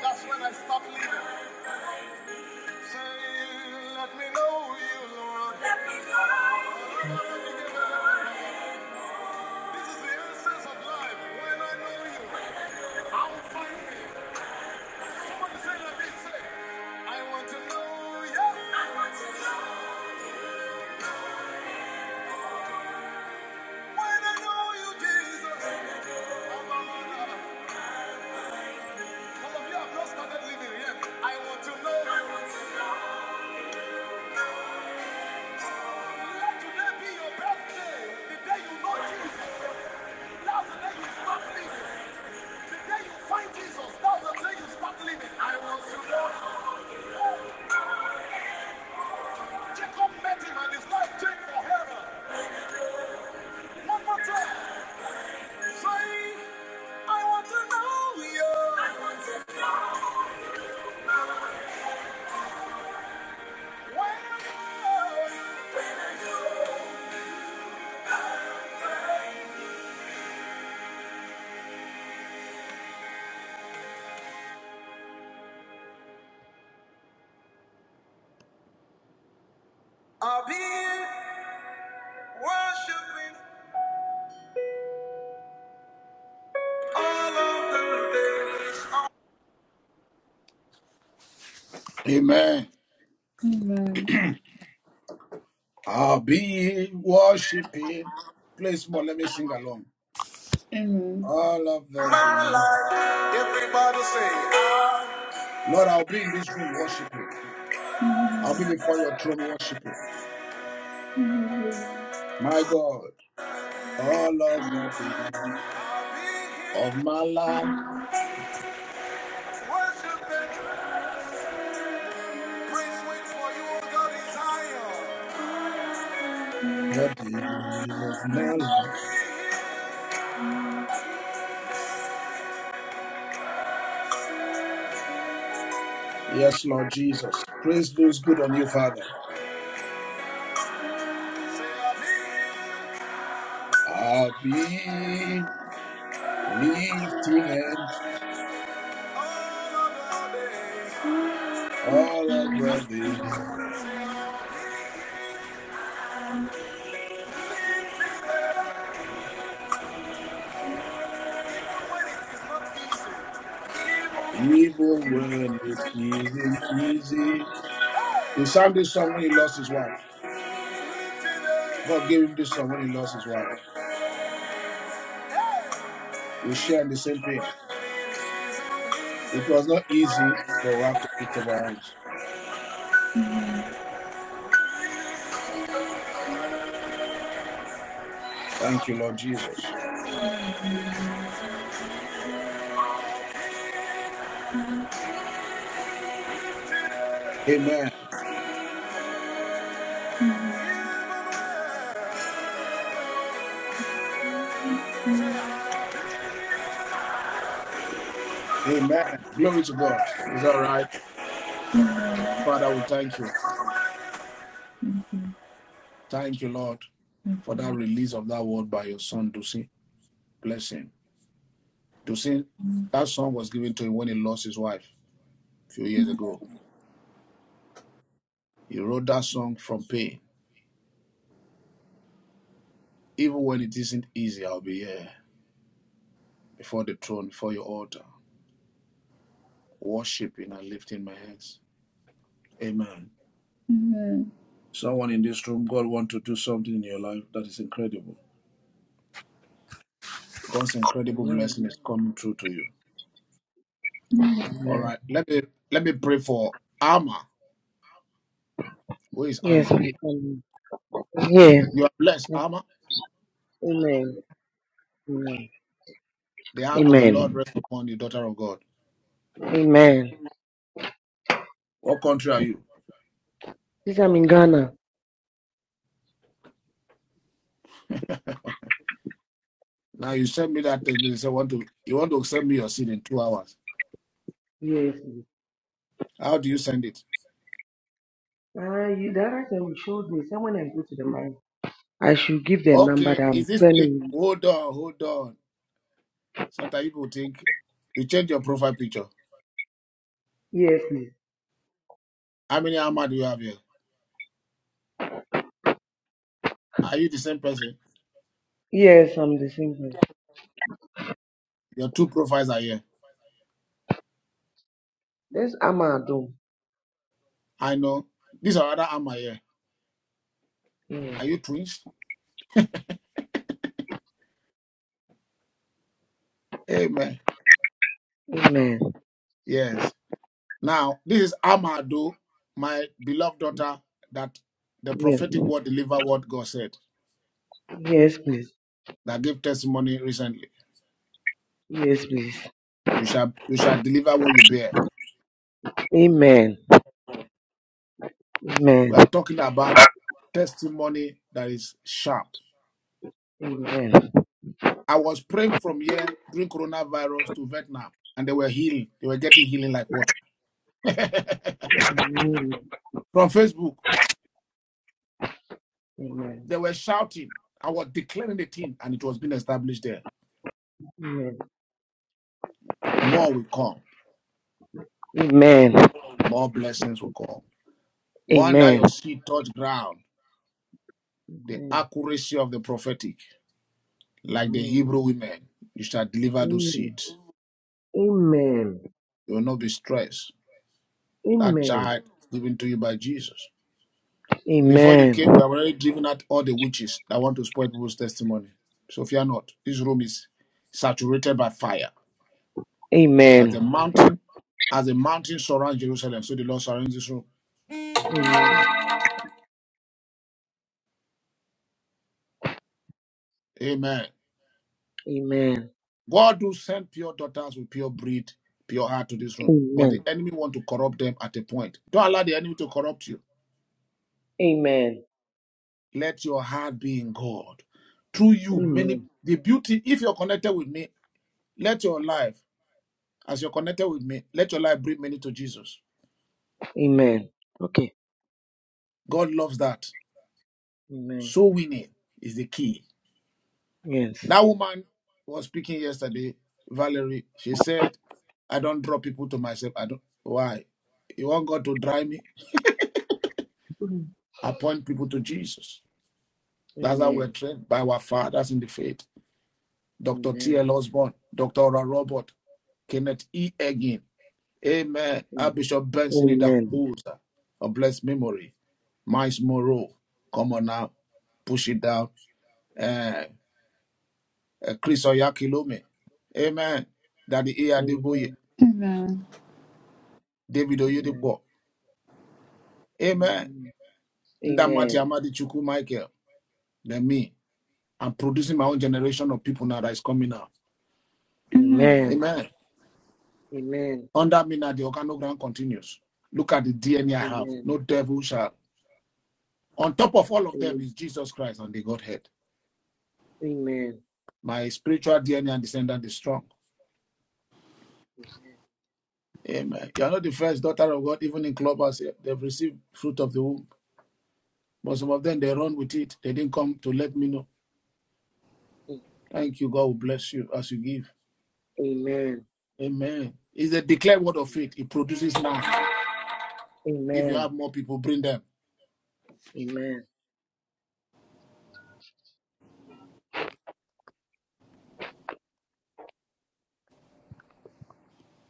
Speaker 1: that's when I stop living. Say, let me know you, Lord. This is the essence of life. When I know you, I'll find me. Somebody say, let me say, I want to know you. When I know you, Jesus, I'm a runner. Some of you have not started living yet. I want to know. Let today be your birthday. The day you know Jesus. That's the day you start living. The day you find Jesus. That's the day you start living. I want to know. Jacob met him and his life changed forever. I'll be worshiping all of the days.
Speaker 3: Amen.
Speaker 1: Amen.
Speaker 3: I'll be worshiping. Play small. Let me sing along.
Speaker 1: Amen.
Speaker 3: All of the
Speaker 1: My
Speaker 3: thee.
Speaker 1: life. Everybody say,
Speaker 3: Lord, I'll be in this room worshiping. I'll be before your throne worshiping. My God, all of the days
Speaker 1: I'll be here
Speaker 3: of my life,
Speaker 1: worshiping. Amen. Amen. Amen. Amen. Amen.
Speaker 3: the days of my life. Yes, Lord Jesus. Praise goes good on you, Father. I'll be lifting hands all of the day, even when it isn't easy. He sang this song when he lost his wife. God gave him this song when he lost his wife. We share in the same pain. It was not easy, but we have to lift up our hands. Thank you, Lord Jesus. Amen. Amen. Glory to God. Is all right. Father, we thank you. Thank you, Lord, for that release of that word by your son, Dusin. Bless him. Dusin, that song was given to him when he lost his wife a few years ago. He wrote that song from pain. Even when it isn't easy, I'll be here before the throne, before your altar, worshiping and lifting my hands. Amen. Someone in this room, God want to do something in your life that is incredible. God's incredible
Speaker 21: Amen.
Speaker 3: blessing is coming through to you. All
Speaker 21: Amen.
Speaker 3: right. Let me let me pray for Alma. Who is
Speaker 21: Yes,
Speaker 3: Alma?
Speaker 21: we can hear.
Speaker 3: You are blessed, Alma.
Speaker 21: Amen. Amen.
Speaker 3: The hand of the Lord
Speaker 21: Amen.
Speaker 3: rests upon you, daughter of God.
Speaker 21: Amen.
Speaker 3: What country are you?
Speaker 21: Since I'm in Ghana.
Speaker 3: Now you send me that text message. say, Want to you want to send me your seed in two hours?
Speaker 21: Yes. please.
Speaker 3: How do you send it?
Speaker 21: Uh, you, the other time you showed me, say when I go to the man, I should give the number
Speaker 3: Okay.
Speaker 21: that I'm
Speaker 3: Is this the,
Speaker 21: telling you.
Speaker 3: hold on? Hold on. Sometimes people think you change your profile picture.
Speaker 21: Yes, please.
Speaker 3: How many Alma do you have here? Are you the same person?
Speaker 21: Yes, I'm the same person.
Speaker 3: Your two profiles are here.
Speaker 21: This Amadum.
Speaker 3: I know. These are other Alma here.
Speaker 21: Yes.
Speaker 3: Are you twins? Amen.
Speaker 21: Amen.
Speaker 3: Yes. Now, this is Amado, my beloved daughter, that the
Speaker 21: Yes.
Speaker 3: prophetic word deliver what God said,
Speaker 21: Yes, please.
Speaker 3: that gave testimony recently.
Speaker 21: Yes, please.
Speaker 3: You shall you shall deliver what you bear.
Speaker 21: Amen. Amen.
Speaker 3: We are talking about testimony that is sharp.
Speaker 21: Amen.
Speaker 3: I was praying from here during coronavirus to Vietnam, and they were healing. They were getting healing like what? (laughs) from
Speaker 21: Amen.
Speaker 3: Facebook,
Speaker 21: Amen.
Speaker 3: they were shouting. I was declaring the thing, and it was being established there. More will come.
Speaker 21: Amen.
Speaker 3: More blessings will come. One day
Speaker 21: Amen.
Speaker 3: your seed touch ground the
Speaker 21: Amen.
Speaker 3: accuracy of the prophetic, like the Hebrew women. You shall deliver those seeds.
Speaker 21: Amen. Amen.
Speaker 3: You will not be stressed.
Speaker 21: Amen.
Speaker 3: That child given to you by Jesus. Before you
Speaker 21: Amen.
Speaker 3: came, we have already driven out all the witches that want to spoil people's testimony. So fear not. This room is saturated by fire. As
Speaker 21: Amen.
Speaker 3: the mountain, as the mountain surrounds Jerusalem, so the Lord surrounds this room.
Speaker 21: Amen.
Speaker 3: Amen.
Speaker 21: Amen.
Speaker 3: God do send pure daughters with pure breed, pure heart to this room. But
Speaker 21: Amen.
Speaker 3: the enemy want to corrupt them at a point. Don't allow the enemy to corrupt you.
Speaker 21: Amen.
Speaker 3: Let your heart be in God. Through
Speaker 21: Amen. Amen.
Speaker 3: you,
Speaker 21: Amen.
Speaker 3: many the beauty, if you're connected with me, let your life, as you're connected with me, let your life bring many to Jesus.
Speaker 21: Amen. Okay.
Speaker 3: God loves that.
Speaker 21: Amen.
Speaker 3: So winning is the key.
Speaker 21: Yes.
Speaker 3: That woman was speaking yesterday, Valerie. She said, I don't draw people to myself. I don't why? You want God to drive me?
Speaker 21: Mhm.
Speaker 3: Appoint people to Jesus. That's how we're
Speaker 21: Amen.
Speaker 3: trained by our fathers in the faith. Dr. T. L.
Speaker 21: Amen.
Speaker 3: Osborne, Dr. Ora Robert, Kenneth E. Egin. Amen.
Speaker 21: Mm.
Speaker 3: Archbishop Benson
Speaker 21: Amen.
Speaker 3: Idahosa, a blessed memory. Miles Moreau, come on now, push it down. Uh, uh, Chris Oyakilome, amen. Daddy Eadeboye,
Speaker 21: Amen.
Speaker 3: David
Speaker 21: Amen.
Speaker 3: Oyedepo, amen. Ndamati
Speaker 21: Amen.
Speaker 3: Amadi Chuku Michael, then me. I'm producing my own generation of people now that is coming out.
Speaker 21: Amen.
Speaker 3: Amen.
Speaker 21: Amen.
Speaker 3: Under me now, the organogram continues. Look at the DNA I have.
Speaker 21: Amen.
Speaker 3: No devil shall. On top of all of them
Speaker 21: Amen.
Speaker 3: is Jesus Christ and the Godhead.
Speaker 21: Amen.
Speaker 3: My spiritual DNA and descendant is strong. Amen. You are not the first daughter of God, even in clubhouse. eh, They've received fruit of the womb. But some of them, they run with it. They didn't come to let me know.
Speaker 21: Amen.
Speaker 3: Thank you. God will bless you as you give.
Speaker 21: Amen.
Speaker 3: Amen. It's a declared word of faith. It produces now. If you
Speaker 21: Amen.
Speaker 3: have more people, bring them.
Speaker 21: Amen.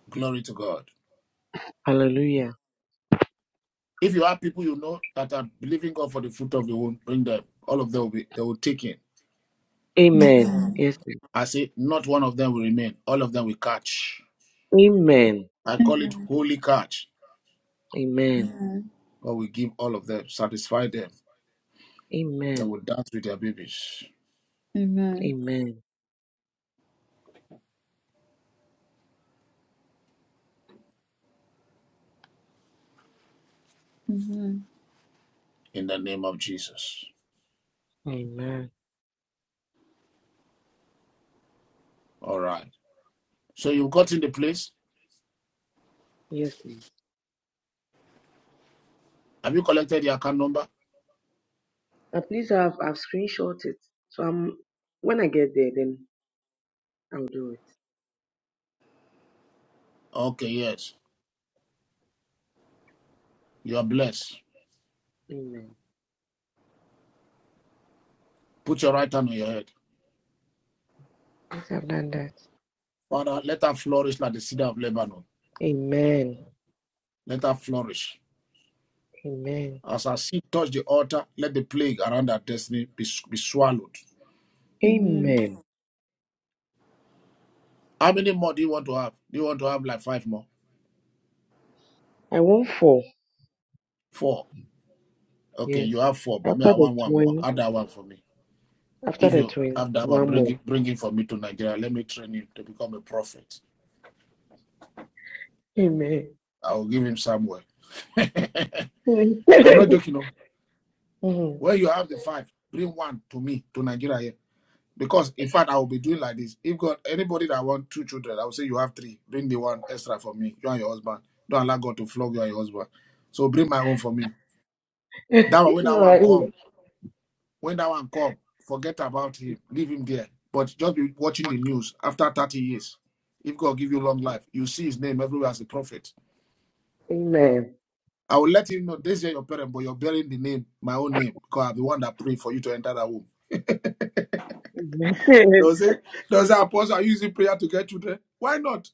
Speaker 3: Glory to God.
Speaker 21: Hallelujah.
Speaker 3: If you have people you know that are believing God for the fruit of the womb, bring them. All of them will be, they will take in.
Speaker 21: Amen. Yes. please.
Speaker 3: I say, not one of them will remain. All of them will catch.
Speaker 21: Amen.
Speaker 3: I call it holy catch.
Speaker 21: Amen.
Speaker 3: God will give all of them, satisfy them. They
Speaker 21: Amen.
Speaker 3: will dance with their babies
Speaker 1: Amen.
Speaker 21: Amen.
Speaker 1: Amen.
Speaker 3: in the name of Jesus.
Speaker 21: Amen.
Speaker 3: All right. So you've gotten the place.
Speaker 21: Yes, please.
Speaker 3: Have you collected your account number?
Speaker 21: Uh, please, I've I've screenshot it. So I'm when I get there, then I'll do it.
Speaker 3: Okay, yes. You are blessed.
Speaker 21: Amen.
Speaker 3: Put your right hand on your head.
Speaker 21: Yes, I've done that.
Speaker 3: Father, let her flourish like the cedar of Lebanon.
Speaker 21: Amen.
Speaker 3: Let her flourish.
Speaker 21: Amen.
Speaker 3: As our seed touch the altar, let the plague around our destiny be, be swallowed.
Speaker 1: Amen.
Speaker 21: Amen.
Speaker 3: How many more do you want to have? Do you want to have like five more?
Speaker 21: I want four.
Speaker 3: Four. Okay,
Speaker 21: Yes.
Speaker 3: you have four, but me,
Speaker 21: After
Speaker 3: I
Speaker 21: the
Speaker 3: want one more.
Speaker 21: twins.
Speaker 3: Add that one for me.
Speaker 21: After
Speaker 3: If
Speaker 21: the
Speaker 3: you
Speaker 21: twins,
Speaker 3: have that one,
Speaker 21: one
Speaker 3: bring
Speaker 21: more.
Speaker 3: it, bring it for me to Nigeria. Let me train him to become a prophet.
Speaker 21: Amen.
Speaker 3: I will give him somewhere. (laughs) I'm not
Speaker 21: (laughs)
Speaker 3: joking. No.
Speaker 21: Mhm.
Speaker 3: When you have the five, bring one to me to Nigeria here. Because in fact, I will be doing like this. If God, anybody that want two children, I will say you have three. Bring the one extra for me. You and your husband. Don't allow God to flog you and your husband. So bring my own for me. That
Speaker 21: (laughs)
Speaker 3: way, when
Speaker 21: You
Speaker 3: that
Speaker 21: are
Speaker 3: one come.
Speaker 21: in-
Speaker 3: When that one come, forget about him. Leave him there. But just be watching the news after 30 years. If God give you long life, you see his name everywhere as a prophet.
Speaker 21: Amen.
Speaker 3: I will let him know this is your parent, but you're bearing the name, my own name, because I'm the one that prayed for you to enter that womb.
Speaker 21: Amen. Amen.
Speaker 3: Does it? Does that apostle are you using prayer to get children? Why not?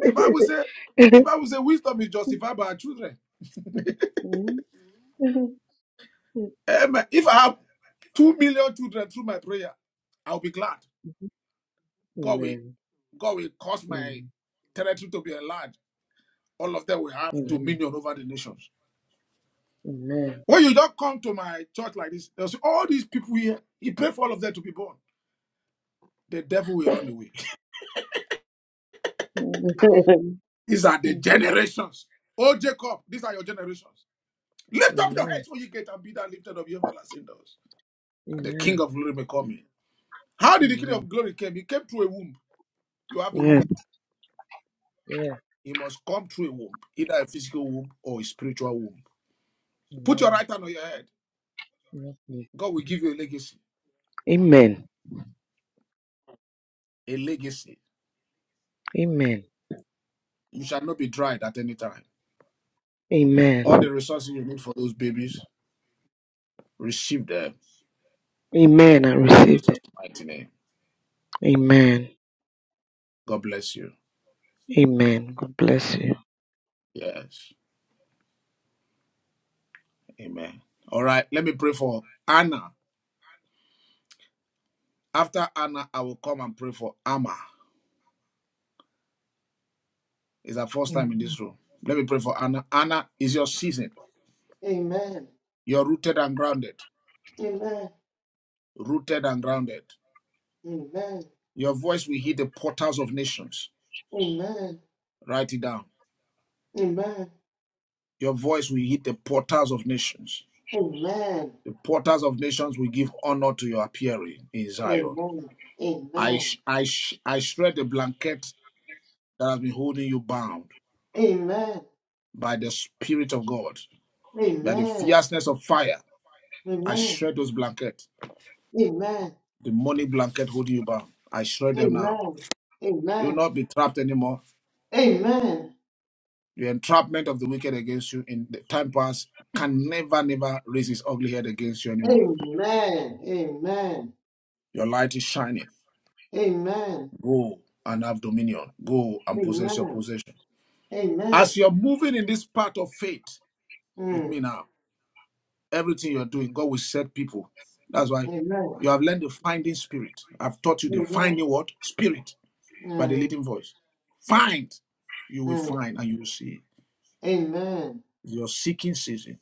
Speaker 3: The Bible say, the
Speaker 21: Amen.
Speaker 3: Bible say, wisdom is justified by our children. Amen. If I have two million children through my prayer, I'll be glad. God will,
Speaker 21: Amen.
Speaker 3: God will cause my territory to be enlarged. all of them will have
Speaker 21: Amen.
Speaker 3: dominion over the nations.
Speaker 21: Amen.
Speaker 3: When you don't come to my church like this, they'll say, all these people here, he paid for all of them to be born. The devil will run away. (laughs) These are the generations. Oh, Jacob, these are your generations. Lift up your
Speaker 21: Amen.
Speaker 3: heads, O ye gate, and be that lifted of your everlasting doors. And the King
Speaker 21: Amen.
Speaker 3: of glory may come in. How did the King
Speaker 21: Amen.
Speaker 3: of glory come? He came through a womb. You have a womb.
Speaker 21: Yes. Yes.
Speaker 3: He must come through a womb, either a physical womb or a spiritual womb. Put your
Speaker 21: Amen.
Speaker 3: right hand on your head.
Speaker 21: Yes, please.
Speaker 3: God will give you a legacy.
Speaker 21: Amen.
Speaker 3: A legacy.
Speaker 21: Amen.
Speaker 3: You shall not be dried at any time.
Speaker 21: Amen.
Speaker 3: All the resources you need for those babies, receive them
Speaker 21: Amen. I
Speaker 3: in
Speaker 21: received
Speaker 3: Jesus'
Speaker 21: it.
Speaker 3: mighty name.
Speaker 21: Amen.
Speaker 3: God bless you.
Speaker 21: Amen. God bless you.
Speaker 3: Yes. Amen. All right. Let me pray for Anna. After Anna, I will come and pray for Amma. It's our first time in
Speaker 23: Amen.
Speaker 3: this room. Let me pray for Anna. Anna is your season.
Speaker 23: Amen.
Speaker 3: You're rooted and grounded.
Speaker 23: Amen.
Speaker 3: Rooted and grounded.
Speaker 23: Amen.
Speaker 3: Your voice will hit the portals of nations.
Speaker 23: Amen.
Speaker 3: Write it down.
Speaker 23: Amen.
Speaker 3: Your voice will hit the portals of nations.
Speaker 23: Amen.
Speaker 3: The portals of nations will give honor to your appearing in Zion.
Speaker 23: Amen.
Speaker 3: I,
Speaker 23: Amen.
Speaker 3: sh- I, sh- I shred the blanket that has been holding you bound
Speaker 23: Amen.
Speaker 3: by the Spirit of God, by the
Speaker 23: Amen.
Speaker 3: fierceness of fire. I
Speaker 23: Amen.
Speaker 3: shred those blankets,
Speaker 23: Amen.
Speaker 3: the money blanket holding you bound. I
Speaker 23: Amen.
Speaker 3: shred
Speaker 23: Amen. Amen.
Speaker 3: them now.
Speaker 23: Amen.
Speaker 3: You will not be trapped anymore. The entrapment of the wicked against you in the time past can never, never raise its ugly head against you anymore.
Speaker 23: Amen. Amen.
Speaker 3: Your light is shining. Go and have dominion. Go and
Speaker 23: Amen. Amen. Amen.
Speaker 3: possess your possession.
Speaker 23: Amen.
Speaker 3: As you're moving in this path of faith with
Speaker 23: Amen.
Speaker 3: me now, Everything you're doing, God will set people. That's why you have learned the finding spirit. I've taught you the
Speaker 23: Mm.
Speaker 3: finding what? Spirit by the leading voice. Find. You will
Speaker 23: Mm.
Speaker 3: find and you will see.
Speaker 23: Amen.
Speaker 3: Your seeking season.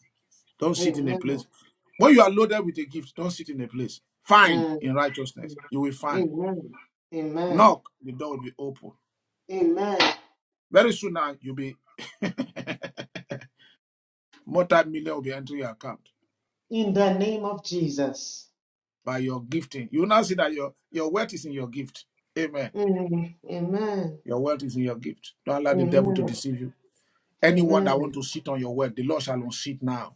Speaker 3: Don't sit in a
Speaker 23: Amen.
Speaker 3: place. When you are loaded with a gift, don't sit in a place. Find
Speaker 23: Amen.
Speaker 3: in righteousness. You will find.
Speaker 23: amen. Amen.
Speaker 3: Knock, the door will be open.
Speaker 23: Amen.
Speaker 3: Very soon now, you'll be (laughs) multi-million will be entering your account
Speaker 23: In the name of Jesus.
Speaker 3: by your gifting. You will now see that your, your wealth is in your gift. Amen.
Speaker 23: Mm, Amen.
Speaker 3: Your wealth is in your gift. Don't allow the devil to
Speaker 23: Amen.
Speaker 3: deceive you. Anyone that want
Speaker 23: Amen.
Speaker 3: to sit on your wealth, the Lord shall unseat now.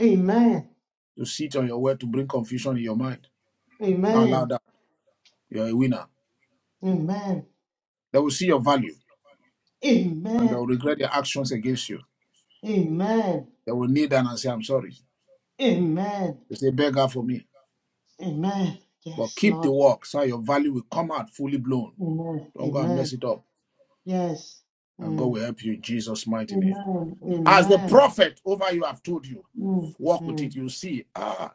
Speaker 23: Amen. Amen.
Speaker 3: To sit on your wealth to bring confusion in your mind. Don't allow
Speaker 23: Amen.
Speaker 3: that. You're a winner. They will see your value and they will regret their actions against you.
Speaker 23: Amen. Amen.
Speaker 3: They will kneel down and say, I'm sorry.
Speaker 23: Amen.
Speaker 3: They say, "Beg beggar for me.
Speaker 23: Amen.
Speaker 3: But
Speaker 23: Yes,
Speaker 3: keep the
Speaker 23: Lord.
Speaker 3: work so your value will come out fully blown.
Speaker 23: Amen.
Speaker 3: Don't go and
Speaker 23: Amen.
Speaker 3: mess it up.
Speaker 23: Yes.
Speaker 3: And God
Speaker 23: Mm.
Speaker 3: will help you in Jesus' mighty name.
Speaker 23: Amen.
Speaker 3: As the
Speaker 23: Amen.
Speaker 3: prophet over you have told you,
Speaker 23: Mm.
Speaker 3: walk with
Speaker 23: Mm.
Speaker 3: it. You see, ah,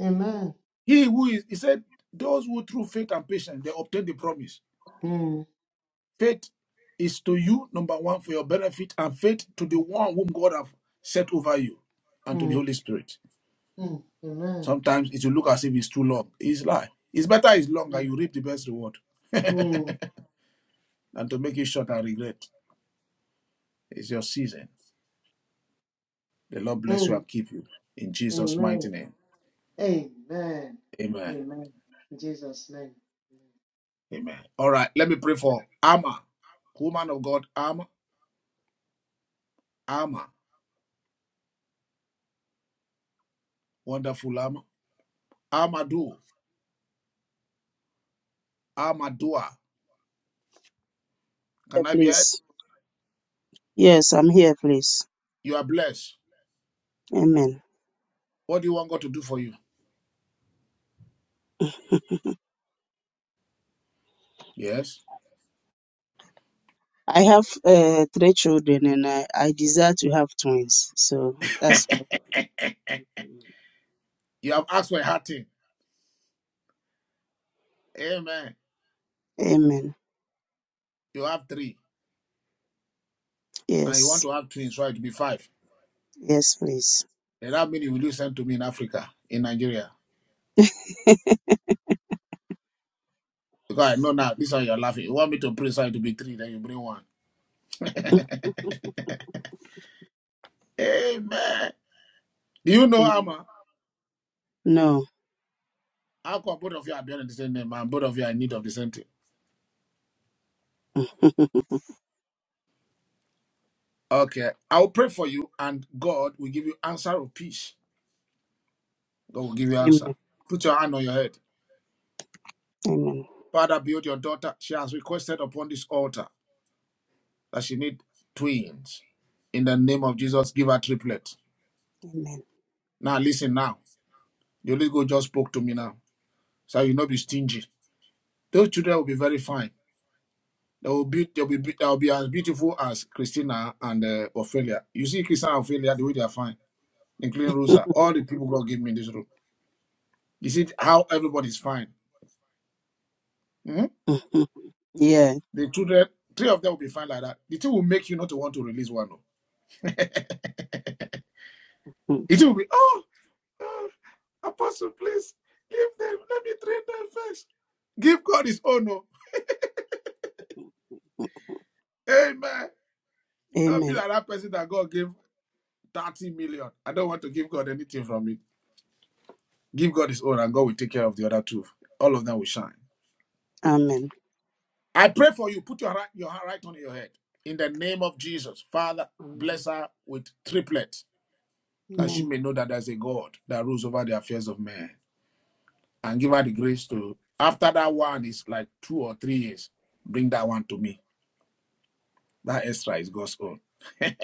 Speaker 23: Amen.
Speaker 3: He who is, he said, those who through faith and patience they obtain the promise.
Speaker 23: Mm.
Speaker 3: Faith is to you, number one, for your benefit, and faith to the
Speaker 23: Mm.
Speaker 3: one whom God have set over you and to the Holy Spirit.
Speaker 23: Mm. Amen.
Speaker 3: Sometimes it will look as if it's too long. It's lie. It's better it's long and
Speaker 23: Mm,
Speaker 3: you reap the best reward. (laughs) and
Speaker 23: mm,
Speaker 3: to make it short and regret. It's your season. The Lord bless you
Speaker 23: mm.
Speaker 3: and keep you. In Jesus' mighty
Speaker 23: amen.
Speaker 3: name.
Speaker 23: Amen.
Speaker 3: Amen.
Speaker 23: Amen. In Jesus' name.
Speaker 3: Amen. All right, let me pray for Amma, woman of God, Amma, Amma, wonderful Amma. Amadu, Amadua.
Speaker 24: here,
Speaker 3: Can I be heard?
Speaker 24: please. Yes, I'm here, please.
Speaker 3: You are blessed.
Speaker 24: Amen.
Speaker 3: What do you want God to do for you?
Speaker 24: (laughs)
Speaker 3: Yes.
Speaker 24: I have uh, three children and I, I desire to have twins. So
Speaker 3: (laughs)
Speaker 24: that's what I'm doing.
Speaker 3: You have asked for a hard thing. Amen.
Speaker 24: Amen.
Speaker 3: You have three, and you want
Speaker 24: Yes.
Speaker 3: to have twins, so it will be five.
Speaker 24: Yes, please.
Speaker 3: Then how many will you send to me in Africa, in Nigeria?
Speaker 24: (laughs)
Speaker 3: Because I know now, this is how you're laughing. You want me to bring so it will be three, then you bring one. (laughs) Amen. Do you know,
Speaker 24: Amen.
Speaker 3: Amma?
Speaker 24: No.
Speaker 3: How come both of you are bearing the same name, and both of you are in need of the same thing?
Speaker 24: (laughs) Amen.
Speaker 3: Okay. I will pray for you, and God will give you answer of peace. God will give you answer. Put your hand on your head.
Speaker 24: Amen.
Speaker 3: Father, build your daughter. She has requested upon this altar that she need twins. In the name of Jesus, give her triplet.
Speaker 24: Amen.
Speaker 3: Now listen now. The Holy Ghost just spoke to me now. So you will not be stingy. Those children will be very fine. They will be they'll be they will be as beautiful as Christina and uh, Ophelia. You see Christina and Ophelia the way they are fine, including
Speaker 24: (laughs)
Speaker 3: Rosa. All the people God gave me in this room. You see how everybody's fine. Mhm.
Speaker 24: Mhm. yeah.
Speaker 3: The children, three of them will be fine like that. The thing will make you not to want to release one. oh. (laughs)
Speaker 24: Mm.
Speaker 3: It will be, oh, oh, Apostle, please, leave them. Let me train them first. Give God his honor. Amen. Don't be
Speaker 24: Amen.
Speaker 3: like that person that God gave 30 million. I don't want to give God anything from it. Give God his own, and God will take care of the other two. All of them will shine.
Speaker 24: Amen.
Speaker 3: I pray for you. Put your right, your hand right on your head. In the name of Jesus, Father,
Speaker 24: Amen.
Speaker 3: bless her with triplets, that she
Speaker 24: Amen.
Speaker 3: may know that there's a God that rules over the affairs of men. and give her the grace to after that one is like two or three years bring that one to me that extra is god's own (laughs)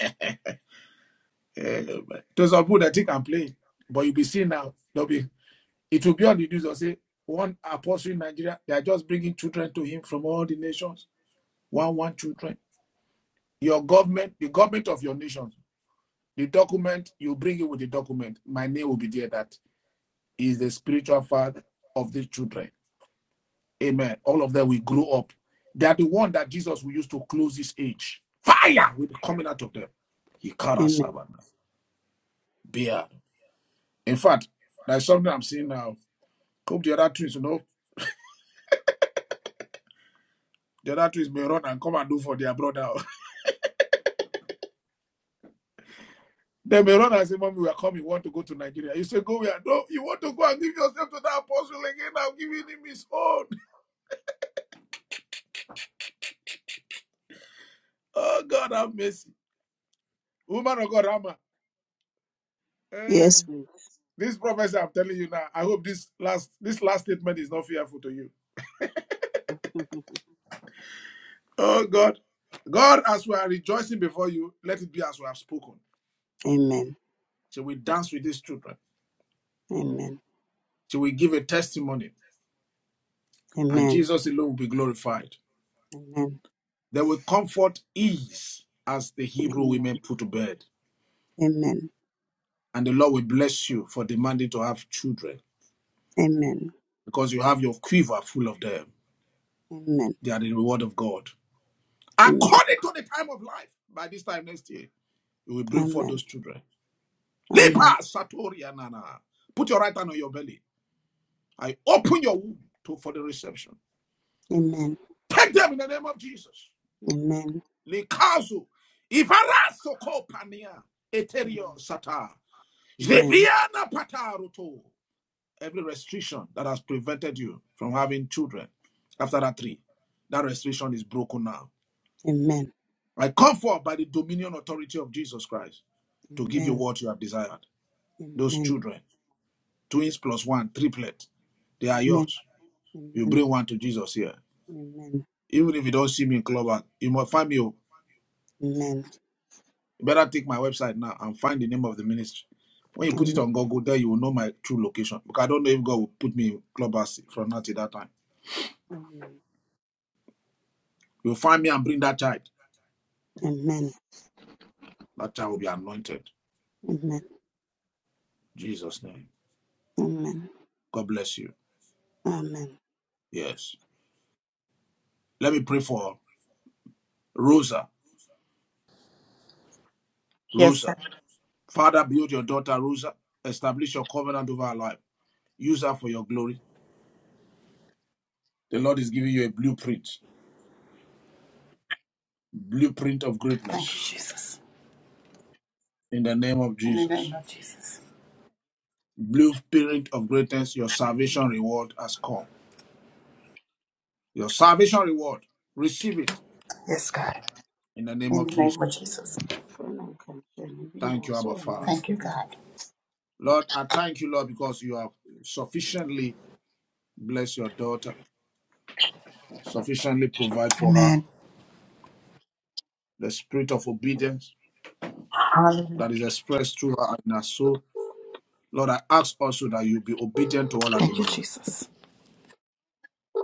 Speaker 3: to some people that think i'm playing but you'll be seeing now they'll be it will be on the news or say one apostle in nigeria they are just bringing children to him from all the nations one one children your government the government of your nation the document you bring it with the document my name will be there that is the spiritual father of these children Amen. All of them will grow up. They are the one that Jesus will use to close his age. Fire will be coming out of them. He carries
Speaker 24: Amen.
Speaker 3: savannah. Beard. In fact, there's something I'm seeing now. Hope the other twins, you know, the other twins may run and come and do for their brother. (laughs) they may run and say, Mommy, we are coming, we want to go to Nigeria. You say, Go where? No, you want to go and give yourself to that apostle again. I'm giving him his own. (laughs) Oh, God, have mercy. Woman of God, Rama. Hey.
Speaker 24: Yes, please.
Speaker 3: This prophecy I'm telling you now, I hope this last this last statement is not fearful to you
Speaker 24: (laughs) Mhm.
Speaker 3: Oh God. God, as we are rejoicing before you, let it be as we have spoken.
Speaker 24: Amen.
Speaker 3: Shall we dance with these children?
Speaker 24: Amen.
Speaker 3: Shall we give a testimony? And
Speaker 24: Amen.
Speaker 3: Jesus alone will be glorified.
Speaker 24: Amen.
Speaker 3: There will comfort ease as the Hebrew
Speaker 24: Amen.
Speaker 3: women put to bed.
Speaker 24: Amen.
Speaker 3: And the Lord will bless you for demanding to have children
Speaker 24: Amen.
Speaker 3: because you have your quiver full of them.
Speaker 24: Amen.
Speaker 3: They are the reward of God.
Speaker 24: Amen.
Speaker 3: According to the time of life, by this time next year, you will bring forth
Speaker 24: Amen.
Speaker 3: those children. Lipa
Speaker 24: Amen.
Speaker 3: Satori Anana. Put your right hand on your belly. I open your womb to, for the reception.
Speaker 24: Amen.
Speaker 3: Take them in the name of Jesus.
Speaker 24: Amen.
Speaker 3: Likazu, Ivaraso Kopania, Eterio Sata,
Speaker 24: Amen.
Speaker 3: Jeviana Pataruto. Every restriction that has prevented you from having children after that three, that restriction is broken now.
Speaker 24: Amen.
Speaker 3: I come forth by the dominion authority of Jesus Christ to give you
Speaker 24: Amen.
Speaker 3: what you have desired.
Speaker 24: Amen.
Speaker 3: Those
Speaker 24: Amen.
Speaker 3: children, twins plus one, triplet, they are yours. You
Speaker 24: Amen. Amen.
Speaker 3: bring one to Jesus here.
Speaker 24: Amen. Amen.
Speaker 3: Even if you don't see me in club, you must find me. oh.
Speaker 24: Amen.
Speaker 3: You better take my website now and find the name of the ministry. When you put it on Google, there you will know my true location. Because I don't know if God will put me in clubhouse from now till that time. You'll find me and bring that child. That child will be anointed.
Speaker 24: Amen. Amen.
Speaker 3: Jesus' name.
Speaker 24: Amen.
Speaker 3: God bless you.
Speaker 24: Amen.
Speaker 3: Yes. Let me pray for Rosa.
Speaker 25: Yes, sir.
Speaker 3: Rosa. Father, build your daughter, Rosa. Establish your covenant over her life. Use her for your glory. The Lord is giving you a blueprint, blueprint of greatness
Speaker 25: Thank you, Jesus.
Speaker 3: in the name of
Speaker 25: In the
Speaker 3: Jesus.
Speaker 25: name of Jesus.
Speaker 3: blueprint of greatness, your salvation reward has come. Your salvation reward, receive it
Speaker 25: Yes, God.
Speaker 3: in the name
Speaker 25: In
Speaker 3: of
Speaker 25: the name of
Speaker 3: Jesus.
Speaker 25: Jesus.
Speaker 24: Fana kanche ni bini
Speaker 3: Thank you, Abba
Speaker 24: waso
Speaker 3: Father.
Speaker 25: Thank you,
Speaker 24: anamte.
Speaker 25: God.
Speaker 3: Lord, I thank you, Lord, because you have sufficiently blessed your daughter, sufficiently provide for her
Speaker 25: Amen.
Speaker 3: the spirit of obedience that
Speaker 25: Hallelujah.
Speaker 3: is expressed through her and her soul. Lord, I ask also that you be obedient to all our
Speaker 25: Thank you,
Speaker 3: demand.
Speaker 25: Jesus.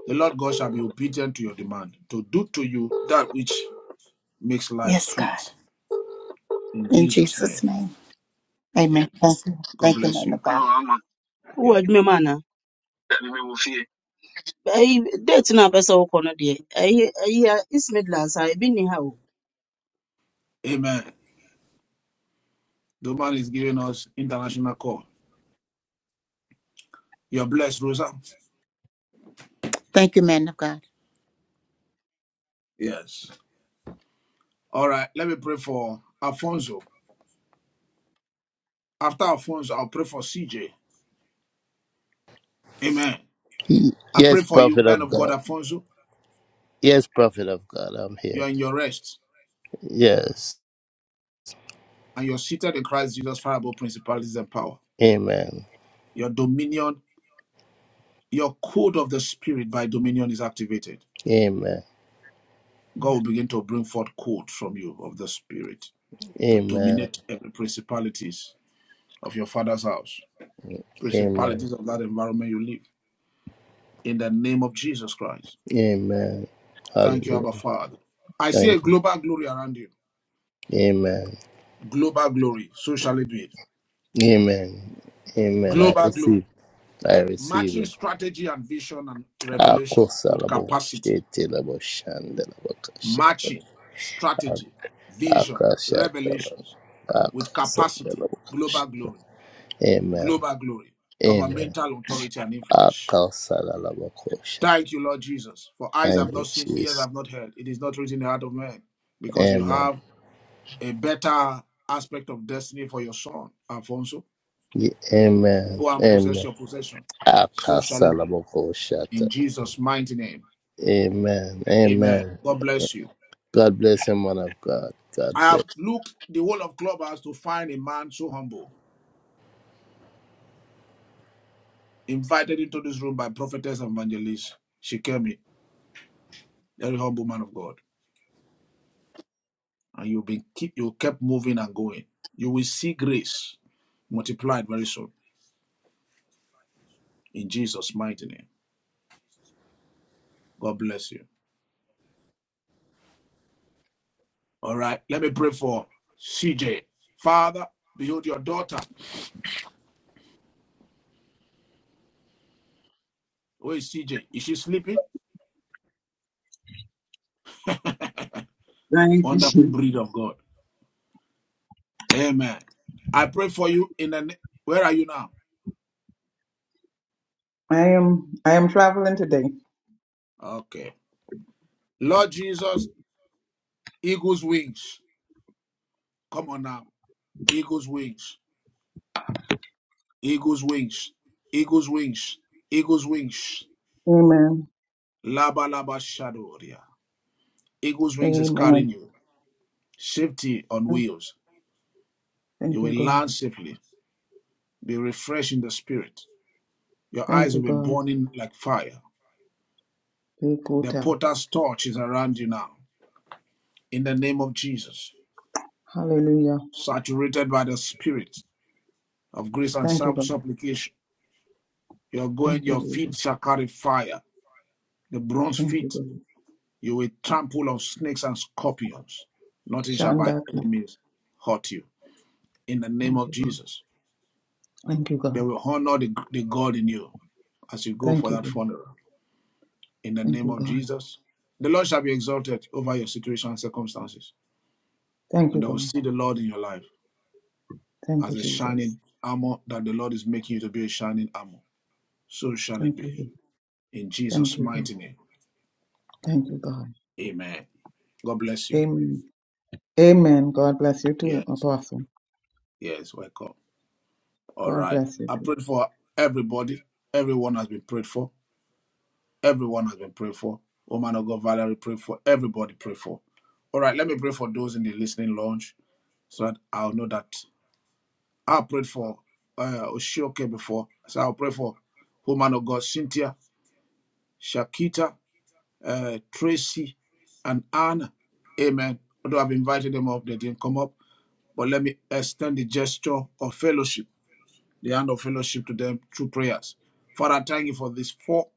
Speaker 3: The Lord God shall be obedient to your demand to do to you that which makes life
Speaker 25: Yes, God.
Speaker 3: sweet. In
Speaker 25: In
Speaker 3: Jesus' name,
Speaker 25: Jesus' name.
Speaker 3: amen.
Speaker 25: Amen. Thank you.
Speaker 3: God
Speaker 25: Thank you,
Speaker 3: bless
Speaker 25: man
Speaker 3: you.
Speaker 25: of
Speaker 24: Ono
Speaker 25: God.
Speaker 24: ama. Wo
Speaker 3: Yes.
Speaker 24: adwuma mu ana? Ɛyi date no a bɛsɛ wokɔ no deɛ, ɛyɛ ɛyi a East Midlands a ebi nni ha o.
Speaker 3: Amen. The man is giving us international call. You're blessed, Rosa.
Speaker 25: Thank you, man of God.
Speaker 3: Yes. All right. Let me pray for Alfonso. After Alfonso, I'll pray for CJ. Amen.
Speaker 26: Y-
Speaker 3: I pray
Speaker 26: Yes,
Speaker 3: for you,
Speaker 26: prophet
Speaker 3: man
Speaker 26: of
Speaker 3: of God,
Speaker 26: God.
Speaker 3: Alfonso.
Speaker 26: Yes, prophet of God. I'm here.
Speaker 3: You're in your rest
Speaker 26: Yes.
Speaker 3: and you're seated in Christ Jesus, far above principalities and power.
Speaker 26: Amen.
Speaker 3: Your dominion, your code of the spirit by dominion is activated.
Speaker 26: Amen.
Speaker 3: God will begin to bring forth code from you of the spirit to
Speaker 26: Amen.
Speaker 3: dominate every principalities of your father's house,
Speaker 26: Amen.
Speaker 3: principalities of that environment you live in the name of Jesus Christ.
Speaker 26: Amen.
Speaker 3: Thank you, Abba
Speaker 26: Hallelujah.
Speaker 3: Father. I see a
Speaker 26: Thank you.
Speaker 3: global glory around you.
Speaker 26: Amen.
Speaker 3: Global glory. So shall it be.
Speaker 26: Amen. Amen. I
Speaker 3: Global
Speaker 26: receive.
Speaker 3: glory.
Speaker 26: I receive
Speaker 3: Matching
Speaker 26: it.
Speaker 3: strategy and vision and revelation with
Speaker 26: Akosalabo.
Speaker 3: capacity.
Speaker 26: Shetelabo. Shandelabo. Kashetelabo.
Speaker 3: Matching strategy, vision,
Speaker 26: Akashetelabo.
Speaker 3: revelations with capacity.
Speaker 26: Akosalabo.
Speaker 3: Global
Speaker 26: Kashetelabo.
Speaker 3: glory.
Speaker 26: Amen.
Speaker 3: Global glory.
Speaker 26: Amen.
Speaker 3: Governmental authority and influence.
Speaker 26: Akosalabo. Koshet.
Speaker 3: Thank you, Lord Jesus. For eyes have
Speaker 26: Thank you,
Speaker 3: not seen, ears
Speaker 26: Jesus.
Speaker 3: have not heard. It is not written in the heart of man because you
Speaker 26: Amen.
Speaker 3: have a better aspect of destiny for your son, Alfonso.
Speaker 26: Ye- Amen.
Speaker 3: Go and possess
Speaker 26: Amen.
Speaker 3: your possession. So shall it be.
Speaker 26: Akasalaboko-shata.
Speaker 3: In Jesus' mighty name.
Speaker 26: Amen.
Speaker 3: Amen.
Speaker 26: Amen.
Speaker 3: God bless you.
Speaker 26: God bless him, man of God. God
Speaker 3: I
Speaker 26: bless.
Speaker 3: have looked the whole of Clubhouse to find a man so humble, invited into this room by prophetess and evangelist. She came in, very humble man of God. And you've been keep you kept moving and going. You will see grace multiplied very soon. In Jesus' mighty name. God bless you. All right, let me pray for CJ. Father, behold your daughter. Where is CJ? Is she sleeping? Wonderful
Speaker 22: Jesus.
Speaker 3: breed of God. Amen. I pray for you in the. na- Where are you now?
Speaker 22: I am I am traveling today.
Speaker 3: Okay. Lord Jesus, eagle's wings. Come on now. Eagle's wings. Eagle's wings. Eagle's wings. Eagle's wings.
Speaker 22: Amen.
Speaker 3: Laba laba shadoria. Eagle's wings is carrying
Speaker 22: Amen.
Speaker 3: you. Safety on wheels.
Speaker 22: Thank
Speaker 3: You
Speaker 22: you,
Speaker 3: will
Speaker 22: God.
Speaker 3: land safely. Be refreshed in the spirit. Your
Speaker 22: Thank
Speaker 3: eyes
Speaker 22: you,
Speaker 3: will be
Speaker 22: God.
Speaker 3: burning like fire.
Speaker 22: Take good
Speaker 3: The
Speaker 22: time.
Speaker 3: potter's torch is around you now. In the name of Jesus,
Speaker 22: Hallelujah.
Speaker 3: saturated by the Spirit of grace and
Speaker 22: Thank you, God.
Speaker 3: supplication, you're going.
Speaker 22: Thank you,
Speaker 3: Your
Speaker 22: Jesus.
Speaker 3: feet shall carry fire. The bronze
Speaker 22: Thank you,
Speaker 3: feet,
Speaker 22: God.
Speaker 3: you will trample on snakes and scorpions. Nothing shall by
Speaker 22: Shanda clap.
Speaker 3: enemies hurt you. In the name
Speaker 22: Thank
Speaker 3: of
Speaker 22: you, God.
Speaker 3: Jesus,
Speaker 22: Thank you,
Speaker 3: they
Speaker 22: God.
Speaker 3: will honor the, the God in you as you go for
Speaker 22: Thank you,
Speaker 3: that
Speaker 22: God.
Speaker 3: funeral. In the
Speaker 22: Thank you,
Speaker 3: name of
Speaker 22: God.
Speaker 3: Jesus, the Lord shall be exalted over your situation and circumstances,
Speaker 22: Thank you,
Speaker 3: and they will
Speaker 22: God.
Speaker 3: see the Lord in your life.
Speaker 22: Thank
Speaker 3: as
Speaker 22: you,
Speaker 3: a
Speaker 22: Jesus.
Speaker 3: shining armor that the Lord is making you to be a shining armor. So shall it
Speaker 22: Thank you.
Speaker 3: be.
Speaker 22: God.
Speaker 3: In
Speaker 22: Thank
Speaker 3: Jesus'
Speaker 22: you, God.
Speaker 3: mighty name.
Speaker 22: Thank you, God.
Speaker 3: Amen. God bless you.
Speaker 22: Amen. Amen. God bless you too,
Speaker 3: Yes.
Speaker 22: Apostle.
Speaker 3: Yes. Welcome. All
Speaker 22: God
Speaker 3: right.
Speaker 22: bless you
Speaker 3: I
Speaker 22: too.
Speaker 3: prayed for everybody. Everyone has been prayed for. Everyone has been prayed for. Woman of God, Valerie, pray for. Everybody pray for. All right. Let me pray for those in the listening lounge so that I'll know that I prayed for uh, Oshioke before. So I'll pray for woman of God, Cynthia, Shakita, uh, Tracy, and Anna. Amen. Although I've invited them up, they didn't come up. But let me extend the gesture of fellowship, the hand of fellowship to them through prayers. Father, thank you for these four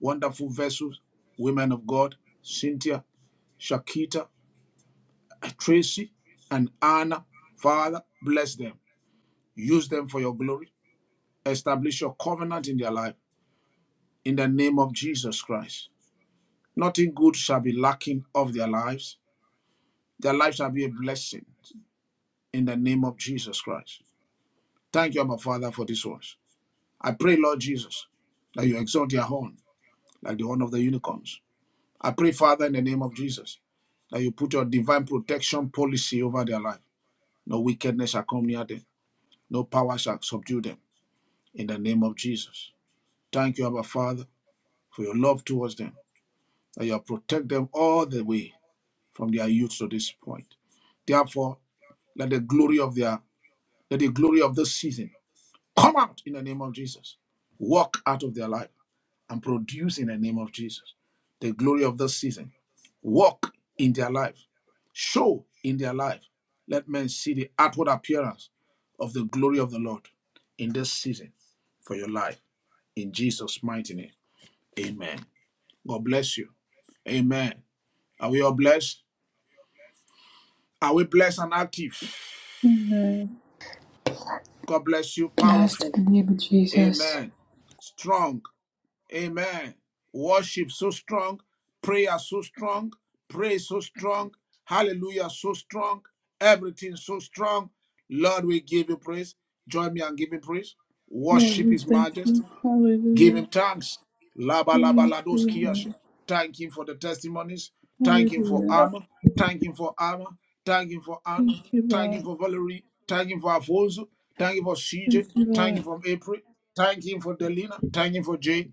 Speaker 3: wonderful vessels, women of God, Cynthia, Shakita, Tracy, and Anna. Father, bless them. Use them for your glory. Establish your covenant in their life in the name of Jesus Christ. Nothing good shall be lacking of their lives. Their lives shall be a blessing in the name of Jesus Christ. Thank you, Abba Father, for this ones. I pray, Lord Jesus, that you exalt your horn like the horn of the unicorns. I pray, Father, in the name of Jesus, that you put your divine protection policy over their life. No wickedness shall come near them, no power shall subdue them. In the name of Jesus. Thank you, Abba Father, for your love towards them, that you have protect them all the way from their youth to this point. Therefore, let the glory of their let the glory of this season Come out in the name of Jesus. Walk out of their life and produce in the name of Jesus the glory of this season. Walk in their life. Show in their life. Let men see the outward appearance of the glory of the Lord in this season for your life. In Jesus' mighty name. Amen. God bless you. Amen. Are we all blessed? Are we blessed and active?
Speaker 1: Amen.
Speaker 3: God bless you.
Speaker 8: blessed
Speaker 3: Powerful.
Speaker 8: in the name of Jesus.
Speaker 3: Amen. Strong. Amen. Worship so strong, prayer so strong, praise so strong, hallelujah so strong, everything so strong. Lord, we give you praise. Join me and give him praise.
Speaker 1: Lord,
Speaker 3: Worship
Speaker 1: we
Speaker 3: his
Speaker 1: thank you.
Speaker 3: majesty. Give him
Speaker 1: Hallelujah.
Speaker 3: thanks. Laba
Speaker 1: Glory
Speaker 3: laba
Speaker 1: to
Speaker 3: lados
Speaker 1: your
Speaker 3: kiyashe.
Speaker 1: name.
Speaker 3: Thank him for the testimonies. Thank him for
Speaker 1: Hallelujah.
Speaker 3: armor. Thank him for armor. Thank him for honor.
Speaker 1: Thank you,
Speaker 3: Thank
Speaker 1: Lord.
Speaker 3: him for Valerie. Thank him for Afonso. Thank him for
Speaker 1: Thank
Speaker 3: CJ.
Speaker 1: you,
Speaker 3: Thank him
Speaker 1: Lord.
Speaker 3: for April. Thank him for Delina. Thank him for Jay.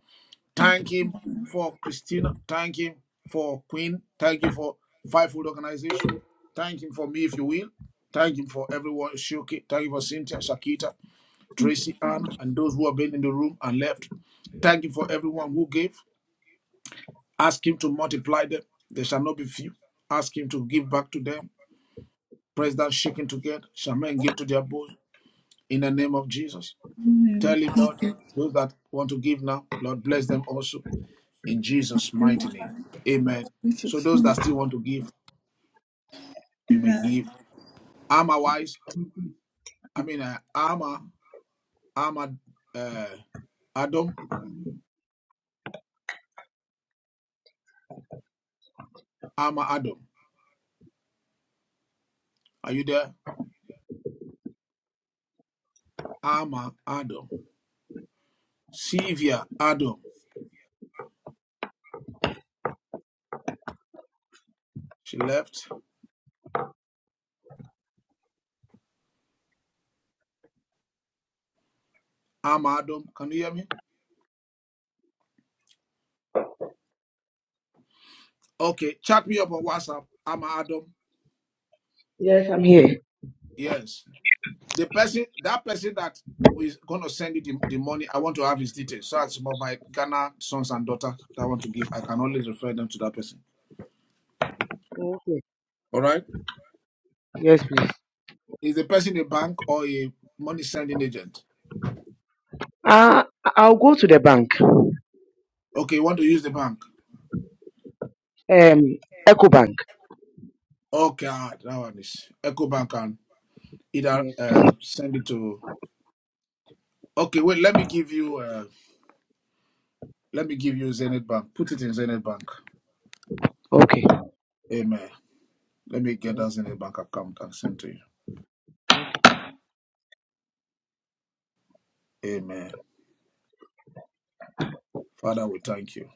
Speaker 3: Thank him for Christina. Thank him for Queen. Thank you for Five Organization. Thank him for me, if you will. Thank him for everyone. Shoki. Thank you for Cynthia, Shakita, Tracy, Ann, and those who have been in the room and left. Thank you for everyone who gave. Ask him to multiply them. There shall not be few. Ask him to give back to them. President shaking together. Shall men give to their bosom in the name of Jesus.
Speaker 1: In the name of
Speaker 3: Tell him, Lord, those that want to give now, Lord, bless them also. in Jesus'
Speaker 1: thank you,
Speaker 3: mighty name. Amen. So
Speaker 1: Jesus.
Speaker 3: those that
Speaker 1: name.
Speaker 3: still want to give, you may
Speaker 1: Amen.
Speaker 3: give. Armor wise, I mean uh, armor, armor, uh, Adam, armor Adam. Are you there? Armor Adam. Sylvia Adam. She left. Armor Adam. Can you hear me? Okay. Chat me up on WhatsApp. Armor Adam.
Speaker 21: Yes, I'm here.
Speaker 3: Yes. The person, that person that is gonna send you the, the money. I want to have his details. So as some of my Ghana sons and daughters that want to give, I can always refer them to that person.
Speaker 21: Okay.
Speaker 3: All right.
Speaker 21: Yes, please.
Speaker 3: Is the person a bank or a money sending agent?
Speaker 21: Uh, I'll go to the bank.
Speaker 3: Okay, you want to use the bank?
Speaker 21: Um, Echo Bank.
Speaker 3: Okay, ah, that one is Echo Bank and either
Speaker 21: Yes,
Speaker 3: uh, send it to. Okay, wait. Let me give you. Uh, let me give you Zenith Bank. Put it in Zenith Bank.
Speaker 21: Okay.
Speaker 3: Amen. Let me get that
Speaker 21: Yes,
Speaker 3: Zenith Bank account and send to you. Amen. Father, we thank you.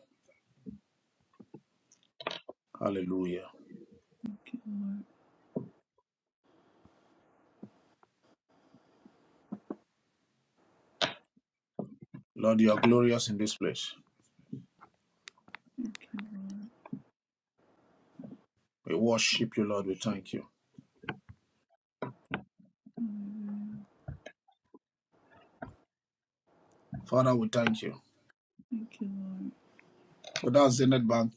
Speaker 3: Hallelujah. Lord, you are glorious in this place. We worship you, Lord. We thank you. Father, we thank you.
Speaker 1: Thank you, Lord.
Speaker 3: So that's Zenith Bank.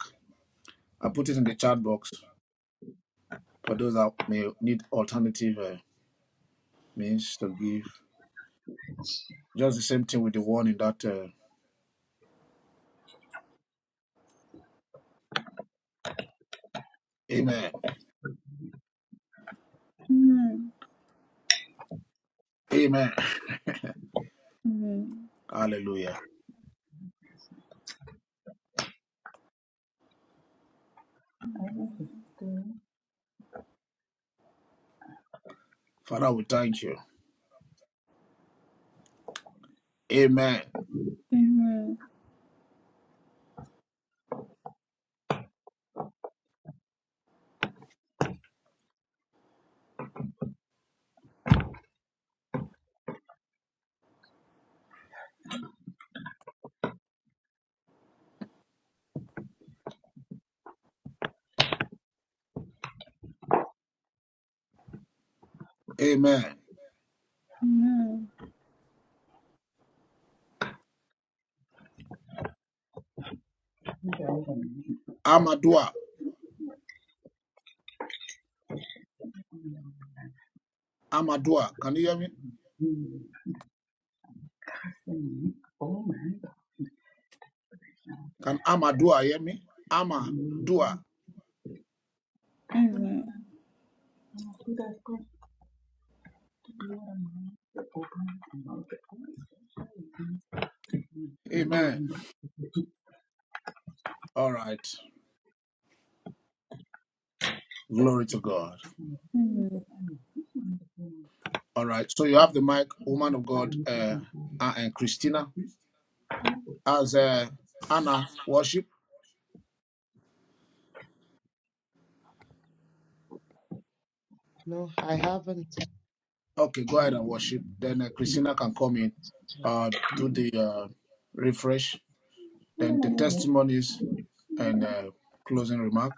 Speaker 3: I put it in the chat box for those that may need alternative. uh, means to give. Just the same thing with the one in that. Uh, Amen.
Speaker 1: Amen.
Speaker 3: Amen.
Speaker 1: Amen.
Speaker 3: Hallelujah. Father, we thank you. Amen.
Speaker 1: Amen.
Speaker 3: Amen.
Speaker 1: Amen.
Speaker 22: Yeah.
Speaker 3: Amadua. Amadua. Can you hear me?
Speaker 22: Mm, Oh
Speaker 3: Can Amadua hear me? Amadua.
Speaker 1: Amen.
Speaker 3: Amen. All right. Glory to God.
Speaker 1: Amen.
Speaker 3: All right. So you have the mic, woman of God, uh, uh, and Christina as uh, Anna worship.
Speaker 23: No, I haven't.
Speaker 3: Okay, go ahead and worship. Then uh, Christina can come in, uh, do the uh, refresh Then the testimonies and uh, closing remark.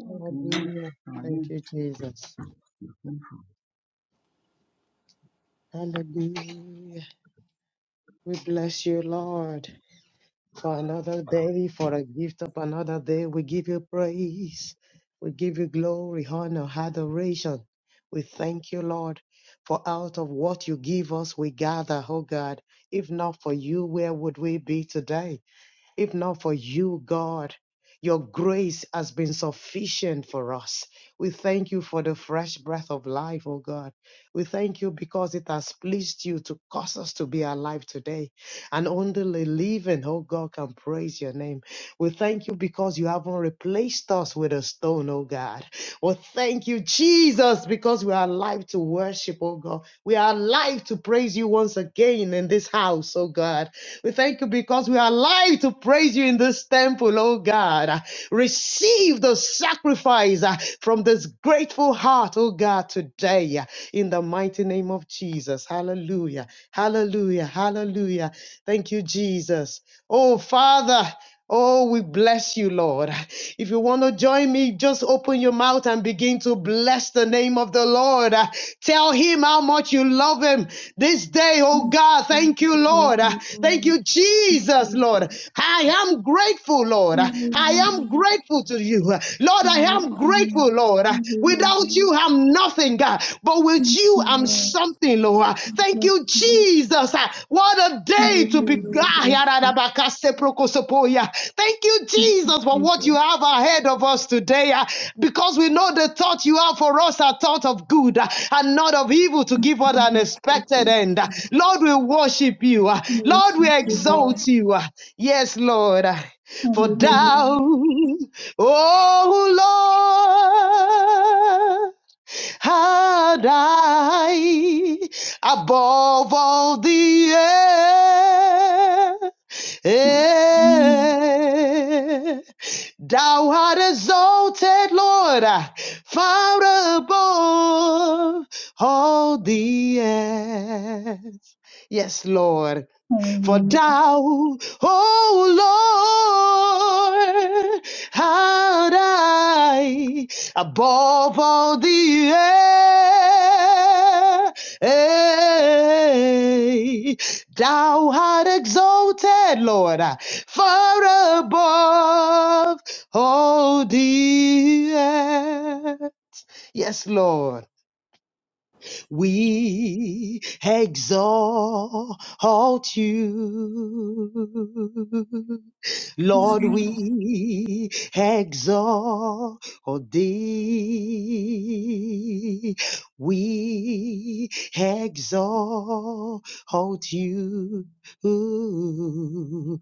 Speaker 22: Okay,
Speaker 23: Hallelujah. Thank you, Jesus. Hallelujah. We bless you, Lord, for another day, for a gift of another day. We give you praise. We give you glory, honor, adoration. We thank you, Lord, for out of what you give us, we gather, oh God. If not for you, where would we be today? If not for you, God, your grace has been sufficient for us. We thank you for the fresh breath of life, oh God. We thank you because it has pleased you to cause us to be alive today. And only the living, oh God, can praise your name. We thank you because you haven't replaced us with a stone, oh God. Well, thank you, Jesus, because we are alive to worship, oh God. We are alive to praise you once again in this house, oh God. We thank you because we are alive to praise you in this temple, oh God. Receive the sacrifice uh, from this grateful heart, oh God, today uh, in the mighty name of Jesus. Hallelujah. Hallelujah. Hallelujah. Thank you, Jesus. Oh, Father. Oh, we bless you, Lord. If you want to join me, just open your mouth and begin to bless the name of the Lord. Uh, Tell him how much you love him this day, oh God. Thank you, Lord. Uh,
Speaker 1: Amen.
Speaker 23: Thank you, Jesus, Lord. I am grateful, Lord.
Speaker 1: Now, with
Speaker 23: I am grateful to you. Lord, I am
Speaker 1: us,
Speaker 23: grateful, Lord. Without you, I'm nothing, God. But with you, I'm something, Lord. Thank you, Jesus. What a day to be. Thank you, Jesus, for what you have ahead of us today. Because we know the thought you have for us are thought of good and not of evil to give us an expected end. Lord, we worship you. Lord, we exalt you. Yes, Lord for down. Oh Lord, had I above all the earth, thou art exalted, Lord, far above all the earth. Yes, Lord. For thou, O Lord, art I above all the earth. Thou art exalted, Lord, far above all the earth. Yes, Lord we exalt you. Lord, we exalt thee. We exalt you. Oh,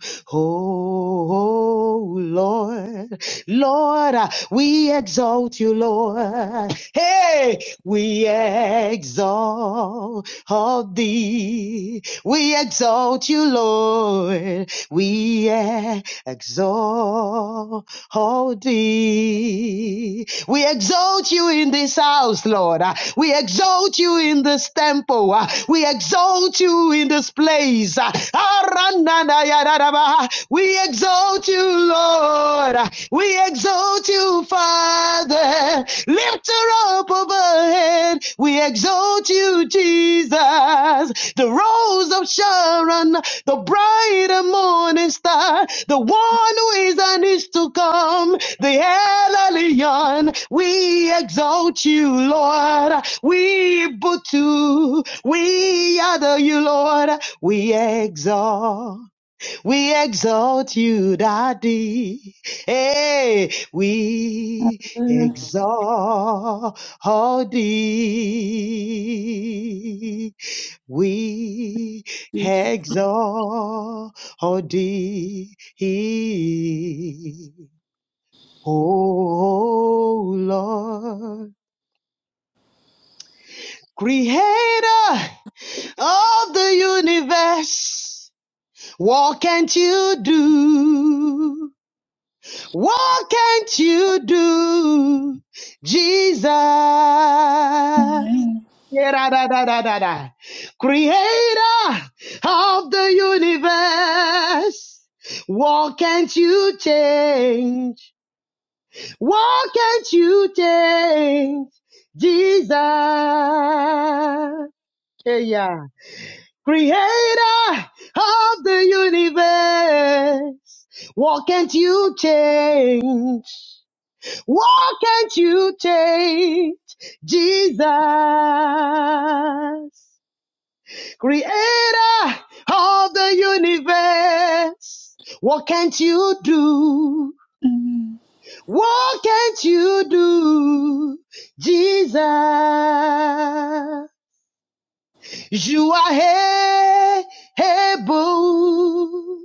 Speaker 23: Lord. Lord, uh, we exalt you, Lord. Hey, we exalt thee. We exalt you, Lord. We exalt thee. We exalt you in this house, Lord. Uh, We exalt you in this temple. Uh, We exalt you in this place. Uh, We exalt you, Lord. Uh, We exalt you, Father. Lift her up overhead. We exalt you, Jesus. The rose of Sharon the bright and morning star, the one who is and is to come, the El Elyon. We exalt you, Lord. We butu, we adore you, Lord. We exalt, we exalt you, Daddy. Hey, we exalt thee we exalt thee. Oh Lord, creator of the universe, what can't you do? What can't you do, Jesus? Da-da-da-da-da-da. Creator of the universe, what can't you change? What can't you change? Jesus. Hey, yeah. Creator of the universe, what can't you change? What can't you change? Jesus. Creator of the universe, what can't you do? What can't you do? Jesus, you are able,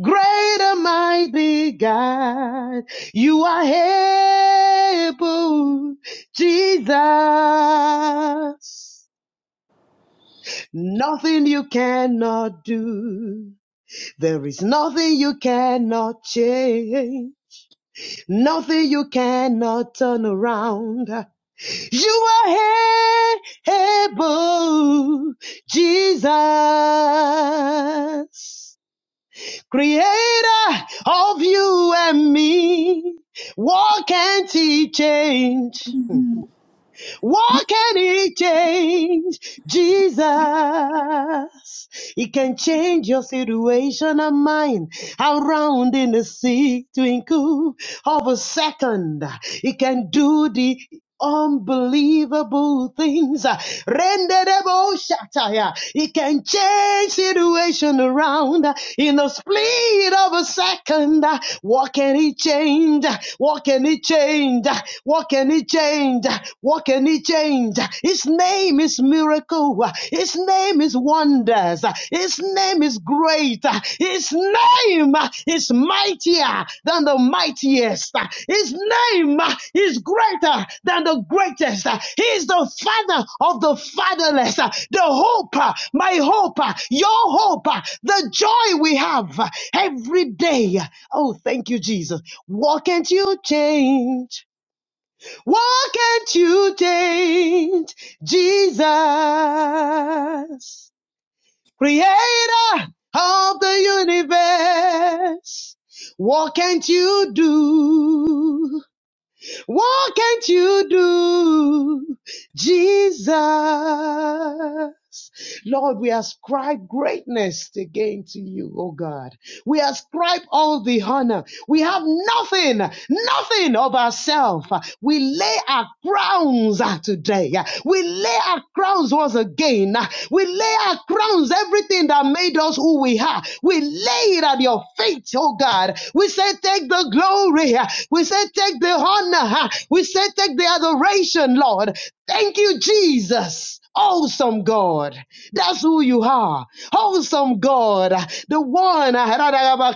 Speaker 23: great and mighty God, you are able, Jesus. Nothing you cannot do. There is nothing you cannot change, nothing you cannot turn around. You are able, Jesus, creator of you and me. What can't he change? What can he change? Jesus. He can change your situation and mine. Around in the sea twinkle of a second. He can do the unbelievable things. Renderable shataya. He can change situation around in the split of a second. What can he change? What can he change? What can he change? What can he change? His name is miracle. His name is wonders. His name is great. His name is mightier than the mightiest. His name is greater than the greatest. He is the father of the fatherless, the hope, my hope, your hope, the joy we have every day. Oh, thank you, Jesus. What can't you change? What can't you change Jesus, creator of the universe? What can't you do? What can't you do, Jesus? Lord, we ascribe greatness again to you, oh God. We ascribe all the honor. We have nothing, nothing of ourselves. We lay our crowns uh, today. We lay our crowns once again. We lay our crowns, everything that made us who we are. We lay it at your feet, oh God. We say, take the glory. We say, take the honor. We say, take the adoration, Lord. Thank you, Jesus. Awesome God, that's who you are. Awesome God, the one, uh,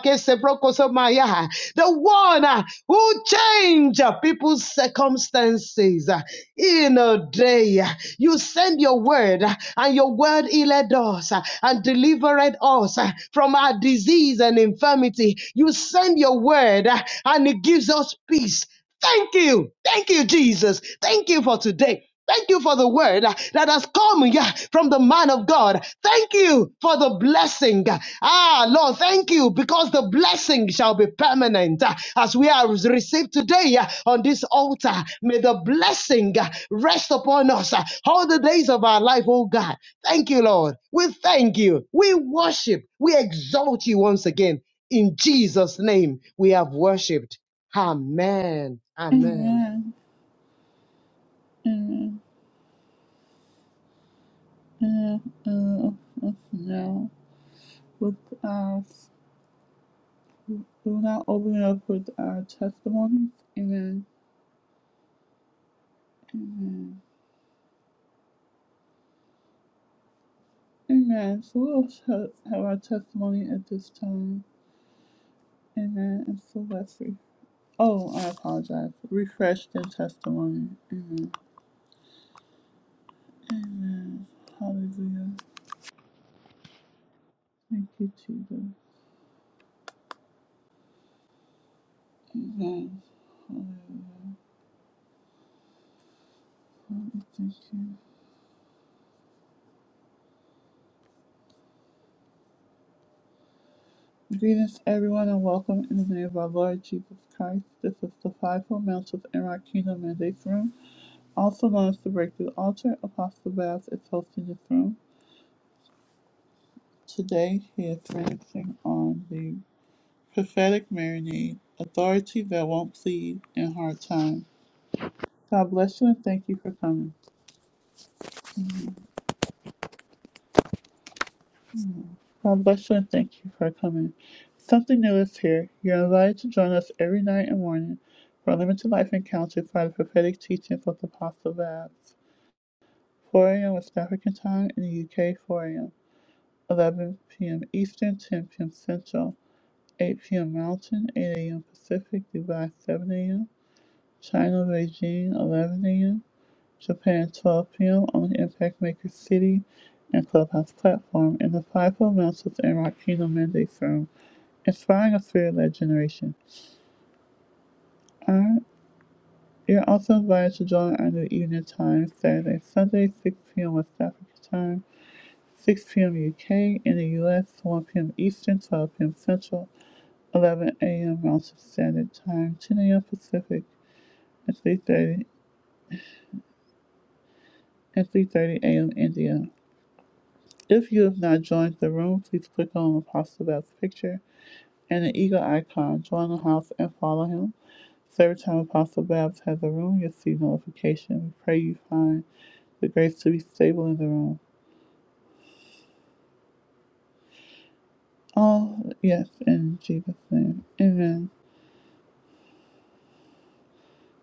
Speaker 23: the one uh, who changed people's circumstances uh, in a day. You send your word, uh, and your word healed us uh, and delivered us uh, from our disease and infirmity. You send your word, uh, and it gives us peace. Thank you. Thank you, Jesus. Thank you for today. Thank you for the word uh, that has come yeah, from the man of God. Thank you for the blessing. Ah, Lord, thank you because the blessing shall be permanent uh, as we are received today uh, on this altar. May the blessing uh, rest upon us uh, all the days of our life, oh God. Thank you, Lord. We thank you. We worship. We exalt you once again. In Jesus' name, we have worshiped. Amen. Amen.
Speaker 1: we will now open up with our testimonies. Amen. Amen. Amen. So we'll sh- have our testimony at this time. Amen. And so let's re- Oh, I apologize. Refresh the testimony. Amen. Amen. Hallelujah. Thank you, Jesus. Amen. Hallelujah. Father, thank you. Greetings, everyone, and welcome in the name of our Lord Jesus Christ. This is the Fivefold Mount of Enrock Kingdom Mandates Room, also known as the Breakthrough Altar. Apostle Babs is hosting this room. Today, he is focusing on the prophetic marinade, authority that won't plead in hard times. God bless you and thank you for coming. God bless you and thank you for coming. Something new is here. You're invited to join us every night and morning for a limited life encounter by the prophetic teachings of the Apostle Babs. 4 a.m. West African time in the UK, 4 a.m. 11 p.m. Eastern, 10 p.m. Central, 8 p.m. Mountain, 8 a.m. Pacific, Dubai, 7 a.m. China, Beijing, 11 a.m. Japan, 12 p.m. on the Impact Maker City and Clubhouse platform in the Fivefold Mountains and Rock Kingdom Mandate Room inspiring a spirit-led generation. Uh, you're also invited to join our new evening time Saturday, Sunday, 6 p.m. West Africa time, 6 p.m. UK, in the US, 1 p.m. Eastern, 12 p.m. Central, 11 a.m. Mountain Standard Time, 10 a.m. Pacific, and 3.30 and 3.30 a.m. India. If you have not joined the room, please click on Apostle Beth's picture and the eagle icon, join the house, and follow him. So every time Apostle Babs has a room, you'll see notification. We pray you find the grace to be stable in the room. Oh, yes, in Jesus' name. Amen.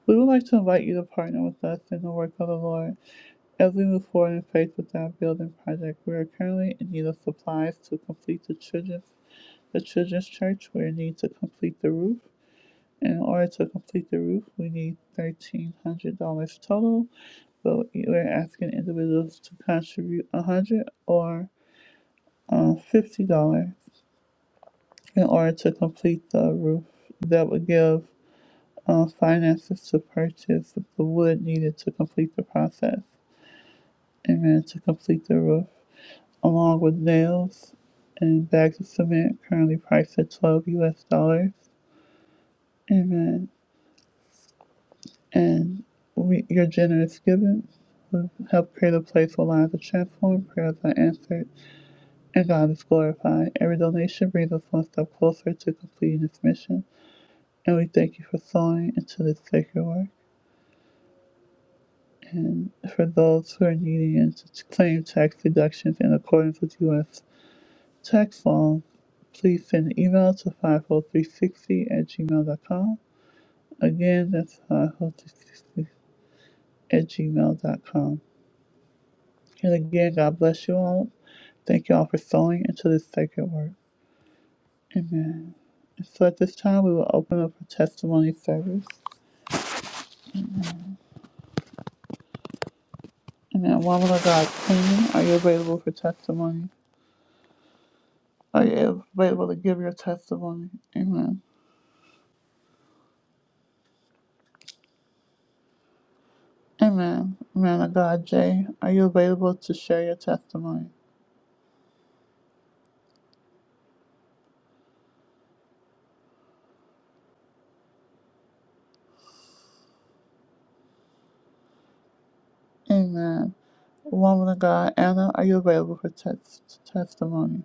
Speaker 1: We would like to invite you to partner with us in the work of the Lord as we move forward in faith with our building project. We are currently in need of supplies to complete the children's the children's church. We need to complete the roof. And In order to complete the roof, we need thirteen hundred dollars total, but we're asking individuals to contribute a hundred dollars or um, fifty dollars in order to complete the roof. That would give uh, finances to purchase the wood needed to complete the process and then to complete the roof, along with nails and bags of cement currently priced at twelve U.S. dollars. and and we, your generous giving will help create a place where lives are transformed, prayers are answered, and God is glorified. Every donation brings us one step closer to completing this mission, and we thank you for sowing into this sacred work. And for those who are needing and to claim tax deductions in accordance with U.S. tax law, please send an email to 50360 at gmail dot com. Again, that's 50360 at gmail dot com. And again, God bless you all. Thank you all for sowing into this sacred work. Amen. And so at this time, we will open up for testimony service. Amen. Woman of God, Queen, are you available for testimony? Are you available to give your testimony? Amen. Amen. Man of God, Jay, are you available to share your testimony? Amen. Woman of God, Anna, are you available for test- testimony?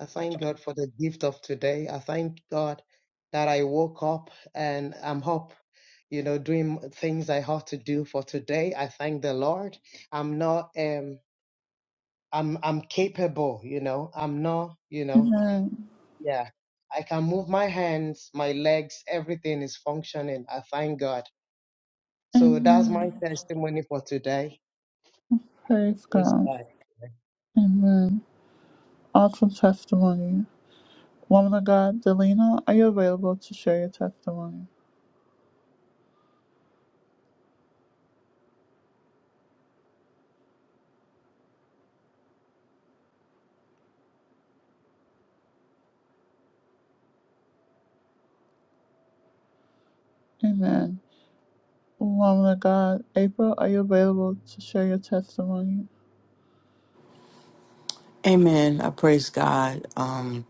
Speaker 23: I thank God for the gift of today. I thank God that I woke up and I'm up, you know, doing things I have to do for today. I thank the Lord. I'm not um I'm I'm capable, you know. I'm not, you know,
Speaker 1: Amen.
Speaker 23: yeah. I can move my hands, my legs, everything is functioning. I thank God. So that's my
Speaker 1: Amen.
Speaker 23: testimony for today.
Speaker 1: Praise
Speaker 23: Praise
Speaker 1: God.
Speaker 23: God.
Speaker 1: Amen. Awesome testimony. Woman of God, Delina, are you available to share your testimony? Amen. Woman of God, April, are you available to share your testimony?
Speaker 14: Amen. I praise God. Um,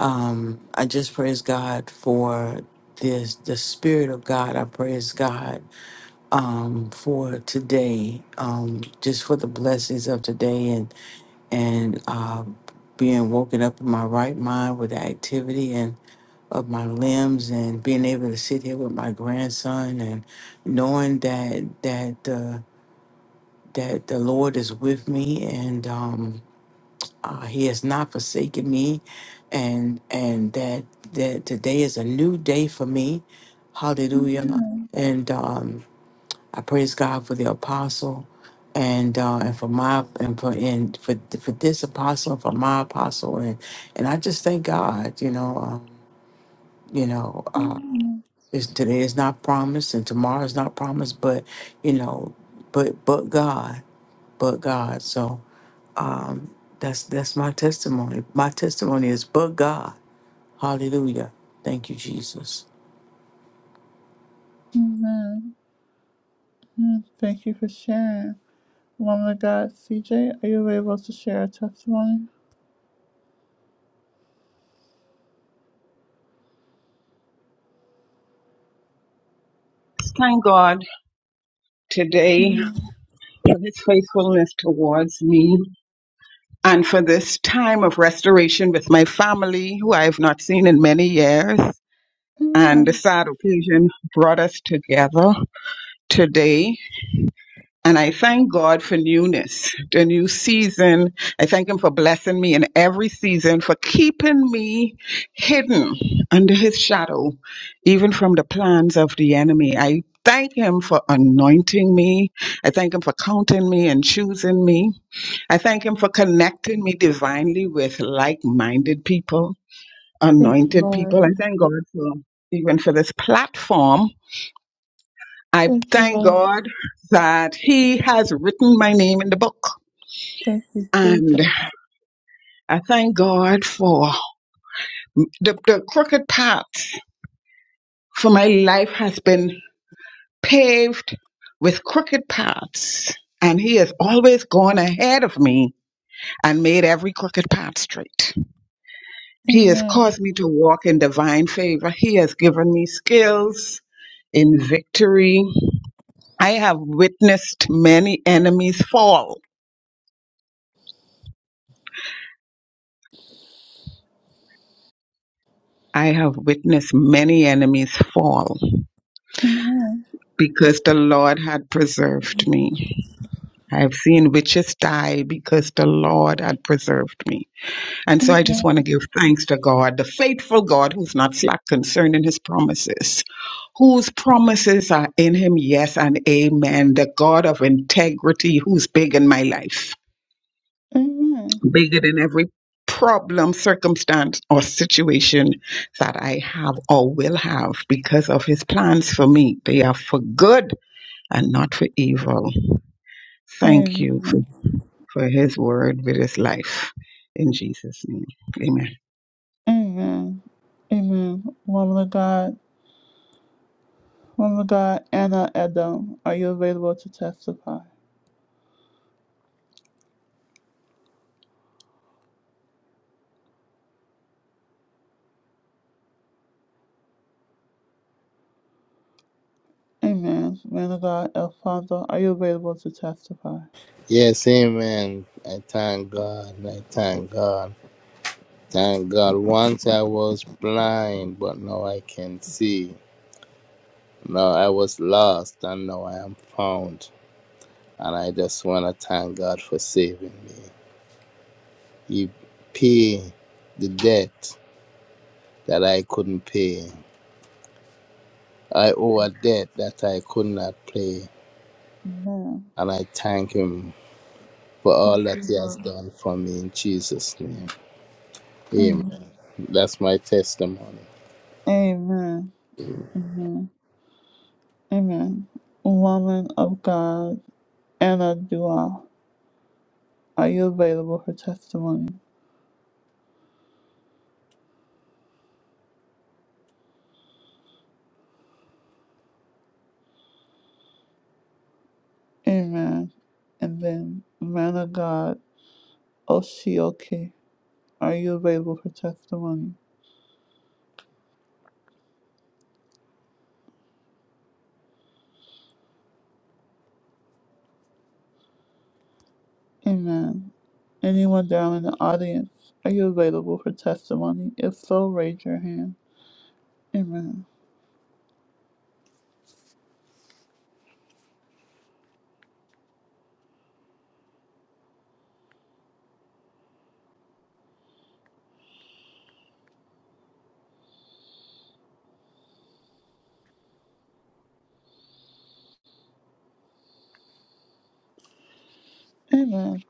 Speaker 14: um, I just praise God for this, the Spirit of God. I praise God um, for today, um, just for the blessings of today and and uh, being woken up in my right mind with the activity. and of my limbs and being able to sit here with my grandson and knowing that that uh, that the Lord is with me and um, uh, He has not forsaken me, and and that that today is a new day for me. Hallelujah! And um, I praise God for the apostle. And uh, and for my and for and for for this apostle for my apostle and and I just thank God you know um, you know. uh, It's, today is not promised and tomorrow is not promised, but you know, but but God, but God. So um, that's that's my testimony. My testimony is but God. Hallelujah. Thank you, Jesus.
Speaker 1: Amen. Mm, Thank you for sharing. Woman of God, CJ, are you available to share a testimony?
Speaker 22: Thank God today for his faithfulness towards me and for this time of restoration with my family, who I have not seen in many years. And the
Speaker 1: Amen.
Speaker 22: sad occasion brought us together today. And I thank God for newness, the new season. I thank Him for blessing me in every season, for keeping me hidden under His shadow, even from the plans of the enemy. I thank Him for anointing me. I thank Him for counting me and choosing me. I thank Him for connecting me divinely with like minded people,
Speaker 1: Thank you,
Speaker 22: anointed
Speaker 1: Lord.
Speaker 22: people. I thank God for even for this platform I
Speaker 1: Thank you,
Speaker 22: thank
Speaker 1: Lord.
Speaker 22: God that He has written my name in the book.
Speaker 1: Thank you,
Speaker 22: And
Speaker 1: Jesus.
Speaker 22: I thank God for the, the crooked paths, for my life has been paved with crooked paths. And He has always gone ahead of me and made every crooked path straight. He has
Speaker 1: Amen.
Speaker 22: caused me to walk in divine favor. He has given me skills in victory. I have witnessed many enemies fall I have witnessed many enemies fall
Speaker 1: Amen.
Speaker 22: because the Lord had preserved me. I've seen witches die because the Lord had preserved me. And so I just want to give thanks to God, the faithful God who's not slack concerning his promises, whose promises are in him, yes and amen, the God of integrity who's big in my life.
Speaker 1: Amen.
Speaker 22: bigger than every problem, circumstance, or situation that I have or will have because of his plans for me. They are for good and not for evil. Thank you for,
Speaker 1: Amen.
Speaker 22: for his word with his life. In Jesus' name, amen.
Speaker 1: Amen. Amen. Woman of God, woman of God, Anna Edom, are you available to testify? Amen. Man of God, Father, are you available to testify?
Speaker 26: Yes, amen. I thank God. I thank God. Thank God. Once I was blind, but now I can see. Now I was lost, and now I am found. And I just want to thank God for saving me. He paid the debt that I couldn't pay. I owe a debt that I could not pay,
Speaker 1: Amen.
Speaker 26: and I thank Him for all that He has done for me in Jesus' name. Amen.
Speaker 1: Mm.
Speaker 26: That's my testimony.
Speaker 1: Amen. Amen. Amen. Woman of God, Anna Dua, are you available for testimony? Amen. And then, man of God, Oshioke, are you available for testimony? Amen. Anyone down in the audience, are you available for testimony? If so, raise your hand. Amen. Amen.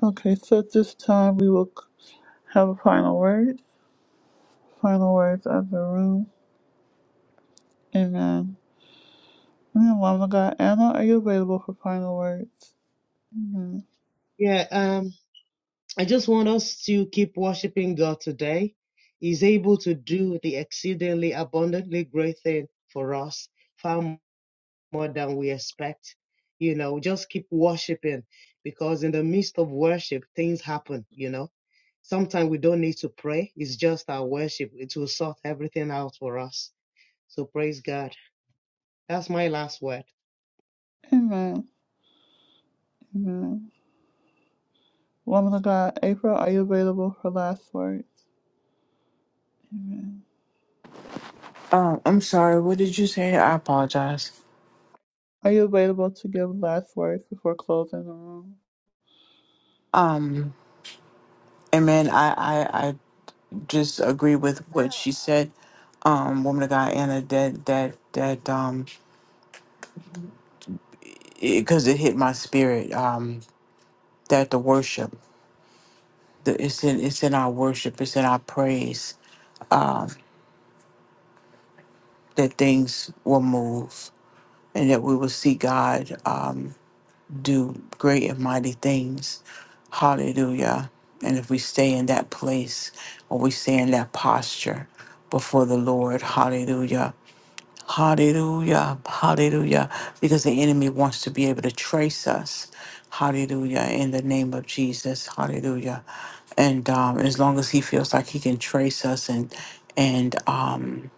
Speaker 1: Okay, so at this time we will c- have a final word. Final words of the room. Amen. Amen. Woman of God, Anna, are you available for final words? Amen.
Speaker 23: Yeah, Um. I just want us to keep worshiping God today. He's able to do the exceedingly abundantly great thing for us far more than we expect. You know, just keep worshiping because in the midst of worship, things happen, you know. Sometimes we don't need to pray. It's just our worship. It will sort everything out for us. So praise God. That's my last word.
Speaker 1: Amen. Amen. Woman of God, April, are you available for last words?
Speaker 14: Um, I'm sorry. What did you say? I apologize.
Speaker 1: Are you available to give last words before closing the room?
Speaker 14: Um, Amen. I I, I just agree with what she said. Um, woman of God, Anna. That that that um, because it 'cause it hit my spirit. Um, that the worship. the, it's in it's in our worship, it's in our praise that things will move and that we will see God um, do great and mighty things. Hallelujah. And if we stay in that place or we stay in that posture before the Lord, hallelujah, Hallelujah. Hallelujah. Because the enemy wants to be able to trace us. Hallelujah. In the name of Jesus. Hallelujah. And um, as long as he feels like he can trace us and and um,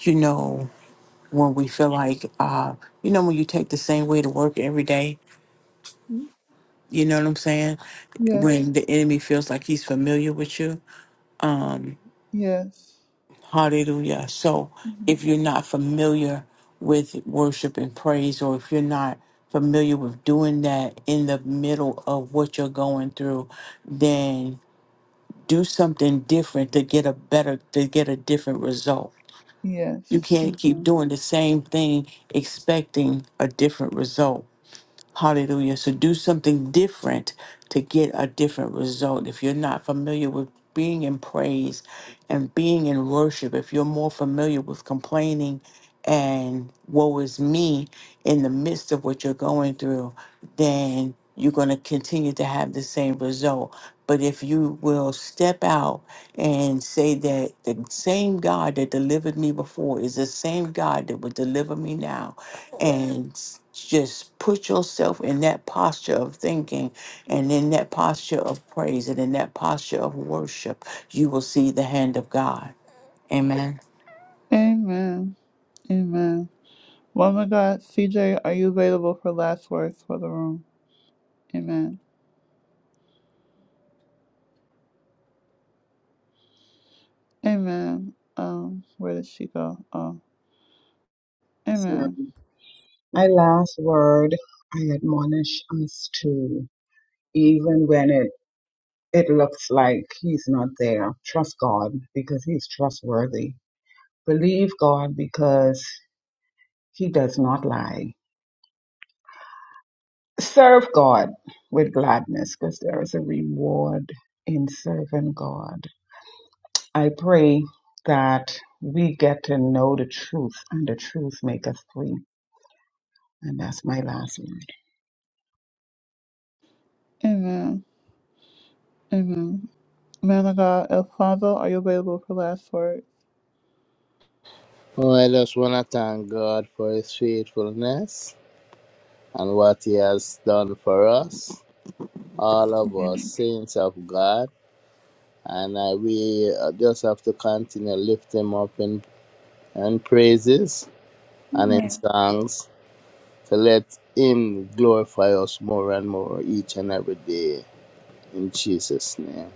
Speaker 14: you know, when we feel like uh, you know, when you take the same way to work every day,
Speaker 1: Mm,
Speaker 14: you know what I'm saying?
Speaker 1: Yes.
Speaker 14: When the enemy feels like he's familiar with you,
Speaker 1: Yes.
Speaker 14: Hallelujah. So if
Speaker 1: Mhm.
Speaker 14: you're not familiar with worship and praise, or if you're not familiar with doing that in the middle of what you're going through, then do something different to get a better, to get a different result. You
Speaker 1: Yes.
Speaker 14: can't keep
Speaker 1: hmm
Speaker 14: doing the same thing expecting a different result. Hallelujah. So do something different to get a different result. If you're not familiar with being in praise and being in worship, if you're more familiar with complaining and woe is me in the midst of what you're going through, then you're going to continue to have the same result. But if you will step out and say that the same God that delivered me before is the same God that will deliver me now, and s- just put yourself in that posture of thinking and in that posture of praise and in that posture of worship, you will see the hand of God. Amen.
Speaker 1: Amen. Amen. Woman of God, CJ, are you available for last words for the room? Amen. Amen. Um, where did she go? Oh,
Speaker 22: Last word.
Speaker 1: amen.
Speaker 22: My last word, I admonish us to, even when it, it looks like he's not there, trust God because he's trustworthy. Believe God because He does not lie. Serve God with gladness because there is a reward in serving God. I pray that we get to know the truth and the truth make us free. And that's my last one.
Speaker 1: Amen. Amen. Man of God, Alfonso, are you available for last words?
Speaker 26: Oh, I just want to thank God for His faithfulness and what He has done for us, all of us, saints of God. And uh, we uh, just have to continue to lift Him up in, in praises and in songs to let Him glorify us more and more each and every day. In Jesus' name.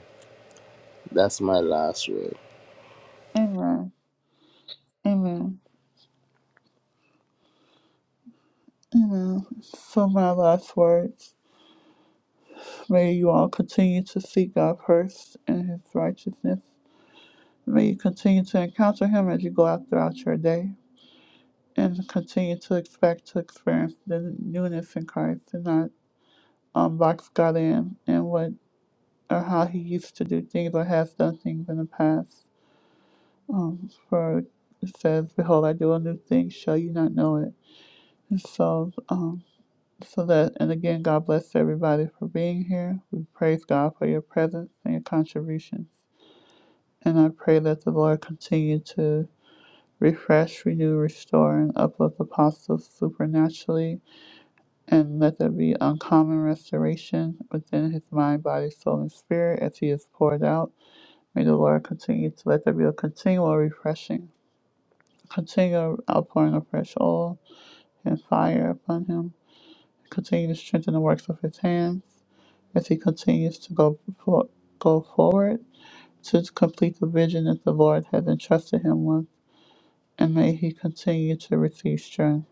Speaker 26: That's my last word.
Speaker 1: Amen. Amen. Amen. So my last words. May you all continue to seek God first and his righteousness. May you continue to encounter him as you go out throughout your day and continue to expect to experience the newness in Christ and not um, box God in and what or how he used to do things or has done things in the past. Um, for it says, Behold, I do a new thing, shall you not know it? And so, um, so that, and again, God bless everybody for being here. We praise God for your presence and your contributions. And I pray that the Lord continue to refresh, renew, restore, and uplift apostles supernaturally, and let there be uncommon restoration within his mind, body, soul, and spirit as he is poured out May the Lord continue to let there be a continual refreshing, a continual outpouring of fresh oil and fire upon him. Continue to strengthen the works of his hands as he continues to go for, go forward to complete the vision that the Lord has entrusted him with, and may he continue to receive strength.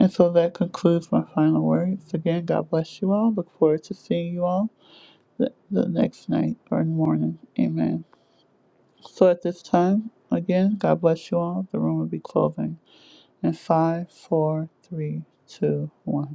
Speaker 1: And so that concludes my final words. Again, God bless you all. Look forward to seeing you all the, the next night or morning. Amen. So at this time, again, God bless you all. The room will be closing in five, four, three, two, one.